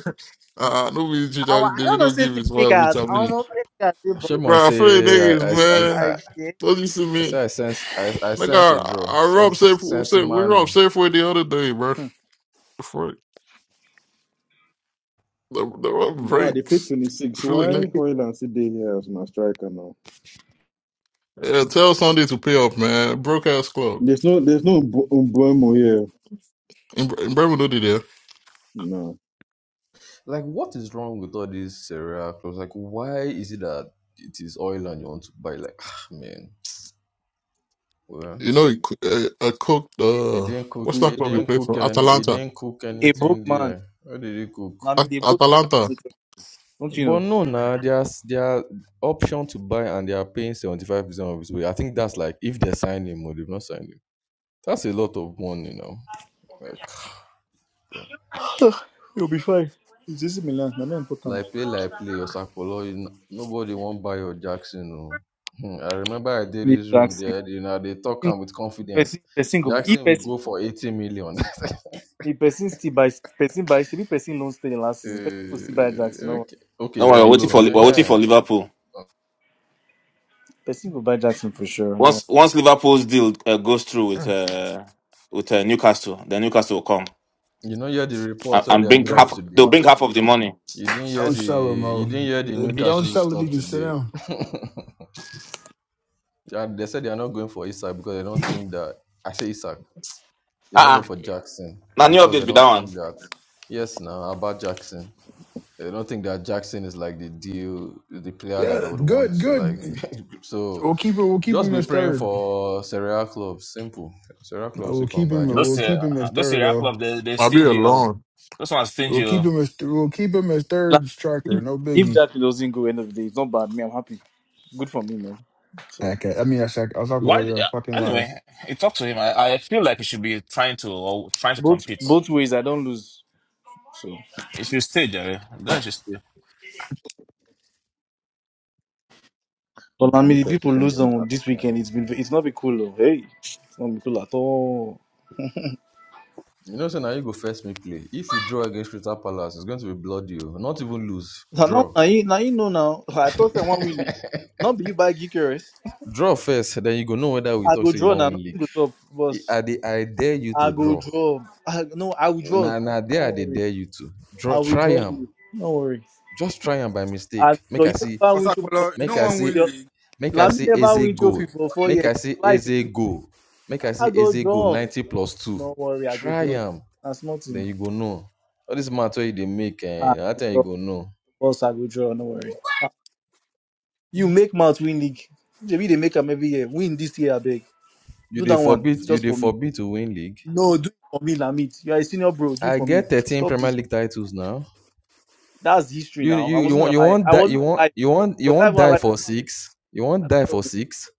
Speaker 9: uh, no be rich
Speaker 19: I, wa-
Speaker 9: David
Speaker 19: I don't know,
Speaker 9: don't
Speaker 19: say
Speaker 9: give
Speaker 19: 50
Speaker 9: his wife rich
Speaker 19: niggas.
Speaker 9: I'm
Speaker 19: I don't
Speaker 9: really.
Speaker 19: know, 50 niggas do both
Speaker 18: Shemon
Speaker 9: Bro, I feel like
Speaker 18: say
Speaker 9: niggas,
Speaker 18: I I I
Speaker 9: man.
Speaker 19: type
Speaker 18: I
Speaker 19: shit.
Speaker 9: Don't you see
Speaker 18: I
Speaker 9: me?
Speaker 18: say I sense I, I
Speaker 9: Like
Speaker 18: sense a
Speaker 9: I,
Speaker 18: draw.
Speaker 9: I robbed
Speaker 18: Sense
Speaker 9: safe,
Speaker 18: sense
Speaker 9: safe we robbed
Speaker 18: man.
Speaker 9: Safeway the other day, bro. Before the the rob
Speaker 16: Wow, they played
Speaker 9: breaks.
Speaker 16: 26.
Speaker 9: Feeling like
Speaker 16: Why
Speaker 9: nigga-
Speaker 16: Hoyland sit there here as my striker now?
Speaker 9: yeah, tell Sunday to pay off, man. Broke ass club
Speaker 16: There's no there's no Mbo- Mbuemo here.
Speaker 9: in Bre- in Bremen, do there.
Speaker 16: No.
Speaker 18: Like what is wrong with all these cereal clothes? Like why is it that it is oil and you want to buy like ah, man. Well
Speaker 9: You know, I cooked
Speaker 18: it
Speaker 9: uh,
Speaker 18: didn't cook
Speaker 9: what's
Speaker 19: Mm,
Speaker 9: that
Speaker 19: A
Speaker 18: it
Speaker 9: club we
Speaker 19: book,
Speaker 18: didn't
Speaker 9: play
Speaker 18: cook
Speaker 9: for?
Speaker 18: any it
Speaker 9: Atalanta,
Speaker 18: didn't cook
Speaker 19: a book
Speaker 18: anything
Speaker 19: man.
Speaker 18: there. What did it cook?
Speaker 19: I mean,
Speaker 9: At-
Speaker 19: the book man.
Speaker 9: Atalanta.
Speaker 19: no Don't you
Speaker 18: But
Speaker 19: know?
Speaker 18: no, nah, there's their option to buy and they are paying seventy five percent of his way. I think that's like if they sign him or they've not signed him. That's a lot of money now. Like, bro.
Speaker 19: Ah, You'll be fine. It's easy, Milan. Not important.
Speaker 18: like play, like play, or Sapolo, nobody won't buy your Jackson. No. Hmm, I remember I did
Speaker 19: Me
Speaker 18: this room
Speaker 19: Jackson.
Speaker 18: there. You know, they talk am with confidence.
Speaker 19: Person, person, go. If
Speaker 18: Jackson will
Speaker 19: person,
Speaker 18: go for eighty million.
Speaker 19: if person still buy, person buy, three person don't stay the last season. Person will
Speaker 18: Eh,
Speaker 19: still buy Jackson. No,
Speaker 18: okay, okay,
Speaker 3: worry, we're
Speaker 18: on
Speaker 3: waiting for
Speaker 18: loan.
Speaker 3: Li-
Speaker 18: eh,
Speaker 3: we're waiting
Speaker 18: eh.
Speaker 3: for Liverpool.
Speaker 19: person will buy Jackson for sure. No.
Speaker 3: Once once Liverpool's deal uh, goes through with uh, with uh, Newcastle, then Newcastle will come
Speaker 18: You know, you had the
Speaker 3: and,
Speaker 18: reports where
Speaker 3: and
Speaker 18: they
Speaker 3: bring
Speaker 18: dropped
Speaker 3: half.
Speaker 18: today.
Speaker 3: They'll bring half of the money.
Speaker 18: You didn't hear
Speaker 7: Don't
Speaker 18: the
Speaker 7: sell it, Mo.
Speaker 18: you didn't hear the
Speaker 7: If you don't
Speaker 18: Newcastle
Speaker 7: sell it, we
Speaker 18: stuff
Speaker 7: can sit
Speaker 18: today.
Speaker 7: down.
Speaker 18: They they said they are not going for Isak because they don't think that I say Isak. They're not
Speaker 3: Ah,
Speaker 18: going
Speaker 3: uh-uh.
Speaker 18: for Jackson
Speaker 3: now new
Speaker 18: because
Speaker 3: update
Speaker 18: they
Speaker 3: be that
Speaker 18: don't
Speaker 3: one.
Speaker 18: think that yes now about Jackson. They don't think that Jackson is like the deal the player that they
Speaker 7: Yeah,
Speaker 18: would want
Speaker 7: good,
Speaker 18: to like
Speaker 7: good.
Speaker 18: so
Speaker 7: We'll keep it. We'll keep
Speaker 18: just
Speaker 7: him
Speaker 18: be
Speaker 7: as
Speaker 18: praying
Speaker 7: third.
Speaker 18: for Serie A clubs. Simple. Serie A
Speaker 7: Uh,
Speaker 18: clubs
Speaker 7: We'll
Speaker 18: will
Speaker 7: keep
Speaker 18: come by
Speaker 7: him.
Speaker 3: This
Speaker 7: We'll
Speaker 18: Jackson.
Speaker 7: keep
Speaker 3: year,
Speaker 7: him as
Speaker 3: this
Speaker 7: third,
Speaker 3: year Apple
Speaker 7: though.
Speaker 3: of the the
Speaker 9: I be
Speaker 3: stingy. oh.
Speaker 9: alone.
Speaker 3: This one's
Speaker 7: We'll
Speaker 3: stingy.
Speaker 7: keep
Speaker 3: oh.
Speaker 7: him as. We'll keep him as
Speaker 19: Like,
Speaker 7: third striker.
Speaker 19: If,
Speaker 7: No
Speaker 19: if
Speaker 7: biggie.
Speaker 19: Jackson doesn't go end of the day, it's not bad. Me, I'm happy. Good for me, man. So
Speaker 7: Okay, I mean, I said I was talking
Speaker 3: Why?
Speaker 7: about you're a
Speaker 3: uh,
Speaker 7: fucking liar.
Speaker 3: Anyway, you talk to him. I, I feel like he should be trying to or trying to
Speaker 19: both
Speaker 3: compete.
Speaker 19: both ways, I don't lose. So.
Speaker 3: He should stay, Jerry. Guy should stay.
Speaker 16: Hmm,
Speaker 19: But I
Speaker 10: Am
Speaker 16: Can
Speaker 19: mean,
Speaker 16: we
Speaker 10: I
Speaker 19: if
Speaker 16: can
Speaker 10: have
Speaker 16: see
Speaker 19: people
Speaker 10: to get
Speaker 19: lose
Speaker 16: something?
Speaker 10: the
Speaker 19: on
Speaker 16: Ah,
Speaker 19: this
Speaker 10: fuck out
Speaker 19: weekend, it's been it's not be cool. Though. Hey, it's not be cool at all.
Speaker 18: You know, so now you go first me play. If you draw against Crystal Palace, it's going to be bloody. oh. Not even lose,
Speaker 19: Now, now,
Speaker 18: draw.
Speaker 19: now, you, now you know now. I thought I want win Not be you buy Gikeres.
Speaker 18: Draw first, then you go know whether we
Speaker 19: I
Speaker 18: talk
Speaker 19: go
Speaker 18: say you
Speaker 19: draw
Speaker 18: want
Speaker 19: now.
Speaker 18: win
Speaker 19: Nothing
Speaker 18: league.
Speaker 19: goes up, boss.
Speaker 18: I, I, dey- I dare you
Speaker 19: I
Speaker 18: to
Speaker 19: go
Speaker 18: draw.
Speaker 19: draw. I, no, I will draw.
Speaker 18: Na
Speaker 19: Don't
Speaker 18: na there I dey
Speaker 19: worry.
Speaker 18: dare you to draw.
Speaker 19: I will
Speaker 18: Try
Speaker 19: draw
Speaker 18: am,
Speaker 19: you. Don't worry.
Speaker 18: just try am by
Speaker 19: I
Speaker 18: mistake.
Speaker 19: go draw.
Speaker 18: Make I
Speaker 19: You
Speaker 18: see,
Speaker 19: never win trophy for
Speaker 20: Osakpolo,
Speaker 19: four
Speaker 20: you
Speaker 18: make
Speaker 20: no
Speaker 19: years.
Speaker 18: I
Speaker 20: one
Speaker 18: see,
Speaker 20: win
Speaker 19: Your,
Speaker 20: league.
Speaker 18: make I
Speaker 19: Lami
Speaker 18: see
Speaker 19: never
Speaker 18: Eze
Speaker 19: win trophy
Speaker 18: goal.
Speaker 19: for four
Speaker 18: Make
Speaker 19: years.
Speaker 18: I see
Speaker 19: Life.
Speaker 18: Eze
Speaker 19: eh?
Speaker 18: goal. Make I
Speaker 19: I
Speaker 18: see
Speaker 19: go
Speaker 18: Eze goal.
Speaker 19: draw.
Speaker 18: Ninety plus two.
Speaker 19: No worry. I go
Speaker 18: Try
Speaker 19: draw.
Speaker 18: am,
Speaker 19: That's
Speaker 18: then
Speaker 19: nothing.
Speaker 18: you go know. All this matter wey you dey make,
Speaker 19: I
Speaker 18: eh? Na that
Speaker 19: go
Speaker 18: time you
Speaker 19: draw.
Speaker 18: go know.
Speaker 19: Boss, I go draw. No worry. You make mouth win league. Maybe they make them every year. Win this year, I beg.
Speaker 18: You
Speaker 19: Do
Speaker 18: dey
Speaker 19: that one
Speaker 18: forbid, you
Speaker 19: just
Speaker 18: dey
Speaker 19: for me.
Speaker 18: forbid to win league.
Speaker 19: No, do it for me, Lamit. You are a senior bro. Do it
Speaker 18: I
Speaker 19: for me.
Speaker 18: get thirteen
Speaker 19: Stop
Speaker 18: Premier
Speaker 19: this.
Speaker 18: League titles now.
Speaker 19: That's history
Speaker 18: You
Speaker 19: now. I
Speaker 18: you you
Speaker 19: wasn't
Speaker 18: want you
Speaker 19: alive.
Speaker 18: want
Speaker 19: I
Speaker 18: that you
Speaker 19: wasn't
Speaker 18: want
Speaker 19: alive.
Speaker 18: you want you
Speaker 19: Was I
Speaker 18: want
Speaker 19: even
Speaker 18: die
Speaker 19: alive?
Speaker 18: for six. You
Speaker 19: I
Speaker 18: want die for
Speaker 19: don't
Speaker 18: six.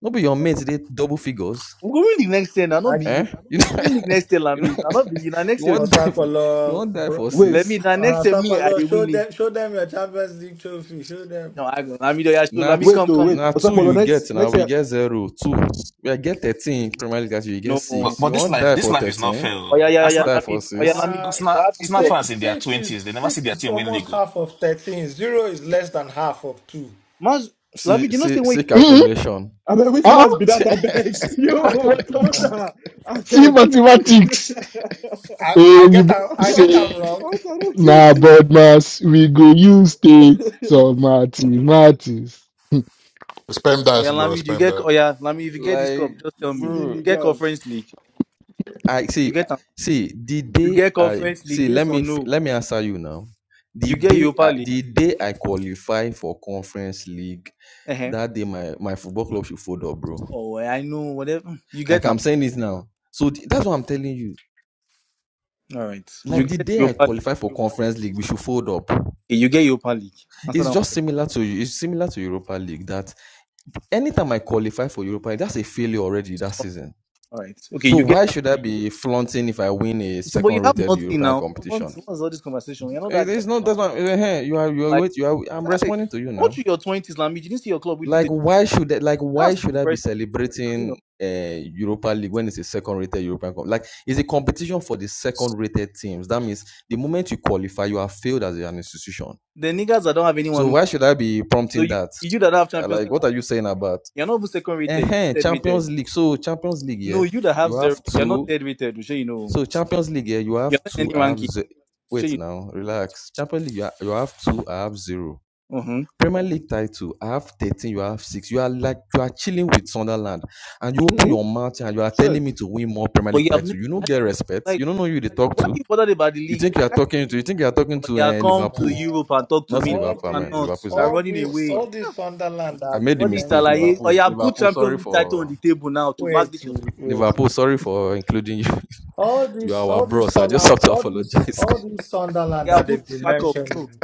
Speaker 18: No be your
Speaker 19: know.
Speaker 18: mate they double figures.
Speaker 19: We'll go win the next year. Now not be
Speaker 18: Eh?
Speaker 19: you.
Speaker 18: You know
Speaker 19: We'll go win the next year,
Speaker 18: you know
Speaker 19: Lamit. Now not be you. Now
Speaker 18: you
Speaker 19: next year,
Speaker 18: want die for, you
Speaker 13: Osakwala,
Speaker 18: want die
Speaker 13: bro,
Speaker 18: for
Speaker 16: Wait,
Speaker 19: let me.
Speaker 18: six.
Speaker 19: Now
Speaker 13: uh,
Speaker 19: next year, me I the
Speaker 13: Osakwala, show
Speaker 19: win league.
Speaker 13: them, show them your Champions League trophy. Show them.
Speaker 19: No, I go. Lamit, oh yeah, show. Lamit,
Speaker 18: Not
Speaker 16: wait,
Speaker 19: come,
Speaker 16: oh,
Speaker 19: come.
Speaker 16: wait.
Speaker 18: now two
Speaker 16: Osakpolo,
Speaker 18: you
Speaker 16: next
Speaker 18: get now
Speaker 16: next
Speaker 18: we
Speaker 16: year.
Speaker 18: get zero two. We get thirteen Premier League that you get
Speaker 19: No.
Speaker 3: But
Speaker 18: six.
Speaker 19: Oh
Speaker 3: but
Speaker 18: You
Speaker 3: this
Speaker 18: want
Speaker 3: life,
Speaker 18: die
Speaker 3: this
Speaker 18: for
Speaker 3: life is not fair.
Speaker 18: thirteen?
Speaker 3: oh.
Speaker 19: yeah, yeah,
Speaker 3: That's
Speaker 19: yeah,
Speaker 18: Want
Speaker 3: not
Speaker 18: Die for
Speaker 19: Lamit. Oh yeah,
Speaker 18: six.
Speaker 19: Lamit.
Speaker 13: Uh,
Speaker 3: that's
Speaker 19: You
Speaker 3: not
Speaker 19: have
Speaker 3: that's
Speaker 19: this
Speaker 3: not
Speaker 19: cup.
Speaker 13: six,
Speaker 3: fans in their
Speaker 13: six is
Speaker 3: twenties. They never see
Speaker 13: six
Speaker 3: their
Speaker 13: is
Speaker 3: team win league.
Speaker 13: almost
Speaker 3: oh.
Speaker 13: half of thirteen. Zero is less than half of two.
Speaker 19: Man, Lamit,
Speaker 18: See
Speaker 19: you know say
Speaker 18: see
Speaker 19: when you
Speaker 18: see
Speaker 19: dey-
Speaker 17: Mhm.
Speaker 18: calculation.
Speaker 16: I mean, which
Speaker 17: Ah,
Speaker 16: must be that I beg?
Speaker 17: see
Speaker 16: Yo,
Speaker 10: of here?
Speaker 17: mathematics.
Speaker 16: Hunter, I
Speaker 17: See
Speaker 16: beg.
Speaker 17: mathematics.
Speaker 13: I, I
Speaker 17: Eh, you
Speaker 13: get,
Speaker 17: both
Speaker 13: I'm- I get, I'm
Speaker 17: say
Speaker 13: wrong.
Speaker 16: Hunter, don't kill
Speaker 17: nah,
Speaker 16: me.
Speaker 17: but mass we go use take some maths, maths.
Speaker 9: Spam dice,
Speaker 19: Oya
Speaker 9: bro.
Speaker 19: Lamid, you
Speaker 9: Spam
Speaker 19: get
Speaker 9: dice.
Speaker 19: Oya Lamid, if you get this
Speaker 18: Like
Speaker 19: cup, just tell me. You
Speaker 16: Feeling
Speaker 18: bro.
Speaker 16: me,
Speaker 19: get
Speaker 16: girls.
Speaker 19: Conference League.
Speaker 18: I
Speaker 19: You
Speaker 18: see,
Speaker 19: get am-
Speaker 18: see, the
Speaker 10: Mm.
Speaker 19: you
Speaker 18: day
Speaker 19: get
Speaker 18: I
Speaker 19: Conference League,
Speaker 18: see, let
Speaker 19: yes or
Speaker 18: me f-
Speaker 19: no?
Speaker 18: let me answer you now. The
Speaker 19: You get
Speaker 18: day
Speaker 19: Europa
Speaker 18: I,
Speaker 19: League.
Speaker 18: the day I qualify for conference league,
Speaker 19: Uh-huh.
Speaker 18: that day my my football club should fold up, bro.
Speaker 19: Oh, eh, I know whatever. Mm, You get
Speaker 18: Like
Speaker 19: am.
Speaker 18: I'm saying this now. So th- that's what I'm telling you.
Speaker 19: All right. You
Speaker 18: Like the
Speaker 19: get
Speaker 18: day I
Speaker 19: Europa League.
Speaker 18: qualify for conference league, we should fold up.
Speaker 19: Okay, you get Europa League. Answer that
Speaker 18: It's
Speaker 19: one.
Speaker 18: just
Speaker 19: first.
Speaker 18: similar to it's similar to Europa League that anytime I qualify for Europa League, that's a failure already that season.
Speaker 19: All all right. Okay,
Speaker 18: So
Speaker 19: you get
Speaker 18: why
Speaker 19: am.
Speaker 18: should I be flaunting if I win a
Speaker 19: So, but you
Speaker 18: second
Speaker 19: have
Speaker 18: rated
Speaker 19: nothing
Speaker 18: European
Speaker 19: now.
Speaker 18: competition?
Speaker 19: What's what's all this conversation? You're not
Speaker 18: Eh,
Speaker 19: that guy
Speaker 18: There's no
Speaker 19: now.
Speaker 18: that's not eh, eh, you are you are
Speaker 19: Like,
Speaker 18: wait you are I'm
Speaker 19: guy,
Speaker 18: responding to you
Speaker 19: go
Speaker 18: now.
Speaker 19: through your twenties, Lamid. You didn't see your club with
Speaker 18: Like
Speaker 19: Elite.
Speaker 18: why should that like why
Speaker 19: That's
Speaker 18: should I be
Speaker 19: depressing. You know,
Speaker 18: celebrating uh Europa League when it's a second rated European Cup? Like it's a competition for the second rated teams. That means the moment you qualify, you have failed as an institution.
Speaker 19: the niggas that don't have anyone.
Speaker 18: So
Speaker 19: Who,
Speaker 18: why
Speaker 19: can.
Speaker 18: should I be
Speaker 19: so
Speaker 18: prompting
Speaker 19: you
Speaker 18: that?
Speaker 19: you that don't have
Speaker 18: Uh,
Speaker 19: Champions
Speaker 18: Like
Speaker 19: League,
Speaker 18: what are you saying about
Speaker 19: you're not even second rated.
Speaker 18: uh
Speaker 19: You're third rated.
Speaker 18: Champions League? So Champions League,
Speaker 19: No,
Speaker 18: yeah,
Speaker 19: you that have
Speaker 18: you
Speaker 19: zero,
Speaker 18: have
Speaker 19: you're not
Speaker 18: two.
Speaker 19: third rated. Sure, you know.
Speaker 18: So Champions League, yeah, you
Speaker 19: You're
Speaker 18: have
Speaker 19: not in
Speaker 18: two.
Speaker 19: any
Speaker 18: I have
Speaker 19: ranking.
Speaker 18: ze-
Speaker 19: Sure,
Speaker 18: wait
Speaker 19: you
Speaker 18: now, relax. Champions League, you ha- you have two. I have zero.
Speaker 19: know. Uh-huh.
Speaker 18: Premier League title. I have 13, you have 6. You are like, you are chilling with Sunderland and you open your
Speaker 16: Mm-hmm.
Speaker 18: mouth and you are
Speaker 16: Sure.
Speaker 18: telling me to win more Premier
Speaker 19: But
Speaker 18: League
Speaker 19: you have never,
Speaker 18: title. You
Speaker 19: I
Speaker 18: don't
Speaker 19: don't,
Speaker 18: get respect.
Speaker 19: like,
Speaker 18: You don't know who they talk
Speaker 19: why are
Speaker 18: to.
Speaker 19: you bothered about the
Speaker 18: You
Speaker 19: league?
Speaker 18: think you are
Speaker 19: I,
Speaker 18: talking to, you think you are talking
Speaker 19: or
Speaker 18: to
Speaker 19: you are
Speaker 18: uh,
Speaker 13: Um,
Speaker 19: come to
Speaker 18: Liverpool.
Speaker 19: Europe
Speaker 13: uh,
Speaker 19: and talk to
Speaker 18: Not
Speaker 19: me. You
Speaker 13: all
Speaker 18: Liverpool, man.
Speaker 13: this,
Speaker 19: cannot.
Speaker 18: Liverpool is
Speaker 19: You are
Speaker 18: like,
Speaker 13: all
Speaker 19: running
Speaker 18: oh,
Speaker 13: this,
Speaker 19: away.
Speaker 18: sorry.
Speaker 13: all this
Speaker 19: Ah,
Speaker 13: Sunderland
Speaker 18: I
Speaker 13: has
Speaker 18: made the
Speaker 19: All
Speaker 13: been
Speaker 19: this
Speaker 18: mistake.
Speaker 13: mentioned.
Speaker 19: shalaye. Or you
Speaker 18: Liverpool,
Speaker 19: have put
Speaker 18: Liverpool,
Speaker 19: Champions
Speaker 18: sorry
Speaker 19: League title on
Speaker 18: for,
Speaker 19: the table now to back
Speaker 13: Wait,
Speaker 19: this. your-
Speaker 13: wait.
Speaker 19: You cannot.
Speaker 18: Liverpool, sorry for including you.
Speaker 13: All
Speaker 18: You
Speaker 13: this,
Speaker 18: are our
Speaker 13: all this,
Speaker 18: bros. I just
Speaker 13: Sunderland-
Speaker 18: have to
Speaker 13: all this,
Speaker 18: apologize.
Speaker 13: all this
Speaker 19: Or
Speaker 13: Sunderland
Speaker 19: you have
Speaker 13: that
Speaker 19: put
Speaker 13: they've been
Speaker 19: back up.
Speaker 18: Like,
Speaker 19: No.
Speaker 13: mentioning.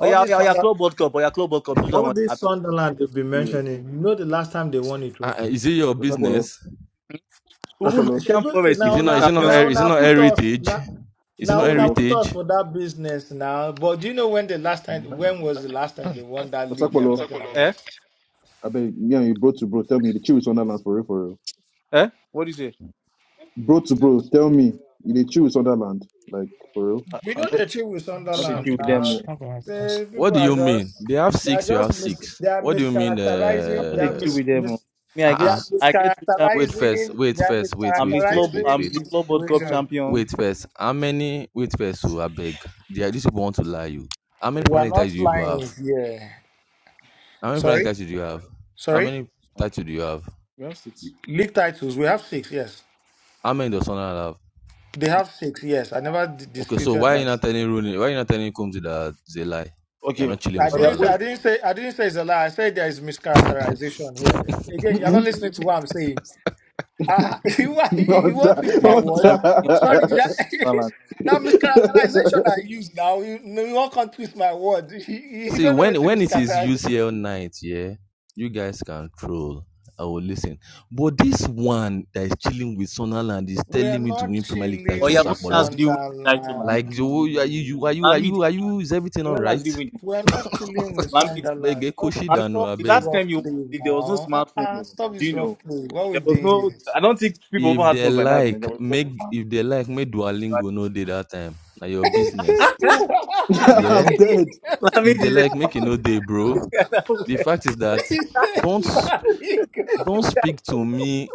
Speaker 19: Or you are, you
Speaker 13: this,
Speaker 19: you are Club World Cup. Or you are Club World Cup. Do that
Speaker 13: All
Speaker 19: one.
Speaker 13: this
Speaker 19: Abi.
Speaker 13: Sunderland you've been
Speaker 16: Wait.
Speaker 13: mentioning, you know the last time they won a
Speaker 18: uh,
Speaker 13: trophy.
Speaker 18: is it your
Speaker 16: Osakwalo,
Speaker 18: business?
Speaker 19: Even
Speaker 13: Ah,
Speaker 16: Osakwalo,
Speaker 19: Nottingham
Speaker 13: Shebu,
Speaker 19: Forest still
Speaker 18: Is
Speaker 13: now,
Speaker 18: it
Speaker 19: put
Speaker 18: not? Is
Speaker 13: now,
Speaker 18: it not?
Speaker 19: Champions League.
Speaker 18: her-
Speaker 13: now,
Speaker 18: Is it
Speaker 13: now
Speaker 18: not
Speaker 13: put us
Speaker 18: heritage?
Speaker 13: now,
Speaker 18: Is it not
Speaker 13: now, now
Speaker 16: Osakwalo,
Speaker 13: put
Speaker 18: heritage?
Speaker 13: us for that business now. But do you know when the last time? When was the last time they won that league you are
Speaker 16: Osakwalo.
Speaker 13: talking about?
Speaker 19: Eh?
Speaker 16: I beg me and you bro to bro. Tell me the chill with Sunderland for real, for real.
Speaker 19: Eh? What do you say?
Speaker 16: Bro to bro, tell me you the chill with Sunderland, like for real.
Speaker 19: I,
Speaker 13: We
Speaker 19: I'm
Speaker 13: know
Speaker 19: not,
Speaker 13: the trip with
Speaker 19: not the
Speaker 13: Sunderland
Speaker 19: team with
Speaker 13: now.
Speaker 19: them. Oh.
Speaker 13: Say
Speaker 18: What
Speaker 13: people
Speaker 18: do
Speaker 13: are
Speaker 18: you mean?
Speaker 13: just
Speaker 18: They have
Speaker 13: they are
Speaker 18: six. You have
Speaker 13: just mis,
Speaker 18: six.
Speaker 13: they are
Speaker 18: What do you mean?
Speaker 19: I'm
Speaker 13: mischaracterizing.
Speaker 19: not
Speaker 13: They
Speaker 19: the
Speaker 13: are
Speaker 18: Uh
Speaker 19: team
Speaker 13: mis,
Speaker 19: with them. Oh.
Speaker 13: mis
Speaker 19: Me, I
Speaker 18: uh.
Speaker 13: they
Speaker 19: get
Speaker 13: are
Speaker 18: uh
Speaker 19: I get to
Speaker 18: Wait
Speaker 13: mischaracterizing.
Speaker 18: first. Wait
Speaker 13: They are
Speaker 18: first. Wait.
Speaker 19: I'm
Speaker 18: Wait.
Speaker 19: the
Speaker 18: Wait.
Speaker 19: club.
Speaker 18: Wait.
Speaker 19: I'm
Speaker 13: mischaracterizing
Speaker 18: Wait.
Speaker 19: the
Speaker 13: the
Speaker 19: club World Cup
Speaker 13: situation.
Speaker 19: champion.
Speaker 18: Wait first. How many? Wait first. So I beg. They are, these people want to lie you. How many
Speaker 13: We are
Speaker 18: planet
Speaker 13: not
Speaker 18: tattoos do you have?
Speaker 13: flying here.
Speaker 18: How many planet
Speaker 13: Sorry.
Speaker 18: tattoos do you have?
Speaker 19: We
Speaker 18: How
Speaker 13: Sorry?
Speaker 18: many
Speaker 19: have,
Speaker 18: tattoos do you have?
Speaker 19: we have six.
Speaker 13: League titles, we have six, yes.
Speaker 18: How many does someone have?
Speaker 13: They have six, yes. I never d-
Speaker 18: Okay, so
Speaker 13: disputed
Speaker 18: why you
Speaker 13: that.
Speaker 18: not telling Rooney? Why you not telling Combs that it's a lie? You're
Speaker 19: Okay.
Speaker 18: not chilling
Speaker 13: I
Speaker 18: with
Speaker 19: Oh yeah,
Speaker 13: didn't say
Speaker 19: wait.
Speaker 13: I
Speaker 18: Sunderland.
Speaker 13: didn't say I didn't say it's a lie. I said there is mischaracterization here. Again, you're not
Speaker 16: Mm-mm.
Speaker 13: listening to what I'm saying. Uh, you, wa- you
Speaker 16: Not
Speaker 13: want to twist
Speaker 16: that,
Speaker 19: Me, I
Speaker 13: my
Speaker 16: not
Speaker 19: don't
Speaker 13: words.
Speaker 19: understand
Speaker 13: Sorry, did I
Speaker 19: where the
Speaker 13: now mischaracterization
Speaker 16: that.
Speaker 13: I use now. You no you all can't twist my words. You, you
Speaker 18: See,
Speaker 13: don't know what
Speaker 18: when when it is
Speaker 13: mischaracterization
Speaker 18: UCL
Speaker 13: is.
Speaker 18: night, yeah, you guys can troll. I will listen. But this one that is chilling with Sunderland is
Speaker 13: We're
Speaker 18: telling me to
Speaker 13: not
Speaker 18: win Premier League
Speaker 19: Oh
Speaker 13: chilling
Speaker 19: yeah,
Speaker 18: titles,
Speaker 19: when
Speaker 13: with
Speaker 19: last
Speaker 18: Akbolo.
Speaker 19: did you win the title, Lamid?
Speaker 13: Sunderland.
Speaker 18: Like, you, are you, are you, are
Speaker 19: Lamid,
Speaker 18: you, are you, is everything all
Speaker 19: when last
Speaker 18: right?
Speaker 19: did you win the
Speaker 13: We're
Speaker 18: I
Speaker 13: not chilling with
Speaker 19: Lamid,
Speaker 18: beg,
Speaker 13: Sunderland. Stop
Speaker 19: Lamid,
Speaker 18: I
Speaker 13: stop
Speaker 19: the
Speaker 13: this
Speaker 18: beg.
Speaker 19: last time
Speaker 13: rough
Speaker 19: you won
Speaker 13: play
Speaker 19: the league, there was no
Speaker 13: now.
Speaker 19: smartphone.
Speaker 13: Uh-uh,
Speaker 19: Though.
Speaker 13: stop
Speaker 19: Do
Speaker 13: this
Speaker 19: you
Speaker 13: rough
Speaker 19: know?
Speaker 13: play. What are we
Speaker 19: There was
Speaker 13: doing
Speaker 19: no.
Speaker 13: here?
Speaker 19: I don't think people ever
Speaker 18: If
Speaker 19: had
Speaker 18: they
Speaker 19: phones like that in
Speaker 18: like,
Speaker 19: Nigeria. Was it?
Speaker 18: make, if they like, make
Speaker 19: wasn't
Speaker 18: Duolingo no day that time. Now your business. Yeah,
Speaker 19: bad.
Speaker 16: I'm dead.
Speaker 19: Lamid
Speaker 18: if they
Speaker 19: is
Speaker 18: like
Speaker 19: a
Speaker 18: make e no dey bro
Speaker 19: fucking other
Speaker 18: the
Speaker 19: way.
Speaker 18: fact is that
Speaker 13: He said
Speaker 18: don't
Speaker 13: to Ali. He said to Ali.
Speaker 18: don't speak to me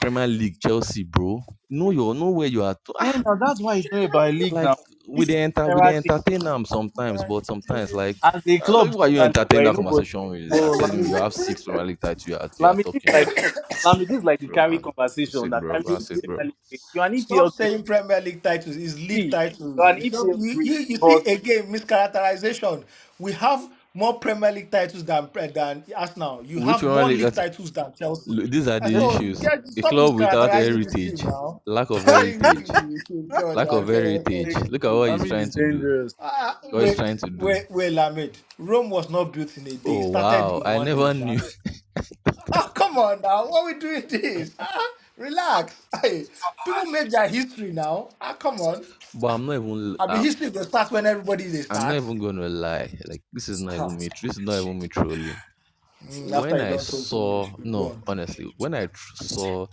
Speaker 18: premier league chelsea bro know your know where you are to- ah,
Speaker 19: Eh, now that's why it's not about a league
Speaker 18: like
Speaker 19: now.
Speaker 18: we
Speaker 19: This is
Speaker 18: dey
Speaker 19: a
Speaker 18: enter we
Speaker 19: general
Speaker 18: dey
Speaker 19: thing.
Speaker 18: entertain them sometimes but sometimes like
Speaker 19: As a
Speaker 18: ah, like,
Speaker 19: club
Speaker 18: who are you
Speaker 19: generally,
Speaker 18: entertain
Speaker 19: right?
Speaker 18: that
Speaker 19: No, but
Speaker 18: conversation with
Speaker 19: but
Speaker 18: they are telling you
Speaker 19: Lamid,
Speaker 18: you have six premier league titles you are you are
Speaker 19: Lamid is
Speaker 18: talking
Speaker 19: like. Lamid, this is like the
Speaker 18: bro
Speaker 19: carry
Speaker 18: man that's
Speaker 19: conversation
Speaker 18: it
Speaker 19: that
Speaker 18: bro
Speaker 19: carry
Speaker 18: that's
Speaker 13: God.
Speaker 18: it bro
Speaker 19: generally great. You're an
Speaker 13: Stop
Speaker 19: EPL great.
Speaker 13: saying Premier League titles It's league
Speaker 19: See, you're
Speaker 13: titles.
Speaker 19: an
Speaker 13: You Stop.
Speaker 19: EPL
Speaker 13: You, you,
Speaker 19: great,
Speaker 13: you
Speaker 19: but
Speaker 13: see again mischaracterization. We have more Premier League titles than Pre- than Arsenal. You
Speaker 18: which
Speaker 13: have
Speaker 18: premier
Speaker 13: more
Speaker 18: league
Speaker 13: league
Speaker 18: that
Speaker 13: titles than Chelsea.
Speaker 18: these are
Speaker 13: Uh,
Speaker 18: the
Speaker 19: just
Speaker 13: So
Speaker 18: issues
Speaker 13: get
Speaker 18: a
Speaker 13: stop
Speaker 18: club without
Speaker 13: mischaracterizing this
Speaker 18: heritage
Speaker 13: team now.
Speaker 18: lack of
Speaker 13: I
Speaker 18: heritage
Speaker 13: God,
Speaker 18: lack of
Speaker 13: I
Speaker 18: heritage
Speaker 19: like
Speaker 18: look at what he's
Speaker 19: Lamid
Speaker 18: trying
Speaker 19: is
Speaker 18: to do
Speaker 19: dangerous.
Speaker 13: Ah,
Speaker 18: God is
Speaker 13: wait,
Speaker 18: trying to do.
Speaker 13: wait, wait, Lamed. Rome was not built in a day. It
Speaker 18: Oh
Speaker 13: started
Speaker 18: wow,
Speaker 13: in
Speaker 18: I
Speaker 13: one day,
Speaker 18: never
Speaker 13: Sha.
Speaker 18: knew.
Speaker 13: Oh, come on now. What we doing this? Ah, relax. Hey, people make their history now. Ah, come on.
Speaker 18: But I'm not even
Speaker 13: I mean,
Speaker 18: I,
Speaker 13: history will start when everybody they
Speaker 18: I'm not
Speaker 13: start.
Speaker 18: even gonna lie. Like this is not
Speaker 13: Ah,
Speaker 18: even me. This is not even me trolling.
Speaker 13: mm, After
Speaker 18: When
Speaker 13: you
Speaker 18: I
Speaker 13: don't talk finish,
Speaker 18: saw
Speaker 13: you go
Speaker 18: no,
Speaker 13: on.
Speaker 18: honestly, when I tr- saw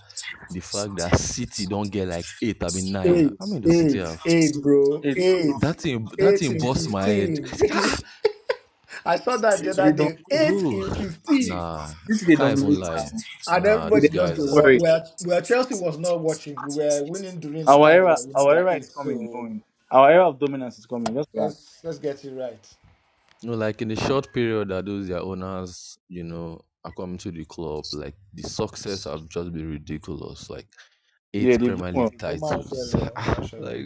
Speaker 18: the fact that City don't get like eight, I mean nine.
Speaker 13: Eight,
Speaker 18: How many does City
Speaker 13: eight,
Speaker 18: have?
Speaker 13: eight, bro.
Speaker 19: It's
Speaker 13: Eight.
Speaker 18: That thing, that
Speaker 13: Eight
Speaker 18: thing
Speaker 13: in
Speaker 18: bust my head. I said, ah,
Speaker 13: 15. I saw that the
Speaker 19: it
Speaker 13: other
Speaker 19: they don't
Speaker 13: day. Eight
Speaker 18: bro,
Speaker 13: in 15.
Speaker 18: nah,
Speaker 19: since
Speaker 18: I
Speaker 19: they
Speaker 18: can't even
Speaker 19: dominate
Speaker 18: lie.
Speaker 19: now.
Speaker 13: And
Speaker 18: Nah,
Speaker 19: They
Speaker 18: those
Speaker 13: everybody
Speaker 19: don't
Speaker 13: just
Speaker 19: don't
Speaker 18: guys
Speaker 13: the watch.
Speaker 18: are.
Speaker 19: worry.
Speaker 13: Well, well, Chelsea was not watching. We were winning during the
Speaker 19: Our
Speaker 13: time they
Speaker 19: era
Speaker 13: were winning
Speaker 19: our
Speaker 13: their
Speaker 19: era is
Speaker 13: eight.
Speaker 19: coming,
Speaker 13: So
Speaker 19: going. Our era of dominance is coming. Just relax.
Speaker 13: let's let's get it right.
Speaker 18: No, like in a short period that those their owners, you know, are coming to the club, like the success have just been ridiculous. Like eight
Speaker 19: Yeah, they've done
Speaker 18: Premier
Speaker 19: well.
Speaker 18: League titles.
Speaker 13: Umasele,
Speaker 18: Ah,
Speaker 13: Umasele.
Speaker 18: like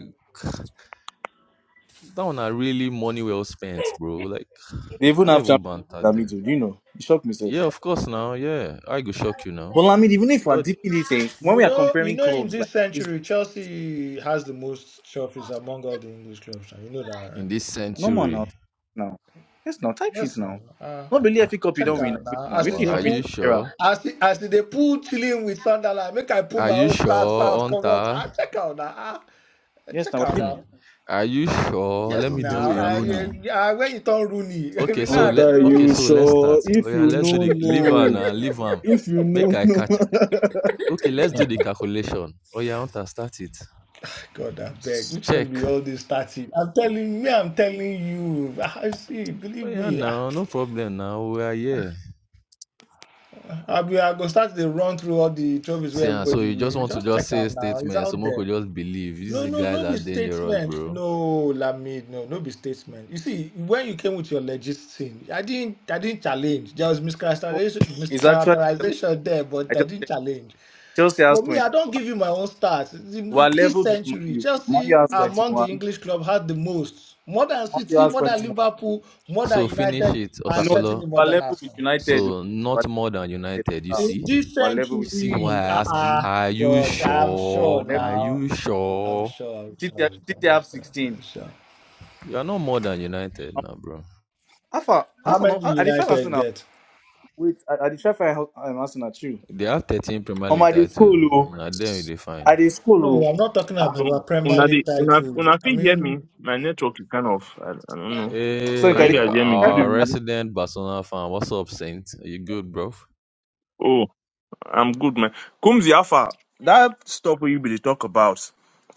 Speaker 18: that one are really money well spent, bro. Like
Speaker 19: They even
Speaker 18: can I
Speaker 19: have
Speaker 18: even
Speaker 19: champions
Speaker 18: banter
Speaker 19: like
Speaker 18: them?
Speaker 19: Lamid, you know. You shocked myself.
Speaker 18: Yeah, of course now, yeah. I go shock you
Speaker 19: But
Speaker 18: now.
Speaker 19: Lamid, even if
Speaker 18: With
Speaker 19: we're
Speaker 18: all the,
Speaker 19: deep in it, eh, when
Speaker 13: You
Speaker 19: we are
Speaker 18: with
Speaker 13: know, you
Speaker 19: comparing
Speaker 13: know, in
Speaker 19: clubs
Speaker 13: this
Speaker 19: like it's
Speaker 13: century, Chelsea has the most trophies among all the English clubs. now. You know that, right?
Speaker 18: in this
Speaker 19: No more now.
Speaker 18: century.
Speaker 19: Now. Yes, now. Type sheets
Speaker 13: Yes, no.
Speaker 19: now.
Speaker 13: Uh,
Speaker 19: Not really FA Cup you
Speaker 13: check
Speaker 19: don't win.
Speaker 13: out
Speaker 10: yeah,
Speaker 13: now.
Speaker 19: Waiting.
Speaker 10: now
Speaker 13: As
Speaker 19: Waiting, you
Speaker 13: they
Speaker 18: Are
Speaker 19: don't win
Speaker 10: wow.
Speaker 18: you
Speaker 13: pull,
Speaker 19: this era.
Speaker 18: sure?
Speaker 13: as the, as they pull chilling with Sunderland, make I pull
Speaker 18: Are
Speaker 13: my
Speaker 18: you
Speaker 13: own stats
Speaker 18: sure,
Speaker 13: out. Come out.
Speaker 18: Hunter?
Speaker 13: Ah, check out now. Ah,
Speaker 19: Yes,
Speaker 13: check
Speaker 19: now. I
Speaker 13: out
Speaker 19: think
Speaker 13: now.
Speaker 18: are you sure?
Speaker 10: You
Speaker 18: Let
Speaker 13: Yes,
Speaker 10: go
Speaker 18: me
Speaker 10: fear
Speaker 13: now.
Speaker 18: do a
Speaker 13: I,
Speaker 10: starts
Speaker 18: Rooney.
Speaker 10: now.
Speaker 13: I, I when you turn Rooney,
Speaker 18: Okay, so
Speaker 13: relax,
Speaker 18: let
Speaker 16: Hunter,
Speaker 13: bro.
Speaker 18: okay,
Speaker 16: you
Speaker 18: so let's start.
Speaker 16: sure?
Speaker 18: Oh
Speaker 16: If
Speaker 18: yeah,
Speaker 16: you
Speaker 18: let's do
Speaker 16: no know,
Speaker 18: the leave am
Speaker 16: no.
Speaker 18: and leave am.
Speaker 16: If you
Speaker 18: Make
Speaker 16: know,
Speaker 18: I
Speaker 16: no. know.
Speaker 18: catch. Okay, let's do the calculation. Oh yeah, want to start it.
Speaker 13: God, I beg. Which one
Speaker 18: Check.
Speaker 13: be all this starting? I'm telling me. I'm telling you. I see.
Speaker 18: Oh
Speaker 13: Believe
Speaker 18: yeah,
Speaker 13: me. Ah,
Speaker 18: now no problem. Now we are here.
Speaker 13: Abi, I go start the run through all the trophies where
Speaker 18: See, ah, so
Speaker 13: everybody
Speaker 18: you just
Speaker 13: win.
Speaker 18: want to
Speaker 13: Just
Speaker 18: just
Speaker 13: check
Speaker 18: say
Speaker 13: out now. It's
Speaker 18: statement.
Speaker 13: out
Speaker 18: So
Speaker 13: there.
Speaker 18: could just believe
Speaker 13: No,
Speaker 18: these
Speaker 13: no, no
Speaker 18: guys are
Speaker 13: be
Speaker 18: dangerous,
Speaker 13: statement.
Speaker 18: bro.
Speaker 13: No, Lamid, no, no be statement. You see, when you came with your legit thing, I didn't I didn't challenge. There was
Speaker 19: oh,
Speaker 13: mischaracterization
Speaker 19: it's actually,
Speaker 13: mischaracterization there, but
Speaker 19: I
Speaker 13: I
Speaker 19: just
Speaker 13: didn't
Speaker 19: checked.
Speaker 13: challenge.
Speaker 19: Chelsea has
Speaker 13: But me,
Speaker 19: 21.
Speaker 13: I don't give you my own stats.
Speaker 19: We're
Speaker 13: in this
Speaker 19: level with Man
Speaker 13: century,
Speaker 19: U. Man U
Speaker 13: Chelsea
Speaker 19: has
Speaker 13: among
Speaker 19: 21.
Speaker 13: the
Speaker 19: Man
Speaker 13: English club had the most. More than
Speaker 19: U
Speaker 13: City,
Speaker 19: has
Speaker 13: more than
Speaker 19: 21.
Speaker 13: Liverpool, more
Speaker 18: So
Speaker 13: than
Speaker 18: finish
Speaker 13: United,
Speaker 18: it,
Speaker 13: and
Speaker 19: No,
Speaker 13: certainly
Speaker 18: Osakpolo.
Speaker 13: more
Speaker 19: we're
Speaker 13: than
Speaker 19: level with
Speaker 13: Arsenal.
Speaker 19: United.
Speaker 18: So
Speaker 19: We're
Speaker 18: not more than
Speaker 19: level with,
Speaker 18: United. You
Speaker 19: uh,
Speaker 18: see,
Speaker 19: we're
Speaker 13: Indecent
Speaker 19: level
Speaker 13: to
Speaker 19: with
Speaker 18: you see why
Speaker 19: United.
Speaker 13: read.
Speaker 18: I
Speaker 13: Uh
Speaker 18: asked.
Speaker 13: uh
Speaker 18: Are you
Speaker 13: God, I'm sure
Speaker 18: sure?
Speaker 19: Level-
Speaker 18: Are
Speaker 13: now.
Speaker 18: you
Speaker 13: I'm
Speaker 18: sure?
Speaker 13: sure, I'm sure,
Speaker 19: City,
Speaker 13: I'm sure,
Speaker 19: City
Speaker 13: I'm
Speaker 19: have
Speaker 13: sure.
Speaker 19: 16.
Speaker 13: I'm sure.
Speaker 18: You are not more than United now, bro.
Speaker 19: Alpha,
Speaker 13: How
Speaker 19: Arsenal,
Speaker 13: many
Speaker 19: I defy
Speaker 13: United
Speaker 19: Arsenal.
Speaker 13: get?
Speaker 19: Wait, I defy Arsenal too.
Speaker 18: They have 13 Premier
Speaker 19: Um, I
Speaker 18: League
Speaker 19: dey
Speaker 18: titles.
Speaker 19: scroll, oh.
Speaker 18: Now them they
Speaker 19: I
Speaker 18: fine.
Speaker 19: dey
Speaker 13: No,
Speaker 19: scroll,
Speaker 13: I'm not talking
Speaker 19: oh.
Speaker 13: about
Speaker 21: Um,
Speaker 13: our Premier
Speaker 21: Una,
Speaker 13: League
Speaker 21: dey- una,
Speaker 13: titles.
Speaker 21: una
Speaker 13: I
Speaker 21: fit hear
Speaker 13: mean,
Speaker 21: me? My network is kind of, I, I don't know.
Speaker 19: So in
Speaker 21: Can you
Speaker 18: Hey,
Speaker 19: traditional
Speaker 21: guys hear me?
Speaker 19: marriage, that's
Speaker 21: Good
Speaker 18: our
Speaker 19: fine.
Speaker 21: evening.
Speaker 18: resident Barcelona fan, what's up, Saint? Are you good, bro?
Speaker 21: Oh, I'm good, man. Kumzi Alpha, that stuff you be dey talk about,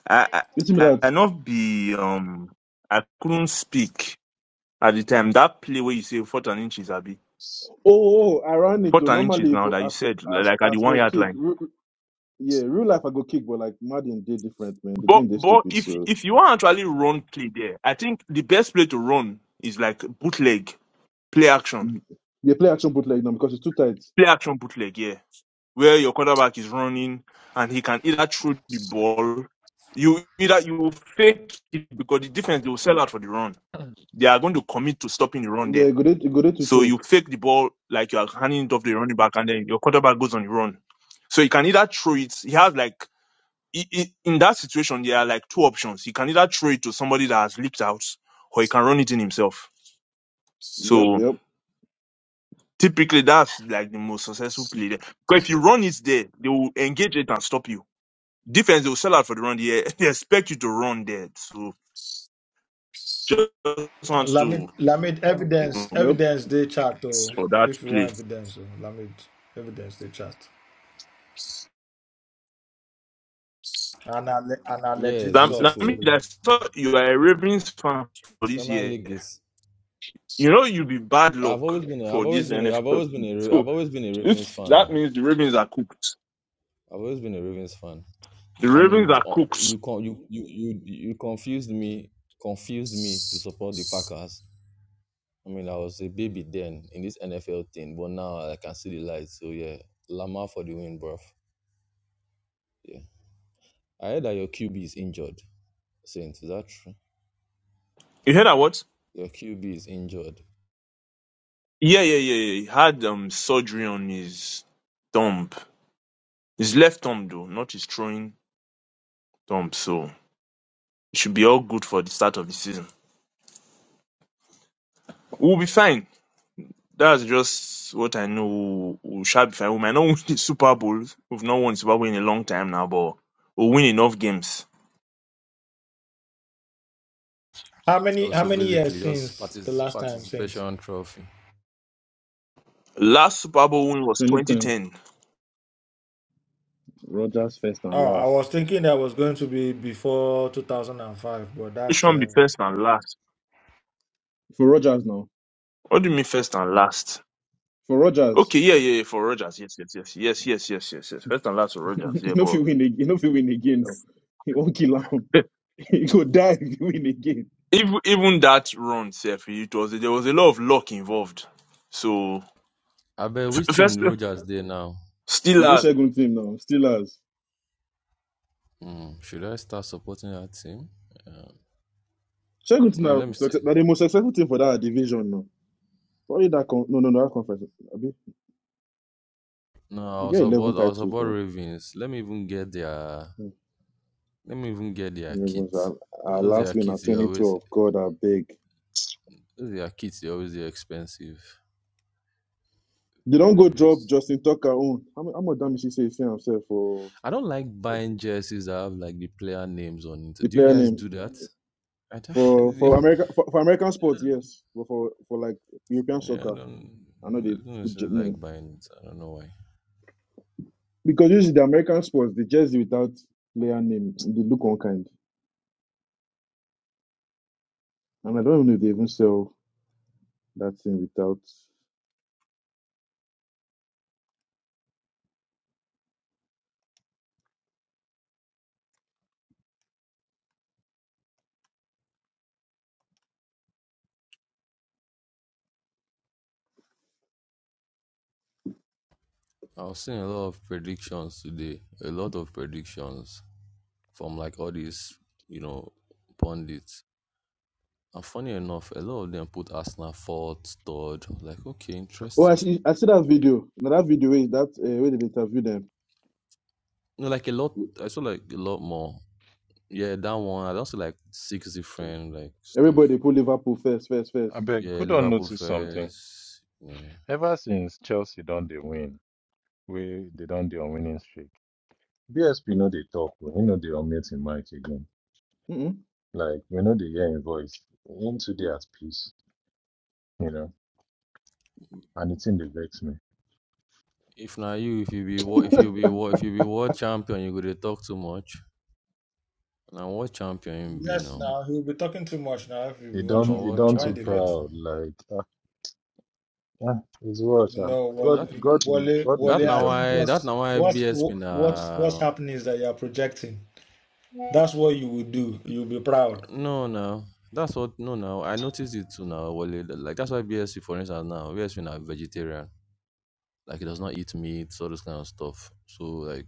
Speaker 21: I,
Speaker 16: you see me
Speaker 21: I,
Speaker 16: that?
Speaker 21: I not be, um, I couldn't speak at the time. That play where you say fourth and inches, Abi.
Speaker 16: Oh, oh, oh, I ran
Speaker 21: Fourth
Speaker 16: into
Speaker 21: and inches
Speaker 16: normally
Speaker 21: now
Speaker 16: for
Speaker 21: that you
Speaker 16: as
Speaker 21: said, li-
Speaker 16: as
Speaker 21: like at the
Speaker 16: as
Speaker 21: one
Speaker 16: was
Speaker 21: yard
Speaker 16: kick.
Speaker 21: line.
Speaker 16: Yeah, real life I go kick, but like Madden did different, man. The
Speaker 21: But,
Speaker 16: game they
Speaker 21: but
Speaker 16: stupid,
Speaker 21: if,
Speaker 16: so
Speaker 21: if you want to actually run play there, I think the best play to run is like bootleg, play action,
Speaker 16: mm, they play action bootleg now because it's too tight.
Speaker 21: play action bootleg, yeah. where your quarterback is running and he can either throw the ball. You either you will fake it because the defense they will sell out for the run. They are going to commit to stopping the run
Speaker 16: Yeah,
Speaker 21: there.
Speaker 16: go there, go there to
Speaker 21: So you
Speaker 16: choke.
Speaker 21: fake the ball like you are handing it off to the running back, and then your quarterback goes on the run. So he can either throw it. He has like i- i- in that situation there are like two options. He can either throw it to somebody that has leaked out, or he can run it in himself.
Speaker 16: Yep,
Speaker 21: So
Speaker 16: yep,
Speaker 21: typically that's like the most successful play there. But if you run it there, they will engage it and stop you. defense they will sell out for the run. Yeah, they expect you to run there. So just want
Speaker 13: Lamid,
Speaker 21: to
Speaker 13: Lamid
Speaker 21: you
Speaker 13: evidence,
Speaker 21: know
Speaker 16: yep.
Speaker 13: evidence they chat. Oh,
Speaker 21: for that
Speaker 13: if you
Speaker 21: play.
Speaker 13: want evidence, oh, Lamid evidence they chat. And a, le- and a
Speaker 18: Yeah,
Speaker 13: legit
Speaker 18: it's
Speaker 21: Lam-
Speaker 13: source
Speaker 18: beautiful.
Speaker 21: Lamid,
Speaker 13: too.
Speaker 21: I saw you are a Ravens fan for this
Speaker 18: Premier
Speaker 21: year.
Speaker 18: League is.
Speaker 21: You know you'll be bad
Speaker 18: I've
Speaker 21: luck
Speaker 18: always been. A,
Speaker 21: for
Speaker 18: I've always
Speaker 21: this
Speaker 18: been. A, I've
Speaker 21: NFL.
Speaker 18: always been.
Speaker 21: season.
Speaker 18: A, Ra-
Speaker 21: So
Speaker 18: I've always been a Ravens
Speaker 21: if
Speaker 18: fan.
Speaker 21: that
Speaker 18: Now,
Speaker 21: means the Ravens are cooked.
Speaker 18: I've always been a Ravens fan.
Speaker 21: The
Speaker 18: I
Speaker 21: Ravens
Speaker 18: mean, j-
Speaker 21: are
Speaker 18: uh,
Speaker 21: cooked.
Speaker 18: you con you you you you confused me. Confused me to support the Packers. I mean, I was a baby then in this NFL thing, but now I can see the light. So yeah, Lamar for the win, bro. I heard that your QB is injured, Saint. Is that true?
Speaker 21: You heard that what?
Speaker 18: Your QB is injured.
Speaker 21: Yeah, yeah, yeah, yeah. He had um surgery on his thumb. His left thumb though, not his throwing thumb. So it should be all good for the start of the season. We'll be fine That's just what I know. We shall be fine. We might not win the Super Bowl. We've not won the Super Bowl in a long time now, but we'll win enough games.
Speaker 13: How many? How
Speaker 18: Also,
Speaker 13: many years
Speaker 18: basically, just
Speaker 13: since the
Speaker 18: partic-
Speaker 13: last time Saint?
Speaker 18: participation trophy.
Speaker 21: Last Super Bowl win was
Speaker 16: 2010,
Speaker 21: 2010.
Speaker 16: Rogers first and
Speaker 13: Oh, I was
Speaker 16: last
Speaker 13: thinking that was going to be before 2005, but
Speaker 21: It
Speaker 13: that's
Speaker 21: shouldn't
Speaker 13: uh,
Speaker 21: be first and last.
Speaker 16: for Rogers now.
Speaker 21: What do you mean first and last?
Speaker 16: For Rogers,
Speaker 21: Okay, yeah, yeah, yeah, for Rogers, yes, yes, yes, yes, yes, yes, yes, yes. First and last for Rogers,
Speaker 16: you
Speaker 21: yeah,
Speaker 16: know if
Speaker 21: but
Speaker 16: you win, ag- you know if you win again now, he won't kill him.
Speaker 21: eh,
Speaker 16: He go die if you win again.
Speaker 21: even even that run, self, it was there was a lot of luck involved. So
Speaker 18: I bet
Speaker 21: f-
Speaker 18: which team
Speaker 21: first,
Speaker 18: Rogers there now?
Speaker 16: The day
Speaker 21: Steelers.
Speaker 16: Shagun team now, Steelers.
Speaker 18: Hmm, should I start supporting that team? Uh,
Speaker 16: Shagun team
Speaker 18: no,
Speaker 16: now,
Speaker 18: let me
Speaker 16: success,
Speaker 18: see.
Speaker 16: now the most successful team for that division now. Probably that con- no no no that conference. Abi,
Speaker 18: No,
Speaker 16: they
Speaker 18: I'll
Speaker 16: get eleven
Speaker 18: support. I'll
Speaker 16: titles
Speaker 18: support
Speaker 16: now.
Speaker 18: Ravens. Let me even get their. Let me even get their kit.
Speaker 16: Ravens, our, our
Speaker 18: Those
Speaker 16: last
Speaker 18: their
Speaker 16: win at
Speaker 18: kits. They always.
Speaker 16: 2012. God, I beg.
Speaker 18: Those their kits. They always the expensive.
Speaker 16: They don't go drop
Speaker 18: Ravens.
Speaker 16: Justin Tucker own. How, mu- how much damage he say he say himself for
Speaker 18: I don't like buying jerseys that have like the player names on it.
Speaker 16: the
Speaker 18: Do you
Speaker 16: player
Speaker 18: guys
Speaker 16: name
Speaker 18: do that? I
Speaker 16: for
Speaker 18: don't, yeah,
Speaker 16: for America for, for American sports? Yes, but for for like European
Speaker 18: I
Speaker 16: soccer,
Speaker 18: don't,
Speaker 16: I know
Speaker 18: I
Speaker 16: they
Speaker 18: don't
Speaker 16: put j-
Speaker 18: necessarily
Speaker 16: name
Speaker 18: like buying it. I don't know why.
Speaker 16: because usually the American sports they jersey without player name they look unkind, and I don't even know if they even sell that thing without.
Speaker 18: I was seeing a lot of predictions today, a lot of predictions from like all these, you know, pundits. And funny enough, a lot of them put Arsenal fourth, third. I was Like, okay,
Speaker 16: Oh, I
Speaker 18: interesting.
Speaker 16: see, I see that video. Now that video is that uh, where they interview them.
Speaker 18: You know, like a lot. I saw like a lot more. Yeah, that one. I also like six different like
Speaker 16: Everybody
Speaker 18: stuff.
Speaker 16: they put Liverpool first, first,
Speaker 10: I
Speaker 16: first.
Speaker 10: beg, who
Speaker 18: Yeah,
Speaker 10: don't
Speaker 18: Liverpool
Speaker 10: notice something?
Speaker 18: first. Yeah.
Speaker 10: Ever since Chelsea don't they win, we they don't they on winning streak. BSP know they talk, we know they on mute in mic again. Like we know they hear in voice. Into they at peace, you know. And it's in the vex me.
Speaker 18: If not you, if you be what, if you be what, if you be world champion, you go to talk too much. Now world champion him be
Speaker 13: yes.
Speaker 18: now.
Speaker 13: Now he'll be talking too much now if we
Speaker 10: They
Speaker 13: want
Speaker 10: don't
Speaker 18: Now
Speaker 10: they
Speaker 13: champion.
Speaker 18: world
Speaker 13: Now
Speaker 10: don't
Speaker 13: why
Speaker 10: too
Speaker 13: the vex
Speaker 18: champion.
Speaker 13: him?
Speaker 10: proud, like ah, ah, it's worse. ah.
Speaker 13: No, Wale,
Speaker 10: God
Speaker 18: That
Speaker 10: God will-
Speaker 13: Wale,
Speaker 10: God will
Speaker 18: that
Speaker 13: Wale.
Speaker 10: take
Speaker 13: I
Speaker 18: now
Speaker 10: us
Speaker 13: think
Speaker 18: why
Speaker 10: there.
Speaker 18: that
Speaker 13: what's
Speaker 18: now why
Speaker 13: what's
Speaker 18: BSP
Speaker 13: what's what's
Speaker 18: na
Speaker 13: happening is that you are projecting. That's what you will do. You'll be proud.
Speaker 18: no no. That's what no now I noticed it too now. Wale. Like that's why BSP for instance now BSP na vegetarian. Like he does not eat meat, all this kind of stuff. So like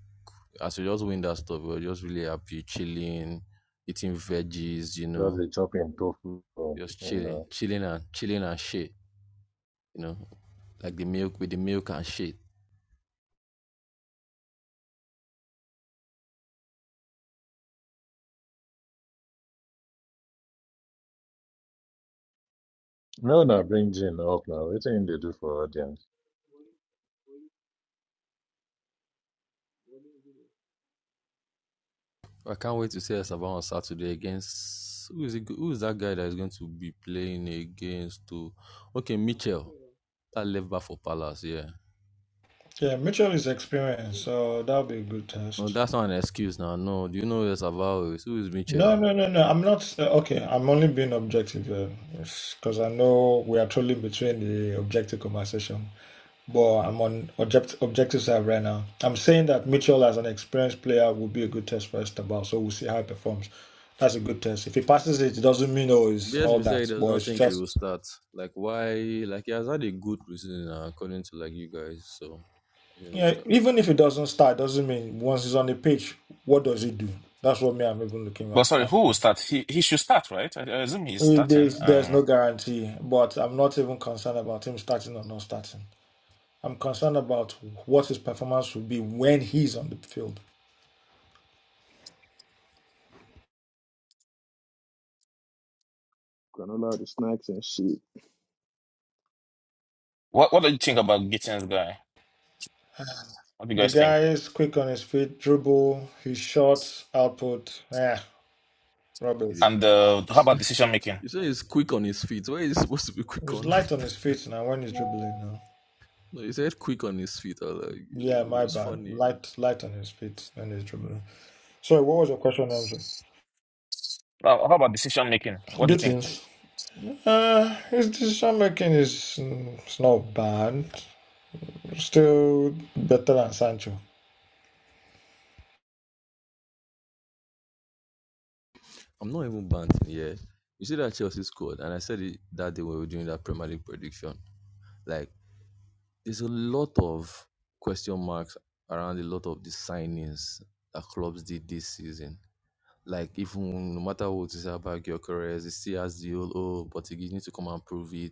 Speaker 18: as we just win that stuff, we are just really happy, chilling, eating veggies, you
Speaker 10: Just
Speaker 18: know,
Speaker 10: a chopping tofu, um,
Speaker 18: just
Speaker 10: you know.
Speaker 18: chilling, chilling and chilling and shit, you know, like the milk with the milk and shit.
Speaker 10: No, no, bring Jin up now. What thing they do for audience?
Speaker 22: I
Speaker 18: I can't wait to see El Salvador on Saturday against who is it, who is that guy that is going to be playing against? To okay, Mitchell, that left back for Palace. Yeah,
Speaker 13: Yeah, Mitchell is experienced, so that'll be a good
Speaker 18: no,
Speaker 13: test.
Speaker 18: that's not an excuse now. No, do you know who El Salvador is? Who is Mitchell?
Speaker 13: No, no, no, no. I'm not. Uh, okay, I'm only being objective because I know we are trolling between the objective conversation. But I'm on object, objective side right now. I'm saying that Mitchell, as an experienced player, will be a good test for Estabal. So we'll see how he performs. That's a good test. If he passes it, it doesn't mean oh, it's all
Speaker 18: BSB said he
Speaker 13: that.
Speaker 18: does
Speaker 13: But
Speaker 18: not
Speaker 13: it's
Speaker 18: think he will
Speaker 13: just
Speaker 18: start. Like why? Like he has had a good preseason now, according to like you guys. So I shouldn't really
Speaker 13: yeah.
Speaker 18: start.
Speaker 13: Even if it doesn't start, doesn't mean once he's on the pitch, what does he do? That's what me I'm even looking
Speaker 3: But
Speaker 13: at.
Speaker 3: sorry,
Speaker 13: at.
Speaker 3: who will start? He he should start, right? I, I assume he's
Speaker 13: I
Speaker 3: starting.
Speaker 13: There's, there's
Speaker 3: Um,
Speaker 13: no guarantee, but I'm not even concerned about him starting or not starting. I'm concerned about what his performance will be when he's on the field.
Speaker 16: Granola, the snacks and shit.
Speaker 3: what what do you think about Gittins guy? What do you
Speaker 13: The
Speaker 3: guys
Speaker 13: guy
Speaker 3: think?
Speaker 13: is quick on his feet, dribble, his shot output. Eh, rubbish.
Speaker 18: It
Speaker 3: And uh, how
Speaker 18: is.
Speaker 3: about decision making?
Speaker 18: You say he's quick on his feet. Where is he supposed to be quick
Speaker 13: He's
Speaker 18: on?
Speaker 13: light on his feet now when he's dribbling now.
Speaker 18: no, he said quick on his feet. I was like,
Speaker 13: Yeah,
Speaker 18: it
Speaker 13: my
Speaker 18: was
Speaker 13: bad.
Speaker 18: funny.
Speaker 13: Light, light on his feet when he's dribbling. Sorry, what was your question, Andrew?
Speaker 3: How how about decision making? What do you
Speaker 13: Good
Speaker 3: think?
Speaker 13: things. Uh, his decision making is mm, it's not bad. Still better than Sancho.
Speaker 18: I'm not even banting here. You see that Chelsea scored, and I said it that day when we were doing that Premier League prediction. Like, there's a lot of question marks around a lot of the signings that clubs did this season. Like, even no matter what you say about Gyökeres, he still has the old, oh, but he needs to come and prove it.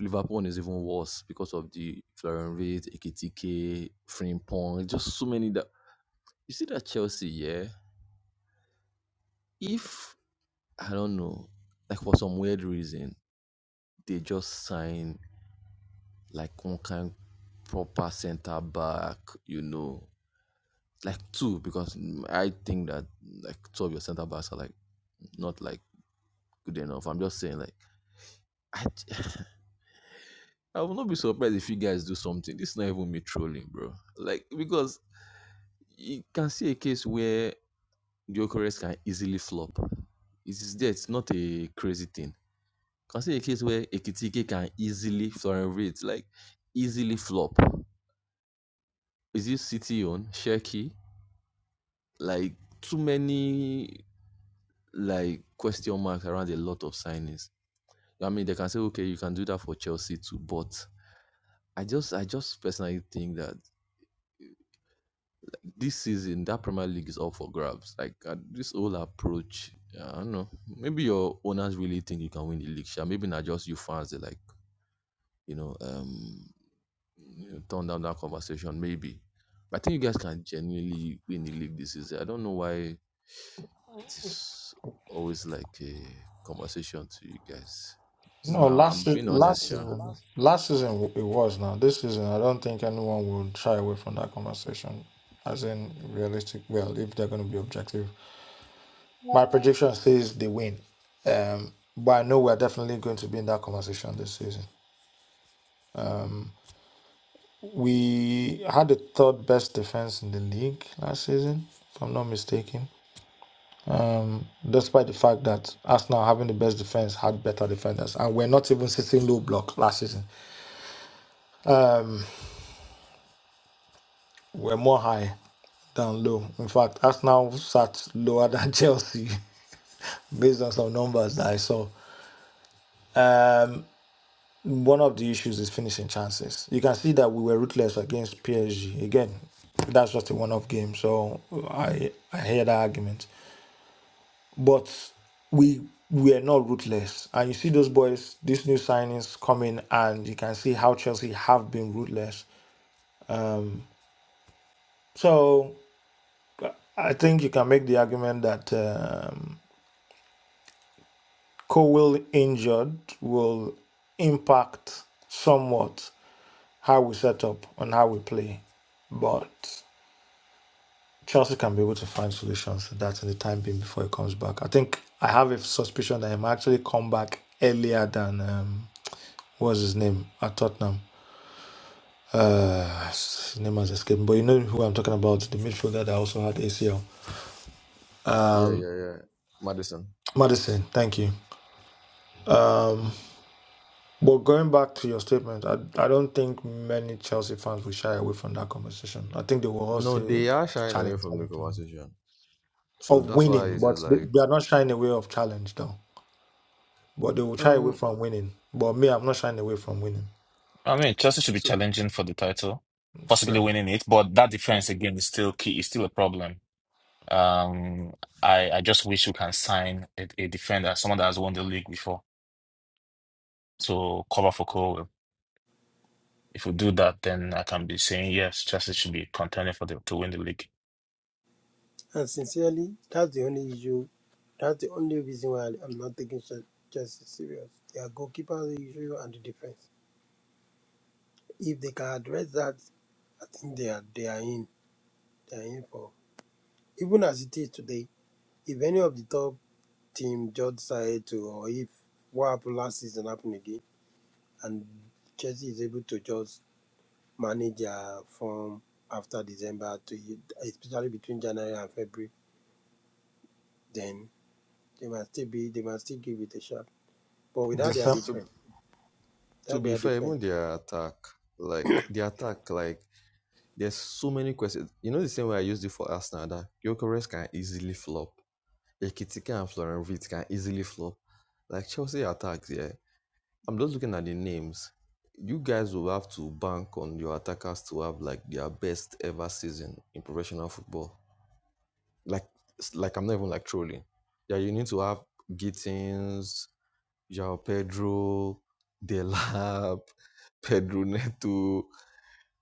Speaker 18: Liverpool is even worse because of the Florian Reid, Ekitike, Frimpong, just so many that you see that Chelsea, yeah. If I don't know, like for some weird reason, they just sign like one kind proper centre back, you know, like two because mm, I think that like two of your centre backs are like not like good enough. I'm just saying like I I will not be surprised if you guys do something. This is not even me trolling, bro. Like because you can see a case where Gyökeres can easily flop. It is there. It's not a crazy thing. Can see a case where Ekitike can easily Florian Wirtz like easily flop. is this city on Sherky? Like too many like question marks around a lot of signings. I mean, they can say okay, you can do that for Chelsea too, but I just I just personally think that this season that Premier League is up for grabs. Like uh, this whole approach, yeah, I don't know. Maybe your owners really think you can win the league. Sure. Maybe not just you fans. They like you know um you know, turn down that conversation. Maybe, but I think you guys can genuinely win the league this season. I don't know why it is always like a conversation to you guys. This is
Speaker 13: No,
Speaker 18: my
Speaker 13: last
Speaker 18: I'm
Speaker 13: se-
Speaker 18: being
Speaker 13: last
Speaker 18: honest, yeah.
Speaker 13: season, last season it was now. This season, I don't think anyone would shy away from that conversation. As in realistic, well, if they're going to be objective, my prediction says they win. Um, but I know we're definitely going to be in that conversation this season. We had the third best defense in the league last season, if I'm not mistaken. Despite the fact that Arsenal having the best defense had better defenders, and we're not even sitting low block last season. were more high than low. In fact, Arsenal sat lower than Chelsea based on some numbers that I saw. Um, one of the issues is finishing chances. You can see that we were ruthless against PSG. Again, that's just a one-off game, so I I hear that argument. But we we are not ruthless, and you see those boys, these new signings coming, and you can see how Chelsea have been ruthless. So I think you can make the argument that. Um, Cowell injured will impact somewhat how we set up and how we play. But Chelsea can be able to find solutions to that in the time being before he comes back. I think I have a suspicion that he might actually come back earlier than um, what's his name at Tottenham. Uh, his name has escaped, me, but you know who I'm talking about, the midfielder that also had ACL.
Speaker 18: Yeah, yeah, yeah. Madison.
Speaker 13: Madison, thank you. But going back to your statement, I, I don't think many Chelsea fans will shy away from that conversation. I think they will all
Speaker 18: No,
Speaker 13: say
Speaker 18: they are shying away
Speaker 13: challenge, challenge,
Speaker 18: from
Speaker 13: challenge.
Speaker 18: the conversation. So
Speaker 13: of
Speaker 18: that's why
Speaker 13: winning,
Speaker 18: it's just
Speaker 13: but they,
Speaker 18: like
Speaker 13: they are not shying away of challenge though. But they will shy away
Speaker 18: um
Speaker 13: from winning. But me, I'm not shying away from winning.
Speaker 3: I mean, Chelsea should be
Speaker 18: so
Speaker 3: challenging for the title,
Speaker 13: See,
Speaker 3: possibly
Speaker 13: I'm-
Speaker 3: winning it, but that defense again is still key, is still a problem. Um, I I just wish we can sign a, a defender, someone that has won the league before, to cover for Cole. If we do that, then I can be saying yes, Chelsea should be contending for the to win the league.
Speaker 11: And sincerely, that's the only issue That's the only reason why I'm not taking Ch- Chelsea serious. Their goalkeeper issue and the defense. If they can address that, I think they are they are in. They are in for even as it is today. If any of the top team just decide to, or if what happened last season happened again, and Chelsea is able to just manage their form after December to especially between January and February, then they must still be they must still give it a shot. But without
Speaker 13: this,
Speaker 11: their
Speaker 13: uh,
Speaker 18: to
Speaker 11: defense,
Speaker 18: to
Speaker 11: that
Speaker 18: be
Speaker 11: their
Speaker 18: fair,
Speaker 11: defense.
Speaker 18: even their attack, like the attack, like there's so many questions. You know the same way I used it for Arsenal that Gyökeres can easily flop. Ekitike and Florian Wirtz can easily flop. Like Chelsea attacks, yeah. I'm just looking at the names. You guys will have to bank on your attackers to have like their best ever season in professional football. Like, like I'm not even like trolling. Yeah, you need to have Gittins, João Pedro, Delap, Pedro Neto.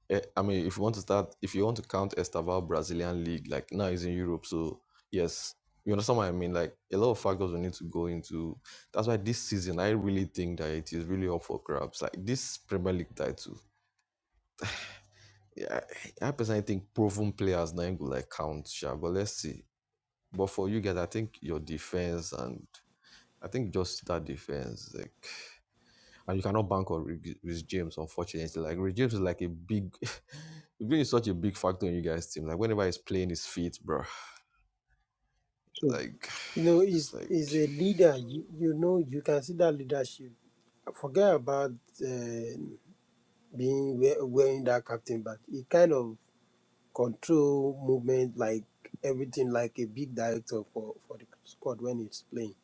Speaker 18: Eh, I mean, if you want to start, if you want to count Estaval Brazilian League, like now it's in Europe, so yes, you understand what I mean. Like a lot of factors we need to go into. That's why this season, I really think that it is really up for grabs. Like this Premier League title, yeah, I I personally think proven players now go like count, sure, but let's see. But for you guys, I think your defense and I think just that defense, like. and you cannot bank on Rick- Rich James, unfortunately. Like Rich James is like a big, Rich James is such a big factor in you guys' team. Like whenever he's playing his feet, bro,
Speaker 6: Sure.
Speaker 18: like
Speaker 11: You know,
Speaker 18: it's
Speaker 11: is
Speaker 18: like.
Speaker 11: is a leader. You you know you can see that leadership. Forget about uh, being we- wearing that captain badge. It kind of control movement like everything, like a big director for for the squad when it's playing.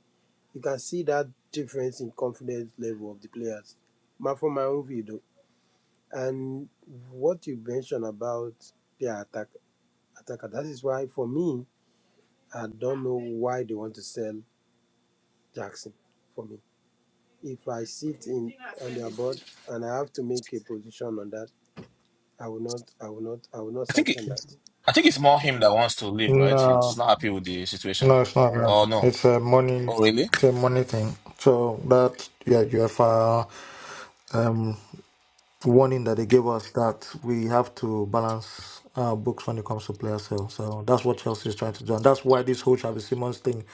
Speaker 11: You can see that difference in confidence level of the players. My from my own view, though, and what you mentioned about their attack attacker, that is why for me, I don't know why they want to sell Jackson for me. if I sit in on their board and I have to make a position on that, I will not, I will not, I will not
Speaker 3: I think it,
Speaker 11: sanction that.
Speaker 3: I think it's more him that wants to leave, right?
Speaker 13: no,
Speaker 3: He's not happy with the situation.
Speaker 13: no, it's not. that.
Speaker 3: Oh no!
Speaker 13: It's a money,
Speaker 3: Oh really?
Speaker 13: it's a money thing. So that yeah, UEFA. warning that they gave us that we have to balance our books when it comes to player sale. So that's what Chelsea is trying to do. And that's why this whole Travis Simmons thing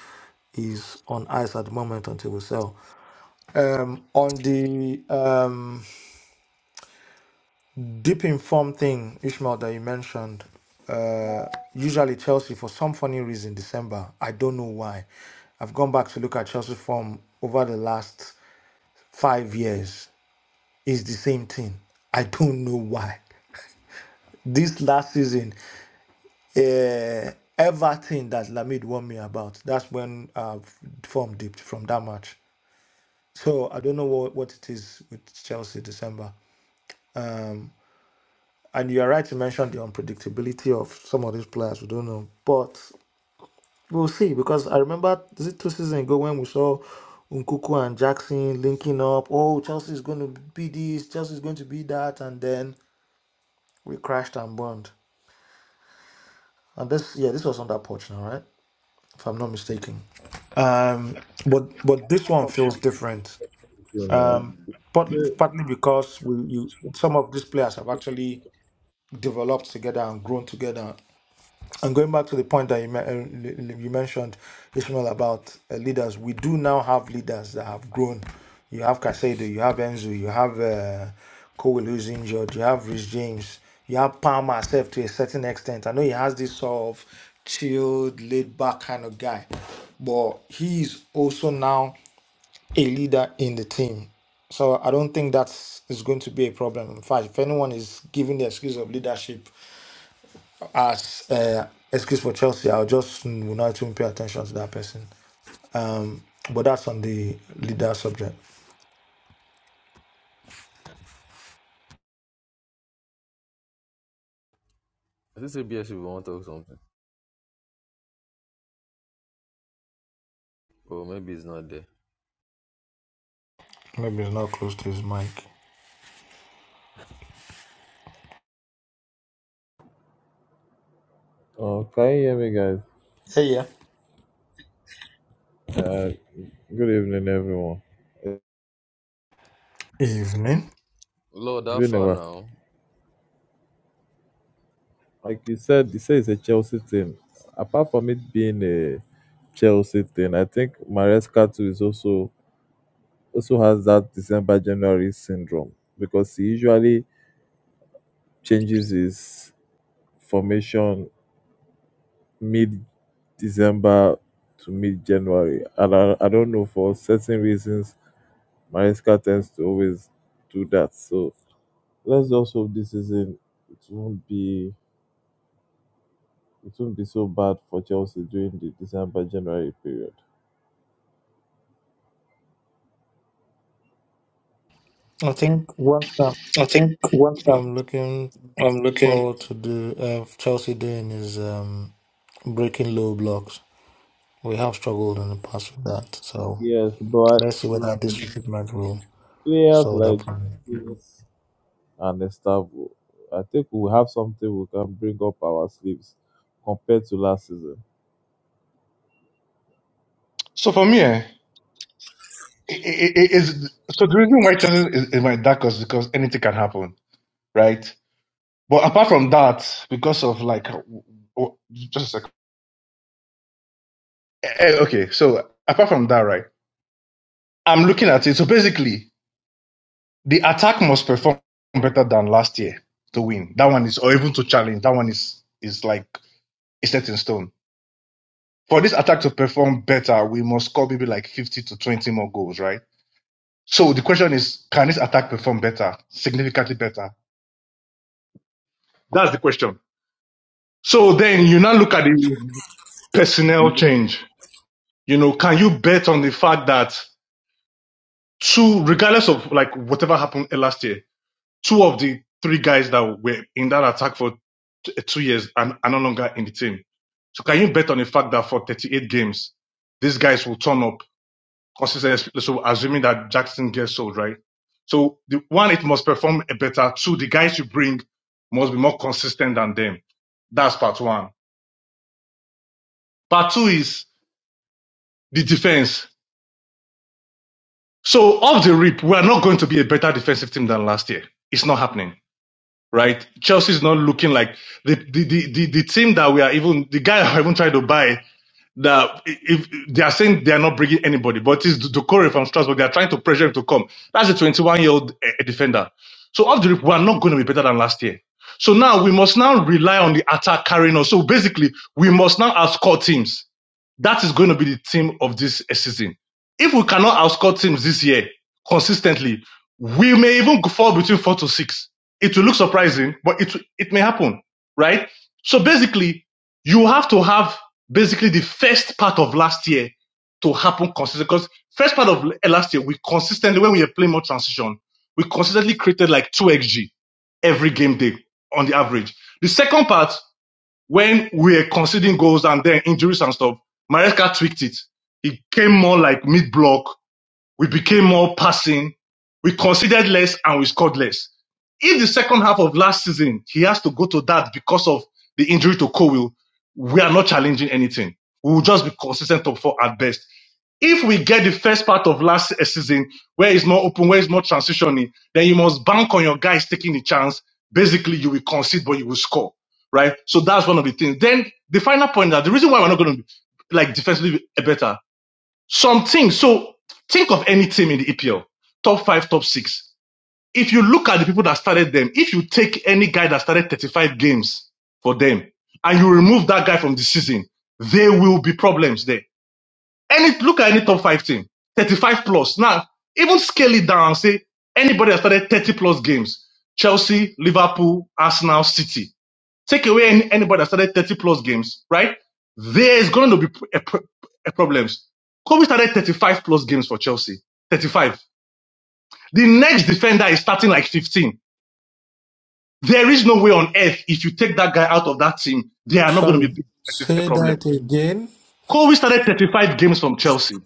Speaker 13: is on ice at the moment until we sell. Um, on the um, deep informed thing, Ishmael, that you mentioned, uh, usually Chelsea, for some funny reason, December, I don't know why. I've gone back to look at Chelsea form over the last five years. It's the same thing. I don't know why. This last season, uh, everything that Lamid warned me about. That's when uh, form dipped from that match. So I don't know what, what it is with Chelsea December. And you are right to mention the unpredictability of some of these players. We don't know, but we'll see. Because I remember is it two seasons ago when we saw Nkuku and Jackson linking up. Oh, Chelsea is going to be this. Chelsea is going to be that. And then we crashed and burned. And this, yeah, this was under Poch now, right? If I'm not mistaken. Um, but but this one feels different.
Speaker 23: doing
Speaker 13: Um, partly,
Speaker 23: that.
Speaker 13: partly because we you some of these players have actually developed together and grown together. And going back to the point that you, me- uh, you mentioned, Ishmael, about uh, leaders, we do now have leaders that have grown. You have Casado, you have Enzo, you have uh, Cole who's injured, you have Rich James, you have Palmer herself to a certain extent. I know he has this sort of chilled, laid back kind of guy, but he's also now a leader in the team. So I don't think that is going to be a problem. In fact, if anyone is giving the excuse of leadership as uh, excuse for Chelsea, I'll just mm, will not even pay attention to that person. But that's on the leader subject.
Speaker 18: I think ABS will want to talk something, but maybe it's not there.
Speaker 13: Maybe he's not close to his mic.
Speaker 23: Okay, yeah, me guys.
Speaker 13: Hey, yeah.
Speaker 23: Uh, good evening, everyone.
Speaker 13: Evening.
Speaker 18: Lord,
Speaker 23: It's
Speaker 18: that
Speaker 23: been a
Speaker 18: far
Speaker 23: while.
Speaker 18: now.
Speaker 23: Like you said, you say it's a Chelsea thing. Apart from it being a Chelsea thing, I think Maresca too is also also has that December January syndrome because he usually changes his formation mid December to mid January, and I, I don't know for certain reasons. Maresca tends to always do that, so Let's just hope this season it won't be it won't be so bad for Chelsea during the December January period.
Speaker 13: I think what um,
Speaker 23: I think one i
Speaker 13: I'm looking
Speaker 23: I'm looking,
Speaker 13: forward to do uh, Chelsea doing is um, breaking low blocks. We have struggled in the past with that, so
Speaker 23: Yes, but
Speaker 13: let's see whether this treatment will.
Speaker 23: players
Speaker 13: Soda
Speaker 23: like
Speaker 13: Prime.
Speaker 23: this and Estavo, I think we have something we can bring up our sleeves compared to last season.
Speaker 6: So for me, eh, i i i- is so the reason why Chelsea is, is my dark is because anything can happen, right? But apart from that, because of like, w- w- just a second. Eh, eh, okay, so apart from that, right? I'm looking at it. So basically, The attack must perform better than last year to win. That one is, or even to challenge. That one is is like a set in stone. For this attack to perform better, we must score maybe like fifty to twenty more goals, right? So the question is, can this attack perform better, significantly better? That's the question. So then you now look at the personnel change. You know, can you bet on the fact that two, regardless of like whatever happened last year, two of the three guys that were in that attack for t- eh, two years and are no longer in the team. So can you bet on the fact that for 38 games, these guys will turn up consistently? So assuming that Jackson gets sold, right? So the one, it must perform better. Two, the guys you bring must be more consistent than them. That's part one. Part two is the defense. So off the rip, we are not going to be a better defensive team than last year. It's not happening. right? Chelsea's not looking like the the the, the, the team that we are even the guy I even tried to buy. That if they are saying they are not bringing anybody, but it's Ducore from Strasbourg. They are trying to pressure him to come. That's a 21 year old defender. So off the rip, we are not going to be better than last year. So now we must now rely on the attack carrying us. So basically, we must now outscore teams that is going to be the theme of this season. If we cannot outscore teams this year consistently, we may even fall between four to six. It will look surprising, but it it may happen, right? So basically, you have to have basically the first part of last year to happen consistently. Because first part of last year, we consistently when we were playing more transition, we consistently created like two xg every game day on the average. The second part when we were conceding goals and then injuries and stuff, Maresca tweaked it. It came more like mid block we became more passing. We conceded less and we scored less. If the second half of last season he has to go to that because of the injury to Cowell, we are not challenging anything. We will just be consistent top four at best if we get the first part of last season where it's more open, where it's more transitioning, then you must bank on your guys taking the chance. Basically, you will concede, but you will score, right? So that's one of the things. Then the final point that the reason why we're not going to be like defensively better some things. So think of any team in the EPL, top five, top six. If you look at the people that started them, if you take any guy that started 35 games for them and you remove that guy from the season, there will be problems there. Any look at any top five team, 35 plus. Now, even scale it down and say anybody that started 30 plus games, Chelsea, Liverpool, Arsenal, City. Take away any, anybody that started 30 plus games, right? There is going to be p- a, a problems. Kobe started 35 plus games for Chelsea. 35. The next defender is starting like 15. There is no way on earth if you take that guy out of that team, they are not going to
Speaker 13: Sorry,
Speaker 6: be big, a
Speaker 13: say
Speaker 6: problem.
Speaker 13: that again.
Speaker 6: Kobe started 35 games from Chelsea.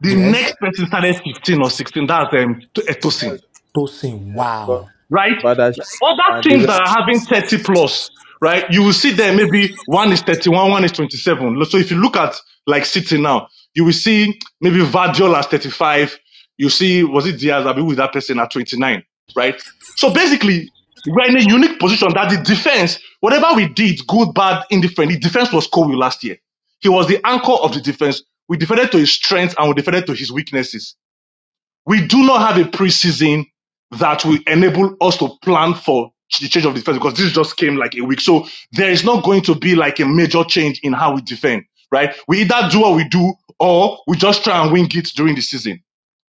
Speaker 6: The
Speaker 13: Yes,
Speaker 6: next person started 15 or 16. That's um, Etosin.
Speaker 23: Yes,
Speaker 13: to sing.
Speaker 23: because
Speaker 13: Wow.
Speaker 6: right?
Speaker 23: Badashi
Speaker 6: Other
Speaker 23: and the
Speaker 6: teams that
Speaker 23: rest.
Speaker 6: are having 30 plus, right? You will see there maybe one is 31, one is 27. So if you look at like City now, you will see maybe Vardiol as 35. You see, was it Diaz? I mean, with that person at 29, right? So basically, we're in a unique position that the defense, whatever we did, good, bad, indifferent, the defense was Kobe last year. He was the anchor of the defense. We defended to his strengths and we defended to his weaknesses we do not have a preseason that will enable us to plan for the change of defense because this just came like a week. So there is not going to be like a major change in how we defend, right? We either do what we do or we just try and wing it during the season.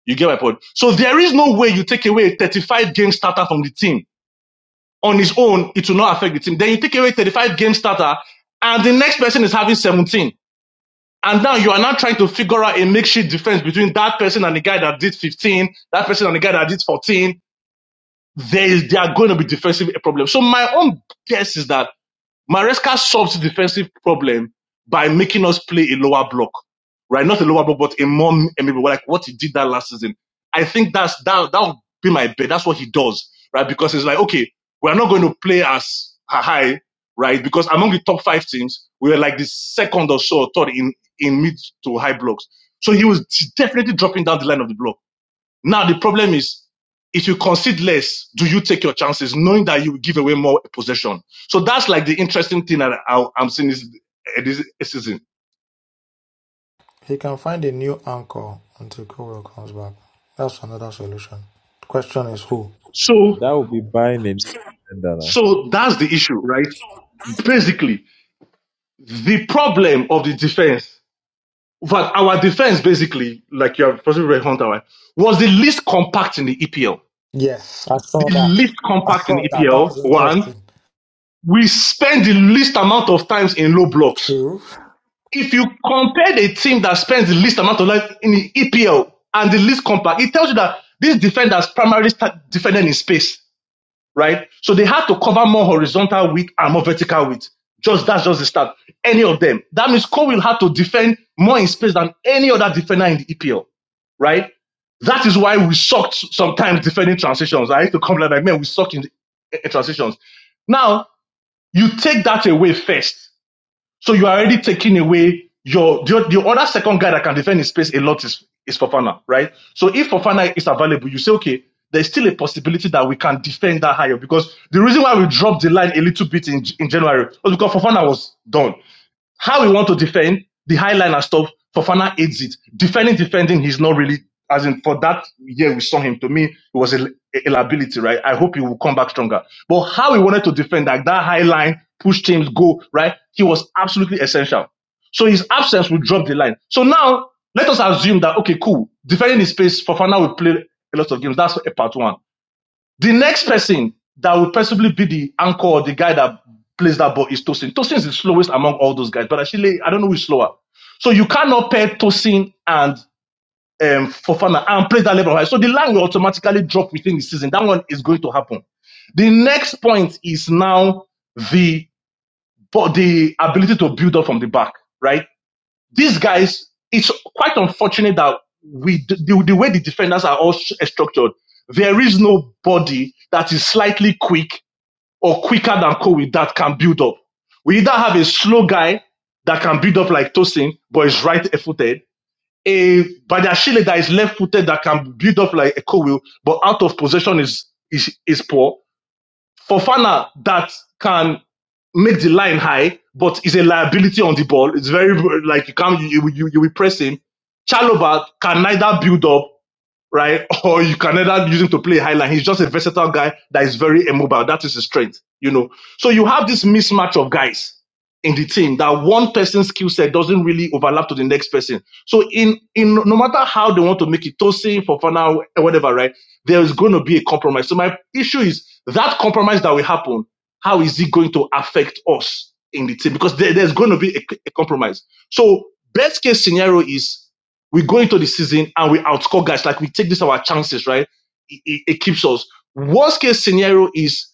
Speaker 6: You get my point? So there is no way you take away a 35 game starter from the team on his own, it will not affect the team. Then you take away 35 game starter and the next person is having 17 and now you are now trying to figure out a makeshift defense between that person and the guy that did 15, that person and the guy that did 14. There is, they are going to be defensive problems. So my own guess is that Maresca solved the defensive problem by making us play a lower block, right? Not a lower block, but a more maybe like what he did that last season. I think that's that that would be my bet. That's what he does, right? Because it's like okay, we're not going to play as high, right? Because among the top five teams, we were like the second or so or third in in mid to high blocks. So he was definitely dropping down the line of the block now the problem is, if you concede less, do you take your chances, knowing that you will give away more possession? So that's like the interesting thing that I, I'm seeing this, eh, this season.
Speaker 13: He can find a new anchor until Kuro comes back. That's another solution. Question is who?
Speaker 6: So,
Speaker 23: That will be buying a new defender now.
Speaker 6: so that's the issue, right? Basically, the problem of the defense, but our defense basically, like you have possibly read Hunter, right, was the least compact in the EPL.
Speaker 13: Yes, I saw
Speaker 6: The
Speaker 13: that.
Speaker 6: least
Speaker 13: I
Speaker 6: compact in
Speaker 13: saw
Speaker 6: the
Speaker 13: that. That
Speaker 6: EPL,
Speaker 13: was
Speaker 6: one.
Speaker 13: interesting.
Speaker 6: We spend the least amount of times in low blocks
Speaker 13: True.
Speaker 6: If you compare the team that spends the least amount of life in the EPL and the least compact, it tells you that these defenders primarily start defending in space, right? So they had to cover more horizontal width and more vertical width. Just that's just the start. Any of them. That means Cole will have to defend more in space than any other defender in the EPL, right? That is why we sucked sometimes defending transitions. I used to complain like, man, we suck in, in transitions. Now you take that away first so you are already taking away your the, the other second guy that can defend his space a lot is is Fofana, right? So if Fofana is available, you say okay, there's still a possibility that we can defend that higher because the reason why we dropped the line a little bit in in January was because Fofana was done. How we want to defend the high line and stuff, Fofana aids it. Defending, defending, he's not really as in for that year we saw him. To me, it was a, a liability, right? I hope he will come back stronger. But how he wanted to defend like that high line, push teams, go right, he was absolutely essential. So his absence will drop the line. So now let us assume that okay, cool, defending his space, Fofana will play a lot of games. That's a part one. The next person that will possibly be the anchor or the guy that plays that ball is Tosin. Tosin is the slowest among all those guys, but actually, I don't know who's slower. So you cannot pair Tosin and um, Fofana and play that level high. So the line will automatically drop within the season. That one is going to happen. The next point is now the the ability to build up from the back, right? these guys, it's quite unfortunate that we the, the, way the defenders are all structured, there is nobody that is slightly quick or quicker than Kobe that can build up. We either have a slow guy that can build up like Tosin, but is right footed, a Badiashile that is left footed that can build up like a Kobe, but out of possession is is is poor Fofana that can make the line high, but is a liability on the ball. It's very like you can't you you, you will press him. Chalobah can neither build up right? Or you can either use him to play highline. He's just a versatile guy that is very immobile. That is his strength, you know. So you have this mismatch of guys in the team that one person's skill set doesn't really overlap to the next person. So in in no matter how they want to make it, Tosin, Fofana, whatever, right? There is going to be a compromise. So my issue is that compromise that will happen. How is it going to affect us in the team? Because there- there's going to be a, a compromise. So best case scenario is we go into the season and we outscore guys. Like we take this our chances, right? It, it, it keeps us. Worst case scenario is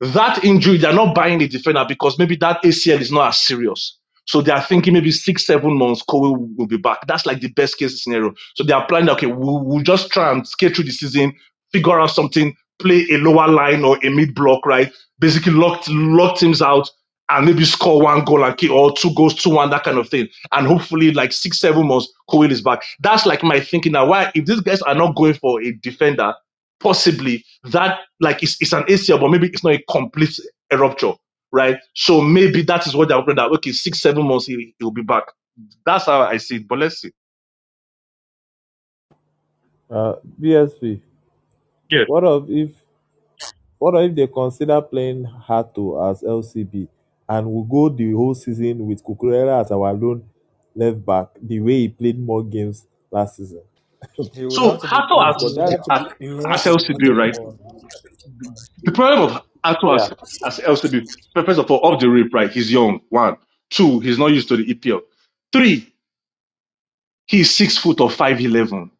Speaker 6: that injury, they're not buying a defender because maybe that ACL is not as serious. So they are thinking maybe six, seven months, Kobe will be back. That's like the best case scenario. So they are planning, okay, we'll, we'll just try and skate through the season, figure out something, play a lower line or a mid block, right? Basically, lock, lock teams out and maybe score one goal and kick or two goals, two one, that kind of thing. And hopefully, like six, seven months, Kobe is back. That's like my thinking now. Why, if these guys are not going for a defender, possibly that like it's, it's an ACL, but maybe it's not a complete a rupture, right? So maybe that is what they're hoping that okay, six seven months he will be back. That's how I see it. But let's see.
Speaker 23: Uh, BSP,
Speaker 6: Yeah.
Speaker 23: what of if What if they consider playing Hato as LCB and we go the whole season with Kukurela as our lone left back, the way he played more games last season?
Speaker 13: He would
Speaker 6: So
Speaker 13: have to be
Speaker 6: Hato
Speaker 13: good. He
Speaker 23: Because
Speaker 6: as
Speaker 13: would
Speaker 23: that,
Speaker 13: have to
Speaker 6: as
Speaker 13: be. He would
Speaker 6: as
Speaker 13: have to be good
Speaker 6: LCB,
Speaker 13: on the
Speaker 6: right?
Speaker 13: ball.
Speaker 6: The problem of Hato
Speaker 23: yeah,
Speaker 6: as as LCB, first of all, off the rip, right? He's young. One, two, he's not used to the EPL. Three, he's six foot or five eleven,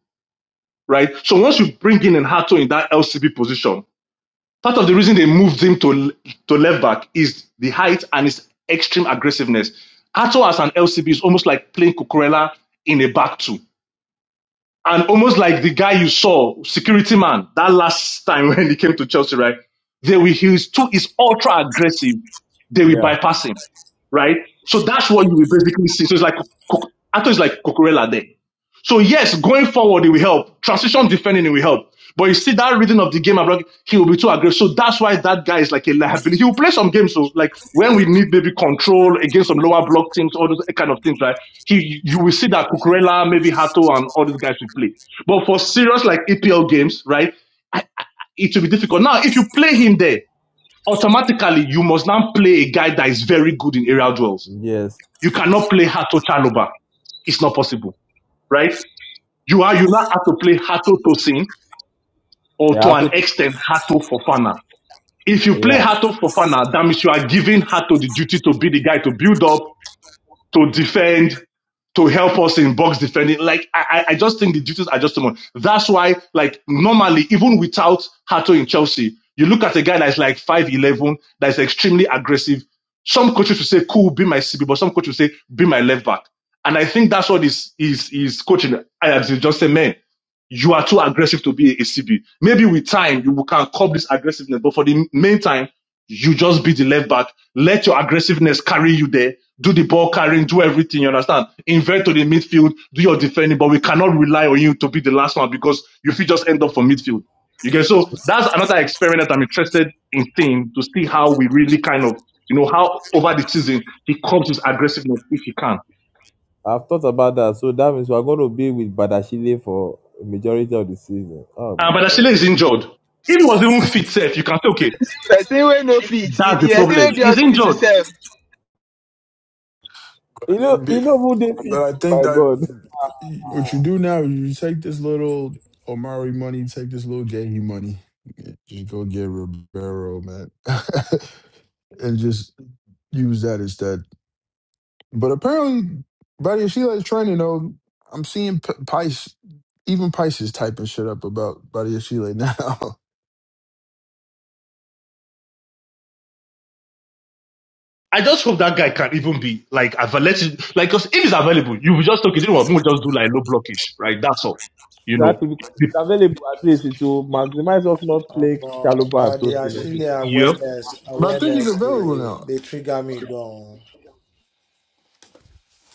Speaker 6: right? So once you bring in an Hato in that LCB position Part of the reason they moved him to to left back is the height and his extreme aggressiveness. Ato as an LCB is almost like playing Cucurella in a back two. And almost like the guy you saw, security man, that last time when he came to Chelsea, right? They will, he's too, is ultra aggressive. They will
Speaker 23: yeah,
Speaker 6: bypass him, right? So that's what you will basically see. So it's like, Cuc- Ato is like Cucurella there. So yes, going forward, it will help. Transition defending, it will help. But you see that reading of the game, abroad, he will be too aggressive. So that's why that guy is like a liability. He will play some games, so like when we need maybe control against some lower block teams, all those kind of things, right? He, you will see that Cucurella, maybe Hato, and all these guys will play. But for serious like EPL games, right? I, I, it will be difficult. Now, if you play him there, automatically you must now play a guy that is very good in aerial duels.
Speaker 23: yes,
Speaker 6: You cannot play Hato Chaloba. It's not possible, right? You are you now have to play Hato Tosin or
Speaker 23: yeah.
Speaker 6: to
Speaker 23: I
Speaker 6: an
Speaker 23: thought,
Speaker 6: extent Hato Fofana. If you play
Speaker 23: yeah,
Speaker 6: Hato Fofana, that means you are giving Hato the duty to be the guy to build up to defend, to help us in box defending. Like I, I just think the duties are just too much. That's why, like normally, even without Hato in Chelsea, you look at a guy that's like five eleven, that's extremely aggressive. Some coaches will say, "Cool, be my CB," but some coaches will say, "Be my left back." And I think that's what is is is coaching. I just say, man, you are too aggressive to be a CB. Maybe with time you can curb this aggressiveness, but for the meantime you just be the left back. Let your aggressiveness carry you there. Do the ball carrying, do everything, you understand? Invert to the midfield, do your defending, but we cannot rely on you to be the last one because you feel just end up for midfield. You get so that's another experiment that I'm interested in seeing to see how we really kind of, you know, how over the season he comes his aggressiveness if he can.
Speaker 23: I've thought about that. So that means we're going to be with Badashile for a majority of the season. Oh my
Speaker 6: And Badashile
Speaker 23: god.
Speaker 6: is injured. If he was even fit, safe, you can say, okay,
Speaker 1: Person wey no fit, if
Speaker 6: that's the
Speaker 1: you person wey
Speaker 6: problem.
Speaker 1: dey
Speaker 6: He's
Speaker 1: hospital
Speaker 6: injured.
Speaker 1: sef.
Speaker 23: You know,
Speaker 7: But,
Speaker 23: you know who they
Speaker 7: but
Speaker 23: feed.
Speaker 7: I
Speaker 23: Oh
Speaker 7: think
Speaker 23: my
Speaker 7: that
Speaker 23: god.
Speaker 7: what you do now is you take this little Omari money, take this little Gahey money, just go get Ribeiro, man, and just use that instead. But apparently, Buddy Sheila is trending though. I'm seeing P- Pice, even Pice is typing shit up about Buddy Sheila now.
Speaker 6: I just hope that guy can even be like available. Like, cause if he's available, you will just okay. You know what? We'll just do like low blockage, right? That's all. You
Speaker 23: That
Speaker 6: know.
Speaker 23: will be
Speaker 6: The-
Speaker 23: available at least it will maximize us not
Speaker 13: Um,
Speaker 23: playing
Speaker 13: but,
Speaker 23: Chaluba and
Speaker 13: but the
Speaker 23: Tosin
Speaker 13: actually
Speaker 23: every
Speaker 6: Yeah.
Speaker 13: awareness,
Speaker 7: but I think he's
Speaker 13: awareness,
Speaker 7: available
Speaker 13: they
Speaker 7: now.
Speaker 13: they trigger me. Go.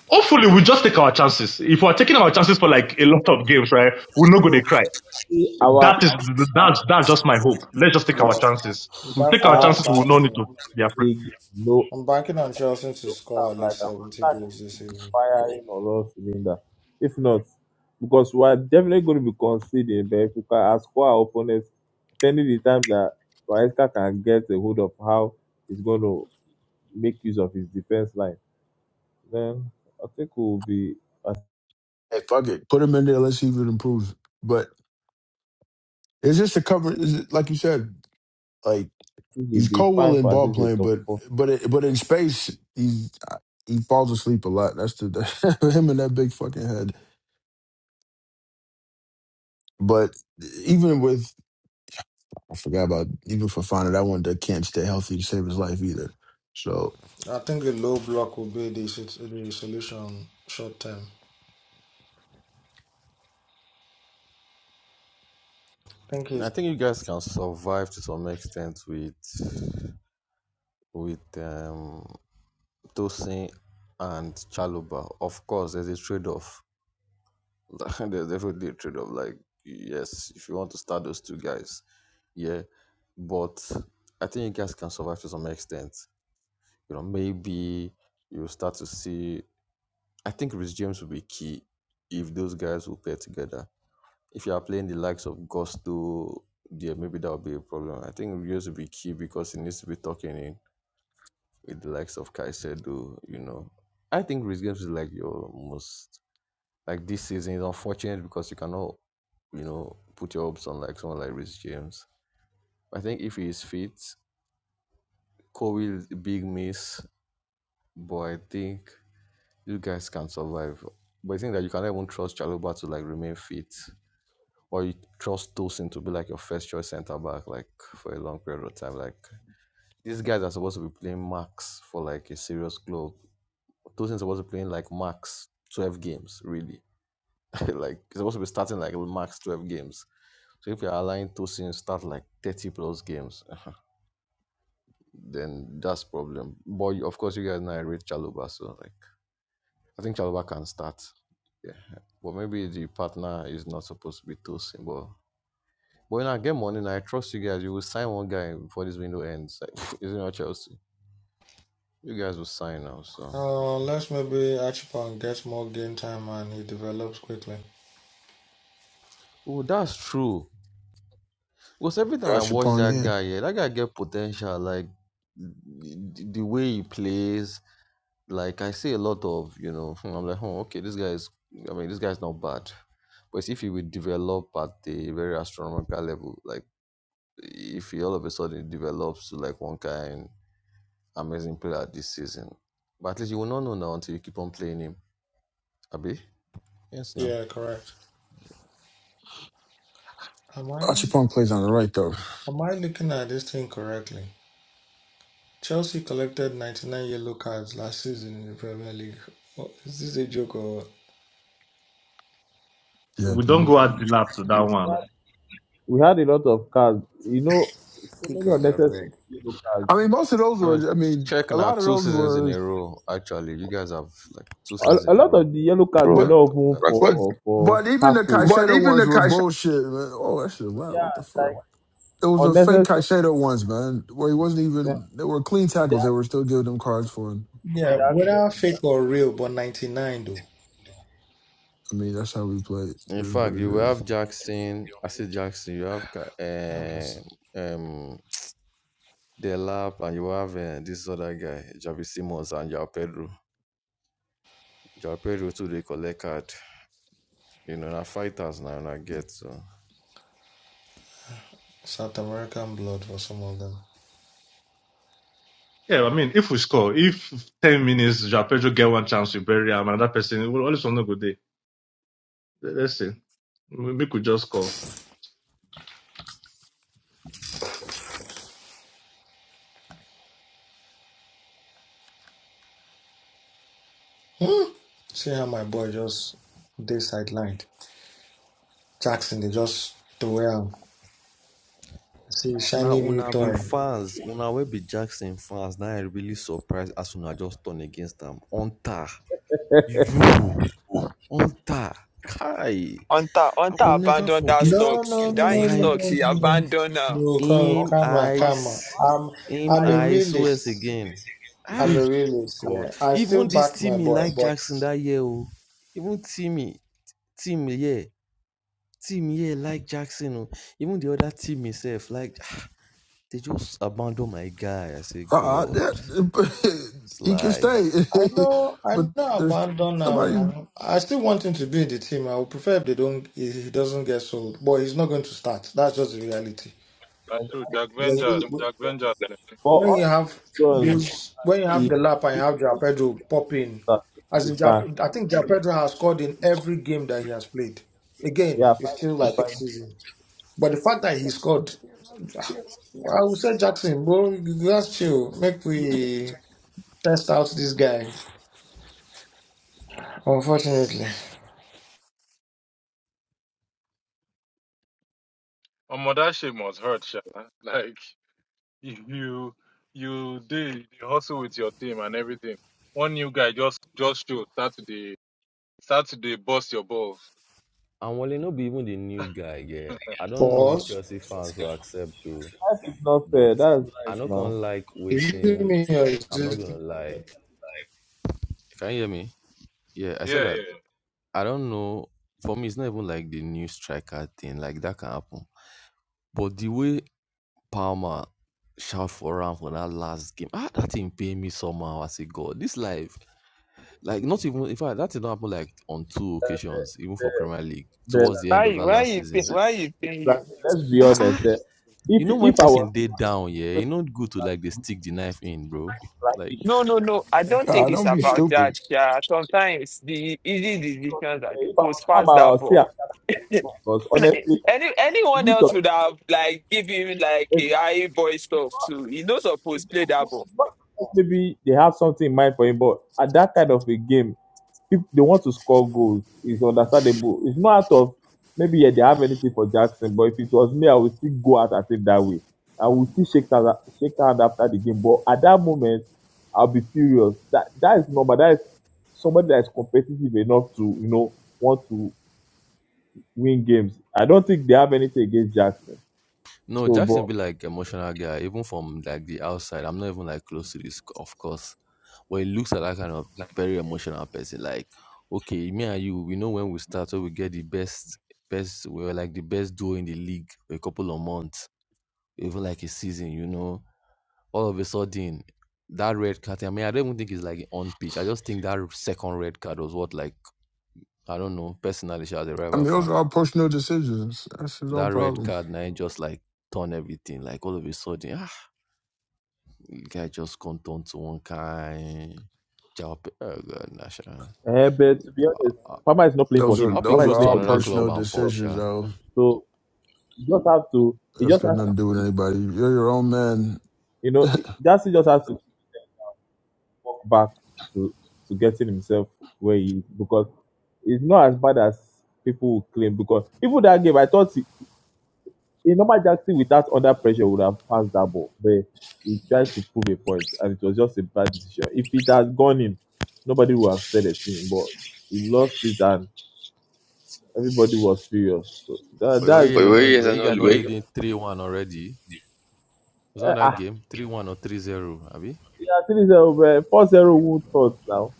Speaker 6: Hopefully, we will just take our chances. If we're taking our chances for like a lot of games, right? We're not going to
Speaker 23: Oh,
Speaker 6: cry.
Speaker 23: see, our
Speaker 6: That is that's that's just my hope. Let's just take our
Speaker 13: Yeah,
Speaker 6: chances. If we
Speaker 13: that's
Speaker 6: take our
Speaker 13: why
Speaker 23: How
Speaker 13: I'm
Speaker 6: chances, we will not
Speaker 13: backing
Speaker 6: need to
Speaker 13: him.
Speaker 6: be afraid.
Speaker 23: big blow
Speaker 13: I'm banking on Chelsea to score at
Speaker 23: up like
Speaker 13: least
Speaker 23: I'm
Speaker 13: 70 goals
Speaker 23: starting
Speaker 13: this
Speaker 23: to be
Speaker 13: season.
Speaker 23: firing on all cylinder. If not, because we are definitely going to be conceding, but if we can as for our opponents, pending the time that Maesca can get a hold of how he's going to make use of his defense line, then I think we'll be I
Speaker 7: Hey, fuck it, put him in there. Let's see if it improves. But it's just a cover. Is it like you said? Like
Speaker 23: think we'll
Speaker 7: he's
Speaker 23: be
Speaker 7: cold
Speaker 23: fine
Speaker 7: willing
Speaker 23: for at
Speaker 7: ball
Speaker 23: least a
Speaker 7: playing,
Speaker 23: top
Speaker 7: but
Speaker 23: four.
Speaker 7: but it, but in space he's uh, he falls asleep a lot. That's the him and that big fucking head. But even with I forgot about even for Fana, that one that can't stay healthy to save his life either. So
Speaker 13: I think a low block will be the, sit- the solution short term. I think
Speaker 18: I
Speaker 13: it's
Speaker 18: think you guys can survive to some extent with with um Tosin and Chaluba. Of course, there's a trade-off. There's definitely a trade off. Like, yes, if you want to start those two guys, yeah. But I think you guys can survive to some extent. You know, maybe you'll start to see. I think Rich James will be key if those guys will pair together. If you are playing the likes of Gusto, yeah, maybe that will be a problem. I think Rios will be key because he needs to be talking in with the likes of Caicedo, you know. I think Rich James is like your most like this season is unfortunate because you cannot, you know, put your hopes on like someone like Rich James. I think if he is fit, Kobe is a big miss, but I think you guys can survive. But I think that you cannot even trust Chaluba to like remain fit. Or you trust Tosin to be like your first choice centre back like for a long period of time. Like these guys are supposed to be playing max for like a serious club. Tosin's supposed to be playing like max twelve games, really. like he's supposed to be starting like max twelve games So if you're allowing Tosin start like 30 plus games, then that's problem. But of course, you guys now rate Chaluba, so like I think Chaluba can start. Yeah, but maybe the partner is not supposed to be Tosin. But but when I get money, now, I trust you guys. You will sign one guy before this window ends. Like, is it not Chelsea? You guys will sign now. So
Speaker 13: uh, unless maybe Archibald gets more game time and he develops quickly.
Speaker 18: oh, that's true. Because every time I watch
Speaker 7: Gachapon,
Speaker 18: that
Speaker 7: yeah.
Speaker 18: guy, yeah, that guy get potential. Like the the way he plays, Like I see a lot of, you know, hmm, I'm like, oh, okay, this guy is, I mean, this guy's not bad. But if he will develop at the very astronomical level, like if he all of a sudden develops to like one kind amazing player this season, but at least you will not know now until you keep on playing him. Abi? Yes, now,
Speaker 13: Yeah, correct. Am I am
Speaker 7: Gachapon plays on the right though.
Speaker 13: I looking at this thing correctly? Chelsea collected 99 yellow cards last season in the Premier League. Oh, is this a joke or what?
Speaker 7: Yeah,
Speaker 6: We don't
Speaker 7: dude.
Speaker 6: go at the lap to that one.
Speaker 23: We had a lot of cards, you know, so many
Speaker 13: God, I
Speaker 23: unnecessary
Speaker 13: beg.
Speaker 23: yellow cards
Speaker 7: I mean, most of those
Speaker 18: No, ch-
Speaker 7: were. I mean,
Speaker 18: check
Speaker 7: a
Speaker 18: now.
Speaker 7: lot of
Speaker 18: Two
Speaker 7: those
Speaker 18: seasons in
Speaker 7: were.
Speaker 18: a row, actually. You guys have like two
Speaker 23: a,
Speaker 18: seasons
Speaker 23: a
Speaker 18: in a
Speaker 23: lot
Speaker 18: row
Speaker 23: of the yellow cards were bro.
Speaker 7: But
Speaker 23: not
Speaker 18: racked up
Speaker 23: even But
Speaker 18: that.
Speaker 23: for But, for
Speaker 7: but even the
Speaker 23: tackles, But
Speaker 7: Caicedo
Speaker 23: even
Speaker 7: ones
Speaker 23: the
Speaker 7: were
Speaker 23: Kaisha,
Speaker 7: bullshit. Man. Oh, that shit loud. What the fuck? It was the fake
Speaker 23: unnecessary
Speaker 7: Caicedo ones, man, where he wasn't even. They were clean tackles. They were still giving them cards for him.
Speaker 13: Yeah, whether fake or real, but 99 though.
Speaker 7: I mean, that's how we play.
Speaker 18: In
Speaker 7: It is what
Speaker 18: fact,
Speaker 7: it
Speaker 18: you will have
Speaker 7: is.
Speaker 18: Jackson, I see Jackson, you have Ka-
Speaker 13: I'm just
Speaker 18: um, um, They lap and you have uh, this other guy, Javi Simmons and Jao Pedro. Jao Pedro too they collect card. You know, na fighters now I get so.
Speaker 13: South American blood for some of them.
Speaker 6: Yeah, I mean, if we score, if ten minutes, Jean Pedro get one chance, we bury him. Another person, we will always want to go there. Let's see. we could just score.
Speaker 13: Hmm. See how my boy just they sidelined. Jackson, they just throw him. See,
Speaker 18: Now
Speaker 13: shiny new
Speaker 18: una be
Speaker 13: toy.
Speaker 18: fans, una will be Jackson fans. Now I really surprised as una just turn against them. Onta, you, Onta, Kai.
Speaker 1: Hunter,
Speaker 18: I
Speaker 1: Hunter
Speaker 18: will never
Speaker 1: abandon that
Speaker 18: forget.
Speaker 13: No,
Speaker 1: stocks.
Speaker 13: no,
Speaker 1: That
Speaker 13: no,
Speaker 1: his
Speaker 13: no,
Speaker 1: stocks,
Speaker 18: Like
Speaker 13: no,
Speaker 1: he
Speaker 13: no.
Speaker 1: abandoned now.
Speaker 13: No, come-
Speaker 18: Him
Speaker 13: Camera, camera.
Speaker 18: eyes,
Speaker 13: I'm,
Speaker 18: him
Speaker 13: I'm a
Speaker 18: eyes, who else
Speaker 13: realist.
Speaker 18: again?
Speaker 13: I'm a
Speaker 18: Ah,
Speaker 23: switch
Speaker 13: realist.
Speaker 18: God.
Speaker 13: Yeah, I still
Speaker 18: Even this
Speaker 13: back my
Speaker 18: Timmy
Speaker 13: boy,
Speaker 18: like
Speaker 13: but
Speaker 18: Jackson that year, oh. Even Timmy, Timmy, yeah. Team yeah, like Jackson, oh. Even the other team itself, like ah, they just abandon my guy. I say,
Speaker 7: Uh, uh
Speaker 18: God,
Speaker 7: that,
Speaker 18: it's
Speaker 7: he can stay,
Speaker 18: life.
Speaker 13: I know,
Speaker 7: but
Speaker 13: I know,
Speaker 7: there's
Speaker 13: abandon him
Speaker 7: nobody.
Speaker 13: now. I still want him to be in the team. I would prefer if they don't, if he doesn't get sold, but he's not going to start. That's just the reality.
Speaker 10: That's true. Jack Vengers,
Speaker 13: Yeah,
Speaker 10: Jack Vengers plenty for
Speaker 13: when
Speaker 10: there.
Speaker 23: for
Speaker 13: you
Speaker 23: us.
Speaker 13: have
Speaker 23: John
Speaker 13: those when you have
Speaker 23: is
Speaker 13: the lap and you have Joao Pedro popping,
Speaker 23: that
Speaker 13: as
Speaker 23: you
Speaker 13: in
Speaker 23: can.
Speaker 13: Joao, I think Joao Pedro has scored in every game that he has played. Again,
Speaker 23: Yeah,
Speaker 13: it's
Speaker 23: five,
Speaker 13: still like the season, but the fact that he scored, I would say Jackson, bro, that's chill. Make we test out this guy. Unfortunately,
Speaker 10: Omo, that shit must hurt, sha. Like if you you did you hustle with your team and everything. One new guy just just show start to the start to the bust your balls.
Speaker 18: And while no be even the new guy, yeah. I don't know
Speaker 13: for
Speaker 18: if
Speaker 13: us,
Speaker 18: Chelsea fans will accept though,
Speaker 23: five is not
Speaker 18: but
Speaker 23: fair. That's
Speaker 18: I
Speaker 23: life
Speaker 18: not gonna
Speaker 23: now.
Speaker 18: like
Speaker 13: is it
Speaker 18: waiting.
Speaker 13: me or is
Speaker 18: I'm not
Speaker 13: it
Speaker 18: gonna lie. Can you hear me? Yeah, I said
Speaker 10: Yeah,
Speaker 18: that
Speaker 10: yeah.
Speaker 18: I don't know. For me, it's not even like the new striker thing. Like that can happen. But the way Palmer shout for him for that last game, ah, that thing paid me somehow. I say, God, this life, like not even. In fact, that did not happen like on two occasions, even for Premier League
Speaker 23: But
Speaker 18: towards the end of
Speaker 1: Why,
Speaker 18: that
Speaker 1: why
Speaker 18: last
Speaker 1: you
Speaker 18: season.
Speaker 1: think, why you think
Speaker 23: like,
Speaker 1: you?
Speaker 23: let's be
Speaker 18: Ah,
Speaker 23: honest.
Speaker 18: ah.
Speaker 23: eh,
Speaker 18: you know
Speaker 23: If
Speaker 18: when
Speaker 23: if I
Speaker 18: person
Speaker 23: was
Speaker 18: did down, yeah, you not good to like they stick the knife in, bro. Like
Speaker 1: No, no, no. I
Speaker 18: eh,
Speaker 1: don't think
Speaker 7: God,
Speaker 1: it's
Speaker 7: don't be
Speaker 23: if
Speaker 1: about
Speaker 7: stupid.
Speaker 1: that. Yeah, sometimes the easy decisions that
Speaker 23: I
Speaker 1: they
Speaker 23: was
Speaker 1: post
Speaker 23: Mama
Speaker 1: pass
Speaker 23: I
Speaker 1: that
Speaker 23: would say
Speaker 1: ball.
Speaker 23: i because honestly,
Speaker 1: Any
Speaker 23: you
Speaker 1: anyone
Speaker 23: need to.
Speaker 1: else would have like give him like a high boy stuff too. He knows supposed play that ball.
Speaker 23: Maybe they have something in mind for him, but at that kind of a game, people they want to score goals. It's understandable. It's not out of maybe yeah, they have anything for Jackson, but if it was me, I would still go out at it that way. I would still shake hand, shake hand after the game. But at that moment, I'll be furious. That that is normal. That is somebody that is competitive enough to you know want to win games. I don't think they have anything against Jackson.
Speaker 18: No,
Speaker 23: So, but
Speaker 18: Jackson be like emotional guy, even from like the outside. I'm not even like close to this, of course. But he looks like that kind of very emotional person. Like, okay, me and you, we know when we start, so we get the best, best. We were like the best duo in the league for a couple of months, even like a season. You know, all of a sudden, that red card. I mean, I don't even think it's like on pitch. I just think that second red card was what like I don't know. Personally, as a
Speaker 7: I
Speaker 18: rival
Speaker 7: mean, those
Speaker 18: fan,
Speaker 7: are all personal decisions. That's his
Speaker 18: that
Speaker 7: own
Speaker 18: red
Speaker 7: problem.
Speaker 18: card, now just like turn everything. Like all of a sudden, ah. You guys just come down to one kind job. Oh god, nah, sha. I,
Speaker 23: Eh, but to be honest,
Speaker 18: I,
Speaker 23: Palmer is not playing for
Speaker 7: Those
Speaker 23: him.
Speaker 7: are
Speaker 18: I hope it
Speaker 23: Palmer
Speaker 7: those
Speaker 23: is
Speaker 7: are
Speaker 18: goes to
Speaker 23: playing
Speaker 7: all
Speaker 23: for the
Speaker 18: another
Speaker 23: team. for
Speaker 18: club
Speaker 23: the
Speaker 7: personal
Speaker 18: and pop,
Speaker 23: club.
Speaker 7: decisions,
Speaker 18: sha.
Speaker 7: though.
Speaker 23: So you just have to. He
Speaker 7: That's
Speaker 23: just
Speaker 7: got
Speaker 23: has
Speaker 7: nothing
Speaker 23: to.
Speaker 7: to do with anybody. You're your own man.
Speaker 23: You know, Darcy just has to walk back to to getting himself where he is because it's not as bad as people will claim. Because even that game, I thought he, a normal Jackson without under pressure would have passed that ball, but he tried to prove a point, and it was just a bad decision. If it had gone in, nobody would have said a thing. But he lost it, and everybody was furious. So that,
Speaker 18: But where
Speaker 23: that's
Speaker 18: you guys are not, where you guys not leading three one already? It's not
Speaker 23: But
Speaker 18: that game three one or three zero, abi?
Speaker 23: Yeah, three zero, bro. Four zero Wood first now.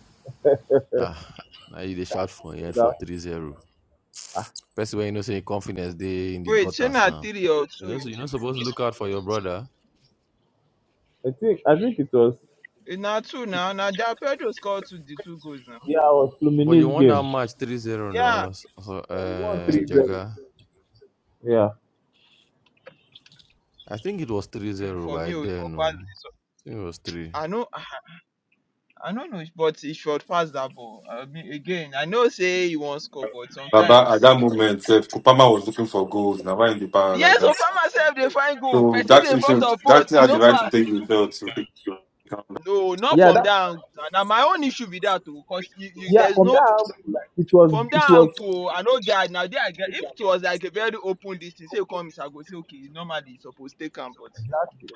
Speaker 18: Ah, now you dey shout for
Speaker 23: So
Speaker 18: here for
Speaker 23: that-
Speaker 18: three zero.
Speaker 23: ah,
Speaker 18: Person when you know say confidence they in the
Speaker 1: Wait, she
Speaker 18: gutters
Speaker 1: not
Speaker 18: now.
Speaker 1: three or
Speaker 18: You
Speaker 1: two?
Speaker 18: know, so you're not supposed to look out for your brother.
Speaker 23: I think I think it was
Speaker 1: It's not two now. Now, Ja Pedro scored two, the two goals now.
Speaker 23: yeah, it was
Speaker 18: But you
Speaker 23: Fluminense
Speaker 18: won
Speaker 23: game.
Speaker 18: that match three zero, 0
Speaker 1: Yeah,
Speaker 18: now, so, so, uh,
Speaker 23: Three zero.
Speaker 18: Jaga.
Speaker 23: Yeah,
Speaker 18: I think it was three
Speaker 1: Mm,
Speaker 18: zero
Speaker 1: for me,
Speaker 18: by
Speaker 1: oh, it was
Speaker 18: then. No.
Speaker 1: pass.
Speaker 18: I think it was 3.
Speaker 1: I know. I don't know, but he should pass that ball. I mean, again, I know say he won't score, but
Speaker 4: Baba, at
Speaker 1: sometimes.
Speaker 4: that moment, uh, Kupama was looking for goals. Now, why in the power like
Speaker 1: Yes,
Speaker 4: that?
Speaker 1: Obama self they find goal.
Speaker 4: So
Speaker 1: Person
Speaker 4: that's
Speaker 1: dey front
Speaker 4: himself,
Speaker 1: of
Speaker 4: that
Speaker 1: post, you
Speaker 4: had the
Speaker 1: know,
Speaker 4: right to
Speaker 1: pass.
Speaker 4: take the belt. To
Speaker 1: No, not
Speaker 23: yeah,
Speaker 1: from
Speaker 23: that
Speaker 1: that angle. Now my own issue with that too, because you, you
Speaker 23: yeah.
Speaker 1: there's
Speaker 23: From
Speaker 1: no
Speaker 23: that, like, it was
Speaker 1: from
Speaker 23: it
Speaker 1: that
Speaker 23: was
Speaker 1: angle. oh, I know guys now there, are get- if it was like a very open distance, say you come, I go say okay. Normally it's supposed to take him, but
Speaker 23: exactly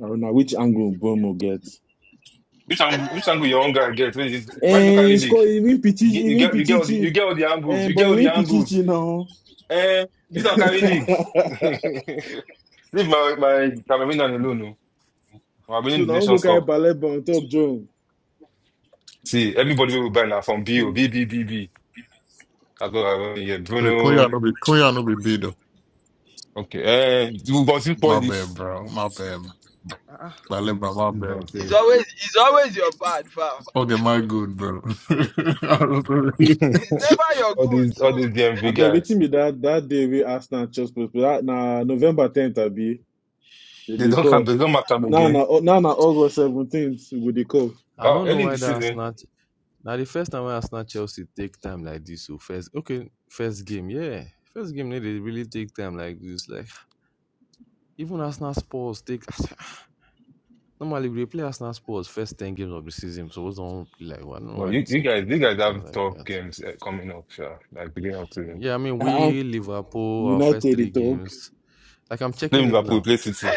Speaker 16: I don't know which angle Bomo gets.
Speaker 4: Which angle, which angle your own guy get? Why you look at
Speaker 16: And
Speaker 4: your
Speaker 16: it's called even win
Speaker 4: You
Speaker 16: Pichichi,
Speaker 4: get
Speaker 16: he
Speaker 4: you get you get all the, you
Speaker 16: Pichichi.
Speaker 4: get all the angles.
Speaker 16: And
Speaker 4: You get
Speaker 16: boy, he
Speaker 4: all the
Speaker 16: win
Speaker 4: angles.
Speaker 16: Pichichi now.
Speaker 4: Eh, use our carry league. Leave my my Cameroon alone. No. We're
Speaker 16: so
Speaker 4: winning the
Speaker 16: now I'm go
Speaker 4: Nations
Speaker 16: carry
Speaker 4: Cup.
Speaker 16: ballet ball on top join.
Speaker 4: See, everybody will buy now from B O
Speaker 16: Hmm.
Speaker 4: B B B B. I go, I go, yeah,
Speaker 9: Hey, Queen you
Speaker 4: Bruno.
Speaker 9: no be Queen you no be beat though.
Speaker 4: Okay, eh, you got to spoil
Speaker 9: My bad,
Speaker 4: this.
Speaker 9: bro. My bad.
Speaker 4: Ah,
Speaker 9: My bad, bro. My
Speaker 4: this
Speaker 9: bad,
Speaker 4: man
Speaker 1: it's
Speaker 4: say
Speaker 9: bro.
Speaker 1: always it's always your bad foul.
Speaker 9: Okay, my good, bro. I don't know.
Speaker 1: It's never your
Speaker 4: all
Speaker 1: good
Speaker 4: these all
Speaker 1: too.
Speaker 4: these
Speaker 16: I
Speaker 4: DMV
Speaker 16: been waiting
Speaker 4: guys.
Speaker 16: me that that day we asked Arsenal just That Now November 10th I be they
Speaker 4: They
Speaker 16: dey
Speaker 4: don't come.
Speaker 16: call.
Speaker 4: They don't matter
Speaker 16: Now
Speaker 4: again.
Speaker 16: na now na August 17th we go call.
Speaker 18: I
Speaker 4: Wow,
Speaker 18: don't know
Speaker 4: early in the
Speaker 18: why that
Speaker 4: season.
Speaker 18: Arsenal. Now, the first time when Arsenal Chelsea take time like this, so first, okay, first game, yeah. First game, no, they dey really take time like this. Like, even Arsenal Spurs take. Normally, we dey play Arsenal Spurs first 10 games of the season, so what's on like, well, I don't know
Speaker 4: Well,
Speaker 18: why the
Speaker 4: you, you
Speaker 18: thing
Speaker 4: guys,
Speaker 18: can
Speaker 4: you
Speaker 18: take
Speaker 4: guys have
Speaker 18: time like
Speaker 4: tough
Speaker 18: that.
Speaker 4: games eh, coming up. Sure, like beginning of season.
Speaker 18: Yeah, I mean,
Speaker 16: Uh-uh.
Speaker 18: we, Liverpool, our first
Speaker 16: United they
Speaker 18: three
Speaker 16: talk.
Speaker 18: games. Like, I'm
Speaker 4: Play
Speaker 18: checking it
Speaker 4: Liverpool,
Speaker 18: now.
Speaker 4: play City.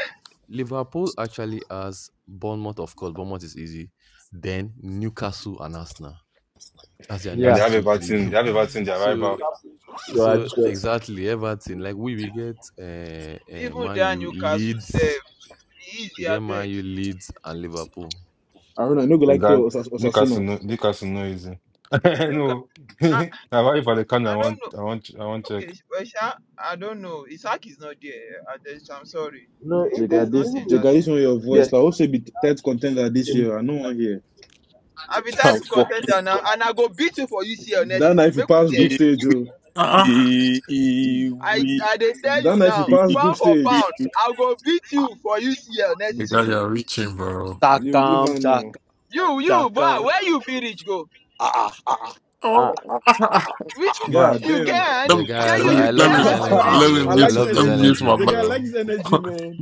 Speaker 18: Liverpool actually has Bournemouth, of course. Bournemouth is easy. Then Newcastle and Arsenal. That's their
Speaker 4: And they
Speaker 23: yeah.
Speaker 4: have
Speaker 18: next
Speaker 4: a
Speaker 18: two,
Speaker 4: bad
Speaker 18: three
Speaker 4: team. They
Speaker 18: game.
Speaker 4: have a bad team. their
Speaker 18: So,
Speaker 4: rival.
Speaker 23: So I
Speaker 18: so
Speaker 23: just
Speaker 18: exactly Everton. Like we we get uh, uh,
Speaker 1: Even
Speaker 18: Man
Speaker 1: that
Speaker 18: U,
Speaker 1: Newcastle
Speaker 18: Leeds.
Speaker 1: self,
Speaker 18: We
Speaker 1: easy I
Speaker 18: get
Speaker 1: beg.
Speaker 18: Man U, Leeds, and Liverpool.
Speaker 16: I don't know. I no go
Speaker 4: the
Speaker 16: like play
Speaker 18: Like
Speaker 4: guy Newcastle.
Speaker 16: Osasuna.
Speaker 4: No, Newcastle no easy.
Speaker 1: Newcastle,
Speaker 4: no,
Speaker 1: I,
Speaker 4: now why if I can, I
Speaker 1: I don't
Speaker 4: want,
Speaker 1: know.
Speaker 4: I want, I want check.
Speaker 1: Okay, well, Sha, I don't know. Isaac is not there. I just, I'm sorry.
Speaker 23: no
Speaker 1: There-
Speaker 16: Jega,
Speaker 1: There's
Speaker 23: even
Speaker 16: this
Speaker 23: even
Speaker 1: nothing in
Speaker 23: with
Speaker 1: that
Speaker 16: Jega, this
Speaker 1: team.
Speaker 16: one your voice.
Speaker 23: the
Speaker 16: Like also be third contender this
Speaker 23: team,
Speaker 16: year. I know one here.
Speaker 1: i be tied
Speaker 14: i'm
Speaker 1: to
Speaker 14: fucking
Speaker 1: contender now, and I go beat you for UCL next
Speaker 16: That night
Speaker 1: season.
Speaker 16: if you
Speaker 1: Make we
Speaker 16: pass
Speaker 1: bet.
Speaker 16: group stage, oh.
Speaker 9: Ah,
Speaker 1: I,
Speaker 14: we
Speaker 1: I they tell
Speaker 16: That
Speaker 1: you
Speaker 16: night if you
Speaker 1: now,
Speaker 16: pass group
Speaker 1: pound for
Speaker 16: stage.
Speaker 1: pound, i go beat you for UCL next
Speaker 9: you
Speaker 1: season
Speaker 9: got
Speaker 1: if
Speaker 16: Okay.
Speaker 1: we
Speaker 9: your
Speaker 1: beat.
Speaker 9: reaching, bro.
Speaker 16: New
Speaker 14: Chakam,
Speaker 16: Livan
Speaker 14: chakam,
Speaker 16: now.
Speaker 1: You, you, boy,
Speaker 14: chakam.
Speaker 1: where you feel reach go?
Speaker 14: Ah, ah, ah,
Speaker 23: uh,
Speaker 9: Oh,
Speaker 14: ah,
Speaker 1: Which
Speaker 9: bro.
Speaker 16: God
Speaker 1: you get
Speaker 16: damn.
Speaker 1: hand?
Speaker 9: Let me,
Speaker 18: Jaga, I,
Speaker 1: Tell you,
Speaker 18: lo-
Speaker 1: you
Speaker 18: I
Speaker 9: let
Speaker 1: get
Speaker 18: love
Speaker 9: me, let me,
Speaker 18: this
Speaker 1: hand to
Speaker 18: energy,
Speaker 14: ah.
Speaker 9: let
Speaker 1: reach.
Speaker 9: me
Speaker 16: I
Speaker 18: bro. I
Speaker 9: mute,
Speaker 16: like this
Speaker 18: love this
Speaker 9: let me
Speaker 16: energy.
Speaker 9: mute
Speaker 18: energy,
Speaker 9: my
Speaker 16: Jega,
Speaker 9: mic.
Speaker 16: I like
Speaker 18: bro.
Speaker 16: this energy, man.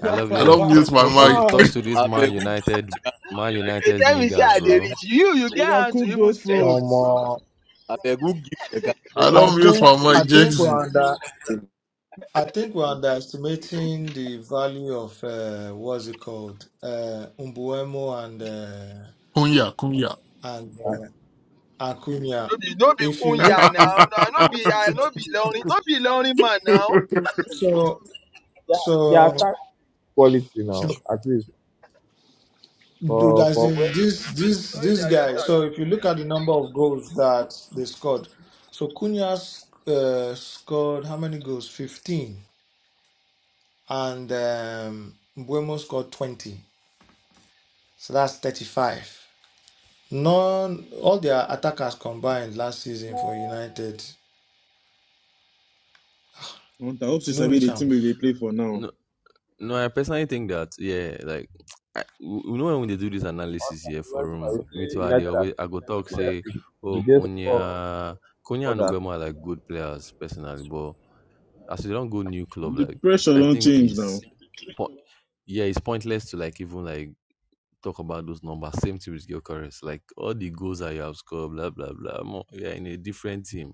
Speaker 18: I love
Speaker 9: I
Speaker 18: this.
Speaker 9: don't mute
Speaker 18: Talk,
Speaker 9: my
Speaker 18: talk to the
Speaker 9: mic.
Speaker 16: Mad.
Speaker 18: talk to this
Speaker 14: I
Speaker 18: Man
Speaker 14: beg who give,
Speaker 18: United, Man
Speaker 1: They
Speaker 18: United's
Speaker 1: tell me say
Speaker 18: niggas,
Speaker 1: I dey
Speaker 18: bro.
Speaker 1: reach. You, you get
Speaker 16: Jega,
Speaker 1: hand to
Speaker 16: cook
Speaker 1: even
Speaker 16: those
Speaker 13: no
Speaker 1: stretch.
Speaker 16: frauds.
Speaker 13: more?
Speaker 14: I beg who give the guy
Speaker 9: I
Speaker 13: I
Speaker 9: don't mute
Speaker 13: think
Speaker 14: Kapai.
Speaker 9: my
Speaker 13: I
Speaker 9: mic,
Speaker 13: think we're
Speaker 9: Jexy.
Speaker 13: under. I think we're underestimating the value of uh, what's it called, uh, Umbuemo and uh,
Speaker 9: Kunya, Kunya.
Speaker 13: and uh, Acuna.
Speaker 1: No be, no be
Speaker 13: If you look,
Speaker 1: Kunya
Speaker 13: if
Speaker 1: now. No, no be, I no be lonely, no be lonely man now.
Speaker 13: so,
Speaker 23: their their
Speaker 13: so,
Speaker 23: attack quality now
Speaker 13: so
Speaker 23: at least
Speaker 13: do-
Speaker 23: for
Speaker 13: as
Speaker 23: for
Speaker 13: in
Speaker 23: when
Speaker 13: this this
Speaker 1: Sorry,
Speaker 13: this
Speaker 1: Jerry, on
Speaker 13: guy.
Speaker 1: that.
Speaker 13: So if you look at the number of goals that they scored, so Cunha uh, scored how many goals? Fifteen, and um, Mbuemo scored twenty. So that's thirty-five. None, all their attackers combined last season for United,
Speaker 16: I hope she
Speaker 13: you know,
Speaker 16: be
Speaker 13: reach
Speaker 16: the
Speaker 13: am.
Speaker 16: team they play for now.
Speaker 18: No, no, I personally think that yeah, like I, you know when they do this analysis
Speaker 23: I
Speaker 18: here for
Speaker 23: was I
Speaker 18: room,
Speaker 23: would
Speaker 18: me
Speaker 23: say
Speaker 18: too. I they
Speaker 23: United are
Speaker 18: always I go talk say, oh
Speaker 23: did they score
Speaker 18: Konya, Konya
Speaker 23: more
Speaker 18: and
Speaker 23: than
Speaker 18: Obama are like good players personally, but as we don't go new club,
Speaker 16: The
Speaker 18: like
Speaker 16: pressure
Speaker 18: I
Speaker 16: don't
Speaker 18: think
Speaker 16: change now.
Speaker 18: it's po- yeah, it's pointless to like even like talk about those numbers. Same thing with Gyökeres. Like all the goals that you have scored, blah blah blah. Mo- You're in a different team.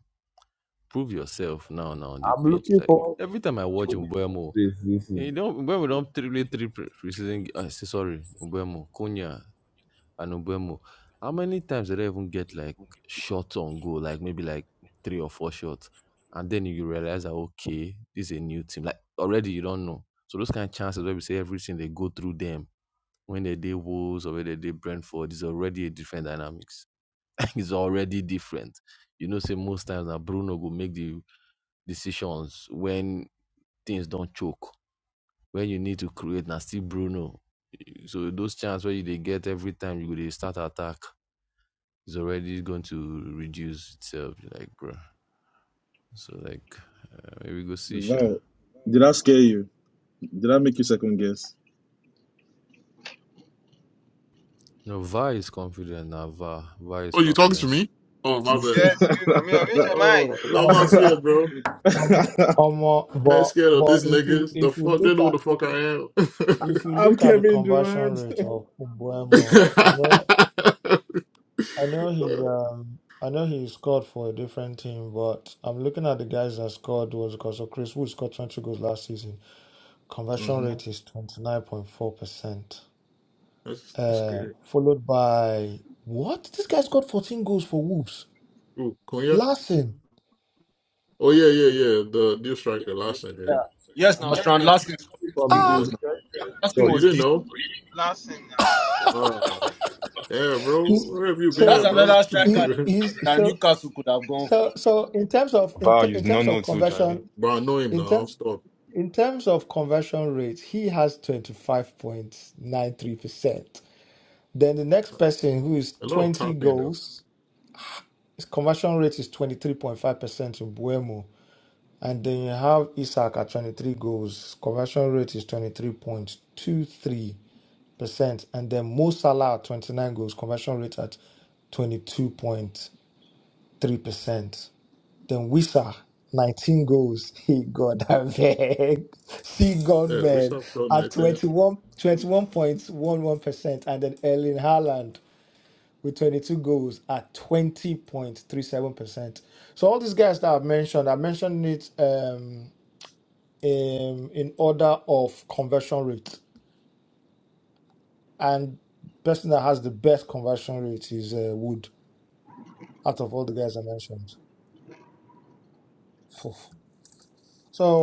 Speaker 18: Prove yourself now, now on the
Speaker 23: I'm
Speaker 18: pitch.
Speaker 23: looking
Speaker 18: Like
Speaker 23: forward to
Speaker 18: every time I watch Mbuemo,
Speaker 23: this this season.
Speaker 18: you don't when we don't triple three pre- preseason. I say sorry, Mbuemo, Konya, and Mbuemo. How many times did I even get like shots on goal? Like maybe like three or four shots, and then you realize that okay, this is a new team. Like already you don't know. So those kind of chances where we say everything they go through them when they did Wolves or when they did Brentford, it's already a different dynamics. it's already different. You know, say most times that Bruno will make the decisions when things don't choke, when you need to create, and still Bruno. So those chances where you they get every time you go they start attack is already going to reduce itself. You're Like bro, so like uh, maybe go see Sha.
Speaker 16: Wow. Did I scare you? Did I make you second guess?
Speaker 18: No, VAR is confident now. VAR, VAR is
Speaker 9: oh, you talking to
Speaker 18: confident.
Speaker 9: me? Oh, my bad.
Speaker 1: Yes, you know, me, I wish your mind.
Speaker 9: Oh, no, I'm not
Speaker 13: Um,
Speaker 9: scared, bro.
Speaker 13: um, um, uh,
Speaker 9: I ain't
Speaker 13: but
Speaker 9: scared of
Speaker 13: but
Speaker 9: these
Speaker 13: if you
Speaker 9: niggas. The
Speaker 13: if you
Speaker 9: fuck, they
Speaker 13: look
Speaker 9: know who the
Speaker 13: at
Speaker 9: fuck I
Speaker 13: if you
Speaker 16: I'm
Speaker 13: look at the
Speaker 16: Kevin
Speaker 13: conversion
Speaker 16: Durant.
Speaker 13: rate of Umbuemo, I know
Speaker 9: am.
Speaker 13: I know he's um I know he scored for a different team, but I'm looking at the guys that scored was because so Chris Wood scored 20 goals last season. Conversion
Speaker 9: hmm
Speaker 13: rate is 29.4 percent.
Speaker 9: That's that's
Speaker 13: Uh,
Speaker 9: scary.
Speaker 13: followed by what? This guy scored 14 goals for Wolves.
Speaker 9: Ooh, Cunha?
Speaker 13: Larson.
Speaker 9: Oh yeah, yeah, yeah. The deal striker last night, yeah.
Speaker 23: Yeah,
Speaker 14: Yes,
Speaker 23: Am
Speaker 14: now
Speaker 23: I
Speaker 14: Strand
Speaker 23: from,
Speaker 14: last thing scored 14
Speaker 23: from
Speaker 13: Ah,
Speaker 9: Yeah.
Speaker 14: goals now.
Speaker 23: Lagos?
Speaker 14: Last
Speaker 9: Oh,
Speaker 14: thing
Speaker 23: So,
Speaker 9: you
Speaker 14: was
Speaker 9: didn't
Speaker 14: this.
Speaker 9: know?
Speaker 1: Last thing now.
Speaker 9: Wow. Yeah, bro.
Speaker 13: he's,
Speaker 9: Where have you been
Speaker 13: so
Speaker 14: That's
Speaker 9: at, bro?
Speaker 13: he's
Speaker 14: another striker
Speaker 13: he, he's
Speaker 14: that
Speaker 13: so
Speaker 14: Newcastle could have gone
Speaker 13: so
Speaker 14: for.
Speaker 13: so in terms of in,
Speaker 4: Val,
Speaker 13: ter-
Speaker 4: you
Speaker 13: in
Speaker 4: do not
Speaker 13: terms
Speaker 4: know
Speaker 13: of
Speaker 4: too, Jerry.
Speaker 13: conversion
Speaker 9: but I know him now.
Speaker 13: in
Speaker 9: I'm
Speaker 13: terms
Speaker 9: stuck.
Speaker 13: in terms of conversion rate, he has twenty five point nine three percent. Then the next person who is
Speaker 9: A lot of
Speaker 13: twenty
Speaker 9: tapping though.
Speaker 13: goals, his conversion rate is twenty three point five percent in Buemo. And then you have Isaac at twenty three goals, conversion rate is twenty three point two three percent. And then Mo Salah at twenty nine goals, conversion rate at twenty two point three percent. Then Wisa, nineteen goals. He got a bag. See gone
Speaker 9: Yeah, we
Speaker 13: man
Speaker 9: saw Phil
Speaker 13: at 21 21.11 percent, and then Erling Haaland with twenty two goals at twenty point three seven percent. So all these guys that I've mentioned, I mentioned it um in, in order of conversion rate, and person that has the best conversion rate is uh, Wood out of all the guys I mentioned. Phew.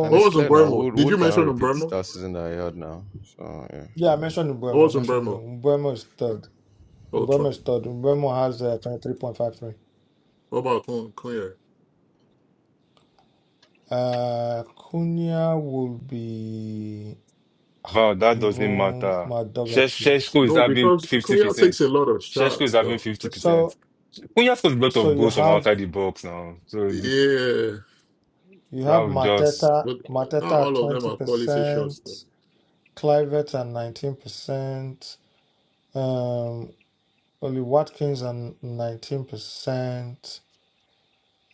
Speaker 18: And
Speaker 9: What
Speaker 18: it's
Speaker 9: was in
Speaker 18: clear now.
Speaker 9: Burma?
Speaker 18: Wood
Speaker 9: Did you
Speaker 18: Wood cannot
Speaker 9: mention in
Speaker 18: repeat
Speaker 9: Burma?
Speaker 18: that season that he had now. So yeah.
Speaker 13: Yeah, I mentioned
Speaker 9: What
Speaker 13: Mbuemo. I
Speaker 9: was in
Speaker 13: mentioned
Speaker 9: Burma?
Speaker 13: Mbuemo. Mbuemo is third.
Speaker 9: Oh,
Speaker 13: Mbuemo
Speaker 9: Trump.
Speaker 13: is third. Mbuemo has uh, 23.53.
Speaker 9: What about Cunha?
Speaker 13: Uh, Cunha will be
Speaker 4: Val, that doesn't
Speaker 13: even
Speaker 4: matter.
Speaker 13: more double three.
Speaker 4: Sheshko is
Speaker 9: No,
Speaker 4: having
Speaker 9: because
Speaker 4: fifty
Speaker 9: Korea takes
Speaker 4: percent.
Speaker 9: a lot of
Speaker 4: Sheshko is
Speaker 9: shots,
Speaker 4: having
Speaker 9: though.
Speaker 4: fifty percent.
Speaker 13: So,
Speaker 4: Cunha scores a lot
Speaker 13: so
Speaker 4: of
Speaker 13: you
Speaker 4: goals from
Speaker 13: have
Speaker 4: outside the box now, so the,
Speaker 9: Yeah,
Speaker 13: you
Speaker 4: that
Speaker 13: have
Speaker 4: would just
Speaker 13: Mateta,
Speaker 9: but not
Speaker 13: Mateta at
Speaker 9: all of them are quality shots, though.
Speaker 13: 20%, Clivert at 19%, um, only Watkins at 19%,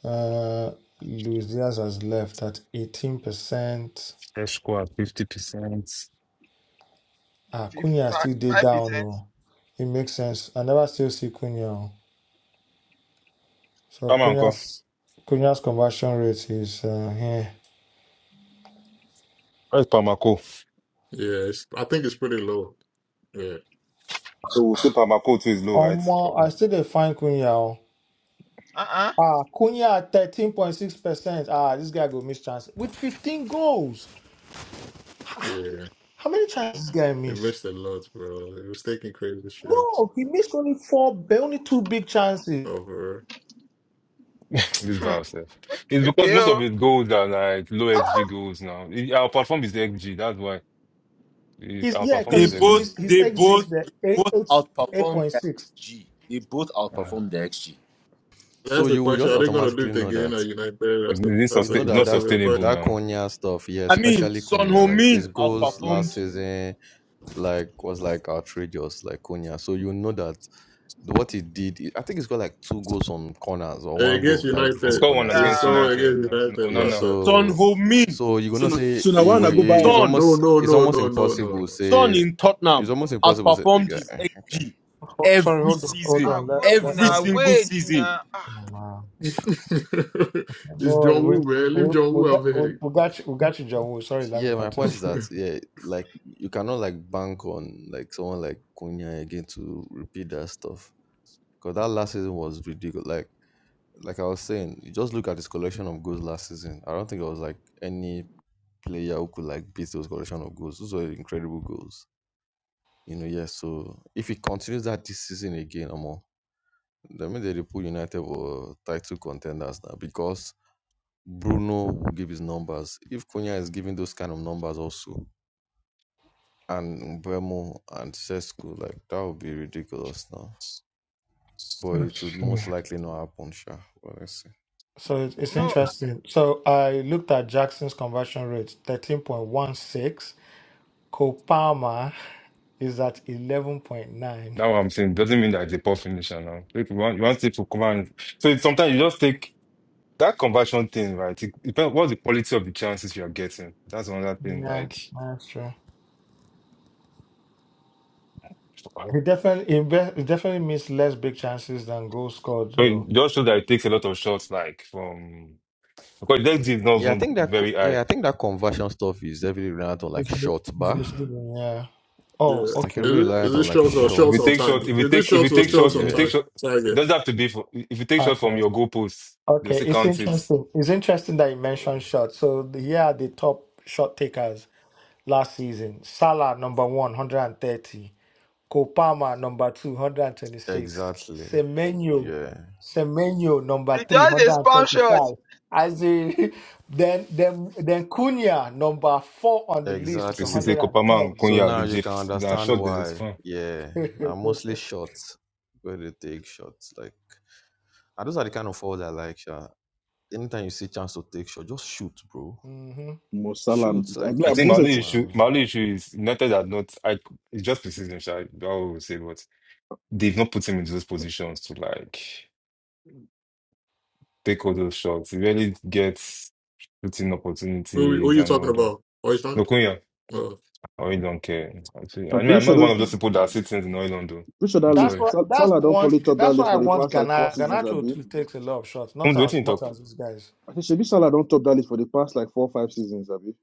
Speaker 13: uh, Luis Diaz has left at 18%.
Speaker 4: Sheshko at fifty percent.
Speaker 13: Ah,
Speaker 1: 5%.
Speaker 13: Cunha still dey down. Oh. It makes sense. I never still see Cunha. oh. So
Speaker 4: Palmer, uncle.
Speaker 13: Cunha's Cunha's conversion rate is uh, here.
Speaker 4: Where's Pamako?
Speaker 9: Yeah, it's, I think it's pretty low. Yeah,
Speaker 4: So we see Pamako too is low, right?
Speaker 13: Omo, I still dey find Cunha. oh.
Speaker 1: Uh-uh.
Speaker 13: Ah, Cunha at thirteen point six percent. Ah, this guy go miss chance with fifteen goals.
Speaker 9: yeah.
Speaker 13: How many chances this guy
Speaker 9: He
Speaker 13: miss?
Speaker 9: missed a lot, bro. He was taking crazy shots
Speaker 13: No, he missed only four, but only two big chances.
Speaker 9: over.
Speaker 4: This bar stuff. It's because
Speaker 1: Okay,
Speaker 4: most of
Speaker 1: oh.
Speaker 4: it goals are like low XG goals now. It- Our platform is XG. That's why It-
Speaker 13: He's
Speaker 4: our
Speaker 13: yeah,
Speaker 4: platform
Speaker 13: because
Speaker 14: They
Speaker 4: is
Speaker 13: he's
Speaker 4: XG.
Speaker 14: both,
Speaker 13: he's he's
Speaker 14: they
Speaker 13: exit
Speaker 14: both,
Speaker 13: the
Speaker 14: they
Speaker 13: eight
Speaker 14: both
Speaker 13: eight eight
Speaker 14: outperformed
Speaker 13: point
Speaker 14: their
Speaker 13: six.
Speaker 14: XG. They both
Speaker 4: Uh,
Speaker 14: outperformed their XG.
Speaker 18: So
Speaker 9: That's the
Speaker 18: you will
Speaker 9: question.
Speaker 18: just
Speaker 9: Are they going to do
Speaker 18: automatically
Speaker 9: it
Speaker 18: know
Speaker 9: again
Speaker 18: that
Speaker 9: at United? That's
Speaker 4: it-
Speaker 9: the
Speaker 4: it is
Speaker 9: that's
Speaker 18: you
Speaker 9: the
Speaker 4: sustain-
Speaker 18: know
Speaker 4: it's
Speaker 18: that
Speaker 4: not
Speaker 9: that's the
Speaker 18: that
Speaker 9: real
Speaker 4: sustainable
Speaker 9: question.
Speaker 18: that
Speaker 4: now.
Speaker 18: Konya stuff, yeah,
Speaker 14: I mean,
Speaker 18: especially
Speaker 14: Son
Speaker 18: Konya, like
Speaker 14: Heung-min
Speaker 18: his goals last
Speaker 14: outperformed
Speaker 18: season, like was like outrageous, like Konya. So you know that what he did, I think he's got like two goals on corners or
Speaker 9: Uh,
Speaker 18: one
Speaker 9: Against
Speaker 18: goal directly
Speaker 4: It's
Speaker 18: from
Speaker 9: United,
Speaker 4: got one
Speaker 18: corner
Speaker 1: Yeah.
Speaker 18: save.
Speaker 9: it's
Speaker 4: against
Speaker 9: going
Speaker 4: United
Speaker 9: against
Speaker 4: now. No,
Speaker 9: United,
Speaker 4: no,
Speaker 18: Yeah,
Speaker 4: no.
Speaker 9: bastard.
Speaker 14: Son
Speaker 18: so
Speaker 14: Heung-min.
Speaker 18: so you're
Speaker 16: So
Speaker 18: gonna
Speaker 16: now,
Speaker 18: say
Speaker 16: so now
Speaker 18: it
Speaker 16: when I
Speaker 18: will,
Speaker 16: go buy
Speaker 18: it's
Speaker 16: um
Speaker 14: Son.
Speaker 9: No,
Speaker 18: almost
Speaker 9: no,
Speaker 18: it's
Speaker 9: no,
Speaker 18: almost
Speaker 9: no, no, no,
Speaker 18: impossible
Speaker 9: no.
Speaker 14: Son
Speaker 18: say
Speaker 14: in
Speaker 18: it's
Speaker 14: Tottenham
Speaker 18: almost impossible say
Speaker 14: outperformed
Speaker 18: like,
Speaker 14: his
Speaker 18: eh, okay.
Speaker 14: XG
Speaker 13: Oh, sorry,
Speaker 14: every
Speaker 13: hold on,
Speaker 1: I'm
Speaker 13: hold
Speaker 14: season,
Speaker 1: Ah,
Speaker 13: on, let,
Speaker 1: work
Speaker 13: let,
Speaker 14: every
Speaker 13: hold
Speaker 1: now.
Speaker 14: single
Speaker 1: Wait
Speaker 14: season
Speaker 1: now. Ah,
Speaker 13: on.
Speaker 9: it's
Speaker 13: No worry,
Speaker 9: John
Speaker 13: we
Speaker 9: Woo, man. Leave
Speaker 13: we
Speaker 9: John
Speaker 13: we
Speaker 9: Woo
Speaker 13: got
Speaker 9: out
Speaker 13: we, we
Speaker 9: of
Speaker 13: got you, we got you, John. Woo. Sorry, let me
Speaker 18: Yeah, my point
Speaker 13: continue.
Speaker 18: is
Speaker 9: here.
Speaker 18: that yeah, like you cannot like bank on like someone like Cunha again to repeat that stuff because that last season was ridiculous. Like like I was saying, you just look at his collection of goals last season. I don't think it was like any player who could like beat those collection of goals. Those were incredible goals. You know, yeah. So if he continues that this season again, Omo, that means they dey put United were title contenders now because Bruno will give his numbers. If Cunha is giving those kind of numbers also, and Bremo and Sesco, like that would be ridiculous now. But it would most likely not happen, sure. But let's see.
Speaker 13: So it's, it's
Speaker 1: no.
Speaker 13: interesting. So I looked at Jackson's conversion rate, thirteen point one six. Copama is at eleven point nine.
Speaker 4: Now I'm saying doesn't mean that it's a poor finisher now. If you want, you want it to come and so it's, sometimes you just take that conversion thing, right? It depends what's the quality of the chances you are getting. That's another thing.
Speaker 13: Yeah,
Speaker 4: Like,
Speaker 13: that's true.
Speaker 4: so
Speaker 13: He definitely he, be, he definitely missed less big chances than goals scored
Speaker 4: it
Speaker 13: though.
Speaker 4: just shows that it takes a lot of shots, like from Because Dexy is not
Speaker 18: Yeah, I
Speaker 4: even
Speaker 18: think that
Speaker 4: very high.
Speaker 18: yeah, I think that conversion stuff is heavily reliant on like shot bar.
Speaker 13: Misleading, yeah. Oh,
Speaker 9: Yeah.
Speaker 18: It's like
Speaker 13: okay.
Speaker 9: Is
Speaker 18: heavily
Speaker 9: it
Speaker 18: reliant
Speaker 9: is
Speaker 18: on
Speaker 9: this
Speaker 18: like
Speaker 9: shorts or
Speaker 4: If
Speaker 18: shot
Speaker 4: you
Speaker 9: shorts on
Speaker 4: take shot,
Speaker 9: target?
Speaker 4: if you
Speaker 9: Is this
Speaker 4: take, if
Speaker 18: per
Speaker 4: you
Speaker 9: shorts or
Speaker 4: take
Speaker 18: game.
Speaker 4: shot,
Speaker 9: shorts
Speaker 4: if
Speaker 9: on
Speaker 4: you
Speaker 18: Yeah.
Speaker 4: take
Speaker 9: target?
Speaker 4: shot, it
Speaker 9: target?
Speaker 4: doesn't have to be. For, if you take shot
Speaker 13: Okay.
Speaker 4: from your goalpost, they'll
Speaker 13: Okay.
Speaker 4: still
Speaker 13: It's
Speaker 4: count it.
Speaker 13: interesting. It's interesting that you mentioned
Speaker 4: So
Speaker 13: shots. So the- here are the top shot takers. last season. Salah number one, 130. Kopama number two, 126.
Speaker 18: Exactly.
Speaker 13: Semenyo,
Speaker 18: Yeah.
Speaker 13: Semenyo
Speaker 1: They
Speaker 13: number three,
Speaker 1: just a spam shot.
Speaker 13: 125. As in, then then then Cunha number four on the list with
Speaker 4: you see,
Speaker 18: Exactly.
Speaker 4: say Kopama
Speaker 13: 110.
Speaker 4: and
Speaker 18: So
Speaker 4: Kunya,
Speaker 18: now
Speaker 4: the
Speaker 18: you can
Speaker 4: Jeff, they are
Speaker 18: understand
Speaker 4: shot. They just
Speaker 18: why.
Speaker 4: fine.
Speaker 18: Yeah. Now mostly shots. Where they take shots. Like and those are the kind of fouls I like, sure. Anytime you see chance to take shot, just shoot, bro
Speaker 13: hmm
Speaker 16: Mo Salah,
Speaker 18: Shoots
Speaker 16: I'm,
Speaker 18: like
Speaker 4: I
Speaker 16: like- I'm
Speaker 4: think my
Speaker 16: pretty
Speaker 4: only
Speaker 16: sure
Speaker 4: issue,
Speaker 18: man,
Speaker 4: my only issue is United are not. I it's just precision, shy. I would say, but they've not put him into those positions to like take all those shots. He really gets putting
Speaker 9: Who we- who are
Speaker 4: opportunities
Speaker 9: you
Speaker 4: and
Speaker 9: talking
Speaker 4: all that.
Speaker 9: about? Oysland?
Speaker 4: No
Speaker 9: Uh
Speaker 4: Oil don't care. Actually, I
Speaker 16: I'm
Speaker 4: mean,
Speaker 16: pretty
Speaker 4: I'm
Speaker 16: sure
Speaker 4: not one
Speaker 16: those
Speaker 4: of those people that see things in oil don't do.
Speaker 16: pretty sure that
Speaker 4: I'm
Speaker 13: That's
Speaker 16: list
Speaker 4: sorry.
Speaker 13: what
Speaker 16: Sal-
Speaker 13: that's
Speaker 16: Salah don't
Speaker 13: what
Speaker 16: probably top that
Speaker 13: that's
Speaker 16: list
Speaker 13: why I
Speaker 16: for the
Speaker 13: want
Speaker 16: past like four
Speaker 13: Ghana.
Speaker 16: seasons,
Speaker 13: Ganacho
Speaker 16: Abi.
Speaker 13: too takes a lot of shots,
Speaker 4: Come
Speaker 13: not
Speaker 4: what
Speaker 13: as
Speaker 4: you
Speaker 13: much
Speaker 4: talk.
Speaker 13: as these guys.
Speaker 16: I think Shabi Salah don't top that list for the past like four five seasons, Abi.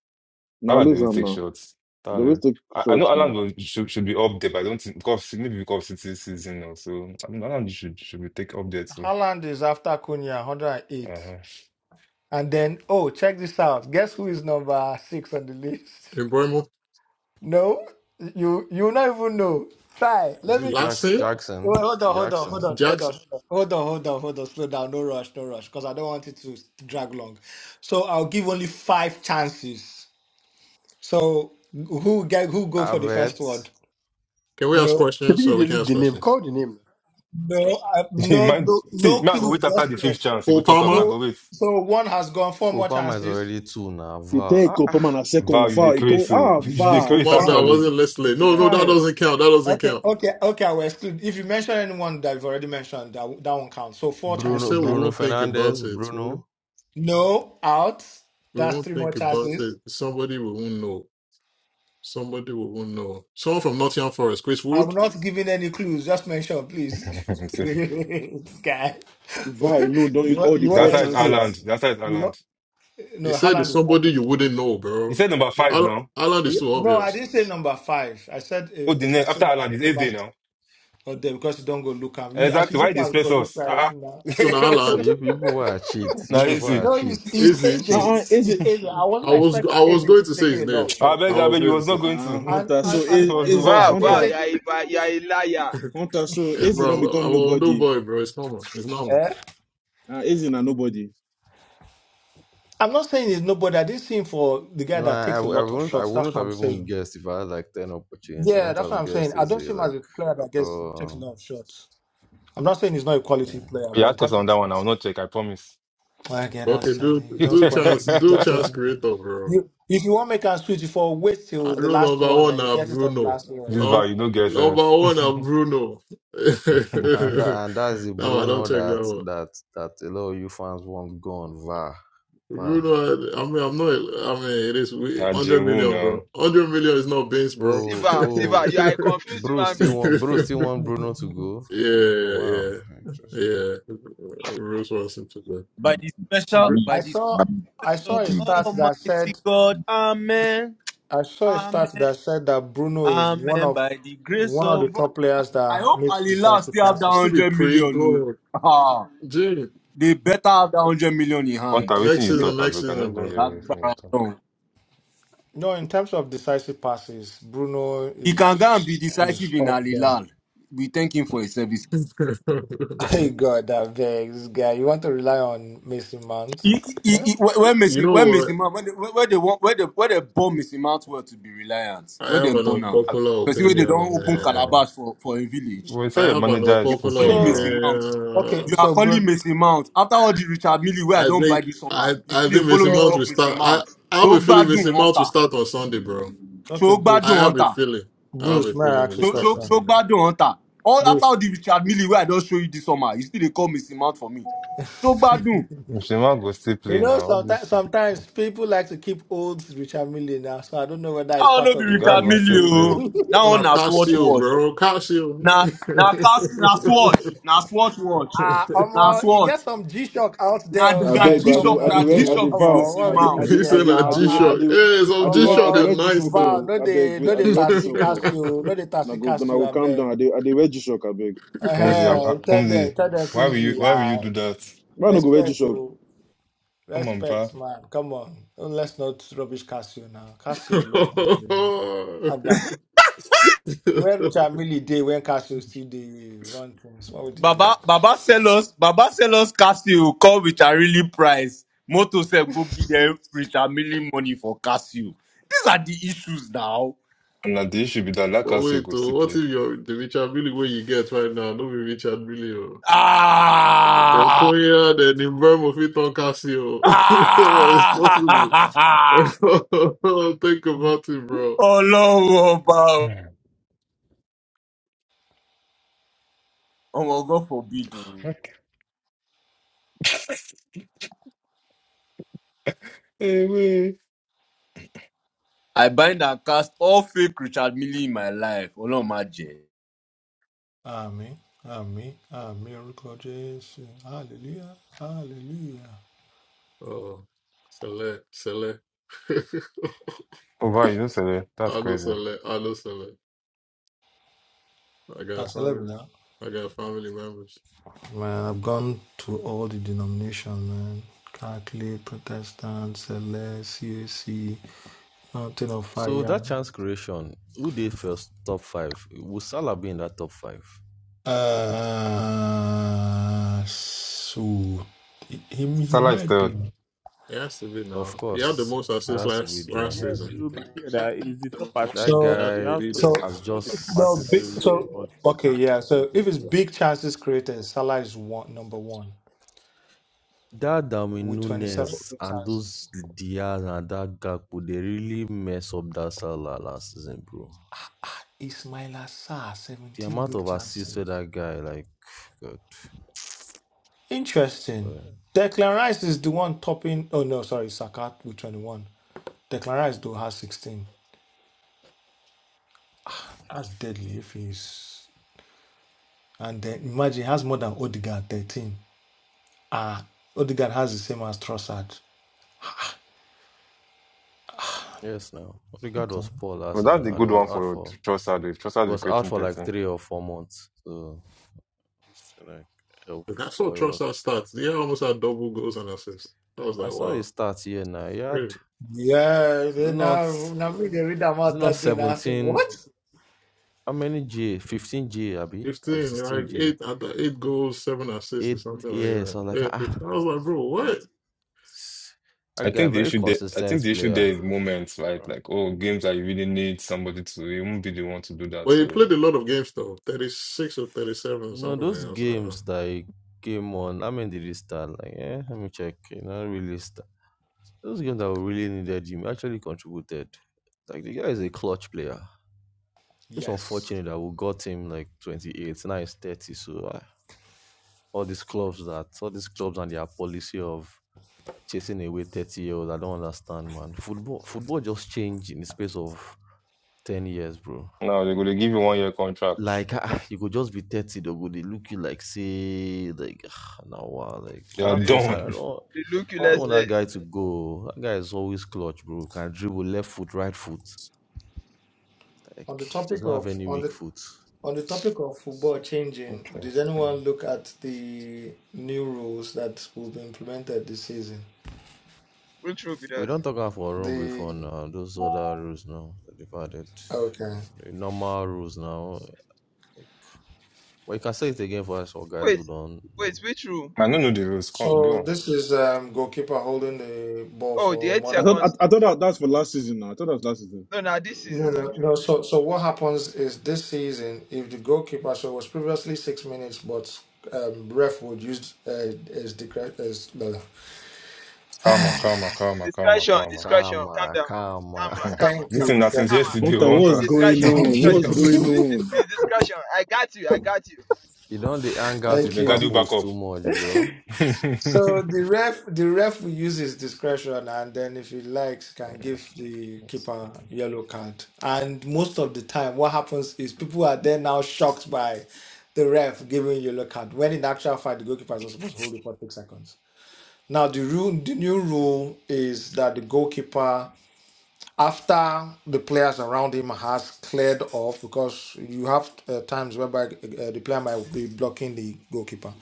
Speaker 16: Now
Speaker 4: How they
Speaker 16: lose
Speaker 4: will
Speaker 16: him
Speaker 4: take
Speaker 16: now.
Speaker 4: shots. Alan
Speaker 16: They always take
Speaker 4: I, I know
Speaker 16: shots,
Speaker 4: Alan
Speaker 16: man.
Speaker 4: will, should should be up there, but I don't think because maybe because it's his season now. So I mean, Alan should should be take up there too.
Speaker 13: Haaland is after Cunha, 108.
Speaker 4: Uh-huh.
Speaker 13: And then, oh, check this out. Guess who is number six on the list?
Speaker 9: in Bremer?
Speaker 13: No, you you not even know. Try.
Speaker 18: is
Speaker 13: Let me.
Speaker 18: it Jack
Speaker 9: Lassen?
Speaker 13: Wait,
Speaker 18: Jackson?
Speaker 13: hold on, hold on, hold
Speaker 18: Jackson,
Speaker 13: on, hold on,
Speaker 9: Jackson?
Speaker 13: hold on, hold on, hold on. Slow down. No rush, no rush, because I don't want it to drag long. So I'll give only five chances. So who get who go for the first
Speaker 18: Avett,
Speaker 13: one?
Speaker 9: Can we ask
Speaker 13: No,
Speaker 9: questions?
Speaker 8: Shebi you
Speaker 9: So
Speaker 8: dey
Speaker 9: we can
Speaker 8: look
Speaker 9: ask
Speaker 8: the name,
Speaker 9: questions.
Speaker 8: call the name.
Speaker 13: no, I,
Speaker 4: You
Speaker 13: no,
Speaker 4: might
Speaker 13: no,
Speaker 4: see.
Speaker 13: no
Speaker 4: Now I go
Speaker 13: clue.
Speaker 4: wait after
Speaker 13: Just
Speaker 4: the fifth
Speaker 13: guess.
Speaker 4: chance. You go
Speaker 9: Cole
Speaker 4: talk. Now
Speaker 9: Palmer?
Speaker 4: go
Speaker 13: No.
Speaker 4: wait.
Speaker 13: So one has gone. Four more
Speaker 18: Copam is
Speaker 13: chances.
Speaker 18: already two now.
Speaker 16: You
Speaker 18: Val,
Speaker 16: take
Speaker 18: ah,
Speaker 16: up
Speaker 18: ah.
Speaker 16: man a
Speaker 4: Vow
Speaker 16: second
Speaker 4: you
Speaker 16: VAR. You can
Speaker 4: decrease. So
Speaker 16: ah
Speaker 4: you
Speaker 16: VAR
Speaker 9: Oh
Speaker 4: decrease
Speaker 9: my bad, I
Speaker 16: VAR.
Speaker 4: actually.
Speaker 9: wasn't listening. No,
Speaker 13: yeah.
Speaker 9: no, that
Speaker 16: Kai
Speaker 9: doesn't count. That doesn't
Speaker 13: Okay,
Speaker 9: count.
Speaker 13: okay, okay. I will exclude. If you mention anyone that you've already mentioned, that that one counts. So four
Speaker 9: You
Speaker 18: Bruno,
Speaker 9: said
Speaker 13: chances
Speaker 9: we
Speaker 13: left.
Speaker 18: Bruno
Speaker 9: won't think about
Speaker 18: Fernandez,
Speaker 9: it. so We won't,
Speaker 18: Bruno.
Speaker 13: No, out.
Speaker 9: we
Speaker 13: That's
Speaker 9: won't
Speaker 13: three more
Speaker 9: think about it.
Speaker 13: chances.
Speaker 9: Somebody we won't know. Somebody we won't know. Someone from Nottingham Forest, Chris
Speaker 13: I'm
Speaker 9: Wood.
Speaker 13: not giving any clues. Just mention, please.
Speaker 4: So,
Speaker 13: this guy.
Speaker 16: VAR alone don't
Speaker 13: you
Speaker 16: use
Speaker 13: want
Speaker 16: all the
Speaker 13: you want
Speaker 16: four
Speaker 4: That's how it's
Speaker 13: expo?
Speaker 4: Alan.
Speaker 16: chances.
Speaker 4: That's how it's
Speaker 13: You
Speaker 4: Alan.
Speaker 13: want,
Speaker 9: He
Speaker 13: no,
Speaker 9: said it's
Speaker 13: Haaland is not
Speaker 9: somebody you wouldn't know,
Speaker 4: He
Speaker 9: bro.
Speaker 4: said number
Speaker 13: there.
Speaker 4: five
Speaker 9: Al-
Speaker 4: now.
Speaker 9: Alan is
Speaker 13: Yeah.
Speaker 9: too
Speaker 13: No, I
Speaker 9: obvious.
Speaker 13: didn't say number five. I said
Speaker 4: Oh,
Speaker 13: uh,
Speaker 4: the
Speaker 13: I
Speaker 4: next after
Speaker 13: said
Speaker 4: Alan is eighth
Speaker 13: number.
Speaker 4: day now.
Speaker 13: Or there because you don't go look at you. As you
Speaker 4: Exactly. Why
Speaker 13: look
Speaker 4: they
Speaker 13: at it,
Speaker 4: stress
Speaker 13: probably
Speaker 4: us?
Speaker 13: try it now.
Speaker 9: So now
Speaker 4: Uh-uh.
Speaker 18: So
Speaker 9: Alan.
Speaker 18: you people are cheat. You
Speaker 4: Now
Speaker 18: people
Speaker 4: easy.
Speaker 18: are
Speaker 13: No,
Speaker 18: cheat.
Speaker 13: he's he's
Speaker 9: Easy.
Speaker 16: Uh
Speaker 13: Eze.
Speaker 18: Cheat.
Speaker 16: uh is
Speaker 13: He's
Speaker 16: it?
Speaker 13: Eze. I
Speaker 9: I
Speaker 13: wasn't
Speaker 9: was
Speaker 13: expecting
Speaker 9: I
Speaker 13: Eze
Speaker 9: was going
Speaker 13: to be
Speaker 9: to say
Speaker 13: taking
Speaker 9: his
Speaker 13: a
Speaker 9: name.
Speaker 13: lot of
Speaker 4: I
Speaker 13: shots.
Speaker 9: I
Speaker 4: beg, I
Speaker 9: was
Speaker 4: beg, you
Speaker 9: going to
Speaker 4: was not
Speaker 9: say,
Speaker 4: going to.
Speaker 16: Ah
Speaker 13: And
Speaker 16: Hunter. So
Speaker 13: and and
Speaker 4: It
Speaker 13: the
Speaker 16: is
Speaker 13: funny
Speaker 4: was the
Speaker 13: thing is
Speaker 16: is
Speaker 4: words
Speaker 1: Val,
Speaker 4: you
Speaker 13: that
Speaker 1: Val,
Speaker 4: cough.
Speaker 16: Hunter.
Speaker 1: you
Speaker 13: Eze.
Speaker 1: are a, va- you are a liar.
Speaker 16: want us so
Speaker 9: hey
Speaker 16: Eze
Speaker 9: bro,
Speaker 16: don't
Speaker 9: I'm,
Speaker 16: become
Speaker 9: I'm a new
Speaker 16: nobody.
Speaker 9: boy, bro. It's normal. It's normal.
Speaker 13: Eh?
Speaker 16: Uh, Eze na nobody.
Speaker 13: I'm not saying he's nobody. I did see him for the guy
Speaker 18: No,
Speaker 13: that
Speaker 18: I, I, I
Speaker 13: takes a lot of
Speaker 18: wouldn't. I
Speaker 13: shots. That's
Speaker 18: wouldn't
Speaker 13: what
Speaker 18: have
Speaker 13: I'm
Speaker 18: even
Speaker 16: No.
Speaker 13: saying.
Speaker 18: guessed if I had like ten opportunities. I
Speaker 13: Yeah,
Speaker 18: wouldn't
Speaker 13: that's what
Speaker 18: have
Speaker 13: I'm saying.
Speaker 18: guessed
Speaker 13: I
Speaker 18: is
Speaker 13: don't
Speaker 18: it
Speaker 13: see him
Speaker 18: like
Speaker 13: as a player
Speaker 18: at
Speaker 13: that gets takes a
Speaker 18: all.
Speaker 13: lot of shots. I'm not saying he's not a
Speaker 18: Yeah,
Speaker 13: quality player,
Speaker 4: You
Speaker 13: but in
Speaker 4: ask us
Speaker 13: terms
Speaker 4: on
Speaker 13: of
Speaker 4: that one, I will
Speaker 13: shots,
Speaker 4: not check, I promise.
Speaker 13: why get
Speaker 9: Okay,
Speaker 13: outside?
Speaker 9: do
Speaker 13: You
Speaker 4: this
Speaker 13: don't
Speaker 9: do
Speaker 13: spoil him.
Speaker 9: chance,
Speaker 13: You
Speaker 9: do
Speaker 13: Don't take
Speaker 9: chance
Speaker 13: him.
Speaker 9: creator, bro.
Speaker 13: You, if you want to make a switch, you for wait
Speaker 9: I
Speaker 13: till the
Speaker 9: know
Speaker 13: last
Speaker 9: number
Speaker 13: one,
Speaker 9: one
Speaker 13: then you
Speaker 9: now,
Speaker 13: get it on the
Speaker 9: Bruno.
Speaker 13: last
Speaker 4: vow,
Speaker 13: one.
Speaker 9: Um,
Speaker 4: you no get
Speaker 9: number
Speaker 4: sense.
Speaker 9: one now,
Speaker 4: now,
Speaker 9: Bruno.
Speaker 18: and tha- and that's the
Speaker 9: no, I don't
Speaker 18: Bruno
Speaker 9: check
Speaker 18: that
Speaker 9: that one.
Speaker 18: that that a lot of you fans want gone. Va, va.
Speaker 9: Bruno, I, I mean, I'm not. I mean, it is we- 100
Speaker 4: Jinwoo,
Speaker 9: million, bro.
Speaker 4: now.
Speaker 9: 100 million is not beans, bro.
Speaker 1: See,
Speaker 18: Oh,
Speaker 1: Val, see, Val,
Speaker 18: oh,
Speaker 1: you are a confused
Speaker 18: Bruce
Speaker 1: human
Speaker 18: still
Speaker 1: being.
Speaker 18: want Bruce still want Bruno to go. Eh, Oh
Speaker 9: yeah,
Speaker 18: wow,
Speaker 9: yeah,
Speaker 18: interesting.
Speaker 9: yeah. Bruce Wilson today.
Speaker 14: by
Speaker 24: Amen.
Speaker 14: the special
Speaker 9: Gr-
Speaker 14: by
Speaker 13: I
Speaker 14: the
Speaker 13: saw
Speaker 24: Amen.
Speaker 13: I saw
Speaker 14: special
Speaker 13: a
Speaker 14: of
Speaker 24: Forgive.
Speaker 13: stat that
Speaker 14: Almighty
Speaker 13: said
Speaker 14: God. Amen.
Speaker 13: I saw a
Speaker 14: Amen.
Speaker 13: stat that said that Bruno is one
Speaker 14: Amen.
Speaker 13: of
Speaker 14: By the grace
Speaker 13: one of the
Speaker 14: of God.
Speaker 13: top players
Speaker 14: I
Speaker 13: that
Speaker 14: hope
Speaker 13: makes
Speaker 14: Alila
Speaker 13: decisive
Speaker 14: still have that
Speaker 13: passes.
Speaker 9: City
Speaker 14: hundred
Speaker 9: pre
Speaker 14: million.
Speaker 9: glory.
Speaker 14: oh. Ah,
Speaker 9: Gee,
Speaker 14: they better have that hundred million in
Speaker 4: What
Speaker 14: hand.
Speaker 4: everything you
Speaker 14: Yes,
Speaker 9: Lexus
Speaker 4: talk,
Speaker 9: and
Speaker 4: I beg, I
Speaker 9: Lexus
Speaker 4: not
Speaker 9: and
Speaker 4: going to hear
Speaker 14: that
Speaker 4: anything you talk.
Speaker 14: baron.
Speaker 13: No, in terms of decisive passes, Bruno
Speaker 14: He can go and
Speaker 13: is
Speaker 14: be
Speaker 13: is
Speaker 14: decisive in
Speaker 13: up there.
Speaker 14: Alilal. We thank him for his service.
Speaker 9: bro.
Speaker 13: Hey God, that vex guy. You want to rely on Mason Mount?
Speaker 14: He, he,
Speaker 13: Okay.
Speaker 14: he, where, where
Speaker 9: you
Speaker 14: Messi,
Speaker 9: know
Speaker 14: where Messi
Speaker 9: what?
Speaker 14: Mount, where they, where, where they want, where they, where they born Messi Mount well to be reliant,
Speaker 9: I
Speaker 14: where they
Speaker 9: have an
Speaker 14: born now.
Speaker 4: Ah,
Speaker 9: unpopular
Speaker 14: Because where they
Speaker 9: opinion,
Speaker 14: don't open
Speaker 9: man.
Speaker 4: No.
Speaker 14: calabash for, for a village,
Speaker 4: When you
Speaker 9: I
Speaker 4: say your
Speaker 9: have an
Speaker 4: manager is
Speaker 14: you are
Speaker 9: unpopular
Speaker 4: cooking
Speaker 14: calling
Speaker 13: So
Speaker 14: Messi
Speaker 4: now,
Speaker 14: Mount.
Speaker 13: okay,
Speaker 14: You
Speaker 9: opinion.
Speaker 14: are
Speaker 13: so
Speaker 14: calling
Speaker 13: Bruno
Speaker 14: Messi Mount. After all the Richard Millie where I
Speaker 9: I
Speaker 14: don't buy
Speaker 9: think
Speaker 14: this summer,
Speaker 9: I
Speaker 14: you
Speaker 9: I
Speaker 14: still
Speaker 9: think
Speaker 14: dey follow
Speaker 9: Mason
Speaker 14: me
Speaker 9: Mount
Speaker 14: talk
Speaker 9: will
Speaker 13: so
Speaker 14: Messi
Speaker 9: start. I
Speaker 14: Mount.
Speaker 9: I have
Speaker 14: So
Speaker 9: a feeling
Speaker 14: gbadun
Speaker 9: Mason Mount will
Speaker 14: hunter,
Speaker 9: start on Sunday, bro.
Speaker 13: okay,
Speaker 14: so
Speaker 9: I
Speaker 14: gbadun
Speaker 13: Bruce.
Speaker 9: have a
Speaker 14: hunter,
Speaker 9: feeling. I have
Speaker 13: Bruce,
Speaker 9: a
Speaker 13: may I
Speaker 9: feeling
Speaker 13: ask
Speaker 9: we
Speaker 13: you a
Speaker 14: so
Speaker 9: start
Speaker 14: so
Speaker 9: on
Speaker 13: question?
Speaker 14: so
Speaker 9: Sunday.
Speaker 14: gbadun hunter. All
Speaker 13: Bruce.
Speaker 14: after all the Richard Millie where I don't show you this summer, you still dey call Messi Mount for me. So gbadun.
Speaker 4: if the man go still
Speaker 13: You
Speaker 4: play
Speaker 13: know,
Speaker 4: now, all
Speaker 13: sometimes
Speaker 4: this,
Speaker 13: sometimes people like to keep old Richard Mille now, so I don't know whether
Speaker 14: That
Speaker 13: it's
Speaker 14: one
Speaker 13: part
Speaker 14: no be
Speaker 13: of
Speaker 4: the
Speaker 13: the
Speaker 4: guy
Speaker 13: one
Speaker 14: Richard
Speaker 4: go
Speaker 13: you're
Speaker 4: still
Speaker 14: Millie
Speaker 4: play.
Speaker 14: o.
Speaker 13: saying.
Speaker 14: That
Speaker 9: On
Speaker 14: one
Speaker 9: a
Speaker 14: na swatch
Speaker 9: Casio,
Speaker 14: watch.
Speaker 9: bro. Casio.
Speaker 14: Na na casting na swatch. Na swatch watch.
Speaker 13: Ah,
Speaker 14: Na
Speaker 13: Omo, you get
Speaker 14: swatch.
Speaker 13: some G Shock out there
Speaker 14: Na
Speaker 13: oh,
Speaker 16: I
Speaker 14: na
Speaker 13: that is
Speaker 16: beg,
Speaker 14: G
Speaker 16: I
Speaker 13: top
Speaker 16: do,
Speaker 14: shock
Speaker 16: I
Speaker 14: na
Speaker 13: notch.
Speaker 16: do,
Speaker 14: G
Speaker 16: I
Speaker 13: oh.
Speaker 16: do
Speaker 14: shock
Speaker 13: Come
Speaker 14: be
Speaker 16: vow,
Speaker 13: on,
Speaker 14: missing
Speaker 13: what
Speaker 16: I
Speaker 13: we
Speaker 16: do, I
Speaker 14: mount.
Speaker 13: do
Speaker 16: do,
Speaker 9: He
Speaker 16: I
Speaker 13: here
Speaker 9: said
Speaker 16: do,
Speaker 9: a
Speaker 16: I
Speaker 13: now?
Speaker 9: G
Speaker 16: do, I
Speaker 13: Ah,
Speaker 9: Shock.
Speaker 16: do,
Speaker 9: Hey,
Speaker 16: I
Speaker 9: some
Speaker 16: do
Speaker 9: G
Speaker 16: work, I
Speaker 9: Shock
Speaker 16: do
Speaker 9: are
Speaker 16: I
Speaker 13: Omo,
Speaker 9: nice
Speaker 13: wow,
Speaker 9: though.
Speaker 16: Jishoku.
Speaker 13: no
Speaker 16: I beg,
Speaker 13: they
Speaker 16: wait,
Speaker 13: no
Speaker 16: I
Speaker 13: they
Speaker 9: but
Speaker 16: do I
Speaker 13: taxi
Speaker 16: Jishoku.
Speaker 13: Casio, no they
Speaker 16: I
Speaker 13: taxi
Speaker 16: go, I
Speaker 13: Casio,
Speaker 16: go,
Speaker 13: I
Speaker 16: calm down. I
Speaker 13: beg.
Speaker 16: do, I do I Jishok. I beg.
Speaker 4: Comes here,
Speaker 13: Uh-huh. Tell
Speaker 4: comes
Speaker 13: them,
Speaker 4: here.
Speaker 13: tell them
Speaker 4: Why will you,
Speaker 13: Kuzi.
Speaker 16: Mm.
Speaker 4: why will you
Speaker 13: Ah,
Speaker 4: do that?
Speaker 16: Why no go I
Speaker 13: respect
Speaker 16: Jishok?
Speaker 13: to
Speaker 4: Come on, pa.
Speaker 13: respect, man. Come on. Oh, Let's not rubbish Casio now. Casio is legendary. Where When Chamili Day, when Castle still day, we run things. What would you do?
Speaker 14: Baba Baba sell us Baba sell us Casio come with a really price. Moto sell go give them with a million money for Casio. These are the issues now.
Speaker 4: And now the issue be that, like us, you
Speaker 9: wait,
Speaker 4: go
Speaker 9: oh,
Speaker 4: still
Speaker 9: what
Speaker 4: play.
Speaker 9: if your the Richard Billy where you get right now? No be Richard Billy. Oh. They'll
Speaker 14: Ah,
Speaker 9: call you out and in Burma fit on Casio. it's possible.
Speaker 14: ah,
Speaker 9: Think about it, bro.
Speaker 14: oh ọba
Speaker 4: Hmm.
Speaker 14: oh ọmọ God forbid Oh.
Speaker 4: Okay. Amen.
Speaker 14: I bind and cast all fake Richard Millie in my life. Ọlọ́run má jẹ́.
Speaker 13: Amen. Amen. Amen. Oracle Jesus. Hallelujah. Hallelujah.
Speaker 9: Oh, Sele, Sele. I
Speaker 4: Over, you know, Sele. That's
Speaker 9: know
Speaker 4: crazy.
Speaker 9: Sele. I know Sele. I got
Speaker 13: That's a
Speaker 9: family.
Speaker 13: now.
Speaker 9: I got family members.
Speaker 13: Man, I've gone to all the denomination, man. Catholic, Protestant, Celeste, CAC, Mountain of
Speaker 18: So
Speaker 13: Fire.
Speaker 18: that chance creation, who they first top five? Will Salah be in that top five?
Speaker 13: Uh, so he, he he
Speaker 4: Salah is
Speaker 13: might be.
Speaker 4: third.
Speaker 9: It has to be
Speaker 18: Of
Speaker 9: now. He had the
Speaker 18: course,
Speaker 9: most
Speaker 18: he
Speaker 9: assists
Speaker 18: has to be
Speaker 9: last
Speaker 18: there.
Speaker 9: last
Speaker 23: Yes,
Speaker 9: season.
Speaker 23: it will be here. That is the top artist.
Speaker 18: That
Speaker 9: It
Speaker 13: So,
Speaker 9: has
Speaker 23: He
Speaker 9: to
Speaker 18: guy
Speaker 23: has
Speaker 9: be
Speaker 23: top,
Speaker 13: so
Speaker 9: then.
Speaker 18: has
Speaker 23: not the top
Speaker 13: no
Speaker 23: artist, so
Speaker 13: big.
Speaker 18: just
Speaker 23: we there
Speaker 13: So
Speaker 23: for the
Speaker 13: okay,
Speaker 23: chance of
Speaker 13: yeah. So if
Speaker 23: creation.
Speaker 13: it's big chances created, Salah is one number one
Speaker 18: that Darwin
Speaker 13: with twenty-seven
Speaker 18: Nunes
Speaker 13: big
Speaker 18: and those
Speaker 13: chances.
Speaker 18: Diaz and that Gakpo, they really mess up that Salah last season, bro.
Speaker 13: Ismaila Sarr
Speaker 18: The
Speaker 13: seventeen
Speaker 18: amount
Speaker 13: big
Speaker 18: of assists for
Speaker 13: chances.
Speaker 18: that guy, like God.
Speaker 13: Interesting.
Speaker 18: Well,
Speaker 13: Declan Rice is the one topping. Oh no, sorry, Saka with twenty-one. Declan Rice though has sixteen. That's deadly if he's. And then imagine he has more than Odegaard thirteen. Ah, Odegaard has the same as Trossard.
Speaker 18: Yes, no. Odegaard was poor last
Speaker 4: But
Speaker 18: season,
Speaker 4: that's a
Speaker 18: and it
Speaker 4: good
Speaker 18: was
Speaker 4: one
Speaker 18: out
Speaker 4: for
Speaker 18: for
Speaker 4: Trossard. If Trossard
Speaker 18: it
Speaker 4: is
Speaker 18: was out
Speaker 4: creating
Speaker 18: for like
Speaker 4: 13.
Speaker 18: three or four months. So it's like
Speaker 9: Like, I
Speaker 18: helpful, but
Speaker 9: saw
Speaker 18: it was
Speaker 9: Trossard
Speaker 18: poor.
Speaker 9: stats. He had almost had double goals and assists. I was
Speaker 18: I
Speaker 9: like,
Speaker 18: saw
Speaker 9: wow.
Speaker 18: his stats here now. He had
Speaker 9: Hey,
Speaker 13: Yeah,
Speaker 18: is it
Speaker 13: then
Speaker 18: not
Speaker 13: now, now me they read
Speaker 18: is it
Speaker 13: about
Speaker 18: not
Speaker 13: that day, and I say,
Speaker 18: seventeen?
Speaker 13: what?
Speaker 18: How many G? Fifteen G, Abby? Or
Speaker 9: 15,
Speaker 18: sixteen
Speaker 9: like
Speaker 18: G?
Speaker 9: eight, at the eight goals, seven assists, or
Speaker 18: Eight.
Speaker 9: something like
Speaker 18: Yeah.
Speaker 9: that.
Speaker 18: So I was
Speaker 9: Yeah,
Speaker 18: like
Speaker 9: 15.
Speaker 18: ah,
Speaker 9: I was like, bro,
Speaker 18: ah
Speaker 9: what?
Speaker 18: this-
Speaker 4: I
Speaker 18: that guy
Speaker 4: think the
Speaker 18: very
Speaker 4: issue there, I think
Speaker 18: consistent
Speaker 4: the issue there
Speaker 18: player.
Speaker 4: is moments, right?
Speaker 18: bro.
Speaker 4: Like, oh, games that you really need somebody to, you won't be the one to do that.
Speaker 9: But he
Speaker 4: So
Speaker 9: played a lot of games though, 36 or 37 or
Speaker 18: No,
Speaker 9: something like
Speaker 18: those
Speaker 9: that. I was like, oh,
Speaker 18: games that he came on. How many did he start? Like yeah, let me check. You know, really start. Those games that we really needed him actually contributed. Like the guy is a clutch player. Just
Speaker 13: Yes.
Speaker 18: unfortunate that we got him like 28, now he's 30. So uh, all these clubs that all these clubs and their policy of chasing away 30 year olds, I don't understand, man. Football football just changed in the space of 10 years, bro.
Speaker 4: now they're going to give you one year contract.
Speaker 18: Like ah, you could just be 30, they go they look you like say like now wow, like
Speaker 4: You are
Speaker 18: that
Speaker 1: They look,
Speaker 18: trust
Speaker 4: done.
Speaker 18: I don't
Speaker 1: they look you
Speaker 18: I don't
Speaker 1: less
Speaker 18: want
Speaker 13: On
Speaker 18: that guy
Speaker 1: less.
Speaker 18: to go. That guy is always clutch, bro. Can dribble left foot, right foot. Like
Speaker 13: on the
Speaker 18: he does
Speaker 13: topic
Speaker 18: not have
Speaker 13: of
Speaker 18: any
Speaker 13: on
Speaker 18: weak
Speaker 13: the
Speaker 18: foot.
Speaker 13: on the topic of football changing,
Speaker 4: Okay.
Speaker 13: did anyone look at the new rules that will be implemented this season?
Speaker 1: Which room be
Speaker 18: We
Speaker 1: that?
Speaker 18: don't talk about for room before
Speaker 13: The
Speaker 18: now. Those other rules now that they've added,
Speaker 13: okay.
Speaker 18: the normal rules now. Like, well, you can say it again for us, for guys
Speaker 1: Wait,
Speaker 18: who don't know.
Speaker 1: wait, which room?
Speaker 4: I don't know the rules. Come, go
Speaker 13: So
Speaker 4: on.
Speaker 13: this is um, goalkeeper holding the ball
Speaker 1: Oh, the
Speaker 13: for
Speaker 1: 8
Speaker 13: more
Speaker 16: I thought
Speaker 13: than
Speaker 16: I,
Speaker 1: seconds stuff.
Speaker 16: I thought that that's for last season. Now I thought that was last season.
Speaker 1: No, now this
Speaker 13: no
Speaker 1: season,
Speaker 13: no
Speaker 1: actually.
Speaker 13: no. So so what happens is this season, if the goalkeeper so it was previously six minutes, but um, ref would use uh, as decre as well,
Speaker 4: Calma, calma, calma, calma,
Speaker 1: Discretion,
Speaker 4: calma.
Speaker 1: discretion. Calm
Speaker 18: Karma,
Speaker 1: down. Calm
Speaker 18: karma.
Speaker 1: on, calm on,
Speaker 13: Thank
Speaker 1: calm
Speaker 4: Listen,
Speaker 13: you.
Speaker 1: on,
Speaker 4: that since
Speaker 13: Thank
Speaker 1: calm on.
Speaker 4: yesterday, we
Speaker 16: Hunter,
Speaker 4: want
Speaker 1: Dis
Speaker 13: you.
Speaker 16: what's
Speaker 4: to.
Speaker 16: going
Speaker 1: Discretion,
Speaker 16: on?
Speaker 13: Thank you.
Speaker 16: What's
Speaker 1: discretion.
Speaker 13: Thank
Speaker 16: going
Speaker 13: you. Thank you.
Speaker 1: dis-
Speaker 16: on?
Speaker 1: dis- Discretion. I got you, I got you.
Speaker 18: you don't they hang out
Speaker 13: Thank
Speaker 18: with
Speaker 4: They got you
Speaker 13: you.
Speaker 4: back
Speaker 18: purpose
Speaker 4: up.
Speaker 18: too much, bro.
Speaker 13: So the ref the ref will use his discretion and then if he likes can give the keeper yellow card. And most of the time what happens is people are then now shocked by the ref giving yellow card when in actual fact the goalkeeper is not supposed to hold it for six seconds. Now the rule the new rule is that the goalkeeper after the players around him has cleared off because you have uh, times whereby uh, the player might be blocking the goalkeeper.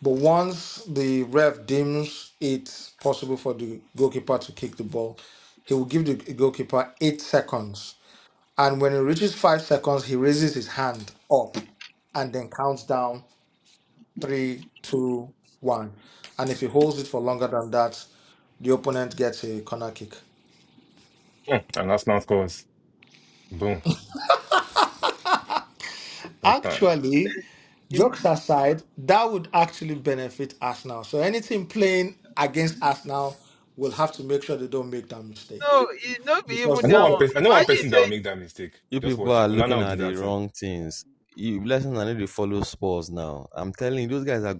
Speaker 13: But once the ref deems it's possible for the goalkeeper to kick the ball, he will give the goalkeeper eight seconds. And when he reaches five seconds, he raises his hand up and then counts down three, two, one. And if he holds it for longer than that, the opponent gets a corner kick.
Speaker 4: Hmm, And that's not scores. Boom. No time.
Speaker 13: Actually,
Speaker 1: Im-
Speaker 13: jokes aside, that would actually benefit Arsenal. So anything playing against Arsenal will have to make sure they don't make that mistake
Speaker 1: No, it no be
Speaker 13: because
Speaker 1: even
Speaker 4: I
Speaker 13: they
Speaker 4: know
Speaker 13: will
Speaker 1: that
Speaker 4: one
Speaker 1: one.
Speaker 13: get
Speaker 4: person. I know one
Speaker 13: punished.
Speaker 1: Imagine
Speaker 4: person that will
Speaker 1: say,
Speaker 4: make that mistake.
Speaker 18: You
Speaker 4: Just
Speaker 18: people
Speaker 4: watch.
Speaker 18: are
Speaker 4: Onana
Speaker 18: looking
Speaker 4: will do
Speaker 18: at the
Speaker 4: that thing.
Speaker 18: wrong things. You blessings are need to follow sports now. I'm telling you, those guys are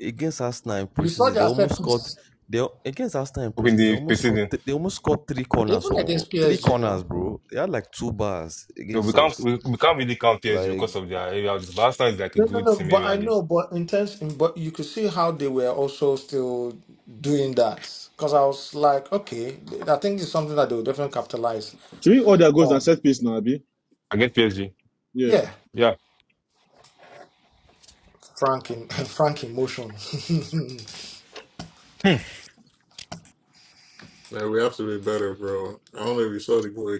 Speaker 18: against Arsenal in
Speaker 13: You saw
Speaker 18: preseason, they
Speaker 13: their
Speaker 18: almost
Speaker 13: set
Speaker 18: scored.
Speaker 13: pieces
Speaker 18: They against Arsenal in
Speaker 4: Okay, in
Speaker 18: preseason, they
Speaker 4: the
Speaker 18: almost scored.
Speaker 4: preceding.
Speaker 18: th- They almost scored three corners
Speaker 13: even
Speaker 18: or
Speaker 13: against
Speaker 18: three
Speaker 13: PSG
Speaker 18: corners,
Speaker 13: now.
Speaker 18: bro. They had like two bars
Speaker 4: No, we
Speaker 18: against
Speaker 4: can't.
Speaker 18: us.
Speaker 4: We, we can't really count PSG because
Speaker 18: Like
Speaker 4: of their area. This Barca is like a
Speaker 13: No, no,
Speaker 4: good
Speaker 13: no.
Speaker 4: team
Speaker 13: But I
Speaker 4: really.
Speaker 13: know, but in terms, in, but you could see how they were also still doing that because I was like, okay, I think it's something that they will definitely capitalize
Speaker 16: Should we order goals and
Speaker 13: on.
Speaker 16: set piece now, Abi?
Speaker 4: I get PSG.
Speaker 16: Yeah,
Speaker 13: Yeah,
Speaker 4: Yeah.
Speaker 13: frank in frank emotion.
Speaker 4: Hmm.
Speaker 9: man, we have to be better, bro. I don't know if you saw the goal he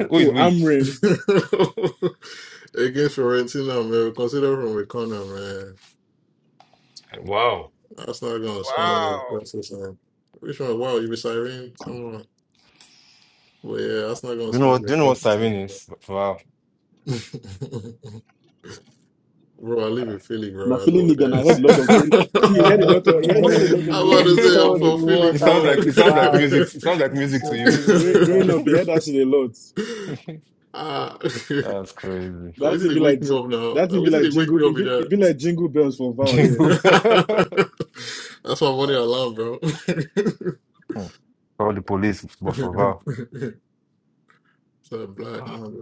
Speaker 4: Who is
Speaker 16: cool.
Speaker 4: we?
Speaker 16: I'm Rim.
Speaker 9: against Fiorentina, man. We considered from a corner, man.
Speaker 4: Wow.
Speaker 9: That's not gonna spam the
Speaker 1: wow,
Speaker 9: process and which one? Wow, you be siren? Come on. But yeah, that's not gonna
Speaker 4: Do you know
Speaker 9: spam
Speaker 4: what? Do
Speaker 9: the
Speaker 4: you know what
Speaker 9: process
Speaker 4: siren
Speaker 9: anymore.
Speaker 4: is? Wow.
Speaker 9: bro, I live in Philly,
Speaker 16: Now
Speaker 9: bro. I know
Speaker 16: feeling
Speaker 9: what
Speaker 16: nigga, and
Speaker 9: that
Speaker 16: I heard a
Speaker 9: is.
Speaker 4: it
Speaker 16: lot of. the- See, he had a lot of he had, he had a lot of
Speaker 9: I'm
Speaker 13: Um,
Speaker 9: about
Speaker 16: those
Speaker 9: to
Speaker 13: He
Speaker 9: say I'm
Speaker 13: stole
Speaker 16: growing
Speaker 13: the
Speaker 9: from
Speaker 16: up.
Speaker 9: Philly,
Speaker 13: words out
Speaker 4: sounds
Speaker 9: bro.
Speaker 13: of
Speaker 4: like it
Speaker 13: his
Speaker 4: sounds like
Speaker 13: mouth
Speaker 4: music. It sounds like
Speaker 13: and
Speaker 4: music to
Speaker 13: said,
Speaker 4: you.
Speaker 13: Feeling
Speaker 16: Gre-
Speaker 13: over.
Speaker 16: growing up, you heard that shit a lot.
Speaker 9: Ah, I
Speaker 4: That's crazy.
Speaker 16: That
Speaker 9: wish
Speaker 16: thing
Speaker 9: they
Speaker 16: be
Speaker 9: wake
Speaker 16: like
Speaker 9: me
Speaker 16: j-
Speaker 9: up now.
Speaker 16: that
Speaker 9: I
Speaker 16: thing be
Speaker 9: wish
Speaker 16: like
Speaker 9: they wake
Speaker 16: jingle.
Speaker 9: me
Speaker 16: It
Speaker 9: up with
Speaker 16: be, it
Speaker 9: that.
Speaker 16: be like jingle bells for Val. Yeah,
Speaker 4: Jingle. bell.
Speaker 9: That's my money alarm, bro.
Speaker 4: Hmm. Call the police, but for
Speaker 9: it's a black
Speaker 4: Val.
Speaker 9: man.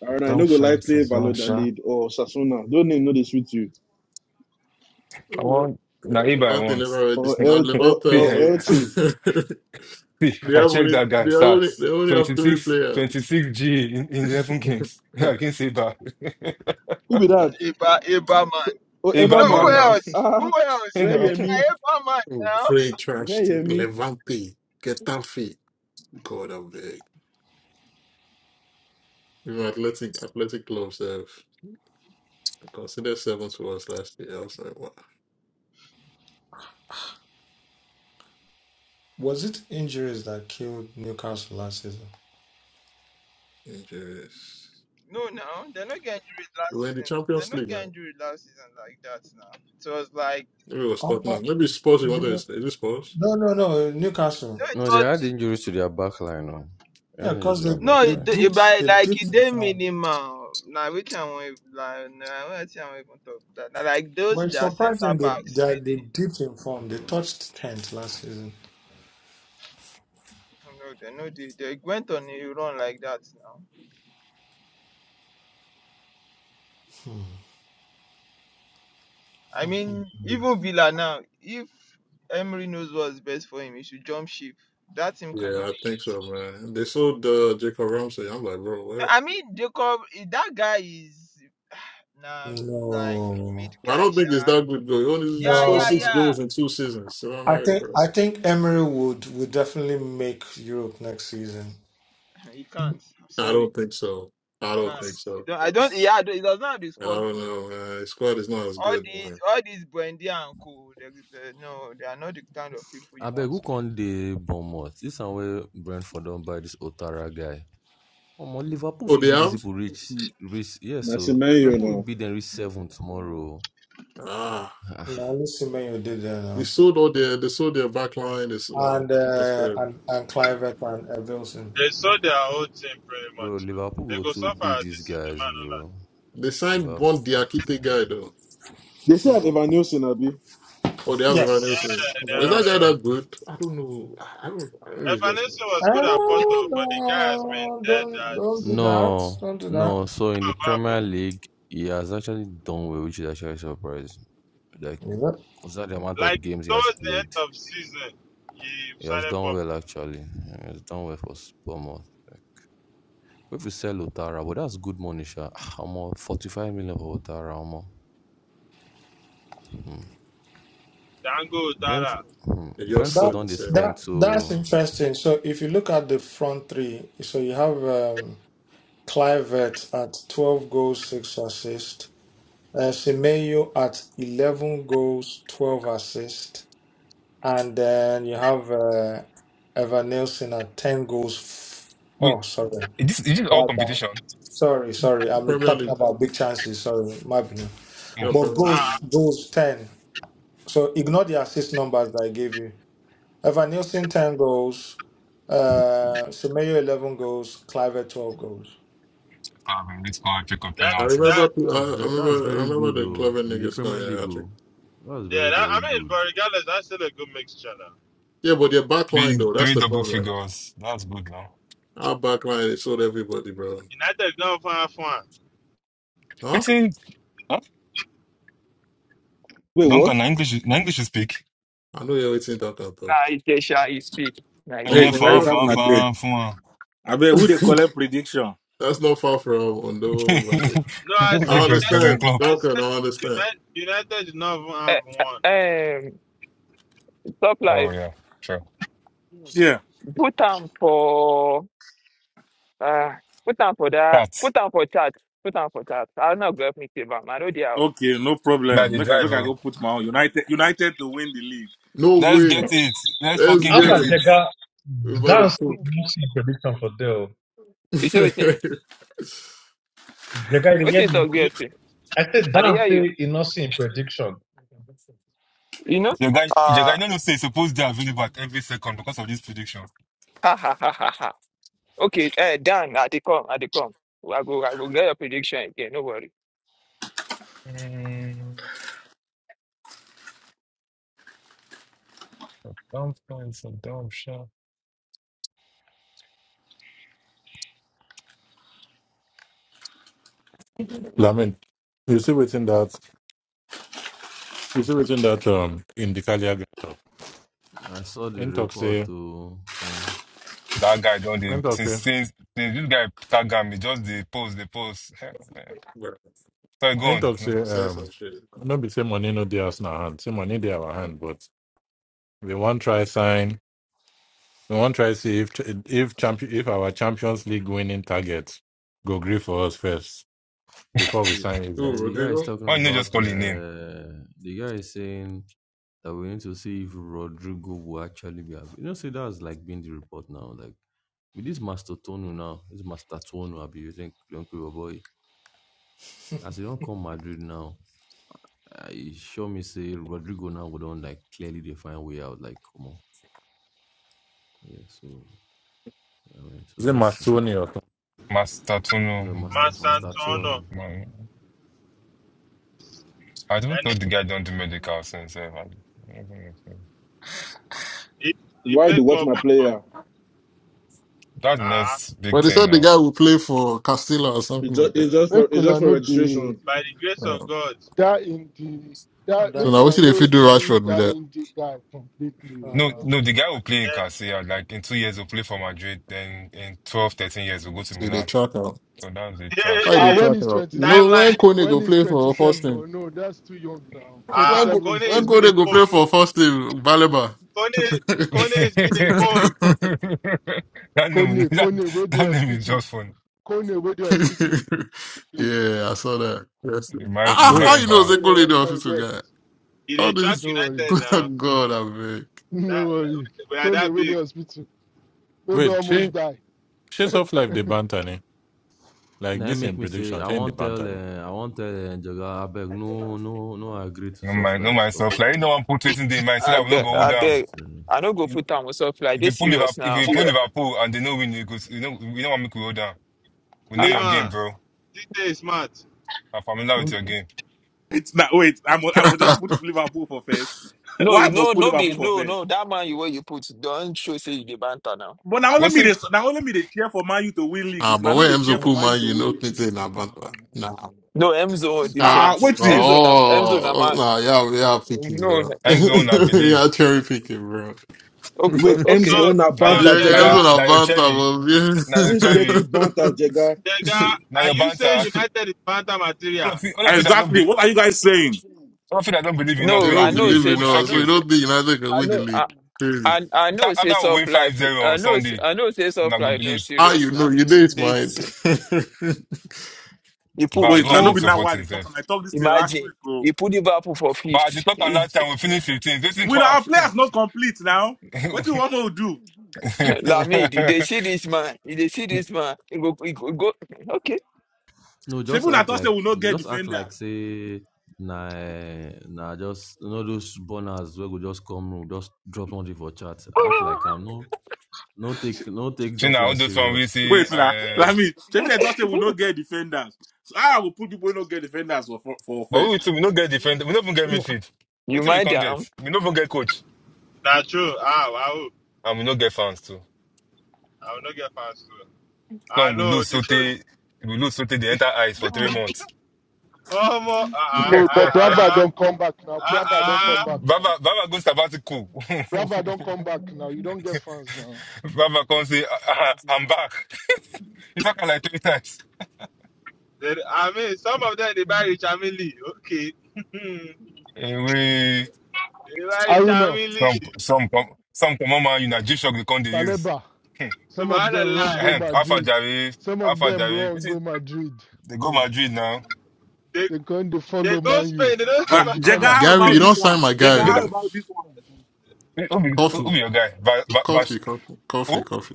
Speaker 16: and I no
Speaker 4: Don't
Speaker 16: go like
Speaker 4: face a
Speaker 16: play
Speaker 4: gunshot.
Speaker 16: Valladolid or Sasuna. Don't name know they sweet you
Speaker 4: I want Naiba I
Speaker 9: Levante
Speaker 4: want.
Speaker 9: never
Speaker 4: See,
Speaker 9: heard
Speaker 16: or
Speaker 9: this. Now
Speaker 16: El or
Speaker 9: Levante are
Speaker 16: or
Speaker 4: eh, ah,
Speaker 16: Elche.
Speaker 9: what?
Speaker 4: see,
Speaker 9: They
Speaker 4: I
Speaker 9: have
Speaker 4: checked
Speaker 9: only
Speaker 4: that guy
Speaker 9: they have only
Speaker 4: stats.
Speaker 9: they only have
Speaker 4: Twenty
Speaker 9: three
Speaker 4: six, twenty
Speaker 9: players.
Speaker 4: six G in, in 11 games against Iba.
Speaker 16: Who be that?
Speaker 1: Iba, Iba
Speaker 16: So, or
Speaker 1: man. No,
Speaker 4: Iba
Speaker 1: who
Speaker 4: man
Speaker 16: Eberman.
Speaker 4: now.
Speaker 1: else? Who
Speaker 16: Ah,
Speaker 4: you
Speaker 1: else?
Speaker 16: where
Speaker 4: know.
Speaker 16: you me?
Speaker 1: Iba man now.
Speaker 9: Free trash
Speaker 16: Where
Speaker 9: to
Speaker 16: you me?
Speaker 9: Levante, Getafe, God I'm big. You know, athletic athletic clubs have considered seven to us last year. I was like, wow,
Speaker 13: Was it injuries that killed Newcastle last season?
Speaker 9: injuries.
Speaker 1: No, no, they're not getting injured last
Speaker 9: We're in the
Speaker 1: season. They're
Speaker 9: Champions
Speaker 1: not
Speaker 9: League
Speaker 1: getting
Speaker 9: now.
Speaker 1: injured last season like that now. It was like,
Speaker 9: Maybe it was
Speaker 13: I'm
Speaker 9: Tottenham.
Speaker 13: not
Speaker 9: Maybe it's Spurs you wanted to say. Is it Spurs?
Speaker 13: No, no, no, Newcastle.
Speaker 1: no, it
Speaker 18: No, they
Speaker 1: was
Speaker 18: had injuries to their back line. No. They
Speaker 13: Yeah,
Speaker 18: had injuries
Speaker 13: because
Speaker 18: to
Speaker 13: they,
Speaker 18: their back
Speaker 1: No,
Speaker 13: they
Speaker 1: it, d-
Speaker 18: line.
Speaker 1: it
Speaker 13: dipped
Speaker 1: by
Speaker 13: they
Speaker 1: like
Speaker 13: dipped
Speaker 1: it
Speaker 13: in
Speaker 1: dey
Speaker 13: form.
Speaker 1: minimal. now. which I want like nah, I want even talk that. Nah, like those
Speaker 13: But it's
Speaker 1: their centre
Speaker 13: surprising they,
Speaker 1: backs
Speaker 13: that they
Speaker 1: really.
Speaker 13: dipped in form. They touched tenth last season.
Speaker 1: No, they no dey- they went on a run like that now. I mean, even Villa now, if Emery knows what's best for him, he should jump ship. That team cannot
Speaker 9: Yeah,
Speaker 1: make
Speaker 9: I think so,
Speaker 1: it.
Speaker 9: man. They sold uh, Jacob Ramsey. I'm like, bro, what?
Speaker 1: I mean, Jacob, eh, that guy is nah
Speaker 13: Mhm.
Speaker 1: like
Speaker 13: no.
Speaker 1: mid
Speaker 9: Well, I
Speaker 1: guy,
Speaker 9: don't think it's
Speaker 1: sha.
Speaker 9: that good goal. He only
Speaker 1: Yeah,
Speaker 9: scored
Speaker 1: yeah,
Speaker 13: No.
Speaker 9: six
Speaker 1: yeah.
Speaker 9: goals in two seasons. So I
Speaker 13: I
Speaker 9: don't,
Speaker 13: think
Speaker 9: bro.
Speaker 13: I think Emery would would definitely make Europe next season.
Speaker 1: He can't. I'm
Speaker 9: I
Speaker 1: sorry,
Speaker 9: don't think so.
Speaker 1: he
Speaker 9: I don't
Speaker 1: can't.
Speaker 9: think
Speaker 1: He
Speaker 9: so.
Speaker 1: don't, I don't. Yeah, I he does not have the
Speaker 9: And I
Speaker 1: squad
Speaker 9: don't
Speaker 1: for. it.
Speaker 9: know, man. His squad is not as
Speaker 1: all
Speaker 9: good,
Speaker 1: these
Speaker 9: man.
Speaker 1: all these brandy and co they, they, no they are not the kind of people you
Speaker 18: I beg
Speaker 1: want
Speaker 18: who
Speaker 1: to
Speaker 18: can dey Bournemouth? This and where Brentford don't buy this Otara guy. Omo Liverpool
Speaker 9: Oh,
Speaker 18: will
Speaker 9: they
Speaker 18: beat this
Speaker 9: have?
Speaker 18: people reach reach Yes,
Speaker 16: That's a
Speaker 18: so
Speaker 16: man you
Speaker 18: Liverpool will
Speaker 16: know.
Speaker 18: beat them reach seven tomorrow.
Speaker 9: Ah.
Speaker 18: Ah,
Speaker 13: Now listen when did that
Speaker 9: They sold all their they sold their back line. They, s- well,
Speaker 13: and
Speaker 9: that's
Speaker 13: uh,
Speaker 9: bad.
Speaker 13: and and Clivert and uh, Wilson.
Speaker 12: They saw their whole team pretty
Speaker 18: Bro,
Speaker 12: much. Man. They
Speaker 18: Liverpool go
Speaker 12: go
Speaker 18: to
Speaker 12: so
Speaker 18: beat
Speaker 12: far
Speaker 18: these
Speaker 12: this is the
Speaker 18: guys,
Speaker 12: man on
Speaker 18: bro.
Speaker 12: that.
Speaker 9: They signed
Speaker 18: Well,
Speaker 9: one
Speaker 18: ah,
Speaker 9: Diakite
Speaker 18: mm.
Speaker 9: guy though.
Speaker 16: They say I have
Speaker 9: Oh,
Speaker 16: Evanilson Abi.
Speaker 9: oh, they have Evan
Speaker 12: Yeah,
Speaker 9: Nelson.
Speaker 13: Yes, and
Speaker 12: they
Speaker 13: then
Speaker 9: Was
Speaker 12: have
Speaker 9: that guy
Speaker 13: Wilson.
Speaker 12: everyone.
Speaker 9: that good? I don't know. I don't I don't know. It's just
Speaker 12: Evanesa was
Speaker 13: Uh,
Speaker 12: good at Porto, but the guy has been
Speaker 13: no,
Speaker 12: dead
Speaker 13: don't don't do
Speaker 12: at
Speaker 13: that.
Speaker 18: no,
Speaker 13: Don't do that.
Speaker 18: no. So in the Premier
Speaker 12: Bababo.
Speaker 18: League, he has actually done well, which is actually surprising. Like
Speaker 13: Yeah.
Speaker 18: consider the amount
Speaker 12: Like
Speaker 18: of games he has
Speaker 12: towards the end
Speaker 18: played,
Speaker 12: of season, he
Speaker 18: he has
Speaker 12: started
Speaker 18: done
Speaker 12: popping.
Speaker 18: well actually. He has done well for s- Bournemouth. yeah. But If you sell Otara, but that's good money, sha. Almost forty-five million for Otara, almost. Hmm.
Speaker 12: Dango, Dada.
Speaker 18: Brentford, hmm.
Speaker 9: they just sell
Speaker 18: Brentford
Speaker 13: That
Speaker 9: selling
Speaker 18: don't they
Speaker 9: selling.
Speaker 13: that
Speaker 18: spend
Speaker 13: that's
Speaker 18: so.
Speaker 13: interesting. So if you look at the front three, so you have um, Clivert at twelve goals, six assists. Uh, Semenyo at eleven goals, twelve assists, and then you have uh, Evan Nielsen at ten goals. f-
Speaker 4: Wait,
Speaker 13: oh, sorry.
Speaker 4: is this, is this all
Speaker 13: Bad, bad.
Speaker 4: competition?
Speaker 13: Sorry, sorry. I'm
Speaker 9: Premier
Speaker 13: talking
Speaker 9: League.
Speaker 13: about big chances. Sorry, my opinion.
Speaker 4: Yeah.
Speaker 9: Yeah,
Speaker 13: But
Speaker 9: Premier League.
Speaker 12: Ah,
Speaker 13: goals, goals, ten. So ignore the assist numbers that I gave you. Evan Nielsen ten goals, uh, Semedo eleven goals, Clive twelve goals.
Speaker 4: I've been rich score, pick up
Speaker 12: that,
Speaker 9: I remember,
Speaker 4: penalties.
Speaker 12: that,
Speaker 9: I,
Speaker 18: That's
Speaker 9: I
Speaker 18: very that's
Speaker 9: remember, I
Speaker 18: very
Speaker 9: remember
Speaker 18: good
Speaker 9: the
Speaker 18: oh
Speaker 9: clever
Speaker 18: in the
Speaker 9: niggas
Speaker 18: Premier
Speaker 9: coming
Speaker 18: League
Speaker 9: out.
Speaker 18: oh. That's
Speaker 12: yeah,
Speaker 18: very
Speaker 12: that,
Speaker 18: very
Speaker 12: I mean, but
Speaker 18: good.
Speaker 12: regardless, that's still a good mixture. Now.
Speaker 9: Yeah, but their backline
Speaker 4: Three,
Speaker 9: though, that's
Speaker 4: three
Speaker 9: the
Speaker 4: double
Speaker 9: problem.
Speaker 4: figures. That's good now.
Speaker 9: Our backline is sold everybody, bro.
Speaker 12: United is not far from one.
Speaker 9: Huh?
Speaker 4: It's in, huh?
Speaker 16: Wait, what?
Speaker 4: Duncan, na English, na English you speak.
Speaker 9: I know you're waiting that can
Speaker 1: Nah,
Speaker 9: talk.
Speaker 1: Idesha is sweet. Nah,
Speaker 4: And
Speaker 9: Oh,
Speaker 25: Hey
Speaker 4: yeah,
Speaker 9: for
Speaker 1: Idesha
Speaker 4: far,
Speaker 25: guys,
Speaker 9: real?
Speaker 1: is
Speaker 25: how
Speaker 4: far,
Speaker 25: my
Speaker 1: sweet.
Speaker 25: day?
Speaker 4: far, far.
Speaker 25: I bet who they collect prediction?
Speaker 9: that's not far from Ondo, London.
Speaker 4: Go
Speaker 12: No, I said
Speaker 9: I
Speaker 4: with your Jurgen
Speaker 9: understand,
Speaker 12: United,
Speaker 4: Klopp.
Speaker 12: I
Speaker 9: Duncan.
Speaker 12: said
Speaker 9: I understand.
Speaker 12: United, United is not far
Speaker 1: Eh,
Speaker 12: from one.
Speaker 1: eh, um, top
Speaker 4: Oh
Speaker 1: life.
Speaker 4: yeah, sure.
Speaker 25: Yeah.
Speaker 1: Put on for uh, put on for that.
Speaker 4: That.
Speaker 1: Put on for chat. Put on for chat. I'll not go help me save am. I know the house.
Speaker 25: Okay, no
Speaker 4: Now
Speaker 25: problem.
Speaker 4: they
Speaker 25: Make I
Speaker 4: drive,
Speaker 25: make I
Speaker 4: oh.
Speaker 25: go put my own United United to win the league.
Speaker 9: No
Speaker 4: Let's
Speaker 9: way.
Speaker 4: get it. Let's
Speaker 9: Let's
Speaker 4: fucking
Speaker 9: get
Speaker 6: Alpha
Speaker 4: get
Speaker 9: it
Speaker 4: it.
Speaker 6: Jega,
Speaker 9: without a
Speaker 6: dance
Speaker 9: cook.
Speaker 6: not in prediction for Dell.
Speaker 1: you say waiting.
Speaker 6: Jega, you hear
Speaker 1: Waiting
Speaker 6: me?
Speaker 1: talk
Speaker 12: You,
Speaker 1: BSP.
Speaker 6: I said
Speaker 1: I dey
Speaker 6: dance
Speaker 1: hear you.
Speaker 6: in not in prediction.
Speaker 1: You know?
Speaker 4: The guy, the
Speaker 1: Uh,
Speaker 4: guy, no, no, say, suppose they're available at every second because of this prediction.
Speaker 1: ha ha ha ha. Okay, uh, Dan, I they come, I they come. I go, I go get your prediction again. No worry.
Speaker 4: Mm, don't find some dumb shit.
Speaker 10: I mean, you see within that, you see within that um in the Kalia talk.
Speaker 18: I saw the
Speaker 10: In talk
Speaker 18: report
Speaker 10: say,
Speaker 18: oh. Hmm.
Speaker 4: That guy don't they
Speaker 10: in talk
Speaker 4: since
Speaker 10: say,
Speaker 4: since, since this guy tag am, he just the post the post.
Speaker 9: Bro,
Speaker 4: So go
Speaker 10: in
Speaker 4: on.
Speaker 10: talk say,
Speaker 9: i saying some
Speaker 10: um,
Speaker 9: shit.
Speaker 10: not be say money no dey us na hand, say money dey our hand, but we want try sign. We want try see if if champion if our Champions League winning target go agree for us first before we
Speaker 18: Yeah,
Speaker 10: sign
Speaker 9: Who,
Speaker 18: yeah,
Speaker 10: Eze.
Speaker 18: the guy is
Speaker 9: Rodrigo?
Speaker 18: talking
Speaker 4: Why not
Speaker 18: about
Speaker 4: just call his name?
Speaker 18: uh, the guy is saying that we need to see if Rodrigo will actually be available. You know, see, that's like being the report now. Like with this Master Tonu now, this Master Tonu, I be using Leon boy. As he don't come Madrid now, I sure me say Rodrigo now would don't like clearly define way out. Like come on, yeah. So I mean, so
Speaker 10: Is it
Speaker 18: let's see.
Speaker 10: Masoni or something?
Speaker 4: Master Tuno.
Speaker 18: No Master
Speaker 12: Master
Speaker 4: Master-
Speaker 18: Master
Speaker 12: Antonio,
Speaker 18: Tonu.
Speaker 4: Man, I don't
Speaker 12: and
Speaker 4: thought the guy don't do medical since. eh, man.
Speaker 12: he, he he
Speaker 16: Why they
Speaker 12: played
Speaker 16: watch
Speaker 12: club.
Speaker 16: my player?
Speaker 4: That's the
Speaker 12: Ah,
Speaker 4: next big
Speaker 9: Well, they
Speaker 4: thing
Speaker 9: said the
Speaker 4: now.
Speaker 9: guy will play for Castilla or something
Speaker 16: It's just
Speaker 9: like that.
Speaker 16: it's just for
Speaker 17: Make
Speaker 16: it's just
Speaker 17: una
Speaker 16: for
Speaker 17: no dey
Speaker 16: registration.
Speaker 12: by the grace of
Speaker 9: Um,
Speaker 12: God.
Speaker 17: that indie that
Speaker 9: so
Speaker 17: make
Speaker 9: now
Speaker 13: That's
Speaker 9: we
Speaker 17: una
Speaker 9: see if you
Speaker 17: know.
Speaker 9: do
Speaker 13: interesting.
Speaker 17: believe
Speaker 9: Rashford with
Speaker 17: that
Speaker 9: that.
Speaker 17: in the guy completely. oh.
Speaker 4: No,
Speaker 13: Uh,
Speaker 4: no, the guy will play in
Speaker 12: yeah.
Speaker 4: Casilla. Like in two years, he'll play for Madrid. Then in 12, 13 years, he'll go to
Speaker 9: So they
Speaker 4: Milan.
Speaker 9: track out.
Speaker 4: So that's the track.
Speaker 9: Why
Speaker 17: Ah,
Speaker 9: they
Speaker 17: when
Speaker 9: track
Speaker 17: he's
Speaker 9: out?
Speaker 17: 20
Speaker 9: You know when
Speaker 12: Timeline.
Speaker 9: Kone
Speaker 17: when
Speaker 9: go
Speaker 17: he's
Speaker 9: play for first
Speaker 17: 27,
Speaker 9: team?
Speaker 17: oh, no, that's too young now.
Speaker 9: Why
Speaker 12: Ah,
Speaker 9: go,
Speaker 17: 27
Speaker 12: Kone
Speaker 17: is
Speaker 9: why
Speaker 17: too
Speaker 12: has
Speaker 9: go
Speaker 12: been
Speaker 17: young.
Speaker 12: a
Speaker 9: they go play
Speaker 12: coach.
Speaker 9: for first team, Baleba?
Speaker 12: Kone, Kone has been a coach.
Speaker 4: That name,
Speaker 17: Kone,
Speaker 4: that,
Speaker 17: Kone, where the
Speaker 4: that name is
Speaker 17: hospital?
Speaker 4: just fun.
Speaker 17: Kone, where the hospital? Play.
Speaker 9: yeah, I saw that. Yes.
Speaker 4: You might,
Speaker 9: Ah,
Speaker 4: you
Speaker 9: ah, how
Speaker 10: Wait,
Speaker 9: you
Speaker 4: might,
Speaker 9: know
Speaker 4: uh,
Speaker 17: Where the
Speaker 9: Zekoli in
Speaker 17: hell
Speaker 9: the
Speaker 17: can you go
Speaker 9: hospital guy?
Speaker 17: hospital?
Speaker 12: He they
Speaker 9: All
Speaker 12: track
Speaker 9: this
Speaker 17: No worry,
Speaker 12: United now.
Speaker 9: God I beg.
Speaker 17: no
Speaker 12: That,
Speaker 17: worry.
Speaker 12: we are
Speaker 17: Kone,
Speaker 12: that
Speaker 17: where the
Speaker 12: big.
Speaker 17: hospital? Where they
Speaker 10: wait,
Speaker 17: almost
Speaker 10: change
Speaker 17: die.
Speaker 10: tough life the banter ne? Like
Speaker 18: Now
Speaker 10: this in
Speaker 18: make me say
Speaker 10: prediction,
Speaker 18: I
Speaker 10: change the
Speaker 18: won't tell
Speaker 10: banter ne?
Speaker 18: uh, I not tell uh, Njoga abeg no no no I agree to
Speaker 4: no
Speaker 18: soft
Speaker 4: mind, no
Speaker 18: life stuff
Speaker 4: myself. Like, you
Speaker 18: abeg.
Speaker 4: know, I'm put waiting day, man. see
Speaker 1: I
Speaker 4: that we don't
Speaker 1: beg,
Speaker 4: go
Speaker 18: No
Speaker 4: hold
Speaker 1: I
Speaker 18: not my
Speaker 4: down.
Speaker 1: beg. I
Speaker 18: serious.
Speaker 1: no go put on myself like
Speaker 4: If
Speaker 1: they
Speaker 4: you pull
Speaker 1: serious
Speaker 4: Liverpool, if
Speaker 1: now.
Speaker 4: you pull Liverpool and they know win, you go, you know, we don't want me to hold down. We know
Speaker 1: Ah, uh
Speaker 4: your game,
Speaker 12: Liver,
Speaker 4: bro.
Speaker 12: this day is smart.
Speaker 4: I'm familiar with your
Speaker 1: No,
Speaker 4: game.
Speaker 25: It's not wait, I'm I'm just put Liverpool for first. Why
Speaker 1: you
Speaker 25: I
Speaker 1: know,
Speaker 25: must put
Speaker 1: no
Speaker 25: Liverpool
Speaker 1: be
Speaker 25: for
Speaker 1: no,
Speaker 25: first?
Speaker 1: no. That man you where you put don't show say you the banter now.
Speaker 25: But now let
Speaker 4: What's
Speaker 25: me
Speaker 4: it?
Speaker 25: this now let me they cheer for Man U to win league.
Speaker 9: ah,
Speaker 25: If
Speaker 9: but
Speaker 25: I no they
Speaker 9: when
Speaker 25: cheer
Speaker 9: Emzo
Speaker 25: for Man U
Speaker 9: Puma,
Speaker 25: to
Speaker 9: you
Speaker 25: win
Speaker 9: know
Speaker 25: league.
Speaker 9: Clinton na Bantwa. Nah.
Speaker 1: No, M zone no
Speaker 25: Ah,
Speaker 9: Ah,
Speaker 25: uh,
Speaker 1: different.
Speaker 9: nah,
Speaker 1: M
Speaker 25: waiting.
Speaker 1: zone, M zone, am
Speaker 9: oh,
Speaker 1: I?
Speaker 9: nah, y'all, y'all picky,
Speaker 1: No,
Speaker 9: bro.
Speaker 4: End zone, I believe.
Speaker 9: y'all cherry picking, bro.
Speaker 1: okay,
Speaker 16: Wait,
Speaker 12: So,
Speaker 1: okay.
Speaker 16: Enzo on a
Speaker 4: Now your,
Speaker 12: so
Speaker 16: Banta
Speaker 9: Jenga
Speaker 4: now your,
Speaker 12: Dega,
Speaker 9: Emzo
Speaker 16: Jega.
Speaker 9: na
Speaker 4: now your
Speaker 9: Bantwa,
Speaker 4: cherry, now your
Speaker 16: Which dirty
Speaker 4: cherry,
Speaker 16: Banta
Speaker 9: bro.
Speaker 16: Jega?
Speaker 12: Dega,
Speaker 4: now
Speaker 12: are
Speaker 4: your
Speaker 12: you saying
Speaker 4: banter.
Speaker 12: United is Fanta
Speaker 4: All
Speaker 12: material?
Speaker 4: of you, all of you that don't
Speaker 25: Exactly.
Speaker 4: believe,
Speaker 25: What are you guys saying?
Speaker 4: all of you that don't believe in not
Speaker 9: They
Speaker 1: No,
Speaker 4: winning
Speaker 1: I
Speaker 9: don't
Speaker 4: the
Speaker 1: know.
Speaker 4: league,
Speaker 9: believe
Speaker 4: will
Speaker 9: in
Speaker 1: Said I
Speaker 9: us,
Speaker 4: shock
Speaker 9: so
Speaker 1: know.
Speaker 9: you
Speaker 4: you.
Speaker 1: Say
Speaker 9: don't think United can
Speaker 1: I
Speaker 9: win the
Speaker 1: know.
Speaker 9: league. Crazy.
Speaker 1: I I
Speaker 4: After,
Speaker 1: know say
Speaker 4: after we win
Speaker 1: soft
Speaker 4: five
Speaker 1: life.
Speaker 4: zero on
Speaker 1: I know s-
Speaker 4: Sunday,
Speaker 1: I know say
Speaker 4: you
Speaker 1: soft
Speaker 4: not go
Speaker 1: life no
Speaker 4: believe.
Speaker 9: How
Speaker 1: serious
Speaker 9: you know?
Speaker 1: now.
Speaker 9: You know it's mine.
Speaker 1: This you put
Speaker 4: Val,
Speaker 1: you
Speaker 4: who
Speaker 25: Wait, now
Speaker 4: are
Speaker 25: no
Speaker 4: you
Speaker 25: be
Speaker 1: put
Speaker 25: now why they
Speaker 4: supporting,
Speaker 25: talk
Speaker 4: Seth?
Speaker 25: I talked this thing last
Speaker 1: imagine
Speaker 25: week, bro.
Speaker 1: you put the Liverpool for
Speaker 4: But at the
Speaker 1: fifth.
Speaker 4: top and last time we finished 15th. Waiting
Speaker 25: With
Speaker 4: to
Speaker 25: our players not complete now, what
Speaker 4: happen.
Speaker 25: do you want to do?
Speaker 1: Lamid, they see this man, if they see this man, it go, it go, go okay.
Speaker 18: No just
Speaker 25: Shebu na
Speaker 18: act
Speaker 25: thought say
Speaker 18: like
Speaker 25: we no get
Speaker 18: just act like
Speaker 25: defenders.
Speaker 18: say nah, eh, na just you know those burners wey go just come room just drop something for chat. Act like i am no no take no take
Speaker 4: See
Speaker 18: soft
Speaker 4: now, all
Speaker 18: life
Speaker 4: those one we
Speaker 18: serious.
Speaker 4: see.
Speaker 25: Wait now.
Speaker 4: Uh,
Speaker 25: I mean, Sheffield United will not get defenders. So I will put people who not get defenders for for, for
Speaker 4: but
Speaker 25: offense.
Speaker 4: we too, we don't get defend. We don't even get midfield.
Speaker 1: You
Speaker 4: Waiting we
Speaker 1: mind
Speaker 4: can't get.
Speaker 1: them,
Speaker 4: We don't even get coach,
Speaker 12: That's true. Ah, wow.
Speaker 4: and we don't get fans too.
Speaker 12: I will not get past you. I
Speaker 4: Some we
Speaker 12: know
Speaker 4: lose
Speaker 12: the
Speaker 4: Sote,
Speaker 12: truth.
Speaker 4: we lose Sote the entire ice for three months.
Speaker 12: Oh, more. Ah, ah,
Speaker 17: No, but
Speaker 12: ah,
Speaker 17: Brava
Speaker 12: ah,
Speaker 17: don't come back now.
Speaker 12: ah. ah,
Speaker 17: Brava don't come
Speaker 12: ah.
Speaker 17: back
Speaker 4: Baba,
Speaker 17: now.
Speaker 4: Baba goes sabbatical.
Speaker 17: Brava don't come back now. You don't get fans now.
Speaker 4: Baba come say, "Ah, ah, I'm back. He talk am like three times.
Speaker 12: They- I mean, some of them they buy Rich Lee. Okay. they
Speaker 4: Eh, we
Speaker 12: buy
Speaker 17: Aruna,
Speaker 12: Rich
Speaker 4: some
Speaker 12: Lee.
Speaker 4: some com- some common man you na G-Shock they come dey use.
Speaker 17: Paleba,
Speaker 4: Hmm.
Speaker 17: some of them wrong
Speaker 12: Subhanallah.
Speaker 17: go
Speaker 4: Ahem,
Speaker 13: James,
Speaker 4: Alpha
Speaker 17: Madrid.
Speaker 4: Jare,
Speaker 17: Some of
Speaker 4: Alpha
Speaker 17: them
Speaker 4: Jare.
Speaker 17: wrong go
Speaker 4: Wetin
Speaker 17: Madrid.
Speaker 4: they go
Speaker 17: Hmm.
Speaker 4: Madrid now?
Speaker 12: They
Speaker 17: They come to
Speaker 12: they
Speaker 17: follow
Speaker 12: go
Speaker 17: man you
Speaker 12: Spain. They don't
Speaker 25: Uh,
Speaker 12: see
Speaker 17: from
Speaker 12: my-
Speaker 17: the
Speaker 18: Uh
Speaker 25: Jega,
Speaker 17: corner.
Speaker 18: uh
Speaker 25: how
Speaker 9: Gary,
Speaker 25: about
Speaker 9: you
Speaker 4: See,
Speaker 25: this
Speaker 9: don't
Speaker 25: one?
Speaker 9: sign my guy.
Speaker 25: Jega,
Speaker 17: Mm.
Speaker 4: Make
Speaker 25: how
Speaker 9: oh.
Speaker 25: about this one?
Speaker 4: I, who be who
Speaker 9: Coffee,
Speaker 4: be your guy? Ba, ba, Bash-
Speaker 9: coffee, coffee, coffee,
Speaker 4: who?
Speaker 9: coffee.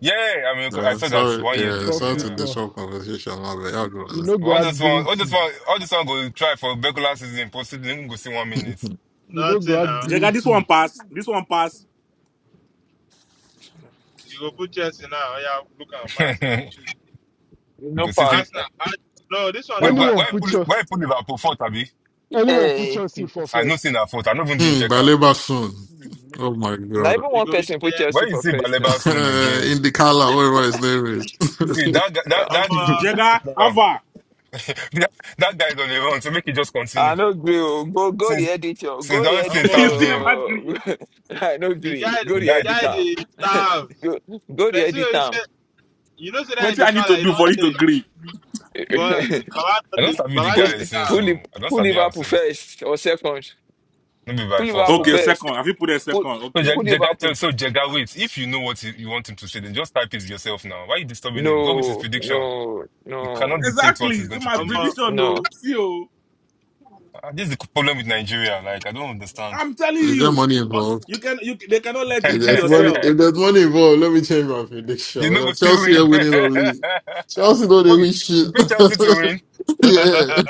Speaker 4: Yeah, I mean I
Speaker 9: Yeah,
Speaker 4: saw that
Speaker 9: sorry,
Speaker 4: one year
Speaker 9: yeah,
Speaker 4: deal.
Speaker 9: sorry
Speaker 17: Coffee,
Speaker 9: to
Speaker 4: Yeah,
Speaker 17: co.
Speaker 9: disrupt conversation. My bad. I'll go
Speaker 17: You
Speaker 9: on
Speaker 17: know,
Speaker 4: But
Speaker 17: go
Speaker 4: all
Speaker 17: add
Speaker 4: this one,
Speaker 17: green
Speaker 4: all this
Speaker 17: tea.
Speaker 4: one, all this one go try for regular season. Post season, go see one minute.
Speaker 9: that.
Speaker 17: You know, go
Speaker 12: nothing
Speaker 17: add
Speaker 12: now.
Speaker 17: green
Speaker 25: Jega, this one
Speaker 17: tea.
Speaker 25: pass. This one pass.
Speaker 12: You
Speaker 13: so
Speaker 12: go put Chelsea now. Oh, yeah, look at Marcel.
Speaker 1: no
Speaker 4: go see.
Speaker 1: part.
Speaker 4: say-
Speaker 12: Arsenal.
Speaker 17: Eh,
Speaker 12: Ar- No, this one
Speaker 4: Wait,
Speaker 12: no
Speaker 4: where
Speaker 12: bad
Speaker 17: Anyone
Speaker 4: where he
Speaker 12: now.
Speaker 17: put
Speaker 4: put
Speaker 17: your
Speaker 4: where he put Liverpool for Tabi?
Speaker 17: anyone put
Speaker 1: Hey,
Speaker 17: your seat for
Speaker 4: I know seen
Speaker 17: first.
Speaker 4: her photo. I not even did
Speaker 9: Hmm,
Speaker 4: check her.
Speaker 9: Baleba soon. Oh my
Speaker 1: not
Speaker 9: god.
Speaker 1: even
Speaker 12: You
Speaker 1: one
Speaker 12: go be.
Speaker 1: person put Chelsea
Speaker 4: When you
Speaker 1: for
Speaker 4: see
Speaker 1: first now.
Speaker 4: Baleba soon
Speaker 9: Uh,
Speaker 4: again,
Speaker 9: Indicala, whatever his name is.
Speaker 4: see that guy,
Speaker 1: Yeah.
Speaker 4: that that
Speaker 12: Um,
Speaker 25: Jega,
Speaker 4: that, guy right
Speaker 25: Ava.
Speaker 4: now, that, that guy is on the run. So make it just
Speaker 1: I
Speaker 4: continue.
Speaker 1: no agree. oh. Go go the
Speaker 4: Since
Speaker 1: editor.
Speaker 4: since
Speaker 1: Go the
Speaker 4: that thing
Speaker 12: Omo,
Speaker 1: editor.
Speaker 25: you
Speaker 4: tagged
Speaker 25: still
Speaker 4: him,
Speaker 25: never agree.
Speaker 1: I no
Speaker 12: the
Speaker 1: agree.
Speaker 12: guy,
Speaker 1: Go
Speaker 4: the
Speaker 1: the
Speaker 12: the
Speaker 4: guy
Speaker 12: guy,
Speaker 1: editor.
Speaker 12: dey starve.
Speaker 1: go go the
Speaker 12: Person wey
Speaker 1: editor.
Speaker 12: say, you know, say that
Speaker 25: what
Speaker 12: in
Speaker 25: do
Speaker 12: the
Speaker 25: I need
Speaker 12: car,
Speaker 25: to
Speaker 12: like, you
Speaker 25: do
Speaker 12: don't
Speaker 25: for you to
Speaker 12: take.
Speaker 25: agree?
Speaker 12: But Baba,
Speaker 4: I
Speaker 12: not
Speaker 4: don't
Speaker 12: dey-
Speaker 4: sabi the
Speaker 12: Baba, they
Speaker 1: Put
Speaker 4: guy since
Speaker 12: starve.
Speaker 4: so
Speaker 1: put Li-
Speaker 4: I don't
Speaker 1: put
Speaker 4: sabi him
Speaker 1: Liverpool
Speaker 4: since.
Speaker 1: first or second.
Speaker 4: Not be by
Speaker 1: Put
Speaker 4: force
Speaker 1: Liverpool
Speaker 4: now.
Speaker 25: Okay,
Speaker 1: first.
Speaker 25: second. Have you put a
Speaker 1: Put
Speaker 25: second?
Speaker 4: So
Speaker 25: Okay.
Speaker 4: Je-
Speaker 1: put
Speaker 4: Jega tell
Speaker 1: Liverpool.
Speaker 4: so Jega wait. If you know what you you want him to say, then just type it yourself now. Why are you disturbing him? Go with his
Speaker 1: No,
Speaker 4: prediction.
Speaker 1: no,
Speaker 4: You cannot
Speaker 1: no,
Speaker 4: detect what
Speaker 25: Exactly.
Speaker 4: he's
Speaker 25: It's
Speaker 4: going to
Speaker 25: my
Speaker 12: Omo,
Speaker 4: predict.
Speaker 25: prediction
Speaker 1: no.
Speaker 25: though. See oh.
Speaker 4: Ah, this is the problem with Nigeria. Like I don't understand.
Speaker 25: I'm telling
Speaker 9: is there
Speaker 25: you.
Speaker 9: money involved?
Speaker 25: You can you they cannot let you
Speaker 9: If
Speaker 25: be
Speaker 9: there's money,
Speaker 25: yourself.
Speaker 9: if there's money involved, let me change my prediction.
Speaker 4: You're
Speaker 9: You
Speaker 4: not
Speaker 9: know,
Speaker 4: gonna still
Speaker 9: Chelsea are
Speaker 4: win.
Speaker 9: winning or league. Chelsea know they
Speaker 4: oh, you
Speaker 9: win shit.
Speaker 4: you pick Chelsea to win.
Speaker 9: yeah,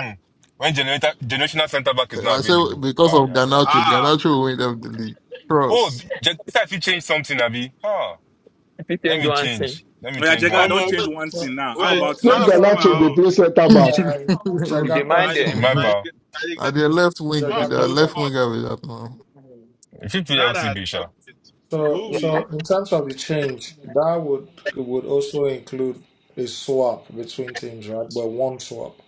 Speaker 4: Hmm. When generator, generational centre back is not
Speaker 9: I said
Speaker 4: available.
Speaker 9: because
Speaker 4: Oh
Speaker 9: of
Speaker 4: yeah, yeah.
Speaker 9: Ganacho,
Speaker 12: ah,
Speaker 9: Ganacho will win them the league.
Speaker 4: Oh,
Speaker 9: Cross.
Speaker 4: gen- if I fit change something, Abi. Ah,
Speaker 1: If you
Speaker 4: let
Speaker 1: change
Speaker 4: me
Speaker 1: one thing,
Speaker 4: change. Let me
Speaker 25: Oh yeah,
Speaker 4: change
Speaker 25: Jega, I
Speaker 4: one
Speaker 25: don't
Speaker 12: Omo,
Speaker 25: change
Speaker 4: thing.
Speaker 12: wait,
Speaker 25: one thing now. How
Speaker 12: wait,
Speaker 13: so
Speaker 25: about
Speaker 13: so
Speaker 17: Straight
Speaker 25: now?
Speaker 12: man, people
Speaker 13: sorry.
Speaker 17: Ganacho
Speaker 12: my
Speaker 17: go play
Speaker 12: own.
Speaker 17: center back.
Speaker 13: Uh,
Speaker 1: you
Speaker 13: Jaga
Speaker 1: demand.
Speaker 12: Why they,
Speaker 13: question.
Speaker 1: them.
Speaker 12: why
Speaker 4: Remember,
Speaker 12: they, why they
Speaker 9: At
Speaker 12: get
Speaker 9: their left wing,
Speaker 12: man,
Speaker 13: Jaga
Speaker 9: their
Speaker 12: put
Speaker 13: question.
Speaker 9: left
Speaker 12: fuck.
Speaker 9: winger with that now.
Speaker 4: if you play
Speaker 12: Now that
Speaker 4: LCB, sure.
Speaker 13: So,
Speaker 12: who
Speaker 13: so
Speaker 12: we,
Speaker 13: in terms of the change, that would would also include a swap between teams, right? But one swap.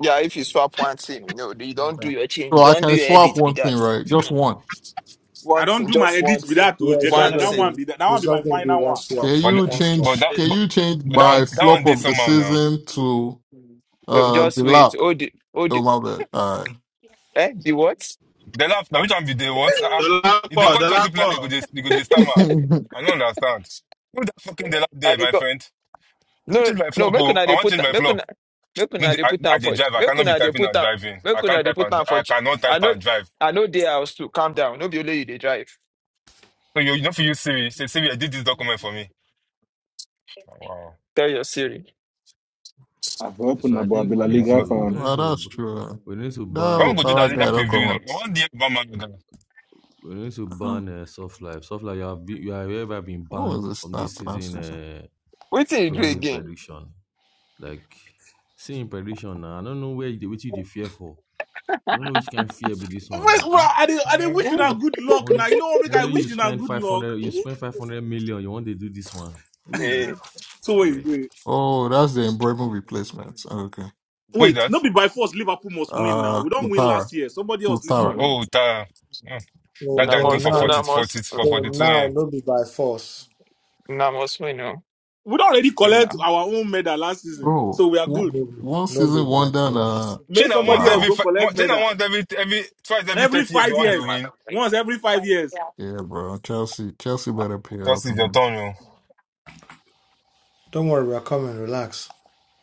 Speaker 1: Yeah, if you swap one thing, no, you don't do
Speaker 13: Okay.
Speaker 1: your change. You
Speaker 9: So I
Speaker 1: don't do
Speaker 9: can
Speaker 1: your
Speaker 9: swap
Speaker 1: edit. Be
Speaker 9: one thing,
Speaker 1: that.
Speaker 9: right? Just
Speaker 1: Finish.
Speaker 9: one.
Speaker 25: I
Speaker 1: One
Speaker 25: don't
Speaker 1: thing,
Speaker 25: do my
Speaker 1: just one
Speaker 25: edits with
Speaker 1: thing,
Speaker 25: that to
Speaker 13: Yeah, it's just
Speaker 12: yeah,
Speaker 1: one
Speaker 25: Jagana.
Speaker 13: gonna
Speaker 25: That
Speaker 1: thing.
Speaker 13: be
Speaker 25: one be that, that one
Speaker 13: it's
Speaker 25: be my
Speaker 13: just gonna be
Speaker 25: final
Speaker 13: one
Speaker 25: one.
Speaker 13: swap,
Speaker 9: Can
Speaker 4: But
Speaker 9: you
Speaker 13: one swap.
Speaker 4: but
Speaker 9: change?
Speaker 4: that
Speaker 12: eh,
Speaker 9: Can
Speaker 4: but,
Speaker 9: you change
Speaker 4: but that
Speaker 9: my
Speaker 4: one that
Speaker 9: flop
Speaker 4: one did
Speaker 9: of the
Speaker 4: somehow now.
Speaker 9: season to
Speaker 1: No,
Speaker 9: uh
Speaker 1: just
Speaker 9: the lap?
Speaker 1: wait. Oh the oh
Speaker 9: Oh
Speaker 1: the
Speaker 9: my bad. All
Speaker 1: eh the what?
Speaker 4: They laugh now. Which one be they what? Ah,
Speaker 12: the
Speaker 4: if they
Speaker 12: lapo,
Speaker 4: call
Speaker 12: the
Speaker 4: Chelsea player, you go
Speaker 12: lapo.
Speaker 4: just you go just stammer.
Speaker 9: right.
Speaker 4: I don't understand. Who the fucking they laugh there,
Speaker 1: At
Speaker 4: my friend? I
Speaker 1: No,
Speaker 4: change my
Speaker 1: no,
Speaker 4: flop,
Speaker 1: make
Speaker 4: oh.
Speaker 1: una
Speaker 4: I
Speaker 1: dey
Speaker 4: want to
Speaker 1: put
Speaker 4: change
Speaker 1: am-
Speaker 4: my
Speaker 1: make
Speaker 4: flop.
Speaker 1: una make
Speaker 4: No,
Speaker 1: una
Speaker 4: the-
Speaker 1: dey
Speaker 4: I,
Speaker 1: put
Speaker 4: I
Speaker 1: am
Speaker 4: dey
Speaker 1: for
Speaker 4: drive. I
Speaker 1: make
Speaker 4: cannot be
Speaker 1: una dey
Speaker 4: typing
Speaker 1: put
Speaker 4: and
Speaker 1: am
Speaker 4: driving. I
Speaker 1: make
Speaker 4: can't
Speaker 1: una dey
Speaker 4: type
Speaker 1: put
Speaker 4: and dri-
Speaker 1: am for
Speaker 4: I
Speaker 1: ch-
Speaker 4: cannot type
Speaker 1: I know
Speaker 4: and drive.
Speaker 1: I know dey house too. Calm down. No be only you dey drive.
Speaker 4: So you, you know, for you Siri, say Siri, I did this document for me. Oh, Wow.
Speaker 1: Tell your Siri.
Speaker 16: I've opened
Speaker 18: So I
Speaker 16: about
Speaker 18: think
Speaker 16: La
Speaker 18: we
Speaker 4: No,
Speaker 18: need
Speaker 16: Liga
Speaker 4: no.
Speaker 18: to
Speaker 9: Well,
Speaker 18: we
Speaker 16: fan.
Speaker 18: need
Speaker 9: oh, that's
Speaker 18: to
Speaker 9: true. uh,
Speaker 18: we need to
Speaker 9: That
Speaker 18: ban
Speaker 4: When we go do
Speaker 9: Ottawa
Speaker 4: that legal
Speaker 9: guy don't
Speaker 18: uh,
Speaker 9: come
Speaker 4: preview, like,
Speaker 9: out.
Speaker 4: one day, one man,
Speaker 18: We need to
Speaker 9: Uh,
Speaker 18: ban uh, soft life. Soft life, you have been, you have ever been
Speaker 9: What
Speaker 18: banned
Speaker 9: was the
Speaker 18: from this
Speaker 9: stats last
Speaker 18: season
Speaker 9: season?
Speaker 18: uh,
Speaker 1: Wetin you do
Speaker 18: Premier League
Speaker 1: again?
Speaker 18: prediction. Like seeing prediction, now, I don't know where you which you dey fear for. I don't know which kind of fear be this one.
Speaker 25: Wait,
Speaker 18: Uh
Speaker 25: well, I
Speaker 18: uh
Speaker 25: did I did
Speaker 4: Eh,
Speaker 25: wish you not good luck now.
Speaker 18: only,
Speaker 25: You know what make I
Speaker 18: only
Speaker 25: wish
Speaker 18: you
Speaker 25: you not
Speaker 18: spend
Speaker 25: good
Speaker 18: five
Speaker 25: luck.
Speaker 18: hundred. You spend five hundred million. You want to do this one? Who you-
Speaker 1: Eh,
Speaker 25: So wait,
Speaker 18: abeg.
Speaker 25: wait.
Speaker 9: Oh, that's the Embremen replacement. Okay.
Speaker 4: who is
Speaker 25: Wait,
Speaker 4: that?
Speaker 25: not be by force Liverpool must win now.
Speaker 9: Uh,
Speaker 25: We don't win last
Speaker 9: Utara.
Speaker 25: year. Somebody else need to
Speaker 9: Utara.
Speaker 1: hmm.
Speaker 25: win.
Speaker 4: Oh, Ta. Hmm.
Speaker 13: Or,
Speaker 4: That
Speaker 1: Una
Speaker 4: guy is
Speaker 13: or
Speaker 4: going
Speaker 1: must
Speaker 4: for
Speaker 13: now,
Speaker 4: forty,
Speaker 1: una must
Speaker 4: forty, for
Speaker 13: or
Speaker 4: 42
Speaker 13: now,
Speaker 4: M.
Speaker 13: no be by force.
Speaker 1: una must win oh.
Speaker 25: We don't already collect
Speaker 1: Una.
Speaker 25: our own medal last season.
Speaker 9: Bro,
Speaker 25: So we are
Speaker 9: one,
Speaker 25: good.
Speaker 13: No, be-
Speaker 9: one
Speaker 13: no be
Speaker 9: season,
Speaker 13: by
Speaker 9: one down. Uh,
Speaker 13: force.
Speaker 25: May
Speaker 4: China once
Speaker 25: somebody else
Speaker 4: every,
Speaker 9: wow.
Speaker 25: go
Speaker 4: fi-
Speaker 25: collect
Speaker 4: one- China
Speaker 25: medal.
Speaker 4: once every, every, twice every
Speaker 25: Every
Speaker 4: 30 years, you
Speaker 25: five
Speaker 4: want the
Speaker 25: years.
Speaker 4: win.
Speaker 25: Once every five years.
Speaker 9: Yeah, bro. Chelsea, Chelsea better pay
Speaker 4: Just
Speaker 9: up,
Speaker 4: is your
Speaker 9: man.
Speaker 4: turn, yo.
Speaker 13: Don't worry, we're coming. Relax.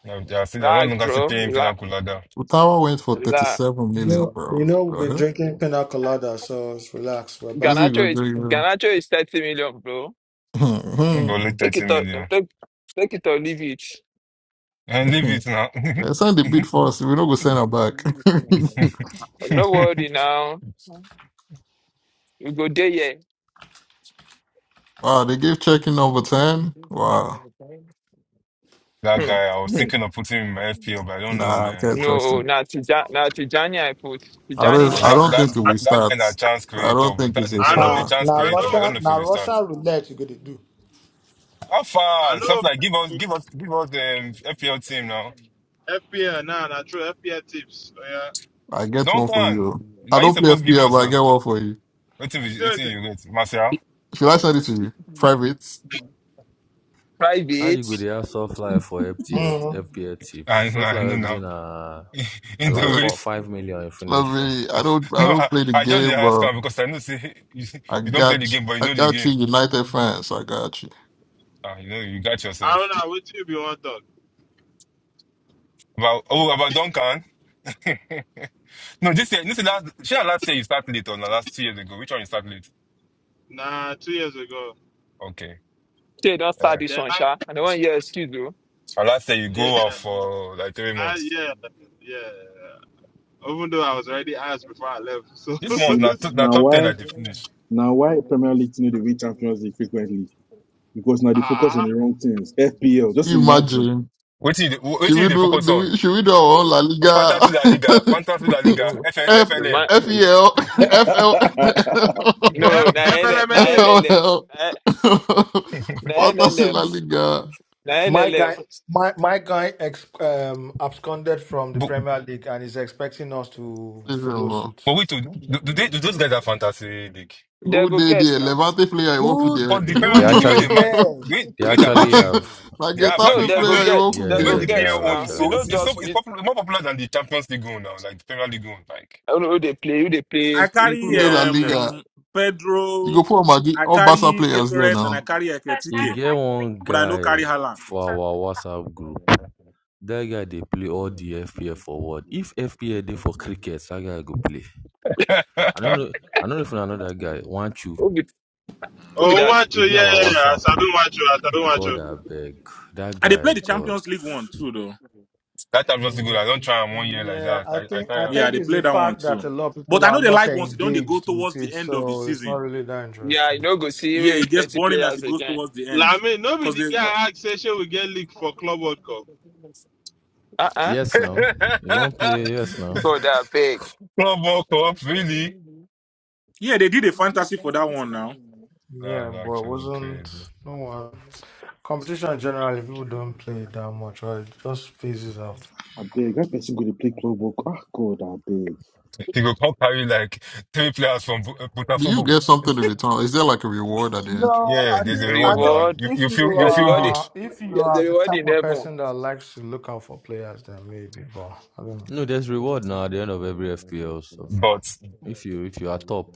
Speaker 4: Now, They are still, they are no
Speaker 1: Relax,
Speaker 4: longer still
Speaker 1: bro.
Speaker 4: paying
Speaker 1: Relax.
Speaker 4: Pinaculada.
Speaker 9: Utara went for
Speaker 1: Relax.
Speaker 9: 37 million,
Speaker 13: No,
Speaker 9: bro.
Speaker 13: you know we've been
Speaker 9: Uh-huh.
Speaker 13: drinking pina colada, so it's relax. We're
Speaker 9: Who's
Speaker 13: back.
Speaker 9: he gonna
Speaker 1: Ganacho is
Speaker 9: do?
Speaker 1: Ganacho is thirty million, bro.
Speaker 4: Only
Speaker 1: Take
Speaker 4: 30
Speaker 1: it or
Speaker 4: million.
Speaker 1: take take it or leave it.
Speaker 4: And leave it now.
Speaker 9: They signed the bid for us. We're not gonna send her back.
Speaker 1: No worry now. You go there, yeah.
Speaker 9: wow, they gave checking number 10. Wow.
Speaker 4: That
Speaker 1: Hmm.
Speaker 4: guy, I was
Speaker 1: hmm.
Speaker 4: thinking of putting him in my FPL, but I don't know,
Speaker 9: Nah, I can't
Speaker 4: man.
Speaker 9: trust
Speaker 1: No,
Speaker 9: him.
Speaker 1: na Tija- na Tijani I put.
Speaker 9: I
Speaker 1: Tijani
Speaker 9: don't.
Speaker 4: But
Speaker 9: I
Speaker 1: cheap.
Speaker 4: that
Speaker 9: don't
Speaker 4: that
Speaker 9: think we
Speaker 4: that,
Speaker 9: will
Speaker 4: that
Speaker 9: start.
Speaker 4: guy a chance
Speaker 9: I
Speaker 4: creator,
Speaker 9: don't
Speaker 4: but
Speaker 9: think
Speaker 4: that's
Speaker 9: he's
Speaker 4: the
Speaker 9: a
Speaker 12: I
Speaker 4: thing, the
Speaker 9: starter.
Speaker 13: Now,
Speaker 12: know,
Speaker 4: chance
Speaker 13: now
Speaker 12: I
Speaker 4: creator. But
Speaker 12: know,
Speaker 4: I don't
Speaker 13: Russia,
Speaker 4: know if he
Speaker 13: now
Speaker 4: will start.
Speaker 13: Russia roulette. You gonna
Speaker 4: How
Speaker 12: I
Speaker 4: far?
Speaker 12: know.
Speaker 4: Something like give us, give us, give us the FPL team now.
Speaker 12: FPL now, nah, na true FPL tips. Oh, yeah,
Speaker 9: I get one
Speaker 4: Duncan, not
Speaker 9: for you. I
Speaker 4: Now you
Speaker 9: don't play
Speaker 4: supposed to give
Speaker 9: FPL, but
Speaker 4: us.
Speaker 9: I
Speaker 4: Uh,
Speaker 9: get one for you.
Speaker 4: what thing
Speaker 12: you
Speaker 4: you,
Speaker 12: see
Speaker 4: what
Speaker 12: what
Speaker 4: thing you get, Marcel?
Speaker 9: Should I send it to you? Private.
Speaker 18: How you
Speaker 1: Private.
Speaker 18: go dey
Speaker 1: Say
Speaker 18: have soft life for FPL
Speaker 13: do?
Speaker 18: FPL
Speaker 4: I
Speaker 18: tips?
Speaker 4: know,
Speaker 18: Soft
Speaker 4: I
Speaker 18: life
Speaker 4: know
Speaker 18: everything
Speaker 4: now.
Speaker 18: na na
Speaker 4: In the
Speaker 18: like
Speaker 9: Uh,
Speaker 18: four
Speaker 4: ways,
Speaker 18: five million you
Speaker 9: let
Speaker 18: finish for.
Speaker 9: me. I don't. I
Speaker 4: no,
Speaker 9: don't
Speaker 4: I,
Speaker 9: play the
Speaker 4: I just dey
Speaker 9: game,
Speaker 4: ask
Speaker 9: but
Speaker 4: am because I know say you,
Speaker 9: I
Speaker 4: you don't play the
Speaker 9: got.
Speaker 4: game, but you
Speaker 9: I
Speaker 4: know the
Speaker 9: got you,
Speaker 4: game.
Speaker 9: United fans. I got you.
Speaker 4: Ah, you know you got
Speaker 12: I
Speaker 4: yourself.
Speaker 12: don't know with you be one talk.
Speaker 4: About oh about Duncan. No, this year, this year last, she had last year you start late or na last two years ago. Which one you start late?
Speaker 12: Nah, two years ago.
Speaker 4: Okay.
Speaker 1: don't
Speaker 4: Uh,
Speaker 1: start this
Speaker 12: Then
Speaker 1: one,
Speaker 12: I,
Speaker 1: Sha. And the one here, excuse you.
Speaker 4: last year you go
Speaker 12: yeah,
Speaker 4: off for like three
Speaker 12: I,
Speaker 4: months.
Speaker 12: yeah, yeah. Even though I was already asked before I left, so
Speaker 16: You
Speaker 4: This month,
Speaker 16: see,
Speaker 4: na, to, na
Speaker 16: now
Speaker 4: top 10
Speaker 16: why
Speaker 4: at the finish.
Speaker 16: now why Premier League team no dey win Champions League frequently? Because now they focus on
Speaker 12: ah,
Speaker 16: the wrong things. FPL, just imagine.
Speaker 9: Imagine.
Speaker 4: What do you, what
Speaker 9: Should
Speaker 4: do
Speaker 9: we
Speaker 4: you
Speaker 9: do?
Speaker 4: focus
Speaker 9: Do
Speaker 4: on?
Speaker 9: we? Should we do our own La
Speaker 4: Fantasy La Liga,
Speaker 9: Liga?
Speaker 4: Fantasy La Liga,
Speaker 1: No.
Speaker 4: FL,
Speaker 9: F
Speaker 1: The man,
Speaker 9: F
Speaker 1: no,
Speaker 9: E L F
Speaker 16: I
Speaker 9: L.
Speaker 12: Eh,
Speaker 1: no, na
Speaker 12: eh,
Speaker 1: L na LLM.
Speaker 9: FLL.
Speaker 1: Na na
Speaker 9: Fantasy
Speaker 1: LLM.
Speaker 9: La Liga.
Speaker 1: Na
Speaker 13: My guy,
Speaker 1: LLM.
Speaker 13: my my guy, ex, um, absconded from the
Speaker 4: but,
Speaker 13: Premier League and is expecting us to follow
Speaker 9: Listen,
Speaker 13: suit.
Speaker 4: but wait, do, do, they, do those guys have fantasy league?
Speaker 1: They
Speaker 9: Who
Speaker 1: go
Speaker 9: dey
Speaker 1: get
Speaker 9: there?
Speaker 1: now.
Speaker 9: Levante player you want for
Speaker 13: Who
Speaker 9: there?
Speaker 4: Because the
Speaker 18: They,
Speaker 4: Premier
Speaker 18: they
Speaker 4: League, the way
Speaker 13: who
Speaker 4: they
Speaker 18: actually
Speaker 4: mark,
Speaker 13: cares?
Speaker 4: the way,
Speaker 18: they
Speaker 4: the way they're
Speaker 18: actually
Speaker 4: pushing,
Speaker 18: have
Speaker 9: Na
Speaker 4: they
Speaker 18: they,
Speaker 4: have,
Speaker 1: No,
Speaker 9: Getafe
Speaker 4: Abi,
Speaker 1: they
Speaker 4: and the
Speaker 1: go
Speaker 9: player you
Speaker 4: way,
Speaker 1: get.
Speaker 9: want
Speaker 18: Yeah,
Speaker 9: for
Speaker 4: the
Speaker 1: They
Speaker 18: yeah,
Speaker 4: way
Speaker 1: go
Speaker 18: yeah,
Speaker 4: the
Speaker 9: there?
Speaker 18: they
Speaker 1: get
Speaker 4: PL
Speaker 18: have
Speaker 4: own
Speaker 1: now.
Speaker 4: is
Speaker 1: You
Speaker 18: actually.
Speaker 4: so,
Speaker 1: know
Speaker 4: it's, it's so,
Speaker 1: just
Speaker 4: it's
Speaker 1: it
Speaker 4: popular, more popular than the Champions League own now, like the Premier League own, like.
Speaker 1: I don't know who they play, who they
Speaker 25: I
Speaker 1: play
Speaker 25: carry
Speaker 9: Who dey
Speaker 1: EPL
Speaker 9: La
Speaker 1: on sef.
Speaker 9: Liga?
Speaker 25: um
Speaker 9: You go
Speaker 25: Pedro,
Speaker 9: put Magi. my
Speaker 25: I
Speaker 9: all Barca
Speaker 25: carry
Speaker 9: players there
Speaker 25: Gyökeres, and I
Speaker 9: now.
Speaker 25: carry
Speaker 18: E
Speaker 25: Eketike.
Speaker 18: get one
Speaker 25: But I no carry
Speaker 18: guy
Speaker 25: Haaland.
Speaker 18: for our WhatsApp group. That guy dey play all the FPL for what? If FPL dey for cricket, that guy go play. I don't know. I don't know if you know that guy. Want you?
Speaker 1: Who be who be
Speaker 12: oh,
Speaker 1: that?
Speaker 12: watch
Speaker 18: He
Speaker 12: you,
Speaker 18: dey
Speaker 12: yeah,
Speaker 18: our
Speaker 12: yeah, yeah.
Speaker 18: WhatsApp.
Speaker 12: Sabi watch you, Sabi watch
Speaker 18: God I
Speaker 12: you.
Speaker 18: beg. That
Speaker 25: I they play
Speaker 18: guy,
Speaker 25: the
Speaker 18: God.
Speaker 25: Champions League one too, though.
Speaker 4: That time was good. I don't try in one year like
Speaker 13: Yeah,
Speaker 4: that.
Speaker 13: I
Speaker 4: I, I
Speaker 13: think I
Speaker 4: try
Speaker 25: Yeah,
Speaker 13: think
Speaker 25: they
Speaker 13: it's
Speaker 25: play
Speaker 13: the
Speaker 25: that one
Speaker 13: fact
Speaker 25: too.
Speaker 13: that a lot of
Speaker 25: But
Speaker 13: people
Speaker 25: I know
Speaker 13: are
Speaker 25: they
Speaker 13: not
Speaker 25: like once they don't they go
Speaker 13: engaged
Speaker 25: towards
Speaker 13: with
Speaker 25: the
Speaker 13: it,
Speaker 25: end of the
Speaker 13: so it's not
Speaker 25: season.
Speaker 13: really that
Speaker 1: Yeah, you
Speaker 13: interesting.
Speaker 1: know go see
Speaker 25: Yeah, it
Speaker 1: even
Speaker 25: gets
Speaker 1: plenty
Speaker 25: boring as
Speaker 1: players
Speaker 25: it goes
Speaker 1: again.
Speaker 25: towards the end
Speaker 12: Like me,
Speaker 25: because
Speaker 12: nobody
Speaker 25: they
Speaker 12: get asked say she will get leaked for Club World Cup.
Speaker 1: Uh-uh.
Speaker 4: him.
Speaker 18: Yes, now. You won't play. Yes, now.
Speaker 1: God I beg.
Speaker 4: Club World Cup, really?
Speaker 25: yeah they did a fantasy for that one now.
Speaker 13: Yeah,
Speaker 4: That's
Speaker 13: but it
Speaker 4: actually crazy.
Speaker 13: wasn't no one competition generally people don't play it that much or it just phases out.
Speaker 16: beg, that person go to play club book. Ah, God,
Speaker 4: He go come carry like three players from Bu- uh,
Speaker 9: Do you
Speaker 4: Botafogo.
Speaker 9: get something in return? Is there like a reward at the end?
Speaker 13: No,
Speaker 4: Yeah,
Speaker 13: I
Speaker 4: there's a
Speaker 13: think I
Speaker 4: reward now.
Speaker 13: think
Speaker 1: Reward.
Speaker 4: You
Speaker 13: if
Speaker 4: you feel
Speaker 13: you
Speaker 4: you feel
Speaker 1: Reward
Speaker 4: good,
Speaker 13: are if you
Speaker 1: There's
Speaker 13: are
Speaker 1: a
Speaker 13: the
Speaker 1: reward
Speaker 13: type
Speaker 1: in
Speaker 13: of
Speaker 1: heaven.
Speaker 13: person that likes to look out for players, then maybe. But I don't know.
Speaker 18: No, there's reward now at the end of every FPL stuff.
Speaker 4: but
Speaker 18: If you if you are top,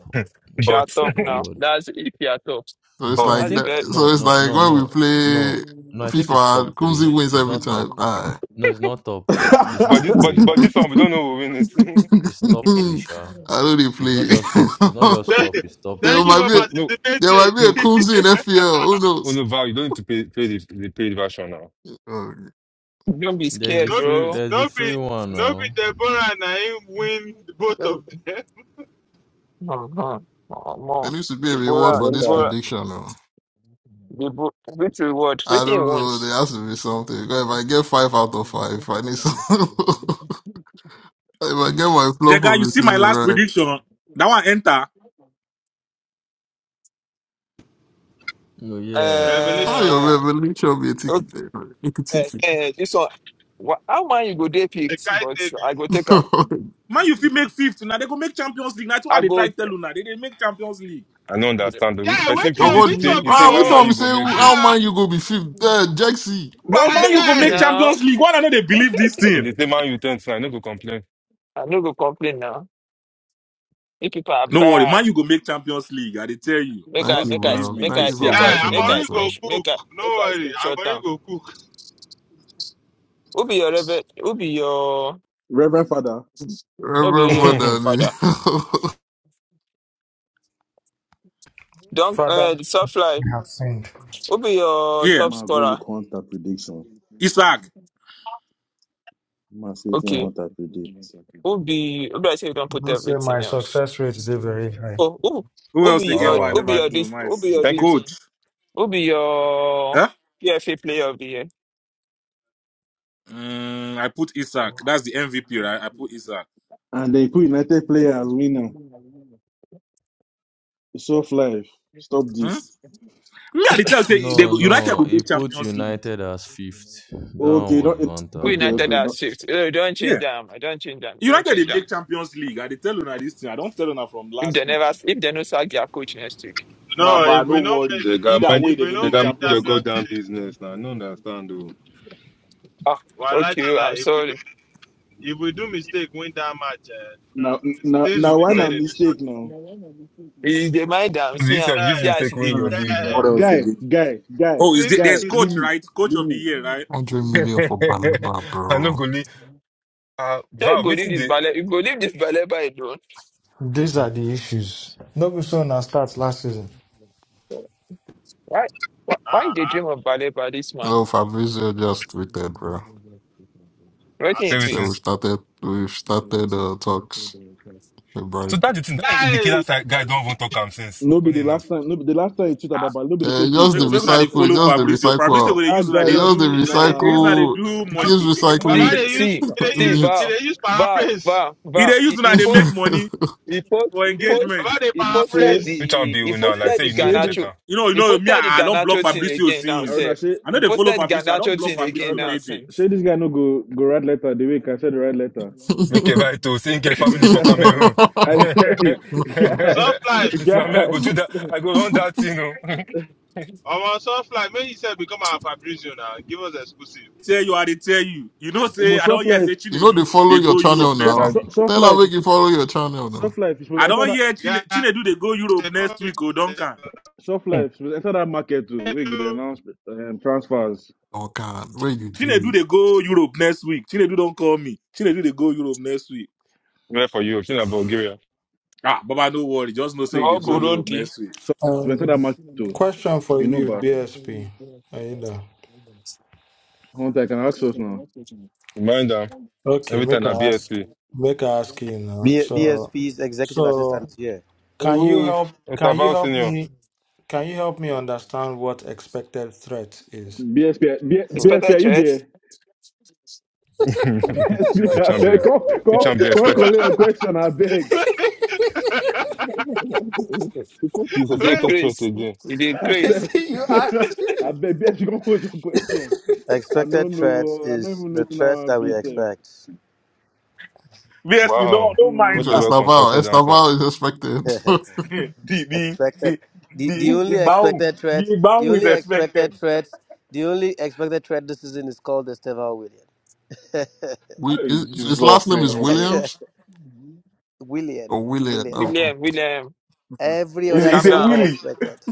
Speaker 1: We shall
Speaker 4: but
Speaker 1: talk now.
Speaker 18: reward.
Speaker 1: That's if you are talk.
Speaker 9: So it's
Speaker 18: No,
Speaker 4: but
Speaker 18: I
Speaker 1: That's
Speaker 9: like
Speaker 1: the
Speaker 18: think
Speaker 9: that.
Speaker 1: best.
Speaker 9: So
Speaker 18: no,
Speaker 9: it's
Speaker 18: no,
Speaker 9: like
Speaker 18: no,
Speaker 9: when
Speaker 18: no,
Speaker 9: we
Speaker 18: no,
Speaker 9: play
Speaker 18: no. I think it's
Speaker 9: FIFA,
Speaker 18: top
Speaker 9: Kunzi
Speaker 18: three.
Speaker 9: wins
Speaker 18: It's
Speaker 9: every
Speaker 18: not top.
Speaker 9: time. Aye.
Speaker 18: No, it's not top. It's
Speaker 16: I
Speaker 4: but
Speaker 16: beg.
Speaker 4: this
Speaker 18: top
Speaker 4: but
Speaker 18: three.
Speaker 4: but this one we don't know who win it.
Speaker 18: It's top three, sure.
Speaker 9: I don't dey
Speaker 18: It's not just.
Speaker 9: play.
Speaker 18: It's not just top. It's top
Speaker 9: There
Speaker 12: Thank
Speaker 18: three.
Speaker 12: you
Speaker 9: might
Speaker 12: for
Speaker 9: be
Speaker 4: no no
Speaker 9: there
Speaker 12: participating.
Speaker 9: might be a
Speaker 4: no.
Speaker 9: Kumsi in FPL. Who
Speaker 4: Oh
Speaker 9: knows?
Speaker 4: no, Val, you don't need to pay pay the, the paid version now.
Speaker 9: Oh,
Speaker 1: Don't be
Speaker 18: There's a
Speaker 1: scared,
Speaker 12: don't,
Speaker 18: free.
Speaker 1: bro.
Speaker 18: There's a
Speaker 12: don't be,
Speaker 18: free one
Speaker 12: don't be
Speaker 18: now.
Speaker 12: Deborah and I win both of
Speaker 1: Don't...
Speaker 12: them.
Speaker 1: Uh-huh. Oh,
Speaker 9: There
Speaker 1: more.
Speaker 9: needs to be a
Speaker 4: I
Speaker 9: reward
Speaker 1: Deborah,
Speaker 9: for
Speaker 4: don't
Speaker 9: this
Speaker 4: care.
Speaker 1: Deborah,
Speaker 9: prediction. No.
Speaker 1: Deborah. Which reward?
Speaker 9: I
Speaker 1: Which you
Speaker 9: don't
Speaker 1: want?
Speaker 9: know. There has to be something. Because if I get five out of five, I need some. if I get my flop
Speaker 25: Jega,
Speaker 9: of
Speaker 25: you
Speaker 9: the
Speaker 25: see my
Speaker 9: season
Speaker 25: last
Speaker 9: right,
Speaker 25: prediction. That one enter.
Speaker 18: No, yeah.
Speaker 12: Revelation,
Speaker 9: how
Speaker 12: of
Speaker 9: your
Speaker 1: Uh,
Speaker 9: revelation be a ticket? eh, a
Speaker 1: okay.
Speaker 9: ticket.
Speaker 1: Uh, this one. Wha- How man you go dey
Speaker 12: the
Speaker 1: picked? But
Speaker 12: kite.
Speaker 1: I go take
Speaker 9: but
Speaker 1: am.
Speaker 25: Man, you fit make fifth now. They go make Champions League. That's why
Speaker 1: I
Speaker 25: they
Speaker 1: go.
Speaker 25: try tell you now. They they make Champions League.
Speaker 4: I don't understand. The
Speaker 12: Guy,
Speaker 4: person
Speaker 12: which one,
Speaker 4: predict,
Speaker 9: what
Speaker 4: you
Speaker 9: do
Speaker 12: which
Speaker 4: say,
Speaker 12: one
Speaker 9: you?
Speaker 4: you
Speaker 12: be
Speaker 4: say,
Speaker 12: your
Speaker 9: Ah, we
Speaker 4: one
Speaker 12: own?
Speaker 4: man
Speaker 9: thought we
Speaker 4: you
Speaker 9: say
Speaker 4: go make fit.
Speaker 9: how
Speaker 12: Ah,
Speaker 9: man you go be fifth? Uh, Jaxi.
Speaker 25: But
Speaker 1: No
Speaker 25: man,
Speaker 12: that
Speaker 25: you go
Speaker 1: vex
Speaker 12: guy.
Speaker 25: make
Speaker 1: now.
Speaker 25: Champions League. Why don't they believe this
Speaker 4: If
Speaker 25: thing?
Speaker 4: they say man you turn to, I no go complain.
Speaker 1: I no go complain now. You people are
Speaker 25: No worry,
Speaker 1: bad.
Speaker 25: man, you go make Champions League. I they tell you.
Speaker 1: Make
Speaker 9: Thank
Speaker 1: I
Speaker 9: you,
Speaker 25: Just
Speaker 1: make I
Speaker 25: believe
Speaker 9: bro.
Speaker 25: me. You
Speaker 1: make
Speaker 25: go
Speaker 9: Thank
Speaker 1: I
Speaker 9: you
Speaker 25: see
Speaker 9: for
Speaker 1: make
Speaker 25: her.
Speaker 1: I
Speaker 12: Guy, I'm
Speaker 9: backing
Speaker 1: make I
Speaker 9: out,
Speaker 12: already go
Speaker 9: bro.
Speaker 1: screenshot
Speaker 12: cook.
Speaker 1: make I
Speaker 12: No
Speaker 1: make I
Speaker 12: worry, I'm
Speaker 1: screenshot
Speaker 12: already
Speaker 1: down.
Speaker 12: go cook.
Speaker 1: Who be your rebel? Who be your
Speaker 16: Reverend Father,
Speaker 1: no be
Speaker 9: Reverend
Speaker 1: your rebel
Speaker 9: Mother,
Speaker 4: oh,
Speaker 1: father? Don't
Speaker 13: Father,
Speaker 1: uh soft life.
Speaker 13: we have sinned.
Speaker 1: Who be your
Speaker 25: Yeah,
Speaker 1: top
Speaker 16: ma go look
Speaker 1: scorer?
Speaker 16: Hunter prediction.
Speaker 25: Isaac.
Speaker 16: Ma see wetin
Speaker 1: Okay.
Speaker 16: Hunter predict.
Speaker 1: Who be who be I say you don't
Speaker 13: You
Speaker 1: put
Speaker 13: know, say
Speaker 1: everything
Speaker 13: my
Speaker 1: else?
Speaker 13: success rate is very high.
Speaker 1: Oh who
Speaker 25: Who
Speaker 1: who
Speaker 25: else
Speaker 1: be
Speaker 25: again?
Speaker 1: your
Speaker 25: Why I
Speaker 1: who
Speaker 4: okay.
Speaker 1: be
Speaker 25: never
Speaker 1: your
Speaker 25: do
Speaker 1: this
Speaker 25: my
Speaker 1: who be
Speaker 25: see.
Speaker 1: your
Speaker 4: Thank
Speaker 1: this
Speaker 4: you.
Speaker 1: thing?
Speaker 25: Coach.
Speaker 1: Who be your
Speaker 25: Huh?
Speaker 1: PFA player of the year?
Speaker 25: Mm, I put Isaac. That's the MVP, right? I put Isaac.
Speaker 16: And they put United player as winner. Soft life. Stop
Speaker 25: Hmm?
Speaker 16: this.
Speaker 25: Me, I dey tell you, say they
Speaker 18: No,
Speaker 25: go, United
Speaker 18: no.
Speaker 25: will
Speaker 18: He
Speaker 25: make
Speaker 18: put
Speaker 25: Champions League.
Speaker 18: United as fifth. That one
Speaker 16: Okay,
Speaker 18: was
Speaker 16: don't.
Speaker 1: Who
Speaker 18: Banta. This
Speaker 16: Okay,
Speaker 18: one
Speaker 1: United
Speaker 18: as
Speaker 16: okay.
Speaker 1: as
Speaker 18: fifth.
Speaker 1: fifth? Oh, don't change
Speaker 25: Yeah.
Speaker 1: them. I don't change them. Don't
Speaker 25: United
Speaker 1: change
Speaker 25: they
Speaker 1: them.
Speaker 25: make Champions League. I dey tell you now this thing. I don't tell you now from
Speaker 1: If
Speaker 25: last
Speaker 1: they
Speaker 25: week.
Speaker 1: never if they no sack their coach next week.
Speaker 25: But,
Speaker 12: No,
Speaker 25: but
Speaker 12: if
Speaker 25: no
Speaker 12: we don't make,
Speaker 25: worry.
Speaker 4: They got
Speaker 25: Either
Speaker 4: man,
Speaker 25: way,
Speaker 12: if
Speaker 25: then
Speaker 12: we
Speaker 25: they
Speaker 4: they
Speaker 12: don't
Speaker 25: make
Speaker 4: got man
Speaker 12: make
Speaker 4: your
Speaker 25: Champions
Speaker 12: that
Speaker 25: League.
Speaker 4: goddamn
Speaker 12: today,
Speaker 4: business now. I don't understand though.
Speaker 1: Ah,
Speaker 12: well, like a
Speaker 1: okay.
Speaker 12: lie,
Speaker 1: I'm
Speaker 12: if we
Speaker 1: sorry.
Speaker 12: do, if we do mistake, win that match, uh,
Speaker 16: Now,
Speaker 12: hmm,
Speaker 16: now,
Speaker 12: things will
Speaker 16: now,
Speaker 12: be
Speaker 16: why na
Speaker 12: said in this room.
Speaker 16: mistake now?
Speaker 1: He dey mind am, see
Speaker 4: This have
Speaker 1: am,
Speaker 12: Guy,
Speaker 4: used
Speaker 1: see as
Speaker 4: mistake
Speaker 1: he
Speaker 4: win
Speaker 1: dey.
Speaker 25: Hmm,
Speaker 4: your
Speaker 12: guy,
Speaker 4: league
Speaker 25: what
Speaker 4: now.
Speaker 25: else
Speaker 16: Guy,
Speaker 25: again?
Speaker 16: guy, guy,
Speaker 25: Oh, is there,
Speaker 12: things will
Speaker 25: there's
Speaker 16: guy,
Speaker 12: be
Speaker 16: leave
Speaker 25: coach,
Speaker 16: me,
Speaker 25: right? Coach
Speaker 16: leave
Speaker 25: of the
Speaker 16: me.
Speaker 25: year, right?
Speaker 9: 100 million for Baliba,
Speaker 4: I no
Speaker 9: bro.
Speaker 4: go league. Uh,
Speaker 1: Yeah, you
Speaker 4: Val,
Speaker 1: go leave
Speaker 4: waiting
Speaker 1: this ballet,
Speaker 4: the
Speaker 1: you go leave this ballet by alone.
Speaker 13: These are the issues. No be so na start last season.
Speaker 1: Why, why, why they dream of ballet by this man?
Speaker 9: So Fabrizio just tweeted, bro.
Speaker 1: Wetin he
Speaker 4: say
Speaker 12: said.
Speaker 9: So
Speaker 4: waiting.
Speaker 9: we've
Speaker 1: tweets?
Speaker 9: started, we've started uh, talks with
Speaker 4: So
Speaker 9: Brian.
Speaker 4: that's the thing. That indicator
Speaker 12: guy.
Speaker 4: side guy don't even talk am since.
Speaker 16: No be
Speaker 4: Funny
Speaker 16: the last
Speaker 4: enough,
Speaker 16: time, no be the last time you tweet
Speaker 1: Ah,
Speaker 16: about, Baba, no be the same
Speaker 9: Uh,
Speaker 16: thing you
Speaker 9: just
Speaker 25: Make
Speaker 9: the
Speaker 16: talk.
Speaker 25: make
Speaker 16: See,
Speaker 25: una they
Speaker 16: that,
Speaker 9: recycle,
Speaker 25: follow
Speaker 9: just
Speaker 16: uh,
Speaker 9: the
Speaker 16: uh,
Speaker 25: Fabrizio.
Speaker 9: recycle
Speaker 25: Fabrizio
Speaker 9: up.
Speaker 25: go they use
Speaker 16: that
Speaker 25: that
Speaker 9: Eh,
Speaker 16: guy
Speaker 25: they
Speaker 12: Yeah,
Speaker 9: Just
Speaker 16: just,
Speaker 9: the
Speaker 25: do.
Speaker 12: you know they,
Speaker 25: They use that they
Speaker 16: nah,
Speaker 9: recycle,
Speaker 25: do
Speaker 12: uh,
Speaker 25: money
Speaker 9: keeps
Speaker 25: money
Speaker 12: Baba,
Speaker 1: See,
Speaker 9: recycling
Speaker 12: they
Speaker 25: making.
Speaker 12: use,
Speaker 1: see,
Speaker 12: they
Speaker 1: see,
Speaker 12: use,
Speaker 9: needs.
Speaker 1: Val,
Speaker 12: they use
Speaker 1: Val,
Speaker 12: paraphrase.
Speaker 1: Val,
Speaker 25: He
Speaker 1: Val.
Speaker 25: they use
Speaker 1: He, he
Speaker 25: that they
Speaker 1: post,
Speaker 25: make money.
Speaker 1: he post,
Speaker 25: for
Speaker 1: he post,
Speaker 25: engagement.
Speaker 12: Baba, they
Speaker 1: he
Speaker 16: say,
Speaker 1: posted
Speaker 12: paraphrase.
Speaker 4: which one
Speaker 1: the,
Speaker 4: be
Speaker 1: he
Speaker 4: you now?
Speaker 16: say,
Speaker 4: Like
Speaker 1: posted
Speaker 4: say
Speaker 1: the
Speaker 4: you know the
Speaker 16: say this,
Speaker 1: Ganacho,
Speaker 4: checker.
Speaker 25: You know, you
Speaker 1: he
Speaker 25: know me.
Speaker 1: posted the
Speaker 25: I, I don't block
Speaker 1: Ganacho thing
Speaker 25: Fabrizio
Speaker 1: again now,
Speaker 16: or
Speaker 25: sins.
Speaker 1: sir.
Speaker 16: not, say,
Speaker 25: I know
Speaker 1: He
Speaker 25: they follow
Speaker 1: posted the
Speaker 25: Fabrizio. I don't
Speaker 1: Ganacho
Speaker 25: block
Speaker 1: thing
Speaker 16: or
Speaker 1: again
Speaker 25: Fabrizio
Speaker 1: now
Speaker 16: not,
Speaker 25: Tete.
Speaker 16: say
Speaker 1: since.
Speaker 16: this guy no go, go write letter the way I said the right letter.
Speaker 4: Make a right to sing a family for Cameroon.
Speaker 16: I
Speaker 4: it's
Speaker 16: say, guy,
Speaker 12: Soft life,
Speaker 4: not me. I go do that.
Speaker 16: guy,
Speaker 4: I go run that thing. You know.
Speaker 12: Our soft Sunfly, when you said become our Fabrizio now. Give us exclusive.
Speaker 25: Tell you, I they tell you. You know, say
Speaker 16: almost
Speaker 25: I don't
Speaker 16: soft
Speaker 25: hear say
Speaker 16: life,
Speaker 9: you know
Speaker 25: Chinedu
Speaker 9: they follow
Speaker 25: they
Speaker 9: your
Speaker 25: go
Speaker 16: so,
Speaker 25: Europe
Speaker 9: channel
Speaker 16: so,
Speaker 25: next
Speaker 4: Now
Speaker 9: now.
Speaker 16: so,
Speaker 25: week.
Speaker 16: soft
Speaker 9: Tell
Speaker 16: life,
Speaker 9: her make you follow your channel
Speaker 16: soft
Speaker 9: now.
Speaker 16: life, you supposed
Speaker 25: I
Speaker 16: to enter
Speaker 25: don't
Speaker 16: that,
Speaker 25: hear Chine,
Speaker 12: Yeah. Isn't
Speaker 25: Chinedu they go Europe next week. Oh, Duncan.
Speaker 16: soft life, you supposed to enter that market too. We could announce
Speaker 12: that
Speaker 16: um, transfers.
Speaker 9: Oh God, where you
Speaker 25: Chinedu
Speaker 9: did?
Speaker 25: they go Europe next week. Chinedu don't call me. Chinedu they go Europe next week.
Speaker 4: where for you. She's not Bulgaria.
Speaker 25: Ah, Baba, no worry. Just no say
Speaker 16: So,
Speaker 25: they
Speaker 1: Oh,
Speaker 25: go
Speaker 16: so,
Speaker 25: Europe
Speaker 1: Burundi,
Speaker 25: next week.
Speaker 16: so, to enter
Speaker 13: Um,
Speaker 16: that match too,
Speaker 13: question for
Speaker 16: you know,
Speaker 13: you,
Speaker 16: but
Speaker 13: BSP. Are you there?
Speaker 16: Hunter, I can ask us now.
Speaker 4: Reminder.
Speaker 13: Okay,
Speaker 4: Every time
Speaker 13: make I
Speaker 4: I
Speaker 13: ask.
Speaker 4: BSP. Hey,
Speaker 13: Make I ask you now.
Speaker 26: B-
Speaker 13: So,
Speaker 26: BSP's executive
Speaker 13: so
Speaker 26: assistant here.
Speaker 13: Can you
Speaker 4: wait.
Speaker 13: help
Speaker 4: It's
Speaker 13: can you
Speaker 4: about
Speaker 13: help
Speaker 4: senior.
Speaker 13: me can you help me understand what expected threat is?
Speaker 16: BSP,
Speaker 26: Hmm.
Speaker 16: BSP, are
Speaker 1: expected
Speaker 16: you
Speaker 1: threats,
Speaker 16: there? BSP,
Speaker 4: Which
Speaker 16: beg,
Speaker 4: ambers?
Speaker 16: come,
Speaker 4: Which
Speaker 16: come,
Speaker 4: ambers?
Speaker 16: come, call your question, I beg.
Speaker 4: He's
Speaker 1: they
Speaker 4: expected trust
Speaker 1: craze,
Speaker 4: again.
Speaker 1: they
Speaker 16: I
Speaker 1: craze.
Speaker 16: beg,
Speaker 13: JB, you asked
Speaker 16: I beg, BSP, come hold your question. I
Speaker 26: Expected
Speaker 16: don't
Speaker 26: threats
Speaker 16: know, I don't
Speaker 26: is
Speaker 16: even know
Speaker 26: the
Speaker 16: it
Speaker 26: threats
Speaker 16: now,
Speaker 26: that we
Speaker 16: be
Speaker 26: expect.
Speaker 25: Basically, no,
Speaker 4: Wow.
Speaker 25: don't mind
Speaker 4: What a
Speaker 25: now.
Speaker 4: well
Speaker 16: Mm.
Speaker 9: Estaval,
Speaker 4: constructed answer.
Speaker 9: Estaval is expected.
Speaker 25: the
Speaker 26: expected.
Speaker 25: the
Speaker 26: The, the
Speaker 25: the
Speaker 26: only
Speaker 25: Igbahu
Speaker 26: expected
Speaker 25: the
Speaker 26: threat, the
Speaker 25: Igbahu is
Speaker 26: only
Speaker 25: expected.
Speaker 26: expected threat, the only expected threat this season is called Estevao William.
Speaker 9: we,
Speaker 25: Hey,
Speaker 9: his, his last
Speaker 25: Jesus.
Speaker 9: name is
Speaker 25: eh.
Speaker 9: Williams.
Speaker 26: William.
Speaker 9: Oh, Willie,
Speaker 26: William.
Speaker 9: no.
Speaker 1: William, William,
Speaker 26: Every other
Speaker 25: It's,
Speaker 1: Calm
Speaker 25: it's a
Speaker 26: threat is not
Speaker 1: down.
Speaker 25: willy.
Speaker 26: expected.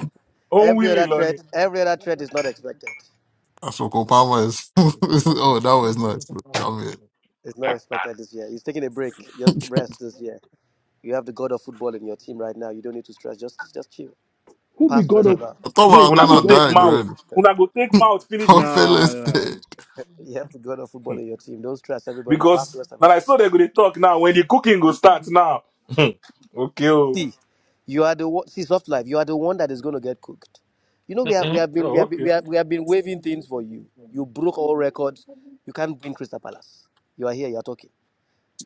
Speaker 25: Own
Speaker 26: Every
Speaker 25: willy,
Speaker 26: other
Speaker 25: Lonnie.
Speaker 26: threat, every other threat is not expected.
Speaker 9: That's what Obama is. oh, that was nice. I mean,
Speaker 26: It's not expected this year. He's taking a break. Just rest this year. You have the god of football in your team right now. You don't need to stress. Just just chill.
Speaker 16: Who be
Speaker 26: Pass to
Speaker 16: God
Speaker 25: Hmm.
Speaker 16: of,
Speaker 26: Estevao.
Speaker 9: I thought
Speaker 16: wait, who
Speaker 25: Una
Speaker 16: be
Speaker 25: go
Speaker 9: Maradona
Speaker 16: God of
Speaker 25: take
Speaker 9: died
Speaker 25: mouth.
Speaker 16: football?
Speaker 9: already.
Speaker 25: Una go take mouth, finish
Speaker 9: How
Speaker 25: this kid.
Speaker 9: fell
Speaker 16: Nah,
Speaker 9: is
Speaker 16: nah.
Speaker 9: dead.
Speaker 26: You have to God of
Speaker 25: Hmm.
Speaker 26: football in your team. Don't trust everybody. Pastor
Speaker 25: Because now
Speaker 26: Westerval.
Speaker 25: I saw they go dey talk now. When the cooking go start now. Hmm. okay. Oh.
Speaker 26: See, you are the one. See, soft life. You are the one that is going to get cooked. You know we have we
Speaker 1: Mm-mm.
Speaker 26: have been we
Speaker 25: oh,
Speaker 26: have been, we
Speaker 25: okay.
Speaker 26: have, we have been waving things for you. You broke all records. You can't win Crystal Palace. You are here. You are talking.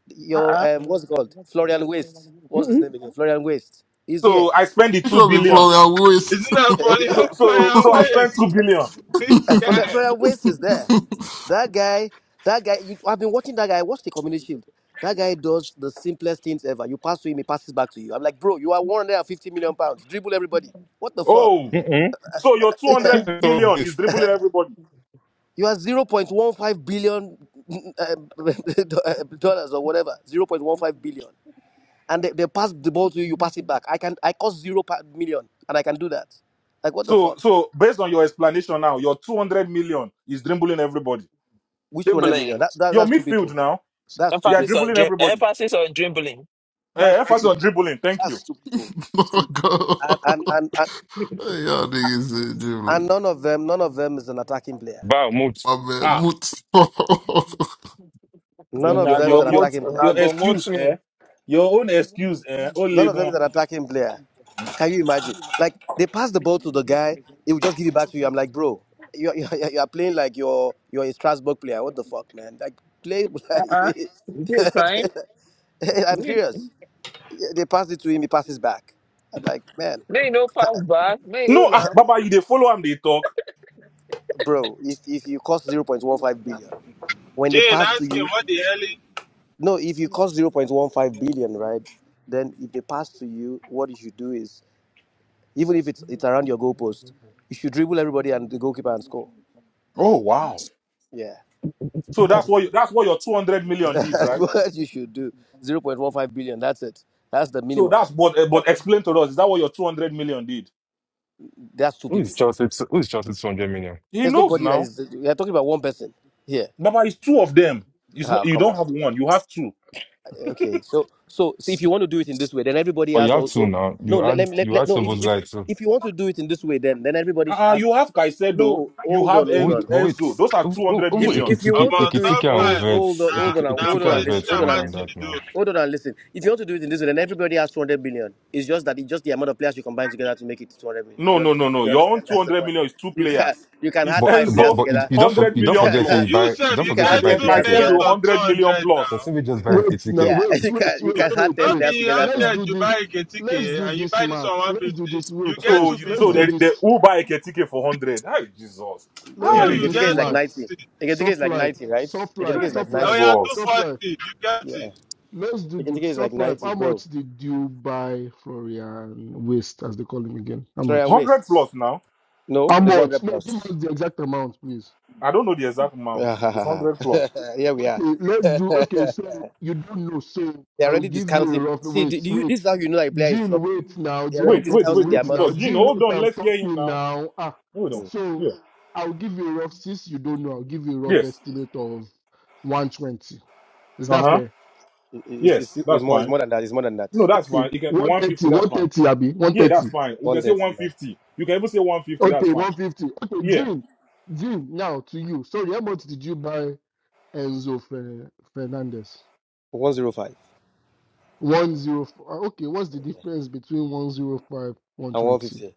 Speaker 26: Your um, what's it called? Florian Waste.
Speaker 16: nah.
Speaker 26: What's his
Speaker 16: Mm-mm.
Speaker 26: name again? Florian Waste. He's here.
Speaker 25: So I spend the
Speaker 9: It
Speaker 25: two
Speaker 9: Should be from
Speaker 25: billion.
Speaker 9: your waist.
Speaker 12: funny
Speaker 26: yeah.
Speaker 25: So
Speaker 12: how
Speaker 25: so
Speaker 12: Brian
Speaker 25: so I spent two
Speaker 12: ways?
Speaker 25: billion.
Speaker 12: This
Speaker 26: A Fle-
Speaker 12: guy.
Speaker 26: Florian West is there. That guy, that guy, you, I've been watching that guy. Watch the community shield. That guy does the simplest things ever. You pass to him, he passes back to you. I'm like, bro, you are 150 million pounds. Dribble everybody. What the fuck?
Speaker 25: Oh.
Speaker 4: Mm-mm.
Speaker 25: So your two hundred
Speaker 4: So
Speaker 25: million is
Speaker 4: this
Speaker 25: dribbling everybody.
Speaker 26: You are 0.15 billion um, dollars or whatever. 0.15 billion. And they, they pass the ball to you, you pass it back. I can I cost zero pa- million and I can do that. Like what the
Speaker 25: So
Speaker 26: fuck?
Speaker 25: so based on your explanation now, your two hundred million is dribbling everybody.
Speaker 26: Which 200 million?
Speaker 1: Dribbling.
Speaker 26: That, that
Speaker 25: Your
Speaker 26: that's two
Speaker 25: midfield
Speaker 26: people.
Speaker 25: now,
Speaker 26: That's two
Speaker 25: they are
Speaker 1: Emphasis
Speaker 26: people.
Speaker 1: on
Speaker 25: dribbling
Speaker 1: dream.
Speaker 25: everybody.
Speaker 1: Emphasis on dribbling.
Speaker 25: Eh,
Speaker 26: That's two
Speaker 25: emphasis on
Speaker 26: people.
Speaker 25: dribbling, thank
Speaker 26: That's
Speaker 25: you.
Speaker 26: two people.
Speaker 9: oh,
Speaker 26: See,
Speaker 9: God.
Speaker 26: and and and and,
Speaker 9: Hey, Y'all niggas say,
Speaker 26: and
Speaker 9: Jimmy.
Speaker 26: none of them, none of them is an attacking player.
Speaker 4: Bayern moved.
Speaker 9: My man, moot.
Speaker 26: None
Speaker 25: Your
Speaker 26: of
Speaker 25: your
Speaker 1: Una
Speaker 26: them is
Speaker 1: go
Speaker 25: your
Speaker 26: an
Speaker 25: your
Speaker 1: mot.
Speaker 26: attacking player.
Speaker 25: your
Speaker 1: Una go
Speaker 25: excuse,
Speaker 1: mot
Speaker 25: eh?
Speaker 1: me.
Speaker 25: Your own excuse, eh? Oh,
Speaker 26: None of them is
Speaker 25: legon.
Speaker 26: an attacking player. Can you imagine? Like they pass the ball to the guy, he will just give it back to you. I'm like, bro, you you you are playing like you're you're a Strasbourg player. What the fuck, man? Like play. Like, I'm serious. They pass it to him, he passes back. I'm like, man,
Speaker 25: No, ah, Baba, you they follow him, they talk.
Speaker 26: bro, if if you cost 0.15 billion, when they
Speaker 12: Jane
Speaker 26: pass to
Speaker 12: ask him
Speaker 26: you,
Speaker 12: what the hell he-
Speaker 26: No, if you cost 0.15 billion, right, then if they pass to you, what you should do is, even if it's it's around your goalpost, you should dribble everybody and the goalkeeper and score.
Speaker 25: Oh wow.
Speaker 26: Yeah,
Speaker 25: So that's
Speaker 26: that's,
Speaker 25: what you, that's what your two hundred million did,
Speaker 26: that's
Speaker 25: right?
Speaker 26: what you should do. 0.15 billion, that's it. That's the
Speaker 25: So
Speaker 26: minimum.
Speaker 25: that's but eh,
Speaker 26: Uh,
Speaker 25: but explain to us, is that what your two hundred million did?
Speaker 26: That's two
Speaker 4: Who is
Speaker 26: people.
Speaker 4: Chelsea? Who is Chelsea? Two hundred million.
Speaker 25: He
Speaker 26: There's
Speaker 25: knows
Speaker 26: nobody that
Speaker 25: now.
Speaker 26: is, we are talking about one person here.
Speaker 25: Baba, it's two of them. It's not
Speaker 26: Ah,
Speaker 25: you
Speaker 26: come
Speaker 25: don't
Speaker 26: on.
Speaker 25: have one, you have two.
Speaker 26: Okay, so so so if you want to do it in this way, then everybody
Speaker 4: But you
Speaker 26: has
Speaker 4: have two
Speaker 26: also
Speaker 4: now.
Speaker 26: no.
Speaker 4: You
Speaker 26: Let
Speaker 4: add.
Speaker 26: let, me- let,
Speaker 4: You
Speaker 26: let
Speaker 4: add
Speaker 26: no. If you
Speaker 4: Sobos
Speaker 26: if,
Speaker 4: too.
Speaker 26: if you want to do it in this way, then then everybody sh-
Speaker 25: Uh
Speaker 26: has
Speaker 25: you have Caicedo,
Speaker 26: no.
Speaker 25: you
Speaker 26: Hold
Speaker 25: have
Speaker 26: on, hold
Speaker 25: En-
Speaker 4: Wait,
Speaker 26: on.
Speaker 4: but wait.
Speaker 25: Enzo. Those are
Speaker 4: Even
Speaker 25: two hundred
Speaker 4: even
Speaker 26: If
Speaker 25: million.
Speaker 26: if you
Speaker 4: Ekitike,
Speaker 26: want to
Speaker 12: about
Speaker 26: do it,
Speaker 4: Ekitike and
Speaker 26: hold
Speaker 12: Sunfly.
Speaker 26: hold
Speaker 4: Vets,
Speaker 26: on, hold
Speaker 12: Now,
Speaker 4: Ekitike
Speaker 26: on, and-
Speaker 12: now
Speaker 26: hold
Speaker 4: Ekitike
Speaker 26: on, and
Speaker 4: and
Speaker 26: listen,
Speaker 12: politician
Speaker 4: Vets is
Speaker 26: hold on,
Speaker 4: more
Speaker 26: and
Speaker 12: match
Speaker 4: than
Speaker 12: to
Speaker 26: listen,
Speaker 4: that
Speaker 12: the
Speaker 4: now.
Speaker 12: do.
Speaker 26: hold on, and listen. If you want to do it in this way, then everybody has 200 billion. It's just that it's just the amount of players you combine together to make it 200 billion.
Speaker 25: No,
Speaker 26: You,
Speaker 25: no,
Speaker 26: un-
Speaker 25: no, no.
Speaker 26: you
Speaker 25: Your own
Speaker 26: understand?
Speaker 25: two
Speaker 26: That's the
Speaker 25: hundred
Speaker 26: point.
Speaker 25: million is two
Speaker 26: You can
Speaker 25: players.
Speaker 26: you can
Speaker 25: It's
Speaker 26: add
Speaker 4: But
Speaker 26: five
Speaker 4: but
Speaker 26: players
Speaker 25: Enzo
Speaker 4: but you,
Speaker 26: together.
Speaker 4: you don't
Speaker 25: one
Speaker 4: for,
Speaker 25: hundred
Speaker 4: you
Speaker 26: You
Speaker 4: don't
Speaker 25: million
Speaker 26: can
Speaker 4: forget say
Speaker 25: plus.
Speaker 4: you
Speaker 26: add
Speaker 12: You
Speaker 4: buy you
Speaker 12: said
Speaker 4: don't
Speaker 26: you
Speaker 12: you
Speaker 4: forget
Speaker 26: can
Speaker 4: say
Speaker 25: And
Speaker 4: you
Speaker 26: add
Speaker 12: get
Speaker 4: buy
Speaker 26: 10
Speaker 25: then
Speaker 12: two
Speaker 25: I
Speaker 26: players
Speaker 4: Ekitike.
Speaker 25: said
Speaker 12: players
Speaker 26: together.
Speaker 25: Caicedo,
Speaker 26: To,
Speaker 12: of
Speaker 25: 100 million
Speaker 12: 200
Speaker 25: plus.
Speaker 12: now.
Speaker 4: Person will just buy
Speaker 17: Wait now,
Speaker 4: Ekitike.
Speaker 26: yeah,
Speaker 17: wait,
Speaker 26: you
Speaker 17: wait,
Speaker 26: can you
Speaker 12: You
Speaker 17: wait,
Speaker 26: can add
Speaker 17: wait,
Speaker 26: 10
Speaker 12: not
Speaker 17: wait.
Speaker 26: players
Speaker 12: be
Speaker 26: together
Speaker 17: Let's
Speaker 26: from.
Speaker 17: do
Speaker 12: 100, you
Speaker 17: this.
Speaker 12: buy a
Speaker 17: Let's
Speaker 12: ticket
Speaker 17: do
Speaker 12: and you
Speaker 17: this
Speaker 12: buy this one
Speaker 17: Max. Let's do
Speaker 12: 150.
Speaker 17: this.
Speaker 12: You
Speaker 17: Wait,
Speaker 12: get
Speaker 25: So,
Speaker 17: wait.
Speaker 25: you,
Speaker 17: Let's
Speaker 25: so
Speaker 12: 250.
Speaker 17: do
Speaker 25: they,
Speaker 26: Mm,
Speaker 25: they
Speaker 17: this.
Speaker 25: who buy a ticket for 100. Hi, Jesus.
Speaker 17: Let's
Speaker 12: You,
Speaker 26: yeah,
Speaker 17: do
Speaker 25: Hi.
Speaker 12: you
Speaker 26: Eketike
Speaker 17: this
Speaker 26: is
Speaker 12: get
Speaker 26: like
Speaker 17: smart.
Speaker 26: 90.
Speaker 12: 250.
Speaker 26: Eketike is
Speaker 17: Soft
Speaker 26: like
Speaker 17: life,
Speaker 26: 90, right?
Speaker 17: soft
Speaker 26: Eketike
Speaker 17: life,
Speaker 25: Hi,
Speaker 26: is like
Speaker 17: soft
Speaker 12: Oh,
Speaker 17: life,
Speaker 26: 90.
Speaker 12: yeah,
Speaker 25: Jesus.
Speaker 17: soft
Speaker 12: 240.
Speaker 17: life.
Speaker 12: You get
Speaker 26: Yeah,
Speaker 12: it.
Speaker 17: Let's do the
Speaker 26: Eketike is like
Speaker 17: soft life.
Speaker 26: 90,
Speaker 17: How
Speaker 26: bro.
Speaker 17: much did you buy Florian Waste, as they call him again? How
Speaker 26: Try and
Speaker 17: much?
Speaker 25: 100
Speaker 26: waste.
Speaker 25: plus now.
Speaker 26: No,
Speaker 17: How
Speaker 26: it's 100
Speaker 17: much? No, give
Speaker 26: plus.
Speaker 17: us the exact amount, please.
Speaker 25: I don't know the exact amount. It's 100 plus.
Speaker 26: Here we are.
Speaker 17: Okay, let's do. Okay, so
Speaker 26: They're
Speaker 17: you don't know, so I will
Speaker 26: already
Speaker 17: give you a
Speaker 26: discounting.
Speaker 17: rough.
Speaker 26: See,
Speaker 17: Wait,
Speaker 26: do, do you,
Speaker 17: wait.
Speaker 26: this is how you know that a player is
Speaker 17: Gene,
Speaker 26: flopping.
Speaker 17: wait now.
Speaker 26: They're
Speaker 17: Gene,
Speaker 26: already
Speaker 17: I'm
Speaker 25: Wait, wait,
Speaker 17: talking.
Speaker 25: wait.
Speaker 26: discounting the
Speaker 25: Make
Speaker 17: Wait
Speaker 25: it
Speaker 26: amount
Speaker 17: now.
Speaker 25: talk.
Speaker 26: they
Speaker 25: Gene,
Speaker 17: Gene,
Speaker 26: reporting.
Speaker 25: hold
Speaker 17: wait,
Speaker 25: on.
Speaker 17: I'm
Speaker 25: Let's hear him
Speaker 17: talking
Speaker 25: now.
Speaker 17: now. Ah,
Speaker 25: Hold on.
Speaker 26: Mm.
Speaker 17: so
Speaker 25: Yeah.
Speaker 17: I'll give you a rough. Since you don't know, I'll give you a rough
Speaker 25: Yes.
Speaker 17: estimate of 120. Is
Speaker 25: Uh
Speaker 17: that
Speaker 25: huh.
Speaker 17: fair?
Speaker 26: It- It's,
Speaker 25: Yes.
Speaker 26: it's, it's,
Speaker 25: That's
Speaker 26: more, it's
Speaker 25: fine.
Speaker 26: more than that. It's more than that.
Speaker 25: No, that's
Speaker 17: okay
Speaker 25: fine. You can
Speaker 17: one thirty
Speaker 25: 150. That's
Speaker 17: one
Speaker 25: fine.
Speaker 17: thirty abi one
Speaker 25: Yeah, that's
Speaker 17: thirty
Speaker 25: fine. We can say
Speaker 26: 130, yeah.
Speaker 25: 150. You can even say 150. That's
Speaker 17: okay
Speaker 25: fine.
Speaker 17: one fifty okay
Speaker 25: Yeah.
Speaker 17: Jim Jim now to you sorry how much did you buy Enzo Fer Fernandez
Speaker 26: 105 and
Speaker 17: one zero uh, okay what's the difference between one zero five, one twenty?
Speaker 26: 150 and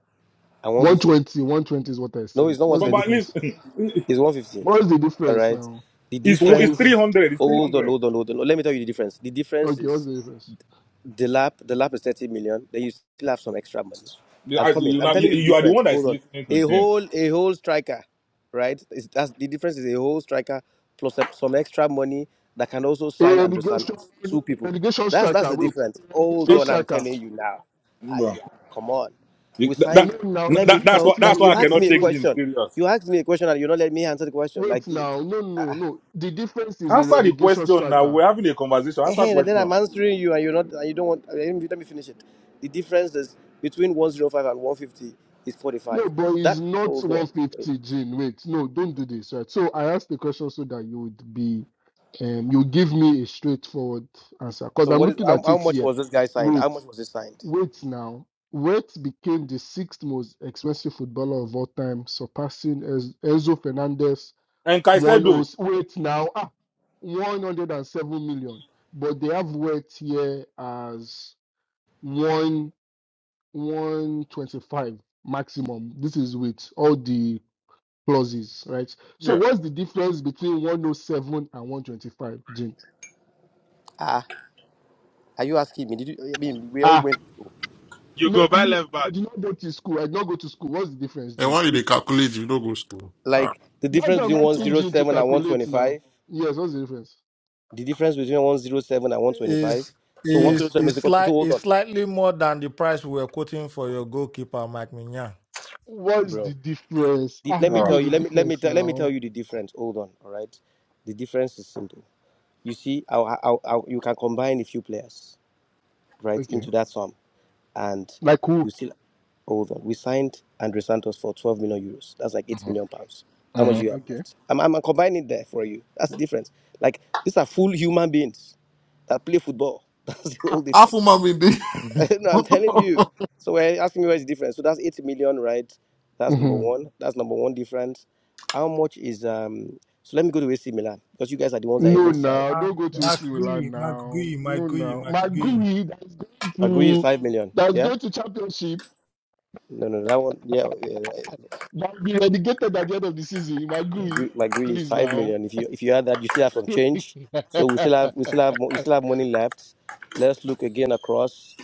Speaker 17: One
Speaker 26: 150.
Speaker 17: twenty, one twenty is what I
Speaker 26: No,
Speaker 17: said
Speaker 26: it's not
Speaker 17: what's
Speaker 25: But,
Speaker 17: the
Speaker 25: but at
Speaker 26: 120.
Speaker 25: least
Speaker 17: difference
Speaker 25: it's,
Speaker 26: It's 150.
Speaker 17: what's the
Speaker 26: All
Speaker 17: difference
Speaker 26: right.
Speaker 17: now
Speaker 26: The
Speaker 25: one-
Speaker 17: what's the
Speaker 25: it's
Speaker 26: difference.
Speaker 17: difference
Speaker 25: 300. It's
Speaker 26: Hold on,
Speaker 25: 300.
Speaker 26: hold on, hold on. Let me tell you the difference. The difference
Speaker 17: okay what's
Speaker 26: is
Speaker 17: the difference
Speaker 26: The lab, the lab is 30 million. Then you still have some extra money.
Speaker 25: You
Speaker 26: I'm
Speaker 25: are,
Speaker 26: coming.
Speaker 25: you,
Speaker 26: I'm
Speaker 25: now- you-
Speaker 26: telling you the
Speaker 25: you are the
Speaker 26: difference.
Speaker 25: one that is
Speaker 26: Hold on.
Speaker 25: listening to
Speaker 26: A
Speaker 25: Jim.
Speaker 26: whole, a whole striker, right? Is that's the difference is a whole striker plus some, some extra money that can also
Speaker 17: a
Speaker 26: sign Andrew
Speaker 17: relegation
Speaker 26: Santos.
Speaker 17: a
Speaker 26: Two people.
Speaker 17: relegation
Speaker 26: That's that's
Speaker 17: striker
Speaker 26: the
Speaker 17: wait
Speaker 26: difference.
Speaker 17: a
Speaker 26: Hold
Speaker 25: Eh,
Speaker 17: relegation
Speaker 26: on, I'm
Speaker 17: striker
Speaker 26: telling you now. Ah,
Speaker 25: Bro,
Speaker 26: yeah, come on.
Speaker 25: you-
Speaker 26: We
Speaker 25: that, that,
Speaker 26: signed.
Speaker 17: no now the
Speaker 26: Let
Speaker 25: that-
Speaker 26: me
Speaker 25: that's
Speaker 26: tell.
Speaker 25: why
Speaker 17: difference is
Speaker 26: Like
Speaker 25: that's
Speaker 17: a
Speaker 25: why I
Speaker 26: you asked
Speaker 17: wait
Speaker 25: cannot
Speaker 26: me a
Speaker 25: take
Speaker 17: wait
Speaker 25: Jim
Speaker 26: question.
Speaker 25: serious.
Speaker 26: You asked me a question and you do not let me answer the question. Like,
Speaker 17: Wait now, no, no,
Speaker 26: uh,
Speaker 17: no. The difference is a
Speaker 25: Answer the
Speaker 17: relegation
Speaker 25: question now.
Speaker 17: striker.
Speaker 25: We're having a conversation. Answer
Speaker 26: Ehen, and then I'm
Speaker 25: question.
Speaker 26: answering you, and you're not, and you don't want. Let me, let me finish it. The difference is between 105 and 150 is 45.
Speaker 17: No, but
Speaker 26: That
Speaker 17: he's not
Speaker 26: hold on. Wait.
Speaker 17: 150, Gene. Wait, no, don't do this, right? So I asked the question so that you would be, um, you give me a straightforward answer. Because
Speaker 26: So
Speaker 17: I'm
Speaker 26: what is
Speaker 17: looking
Speaker 26: how,
Speaker 17: at
Speaker 26: how
Speaker 17: it
Speaker 26: much
Speaker 17: here.
Speaker 26: was this guy signed? How
Speaker 17: Wait,
Speaker 26: much was he signed?
Speaker 17: wait now. Wait became the sixth most expensive footballer of all time, surpassing Ez- Enzo Fernandez.
Speaker 25: And
Speaker 17: One oh,
Speaker 25: Kaisedo.
Speaker 17: wait now, ah, 107 million. But they have Wait here as one. 125 maximum. This is with all the clauses, right? So
Speaker 25: Yeah.
Speaker 17: what's the difference between 107 and 125, Jane?
Speaker 26: Ah, are you asking me? Did you? I mean, we all
Speaker 17: Ah,
Speaker 26: went through.
Speaker 12: You
Speaker 17: no,
Speaker 12: go by
Speaker 17: me,
Speaker 12: left
Speaker 17: I
Speaker 12: back.
Speaker 17: did not go to school. I did not go to school. What's the difference,
Speaker 9: and
Speaker 17: Jane?
Speaker 9: why you they calculate if you don't go school? Ah,
Speaker 26: Like the
Speaker 17: That's
Speaker 26: difference
Speaker 17: what I'm
Speaker 26: between
Speaker 17: asking Jane to
Speaker 26: 107 and
Speaker 17: calculate now.
Speaker 26: 125.
Speaker 17: Yes, what's the difference?
Speaker 26: The difference between 107 and 125.
Speaker 13: Is
Speaker 26: So
Speaker 13: is
Speaker 17: Yes.
Speaker 26: 107 is
Speaker 13: is
Speaker 26: equal to. to-
Speaker 13: slight
Speaker 26: Hold
Speaker 13: is
Speaker 26: on,
Speaker 13: slightly more than the price we were quoting for your goalkeeper, Mike Mignan.
Speaker 17: What's the
Speaker 26: bro.
Speaker 17: difference?
Speaker 26: The-
Speaker 17: Ah,
Speaker 26: let me
Speaker 17: give
Speaker 25: Oh.
Speaker 17: me
Speaker 26: tell you.
Speaker 17: the
Speaker 26: Let me let me
Speaker 17: difference
Speaker 26: tell, let me tell
Speaker 17: now.
Speaker 26: you the difference. Hold on. All right. The difference is simple. You see, how, how, how you can combine a few players, right,
Speaker 17: Okay.
Speaker 26: into that sum, and
Speaker 17: Like who?
Speaker 26: you still hold on. We signed Andre Santos for 12 million euros. That's like 8
Speaker 25: Mhm.
Speaker 26: million pounds. How much do
Speaker 25: Mhm.
Speaker 26: you have
Speaker 17: Okay.
Speaker 26: left? I'm, I'm combining there for you. That's the difference. Like, these are full human beings that play football. That's the whole
Speaker 9: Half
Speaker 26: difference.
Speaker 9: of my man, they-
Speaker 26: no, I'm telling you. So we're asking me where is the difference. So that's 80 million, right? That's number
Speaker 17: Mhm.
Speaker 26: one. That's number one difference. How much is um? So let me go to AC Milan because you guys are the ones that
Speaker 17: No,
Speaker 26: even signed.
Speaker 17: now
Speaker 13: Ah,
Speaker 17: don't go to AC
Speaker 13: Mark
Speaker 17: Milan
Speaker 13: Gui, Mark
Speaker 17: now.
Speaker 13: Gui, Mark
Speaker 17: No,
Speaker 13: Gui,
Speaker 17: now my
Speaker 13: Mark Gui.
Speaker 17: Maguri that's going
Speaker 26: Agree is
Speaker 17: to
Speaker 26: five million.
Speaker 17: that's
Speaker 26: Yeah.
Speaker 17: going to championship
Speaker 26: No, no, that one. Yeah, yeah
Speaker 17: that will be relegated at the end of the season. My
Speaker 26: my
Speaker 17: Maguri,
Speaker 26: gr- my grid is
Speaker 17: please
Speaker 26: five
Speaker 17: now.
Speaker 26: million. If you if you add that, you still have some change. So we still have we still have mo- we still have money left. Let's look again across.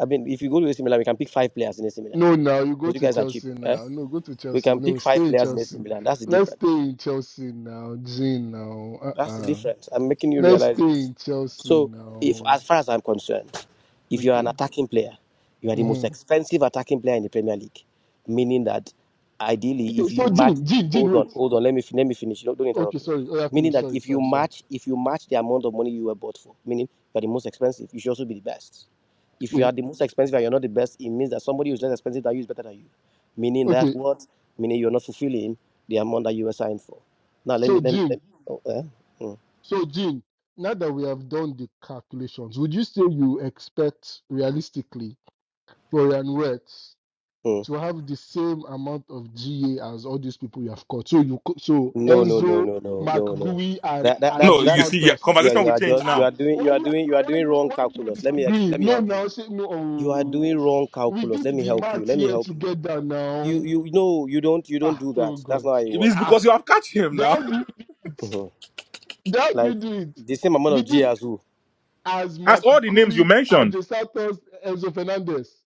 Speaker 26: I mean, if you go to AC Milan, we can pick five players in AC Milan
Speaker 17: no, now you go
Speaker 26: because you
Speaker 17: to
Speaker 26: guys are cheap.
Speaker 17: Chelsea
Speaker 26: Eh?
Speaker 17: now. No, go to
Speaker 26: We
Speaker 17: Chelsea.
Speaker 26: can
Speaker 17: No,
Speaker 26: pick five
Speaker 17: stay in
Speaker 26: players in AC
Speaker 17: Chelsea.
Speaker 26: Milan. That's the
Speaker 17: Let's
Speaker 26: difference.
Speaker 17: stay in Chelsea now, Jean Now, uh,
Speaker 26: That's the
Speaker 17: uh
Speaker 26: difference. I'm making you
Speaker 17: let's
Speaker 26: realize
Speaker 17: stay
Speaker 26: it.
Speaker 17: in Chelsea
Speaker 26: So, if as
Speaker 17: now.
Speaker 26: far as I'm concerned, if you are an
Speaker 17: Okay.
Speaker 26: attacking player, you are the most
Speaker 17: hmm
Speaker 26: expensive attacking player in the Premier League, meaning that ideally,
Speaker 17: Okay.
Speaker 26: if
Speaker 17: So,
Speaker 26: you match,
Speaker 17: Jean, Jean, Jean,
Speaker 26: hold on,
Speaker 17: wait.
Speaker 26: hold on, let me fin- let me finish. Don't, don't
Speaker 17: Okay,
Speaker 26: interrupt me.
Speaker 17: sorry. Oh, I
Speaker 26: Meaning
Speaker 17: finished.
Speaker 26: that
Speaker 17: Sorry,
Speaker 26: if you
Speaker 17: sorry, sorry.
Speaker 26: match, if you match the amount of money you were bought for, meaning you are the most expensive, you should also be the best. If
Speaker 17: Yeah.
Speaker 26: you are the most expensive and you're not the best, it means that somebody who's less expensive than you is better than you. Meaning that
Speaker 17: Okay,
Speaker 26: what? Meaning you're not fulfilling the amount that you were signed for. Now let me
Speaker 17: so
Speaker 26: let me.
Speaker 17: Jean,
Speaker 26: Let me oh, eh? Mm,
Speaker 17: so Jean, now that we have done the calculations, would you say you expect realistically Florian Wirtz
Speaker 26: mm.
Speaker 17: to have the same amount of GA as all these people you have caught? So you, co- so
Speaker 26: No, no, no,
Speaker 17: Enzo,
Speaker 26: no, no, no, no.
Speaker 17: McGui, and
Speaker 26: That that that
Speaker 25: No,
Speaker 17: Andre
Speaker 25: you
Speaker 26: that's
Speaker 25: see, yeah,
Speaker 17: Santos.
Speaker 26: yeah.
Speaker 25: conversation
Speaker 26: You
Speaker 25: will
Speaker 26: are
Speaker 25: change
Speaker 26: just you
Speaker 17: Ah,
Speaker 25: now.
Speaker 26: are doing
Speaker 17: why
Speaker 26: you are
Speaker 17: you,
Speaker 26: doing you are
Speaker 17: why you,
Speaker 26: doing wrong
Speaker 17: why you not
Speaker 26: calculus. Let me ex- let
Speaker 17: disagreeing?
Speaker 26: me
Speaker 17: No,
Speaker 26: help you.
Speaker 17: now say no.
Speaker 26: You are
Speaker 17: Oh,
Speaker 26: doing wrong
Speaker 17: we
Speaker 26: calculus. Let
Speaker 17: did
Speaker 26: me
Speaker 17: the
Speaker 26: help you.
Speaker 17: math
Speaker 26: Let me
Speaker 17: here
Speaker 26: help you.
Speaker 17: together
Speaker 26: You
Speaker 17: now.
Speaker 26: you no you don't you don't
Speaker 17: Ah,
Speaker 26: do
Speaker 17: oh
Speaker 26: that. That's
Speaker 17: God.
Speaker 26: not how it
Speaker 25: It is
Speaker 26: works.
Speaker 17: Ah,
Speaker 25: because you have catch him
Speaker 17: then how
Speaker 25: now.
Speaker 17: do you do it?
Speaker 26: Mhm.
Speaker 17: Then How do you
Speaker 26: Like
Speaker 17: do it?
Speaker 26: the same amount
Speaker 17: we
Speaker 26: of G
Speaker 17: did
Speaker 26: as who?
Speaker 17: as
Speaker 25: As
Speaker 17: Mark
Speaker 25: all the names you
Speaker 17: Gui,
Speaker 25: mentioned,
Speaker 17: Ajay Santos, Enzo Fernandez.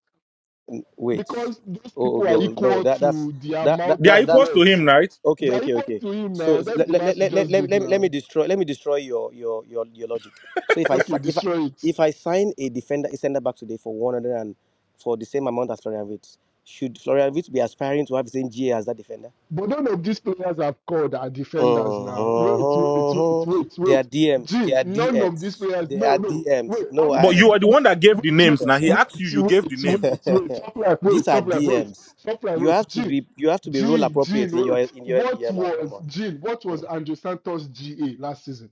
Speaker 26: Mm, Wait.
Speaker 17: Because those
Speaker 26: Oh
Speaker 17: people are
Speaker 26: no no
Speaker 17: equal
Speaker 26: that that's
Speaker 17: to the
Speaker 26: that that
Speaker 17: amount
Speaker 25: they are
Speaker 26: that
Speaker 17: of
Speaker 26: that's
Speaker 25: equals to
Speaker 17: words.
Speaker 25: him, right?
Speaker 17: They
Speaker 26: Okay,
Speaker 17: are
Speaker 26: okay,
Speaker 17: equal
Speaker 26: okay.
Speaker 17: to him
Speaker 26: So
Speaker 17: now. That's
Speaker 26: let,
Speaker 17: the
Speaker 26: let, let,
Speaker 17: math we
Speaker 26: let, let,
Speaker 17: just
Speaker 26: let, me,
Speaker 17: did
Speaker 26: let me
Speaker 17: now.
Speaker 26: destroy let me destroy your your your, your logic. So if I
Speaker 17: Okay,
Speaker 26: si- if I
Speaker 17: destroy it.
Speaker 26: if I sign a defender a centre back today for one hundred and for the same amount as Florian Wirtz, should Florian Wirtz be aspiring to have the same GA as that defender?
Speaker 17: But none of these players have called are defenders now. Wait, wait, wait,
Speaker 26: Mhm.
Speaker 17: wait,
Speaker 26: They are
Speaker 17: wait.
Speaker 26: DMs. They
Speaker 17: Gene,
Speaker 26: are
Speaker 17: none of these
Speaker 26: DMs.
Speaker 17: players.
Speaker 26: They
Speaker 17: No,
Speaker 26: are
Speaker 17: no.
Speaker 26: DMs.
Speaker 17: Wait,
Speaker 26: No,
Speaker 17: how
Speaker 25: But
Speaker 17: many?
Speaker 26: I.
Speaker 25: you
Speaker 17: Go-
Speaker 25: are the
Speaker 17: wait,
Speaker 25: one that gave the
Speaker 17: wait,
Speaker 25: names. Now
Speaker 17: wait,
Speaker 25: he
Speaker 17: wait,
Speaker 25: asked you, you gave the
Speaker 17: wait,
Speaker 25: names.
Speaker 17: wait, wait. Stop like, wait,
Speaker 26: these are
Speaker 17: stop like, wait,
Speaker 26: DMs.
Speaker 17: stop like,
Speaker 26: You
Speaker 17: wait.
Speaker 26: have to
Speaker 17: Gene,
Speaker 26: be you have to be role
Speaker 17: Gene, Gene,
Speaker 26: appropriate in your
Speaker 17: wait.
Speaker 26: in your
Speaker 17: What
Speaker 26: yeah. Nah, come
Speaker 17: was
Speaker 26: on.
Speaker 17: Gene? What was Andrew Santos GA last season?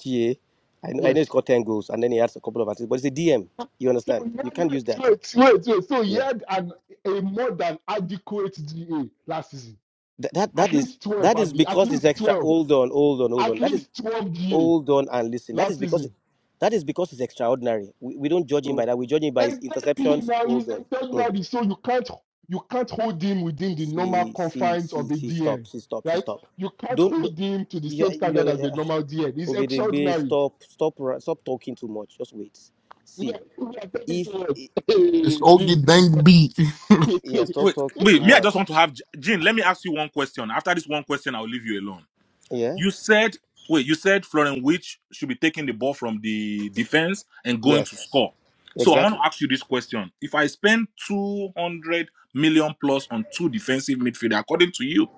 Speaker 26: GA. I know, I know it's
Speaker 17: Yes.
Speaker 26: got 10 goals and then he has a couple of assists, but it's a DM. You
Speaker 17: So
Speaker 26: understand?
Speaker 17: he
Speaker 26: You
Speaker 17: had,
Speaker 26: can't use
Speaker 17: wait,
Speaker 26: that.
Speaker 17: wait, wait, wait. So he
Speaker 26: Yeah.
Speaker 17: had an, a more than adequate GA last season.
Speaker 26: That, that,
Speaker 17: At
Speaker 26: that is
Speaker 17: least twelve,
Speaker 26: that is
Speaker 17: Abby. At
Speaker 26: because it's
Speaker 17: least
Speaker 26: extra.
Speaker 17: twelve.
Speaker 26: Hold on, hold on, hold
Speaker 17: At
Speaker 26: on. That is
Speaker 17: least twelve GA.
Speaker 26: hold on and listen. That
Speaker 17: last
Speaker 26: is because
Speaker 17: season.
Speaker 26: that is because it's extraordinary. We, we don't judge him
Speaker 17: Oh,
Speaker 26: by that. We judge him by his
Speaker 17: Exactly.
Speaker 26: interceptions.
Speaker 17: Now he's
Speaker 26: Hold on. Mm.
Speaker 17: extraordinary, so you can't you can't hold him within the normal
Speaker 26: See, see,
Speaker 17: confines
Speaker 26: see,
Speaker 17: of a
Speaker 26: see, stop,
Speaker 17: DM,
Speaker 26: see, stop, see,
Speaker 17: right?
Speaker 26: stop.
Speaker 17: You can't
Speaker 26: Don't, don't
Speaker 17: hold him to the
Speaker 26: you,
Speaker 17: same
Speaker 26: you,
Speaker 17: standard as
Speaker 26: you,
Speaker 17: a normal DM. He's
Speaker 26: Ogedengbe,
Speaker 17: extraordinary.
Speaker 26: stop, stop, ra- stop talking too much. Just wait.
Speaker 17: We are,
Speaker 26: See,
Speaker 17: we are taking
Speaker 26: if,
Speaker 17: to
Speaker 9: It's
Speaker 17: it.
Speaker 9: Ogie Dang B.
Speaker 26: yeah, stop
Speaker 25: Wait,
Speaker 26: talking too
Speaker 25: wait,
Speaker 17: Hey,
Speaker 25: me, I
Speaker 26: much.
Speaker 25: just want to have Jin. Let me ask you one question. After this one question, I'll leave you alone.
Speaker 26: Yeah.
Speaker 25: You said wait, you said Florian Which should be taking the ball from the defense and going to
Speaker 26: Yes,
Speaker 25: score. So I want
Speaker 26: exactly.
Speaker 25: to ask you this question. If I spend 200 million plus on two defensive midfielder, according to you,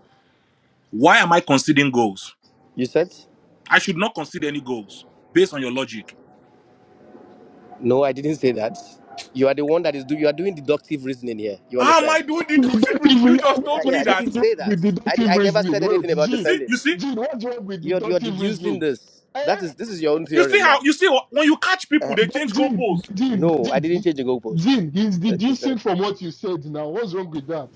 Speaker 25: why am I conceding goals?
Speaker 26: You said?
Speaker 25: I should not concede any goals based on your logic.
Speaker 26: No, I didn't say that. You are the one that is do. You are doing deductive reasoning here. You
Speaker 25: How am
Speaker 26: understand?
Speaker 25: I doing the
Speaker 17: Gene. deductive
Speaker 25: difference? You
Speaker 17: reasoning.
Speaker 25: just
Speaker 26: Yeah,
Speaker 25: told
Speaker 26: yeah
Speaker 25: me
Speaker 26: I
Speaker 25: that.
Speaker 26: didn't
Speaker 17: what's wrong
Speaker 26: say that.
Speaker 17: with
Speaker 26: I, di-
Speaker 17: deductive
Speaker 26: I never
Speaker 17: reasoning?
Speaker 26: said
Speaker 17: Wait,
Speaker 26: anything about
Speaker 25: You
Speaker 17: Gene.
Speaker 25: see,
Speaker 26: defending.
Speaker 25: you see,
Speaker 17: Gene, what's wrong with
Speaker 26: You're you're
Speaker 17: deductive
Speaker 26: deducing
Speaker 17: reasoning?
Speaker 26: this.
Speaker 17: Eh,
Speaker 26: That is this is your
Speaker 17: eh,
Speaker 26: own
Speaker 17: eh,
Speaker 25: you see
Speaker 26: theorem now.
Speaker 25: how you see wh- when you catch people,
Speaker 26: Uh,
Speaker 25: they
Speaker 17: But
Speaker 25: change
Speaker 17: Jim,
Speaker 25: goalposts.
Speaker 17: but Jim, but
Speaker 26: no, I
Speaker 17: Jim,
Speaker 26: didn't
Speaker 17: he-
Speaker 26: change the goalposts.
Speaker 17: Jim, he's
Speaker 26: Uh, is that?
Speaker 17: deducing from what you said now. What's wrong with that?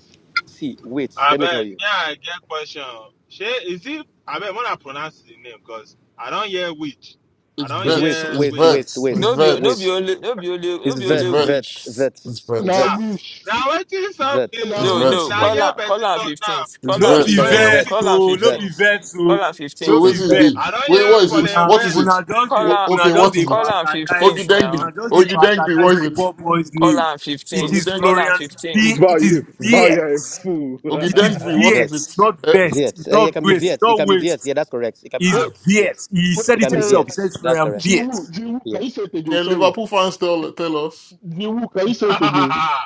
Speaker 26: See, wait.
Speaker 12: I
Speaker 26: Let me tell
Speaker 12: bet.
Speaker 26: you.
Speaker 12: Yeah, I get question. She is it? I bet when I pronounce the name, cause I don't hear which. I
Speaker 9: It's
Speaker 12: don't
Speaker 26: It's
Speaker 9: vets.
Speaker 26: waste,
Speaker 12: hear
Speaker 9: It's
Speaker 26: waste,
Speaker 12: which.
Speaker 26: waste,
Speaker 9: vets. It's
Speaker 1: No
Speaker 26: waste,
Speaker 1: be, no
Speaker 9: vets.
Speaker 1: be
Speaker 26: waste.
Speaker 1: only, no be only, no
Speaker 26: It's
Speaker 1: be
Speaker 9: It's
Speaker 1: only
Speaker 26: vets, vets,
Speaker 1: witch.
Speaker 9: vets. It's
Speaker 26: vets,
Speaker 17: Now
Speaker 12: Ah,
Speaker 9: vets.
Speaker 26: vets,
Speaker 17: wish,
Speaker 12: now what is up?
Speaker 26: vets.
Speaker 9: It's
Speaker 17: now
Speaker 12: is-
Speaker 1: No,
Speaker 17: wish.
Speaker 9: vets,
Speaker 1: no.
Speaker 12: Now
Speaker 1: Call
Speaker 9: bro.
Speaker 12: hear
Speaker 1: her, call
Speaker 12: person
Speaker 1: her
Speaker 12: talk now.
Speaker 1: fifteenth.
Speaker 9: It's
Speaker 1: Call
Speaker 14: No
Speaker 1: her
Speaker 26: It's
Speaker 9: vets,
Speaker 14: be
Speaker 12: Colin
Speaker 26: Florian
Speaker 1: fifteenth.
Speaker 9: bro.
Speaker 14: vex
Speaker 12: Which.
Speaker 1: Call her
Speaker 26: vets,
Speaker 14: o, no be
Speaker 1: fifteenth.
Speaker 26: vets.
Speaker 14: vex o,
Speaker 1: Call her
Speaker 9: So
Speaker 14: no
Speaker 9: what
Speaker 1: fifteenth.
Speaker 26: It's
Speaker 14: be
Speaker 9: is it
Speaker 14: vex.
Speaker 9: be?
Speaker 12: I
Speaker 26: vets.
Speaker 12: don't
Speaker 9: Wait,
Speaker 12: hear
Speaker 9: what is it?
Speaker 12: Colin
Speaker 14: Una
Speaker 9: What is
Speaker 12: Vett.
Speaker 9: it?
Speaker 14: una just
Speaker 1: Call
Speaker 9: What,
Speaker 14: dey
Speaker 1: her,
Speaker 14: una
Speaker 9: okay,
Speaker 14: just
Speaker 9: what
Speaker 14: dey
Speaker 9: is
Speaker 1: call
Speaker 9: it?
Speaker 1: her
Speaker 14: bastardize
Speaker 9: Ogi
Speaker 1: fifteenth now.
Speaker 9: Dengbi.
Speaker 14: una just dey
Speaker 9: Ogi Dengbi, what
Speaker 14: bastardize
Speaker 9: is
Speaker 14: the
Speaker 9: it?
Speaker 14: poor boy's
Speaker 1: Call
Speaker 14: name.
Speaker 1: her
Speaker 14: It
Speaker 9: Ogi
Speaker 14: is
Speaker 1: fifteenth. Call her
Speaker 14: Florian
Speaker 9: Dengbi.
Speaker 1: fifteenth.
Speaker 14: V.
Speaker 16: Val,
Speaker 14: It is
Speaker 16: you, Val, you're a
Speaker 14: VX.
Speaker 16: fool.
Speaker 9: Ogi
Speaker 14: It is
Speaker 9: Dengbi, what is
Speaker 14: VX,
Speaker 9: it?
Speaker 26: Vets.
Speaker 14: not
Speaker 9: Uh,
Speaker 14: vest.
Speaker 26: Vets.
Speaker 14: It's
Speaker 26: Uh, it
Speaker 14: not
Speaker 26: can be
Speaker 14: waste. It's
Speaker 26: Vets. It
Speaker 14: not
Speaker 26: can be Vets.
Speaker 14: waste.
Speaker 26: Yeah, that's correct. It can be
Speaker 14: It's
Speaker 17: Wait,
Speaker 26: Vets. Yes.
Speaker 14: VX. He
Speaker 17: wait.
Speaker 26: It
Speaker 14: said it
Speaker 26: can be
Speaker 17: Uh,
Speaker 14: himself. He says
Speaker 26: Vets. That's
Speaker 14: Florian
Speaker 26: correct.
Speaker 17: Jiwoo,
Speaker 14: VX.
Speaker 17: Jiwoo, can you
Speaker 26: Yes.
Speaker 17: say it again?
Speaker 9: can
Speaker 17: Sorry,
Speaker 9: Liverpool fans tell tell us?
Speaker 17: Jiwoo, can you say it again?
Speaker 12: Ah,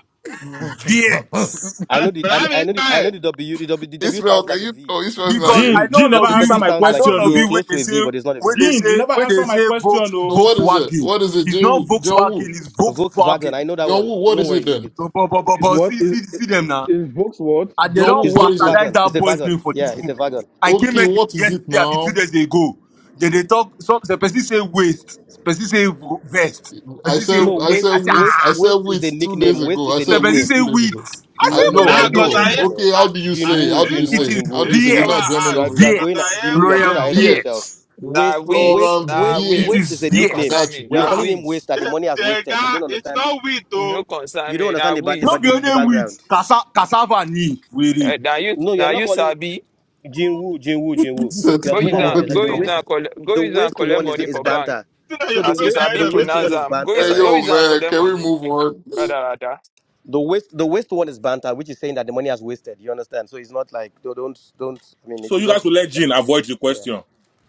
Speaker 14: VX.
Speaker 26: I
Speaker 12: But
Speaker 26: know the
Speaker 12: but
Speaker 26: I,
Speaker 12: I'm
Speaker 26: I know the I know
Speaker 12: inside
Speaker 26: the W the W the W
Speaker 9: Israel,
Speaker 26: sounds
Speaker 9: can
Speaker 26: like a
Speaker 9: you?
Speaker 26: V.
Speaker 9: Oh, Israel's not
Speaker 14: because
Speaker 26: The,
Speaker 9: here.
Speaker 14: I
Speaker 25: Gene,
Speaker 14: know
Speaker 26: the,
Speaker 25: Gene
Speaker 26: the
Speaker 14: all
Speaker 25: never
Speaker 14: of
Speaker 26: the
Speaker 25: answer
Speaker 26: W
Speaker 14: you,
Speaker 25: my
Speaker 26: sounds
Speaker 14: I know
Speaker 26: like a
Speaker 25: question,
Speaker 14: all of
Speaker 26: V. It's
Speaker 14: you
Speaker 25: though.
Speaker 14: when
Speaker 26: close
Speaker 14: they
Speaker 26: to a V,
Speaker 14: say
Speaker 26: but it's not a
Speaker 14: when
Speaker 26: V.
Speaker 14: they
Speaker 25: Gene, you
Speaker 14: say
Speaker 25: never
Speaker 14: when they
Speaker 25: answer my
Speaker 14: say
Speaker 25: question,
Speaker 14: Volks,
Speaker 9: So
Speaker 25: though.
Speaker 9: what is it?
Speaker 14: Volkswagen.
Speaker 9: What is it,
Speaker 14: It's
Speaker 9: John
Speaker 14: not
Speaker 9: Woo? John
Speaker 14: Volkswagen,
Speaker 9: Woo?
Speaker 14: it's
Speaker 26: Volkswagen.
Speaker 14: Volkswagen.
Speaker 26: I know that
Speaker 9: John
Speaker 26: one.
Speaker 9: Woo, what
Speaker 26: Don't
Speaker 9: is
Speaker 26: worry,
Speaker 9: it
Speaker 26: leave
Speaker 9: then?
Speaker 26: it.
Speaker 14: But, but, but, but,
Speaker 16: it's
Speaker 14: but
Speaker 16: what?
Speaker 14: see,
Speaker 16: Is,
Speaker 14: see, see them now.
Speaker 16: is Vox what?
Speaker 14: And they
Speaker 9: John
Speaker 14: don't
Speaker 9: Woo,
Speaker 26: It's
Speaker 9: what is it?
Speaker 14: bastardize
Speaker 26: Volkswagen. It's
Speaker 14: that
Speaker 26: a
Speaker 14: boy's
Speaker 26: wagon.
Speaker 14: name for
Speaker 26: Yeah,
Speaker 14: this
Speaker 26: it's
Speaker 14: room.
Speaker 26: a wagon.
Speaker 14: I came
Speaker 9: Okay,
Speaker 14: here
Speaker 9: what is it
Speaker 14: yesterday, I mean, two
Speaker 9: now?
Speaker 14: days ago. Then they talk, some the person say waist, the person say v- vest, the
Speaker 9: I
Speaker 14: person say
Speaker 9: said
Speaker 26: No,
Speaker 9: I
Speaker 14: veer.
Speaker 9: said
Speaker 14: I
Speaker 26: West
Speaker 14: say,
Speaker 9: wheat.
Speaker 26: West
Speaker 9: I
Speaker 14: ah,
Speaker 9: said
Speaker 26: West is a
Speaker 9: wheat two
Speaker 26: nickname.
Speaker 9: days
Speaker 26: West
Speaker 9: ago.
Speaker 26: is
Speaker 9: I
Speaker 26: a
Speaker 14: the
Speaker 9: said
Speaker 14: person
Speaker 9: wheat
Speaker 26: nickname.
Speaker 14: say
Speaker 9: two days
Speaker 14: wheat.
Speaker 9: ago.
Speaker 14: I say,
Speaker 9: I
Speaker 26: No, no,
Speaker 14: what
Speaker 9: know,
Speaker 26: no, no,
Speaker 12: now,
Speaker 9: I
Speaker 26: no,
Speaker 14: it
Speaker 12: cause
Speaker 26: no,
Speaker 12: I
Speaker 9: know.
Speaker 26: no,
Speaker 12: hear.
Speaker 14: is?
Speaker 26: no.
Speaker 9: Okay,
Speaker 12: I,
Speaker 9: how do you
Speaker 12: I,
Speaker 9: say?
Speaker 26: Jinwoo,
Speaker 9: How do
Speaker 12: this
Speaker 9: you
Speaker 26: Jinwoo,
Speaker 14: It
Speaker 9: say?
Speaker 14: is
Speaker 9: How do
Speaker 26: Jinwoo,
Speaker 12: this
Speaker 9: you say?
Speaker 12: is
Speaker 9: We're
Speaker 12: what
Speaker 26: Jinwoo.
Speaker 9: not
Speaker 12: I
Speaker 9: German
Speaker 26: You are
Speaker 12: asked.
Speaker 9: over
Speaker 14: Viet,
Speaker 26: you are
Speaker 9: here.
Speaker 12: Cause
Speaker 14: Viet,
Speaker 26: going
Speaker 12: I hear
Speaker 26: Jinwoo. You are going
Speaker 14: Florian
Speaker 26: ahead
Speaker 12: Colin
Speaker 26: of
Speaker 12: Which.
Speaker 26: yourself.
Speaker 9: Viet.
Speaker 14: Viet.
Speaker 1: Na
Speaker 26: Waste,
Speaker 1: weeds,
Speaker 26: waste,
Speaker 9: Florent
Speaker 1: na
Speaker 26: waste,
Speaker 14: It
Speaker 9: Viet.
Speaker 14: is
Speaker 26: waste
Speaker 1: weeds.
Speaker 26: is a
Speaker 1: You no
Speaker 14: yet.
Speaker 9: I
Speaker 26: nickname.
Speaker 1: concern
Speaker 9: got
Speaker 1: me.
Speaker 9: you.
Speaker 26: We are
Speaker 1: Na
Speaker 12: Ah,
Speaker 26: calling
Speaker 14: Yes.
Speaker 26: him waste
Speaker 1: weeds.
Speaker 26: that the money has
Speaker 12: the
Speaker 26: wasted. You
Speaker 12: guy.
Speaker 26: don't
Speaker 12: It's
Speaker 26: understand.
Speaker 12: not wheat
Speaker 1: You
Speaker 12: though.
Speaker 1: no concern
Speaker 26: You don't
Speaker 1: me. Na
Speaker 26: understand the ba- the,
Speaker 1: weeds.
Speaker 26: ba-
Speaker 14: Not be
Speaker 26: the, the
Speaker 14: only wheat.
Speaker 26: background.
Speaker 14: Cassa cassava ni,
Speaker 1: Eh,
Speaker 14: really.
Speaker 1: now you
Speaker 26: No, you are
Speaker 1: now
Speaker 26: not
Speaker 1: you
Speaker 26: calling
Speaker 1: sabi
Speaker 26: Jinwoo, Jinwoo, Jinwoo.
Speaker 9: Said
Speaker 26: You are
Speaker 1: go
Speaker 26: going
Speaker 1: use
Speaker 26: ahead
Speaker 1: and
Speaker 26: of
Speaker 9: nobody
Speaker 26: yourself.
Speaker 1: go
Speaker 26: The
Speaker 1: use
Speaker 26: waste,
Speaker 9: know.
Speaker 1: and collect go
Speaker 26: the
Speaker 1: use and
Speaker 26: waste
Speaker 1: collect
Speaker 26: one is
Speaker 1: money
Speaker 26: is
Speaker 1: for bank.
Speaker 26: banter.
Speaker 12: You know you're
Speaker 26: So the
Speaker 1: As you
Speaker 12: going
Speaker 26: waste,
Speaker 12: ahead
Speaker 1: sabi
Speaker 26: the
Speaker 12: of
Speaker 26: waste
Speaker 12: yourself.
Speaker 1: pronounce
Speaker 26: one is
Speaker 1: am, go
Speaker 26: banter,
Speaker 1: use
Speaker 9: Hey
Speaker 1: go
Speaker 26: right?
Speaker 9: yo
Speaker 1: use and
Speaker 9: man,
Speaker 1: collect
Speaker 9: can we
Speaker 1: money.
Speaker 9: move on?
Speaker 1: Rather rather.
Speaker 26: the waste the waste one is banter, which is saying that the money has wasted. You understand? So it's not like don't don't. don't- I mean,
Speaker 25: So
Speaker 26: if you
Speaker 25: you
Speaker 26: don't
Speaker 25: guys will
Speaker 26: understand
Speaker 25: let
Speaker 26: the
Speaker 25: Jean
Speaker 26: context,
Speaker 25: avoid the
Speaker 26: yeah.
Speaker 25: question.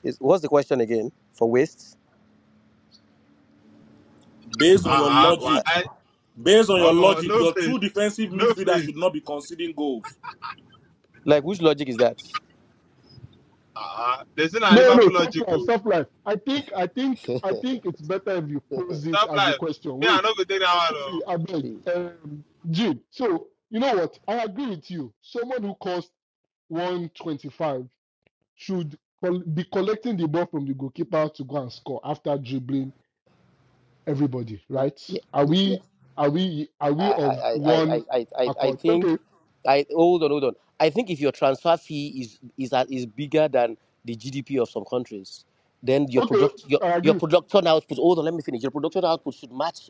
Speaker 26: Is what's the question again for waste?
Speaker 25: Based on your
Speaker 12: Uh-uh.
Speaker 25: logic,
Speaker 12: Why?
Speaker 25: based on your
Speaker 12: Omo,
Speaker 25: logic,
Speaker 12: no
Speaker 25: your
Speaker 12: faith.
Speaker 25: two defensive
Speaker 12: No
Speaker 25: midfielders should
Speaker 12: faith.
Speaker 25: not be conceding goals.
Speaker 26: Like which logic is that?
Speaker 12: Uh-uh. They say na
Speaker 17: No, no,
Speaker 12: Liverpool
Speaker 17: stop
Speaker 12: logic
Speaker 17: life,
Speaker 12: o.
Speaker 17: stop life. I think, I think, I think it's better if you pose it
Speaker 12: Stop
Speaker 17: as a
Speaker 12: life.
Speaker 17: question.
Speaker 12: Me, I
Speaker 17: Wait,
Speaker 12: no go take that one
Speaker 17: sorry,
Speaker 12: o.
Speaker 17: I beg.
Speaker 26: See,
Speaker 17: Um, Jim, so you know what? I agree with you. Someone who costs one twenty-five. should col- be collecting the ball from the goalkeeper to go and score after dribbling everybody, right?
Speaker 26: yeah,
Speaker 17: Are
Speaker 26: yeah. yeah.
Speaker 17: we are we are
Speaker 26: I,
Speaker 17: we
Speaker 26: I,
Speaker 17: of
Speaker 26: I,
Speaker 17: one
Speaker 26: I, I, I I
Speaker 17: accord?
Speaker 26: think
Speaker 17: Okay,
Speaker 26: I hold on, hold on. I think if your transfer fee is is a- is bigger than the GDP of some countries, then your
Speaker 17: okay,
Speaker 26: product your
Speaker 17: I
Speaker 26: your
Speaker 17: agree.
Speaker 26: production output. Hold on, let me finish. Your production output should match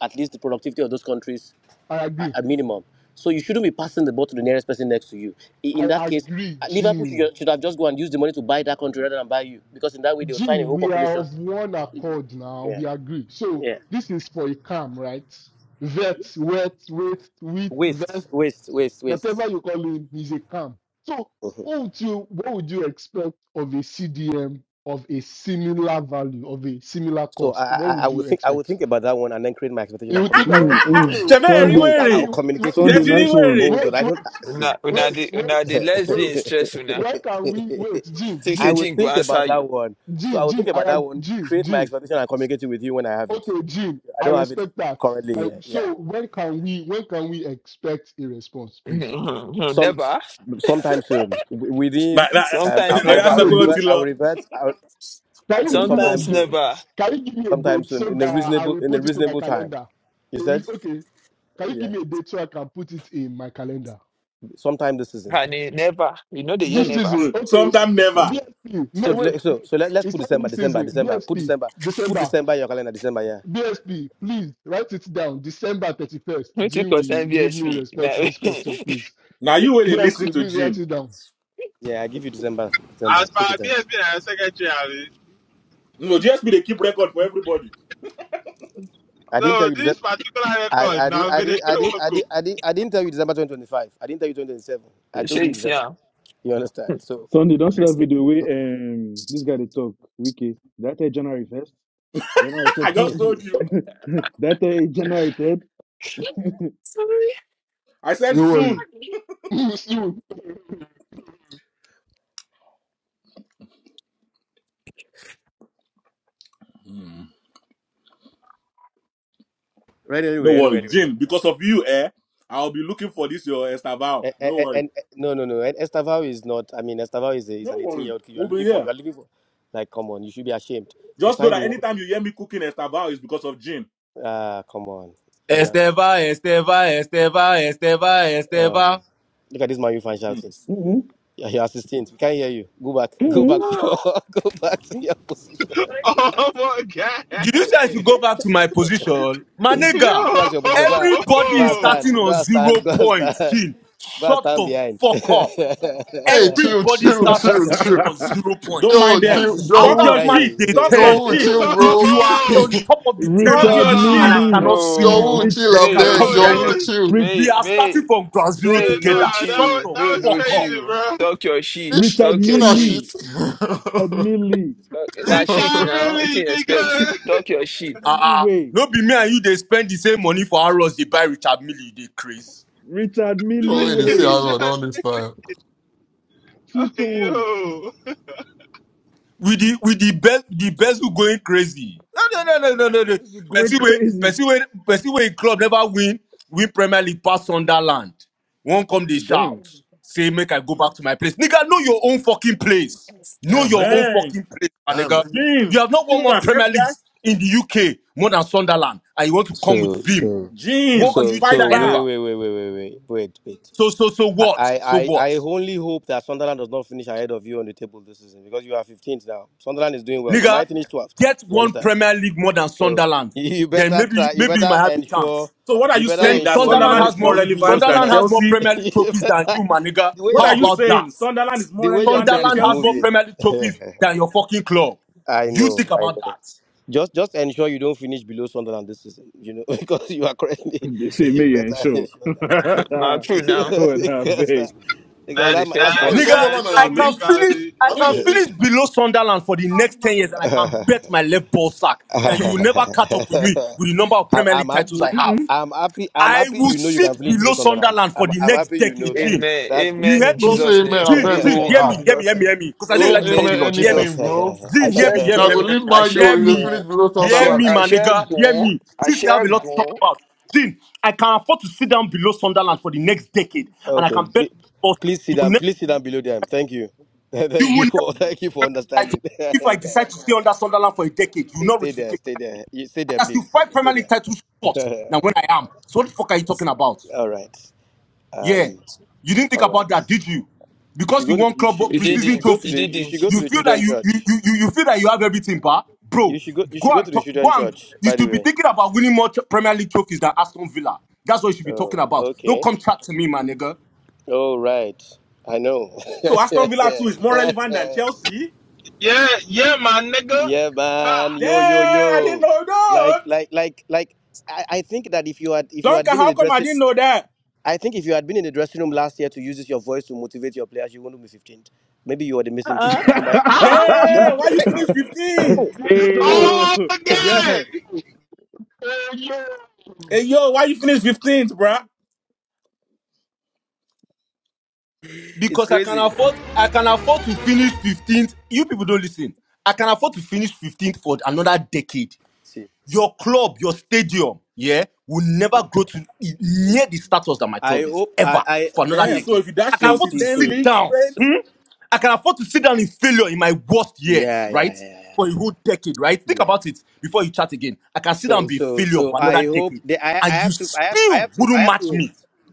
Speaker 26: at least the productivity of those countries
Speaker 17: I
Speaker 26: at
Speaker 17: agree.
Speaker 26: at minimum. So you shouldn't be passing the ball to the nearest person next to you. I- In
Speaker 17: I
Speaker 26: that case,
Speaker 17: agree,
Speaker 26: uh, Liverpool
Speaker 17: Gene.
Speaker 26: should, should have just go and used the money to buy that country rather than buy you, because in that way they'll sign a
Speaker 17: Gene,
Speaker 26: whole
Speaker 17: we are
Speaker 26: population.
Speaker 17: of one accord now.
Speaker 26: Yeah,
Speaker 17: We agree. So
Speaker 26: yeah.
Speaker 17: this is for a calm, right? Vet, wet, wait, wheat, vest,
Speaker 26: Waste, waste, waste, waste.
Speaker 17: whatever you call him, he's a camp. So
Speaker 26: Mhm.
Speaker 17: what would you what would you expect of a CDM of a similar value, of a similar
Speaker 26: So I,
Speaker 17: cost? What
Speaker 26: I, I
Speaker 17: would
Speaker 26: will
Speaker 17: you
Speaker 26: think I will
Speaker 17: expect?
Speaker 26: think about that one and then create my expectation
Speaker 17: You
Speaker 26: and
Speaker 17: would think
Speaker 26: communicate it
Speaker 17: about
Speaker 26: with
Speaker 16: Mm,
Speaker 26: you.
Speaker 16: mm.
Speaker 17: so
Speaker 25: Ṣẹ̀bẹ́ ẹ̀
Speaker 17: so
Speaker 25: rí
Speaker 17: what
Speaker 16: Sunday,
Speaker 26: I,
Speaker 17: can
Speaker 25: wèrè?
Speaker 26: I'll
Speaker 17: we wait, wait,
Speaker 26: communicate it
Speaker 25: Ṣé
Speaker 16: Sunday,
Speaker 26: with
Speaker 25: ti rí
Speaker 16: nice
Speaker 26: you.
Speaker 25: wèrè?
Speaker 16: one.
Speaker 26: Hold on,
Speaker 17: wait, wait, wait,
Speaker 26: I don't see.
Speaker 1: Una una
Speaker 17: wait,
Speaker 1: the
Speaker 26: Wait.
Speaker 17: wait,
Speaker 1: una the less dey
Speaker 17: wait.
Speaker 1: in stress una.
Speaker 17: Where can we wait? Jim,
Speaker 1: Six
Speaker 26: I
Speaker 17: Jim,
Speaker 26: will
Speaker 1: agent go
Speaker 26: think about
Speaker 1: answer
Speaker 26: that
Speaker 1: you.
Speaker 26: one. So I
Speaker 17: Jim,
Speaker 26: will
Speaker 17: Jim,
Speaker 26: think
Speaker 17: I
Speaker 26: about that one,
Speaker 17: Jim,
Speaker 26: create my
Speaker 17: Jim.
Speaker 26: expectation and communicate it with you when I have it.
Speaker 17: Okay, Jim,
Speaker 26: I
Speaker 17: I
Speaker 26: don't have it
Speaker 17: respect that.
Speaker 26: currently
Speaker 17: I,
Speaker 26: here. Yeah.
Speaker 17: so when can we when can we expect a response, please?
Speaker 26: Some
Speaker 1: never.
Speaker 26: sometime soon. W-
Speaker 25: Na-
Speaker 26: Within
Speaker 25: na-
Speaker 26: um I
Speaker 1: Sometimes
Speaker 26: I,
Speaker 17: Can you
Speaker 25: Oya
Speaker 17: give
Speaker 26: I
Speaker 25: sọ
Speaker 1: never.
Speaker 26: will
Speaker 17: me a
Speaker 25: pé ó ti
Speaker 26: revert
Speaker 17: date?
Speaker 26: I
Speaker 25: lọ.
Speaker 26: will revert I will,
Speaker 17: Can you
Speaker 26: uh,
Speaker 17: give me a
Speaker 26: sometime
Speaker 1: Sometimes
Speaker 17: date?
Speaker 26: soon.
Speaker 1: never.
Speaker 17: Can you give me a
Speaker 26: Sometime
Speaker 17: date
Speaker 26: soon
Speaker 17: so
Speaker 26: in a
Speaker 17: that I
Speaker 26: reasonable
Speaker 17: will
Speaker 26: in a
Speaker 17: put it in my
Speaker 26: reasonable time.
Speaker 17: calendar?
Speaker 26: You
Speaker 17: It is-
Speaker 26: said?
Speaker 17: Okay. Can you give
Speaker 26: Yeah.
Speaker 17: me a date so I can put it in my calendar?
Speaker 26: Sometime this season.
Speaker 1: And eh, never. You know the year
Speaker 17: This
Speaker 25: Hmm,
Speaker 1: never.
Speaker 17: season,
Speaker 25: hmm.
Speaker 17: okay.
Speaker 25: Sometime
Speaker 26: This
Speaker 25: never.
Speaker 26: season.
Speaker 17: BSP.
Speaker 26: So
Speaker 17: No, wait,
Speaker 26: le- so
Speaker 17: wait.
Speaker 26: so let, let's
Speaker 17: It's
Speaker 26: put
Speaker 17: not
Speaker 26: December,
Speaker 17: this
Speaker 26: December,
Speaker 17: season.
Speaker 26: December. Put
Speaker 17: BSP,
Speaker 26: December. Put
Speaker 17: December.
Speaker 26: December in your calendar, December, yeah.
Speaker 17: BSP, please write it down. December 31st.
Speaker 1: Twenty
Speaker 17: Jim will
Speaker 1: percent
Speaker 17: give me a
Speaker 1: VSP.
Speaker 17: response to this question, please.
Speaker 25: Now you will listen
Speaker 17: BSP,
Speaker 25: to
Speaker 17: please write
Speaker 25: Jean.
Speaker 17: it down.
Speaker 26: Yeah, I give you December, December.
Speaker 12: As per
Speaker 26: Put it there.
Speaker 12: BSB and your secretary, abi.
Speaker 25: No, just be the keep record for everybody.
Speaker 26: I didn't tell
Speaker 12: No,
Speaker 26: you December.
Speaker 12: this particular
Speaker 26: I,
Speaker 12: record
Speaker 26: I, did,
Speaker 12: na
Speaker 26: I,
Speaker 12: go dey
Speaker 26: did, I,
Speaker 12: play
Speaker 26: did,
Speaker 12: work
Speaker 26: I, did, I, did, I didn't tell you December 2025. I didn't tell you 2027. I told
Speaker 1: Sure
Speaker 26: you
Speaker 1: you see
Speaker 26: December.
Speaker 1: am.
Speaker 26: You understand? So
Speaker 16: Sunday, don't see that video where um this guy they talk wiki. That day January first, January
Speaker 25: I just
Speaker 16: second,
Speaker 25: told you.
Speaker 16: that day January third.
Speaker 25: I said
Speaker 17: Don't worry.
Speaker 25: soon.
Speaker 17: Soon.
Speaker 25: Hmm.
Speaker 26: Right,
Speaker 25: No
Speaker 26: anyway, anyway,
Speaker 25: worry,
Speaker 26: anyway, anyway.
Speaker 25: Jean. Because of you, eh? I'll be looking for this your Estaval.
Speaker 26: And,
Speaker 25: No
Speaker 26: and,
Speaker 25: worry.
Speaker 26: and eh, no, no, no. And Estavao is not. I mean, Estavao is, a, is
Speaker 25: No
Speaker 26: an 18
Speaker 25: worry.
Speaker 26: year old kid. You are
Speaker 25: We'll be
Speaker 26: looking
Speaker 25: here.
Speaker 26: for. You are looking for. Like, come on, you should be ashamed. You
Speaker 25: Just know
Speaker 26: signed the
Speaker 25: that
Speaker 26: world.
Speaker 25: anytime you hear me cooking Estabao is because of Jin.
Speaker 26: Ah, come on. Yeah, yeah.
Speaker 14: Esteva, Esteva, Esteva, Esteva,
Speaker 26: Uh,
Speaker 14: Esteva.
Speaker 26: look at this man you fan
Speaker 25: Hmm.
Speaker 26: shouting.
Speaker 16: Mm-mm,
Speaker 26: Yeah, your assistant. We can't hear you. Go back. Go back
Speaker 16: mm-mm.
Speaker 26: to your. Go back to your position.
Speaker 12: Oh Oh, my
Speaker 14: Did you say I
Speaker 12: guy.
Speaker 14: should go back to my position? My
Speaker 12: Yo!
Speaker 14: nigga,
Speaker 26: Go back to your position. Go and,
Speaker 14: everybody
Speaker 26: go
Speaker 14: is
Speaker 26: and stand.
Speaker 14: starting on
Speaker 26: Go and stand.
Speaker 14: zero
Speaker 26: Go and
Speaker 14: points.
Speaker 26: stand.
Speaker 14: Jin,
Speaker 26: Go and
Speaker 14: shut
Speaker 26: stand
Speaker 14: the
Speaker 26: behind.
Speaker 14: fuck up.
Speaker 9: Hey, chill,
Speaker 14: Everybody
Speaker 9: chill,
Speaker 14: starts this
Speaker 9: chill,
Speaker 14: season
Speaker 9: chill.
Speaker 14: on zero
Speaker 25: Don't
Speaker 14: points.
Speaker 9: Yo,
Speaker 25: mind
Speaker 26: your
Speaker 25: them.
Speaker 9: dude, John
Speaker 25: Talk
Speaker 26: assistant.
Speaker 14: After
Speaker 26: We
Speaker 25: your
Speaker 9: Woo.
Speaker 26: can't hear
Speaker 14: match
Speaker 25: shit.
Speaker 14: day
Speaker 26: you.
Speaker 25: Talk your
Speaker 9: John
Speaker 14: 10,
Speaker 9: Woo,
Speaker 25: shit.
Speaker 12: Yo!
Speaker 9: chill,
Speaker 14: if
Speaker 9: bro.
Speaker 14: you are on
Speaker 9: John
Speaker 14: top of the
Speaker 25: Talk
Speaker 14: table
Speaker 16: Richard
Speaker 25: your
Speaker 14: and
Speaker 25: shit.
Speaker 14: I
Speaker 12: Nah!
Speaker 16: Millie,
Speaker 14: cannot see you,
Speaker 9: Woo,
Speaker 1: No,
Speaker 16: Rich,
Speaker 9: chill,
Speaker 14: then you
Speaker 9: I
Speaker 1: may you
Speaker 14: can
Speaker 12: Yo,
Speaker 1: no
Speaker 9: beg.
Speaker 14: come with
Speaker 1: chill
Speaker 12: that
Speaker 14: that
Speaker 9: John Woo,
Speaker 1: o.
Speaker 14: energy.
Speaker 12: was...
Speaker 9: chill.
Speaker 16: Rich,
Speaker 14: We
Speaker 1: May
Speaker 14: are
Speaker 1: may
Speaker 14: starting from ground zero
Speaker 1: May
Speaker 12: Nah,
Speaker 1: no
Speaker 14: together.
Speaker 12: that
Speaker 14: Shut
Speaker 12: was,
Speaker 1: chew.
Speaker 14: the
Speaker 12: that
Speaker 1: May
Speaker 12: was
Speaker 1: no
Speaker 14: fuck up.
Speaker 12: crazy,
Speaker 1: chew.
Speaker 12: bro.
Speaker 1: Talk your shit.
Speaker 9: This
Speaker 16: Richard
Speaker 9: shit,
Speaker 1: Talk
Speaker 9: chill
Speaker 1: your
Speaker 16: Millie,
Speaker 1: shit.
Speaker 16: Richard
Speaker 9: that
Speaker 16: Millie,
Speaker 1: Talk, nah,
Speaker 9: shit.
Speaker 1: shit
Speaker 12: Richard
Speaker 1: now. What do
Speaker 12: Millie,
Speaker 1: you
Speaker 12: nigga!
Speaker 1: expect? Talk your shit.
Speaker 16: Richard
Speaker 14: Uh
Speaker 16: Milley
Speaker 14: uh.
Speaker 16: way,
Speaker 14: No be me and you, they spend the same money for arrows they buy Richard Millie, they crazy.
Speaker 16: Richard Millie
Speaker 9: Troll ain't see how
Speaker 16: way,
Speaker 9: I don't don't
Speaker 12: Richard.
Speaker 9: understand.
Speaker 16: two tone,
Speaker 12: Yo,
Speaker 14: with the with the best the best who going crazy. No no no no no no no.
Speaker 16: going
Speaker 14: Person wey
Speaker 16: crazy.
Speaker 14: person wey person wey club never win win Premier League pass Sunderland. One come dey
Speaker 16: Damn.
Speaker 14: shout say make I go back to my place. Nigga know your own fucking place. Know
Speaker 9: Damn,
Speaker 14: your
Speaker 9: nigga.
Speaker 14: own
Speaker 25: Dang.
Speaker 14: fucking place, my
Speaker 9: Damn,
Speaker 14: nigga.
Speaker 9: nigga.
Speaker 25: Jin.
Speaker 14: You have not
Speaker 25: Are you
Speaker 14: won
Speaker 25: going to
Speaker 14: more Premier
Speaker 25: accept that?
Speaker 14: Leagues in the UK more than Sunderland, and you want to come with
Speaker 26: So
Speaker 14: Vim.
Speaker 26: so
Speaker 14: What
Speaker 25: Jin.
Speaker 14: are
Speaker 26: so
Speaker 14: you
Speaker 25: Fight
Speaker 26: so
Speaker 14: chatting
Speaker 26: wait
Speaker 25: back.
Speaker 14: about?
Speaker 26: wait wait wait wait wait wait wait.
Speaker 14: So so so
Speaker 26: I,
Speaker 14: what?
Speaker 26: I,
Speaker 14: So
Speaker 26: I I
Speaker 14: what?
Speaker 26: only hope that Sunderland does not finish ahead of you on the table this season because you are 15th now. Sunderland is doing well. They
Speaker 14: Nigga,
Speaker 26: might finish 12th.
Speaker 14: get
Speaker 26: You
Speaker 14: one
Speaker 26: understand?
Speaker 14: Premier League more than
Speaker 26: So
Speaker 14: Sunderland.
Speaker 26: you you
Speaker 14: Then
Speaker 26: better
Speaker 14: maybe
Speaker 26: try. You
Speaker 14: maybe you might
Speaker 26: better
Speaker 14: have a chance.
Speaker 26: ensure.
Speaker 25: So what are
Speaker 26: You
Speaker 25: you
Speaker 26: better
Speaker 25: saying?
Speaker 14: Then
Speaker 25: That
Speaker 26: ensure you
Speaker 14: Sunderland
Speaker 25: Sunderland
Speaker 26: don't
Speaker 25: is
Speaker 14: has
Speaker 25: more
Speaker 14: more
Speaker 26: finish below
Speaker 25: relevant than
Speaker 14: Sunderland has
Speaker 26: Sunderland.
Speaker 14: more
Speaker 25: Chelsea?
Speaker 14: Premier League
Speaker 26: you
Speaker 14: trophies than
Speaker 26: better.
Speaker 14: you, my nigga.
Speaker 26: The way
Speaker 25: What
Speaker 26: your
Speaker 14: How
Speaker 25: are you
Speaker 26: coach,
Speaker 14: about
Speaker 26: the,
Speaker 14: that?
Speaker 25: saying? Sunderland is
Speaker 26: the
Speaker 25: more
Speaker 26: way your
Speaker 25: relevant
Speaker 26: coach
Speaker 25: than
Speaker 26: is
Speaker 14: Sunderland has more
Speaker 25: Chelsea?
Speaker 26: moving.
Speaker 14: Premier League trophies than your fucking club.
Speaker 26: I
Speaker 14: You
Speaker 26: know.
Speaker 14: think
Speaker 26: I
Speaker 14: about
Speaker 26: know.
Speaker 14: that.
Speaker 26: Just just ensure you don't finish below Sunderland this season, you know, because you are currently
Speaker 16: They see
Speaker 26: you
Speaker 16: me ain't
Speaker 26: better
Speaker 16: sure.
Speaker 26: ensure that.
Speaker 1: Now, true
Speaker 26: You
Speaker 1: now.
Speaker 26: know,
Speaker 16: Good, I
Speaker 26: because
Speaker 16: beg.
Speaker 26: that because
Speaker 12: nah,
Speaker 1: That's a
Speaker 26: that, might-
Speaker 1: fair
Speaker 26: that's
Speaker 12: nah,
Speaker 9: Wait,
Speaker 1: point.
Speaker 26: possible.
Speaker 9: some
Speaker 14: Nigga,
Speaker 12: nah,
Speaker 9: of them are in
Speaker 12: show
Speaker 14: I
Speaker 9: the
Speaker 12: me,
Speaker 14: can
Speaker 9: league.
Speaker 14: finish,
Speaker 12: Cardi.
Speaker 14: I
Speaker 9: I didn't
Speaker 14: can
Speaker 9: in the league.
Speaker 14: finish below Sunderland for the next 10 years and I can bet my left ball sack that you will never catch up with me with the number of
Speaker 26: I'm,
Speaker 14: Premier
Speaker 26: I'm
Speaker 14: League titles
Speaker 26: happy.
Speaker 14: I have.
Speaker 16: Mm-mm.
Speaker 26: I'm happy. I'm
Speaker 14: I
Speaker 26: happy.
Speaker 14: will
Speaker 26: You know you can
Speaker 14: sit
Speaker 26: finish below
Speaker 14: below
Speaker 1: Amen.
Speaker 26: Sunderland.
Speaker 14: Sunderland for
Speaker 26: I'm
Speaker 14: the
Speaker 26: I'm
Speaker 14: next
Speaker 26: happy. You know
Speaker 14: decade,
Speaker 26: that.
Speaker 14: Gene.
Speaker 26: That's good to
Speaker 14: You
Speaker 1: Amen
Speaker 14: heard
Speaker 1: in
Speaker 26: know.
Speaker 9: Don't
Speaker 14: me?
Speaker 9: say
Speaker 1: Jesus'
Speaker 9: amen.
Speaker 1: name.
Speaker 9: I
Speaker 14: Gene,
Speaker 9: beg
Speaker 14: Gene,
Speaker 9: go.
Speaker 1: Amen
Speaker 14: hear
Speaker 1: in
Speaker 9: Ah,
Speaker 14: me, hear me,
Speaker 1: Jesus'
Speaker 14: hear me,
Speaker 1: name.
Speaker 14: hear me. Because I know you
Speaker 9: don't
Speaker 14: like to
Speaker 1: Amen
Speaker 14: talk a
Speaker 9: amen
Speaker 1: in
Speaker 14: lot. Hear me.
Speaker 1: Jesus'
Speaker 9: anything,
Speaker 1: name.
Speaker 9: bro.
Speaker 1: I
Speaker 14: Gene, hear
Speaker 1: shall
Speaker 14: me, hear me,
Speaker 9: Now
Speaker 14: hear
Speaker 9: go
Speaker 14: me,
Speaker 1: go.
Speaker 14: hear
Speaker 9: leave
Speaker 14: me.
Speaker 1: I
Speaker 9: my
Speaker 14: Hear
Speaker 1: shall
Speaker 9: you in the
Speaker 14: me.
Speaker 9: finish
Speaker 1: go.
Speaker 9: below
Speaker 1: I
Speaker 14: Hear
Speaker 1: shall.
Speaker 9: Sunderland.
Speaker 14: me,
Speaker 1: I
Speaker 14: my
Speaker 1: shall
Speaker 14: nigga. Hear
Speaker 1: go.
Speaker 14: me.
Speaker 1: I
Speaker 14: Since you have
Speaker 1: shall
Speaker 14: a lot to talk
Speaker 1: go.
Speaker 14: about. Gene, I can afford to sit down below Sunderland for the next decade. And I
Speaker 26: okay,
Speaker 14: can bet
Speaker 26: pl-
Speaker 14: you
Speaker 26: please sit
Speaker 14: will
Speaker 26: down.
Speaker 14: never,
Speaker 26: Please sit down below them. Thank you.
Speaker 14: you
Speaker 26: Thank
Speaker 14: will
Speaker 26: you
Speaker 14: never
Speaker 26: for thank you for
Speaker 14: title.
Speaker 26: understanding.
Speaker 14: If I decide to stay under Sunderland for a decade, you will
Speaker 26: Stay,
Speaker 14: not
Speaker 26: stay
Speaker 14: reach
Speaker 26: there,
Speaker 14: 15.
Speaker 26: stay there. You stay
Speaker 14: And
Speaker 26: there,
Speaker 14: that's still
Speaker 26: please.
Speaker 14: five
Speaker 26: Stay
Speaker 14: Premier League titles short than
Speaker 26: there.
Speaker 14: when I am. So what the fuck are you talking about?
Speaker 26: all right.
Speaker 14: Yeah.
Speaker 26: Um.
Speaker 14: You didn't think
Speaker 26: All
Speaker 14: about
Speaker 26: right.
Speaker 14: that, did you?
Speaker 26: You
Speaker 14: Because
Speaker 26: should go
Speaker 14: you
Speaker 26: to.
Speaker 14: won
Speaker 26: You
Speaker 14: club
Speaker 26: should. You
Speaker 1: He
Speaker 26: should. You
Speaker 14: preseason
Speaker 26: should
Speaker 1: didn't.
Speaker 26: go to
Speaker 1: He
Speaker 26: the.
Speaker 14: trophy.
Speaker 26: You
Speaker 1: didn't.
Speaker 26: should go
Speaker 14: You
Speaker 26: to the
Speaker 14: feel that
Speaker 26: children
Speaker 14: you you
Speaker 26: church.
Speaker 14: you you you feel that you have everything, but
Speaker 26: You
Speaker 14: bro,
Speaker 26: should go. You
Speaker 14: go
Speaker 26: should go to
Speaker 14: and
Speaker 26: the
Speaker 14: talk go
Speaker 26: children
Speaker 14: and
Speaker 26: church.
Speaker 14: you
Speaker 26: By the
Speaker 14: should be
Speaker 26: way.
Speaker 14: thinking about winning more tro- Premier League trophies than Aston Villa. That's what you should be talking
Speaker 26: Oh.
Speaker 14: about. Don't
Speaker 26: Okay.
Speaker 14: come chat to me, my nigga.
Speaker 26: All right. I know.
Speaker 25: So Aston Villa too is more relevant than Chelsea?
Speaker 12: Yeah, yeah, my nigga.
Speaker 26: yeah, man.
Speaker 12: Ha.
Speaker 25: Damn,
Speaker 26: Yo, yo,
Speaker 25: I didn't
Speaker 26: yo.
Speaker 25: know that.
Speaker 26: Like, like, like, like. I, I think that if you had if you had
Speaker 25: Duncan,
Speaker 26: been in
Speaker 25: how
Speaker 26: the
Speaker 25: come I
Speaker 26: dressing,
Speaker 25: didn't know that?
Speaker 26: I think if you had been in the dressing room last year to use your voice to motivate your players, you wouldn't be 15th maybe you are the missing piece. You might
Speaker 17: ah, Jesus.
Speaker 25: Damn, why you finish 15th?
Speaker 16: hey
Speaker 17: Jesus.
Speaker 12: Oh
Speaker 16: yo,
Speaker 12: my
Speaker 17: Thank you.
Speaker 16: guy.
Speaker 12: God,
Speaker 17: Hello.
Speaker 25: Hey yo, why you finish 15th, bruh?
Speaker 26: it's
Speaker 14: Because I can
Speaker 26: crazy.
Speaker 14: afford I can afford to finish 15th. You people don't listen. I can afford to finish 15th for another decade.
Speaker 26: See,
Speaker 14: your club, your stadium, yeah, will never
Speaker 26: Mhm.
Speaker 14: grow to
Speaker 26: Thank
Speaker 14: near
Speaker 26: you.
Speaker 14: the status that my
Speaker 26: I
Speaker 14: club is
Speaker 26: hope
Speaker 14: ever
Speaker 26: I, I
Speaker 14: for another
Speaker 25: Damn,
Speaker 26: see,
Speaker 25: so
Speaker 14: decade.
Speaker 25: if you
Speaker 14: I
Speaker 25: dash
Speaker 14: can
Speaker 26: see,
Speaker 25: Chelsea
Speaker 14: afford to
Speaker 26: see.
Speaker 25: 10
Speaker 26: So,
Speaker 14: sit
Speaker 25: leagues
Speaker 14: down.
Speaker 25: straight,
Speaker 26: so
Speaker 14: hmm? I can afford to sit down in failure in my worst years,
Speaker 26: yeah, yeah,
Speaker 14: right?
Speaker 26: yeah,
Speaker 14: For a
Speaker 26: yeah.
Speaker 14: whole decade, right? Think
Speaker 26: yeah.
Speaker 14: about it before you chat again. I can sit down and
Speaker 26: So,
Speaker 14: be a
Speaker 26: so,
Speaker 14: failure
Speaker 26: so
Speaker 14: for
Speaker 26: I
Speaker 14: another
Speaker 26: hope
Speaker 14: decade,
Speaker 26: that I, I
Speaker 14: and you
Speaker 26: have to, I have, I
Speaker 14: still
Speaker 26: have to, I
Speaker 14: wouldn't
Speaker 26: have
Speaker 14: match
Speaker 26: to.
Speaker 14: me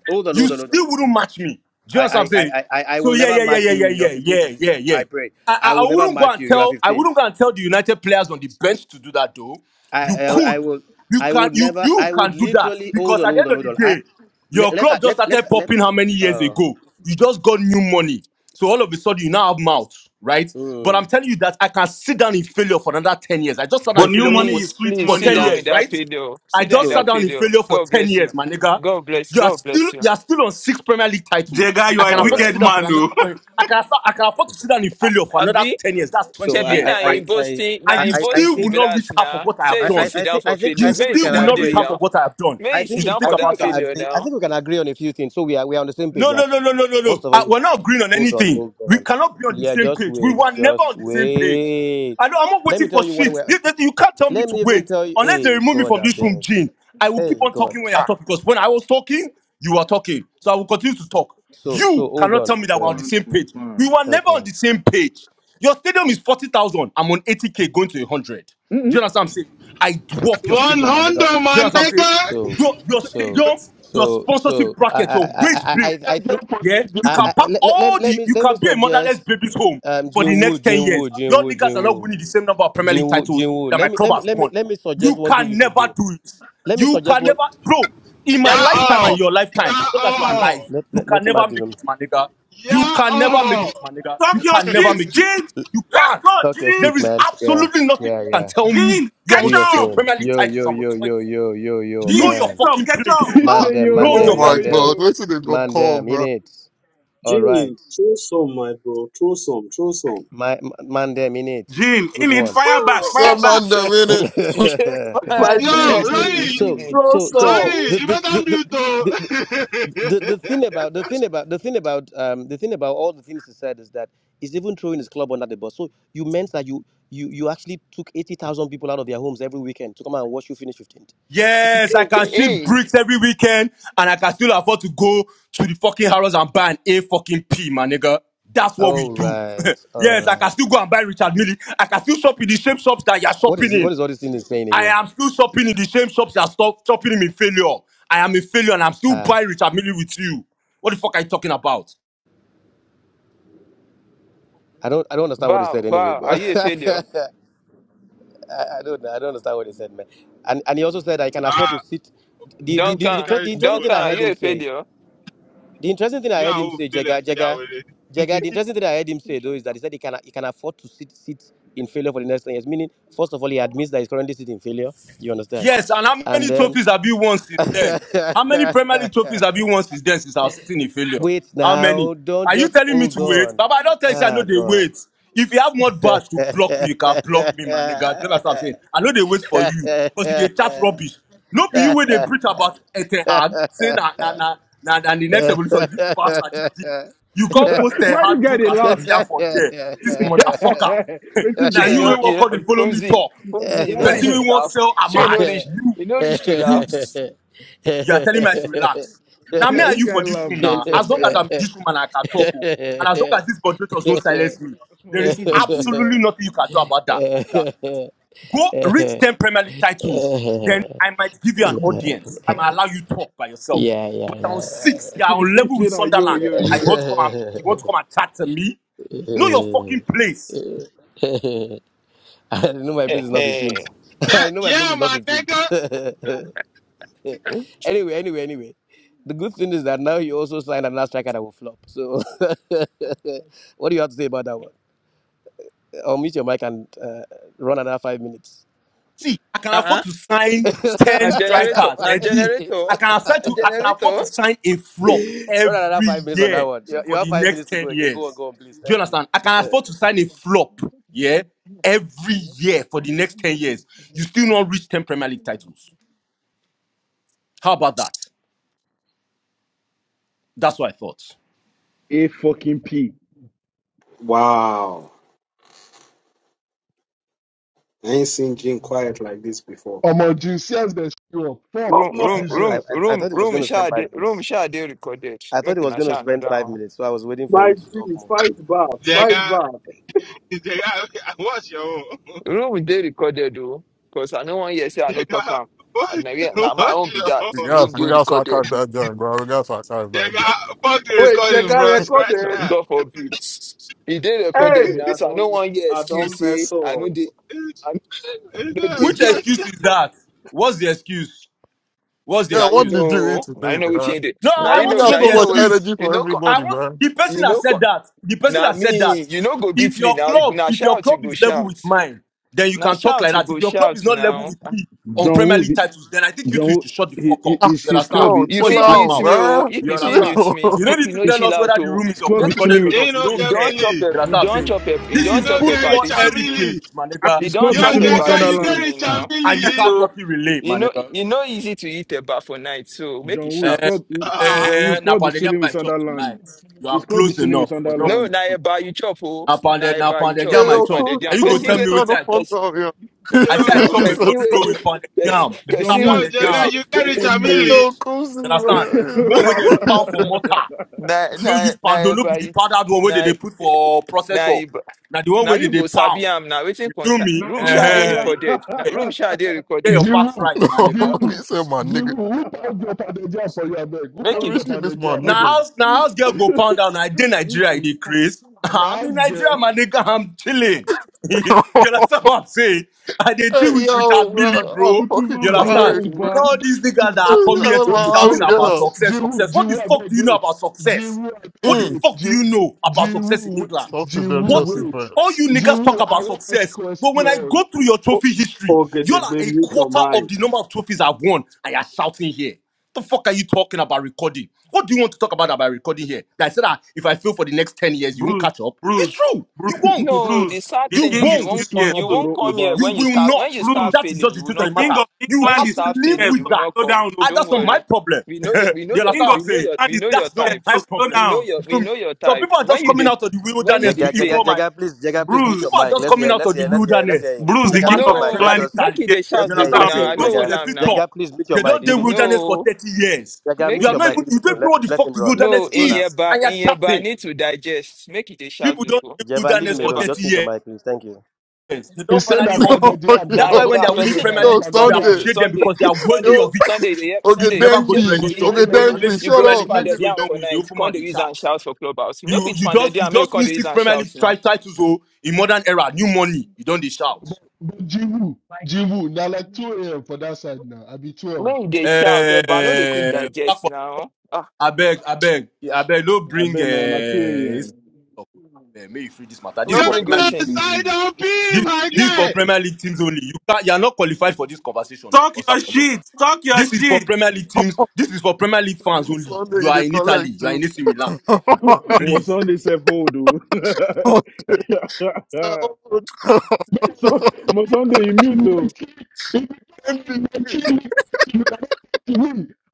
Speaker 26: Hold on,
Speaker 14: you
Speaker 26: hold on, hold on.
Speaker 14: still wouldn't match me. Do you
Speaker 26: I,
Speaker 14: understand
Speaker 26: I,
Speaker 14: what I'm
Speaker 26: I,
Speaker 14: saying?
Speaker 26: I, I I
Speaker 14: So
Speaker 26: will
Speaker 14: yeah,
Speaker 26: never
Speaker 14: yeah, yeah,
Speaker 26: match
Speaker 14: yeah,
Speaker 26: you
Speaker 14: yeah,
Speaker 26: in your
Speaker 14: yeah,
Speaker 26: 15th
Speaker 14: yeah, yeah,
Speaker 26: position.
Speaker 14: yeah.
Speaker 26: I pray.
Speaker 14: I, I,
Speaker 26: I will
Speaker 14: I
Speaker 26: never
Speaker 14: wouldn't go
Speaker 26: match
Speaker 14: and
Speaker 26: you. You are
Speaker 14: tell I wouldn't
Speaker 26: 15th.
Speaker 14: go and tell the United players on the bench to do that though.
Speaker 26: I,
Speaker 14: You
Speaker 26: I,
Speaker 14: could,
Speaker 26: I will,
Speaker 14: you
Speaker 26: I
Speaker 14: can,
Speaker 26: would
Speaker 14: you
Speaker 26: never.
Speaker 14: you
Speaker 26: I
Speaker 14: can
Speaker 26: would
Speaker 14: do that
Speaker 26: literally. Hold
Speaker 14: because
Speaker 26: on,
Speaker 14: at the
Speaker 26: hold
Speaker 14: end
Speaker 26: on,
Speaker 14: of
Speaker 26: hold
Speaker 14: the
Speaker 26: on. I
Speaker 14: day,
Speaker 26: let
Speaker 14: your
Speaker 26: let
Speaker 14: club just
Speaker 26: let let
Speaker 14: started
Speaker 26: let.
Speaker 14: popping how
Speaker 26: us
Speaker 14: many years
Speaker 26: Uh,
Speaker 14: ago? You just got new money, so all of a sudden you now have mouth, right? But
Speaker 26: mm,
Speaker 14: I'm telling you that I can sit down in failure for another ten years. I just sat down in
Speaker 25: But new
Speaker 14: failure for
Speaker 25: money
Speaker 14: one
Speaker 1: Please,
Speaker 25: is sweet
Speaker 1: please
Speaker 14: for
Speaker 25: money,
Speaker 1: sit
Speaker 14: ten
Speaker 1: down
Speaker 25: oh.
Speaker 1: with
Speaker 14: years,
Speaker 1: that
Speaker 14: right?
Speaker 1: failure.
Speaker 14: I
Speaker 1: Sit down with
Speaker 14: just sat
Speaker 1: that
Speaker 26: so
Speaker 14: down in
Speaker 1: failure.
Speaker 14: failure for
Speaker 1: God
Speaker 14: 10
Speaker 1: bless you.
Speaker 14: years, my nigga.
Speaker 1: God bless.
Speaker 14: You are
Speaker 1: God
Speaker 14: still
Speaker 1: bless you.
Speaker 14: you are still on six Premier League titles.
Speaker 25: Jega, you
Speaker 14: I
Speaker 25: are
Speaker 14: can
Speaker 25: a
Speaker 26: all
Speaker 14: afford to
Speaker 25: wicked
Speaker 14: sit down for
Speaker 26: right.
Speaker 25: man,
Speaker 14: another
Speaker 25: oh.
Speaker 14: for, I can afford, I can afford to sit down in
Speaker 1: Ah,
Speaker 14: failure for another
Speaker 1: Abi,
Speaker 14: 10 years. That's 20
Speaker 26: So
Speaker 1: Shebi
Speaker 26: I I
Speaker 14: years,
Speaker 1: na
Speaker 26: I
Speaker 1: in
Speaker 14: right?
Speaker 26: I,
Speaker 1: boasting, na
Speaker 14: And
Speaker 26: I,
Speaker 14: you
Speaker 1: in
Speaker 26: I
Speaker 14: still
Speaker 1: boasting
Speaker 14: will
Speaker 26: think
Speaker 14: not reach
Speaker 1: that
Speaker 14: half of
Speaker 1: now.
Speaker 14: what I have
Speaker 1: Say
Speaker 26: I,
Speaker 1: if you
Speaker 26: I
Speaker 14: done.
Speaker 1: sit
Speaker 26: I
Speaker 1: down
Speaker 26: think I
Speaker 1: for
Speaker 26: think I
Speaker 14: You
Speaker 1: failure, may
Speaker 26: think
Speaker 1: you
Speaker 26: we
Speaker 14: still
Speaker 26: can
Speaker 1: sit
Speaker 14: will
Speaker 1: down
Speaker 14: not reach
Speaker 1: there
Speaker 26: agree.
Speaker 14: half of
Speaker 1: now.
Speaker 14: what I have done.
Speaker 1: May
Speaker 26: I
Speaker 1: you
Speaker 26: think
Speaker 14: You
Speaker 1: sit
Speaker 26: we
Speaker 14: should
Speaker 1: down
Speaker 14: think
Speaker 26: I
Speaker 1: for
Speaker 26: think
Speaker 1: that
Speaker 26: we
Speaker 14: about
Speaker 26: can
Speaker 14: that.
Speaker 1: failure
Speaker 26: agree. I
Speaker 1: now.
Speaker 26: think we can agree on a few things. So we are we are on the same
Speaker 14: No,
Speaker 26: page
Speaker 14: no, no, no,
Speaker 26: actually.
Speaker 14: no, no, no.
Speaker 26: First of
Speaker 14: Uh,
Speaker 26: all, we-
Speaker 14: we're not agreeing on
Speaker 26: hold on,
Speaker 14: anything.
Speaker 26: hold
Speaker 14: We
Speaker 26: on.
Speaker 14: cannot be on the
Speaker 26: Yeah,
Speaker 14: same
Speaker 26: just
Speaker 14: page. We
Speaker 26: wait,
Speaker 14: were never
Speaker 26: just
Speaker 14: on the same page.
Speaker 26: wait.
Speaker 14: I do I'm not
Speaker 26: Let me
Speaker 14: waiting for
Speaker 26: tell you what
Speaker 14: shit.
Speaker 26: we.
Speaker 14: This, this- you can't tell me
Speaker 26: Let
Speaker 14: to
Speaker 26: me even
Speaker 14: wait
Speaker 26: tell you.
Speaker 14: unless they
Speaker 26: Hey
Speaker 14: remove me
Speaker 26: God,
Speaker 14: from
Speaker 26: I
Speaker 14: this room,
Speaker 26: beg.
Speaker 14: Gene. I will keep
Speaker 26: Hey
Speaker 14: on
Speaker 26: God.
Speaker 14: talking when you're
Speaker 1: Ah.
Speaker 14: talking because when I was talking, you were talking. So I will continue to talk.
Speaker 26: So so
Speaker 14: You
Speaker 26: hold
Speaker 14: cannot
Speaker 26: on.
Speaker 14: tell me that we're on
Speaker 26: Uh,
Speaker 14: the
Speaker 16: Bond
Speaker 14: same
Speaker 16: for
Speaker 14: page. We
Speaker 16: bond.
Speaker 14: were never on
Speaker 26: okay.
Speaker 14: the same page. Your stadium is 40,000. I'm on 80K going to 100. Do
Speaker 16: Mm-mm.
Speaker 14: you understand what I'm saying? I dwarf your
Speaker 12: one
Speaker 14: stadium, my nigga.
Speaker 12: hundred,
Speaker 14: Do you understand
Speaker 12: my
Speaker 14: what I'm saying?
Speaker 12: nigga.
Speaker 26: So
Speaker 14: Your, your
Speaker 26: so
Speaker 14: stadium, your
Speaker 26: so
Speaker 14: sponsorship
Speaker 26: so I
Speaker 14: bracket,
Speaker 26: I
Speaker 14: your
Speaker 26: I
Speaker 14: wage
Speaker 26: I
Speaker 14: bill.
Speaker 26: I I think.
Speaker 17: Stadium for
Speaker 14: Yeah, you
Speaker 26: I,
Speaker 14: can
Speaker 26: I,
Speaker 17: stadium.
Speaker 14: pack
Speaker 26: let, let, let
Speaker 14: all
Speaker 26: let
Speaker 14: the,
Speaker 26: me
Speaker 14: you
Speaker 26: let me
Speaker 14: can be a motherless
Speaker 26: suggest
Speaker 14: baby's home
Speaker 26: um
Speaker 14: for the
Speaker 26: Jinwoo,
Speaker 14: next 10
Speaker 26: Jinwoo,
Speaker 14: years. Your
Speaker 26: Jinwoo,
Speaker 14: niggas are not
Speaker 26: Jinwoo,
Speaker 14: winning the same number of Premier League
Speaker 26: Jinwoo,
Speaker 14: titles
Speaker 26: Jinwoo.
Speaker 14: that my
Speaker 26: Let me
Speaker 14: club
Speaker 26: let me
Speaker 14: has
Speaker 26: let me
Speaker 14: won.
Speaker 26: let me suggest
Speaker 14: You
Speaker 26: one thing you
Speaker 14: can
Speaker 26: should
Speaker 14: never
Speaker 26: do.
Speaker 14: do it.
Speaker 26: Let me
Speaker 14: You
Speaker 26: suggest
Speaker 14: can
Speaker 26: one.
Speaker 14: never, bro, in my
Speaker 12: Yeah,
Speaker 14: lifetime and
Speaker 12: oh,
Speaker 14: your lifetime,
Speaker 12: yeah,
Speaker 14: as long as you are alive,
Speaker 12: oh,
Speaker 26: Let
Speaker 14: you
Speaker 26: let,
Speaker 14: can
Speaker 26: let him
Speaker 14: never
Speaker 26: have the
Speaker 14: make
Speaker 26: room.
Speaker 14: it, my nigga. You
Speaker 12: yeah,
Speaker 14: can never make
Speaker 12: oh.
Speaker 14: it, my nigga. You
Speaker 25: Talk your
Speaker 14: can never
Speaker 25: shit,
Speaker 14: make it.
Speaker 25: Gene.
Speaker 14: You
Speaker 25: Let's
Speaker 14: can't.
Speaker 25: go,
Speaker 26: Talk your
Speaker 25: Gene.
Speaker 14: There
Speaker 26: shit,
Speaker 14: is
Speaker 26: man. Yeah,
Speaker 14: absolutely nothing
Speaker 26: yeah,
Speaker 14: you can
Speaker 26: yeah.
Speaker 14: tell me.
Speaker 25: Gene,
Speaker 14: You're
Speaker 26: Do
Speaker 25: catch
Speaker 14: on
Speaker 26: your
Speaker 14: six
Speaker 25: up.
Speaker 26: thing.
Speaker 14: Premier League
Speaker 26: Yo,
Speaker 14: titles,
Speaker 26: yo,
Speaker 14: I'm on
Speaker 26: yo,
Speaker 14: 20.
Speaker 26: yo, yo, yo, yo,
Speaker 14: Know
Speaker 25: Gene,
Speaker 14: your
Speaker 25: catch
Speaker 26: man.
Speaker 25: up,
Speaker 14: fucking
Speaker 25: catch up.
Speaker 14: place.
Speaker 16: he
Speaker 9: Ah,
Speaker 26: Man
Speaker 16: say
Speaker 26: them,
Speaker 16: yo
Speaker 26: man
Speaker 14: Know
Speaker 16: yo
Speaker 9: oh
Speaker 14: your
Speaker 26: them,
Speaker 16: yo
Speaker 9: my
Speaker 26: man
Speaker 14: fucking
Speaker 26: them,
Speaker 14: place.
Speaker 9: God.
Speaker 16: yo.
Speaker 9: Wait till they go
Speaker 26: man
Speaker 9: call,
Speaker 26: them. In
Speaker 9: bro.
Speaker 26: it. All right.
Speaker 27: Gene, throw some, my bro. Throw some, throw some.
Speaker 26: My man them in it.
Speaker 25: Gene,
Speaker 26: Good
Speaker 25: in it,
Speaker 26: one.
Speaker 25: fire back, fire
Speaker 9: Some
Speaker 25: back.
Speaker 9: man them
Speaker 1: Shey
Speaker 9: in it.
Speaker 27: My
Speaker 1: man.
Speaker 16: Guy,
Speaker 12: Yo,
Speaker 16: wait till
Speaker 27: GG.
Speaker 16: be
Speaker 12: Ronnie,
Speaker 26: so
Speaker 16: this.
Speaker 27: Throw
Speaker 26: so so
Speaker 27: some.
Speaker 12: Ronnie,
Speaker 26: the
Speaker 12: you
Speaker 26: the
Speaker 12: better
Speaker 26: the, the
Speaker 12: mute though.
Speaker 26: the, the the thing about the thing about the thing about um the thing about all the things he said is that he's even throwing his club under the bus. So you meant that you you you actually took eighty thousand people out of their homes every weekend to come and watch you finish fifteenth. If you.
Speaker 14: Yes, I can shoot
Speaker 1: hey,
Speaker 14: bricks every weekend and I can still afford to go to the fucking Harrods and buy an A fucking P, my nigga. That's what we
Speaker 26: All
Speaker 14: do.
Speaker 26: right, all
Speaker 14: yes, I can
Speaker 26: right.
Speaker 14: still go and buy Richard Mille. I can still shop in the same shops that you're
Speaker 26: What
Speaker 14: shopping
Speaker 26: is it? What
Speaker 14: in.
Speaker 26: is all this thing is saying
Speaker 14: I
Speaker 26: again?
Speaker 14: am still shopping in the same shops that stop shopping in failure. I am a failure and I'm still
Speaker 26: Uh
Speaker 14: buying Richard Mille with you. What the fuck are you talking about?
Speaker 26: I don't I don't understand what he said
Speaker 1: Val,
Speaker 26: anyway.
Speaker 1: Val, are
Speaker 26: But
Speaker 1: you a failure?
Speaker 26: I, I don't know. I don't understand what he said, man. And and he also said I can afford to
Speaker 12: ah,
Speaker 26: sit. The the,
Speaker 12: wait till
Speaker 26: the,
Speaker 1: Duncan,
Speaker 12: Cardi
Speaker 26: the
Speaker 12: do
Speaker 26: interesting
Speaker 12: it.
Speaker 26: thing
Speaker 1: Duncan,
Speaker 26: I
Speaker 12: and
Speaker 1: are
Speaker 12: then
Speaker 26: heard
Speaker 1: you
Speaker 26: him
Speaker 1: a
Speaker 26: say
Speaker 1: failure?
Speaker 26: The interesting thing I
Speaker 12: You
Speaker 26: heard
Speaker 12: are
Speaker 26: him
Speaker 12: who
Speaker 26: say,
Speaker 12: feel it,
Speaker 26: Jega,
Speaker 12: yeah,
Speaker 26: Jega,
Speaker 12: with it.
Speaker 26: Jega, the interesting thing I heard him say though is that he said he can he can afford to sit sit in failure for the next 10 years. Meaning, first of all, he admits that he's currently sitting in failure. You understand?
Speaker 14: Yes, and how
Speaker 26: And
Speaker 14: many
Speaker 26: then
Speaker 14: trophies have you won since then? How many Premier League trophies have you won since then since I was sitting in failure?
Speaker 26: wait
Speaker 14: How many?
Speaker 26: now, don't
Speaker 14: Are you
Speaker 26: just
Speaker 14: telling me
Speaker 26: hold
Speaker 14: to wait?
Speaker 26: on.
Speaker 14: Baba, I don't tell you, say I know
Speaker 26: Ah
Speaker 14: they
Speaker 26: God.
Speaker 14: wait. If you have more badge to block me, you can block me, my nigga. Do you understand what I'm saying? I know they wait for you because they chat rubbish. No be you where they preach about Etihad, Hag, say na na na na na the next evolution, this bastard, this thing. You can't post a
Speaker 16: Why this
Speaker 14: hard
Speaker 16: guy
Speaker 14: book
Speaker 16: they
Speaker 14: as
Speaker 16: laugh?
Speaker 14: PTR for here. This mother sucker.
Speaker 16: Guy, wait till be
Speaker 14: now
Speaker 1: Sure, you
Speaker 14: you
Speaker 16: this.
Speaker 1: know,
Speaker 14: ain't
Speaker 1: you know,
Speaker 14: welcome to follow me
Speaker 1: Kumzi,
Speaker 14: talk.
Speaker 26: yeah,
Speaker 1: Kumzi, you know
Speaker 26: yeah,
Speaker 14: Person
Speaker 1: this
Speaker 16: Guy,
Speaker 1: to
Speaker 26: yeah.
Speaker 14: we won't
Speaker 1: laugh.
Speaker 14: sell
Speaker 1: Sure, you
Speaker 14: Ahmad.
Speaker 1: know this,
Speaker 14: You,
Speaker 1: you know this to
Speaker 14: you,
Speaker 1: laugh.
Speaker 14: you are telling me I should relax. Now me
Speaker 16: guy,
Speaker 14: and
Speaker 16: which
Speaker 14: you for
Speaker 16: kind of
Speaker 14: this
Speaker 16: laugh
Speaker 14: room
Speaker 16: be
Speaker 14: now.
Speaker 16: this? I
Speaker 14: As long as
Speaker 16: beg.
Speaker 14: I'm in this room and I can talk, oh, and as long as these moderators don't silence me, there
Speaker 16: Wait
Speaker 14: is
Speaker 16: till be
Speaker 14: absolutely nothing you can do about that, my nigga. Go reach 10 Premier League titles. Then I might give you an audience. I might allow you to talk by yourself. But you're on six, you're
Speaker 16: this.
Speaker 14: on
Speaker 16: he
Speaker 14: level with
Speaker 16: say now yo
Speaker 14: Sunderland.
Speaker 16: yo
Speaker 14: And you
Speaker 16: yo.
Speaker 14: want to come and you want to come and chat to me? Know your fucking place.
Speaker 26: I know my
Speaker 1: Hey,
Speaker 26: place is not 15th.
Speaker 1: hey.
Speaker 12: Yeah,
Speaker 26: I know my place
Speaker 12: yeah,
Speaker 26: is not
Speaker 12: my nigga.
Speaker 26: 15th. Anyway, anyway, anyway. The good thing is that now you also signed another striker that will flop. So, what do you have to say about that one? I'll mute your mic and uh, run another five minutes.
Speaker 14: See, I can afford
Speaker 1: uh-uh.
Speaker 14: to sign
Speaker 26: another
Speaker 14: 10
Speaker 1: Now,
Speaker 14: strikers.
Speaker 1: now
Speaker 26: five
Speaker 14: Eddie,
Speaker 1: generator,
Speaker 26: minutes.
Speaker 14: I
Speaker 1: now
Speaker 14: can afford to I can afford
Speaker 1: generator.
Speaker 14: to sign a flop
Speaker 26: run another
Speaker 14: every
Speaker 26: five minutes on that
Speaker 14: year
Speaker 26: one. You, you
Speaker 14: for
Speaker 26: have
Speaker 14: the
Speaker 26: five
Speaker 14: next
Speaker 26: minutes to
Speaker 14: 10
Speaker 26: go again. Go on,
Speaker 14: years.
Speaker 26: go on, please.
Speaker 14: Do you
Speaker 26: Thank you.
Speaker 14: understand? I can
Speaker 26: Uh,
Speaker 14: afford to sign a flop, yeah, every year for the next 10 years. You still not reach 10 Premier League titles. How about that? That's what I thought.
Speaker 16: A fucking P.
Speaker 27: Wow. I ain't seen Gene quiet like this before.
Speaker 17: Omo, Jesus, they show up. Fuck
Speaker 1: Room,
Speaker 27: Come
Speaker 26: no,
Speaker 27: on.
Speaker 26: I,
Speaker 1: room,
Speaker 26: I,
Speaker 1: room,
Speaker 26: I
Speaker 17: Jesus.
Speaker 26: I
Speaker 1: room,
Speaker 26: thought he was going
Speaker 1: room,
Speaker 26: to spend five
Speaker 1: shade, room,
Speaker 26: minutes.
Speaker 1: shade recorded.
Speaker 26: I thought he
Speaker 1: Making
Speaker 26: was
Speaker 1: a
Speaker 26: going to
Speaker 1: shade, no
Speaker 26: spend five minutes, so I was waiting for
Speaker 27: My
Speaker 26: him to
Speaker 27: G,
Speaker 26: talk more.
Speaker 27: fight back. Fight
Speaker 12: Jega,
Speaker 27: back.
Speaker 12: Jega, what's your own?
Speaker 1: one. Room, they recorded, though. Because I know one year, say I no
Speaker 12: They
Speaker 1: talk
Speaker 12: got
Speaker 1: am. And
Speaker 12: what?
Speaker 1: now, yeah, now my
Speaker 12: What?
Speaker 1: own be that.
Speaker 12: yo?
Speaker 9: We got
Speaker 1: Room, they
Speaker 9: we got sarcasm
Speaker 1: recorded.
Speaker 9: that joint, bro. We got sarcasm
Speaker 12: They
Speaker 9: that
Speaker 12: got fuck the
Speaker 27: Wait, they
Speaker 12: recording,
Speaker 27: got
Speaker 12: bro.
Speaker 9: joint.
Speaker 12: Scratch
Speaker 1: No,
Speaker 27: recorded.
Speaker 12: that.
Speaker 1: God forbid. He did recorded
Speaker 27: Hey,
Speaker 1: now,
Speaker 27: I
Speaker 1: so I
Speaker 27: don't
Speaker 1: no one year
Speaker 27: I
Speaker 1: excuse,
Speaker 27: don't
Speaker 1: say,
Speaker 27: mess up.
Speaker 1: I know they, I
Speaker 12: They
Speaker 1: know
Speaker 12: got
Speaker 1: they
Speaker 14: Which
Speaker 1: there.
Speaker 12: Scratch
Speaker 14: excuse
Speaker 12: that.
Speaker 14: is that? What's the excuse? What's the
Speaker 9: yeah,
Speaker 1: Now you
Speaker 9: what did
Speaker 14: excuse?
Speaker 9: you eat
Speaker 1: know. Now
Speaker 9: today,
Speaker 1: you know which
Speaker 9: bro?
Speaker 1: end it.
Speaker 14: No,
Speaker 1: Now
Speaker 14: I
Speaker 9: Why
Speaker 1: you
Speaker 9: you
Speaker 14: want
Speaker 1: know.
Speaker 14: to know
Speaker 9: got
Speaker 1: Now
Speaker 14: the
Speaker 9: so
Speaker 1: you know.
Speaker 9: much
Speaker 1: what-
Speaker 14: excuse.
Speaker 9: energy
Speaker 1: You
Speaker 9: for
Speaker 1: know. co-
Speaker 14: I
Speaker 9: everybody,
Speaker 14: want
Speaker 9: bro?
Speaker 14: the person
Speaker 1: You
Speaker 14: that
Speaker 1: know.
Speaker 14: said
Speaker 1: co-
Speaker 14: that. The person
Speaker 1: Now
Speaker 14: that said
Speaker 1: me.
Speaker 14: that.
Speaker 1: You know. Go
Speaker 14: If
Speaker 1: beat me
Speaker 14: your
Speaker 1: now. You go,
Speaker 14: club,
Speaker 1: now
Speaker 14: if your
Speaker 1: shout. You
Speaker 14: club
Speaker 1: go
Speaker 14: is level
Speaker 1: shout.
Speaker 14: with mine, then you
Speaker 1: Now
Speaker 14: can talk
Speaker 1: shout.
Speaker 14: like
Speaker 1: You
Speaker 14: that. If
Speaker 1: go
Speaker 14: your club is
Speaker 1: shout.
Speaker 14: not level
Speaker 1: Now
Speaker 14: with me on
Speaker 16: John
Speaker 14: Premier
Speaker 16: Woo.
Speaker 14: League titles, then I think you two
Speaker 16: John,
Speaker 14: should shut the
Speaker 16: his
Speaker 14: fuck up.
Speaker 9: Ah,
Speaker 16: his,
Speaker 14: You
Speaker 16: his
Speaker 14: understand?
Speaker 16: club
Speaker 9: yo,
Speaker 16: is
Speaker 1: you
Speaker 14: Before
Speaker 9: chill
Speaker 14: you
Speaker 1: feel
Speaker 16: his,
Speaker 14: add
Speaker 1: mute
Speaker 9: out,
Speaker 14: mouth.
Speaker 1: me. Oh,
Speaker 9: bro.
Speaker 1: if
Speaker 14: You
Speaker 1: you feel
Speaker 14: understand?
Speaker 1: mute
Speaker 9: Chill.
Speaker 1: me,
Speaker 14: You don't
Speaker 1: make
Speaker 14: need
Speaker 1: you
Speaker 14: to
Speaker 1: no
Speaker 16: his
Speaker 14: tell
Speaker 1: chill
Speaker 14: us whether
Speaker 1: out.
Speaker 14: the
Speaker 1: Oh,
Speaker 14: room is
Speaker 16: his club
Speaker 1: make
Speaker 16: is
Speaker 1: you no.
Speaker 14: recorded
Speaker 16: chilling
Speaker 14: or
Speaker 16: with
Speaker 12: They
Speaker 14: not. You
Speaker 12: no
Speaker 1: You
Speaker 14: don't
Speaker 16: his,
Speaker 12: get
Speaker 14: care.
Speaker 1: don't chop
Speaker 12: Millie.
Speaker 1: a.
Speaker 14: You understand
Speaker 1: You
Speaker 14: what I'm
Speaker 1: don't
Speaker 14: saying?
Speaker 1: chop a. You
Speaker 14: This
Speaker 12: He
Speaker 1: don't
Speaker 14: is
Speaker 12: no
Speaker 1: chop a
Speaker 12: get
Speaker 1: bar
Speaker 14: football
Speaker 12: rich
Speaker 1: this
Speaker 12: and
Speaker 1: evening.
Speaker 12: Millie.
Speaker 14: heritage, my
Speaker 25: I'm,
Speaker 14: nigga.
Speaker 1: You
Speaker 16: his
Speaker 1: don't
Speaker 16: club
Speaker 12: Yo,
Speaker 14: It's
Speaker 16: is
Speaker 25: I'm
Speaker 1: chop a
Speaker 16: chilling
Speaker 14: football
Speaker 16: with
Speaker 1: bar
Speaker 12: Jega, you
Speaker 1: this
Speaker 12: get
Speaker 16: Sunderland.
Speaker 14: heritage.
Speaker 1: evening
Speaker 12: rich and
Speaker 1: now.
Speaker 14: And you
Speaker 25: yes,
Speaker 12: Millie.
Speaker 14: can't
Speaker 25: oh.
Speaker 14: fucking relate,
Speaker 1: You
Speaker 14: my
Speaker 1: know.
Speaker 14: nigga.
Speaker 1: You know. Easy to eat a bar for night. So make you
Speaker 16: John Woo, his
Speaker 1: shout.
Speaker 14: Eh,
Speaker 16: club
Speaker 12: Ah,
Speaker 16: John Woo,
Speaker 14: eh,
Speaker 16: his
Speaker 14: na
Speaker 16: club is
Speaker 14: pandejam
Speaker 16: chilling with
Speaker 14: my chop tonight.
Speaker 16: Sunderland.
Speaker 14: You are
Speaker 16: His club is
Speaker 14: close
Speaker 16: chilling
Speaker 14: enough,
Speaker 16: with
Speaker 14: but not
Speaker 1: No,
Speaker 14: too-
Speaker 16: Sunderland.
Speaker 1: na eba you chop oh.
Speaker 14: na
Speaker 1: Na
Speaker 14: pande na
Speaker 1: eba you chop.
Speaker 9: Hey
Speaker 14: pandejam
Speaker 1: No,
Speaker 14: my
Speaker 1: you
Speaker 9: yo,
Speaker 1: find
Speaker 14: chop.
Speaker 1: a
Speaker 9: Koozie,
Speaker 14: Now
Speaker 1: damn
Speaker 14: you go tell
Speaker 9: Koozie,
Speaker 14: me
Speaker 9: shut
Speaker 14: what
Speaker 9: the
Speaker 14: I chop.
Speaker 9: fuck
Speaker 1: person.
Speaker 9: up, yo.
Speaker 14: I say I
Speaker 1: na
Speaker 9: he
Speaker 14: chop
Speaker 12: yo,
Speaker 14: it
Speaker 1: person
Speaker 9: said,
Speaker 14: for
Speaker 1: wey
Speaker 14: real
Speaker 9: so-
Speaker 1: do
Speaker 14: with pandejam.
Speaker 16: John
Speaker 14: That
Speaker 1: person
Speaker 12: yo,
Speaker 16: Woo.
Speaker 12: Jega,
Speaker 1: person
Speaker 14: pandejam
Speaker 12: you get
Speaker 1: person
Speaker 12: rich and
Speaker 9: hey
Speaker 12: Millie.
Speaker 9: yo,
Speaker 14: homemade.
Speaker 9: Koozie,
Speaker 14: You understand? You want where they
Speaker 9: man.
Speaker 14: pound for mortar.
Speaker 1: na
Speaker 14: They no
Speaker 1: na
Speaker 14: use
Speaker 1: na
Speaker 14: pando, no be the
Speaker 1: everybody
Speaker 14: powdered one where they,
Speaker 1: na
Speaker 14: they put for
Speaker 1: na
Speaker 14: processor.
Speaker 1: you
Speaker 14: Now the one
Speaker 1: na
Speaker 14: where they,
Speaker 1: you
Speaker 14: they
Speaker 1: go sabi
Speaker 14: pound.
Speaker 1: am na wetin
Speaker 14: You feel
Speaker 1: concern
Speaker 14: me?
Speaker 16: Na
Speaker 14: Eh,
Speaker 1: room
Speaker 16: Ola
Speaker 1: sha dey
Speaker 16: Ola
Speaker 14: eh,
Speaker 1: recorded na
Speaker 14: yeah, yeah.
Speaker 1: room sha dey
Speaker 14: Get your
Speaker 1: recorded
Speaker 14: facts
Speaker 17: Giwu,
Speaker 14: right, my nigga.
Speaker 9: no,
Speaker 17: Giwu,
Speaker 9: he said, my nigga.
Speaker 17: Giwu. Who pound your poundage for your bag? Who
Speaker 1: make
Speaker 17: pound
Speaker 1: you
Speaker 9: Every
Speaker 17: your
Speaker 9: shit is
Speaker 17: poundage
Speaker 9: my
Speaker 17: my
Speaker 14: Now
Speaker 9: nigga.
Speaker 17: bag?
Speaker 14: house now house girl go pound down. I did Nigeria, I did Chris. I'm
Speaker 17: Now,
Speaker 14: in Nigeria,
Speaker 17: girl.
Speaker 14: my nigga. I'm chilling. you understand what I'm saying? I did chill
Speaker 9: hey
Speaker 14: with Richard
Speaker 9: yo,
Speaker 14: Millie,
Speaker 9: man,
Speaker 14: bro.
Speaker 9: I'm fucking
Speaker 17: I
Speaker 16: Kutuma
Speaker 14: You
Speaker 17: cannot,
Speaker 14: understand?
Speaker 9: crying,
Speaker 16: Buro
Speaker 17: I
Speaker 9: man.
Speaker 14: Now
Speaker 16: Uba
Speaker 14: all
Speaker 17: cannot
Speaker 14: these niggas that
Speaker 17: get
Speaker 14: are
Speaker 17: wait,
Speaker 14: coming here to
Speaker 9: That's
Speaker 17: wait,
Speaker 14: be
Speaker 9: my
Speaker 17: wait, wait,
Speaker 14: shouting
Speaker 9: house
Speaker 17: wait,
Speaker 14: about
Speaker 9: girl.
Speaker 17: wait.
Speaker 14: success,
Speaker 17: Giwu,
Speaker 14: success. What the
Speaker 17: Giwu, I
Speaker 14: fuck
Speaker 17: beg
Speaker 14: do you know
Speaker 17: wait.
Speaker 14: about success?
Speaker 17: Giwu, I
Speaker 14: What
Speaker 17: beg
Speaker 14: the
Speaker 9: Mm.
Speaker 17: wait.
Speaker 14: fuck do
Speaker 17: Giwu,
Speaker 14: you know about success in
Speaker 17: Giwu,
Speaker 14: England?
Speaker 17: wait.
Speaker 9: Talk to them
Speaker 17: Giwu,
Speaker 14: What
Speaker 9: Chelsea
Speaker 14: the,
Speaker 17: wait.
Speaker 14: all
Speaker 9: fans.
Speaker 14: you niggas talk
Speaker 17: Giwu, I
Speaker 14: about
Speaker 17: want to ask
Speaker 14: success, but when I
Speaker 17: question.
Speaker 14: go through your
Speaker 27: Oh,
Speaker 14: trophy history,
Speaker 27: okay,
Speaker 14: you're
Speaker 27: they
Speaker 14: all a
Speaker 27: mute your
Speaker 14: quarter of
Speaker 27: mind.
Speaker 14: the number of trophies I've won, and you're shouting here. The fuck are you talking about recording? What do you want to talk about about recording here? That I said that if I fail for the next 10 years, you won't
Speaker 25: Bruce,
Speaker 14: catch up. It's
Speaker 25: Bruce,
Speaker 14: true.
Speaker 25: Bruce,
Speaker 14: You won't.
Speaker 16: Kut,
Speaker 1: no the
Speaker 25: Bruce.
Speaker 1: sad
Speaker 25: The
Speaker 14: You
Speaker 1: thing
Speaker 25: king
Speaker 1: is
Speaker 25: is
Speaker 1: you
Speaker 14: won't.
Speaker 25: still
Speaker 1: won't come
Speaker 25: here,
Speaker 16: Kutuma
Speaker 1: you
Speaker 25: so
Speaker 1: won't
Speaker 16: Buro
Speaker 25: slow
Speaker 1: come
Speaker 25: down.
Speaker 1: here
Speaker 16: Uba.
Speaker 14: You
Speaker 1: when you
Speaker 14: will
Speaker 1: start when
Speaker 14: not.
Speaker 1: you
Speaker 25: Bruce,
Speaker 1: start
Speaker 14: That is
Speaker 1: failing
Speaker 14: just
Speaker 1: you
Speaker 14: the
Speaker 1: will
Speaker 14: truth of
Speaker 25: the
Speaker 14: the
Speaker 1: not
Speaker 25: king
Speaker 1: come
Speaker 14: matter.
Speaker 25: of
Speaker 14: You
Speaker 1: when
Speaker 25: England
Speaker 1: you
Speaker 14: have
Speaker 25: is
Speaker 14: to
Speaker 25: still
Speaker 1: start
Speaker 14: live
Speaker 25: here,
Speaker 1: failing you
Speaker 14: with
Speaker 25: so
Speaker 1: will
Speaker 14: that.
Speaker 1: not
Speaker 25: slow
Speaker 1: come
Speaker 25: down, oh.
Speaker 14: And
Speaker 1: don't
Speaker 14: that's not my
Speaker 1: worry
Speaker 14: problem.
Speaker 1: we know
Speaker 14: you
Speaker 1: your we know
Speaker 25: The
Speaker 1: your
Speaker 14: understand
Speaker 25: king
Speaker 14: what
Speaker 25: of
Speaker 14: I'm
Speaker 1: we know
Speaker 14: saying?
Speaker 1: your
Speaker 25: England
Speaker 1: we
Speaker 25: is
Speaker 1: know
Speaker 25: still
Speaker 1: your
Speaker 14: That's
Speaker 25: here,
Speaker 14: not
Speaker 1: type
Speaker 14: my
Speaker 25: so slow
Speaker 1: we
Speaker 14: problem.
Speaker 1: know
Speaker 25: down.
Speaker 1: your
Speaker 14: You feel
Speaker 1: we
Speaker 14: me?
Speaker 1: know your
Speaker 14: So
Speaker 1: type
Speaker 14: people are
Speaker 1: when
Speaker 14: just
Speaker 1: you
Speaker 14: coming
Speaker 1: dey
Speaker 14: out of the
Speaker 1: when you
Speaker 14: wilderness
Speaker 1: dey
Speaker 14: to
Speaker 26: Jaga,
Speaker 1: fail
Speaker 26: Jaga,
Speaker 14: equal my.
Speaker 26: Jaga, please, Jaga, please mute your
Speaker 14: People
Speaker 25: Bruce.
Speaker 14: are
Speaker 26: mic.
Speaker 14: just
Speaker 26: Let's
Speaker 14: coming
Speaker 26: hear,
Speaker 14: out
Speaker 26: let's
Speaker 14: of the
Speaker 26: hear, let's hear, let's
Speaker 14: wilderness
Speaker 26: hear him.
Speaker 25: Bruce,
Speaker 14: to
Speaker 25: the
Speaker 26: Jaga,
Speaker 25: king
Speaker 26: mute
Speaker 14: match
Speaker 26: your
Speaker 25: of
Speaker 14: my
Speaker 26: mic.
Speaker 1: No,
Speaker 26: Let's
Speaker 14: Premier
Speaker 25: England,
Speaker 14: League
Speaker 25: is
Speaker 26: just,
Speaker 1: make
Speaker 14: tally.
Speaker 1: it
Speaker 25: here.
Speaker 1: the
Speaker 25: So
Speaker 14: You
Speaker 26: let's
Speaker 1: shout they
Speaker 26: hear,
Speaker 14: understand
Speaker 26: him,
Speaker 25: slow
Speaker 14: what
Speaker 1: go
Speaker 14: I'm
Speaker 26: let's
Speaker 25: down.
Speaker 26: hear
Speaker 1: now.
Speaker 14: saying?
Speaker 26: him.
Speaker 1: I
Speaker 25: bro.
Speaker 1: know
Speaker 14: Those ones
Speaker 26: Jaga,
Speaker 1: all
Speaker 14: they
Speaker 1: I'm
Speaker 14: fit
Speaker 1: now.
Speaker 26: Jaga,
Speaker 14: talk.
Speaker 26: please mute your
Speaker 14: They
Speaker 26: mic.
Speaker 14: don't do
Speaker 26: Leave him alone.
Speaker 14: wilderness for
Speaker 1: No,
Speaker 14: 30 years.
Speaker 26: Jaga,
Speaker 14: You
Speaker 1: make
Speaker 26: mute
Speaker 14: have
Speaker 1: it.
Speaker 26: your
Speaker 14: not
Speaker 26: mic.
Speaker 1: sh-
Speaker 14: even
Speaker 26: Leave him
Speaker 14: you don't
Speaker 26: alone.
Speaker 14: even know
Speaker 26: Let
Speaker 14: what
Speaker 26: him,
Speaker 14: the
Speaker 26: let
Speaker 14: fuck
Speaker 26: him
Speaker 14: the
Speaker 26: run. Let
Speaker 1: No,
Speaker 14: wilderness
Speaker 26: him run
Speaker 1: in
Speaker 26: out.
Speaker 1: your
Speaker 14: is,
Speaker 1: bar,
Speaker 14: and you're
Speaker 1: in your bar,
Speaker 14: chatting.
Speaker 1: need to digest. Make it a shout
Speaker 14: People
Speaker 1: they
Speaker 14: don't
Speaker 1: go.
Speaker 14: do
Speaker 26: Jeva, leave
Speaker 1: In
Speaker 14: wilderness
Speaker 26: him
Speaker 1: your
Speaker 14: for
Speaker 26: alone.
Speaker 1: bar,
Speaker 14: 30
Speaker 26: Just mute your
Speaker 14: years.
Speaker 26: mic, please. Thank you.
Speaker 14: Yes, They
Speaker 17: He
Speaker 14: don't
Speaker 17: say
Speaker 14: finally
Speaker 17: na pounded
Speaker 14: humble.
Speaker 17: yam,
Speaker 1: now
Speaker 14: That's
Speaker 1: your
Speaker 17: Jega.
Speaker 14: why
Speaker 9: yo,
Speaker 14: when they
Speaker 1: bar.
Speaker 14: are
Speaker 17: No be
Speaker 14: winning
Speaker 1: Person
Speaker 17: about
Speaker 14: Premier
Speaker 17: na
Speaker 9: yo,
Speaker 14: League,
Speaker 17: pounded
Speaker 14: we
Speaker 1: Sunday,
Speaker 9: Sunday,
Speaker 17: yam.
Speaker 14: appreciate them
Speaker 1: Sunday,
Speaker 14: because they are worthy
Speaker 1: Sunday,
Speaker 9: yo,
Speaker 14: of it.
Speaker 1: Sunday. the Yep,
Speaker 9: okay,
Speaker 14: You
Speaker 1: Sunday.
Speaker 14: never go
Speaker 1: Here
Speaker 14: through
Speaker 1: you
Speaker 9: Dangby,
Speaker 14: any
Speaker 17: I
Speaker 1: go
Speaker 17: dey
Speaker 1: eat.
Speaker 17: hear
Speaker 14: struggle.
Speaker 9: okay,
Speaker 1: You
Speaker 17: you, I
Speaker 1: go.
Speaker 17: dey hear
Speaker 14: unless it's
Speaker 17: you,
Speaker 9: Dangby,
Speaker 1: You
Speaker 17: I
Speaker 9: shut
Speaker 17: dey
Speaker 1: go
Speaker 14: Premier
Speaker 17: hear
Speaker 1: eat
Speaker 9: up,
Speaker 14: League
Speaker 17: you.
Speaker 14: titles
Speaker 1: pounded
Speaker 9: nigga.
Speaker 14: where you
Speaker 1: yam
Speaker 14: don't
Speaker 1: for
Speaker 14: win, they
Speaker 1: night.
Speaker 14: open
Speaker 1: Come
Speaker 14: out
Speaker 1: the
Speaker 14: the
Speaker 1: use and
Speaker 14: charts.
Speaker 1: shout for clubhouse. You know if
Speaker 14: You
Speaker 1: it's
Speaker 14: you
Speaker 1: pounded
Speaker 14: just you
Speaker 1: yam, make you
Speaker 14: just
Speaker 1: come
Speaker 14: win
Speaker 1: the use
Speaker 14: six
Speaker 1: and
Speaker 14: Premier
Speaker 1: shout
Speaker 14: League tri-
Speaker 1: now.
Speaker 14: titles oh, in modern era, new money. You don't they shout.
Speaker 17: But, but Jivu, Jivu, now like 2 a.m. for that side now. I be 12.
Speaker 1: When they shout, eh, but no they quick
Speaker 14: Eh,
Speaker 1: digest
Speaker 14: I
Speaker 1: now. Ah,
Speaker 14: beg, I beg, I beg. Don't
Speaker 16: I
Speaker 14: bring
Speaker 16: bet now on 2
Speaker 14: uh,
Speaker 16: a.m.
Speaker 14: may you free this matter. This is
Speaker 12: Yo,
Speaker 1: no
Speaker 14: for
Speaker 1: bring
Speaker 14: Premier League
Speaker 1: waiting.
Speaker 14: teams
Speaker 12: side
Speaker 14: only.
Speaker 12: on P,
Speaker 14: This
Speaker 12: my
Speaker 14: this is for
Speaker 12: guy.
Speaker 14: Premier League teams only. You can you are not qualified for this conversation,
Speaker 25: Talk
Speaker 14: Oh,
Speaker 25: your
Speaker 14: Osakolo.
Speaker 25: shit. Talk your
Speaker 14: This is for
Speaker 25: shit.
Speaker 14: Premier League teams. This is for Premier League fans only. You
Speaker 9: Sunday
Speaker 14: are
Speaker 9: they
Speaker 14: in Italy.
Speaker 9: collect
Speaker 14: You are
Speaker 9: too.
Speaker 14: in AC Milan.
Speaker 16: on
Speaker 14: Please.
Speaker 16: Sunday self hold.
Speaker 9: Oh, it's
Speaker 16: oh.
Speaker 9: a old.
Speaker 16: So, my Sunday, you mute
Speaker 17: No,
Speaker 16: though.
Speaker 9: dang me.
Speaker 17: no, if you don't have my key, if you don't have my key, you cannot talk to me.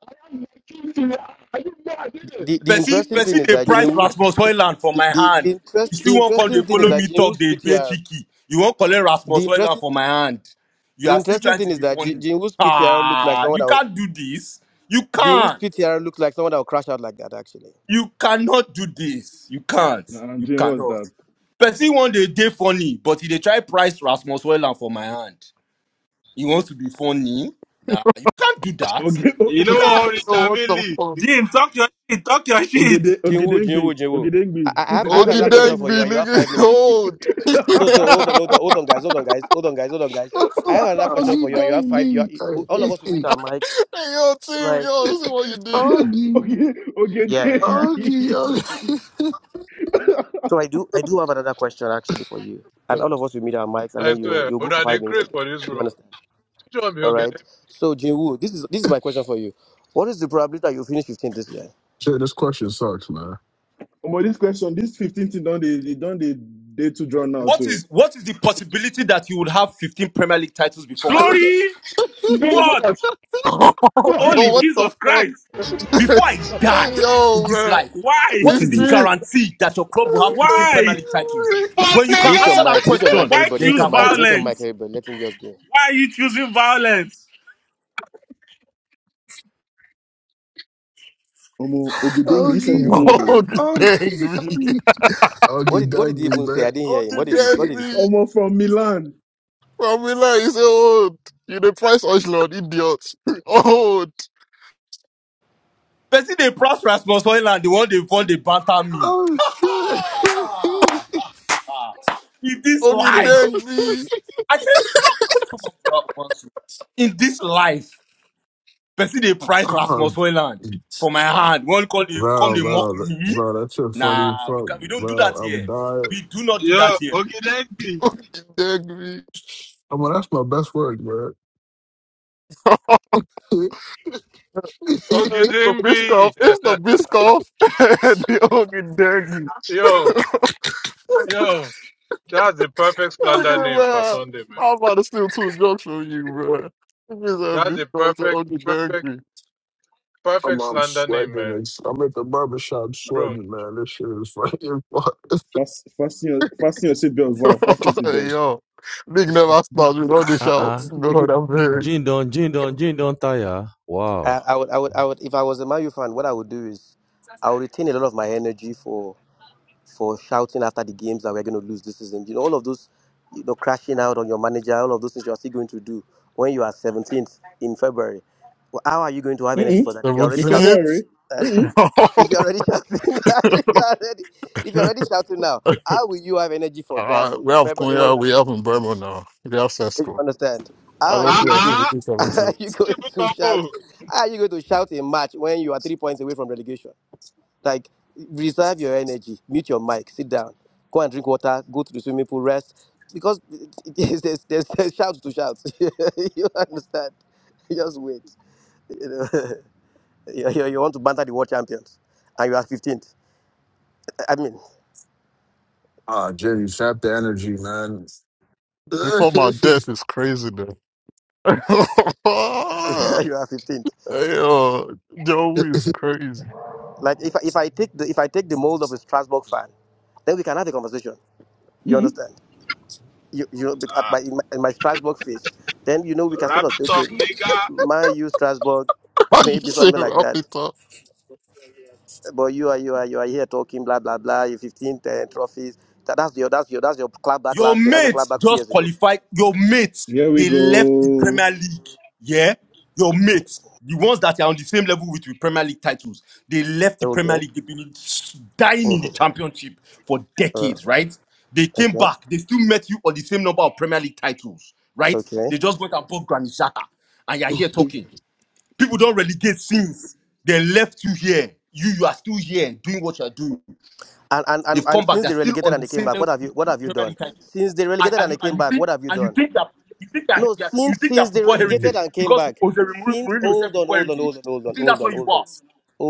Speaker 17: I have my key to you. Are you mad, I did it?
Speaker 26: The the
Speaker 14: Percy,
Speaker 17: Are
Speaker 26: interesting
Speaker 17: you
Speaker 14: Percy,
Speaker 26: thing is
Speaker 14: they
Speaker 26: that
Speaker 17: fucking mad,
Speaker 14: price
Speaker 26: Jin
Speaker 17: I
Speaker 26: Woo's
Speaker 14: Rasmus
Speaker 17: did it?
Speaker 14: Hoyland for
Speaker 26: the,
Speaker 14: my
Speaker 26: the,
Speaker 17: Are you
Speaker 14: hand.
Speaker 26: the
Speaker 14: You
Speaker 26: interest
Speaker 17: fucking
Speaker 14: still
Speaker 26: the
Speaker 17: mad,
Speaker 14: won't
Speaker 17: I
Speaker 14: come,
Speaker 26: interesting
Speaker 14: they
Speaker 26: thing is
Speaker 14: follow
Speaker 26: that
Speaker 14: me
Speaker 26: Jin
Speaker 14: talk,
Speaker 26: Woo's
Speaker 14: they play
Speaker 26: PTR
Speaker 14: cheeky. You won't collect Rasmus
Speaker 26: the
Speaker 14: Hoyland
Speaker 26: interesting
Speaker 14: for my hand. You
Speaker 26: the
Speaker 14: are still
Speaker 26: interesting
Speaker 14: trying to
Speaker 26: thing is
Speaker 14: be
Speaker 26: that Jin,
Speaker 14: funny.
Speaker 26: Jin Woo's PTR looked like
Speaker 14: Ah,
Speaker 26: someone
Speaker 14: you
Speaker 26: that would,
Speaker 14: can't do this. You
Speaker 26: Jin Woo's
Speaker 14: can't.
Speaker 26: PTR looked like someone that would crash out like that actually.
Speaker 14: You cannot do this. You can't.
Speaker 16: Nah, I'm
Speaker 14: You
Speaker 16: doing what's
Speaker 14: cannot.
Speaker 16: that?
Speaker 14: Percy one day, they funny, but he they try price Rasmus Hoyland for my hand. He wants to be funny. Nah, you can't do that.
Speaker 16: Okay, oh,
Speaker 12: You
Speaker 14: You
Speaker 12: know
Speaker 16: oh,
Speaker 12: what,
Speaker 16: oh,
Speaker 14: can't.
Speaker 12: rich
Speaker 9: Yo,
Speaker 12: and
Speaker 9: what the
Speaker 12: Millie.
Speaker 9: fuck?
Speaker 25: Jim, talk your shit. Talk your shit.
Speaker 16: Ogede,
Speaker 26: Jinwu,
Speaker 16: Ogedengbi,
Speaker 26: Jinwu, Jinwu. I,
Speaker 16: Ogedengbi.
Speaker 26: I I have I have
Speaker 9: OG
Speaker 26: another question
Speaker 9: dang
Speaker 26: for you,
Speaker 9: me,
Speaker 26: and you have
Speaker 9: nigga.
Speaker 26: five minutes.
Speaker 9: Old. hey,
Speaker 26: So so hold on, hold on, hold on, guys, hold on, guys, hold on, guys, hold on, guys. I have another question for
Speaker 7: Augie,
Speaker 26: you. You
Speaker 7: thank
Speaker 26: have five. You
Speaker 7: me.
Speaker 26: are, all of us will meet our mics.
Speaker 9: yo, team,
Speaker 26: right
Speaker 9: yo, see what you did.
Speaker 7: Augie,
Speaker 16: okay,
Speaker 26: yeah, yeah, yeah.
Speaker 7: Augie,
Speaker 26: So,
Speaker 16: Ogedengbi.
Speaker 7: Augie.
Speaker 26: so I do, I do have another question actually for you. And all of us will meet our mics, and then you you go for five minutes again. You understand? All right. So Jinwoo, this is this is my question for you. What is the probability that you finish 15 this year?
Speaker 7: Shit, this question sucks, man.
Speaker 16: Omo, this question, this 15 thing, don't they, they don't they, they too drawn out
Speaker 14: What
Speaker 16: too.
Speaker 14: is what is the possibility that you would have 15 Premier League titles before my
Speaker 25: Glory.
Speaker 14: death?
Speaker 17: did
Speaker 25: What?
Speaker 17: it?
Speaker 25: Holy
Speaker 9: yo,
Speaker 17: Jesus.
Speaker 9: what the
Speaker 25: Jesus
Speaker 9: fuck?
Speaker 25: Christ.
Speaker 14: Before I
Speaker 9: hey,
Speaker 14: die in
Speaker 9: yo,
Speaker 14: this
Speaker 9: man.
Speaker 14: life,
Speaker 25: Why?
Speaker 14: what is
Speaker 28: wetin
Speaker 14: the
Speaker 28: dey
Speaker 9: 15.
Speaker 14: guarantee that your club will have 15
Speaker 25: Why?
Speaker 14: Premier League
Speaker 7: Augie,
Speaker 14: titles?
Speaker 12: Fuck
Speaker 14: When you can
Speaker 26: Mute your
Speaker 14: answer
Speaker 12: nigga.
Speaker 14: that
Speaker 26: mics, mute your mics,
Speaker 14: question,
Speaker 25: Why
Speaker 26: everybody.
Speaker 14: then you
Speaker 26: Mute
Speaker 25: choose
Speaker 26: your
Speaker 14: can come
Speaker 26: mics,
Speaker 14: to
Speaker 26: mute your
Speaker 14: me.
Speaker 26: mics,
Speaker 25: violence?
Speaker 26: everybody. Let him just go.
Speaker 25: Why are you choosing violence?
Speaker 16: Omo, Ogedengbi, you said you
Speaker 7: Augie,
Speaker 16: hold though.
Speaker 9: OG dang me.
Speaker 7: Augie,
Speaker 26: What
Speaker 7: Augie,
Speaker 26: did what did
Speaker 7: thank
Speaker 26: he
Speaker 7: me,
Speaker 26: even say?
Speaker 7: man.
Speaker 26: I didn't hear
Speaker 9: OG
Speaker 26: him. What did he
Speaker 9: dang
Speaker 26: What did he say?
Speaker 9: me.
Speaker 16: Omo from Milan.
Speaker 9: Famila is old. You the price Osh Lord, idiot. Old.
Speaker 14: Person they proud Rasmus Hoyland, the one they fund, they banter me.
Speaker 7: Oh shit.
Speaker 14: In this
Speaker 9: OG
Speaker 14: life.
Speaker 9: dang me.
Speaker 14: I said, come, come to my brother. In this life. Person they price Rasmus
Speaker 7: um,
Speaker 14: Hoyland for my hand. One call they come
Speaker 7: bro,
Speaker 14: they mock
Speaker 7: bro,
Speaker 14: me.
Speaker 7: bro, that's shit funny as
Speaker 14: Nah, we
Speaker 7: fuck,
Speaker 14: can, we don't do
Speaker 7: bro.
Speaker 14: that
Speaker 7: I'm
Speaker 14: here.
Speaker 7: dying.
Speaker 14: We do not do
Speaker 12: Yo,
Speaker 14: that here.
Speaker 12: okay, let me.
Speaker 9: OG dang me.
Speaker 7: I'm like, that's my best work, man.
Speaker 9: It's the Biscoff.
Speaker 10: Ogidimbi.
Speaker 9: It's the Biscoff. and the Ogden Derby.
Speaker 10: yo, yo. That's the perfect slander
Speaker 9: Nigga,
Speaker 10: name for
Speaker 9: man.
Speaker 10: Sunday, man.
Speaker 9: I'm about to steal two jokes from you, bro. This is a
Speaker 10: That's the
Speaker 9: Biscoff to
Speaker 10: perfect,
Speaker 9: Ogden
Speaker 10: perfect,
Speaker 9: Derby.
Speaker 7: I'm,
Speaker 10: perfect
Speaker 7: I'm
Speaker 10: slander name,
Speaker 7: sweating.
Speaker 10: man.
Speaker 7: It's, I'm at the barber shop
Speaker 10: Bro.
Speaker 7: sweating, man. This shit is fucking fun.
Speaker 16: Fast, fasten your, fasten your seatbelts, wow, fasten your
Speaker 9: hey,
Speaker 16: seatbelts.
Speaker 9: yo. Big never stops with all the
Speaker 18: Uh uh.
Speaker 9: shouts. God, I'm very
Speaker 18: Jin don't. Jin don't. Jin don't tire. Wow.
Speaker 26: I, I would, I would, I would. If I was a Mario fan, what I would do is, I would retain a lot of my energy for for shouting after the games that we're going to lose this season. You know, all of those, you know, crashing out on your manager, all of those things you are still going to do when you are 17th in February. Well, how are you going to have energy
Speaker 16: Mm-mm.
Speaker 26: for that if you're already
Speaker 16: In
Speaker 26: shouting
Speaker 9: 17th.
Speaker 16: February.
Speaker 26: now? Eh?
Speaker 16: Mm-mm.
Speaker 9: uh,
Speaker 26: If you're already shouting now, if you're already, if you're already shouting now, how will you have energy for that
Speaker 9: we
Speaker 26: in
Speaker 9: have
Speaker 26: February when you
Speaker 9: Konya,
Speaker 26: are
Speaker 9: we have in
Speaker 26: 17th?
Speaker 9: Burma now. We have
Speaker 26: You
Speaker 9: Sesko.
Speaker 26: understand?
Speaker 9: I
Speaker 26: How are
Speaker 9: don't
Speaker 26: you
Speaker 12: Ah
Speaker 9: see
Speaker 26: going
Speaker 9: how
Speaker 26: to
Speaker 12: ah,
Speaker 26: are you
Speaker 9: 17th.
Speaker 26: going
Speaker 12: triple
Speaker 26: to shout?
Speaker 12: combo.
Speaker 26: How are you going to shout a match when you are three points away from relegation? Like reserve your energy, mute your mic, sit down, go and drink water, go to the swimming pool, rest. Because there's there's, there's, there's shouts to shout. you understand? Just wait. You, know, you, you you want to banter the world champions, and you are 15th. I mean,
Speaker 7: Ah, Jenny, sap the energy, man.
Speaker 9: Before my death is crazy, though.
Speaker 26: you are 15th.
Speaker 9: Hey, uh, Joey is
Speaker 7: Jen,
Speaker 9: crazy.
Speaker 26: Like if I- if I take the if I take the mold of a Strasbourg fan, then we can have a conversation. You
Speaker 16: Mm-mm.
Speaker 26: understand? you, you bec- at my in, my in my Strasbourg phase, then you know we can sort
Speaker 12: Wrap
Speaker 26: of
Speaker 12: it
Speaker 26: say, okay,
Speaker 12: up, nigga.
Speaker 26: my you Strasbourg,
Speaker 9: Why you
Speaker 26: maybe
Speaker 9: saying
Speaker 26: something like
Speaker 9: Ralphie
Speaker 26: that.
Speaker 9: talk
Speaker 26: But you are you are you are here talking blah blah blah. You 15 10 trophies. That, that's your that's your that's your clap back
Speaker 14: Your
Speaker 26: last year. That's your
Speaker 14: mates
Speaker 26: clap back two
Speaker 14: just
Speaker 26: years ago.
Speaker 14: qualified. Your mates
Speaker 16: Here we
Speaker 14: they left the
Speaker 16: go.
Speaker 14: Premier League. Yeah, your mates, the ones that are on the same level with the Premier League titles, they left the Premier
Speaker 26: Okay.
Speaker 14: League. They've been
Speaker 26: Mhm.
Speaker 14: dying in the Championship for
Speaker 26: Uh,
Speaker 14: decades, right? They came
Speaker 26: okay.
Speaker 14: back. They still met you on the same number of Premier League titles, right?
Speaker 26: Okay.
Speaker 14: They just went and bought Granit Xhaka, and you're here talking. People don't relegate sins. They left you here. You, you are still here doing what you are doing.
Speaker 26: And, and and
Speaker 14: They've come
Speaker 26: and
Speaker 14: back.
Speaker 26: since
Speaker 14: They're
Speaker 26: they
Speaker 14: still
Speaker 26: relegated
Speaker 14: on
Speaker 26: and
Speaker 14: the
Speaker 26: they came
Speaker 14: same
Speaker 26: back, what
Speaker 14: level
Speaker 26: have you
Speaker 14: with
Speaker 26: what
Speaker 14: you
Speaker 26: have you
Speaker 14: Premier
Speaker 26: done?
Speaker 14: League title.
Speaker 26: Since they
Speaker 14: And,
Speaker 26: relegated
Speaker 14: and
Speaker 26: and
Speaker 14: you
Speaker 26: they
Speaker 14: and
Speaker 26: came
Speaker 14: you
Speaker 26: back,
Speaker 14: think
Speaker 26: what have you
Speaker 14: and you
Speaker 26: done?
Speaker 14: think that you think that
Speaker 26: No,
Speaker 14: that- you
Speaker 26: since
Speaker 14: think your
Speaker 26: since they
Speaker 14: football
Speaker 26: relegated
Speaker 14: heritage
Speaker 26: and came
Speaker 14: because
Speaker 26: back.
Speaker 14: Jose Mourinho
Speaker 26: Since
Speaker 14: Mourinho said
Speaker 26: hold on,
Speaker 14: football
Speaker 26: hold on, hold
Speaker 14: heritage.
Speaker 26: on, hold
Speaker 14: You
Speaker 26: on,
Speaker 14: think that's
Speaker 26: hold on,
Speaker 14: where you
Speaker 26: hold on.
Speaker 14: are.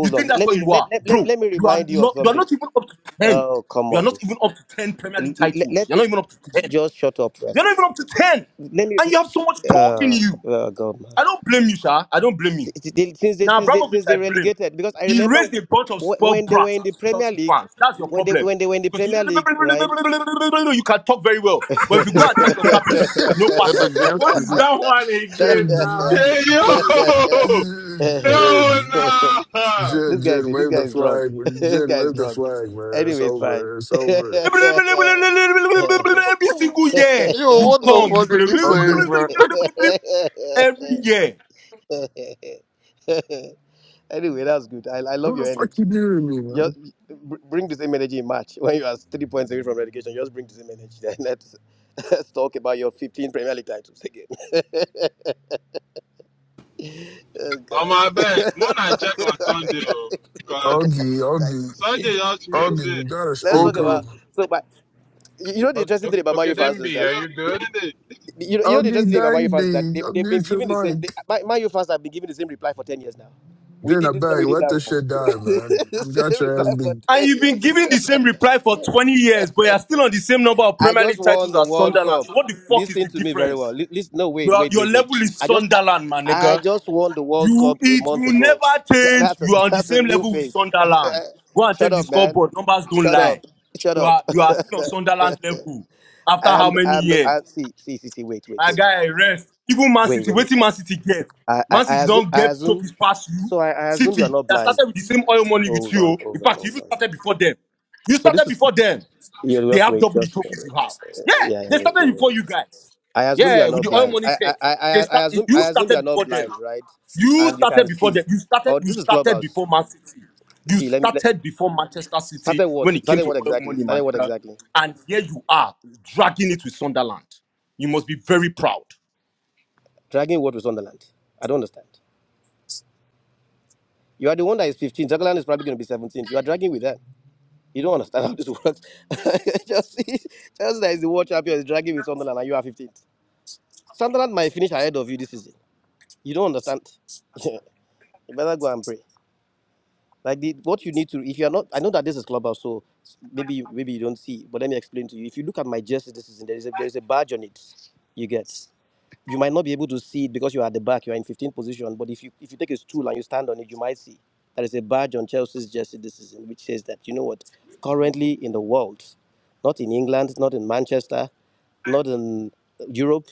Speaker 14: You
Speaker 26: on.
Speaker 14: think that's
Speaker 26: Let
Speaker 14: where
Speaker 26: me
Speaker 14: you
Speaker 26: let,
Speaker 14: are,
Speaker 26: let, let,
Speaker 14: bro.
Speaker 26: let me
Speaker 14: You are
Speaker 26: remind you of
Speaker 14: not. You are
Speaker 26: something.
Speaker 14: not even up to ten.
Speaker 26: Oh come
Speaker 14: You are
Speaker 26: on.
Speaker 14: not even up to ten Premier League
Speaker 26: L- l- Let,
Speaker 14: titles.
Speaker 26: let
Speaker 14: You're
Speaker 26: me-
Speaker 14: not even up to
Speaker 26: j-
Speaker 14: ten.
Speaker 26: just shut up
Speaker 14: You're not even
Speaker 26: first.
Speaker 14: up to ten,
Speaker 26: Let me.
Speaker 14: and you have so much talk in
Speaker 26: Uh,
Speaker 14: you.
Speaker 26: oh God, man.
Speaker 14: I don't blame you, sir. I don't blame you.
Speaker 26: Since they, since they
Speaker 14: Now,
Speaker 26: since they
Speaker 14: Abramovich,
Speaker 26: since
Speaker 14: I
Speaker 26: they
Speaker 14: blame.
Speaker 26: relegated, because I
Speaker 14: He
Speaker 26: remember
Speaker 14: raised a bunch of
Speaker 26: wh-
Speaker 14: spoiled
Speaker 26: when they were
Speaker 14: brats
Speaker 26: in the
Speaker 14: as
Speaker 26: Premier
Speaker 14: Chelsea
Speaker 26: League,
Speaker 14: fans. That's your
Speaker 26: when they
Speaker 14: problem.
Speaker 26: when they were in the
Speaker 14: Because you
Speaker 26: Premier League, right?
Speaker 14: you can talk very well, but if you go and
Speaker 16: God,
Speaker 14: check
Speaker 16: God,
Speaker 14: your cabinet, no
Speaker 9: at the
Speaker 14: passes.
Speaker 25: What
Speaker 9: gangster?
Speaker 25: is that one again now?
Speaker 7: Jen,
Speaker 12: Hey, yo! Yo,
Speaker 7: Jen,
Speaker 12: nah!
Speaker 26: This
Speaker 7: Jen,
Speaker 26: guy is
Speaker 7: Jen,
Speaker 26: this
Speaker 7: wave
Speaker 26: guy
Speaker 7: the
Speaker 26: is
Speaker 7: flag.
Speaker 26: drunk. this
Speaker 7: Jen,
Speaker 26: guy is
Speaker 7: wave the
Speaker 26: drunk.
Speaker 7: flag, man. It's
Speaker 26: Anyway, it's fine.
Speaker 7: over. It's over.
Speaker 14: Every
Speaker 9: You?
Speaker 14: single year
Speaker 9: Yo,
Speaker 14: you
Speaker 9: what the
Speaker 14: come, you
Speaker 9: fuck are you
Speaker 7: Augie,
Speaker 9: saying, bro?
Speaker 14: go every year,
Speaker 26: anyway, that's good. I, I
Speaker 7: who
Speaker 26: love
Speaker 7: the
Speaker 26: your
Speaker 7: fuck
Speaker 26: energy.
Speaker 7: you doing to me, man?
Speaker 26: Just br- bring the same energy in March when you are three points away from relegation. Just bring the same energy. Then let's let's talk about your 15 Premier League titles again. oh
Speaker 12: On my back.
Speaker 26: God. Let's
Speaker 12: More I
Speaker 26: talk
Speaker 12: check
Speaker 26: about
Speaker 12: on Sunday, because
Speaker 7: Augie, Augie,
Speaker 26: titles.
Speaker 12: Sunday just mute
Speaker 7: Augie, you
Speaker 12: it.
Speaker 7: gotta
Speaker 26: Let's
Speaker 7: speak
Speaker 26: talk
Speaker 7: up.
Speaker 26: about
Speaker 9: OG
Speaker 26: so. But you you know the
Speaker 10: Og-
Speaker 26: interesting
Speaker 10: Og-
Speaker 26: thing about Mario fans is
Speaker 10: Ogidimbi,
Speaker 12: Yo,
Speaker 10: are you
Speaker 26: that.
Speaker 10: good?
Speaker 12: Sunday.
Speaker 26: You know, you know the
Speaker 7: Oggy
Speaker 26: interesting thing about Mayu fans is that
Speaker 7: Dangby,
Speaker 26: they've, they've been
Speaker 7: mute your
Speaker 26: giving the same. They,
Speaker 7: mic.
Speaker 26: Ma- Mayu fans have been giving the same reply for ten years now.
Speaker 7: Get
Speaker 26: We
Speaker 7: in
Speaker 26: did
Speaker 7: a
Speaker 26: this one,
Speaker 7: bag.
Speaker 26: we did
Speaker 7: Let
Speaker 26: that
Speaker 7: this
Speaker 26: one.
Speaker 7: shit die, man. You
Speaker 26: the
Speaker 7: got
Speaker 26: same
Speaker 7: your
Speaker 26: reply
Speaker 7: ass
Speaker 26: for
Speaker 7: beat.
Speaker 14: and
Speaker 26: ten
Speaker 14: you've been
Speaker 26: years.
Speaker 14: giving the same reply for 20 years, but you're still on the same number of
Speaker 26: I
Speaker 14: Premier
Speaker 26: just
Speaker 14: League
Speaker 26: won
Speaker 14: titles
Speaker 26: the
Speaker 14: as
Speaker 26: World
Speaker 14: Sunderland.
Speaker 26: Cup.
Speaker 14: So what the fuck is
Speaker 26: Listen
Speaker 14: the
Speaker 26: to me very well.
Speaker 14: difference?
Speaker 26: Li- Listen, no, wait,
Speaker 14: Your
Speaker 26: wait,
Speaker 14: your
Speaker 26: wait, wait.
Speaker 14: level is
Speaker 26: I just, I,
Speaker 14: Sunderland, my
Speaker 26: I
Speaker 14: nigga.
Speaker 26: just won the World
Speaker 14: You
Speaker 26: Cup a
Speaker 14: it
Speaker 26: month
Speaker 14: will
Speaker 26: ago.
Speaker 14: never
Speaker 26: Tha-
Speaker 14: change.
Speaker 26: That's a
Speaker 14: You are on the
Speaker 26: that's a
Speaker 14: same
Speaker 26: new
Speaker 14: level with
Speaker 26: face.
Speaker 14: Sunderland. Go and
Speaker 26: Shut
Speaker 14: check the
Speaker 26: up, man.
Speaker 14: scoreboard. Numbers don't
Speaker 26: Shut
Speaker 14: lie.
Speaker 26: up. Shut
Speaker 14: You
Speaker 26: up.
Speaker 14: are you are still on Sunderland's level. After
Speaker 26: I
Speaker 14: how
Speaker 26: am
Speaker 14: many
Speaker 26: I am the
Speaker 14: years?
Speaker 26: I, see see see see wait wait
Speaker 14: My
Speaker 26: wait
Speaker 14: guy, rest. Even Man
Speaker 26: wait
Speaker 14: City,
Speaker 26: wait wait.
Speaker 14: waiting Man City get.
Speaker 26: I I,
Speaker 14: Man
Speaker 26: I
Speaker 14: City
Speaker 26: assume
Speaker 14: don't
Speaker 26: I
Speaker 14: get
Speaker 26: assume.
Speaker 14: trophies past you.
Speaker 26: So I, I assume you're
Speaker 14: City
Speaker 26: not
Speaker 14: that
Speaker 26: blind.
Speaker 14: started with the same oil money with
Speaker 26: Hold
Speaker 14: you.
Speaker 26: on,
Speaker 14: oh. In
Speaker 26: hold on,
Speaker 14: fact, you
Speaker 26: hold
Speaker 14: even
Speaker 26: on.
Speaker 14: started before them. You
Speaker 26: So
Speaker 14: started
Speaker 26: this is
Speaker 14: before them.
Speaker 26: yeah,
Speaker 14: They
Speaker 26: just
Speaker 14: have
Speaker 26: wait,
Speaker 14: double the
Speaker 26: just uh,
Speaker 14: trophies you have. Yeah,
Speaker 26: yeah, yeah,
Speaker 14: they
Speaker 26: wait, wait,
Speaker 14: started
Speaker 26: wait.
Speaker 14: before
Speaker 26: wait.
Speaker 14: you guys.
Speaker 26: I assume you are
Speaker 14: Yeah, with
Speaker 26: not
Speaker 14: the oil
Speaker 26: blind.
Speaker 14: money
Speaker 26: I
Speaker 14: thing.
Speaker 26: I, I,
Speaker 14: They
Speaker 26: I
Speaker 14: start
Speaker 26: I assume I
Speaker 14: you
Speaker 26: assume you are
Speaker 14: started
Speaker 26: not
Speaker 14: before them.
Speaker 26: blind, right?
Speaker 14: You
Speaker 26: And you
Speaker 14: started
Speaker 26: can
Speaker 14: before
Speaker 26: see.
Speaker 14: them. You started.
Speaker 26: Oh,
Speaker 14: You
Speaker 26: this is
Speaker 14: started
Speaker 26: clubhouse.
Speaker 14: before Man City. You
Speaker 26: See, let me let,
Speaker 14: started before Manchester City
Speaker 26: started what?
Speaker 14: when it came
Speaker 26: Started
Speaker 14: to
Speaker 26: what
Speaker 14: oil
Speaker 26: exactly?
Speaker 14: money, my
Speaker 26: Started what
Speaker 14: nigga.
Speaker 26: exactly?
Speaker 14: And here you are dragging it with Sunderland. You must be very proud.
Speaker 26: Dragging what with Sunderland? I don't understand. You are the one that is 15. Sunderland is probably going to be 17. You are dragging with them. You don't understand how this works. just, just that is the world champion is dragging with Sunderland, and you are 15th. Sunderland might finish ahead of you this season. You don't understand. you better go and pray. Like the, what you need to, if you are not, I know that this is clubhouse, so maybe maybe you don't see, but let me explain to you. If you look at my jersey this season, there is a, there is a badge on it. You get you might not be able to see it because you're at the back, you're in 15th position. But if you if you take a stool and you stand on it, you might see there is a badge on Chelsea's jersey this season which says that you know what, currently in the world, not in England, not in Manchester, not in Europe,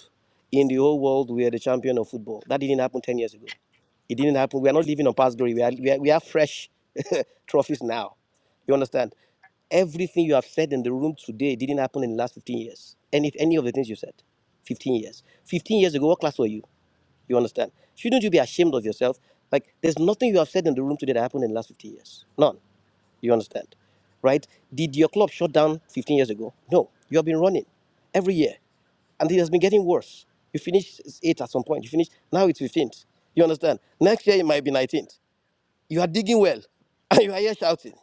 Speaker 26: in the whole world, we are the champion of football. That didn't happen 10 years ago. It didn't happen. We are not living on past glory. We are we are, we are fresh trophies now. You understand? Everything you have said in the room today didn't happen in the last 15 years. Any any of the things you said. 15 years. 15 years ago, what class were you? You understand? Shouldn't you be ashamed of yourself? Like, there's nothing you have said in the room today that happened in the last 15 years. None. You understand? Right? Did your club shut down 15 years ago? No. You have been running every year, and it has been getting worse. You finished eighth at some point. You finished, now it's 15th. You understand? Next year, it might be 19th. You are digging well, and you are here shouting.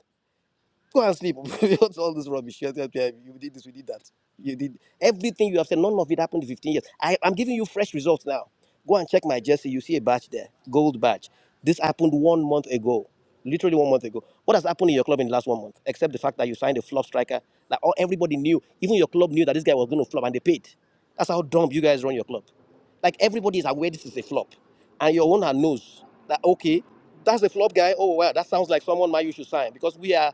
Speaker 26: Go and sleep. What's all this rubbish? Yes, yes, yes, You did this, we did that. You did everything you have said. None of it happened in 15 years. I, I'm giving you fresh results now. Go and check my jersey. You see a badge there, gold badge. This happened one month ago, literally one month ago. What has happened in your club in the last one month, except the fact that you signed a flop striker like all everybody knew, even your club knew that this guy was going to flop, and they paid. That's how dumb you guys run your club. Like everybody is aware this is a flop, and your owner knows that okay, that's a flop guy. Oh well, that sounds like someone my you should sign because we are.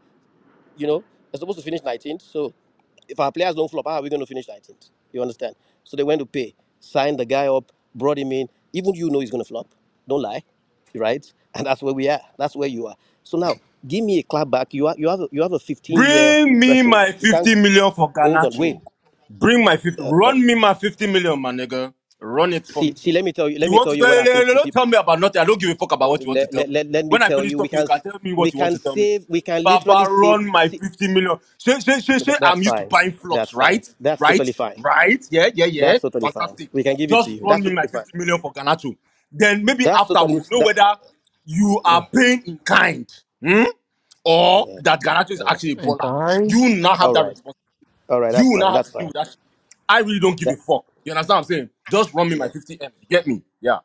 Speaker 26: You know, they're supposed to finish 19th. So if our players don't flop, how are we going to finish 19th? You understand? So they went to pay, signed the guy up, brought him in. Even you know he's going to flop. Don't lie, right? And that's where we are. That's where you are. So now, give me a clap back. You are, you have a, you have a 15 year
Speaker 14: Bring me my
Speaker 26: threshold. You
Speaker 14: 50
Speaker 26: can't
Speaker 14: million for
Speaker 26: hold on.
Speaker 14: Ganacho.
Speaker 26: Wait.
Speaker 14: Bring my 50.
Speaker 26: Uh, uh,
Speaker 14: Run me my 50 million, my nigga. Run it for
Speaker 26: see,
Speaker 14: me.
Speaker 26: see. Let me tell you. Let
Speaker 14: You
Speaker 26: me
Speaker 14: want
Speaker 26: tell
Speaker 14: to
Speaker 26: you what
Speaker 14: tell me?
Speaker 26: happens to
Speaker 14: Don't
Speaker 26: people.
Speaker 14: tell me about nothing. I don't give a fuck about what
Speaker 26: Uh,
Speaker 14: you want to
Speaker 26: let,
Speaker 14: tell me.
Speaker 26: let, let, let me
Speaker 14: When I
Speaker 26: tell
Speaker 14: finish
Speaker 26: you. We
Speaker 14: talking, you
Speaker 26: can
Speaker 14: can tell me
Speaker 26: we
Speaker 14: what you want
Speaker 26: can
Speaker 14: to tell me.
Speaker 26: save. We can literally
Speaker 14: Baba,
Speaker 26: save.
Speaker 14: run my
Speaker 26: See,
Speaker 14: 50 million. Say, say, say,
Speaker 26: that,
Speaker 14: say,
Speaker 26: that's
Speaker 14: I'm used to
Speaker 26: fine.
Speaker 14: buying flops,
Speaker 26: That's fine.
Speaker 14: right?
Speaker 26: That's
Speaker 14: Right?
Speaker 26: totally fine.
Speaker 14: Right? Yeah, yeah, yeah.
Speaker 26: That's totally fine.
Speaker 14: Fantastic.
Speaker 26: We can give it to
Speaker 14: Just
Speaker 26: you.
Speaker 14: run
Speaker 26: That's
Speaker 14: me my
Speaker 26: totally
Speaker 14: 50
Speaker 26: fine.
Speaker 14: million for Ganacho. Then maybe
Speaker 26: That's
Speaker 14: after
Speaker 26: totally
Speaker 14: we'll
Speaker 26: f-
Speaker 14: know
Speaker 26: that.
Speaker 14: whether you
Speaker 26: Yeah,
Speaker 14: are paying in kind hmm? or
Speaker 26: yeah.
Speaker 14: that Ganacho is
Speaker 26: yeah.
Speaker 14: actually a
Speaker 9: and
Speaker 14: baller.
Speaker 9: kind?
Speaker 14: You will not have
Speaker 26: All
Speaker 14: that
Speaker 26: right.
Speaker 14: response.
Speaker 26: All right.
Speaker 14: You
Speaker 26: That's
Speaker 14: will
Speaker 26: fine.
Speaker 14: not have
Speaker 26: That's
Speaker 14: to deal
Speaker 26: fine.
Speaker 14: with that shit. I really don't give a
Speaker 26: That
Speaker 14: fuck. You understand what I'm saying? Just run me my
Speaker 26: yeah.
Speaker 14: 50 M. You get me? Yeah.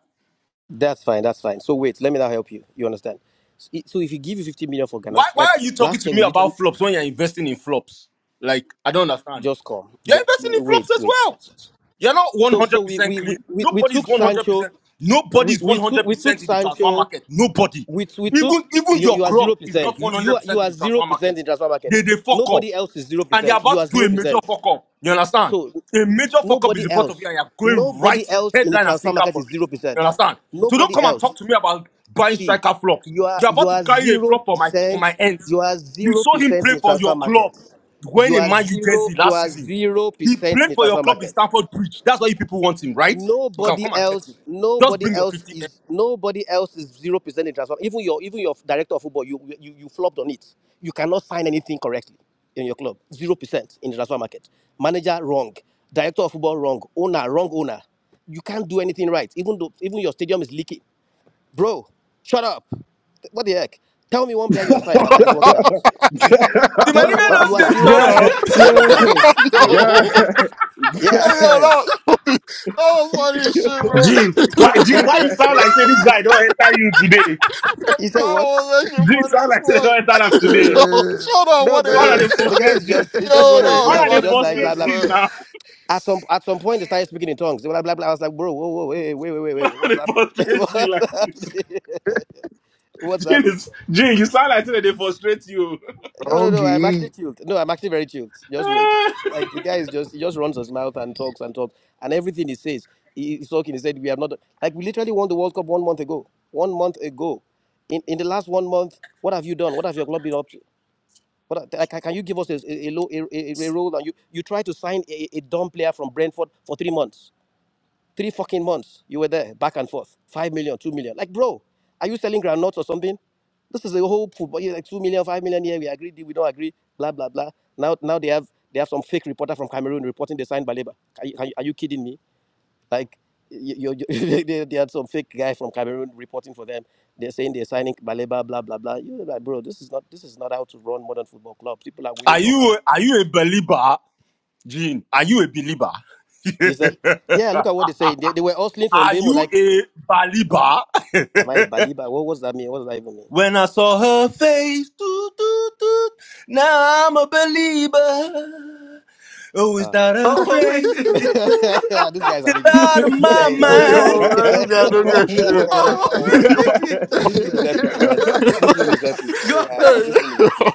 Speaker 26: That's fine. That's fine. So wait, let me now help you. You understand? So i- so if you give you 50 million for Ghana,
Speaker 14: Why
Speaker 26: like
Speaker 14: why are you talking
Speaker 26: last year,
Speaker 14: to me
Speaker 26: we literally
Speaker 14: about
Speaker 26: took,
Speaker 14: flops when you're investing in flops? Like, I don't understand.
Speaker 26: just come.
Speaker 14: You're
Speaker 26: Ju-
Speaker 14: investing in flops
Speaker 26: wait,
Speaker 14: as
Speaker 26: wait.
Speaker 14: well. You're not
Speaker 26: So so we
Speaker 14: 100%
Speaker 26: we
Speaker 14: clean.
Speaker 26: we, we, we
Speaker 14: Nobody's
Speaker 26: took Sancho.
Speaker 14: 100%.
Speaker 26: We,
Speaker 14: Nobody's
Speaker 26: we took we took
Speaker 14: 100% in the transfer
Speaker 26: Sancho.
Speaker 14: market. Nobody.
Speaker 26: We t- we took
Speaker 14: Even even
Speaker 26: you.
Speaker 14: your
Speaker 26: You are
Speaker 14: club
Speaker 26: zero
Speaker 14: is not
Speaker 26: percent. You you are you
Speaker 14: 100% in
Speaker 26: are
Speaker 14: the
Speaker 26: zero
Speaker 14: transfer
Speaker 26: percent
Speaker 14: market.
Speaker 26: in transfer market.
Speaker 14: They they fuck up
Speaker 26: Nobody else is zero
Speaker 14: and you're
Speaker 26: percent.
Speaker 14: about
Speaker 26: You are
Speaker 14: to do
Speaker 26: zero
Speaker 14: a major
Speaker 26: percent.
Speaker 14: fuck up. You understand?
Speaker 26: So
Speaker 14: A major
Speaker 26: s-
Speaker 14: fuck up is
Speaker 26: nobody
Speaker 14: in front of you,
Speaker 26: else,
Speaker 14: and you're going right
Speaker 26: nobody else in the
Speaker 14: headline and
Speaker 26: transfer
Speaker 14: sinker
Speaker 26: market
Speaker 14: for
Speaker 26: is
Speaker 14: it.
Speaker 26: zero
Speaker 14: You
Speaker 26: percent.
Speaker 14: understand? So don't
Speaker 26: Nobody
Speaker 14: come and
Speaker 26: else.
Speaker 14: talk to me about buying
Speaker 26: See,
Speaker 14: striker flops.
Speaker 26: you are
Speaker 14: You're
Speaker 26: you
Speaker 14: about to
Speaker 26: are
Speaker 14: carry a
Speaker 26: zero
Speaker 14: flop for my for my
Speaker 26: percent.
Speaker 14: ends.
Speaker 26: You are
Speaker 14: You
Speaker 26: zero
Speaker 14: saw him
Speaker 26: percent in
Speaker 14: play
Speaker 26: the
Speaker 14: for
Speaker 26: transfer
Speaker 14: your club
Speaker 26: market.
Speaker 14: when
Speaker 26: You
Speaker 14: in
Speaker 26: are
Speaker 14: Man U
Speaker 26: zero.
Speaker 14: jersey
Speaker 26: You
Speaker 14: last
Speaker 26: are
Speaker 14: season.
Speaker 26: zero
Speaker 14: He
Speaker 26: percent in
Speaker 14: played
Speaker 26: the
Speaker 14: for your
Speaker 26: transfer
Speaker 14: club in
Speaker 26: market
Speaker 14: Stamford Bridge. That's why you people want him, right? You can
Speaker 26: nobody
Speaker 14: come and get him.
Speaker 26: else
Speaker 14: Just
Speaker 26: nobody
Speaker 14: bring your
Speaker 26: else
Speaker 14: 50 M.
Speaker 26: is nobody else is zero percent in transfer even your even your director of football you you, you flopped on it you cannot sign anything correctly in your club zero percent in the transfer market manager wrong director of football wrong owner wrong owner you can't do anything right even though even your stadium is leaking bro shut up what the heck tell me one player you have signed that, that is
Speaker 9: yo,
Speaker 26: working out
Speaker 14: If my
Speaker 26: tell me
Speaker 14: nigga
Speaker 26: one
Speaker 14: don't
Speaker 26: you are
Speaker 14: say
Speaker 26: zero
Speaker 14: shut
Speaker 26: percent
Speaker 14: up,
Speaker 26: in the transfer
Speaker 16: yo,
Speaker 26: market
Speaker 9: hey,
Speaker 16: God,
Speaker 26: zero
Speaker 16: God,
Speaker 9: yo,
Speaker 26: yeah
Speaker 9: that, that was funny as
Speaker 16: yo,
Speaker 9: shit, bro.
Speaker 25: Jim, why
Speaker 16: God,
Speaker 25: Jim,
Speaker 9: that
Speaker 25: why you sound like say this guy don't enter you today?
Speaker 26: he said what
Speaker 9: was actually
Speaker 25: Jim
Speaker 9: funny
Speaker 25: sound
Speaker 9: as
Speaker 25: like say they don't enter them
Speaker 9: fuck.
Speaker 25: today.
Speaker 9: yo, shut up,
Speaker 26: No,
Speaker 9: what
Speaker 26: no,
Speaker 7: Uh,
Speaker 25: What are
Speaker 9: the
Speaker 26: no.
Speaker 25: they
Speaker 26: The
Speaker 9: heck?
Speaker 26: guy
Speaker 25: frustrate
Speaker 26: is
Speaker 25: Jim?
Speaker 26: just he's just
Speaker 9: Yo, that
Speaker 26: running his
Speaker 25: What
Speaker 9: was
Speaker 25: are
Speaker 26: mouth.
Speaker 25: they
Speaker 26: It's
Speaker 9: funny as
Speaker 26: just like blah
Speaker 25: frustrate
Speaker 9: shit,
Speaker 26: blah.
Speaker 25: Jim
Speaker 9: bro.
Speaker 25: Now.
Speaker 26: At some at some point, they started speaking in tongues. Blah blah blah. I was like, bro, whoa, whoa, wait, wait, wait, wait, wait.
Speaker 25: How
Speaker 26: wait.
Speaker 25: they
Speaker 26: What's happening?
Speaker 25: frustrate you
Speaker 26: What's
Speaker 25: like this?
Speaker 26: happening? What's
Speaker 25: Jin
Speaker 26: happening?
Speaker 25: is, Jin. you sound like that they frustrate you.
Speaker 26: No, no, no. I'm actually
Speaker 7: Oggy.
Speaker 26: chilled. No, I'm actually very chilled. Just wait. Like the guy is just he just runs his mouth and talks and talks and everything he says. he- He's talking. He said we have not like we literally won the World Cup one month ago. One month ago, in in the last one month, what have you done? What have your club been up? to? But uh, can you give us a, a, low a, a, a role? And you, you try to sign a, a dumb player from Brentford for three months. Three fucking months. You were there, back and forth. Five million, two million. Like, bro, are you selling groundnuts or something? This is a whole football. yeah, Like two million, five million. Yeah, we agree. We don't agree. Blah blah blah. Now, now they have they have some fake reporter from Cameroon reporting they signed Baleba. Are are you are you kidding me? Like you, you, they, they had some fake guy from Cameroon reporting for them. They're saying they're signing Baleba, blah blah blah. You're like, bro, this is not this is not how to run modern football club. People are winning
Speaker 14: are
Speaker 26: trophies.
Speaker 14: you a, are you a believer, Gene? Are you a believer?
Speaker 26: You said, yeah, look at what they say. They, they were hustling from
Speaker 14: Are
Speaker 26: Bemo.
Speaker 14: you
Speaker 26: Like,
Speaker 14: a believer?
Speaker 26: am I Baliba? What what's that mean? What does that even mean?
Speaker 14: When I saw her face, toot, toot, toot, now I'm a believer. Oh, is
Speaker 26: Ah,
Speaker 14: that a
Speaker 29: Oh, wait
Speaker 14: trace?
Speaker 29: a
Speaker 14: Toot,
Speaker 29: minute.
Speaker 26: this guy's
Speaker 14: She's
Speaker 26: an idiot.
Speaker 14: out of
Speaker 26: This guy
Speaker 14: my
Speaker 16: God,
Speaker 26: is
Speaker 9: Hey,
Speaker 26: a, this
Speaker 9: yo,
Speaker 14: mind.
Speaker 9: man, you got no
Speaker 26: guy.
Speaker 9: good shit,
Speaker 16: Omo,
Speaker 9: bro.
Speaker 29: Oh, wait a
Speaker 16: God.
Speaker 26: this
Speaker 29: minute.
Speaker 26: room is epic, man. This room is epic. Yeah,
Speaker 29: God.
Speaker 26: yeah.
Speaker 9: Hey,
Speaker 26: This room is
Speaker 9: yo,
Speaker 26: epic.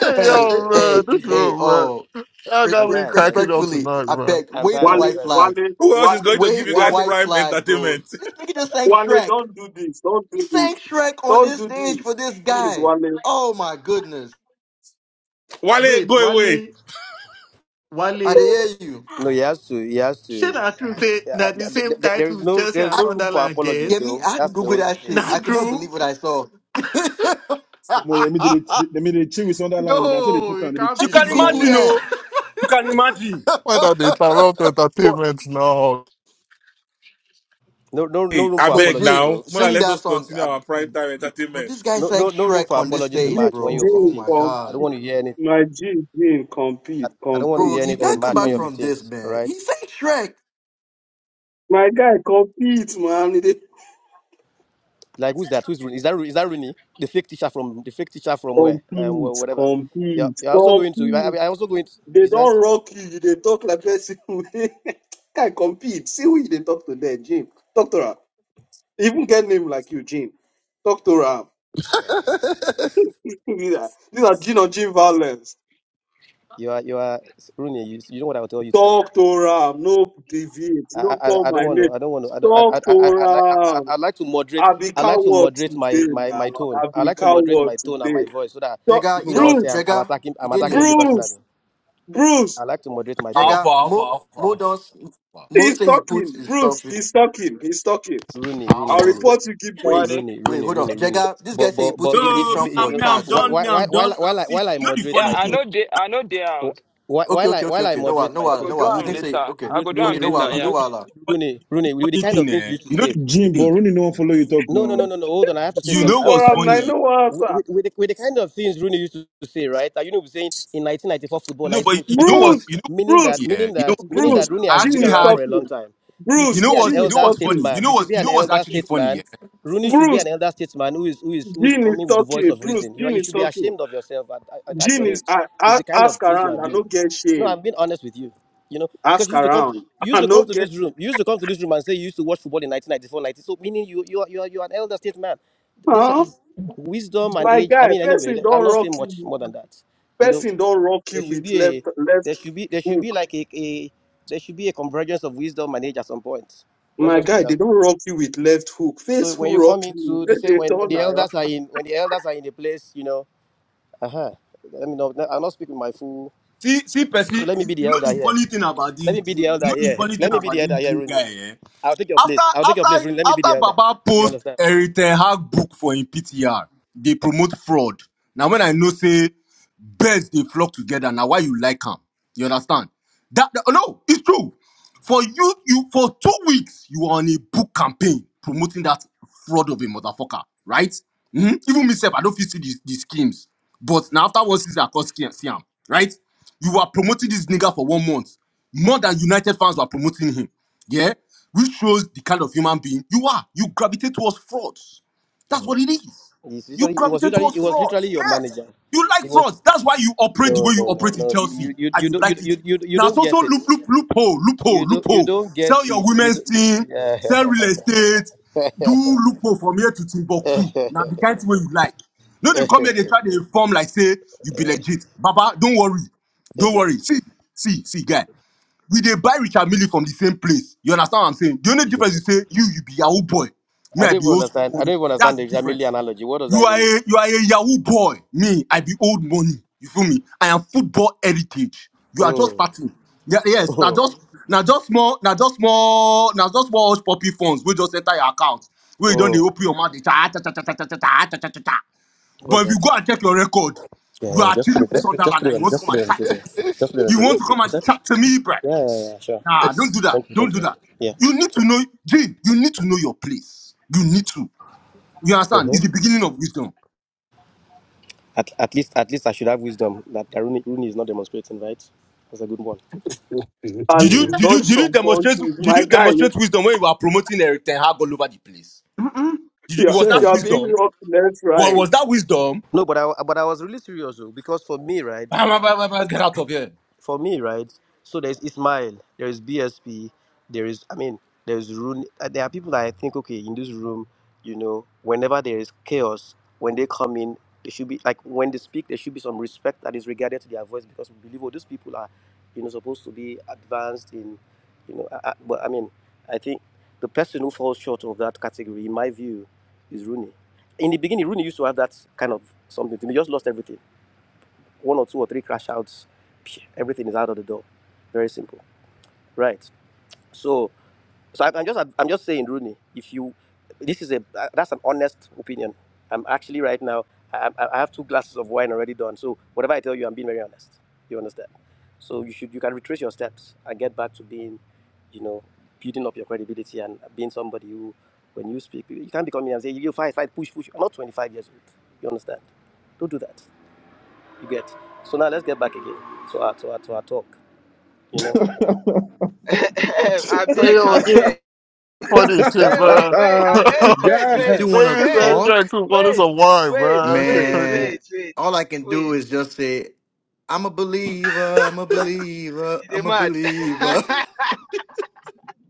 Speaker 9: hey,
Speaker 2: Hey,
Speaker 26: Anyway,
Speaker 9: yo, man,
Speaker 2: hey,
Speaker 9: this
Speaker 26: this room is
Speaker 2: hey,
Speaker 9: room,
Speaker 26: epic.
Speaker 9: man.
Speaker 2: oh,
Speaker 9: Y'all
Speaker 2: re-
Speaker 26: I'm
Speaker 9: got
Speaker 2: re-
Speaker 9: me
Speaker 26: tired, man.
Speaker 9: cracking up
Speaker 2: respectfully,
Speaker 9: tonight,
Speaker 2: I
Speaker 9: man.
Speaker 2: beg,
Speaker 26: I'm
Speaker 2: wave
Speaker 26: tired.
Speaker 2: the
Speaker 27: Wale,
Speaker 26: I'm
Speaker 2: white
Speaker 26: stressed.
Speaker 2: flag.
Speaker 27: Wale,
Speaker 25: Who else is
Speaker 27: Wale,
Speaker 25: going to give
Speaker 2: Wave
Speaker 25: you
Speaker 2: the
Speaker 25: guys
Speaker 27: Wale,
Speaker 2: white
Speaker 25: prime
Speaker 2: flag, bro.
Speaker 25: entertainment?
Speaker 2: This nigga just sang
Speaker 27: Wale,
Speaker 2: Shrek.
Speaker 27: don't do this. Don't
Speaker 2: He
Speaker 27: do this.
Speaker 2: sang Shrek on
Speaker 27: Don't
Speaker 2: this
Speaker 27: do
Speaker 2: stage
Speaker 27: this.
Speaker 2: for this
Speaker 27: Please,
Speaker 2: guy.
Speaker 27: Wale.
Speaker 2: Oh my goodness.
Speaker 25: Wale,
Speaker 29: Wait,
Speaker 25: go away.
Speaker 29: Wale,
Speaker 2: I
Speaker 29: Wale.
Speaker 2: didn't hear you.
Speaker 26: No, he has to. He has
Speaker 29: Shey
Speaker 26: to.
Speaker 29: na true say
Speaker 26: Yeah,
Speaker 29: na the
Speaker 26: I- I- but
Speaker 29: same
Speaker 26: there there is
Speaker 29: titles
Speaker 26: no
Speaker 29: Chelsea
Speaker 26: there is
Speaker 29: and
Speaker 2: I,
Speaker 26: no room for
Speaker 29: Sunderland
Speaker 26: apologies
Speaker 29: get?
Speaker 2: yeah, me,
Speaker 26: though.
Speaker 2: I had to
Speaker 26: That's the
Speaker 2: Google
Speaker 26: only
Speaker 2: that
Speaker 26: thing.
Speaker 2: shit.
Speaker 29: Na
Speaker 2: I could not
Speaker 29: true?
Speaker 2: believe what I saw.
Speaker 16: Omo, yeah, me did it.
Speaker 2: I
Speaker 16: They me did chill with Sunderland, and I saw they
Speaker 29: No,
Speaker 16: put on.
Speaker 29: it
Speaker 16: They dey
Speaker 29: can't
Speaker 14: You
Speaker 2: had
Speaker 16: chill
Speaker 29: be
Speaker 2: to
Speaker 16: with
Speaker 14: can
Speaker 29: true.
Speaker 2: Google
Speaker 14: imagine,
Speaker 16: Sunderland.
Speaker 2: that.
Speaker 14: oh. You can imagine.
Speaker 9: Why not they interrupt entertainment now?
Speaker 26: No no no
Speaker 25: Hey,
Speaker 26: room
Speaker 25: I
Speaker 26: for
Speaker 2: but
Speaker 25: beg
Speaker 26: apologies
Speaker 2: Jay,
Speaker 25: now.
Speaker 26: though.
Speaker 25: Mona,
Speaker 2: sing
Speaker 25: let
Speaker 2: that
Speaker 25: us
Speaker 2: song.
Speaker 25: continue
Speaker 2: Uh,
Speaker 25: our prime time
Speaker 2: Bro, this
Speaker 25: entertainment.
Speaker 2: guy
Speaker 26: No
Speaker 2: sang
Speaker 26: no no room
Speaker 2: Shrek
Speaker 26: for
Speaker 2: on this
Speaker 26: apologies in
Speaker 2: stage,
Speaker 26: March when you're
Speaker 2: bro. Oh
Speaker 27: Jane,
Speaker 2: my
Speaker 26: 15th. I
Speaker 2: god.
Speaker 26: don't
Speaker 27: compete.
Speaker 26: want to hear anything.
Speaker 27: My Jane, Jane,
Speaker 26: I,
Speaker 27: compete,
Speaker 26: I don't want to
Speaker 2: Bro,
Speaker 27: compete,
Speaker 26: hear
Speaker 2: you
Speaker 26: anything in
Speaker 2: can't come
Speaker 26: March when
Speaker 2: back
Speaker 26: you're
Speaker 27: compete.
Speaker 2: from this,
Speaker 26: 15th. All
Speaker 2: man.
Speaker 26: right.
Speaker 2: He sang Shrek.
Speaker 27: My guy, compete, man. They
Speaker 26: Like who's that? Who's Rooney? Is that Ro- is that Rooney? The fake teacher from the fake teacher from where? Um, wh-
Speaker 27: compete,
Speaker 26: whatever. You're,
Speaker 27: compete,
Speaker 26: you're also going to. I,
Speaker 27: compete.
Speaker 26: I also going. To,
Speaker 27: They
Speaker 26: you said.
Speaker 27: don't rock you. They talk like person. Guy, compete. See who they talk to there, Jane. Talk to her. Even get name like you, Jane. Talk to her.
Speaker 26: Yeah.
Speaker 27: These are these are Jane on Jane violence.
Speaker 26: You are you are Rooney. You, you know what I will tell you today.
Speaker 27: Talk to her. No deviate.
Speaker 26: I,
Speaker 27: No call
Speaker 26: I, I
Speaker 27: my
Speaker 26: don't want
Speaker 27: name.
Speaker 26: to. I don't want to. I don't.
Speaker 27: Talk
Speaker 26: I, I,
Speaker 27: to
Speaker 26: I, I'd like. I, I-
Speaker 27: her.
Speaker 26: I'd like to moderate.
Speaker 27: I be
Speaker 26: I like to
Speaker 27: coward
Speaker 26: moderate my,
Speaker 27: today
Speaker 26: my,
Speaker 27: now.
Speaker 26: my tone.
Speaker 27: I
Speaker 26: I
Speaker 27: be
Speaker 26: like to moderate
Speaker 27: coward
Speaker 26: my tone and
Speaker 27: today.
Speaker 26: my voice so that
Speaker 27: So
Speaker 2: Jega,
Speaker 26: people
Speaker 2: you
Speaker 26: will not
Speaker 2: don't
Speaker 26: say
Speaker 27: Bruce,
Speaker 26: I'm, I'm
Speaker 2: Jega,
Speaker 26: attacking.
Speaker 2: you
Speaker 26: I'm
Speaker 2: did
Speaker 26: attacking you
Speaker 2: there.
Speaker 26: personally.
Speaker 27: Bruce, Bruce,
Speaker 26: I like to moderate my tone.
Speaker 14: Alpha,
Speaker 2: Jega,
Speaker 14: alpha,
Speaker 2: Mo
Speaker 14: alpha,
Speaker 2: Mo
Speaker 14: alpha,
Speaker 2: do
Speaker 14: alpha.
Speaker 2: Mo
Speaker 27: he's
Speaker 2: say he puts
Speaker 27: talking.
Speaker 2: his
Speaker 27: Bruce,
Speaker 2: stuff in
Speaker 27: he's
Speaker 2: oh,
Speaker 27: talking. He's talking.
Speaker 26: Rooney, Rooney,
Speaker 27: I'll
Speaker 14: alpha.
Speaker 26: Rooney,
Speaker 27: report you, give
Speaker 2: wait,
Speaker 1: What?
Speaker 27: Bruce.
Speaker 1: eh?
Speaker 26: Rooney,
Speaker 2: wait,
Speaker 26: Rooney,
Speaker 2: hold on.
Speaker 26: Rooney, Rooney.
Speaker 2: Jega, this guy
Speaker 26: But
Speaker 2: say he
Speaker 26: but
Speaker 2: puts
Speaker 26: but
Speaker 2: his
Speaker 26: it, it,
Speaker 14: No, me,
Speaker 2: prediction
Speaker 26: it, you
Speaker 2: for
Speaker 14: I'm, me,
Speaker 26: know,
Speaker 14: I'm
Speaker 2: chat.
Speaker 26: whi-
Speaker 14: done.
Speaker 26: whi-
Speaker 14: Me,
Speaker 26: whi-
Speaker 14: I'm done.
Speaker 26: while
Speaker 14: I'm,
Speaker 26: while I,
Speaker 14: see, you
Speaker 26: while I
Speaker 14: know the
Speaker 26: moderate
Speaker 1: Yeah,
Speaker 14: funny
Speaker 26: my
Speaker 1: I
Speaker 14: thing,
Speaker 26: tone,
Speaker 1: know they. I know they out.
Speaker 26: whi-
Speaker 2: Okay,
Speaker 26: while I
Speaker 2: okay, okay,
Speaker 26: while I
Speaker 2: okay. No, wala,
Speaker 26: moderate
Speaker 2: no,
Speaker 26: my
Speaker 1: I
Speaker 2: wala,
Speaker 1: go
Speaker 2: no,
Speaker 26: tone,
Speaker 1: do
Speaker 2: wala. I
Speaker 1: am
Speaker 2: think
Speaker 26: Rooney,
Speaker 1: later.
Speaker 2: say okay,
Speaker 1: I
Speaker 26: Rooney,
Speaker 1: go do
Speaker 2: okay,
Speaker 1: am
Speaker 26: Rooney,
Speaker 2: no,
Speaker 26: Rooney,
Speaker 1: later,
Speaker 2: wala,
Speaker 26: the
Speaker 2: no,
Speaker 1: yeah.
Speaker 26: way
Speaker 2: wala.
Speaker 14: funny,
Speaker 26: Rooney, Rooney, with the
Speaker 14: funny
Speaker 26: kind
Speaker 14: thing,
Speaker 26: of things you
Speaker 14: eh?
Speaker 26: used to
Speaker 14: You know
Speaker 26: say.
Speaker 14: the
Speaker 16: Jim,
Speaker 14: funny
Speaker 16: but
Speaker 14: thing.
Speaker 16: Rooney no one follow you talk
Speaker 26: No, no, no,
Speaker 16: no.
Speaker 26: no, no. Hold on. I have to say
Speaker 14: You
Speaker 27: Bruce
Speaker 26: something.
Speaker 14: know
Speaker 26: I have to
Speaker 14: what's
Speaker 26: say
Speaker 27: for him.
Speaker 26: something
Speaker 27: I
Speaker 14: funny?
Speaker 26: here.
Speaker 27: know
Speaker 26: With,
Speaker 27: answer.
Speaker 26: with, with, the, with the kind of things Rooney used to say, right? Like, you know, we're saying in 1994 football,
Speaker 14: No, but you
Speaker 26: 1982
Speaker 14: know
Speaker 27: Bruce,
Speaker 14: what's,
Speaker 26: football,
Speaker 14: you know,
Speaker 26: meaning
Speaker 27: Bruce,
Speaker 26: that,
Speaker 14: what's funny, eh?
Speaker 26: meaning
Speaker 14: You know
Speaker 26: that,
Speaker 14: what's
Speaker 26: meaning
Speaker 14: funny?
Speaker 27: Bruce,
Speaker 26: that Rooney
Speaker 14: I
Speaker 26: has
Speaker 27: Jean
Speaker 26: been
Speaker 14: actually
Speaker 27: is
Speaker 26: around
Speaker 14: had
Speaker 26: for a long
Speaker 27: talking.
Speaker 26: time. You
Speaker 14: You
Speaker 27: Bruce,
Speaker 26: should
Speaker 14: know
Speaker 26: be an
Speaker 27: Jean
Speaker 14: what's you
Speaker 27: is
Speaker 14: know
Speaker 26: elder
Speaker 14: what's
Speaker 27: talking.
Speaker 14: funny? You
Speaker 26: statesman.
Speaker 14: know
Speaker 26: You should
Speaker 14: what?
Speaker 26: be
Speaker 14: you
Speaker 26: an
Speaker 14: know what's
Speaker 26: elder
Speaker 14: actually funny, yeah?
Speaker 26: statesman. Rooney should be
Speaker 27: Bruce,
Speaker 26: an elder statesman who is who is who is
Speaker 27: Jean is
Speaker 26: coming with the voice
Speaker 27: talking.
Speaker 26: of
Speaker 27: Bruce,
Speaker 26: reason. You are,
Speaker 27: Jean
Speaker 26: you
Speaker 27: is
Speaker 26: should be
Speaker 27: talking.
Speaker 26: ashamed of yourself at, at, at your
Speaker 27: Jean
Speaker 26: age.
Speaker 27: is I,
Speaker 26: It's
Speaker 27: I
Speaker 26: the kind of
Speaker 27: ask
Speaker 26: things you are
Speaker 27: around. I no
Speaker 26: doing.
Speaker 27: get
Speaker 26: No,
Speaker 27: shame.
Speaker 26: I'm being honest with you. You know, because
Speaker 27: Ask
Speaker 26: you used to come,
Speaker 27: around.
Speaker 26: you used
Speaker 27: I
Speaker 26: to
Speaker 27: no
Speaker 26: come to
Speaker 27: get
Speaker 26: this room, you used to come to this room and say you used to watch football in 1994, 90. So meaning you, you are, you are, you are an elder statesman. This
Speaker 27: huh.
Speaker 26: is wisdom and
Speaker 27: My
Speaker 26: age. I
Speaker 27: guy,
Speaker 26: mean, anyway,
Speaker 27: person
Speaker 26: let- I'm
Speaker 27: don't
Speaker 26: not
Speaker 27: rock
Speaker 26: saying much
Speaker 27: you.
Speaker 26: more than that. You know,
Speaker 27: person don't rock
Speaker 26: there
Speaker 27: you
Speaker 26: should
Speaker 27: with
Speaker 26: be
Speaker 27: left
Speaker 26: a,
Speaker 27: left
Speaker 26: there should be, there should
Speaker 27: hook.
Speaker 26: be like a, a there should be a convergence of wisdom and age at some point. Let's
Speaker 27: My
Speaker 26: just put
Speaker 27: guy,
Speaker 26: it that
Speaker 27: they
Speaker 26: way.
Speaker 27: don't rock you with left hook. Face
Speaker 26: So when
Speaker 27: who
Speaker 26: you
Speaker 27: rock
Speaker 26: come
Speaker 27: you,
Speaker 26: into, they
Speaker 27: then
Speaker 26: say
Speaker 27: they
Speaker 26: when, when
Speaker 27: turn
Speaker 26: the
Speaker 27: around.
Speaker 26: elders are in, when the elders are in a place, you know, uh huh. Let me know. I'm not speaking my full.
Speaker 14: See see Percy,
Speaker 26: So
Speaker 14: you
Speaker 26: let me be the
Speaker 14: know
Speaker 26: elder
Speaker 14: the
Speaker 26: here.
Speaker 14: funny thing about
Speaker 26: Let
Speaker 14: this
Speaker 26: me be
Speaker 14: dream, you
Speaker 26: the elder
Speaker 14: know the
Speaker 26: here.
Speaker 14: funny thing
Speaker 26: Let me be
Speaker 14: about
Speaker 26: the
Speaker 14: this
Speaker 26: elder here,
Speaker 14: dream
Speaker 26: Rooney.
Speaker 14: guy, yeah?
Speaker 26: I'll take your
Speaker 14: After
Speaker 26: place. I'll take your place,
Speaker 14: after
Speaker 26: Rooney. Let me be the
Speaker 14: after
Speaker 26: elder.
Speaker 14: Baba
Speaker 26: You
Speaker 14: post
Speaker 26: understand?
Speaker 14: Eric Ten Hag book for in PTR, they promote fraud. Now when I know say birds they flock together, now why you like him? You understand? That, that- no, it's true. For you, you for two weeks, you were on a book campaign promoting that fraud of a motherfucker, right? Mhm. Even myself, I don't fit see these, these schemes. But now after one season, I call scam, scam, right? You were promoting this nigga for one month. More than United fans were promoting him. Yeah? Which shows the kind of human being you are. You gravitate towards frauds. That's what
Speaker 26: Mhm.
Speaker 14: it is.
Speaker 26: It's
Speaker 14: You
Speaker 26: literally, it was
Speaker 14: gravitate
Speaker 26: literally,
Speaker 14: towards
Speaker 26: it was
Speaker 14: fraud.
Speaker 26: literally your
Speaker 14: Yes.
Speaker 26: manager.
Speaker 14: You like
Speaker 26: It was
Speaker 14: frauds. That's why you operate the
Speaker 26: no,
Speaker 14: way you
Speaker 26: no, no,
Speaker 14: operate in
Speaker 26: no. You,
Speaker 14: Chelsea,
Speaker 26: you, you,
Speaker 14: and
Speaker 26: you
Speaker 14: you
Speaker 26: don't, you,
Speaker 14: like it.
Speaker 26: you, you, you
Speaker 14: Now,
Speaker 26: don't
Speaker 14: so
Speaker 26: get
Speaker 14: so
Speaker 26: it.
Speaker 14: loop loop loophole
Speaker 26: You
Speaker 14: loophole
Speaker 26: don't, you
Speaker 14: loophole.
Speaker 26: don't get
Speaker 14: Sell your
Speaker 26: it. You
Speaker 14: women's
Speaker 26: don't.
Speaker 14: team,
Speaker 26: Yeah.
Speaker 14: sell real estate, do loophole from here to Timbuktu. Now, the kind of way you like. No, they come here, they try to inform like say you be legit. Baba, don't worry, don't worry. See, see, see, guy. We they buy Richard Millie from the same place. You understand what I'm saying? The only difference is say you you be your old boy,
Speaker 26: I
Speaker 14: me
Speaker 26: don't
Speaker 14: I be
Speaker 26: even
Speaker 14: old school
Speaker 26: understand. I
Speaker 14: money.
Speaker 26: don't even
Speaker 14: That's
Speaker 26: understand
Speaker 14: the
Speaker 26: the family
Speaker 14: difference.
Speaker 26: analogy. What does that
Speaker 14: You are
Speaker 26: even mean?
Speaker 14: a you are a Yahoo boy. Me, I be old money. You feel me? I am football heritage. You are just
Speaker 26: Mm.
Speaker 14: starting. Yeah, yes, now
Speaker 26: Mm.
Speaker 14: just now just more now just more now just more hush puppy funds. We just enter your account. Where you don't they
Speaker 26: Mm.
Speaker 14: open your mouth. They cha, cha, cha, cha, cha, cha, cha, cha, cha, cha, cha, cha.
Speaker 26: What's
Speaker 14: But if you
Speaker 26: that?
Speaker 14: go and check your record,
Speaker 26: Yeah,
Speaker 14: you
Speaker 26: yeah.
Speaker 14: are
Speaker 26: Just
Speaker 14: chilling
Speaker 26: put it.
Speaker 14: with
Speaker 26: Just put. Just
Speaker 14: Sunderland
Speaker 26: put it
Speaker 14: and you
Speaker 26: on.
Speaker 14: want to
Speaker 26: Just
Speaker 14: come
Speaker 26: put
Speaker 14: and
Speaker 26: it on the
Speaker 14: chat to me.
Speaker 26: table. Just put it on
Speaker 14: You
Speaker 26: the
Speaker 14: want
Speaker 26: table.
Speaker 14: to come and
Speaker 26: Is that?
Speaker 14: chat to me, bruh.
Speaker 26: Yeah, yeah, yeah. Sure.
Speaker 14: Nah, don't do that.
Speaker 26: Thank you,
Speaker 14: Don't
Speaker 26: thank
Speaker 14: do
Speaker 26: you.
Speaker 14: that.
Speaker 26: Yeah.
Speaker 14: You need to know, Jane, you need to know your place. You need to. You understand?
Speaker 26: hmm
Speaker 14: It's the beginning of wisdom.
Speaker 26: At, at least, at least I should have wisdom that Rooney, Rooney is not demonstrating, right? That's a good one.
Speaker 27: At
Speaker 14: Did you
Speaker 27: least
Speaker 14: did you
Speaker 27: dodge
Speaker 14: did you
Speaker 27: some
Speaker 14: demonstrate
Speaker 27: punches.
Speaker 14: did
Speaker 27: My
Speaker 14: you
Speaker 27: guy, you
Speaker 14: demonstrate wisdom when you were promoting Eric Ten Hag all over the place?
Speaker 16: Mm-mm.
Speaker 14: Did you,
Speaker 27: you're,
Speaker 14: was that
Speaker 16: Shit.
Speaker 27: you're being
Speaker 14: wisdom?
Speaker 27: rocked left,
Speaker 14: Well, was
Speaker 27: right.
Speaker 14: that wisdom?
Speaker 26: No, but I, but I was really serious though, because for me, right,
Speaker 14: Bah, bah, bah, bah, bah, Get out of here!
Speaker 26: for me, right? So there's Ismail, there is BSP, there is, I mean, there's Rooney. uh, There are people that I think, okay, in this room, you know, whenever there is chaos, when they come in, there should be, like, when they speak, there should be some respect that is regarded to their voice because we believe, oh, these people are, you know, supposed to be advanced in, you know, I, I, but I mean, I think the person who falls short of that category, in my view, is Rooney. In the beginning, Rooney used to have that kind of something He just lost everything one or two or three crash outs, everything is out of the door. Very simple, right? So, so I- am just I'm just saying, Rooney, if you, this is a uh, that's an honest opinion. I'm actually right now. I, I I have two glasses of wine already done. So whatever I tell you, I'm being very honest. You understand? So you should you can retrace your steps and get back to being, you know, building up your credibility and being somebody who, when you speak, you can't be coming and say you fight, fight, push, push. I'm not 25 years old. You understand? Don't do that. You get. So now let's get back again to our to our to our talk. You know.
Speaker 1: I
Speaker 9: Hey,
Speaker 1: beg, I
Speaker 9: yo, give me
Speaker 1: beg.
Speaker 9: funny shit,
Speaker 1: Hey, wait,
Speaker 9: man.
Speaker 1: wait,
Speaker 16: God,
Speaker 1: I, wait,
Speaker 16: God,
Speaker 2: You
Speaker 1: wait,
Speaker 2: still wanna
Speaker 9: They
Speaker 1: wait,
Speaker 9: man, trying
Speaker 2: talk,
Speaker 9: to bottles
Speaker 1: wait, wait,
Speaker 9: of wine,
Speaker 1: wait,
Speaker 9: man. Shit
Speaker 1: wait,
Speaker 9: crazy.
Speaker 2: man?
Speaker 1: wait, wait,
Speaker 2: All I can do
Speaker 1: wait.
Speaker 2: is just say, I'm a believer, I'm a believer,
Speaker 1: You
Speaker 2: I'm
Speaker 1: dey
Speaker 2: a
Speaker 1: mad.
Speaker 2: believer.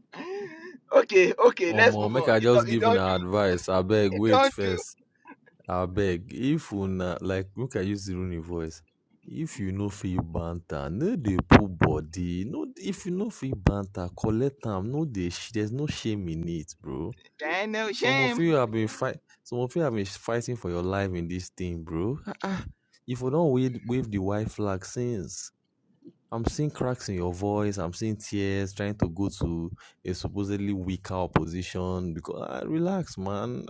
Speaker 1: okay, okay, let's
Speaker 18: Omo,
Speaker 1: move
Speaker 18: make
Speaker 1: on.
Speaker 18: I
Speaker 1: It don't,
Speaker 18: just
Speaker 1: it
Speaker 18: give an
Speaker 1: don't do.
Speaker 18: advice. I beg.
Speaker 1: It
Speaker 18: Wait
Speaker 1: don't do.
Speaker 18: first. abeg if una like make i use ironi voice if you no fit banter no dey put body no if you no fit banter collect am no dey sh- there's no shame in it bro
Speaker 1: There ain't no
Speaker 18: some of
Speaker 1: shame.
Speaker 18: you have been fight some of you have been fighting for your life in this thing bro Ah ah. if you don't wave, wave the white flag since i'm seeing cracks in your voice i'm seeing tears trying to go to a supposedly weaker opposition because ah, relax man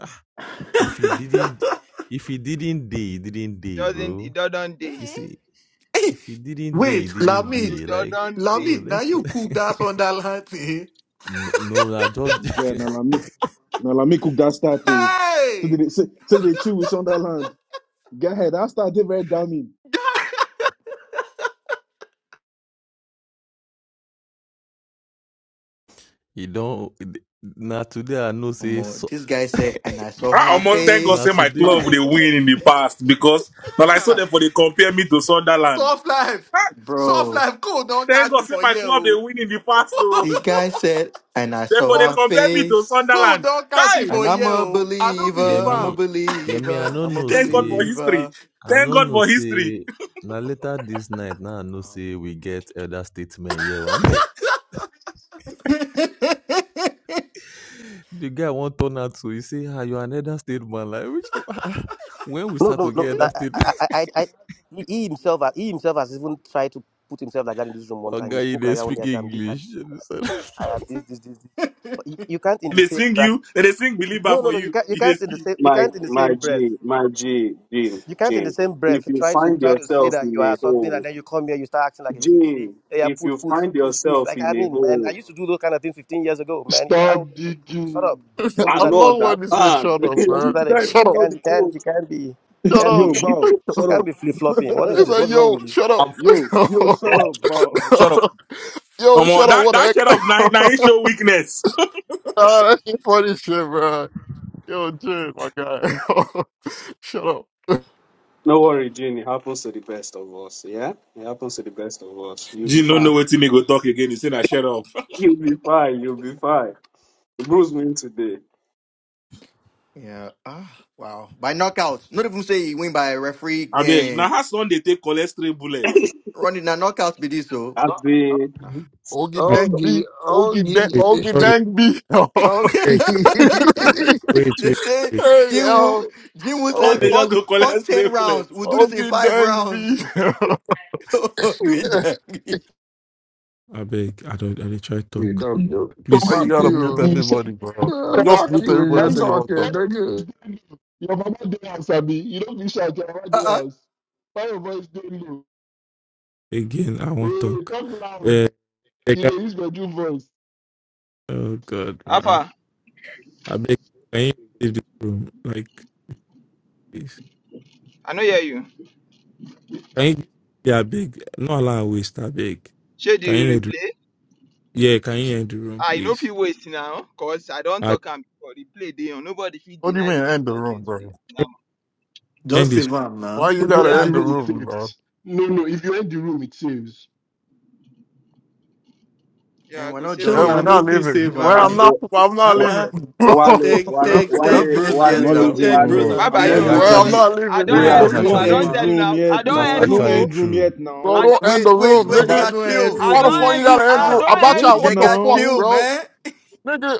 Speaker 18: if he didn't, if he didn't day, he didn't day,
Speaker 1: Doesn't it
Speaker 18: bro.
Speaker 1: doesn't
Speaker 18: If
Speaker 1: day.
Speaker 18: you
Speaker 2: Mm-mm.
Speaker 18: see, if he didn't day, he
Speaker 29: Wait,
Speaker 18: didn't
Speaker 29: Lamid,
Speaker 1: It
Speaker 18: day, like,
Speaker 1: doesn't day.
Speaker 18: bro,
Speaker 29: Lamid, now
Speaker 18: let's go.
Speaker 29: you cook that Sunderland thing.
Speaker 18: no, no, nah, just
Speaker 16: nah, nah, me, Now let me cook that stuff too. So
Speaker 29: Hey!
Speaker 16: they say so they chew with Sunderland. Go ahead, I did very damning.
Speaker 18: you don't. Now today I know
Speaker 2: Come
Speaker 18: say so.
Speaker 2: this guy said, and I saw
Speaker 25: Ah,
Speaker 2: her
Speaker 25: I'm on thank God
Speaker 18: Now
Speaker 25: say
Speaker 2: face,
Speaker 25: my
Speaker 18: today,
Speaker 25: club
Speaker 2: Ah,
Speaker 25: they win in the past because when I saw
Speaker 29: Yeah!
Speaker 25: them for they compare me to Sunderland.
Speaker 29: Soft life.
Speaker 25: Ah,
Speaker 29: Soft
Speaker 2: bro.
Speaker 29: life. Code don't
Speaker 25: thank
Speaker 29: catch
Speaker 25: God
Speaker 29: me
Speaker 25: say
Speaker 29: for
Speaker 25: my club they
Speaker 29: you.
Speaker 25: win in the past
Speaker 2: The
Speaker 25: though.
Speaker 2: guy said, and I saw
Speaker 25: Therefore they
Speaker 2: her
Speaker 29: Code.
Speaker 25: compare me to
Speaker 2: face,
Speaker 29: God
Speaker 25: Sunderland.
Speaker 29: don't catch
Speaker 25: Hi!
Speaker 29: me
Speaker 25: Hey,
Speaker 29: for
Speaker 2: and
Speaker 29: a
Speaker 2: I'm
Speaker 29: year.
Speaker 2: a
Speaker 29: oh. I don't
Speaker 18: yeah
Speaker 29: believe
Speaker 2: believer, I'm a
Speaker 18: me,
Speaker 29: him.
Speaker 18: yeah me. I
Speaker 2: believer,
Speaker 18: no
Speaker 2: I'm a
Speaker 18: know
Speaker 25: Thank God for
Speaker 18: say,
Speaker 25: history.
Speaker 2: believer.
Speaker 18: I
Speaker 25: Thank
Speaker 18: no
Speaker 25: God
Speaker 18: know
Speaker 25: for history.
Speaker 18: say. Now later this night, now I know
Speaker 2: Wow.
Speaker 18: say we get elder statement here. One, the guy won't turn out to. He say, "Ah, you are an elder statement." Like which, when we
Speaker 26: No,
Speaker 18: start
Speaker 26: no,
Speaker 18: to get
Speaker 26: no. I,
Speaker 18: elder
Speaker 26: I,
Speaker 18: statement.
Speaker 26: I, I, he he himself, he himself has even tried to put himself like that in this room one
Speaker 18: A
Speaker 26: time. He
Speaker 18: Oga, you
Speaker 26: spoke like
Speaker 18: not
Speaker 26: that one day. I
Speaker 18: speak
Speaker 26: said, "I'm this, I'm
Speaker 18: English.
Speaker 26: this,
Speaker 18: You
Speaker 26: I'm
Speaker 18: understand?
Speaker 26: that. I have this, this, this, this." But you, you can't in the
Speaker 25: they
Speaker 26: same
Speaker 25: sing
Speaker 26: bracket.
Speaker 25: you, and they sing believer
Speaker 26: No, no,
Speaker 25: for
Speaker 26: no. You
Speaker 25: you.
Speaker 26: can't. You
Speaker 25: You they
Speaker 26: can't in the
Speaker 25: speak.
Speaker 26: same. You
Speaker 27: My
Speaker 26: can't in the
Speaker 27: my
Speaker 26: same breath.
Speaker 27: G, my G, Jane,
Speaker 26: You can't in the
Speaker 27: Jane.
Speaker 26: same
Speaker 27: If
Speaker 26: breath
Speaker 27: you
Speaker 26: try to
Speaker 27: find
Speaker 26: try to say
Speaker 27: yourself
Speaker 26: that
Speaker 27: in
Speaker 26: you are
Speaker 27: a
Speaker 26: something
Speaker 27: hole,
Speaker 26: and then you come here, you start acting like a kid. You say,
Speaker 27: Jane,
Speaker 26: "Hey, yeah,
Speaker 27: if you
Speaker 26: put, put,
Speaker 27: find
Speaker 26: push, push."
Speaker 27: yourself
Speaker 26: Like I
Speaker 27: in a
Speaker 26: mean, man, I
Speaker 27: hole,
Speaker 26: used to do those kind of things 15 years ago, man. You, I,
Speaker 17: Stop
Speaker 26: you shut up.
Speaker 17: digging.
Speaker 26: Don't do
Speaker 9: I
Speaker 26: that
Speaker 27: another
Speaker 26: again.
Speaker 9: love when this nigga
Speaker 27: band.
Speaker 9: shut up,
Speaker 26: Don't do
Speaker 9: man.
Speaker 27: People
Speaker 26: that
Speaker 27: don't
Speaker 26: again.
Speaker 9: Shut
Speaker 27: even
Speaker 26: You
Speaker 9: up,
Speaker 27: know
Speaker 26: can't,
Speaker 27: the
Speaker 26: you can't,
Speaker 27: code.
Speaker 26: you can't be, you
Speaker 9: shut
Speaker 26: can't be,
Speaker 9: up.
Speaker 16: yo, Val,
Speaker 26: you
Speaker 16: shut
Speaker 26: can't
Speaker 16: up.
Speaker 26: be flip flopping. What is
Speaker 9: He's
Speaker 26: this?
Speaker 9: like,
Speaker 26: What's wrong
Speaker 9: yo,
Speaker 26: with you?
Speaker 9: shut up.
Speaker 14: I'm
Speaker 16: yo, yo, shut up, Val.
Speaker 14: shut up.
Speaker 9: yo,
Speaker 25: Omo,
Speaker 9: shut up,
Speaker 25: that
Speaker 9: what the
Speaker 25: that
Speaker 9: heck?
Speaker 25: shut up. Now,
Speaker 9: nah,
Speaker 25: now he show weakness.
Speaker 9: that shit funny shit, man. Yo, dude, my guy. shut up.
Speaker 27: No worry, Jane. It happens to the best of us. Yeah, it happens to the best of us. You'll be
Speaker 25: Jim no, not
Speaker 27: fine.
Speaker 25: know what me go talk again. He say "I shut up."
Speaker 27: You'll be fine. You'll be fine. Bruce win today.
Speaker 2: Yeah. Ah, wow. By knockout. Not even say he win by a referee
Speaker 25: I beg. Now
Speaker 2: and
Speaker 25: how son they take cholesterol bullet?
Speaker 27: As
Speaker 2: running a knockout be this so.
Speaker 27: the
Speaker 9: Oregon
Speaker 27: uh,
Speaker 9: Bank
Speaker 7: Oggy,
Speaker 9: beef. Oregon Bank.
Speaker 7: Oggy,
Speaker 9: Oregon
Speaker 22: sorry, sorry,
Speaker 9: Bank beef. hey
Speaker 22: I beg,
Speaker 7: Oggy.
Speaker 22: way
Speaker 2: they
Speaker 22: too
Speaker 2: say Jim Woo
Speaker 9: yo.
Speaker 2: Jim Woo
Speaker 25: Son
Speaker 2: said
Speaker 9: O-
Speaker 25: they
Speaker 22: sorry.
Speaker 25: just
Speaker 2: fuck
Speaker 25: go
Speaker 2: fuck ten
Speaker 25: cholesterol bullet.
Speaker 2: rounds. We'll do this in
Speaker 9: Oregon
Speaker 2: five
Speaker 9: Bank
Speaker 2: rounds.
Speaker 9: beef.
Speaker 2: Oh, Good damn.
Speaker 22: I beg, I don't I dey try
Speaker 7: You
Speaker 22: talk.
Speaker 7: dumb dude.
Speaker 17: Oh
Speaker 9: Why
Speaker 22: Please
Speaker 17: my
Speaker 9: you
Speaker 7: Fuck
Speaker 9: gotta
Speaker 17: God!
Speaker 9: mute
Speaker 7: you.
Speaker 17: you shut
Speaker 9: everybody, bro?
Speaker 17: up.
Speaker 9: You
Speaker 7: Uh,
Speaker 9: just
Speaker 17: Uh,
Speaker 7: fuck
Speaker 9: mute
Speaker 7: you when
Speaker 17: why
Speaker 9: everybody.
Speaker 7: you're
Speaker 17: you
Speaker 9: Say what
Speaker 7: talking,
Speaker 17: why
Speaker 9: the?
Speaker 17: your voice
Speaker 7: nigga.
Speaker 17: dey low? Your mama dey house, Abi. You don't be shout, your mama dey
Speaker 2: Uh-uh.
Speaker 17: house. Why your voice dey low?
Speaker 22: again, I won't
Speaker 17: Oh, dey
Speaker 22: talk.
Speaker 17: talk loud.
Speaker 22: Uh, beg,
Speaker 17: You dey use bedroom voice.
Speaker 22: oh god man.
Speaker 1: Alpha,
Speaker 22: I beg can you leave this room? Like please.
Speaker 1: I know hear you.
Speaker 22: Can you yeah, I beg. Not allow waste, I beg.
Speaker 1: Should
Speaker 22: Can
Speaker 1: you
Speaker 22: you end
Speaker 1: replay?
Speaker 22: yeah, can you end the room,
Speaker 1: I know
Speaker 22: please?
Speaker 1: fit waste now, cause I don't
Speaker 22: I
Speaker 1: talk am before. Replay dey on. Nobody fit
Speaker 9: What do you
Speaker 1: deny
Speaker 9: mean
Speaker 1: wetin he
Speaker 9: end the
Speaker 1: talk here
Speaker 9: room,
Speaker 1: today.
Speaker 9: bro?
Speaker 1: Now,
Speaker 22: beg, end
Speaker 29: Just
Speaker 22: this.
Speaker 29: save am
Speaker 9: Why
Speaker 29: now.
Speaker 9: you
Speaker 17: If you
Speaker 9: gotta
Speaker 17: enter
Speaker 1: yeah, I
Speaker 17: the
Speaker 9: end the
Speaker 1: go
Speaker 17: room, it
Speaker 1: save.
Speaker 9: room, bro?
Speaker 17: saves. No, no, if you enter the room, it saves.
Speaker 1: Yeah, I
Speaker 2: And we're
Speaker 1: go
Speaker 2: not
Speaker 1: save
Speaker 2: done
Speaker 29: Show
Speaker 1: am
Speaker 9: Well,
Speaker 29: now
Speaker 9: we're
Speaker 2: yet
Speaker 1: now.
Speaker 29: no
Speaker 9: not
Speaker 2: now.
Speaker 29: free
Speaker 9: leaving.
Speaker 2: We
Speaker 29: save
Speaker 2: never
Speaker 27: uh,
Speaker 9: Well, I'm
Speaker 29: am.
Speaker 2: finished.
Speaker 9: not.
Speaker 27: uh,
Speaker 9: I'm not
Speaker 29: Uh-uh.
Speaker 9: leaving. well,
Speaker 27: Wale,
Speaker 29: Take,
Speaker 2: We're
Speaker 27: Wale,
Speaker 2: not
Speaker 29: take,
Speaker 2: we're
Speaker 29: take
Speaker 2: not
Speaker 27: Wale,
Speaker 29: bros
Speaker 2: finished
Speaker 16: I'm
Speaker 2: yet
Speaker 27: Wale,
Speaker 16: not
Speaker 29: and
Speaker 2: now.
Speaker 1: Something.
Speaker 16: leaving.
Speaker 29: take
Speaker 16: No,
Speaker 29: bros
Speaker 18: No,
Speaker 27: Wale,
Speaker 1: Bye
Speaker 29: and
Speaker 16: I'm
Speaker 1: bye
Speaker 29: take
Speaker 1: yo.
Speaker 16: not
Speaker 2: Eh?
Speaker 18: he
Speaker 1: I go.
Speaker 9: I'm
Speaker 16: leaving.
Speaker 29: sisters.
Speaker 18: actually
Speaker 9: not
Speaker 1: I
Speaker 9: leaving,
Speaker 1: don't
Speaker 18: no,
Speaker 27: we
Speaker 29: Now
Speaker 9: nigga.
Speaker 27: are
Speaker 1: end
Speaker 18: that's
Speaker 29: no free
Speaker 1: room. oh,
Speaker 16: No
Speaker 1: I
Speaker 18: actually
Speaker 29: save
Speaker 1: don't
Speaker 18: true.
Speaker 16: end
Speaker 1: tell
Speaker 29: am.
Speaker 1: you
Speaker 16: room
Speaker 1: now. I
Speaker 16: yet
Speaker 1: don't
Speaker 18: That's
Speaker 16: now.
Speaker 1: end
Speaker 16: No
Speaker 1: room.
Speaker 18: actually
Speaker 1: Oh.
Speaker 16: end room
Speaker 18: true.
Speaker 16: yet
Speaker 9: Bro,
Speaker 1: I
Speaker 16: now.
Speaker 1: don't.
Speaker 9: don't end
Speaker 2: Wait,
Speaker 9: the
Speaker 2: wait,
Speaker 9: room,
Speaker 2: wait, they
Speaker 9: nigga.
Speaker 29: Baba
Speaker 2: got
Speaker 29: no head
Speaker 2: chill.
Speaker 29: rule,
Speaker 1: I
Speaker 9: Why the
Speaker 1: don't
Speaker 9: fuck you
Speaker 1: end
Speaker 29: bro.
Speaker 1: room.
Speaker 9: gotta end the
Speaker 1: I
Speaker 9: room?
Speaker 29: Ah.
Speaker 1: don't end
Speaker 16: Wait
Speaker 9: Abacha,
Speaker 1: room.
Speaker 9: what
Speaker 2: They
Speaker 9: the
Speaker 2: got
Speaker 9: fuck,
Speaker 16: now.
Speaker 2: chill,
Speaker 9: bro?
Speaker 2: man.
Speaker 9: Nigga,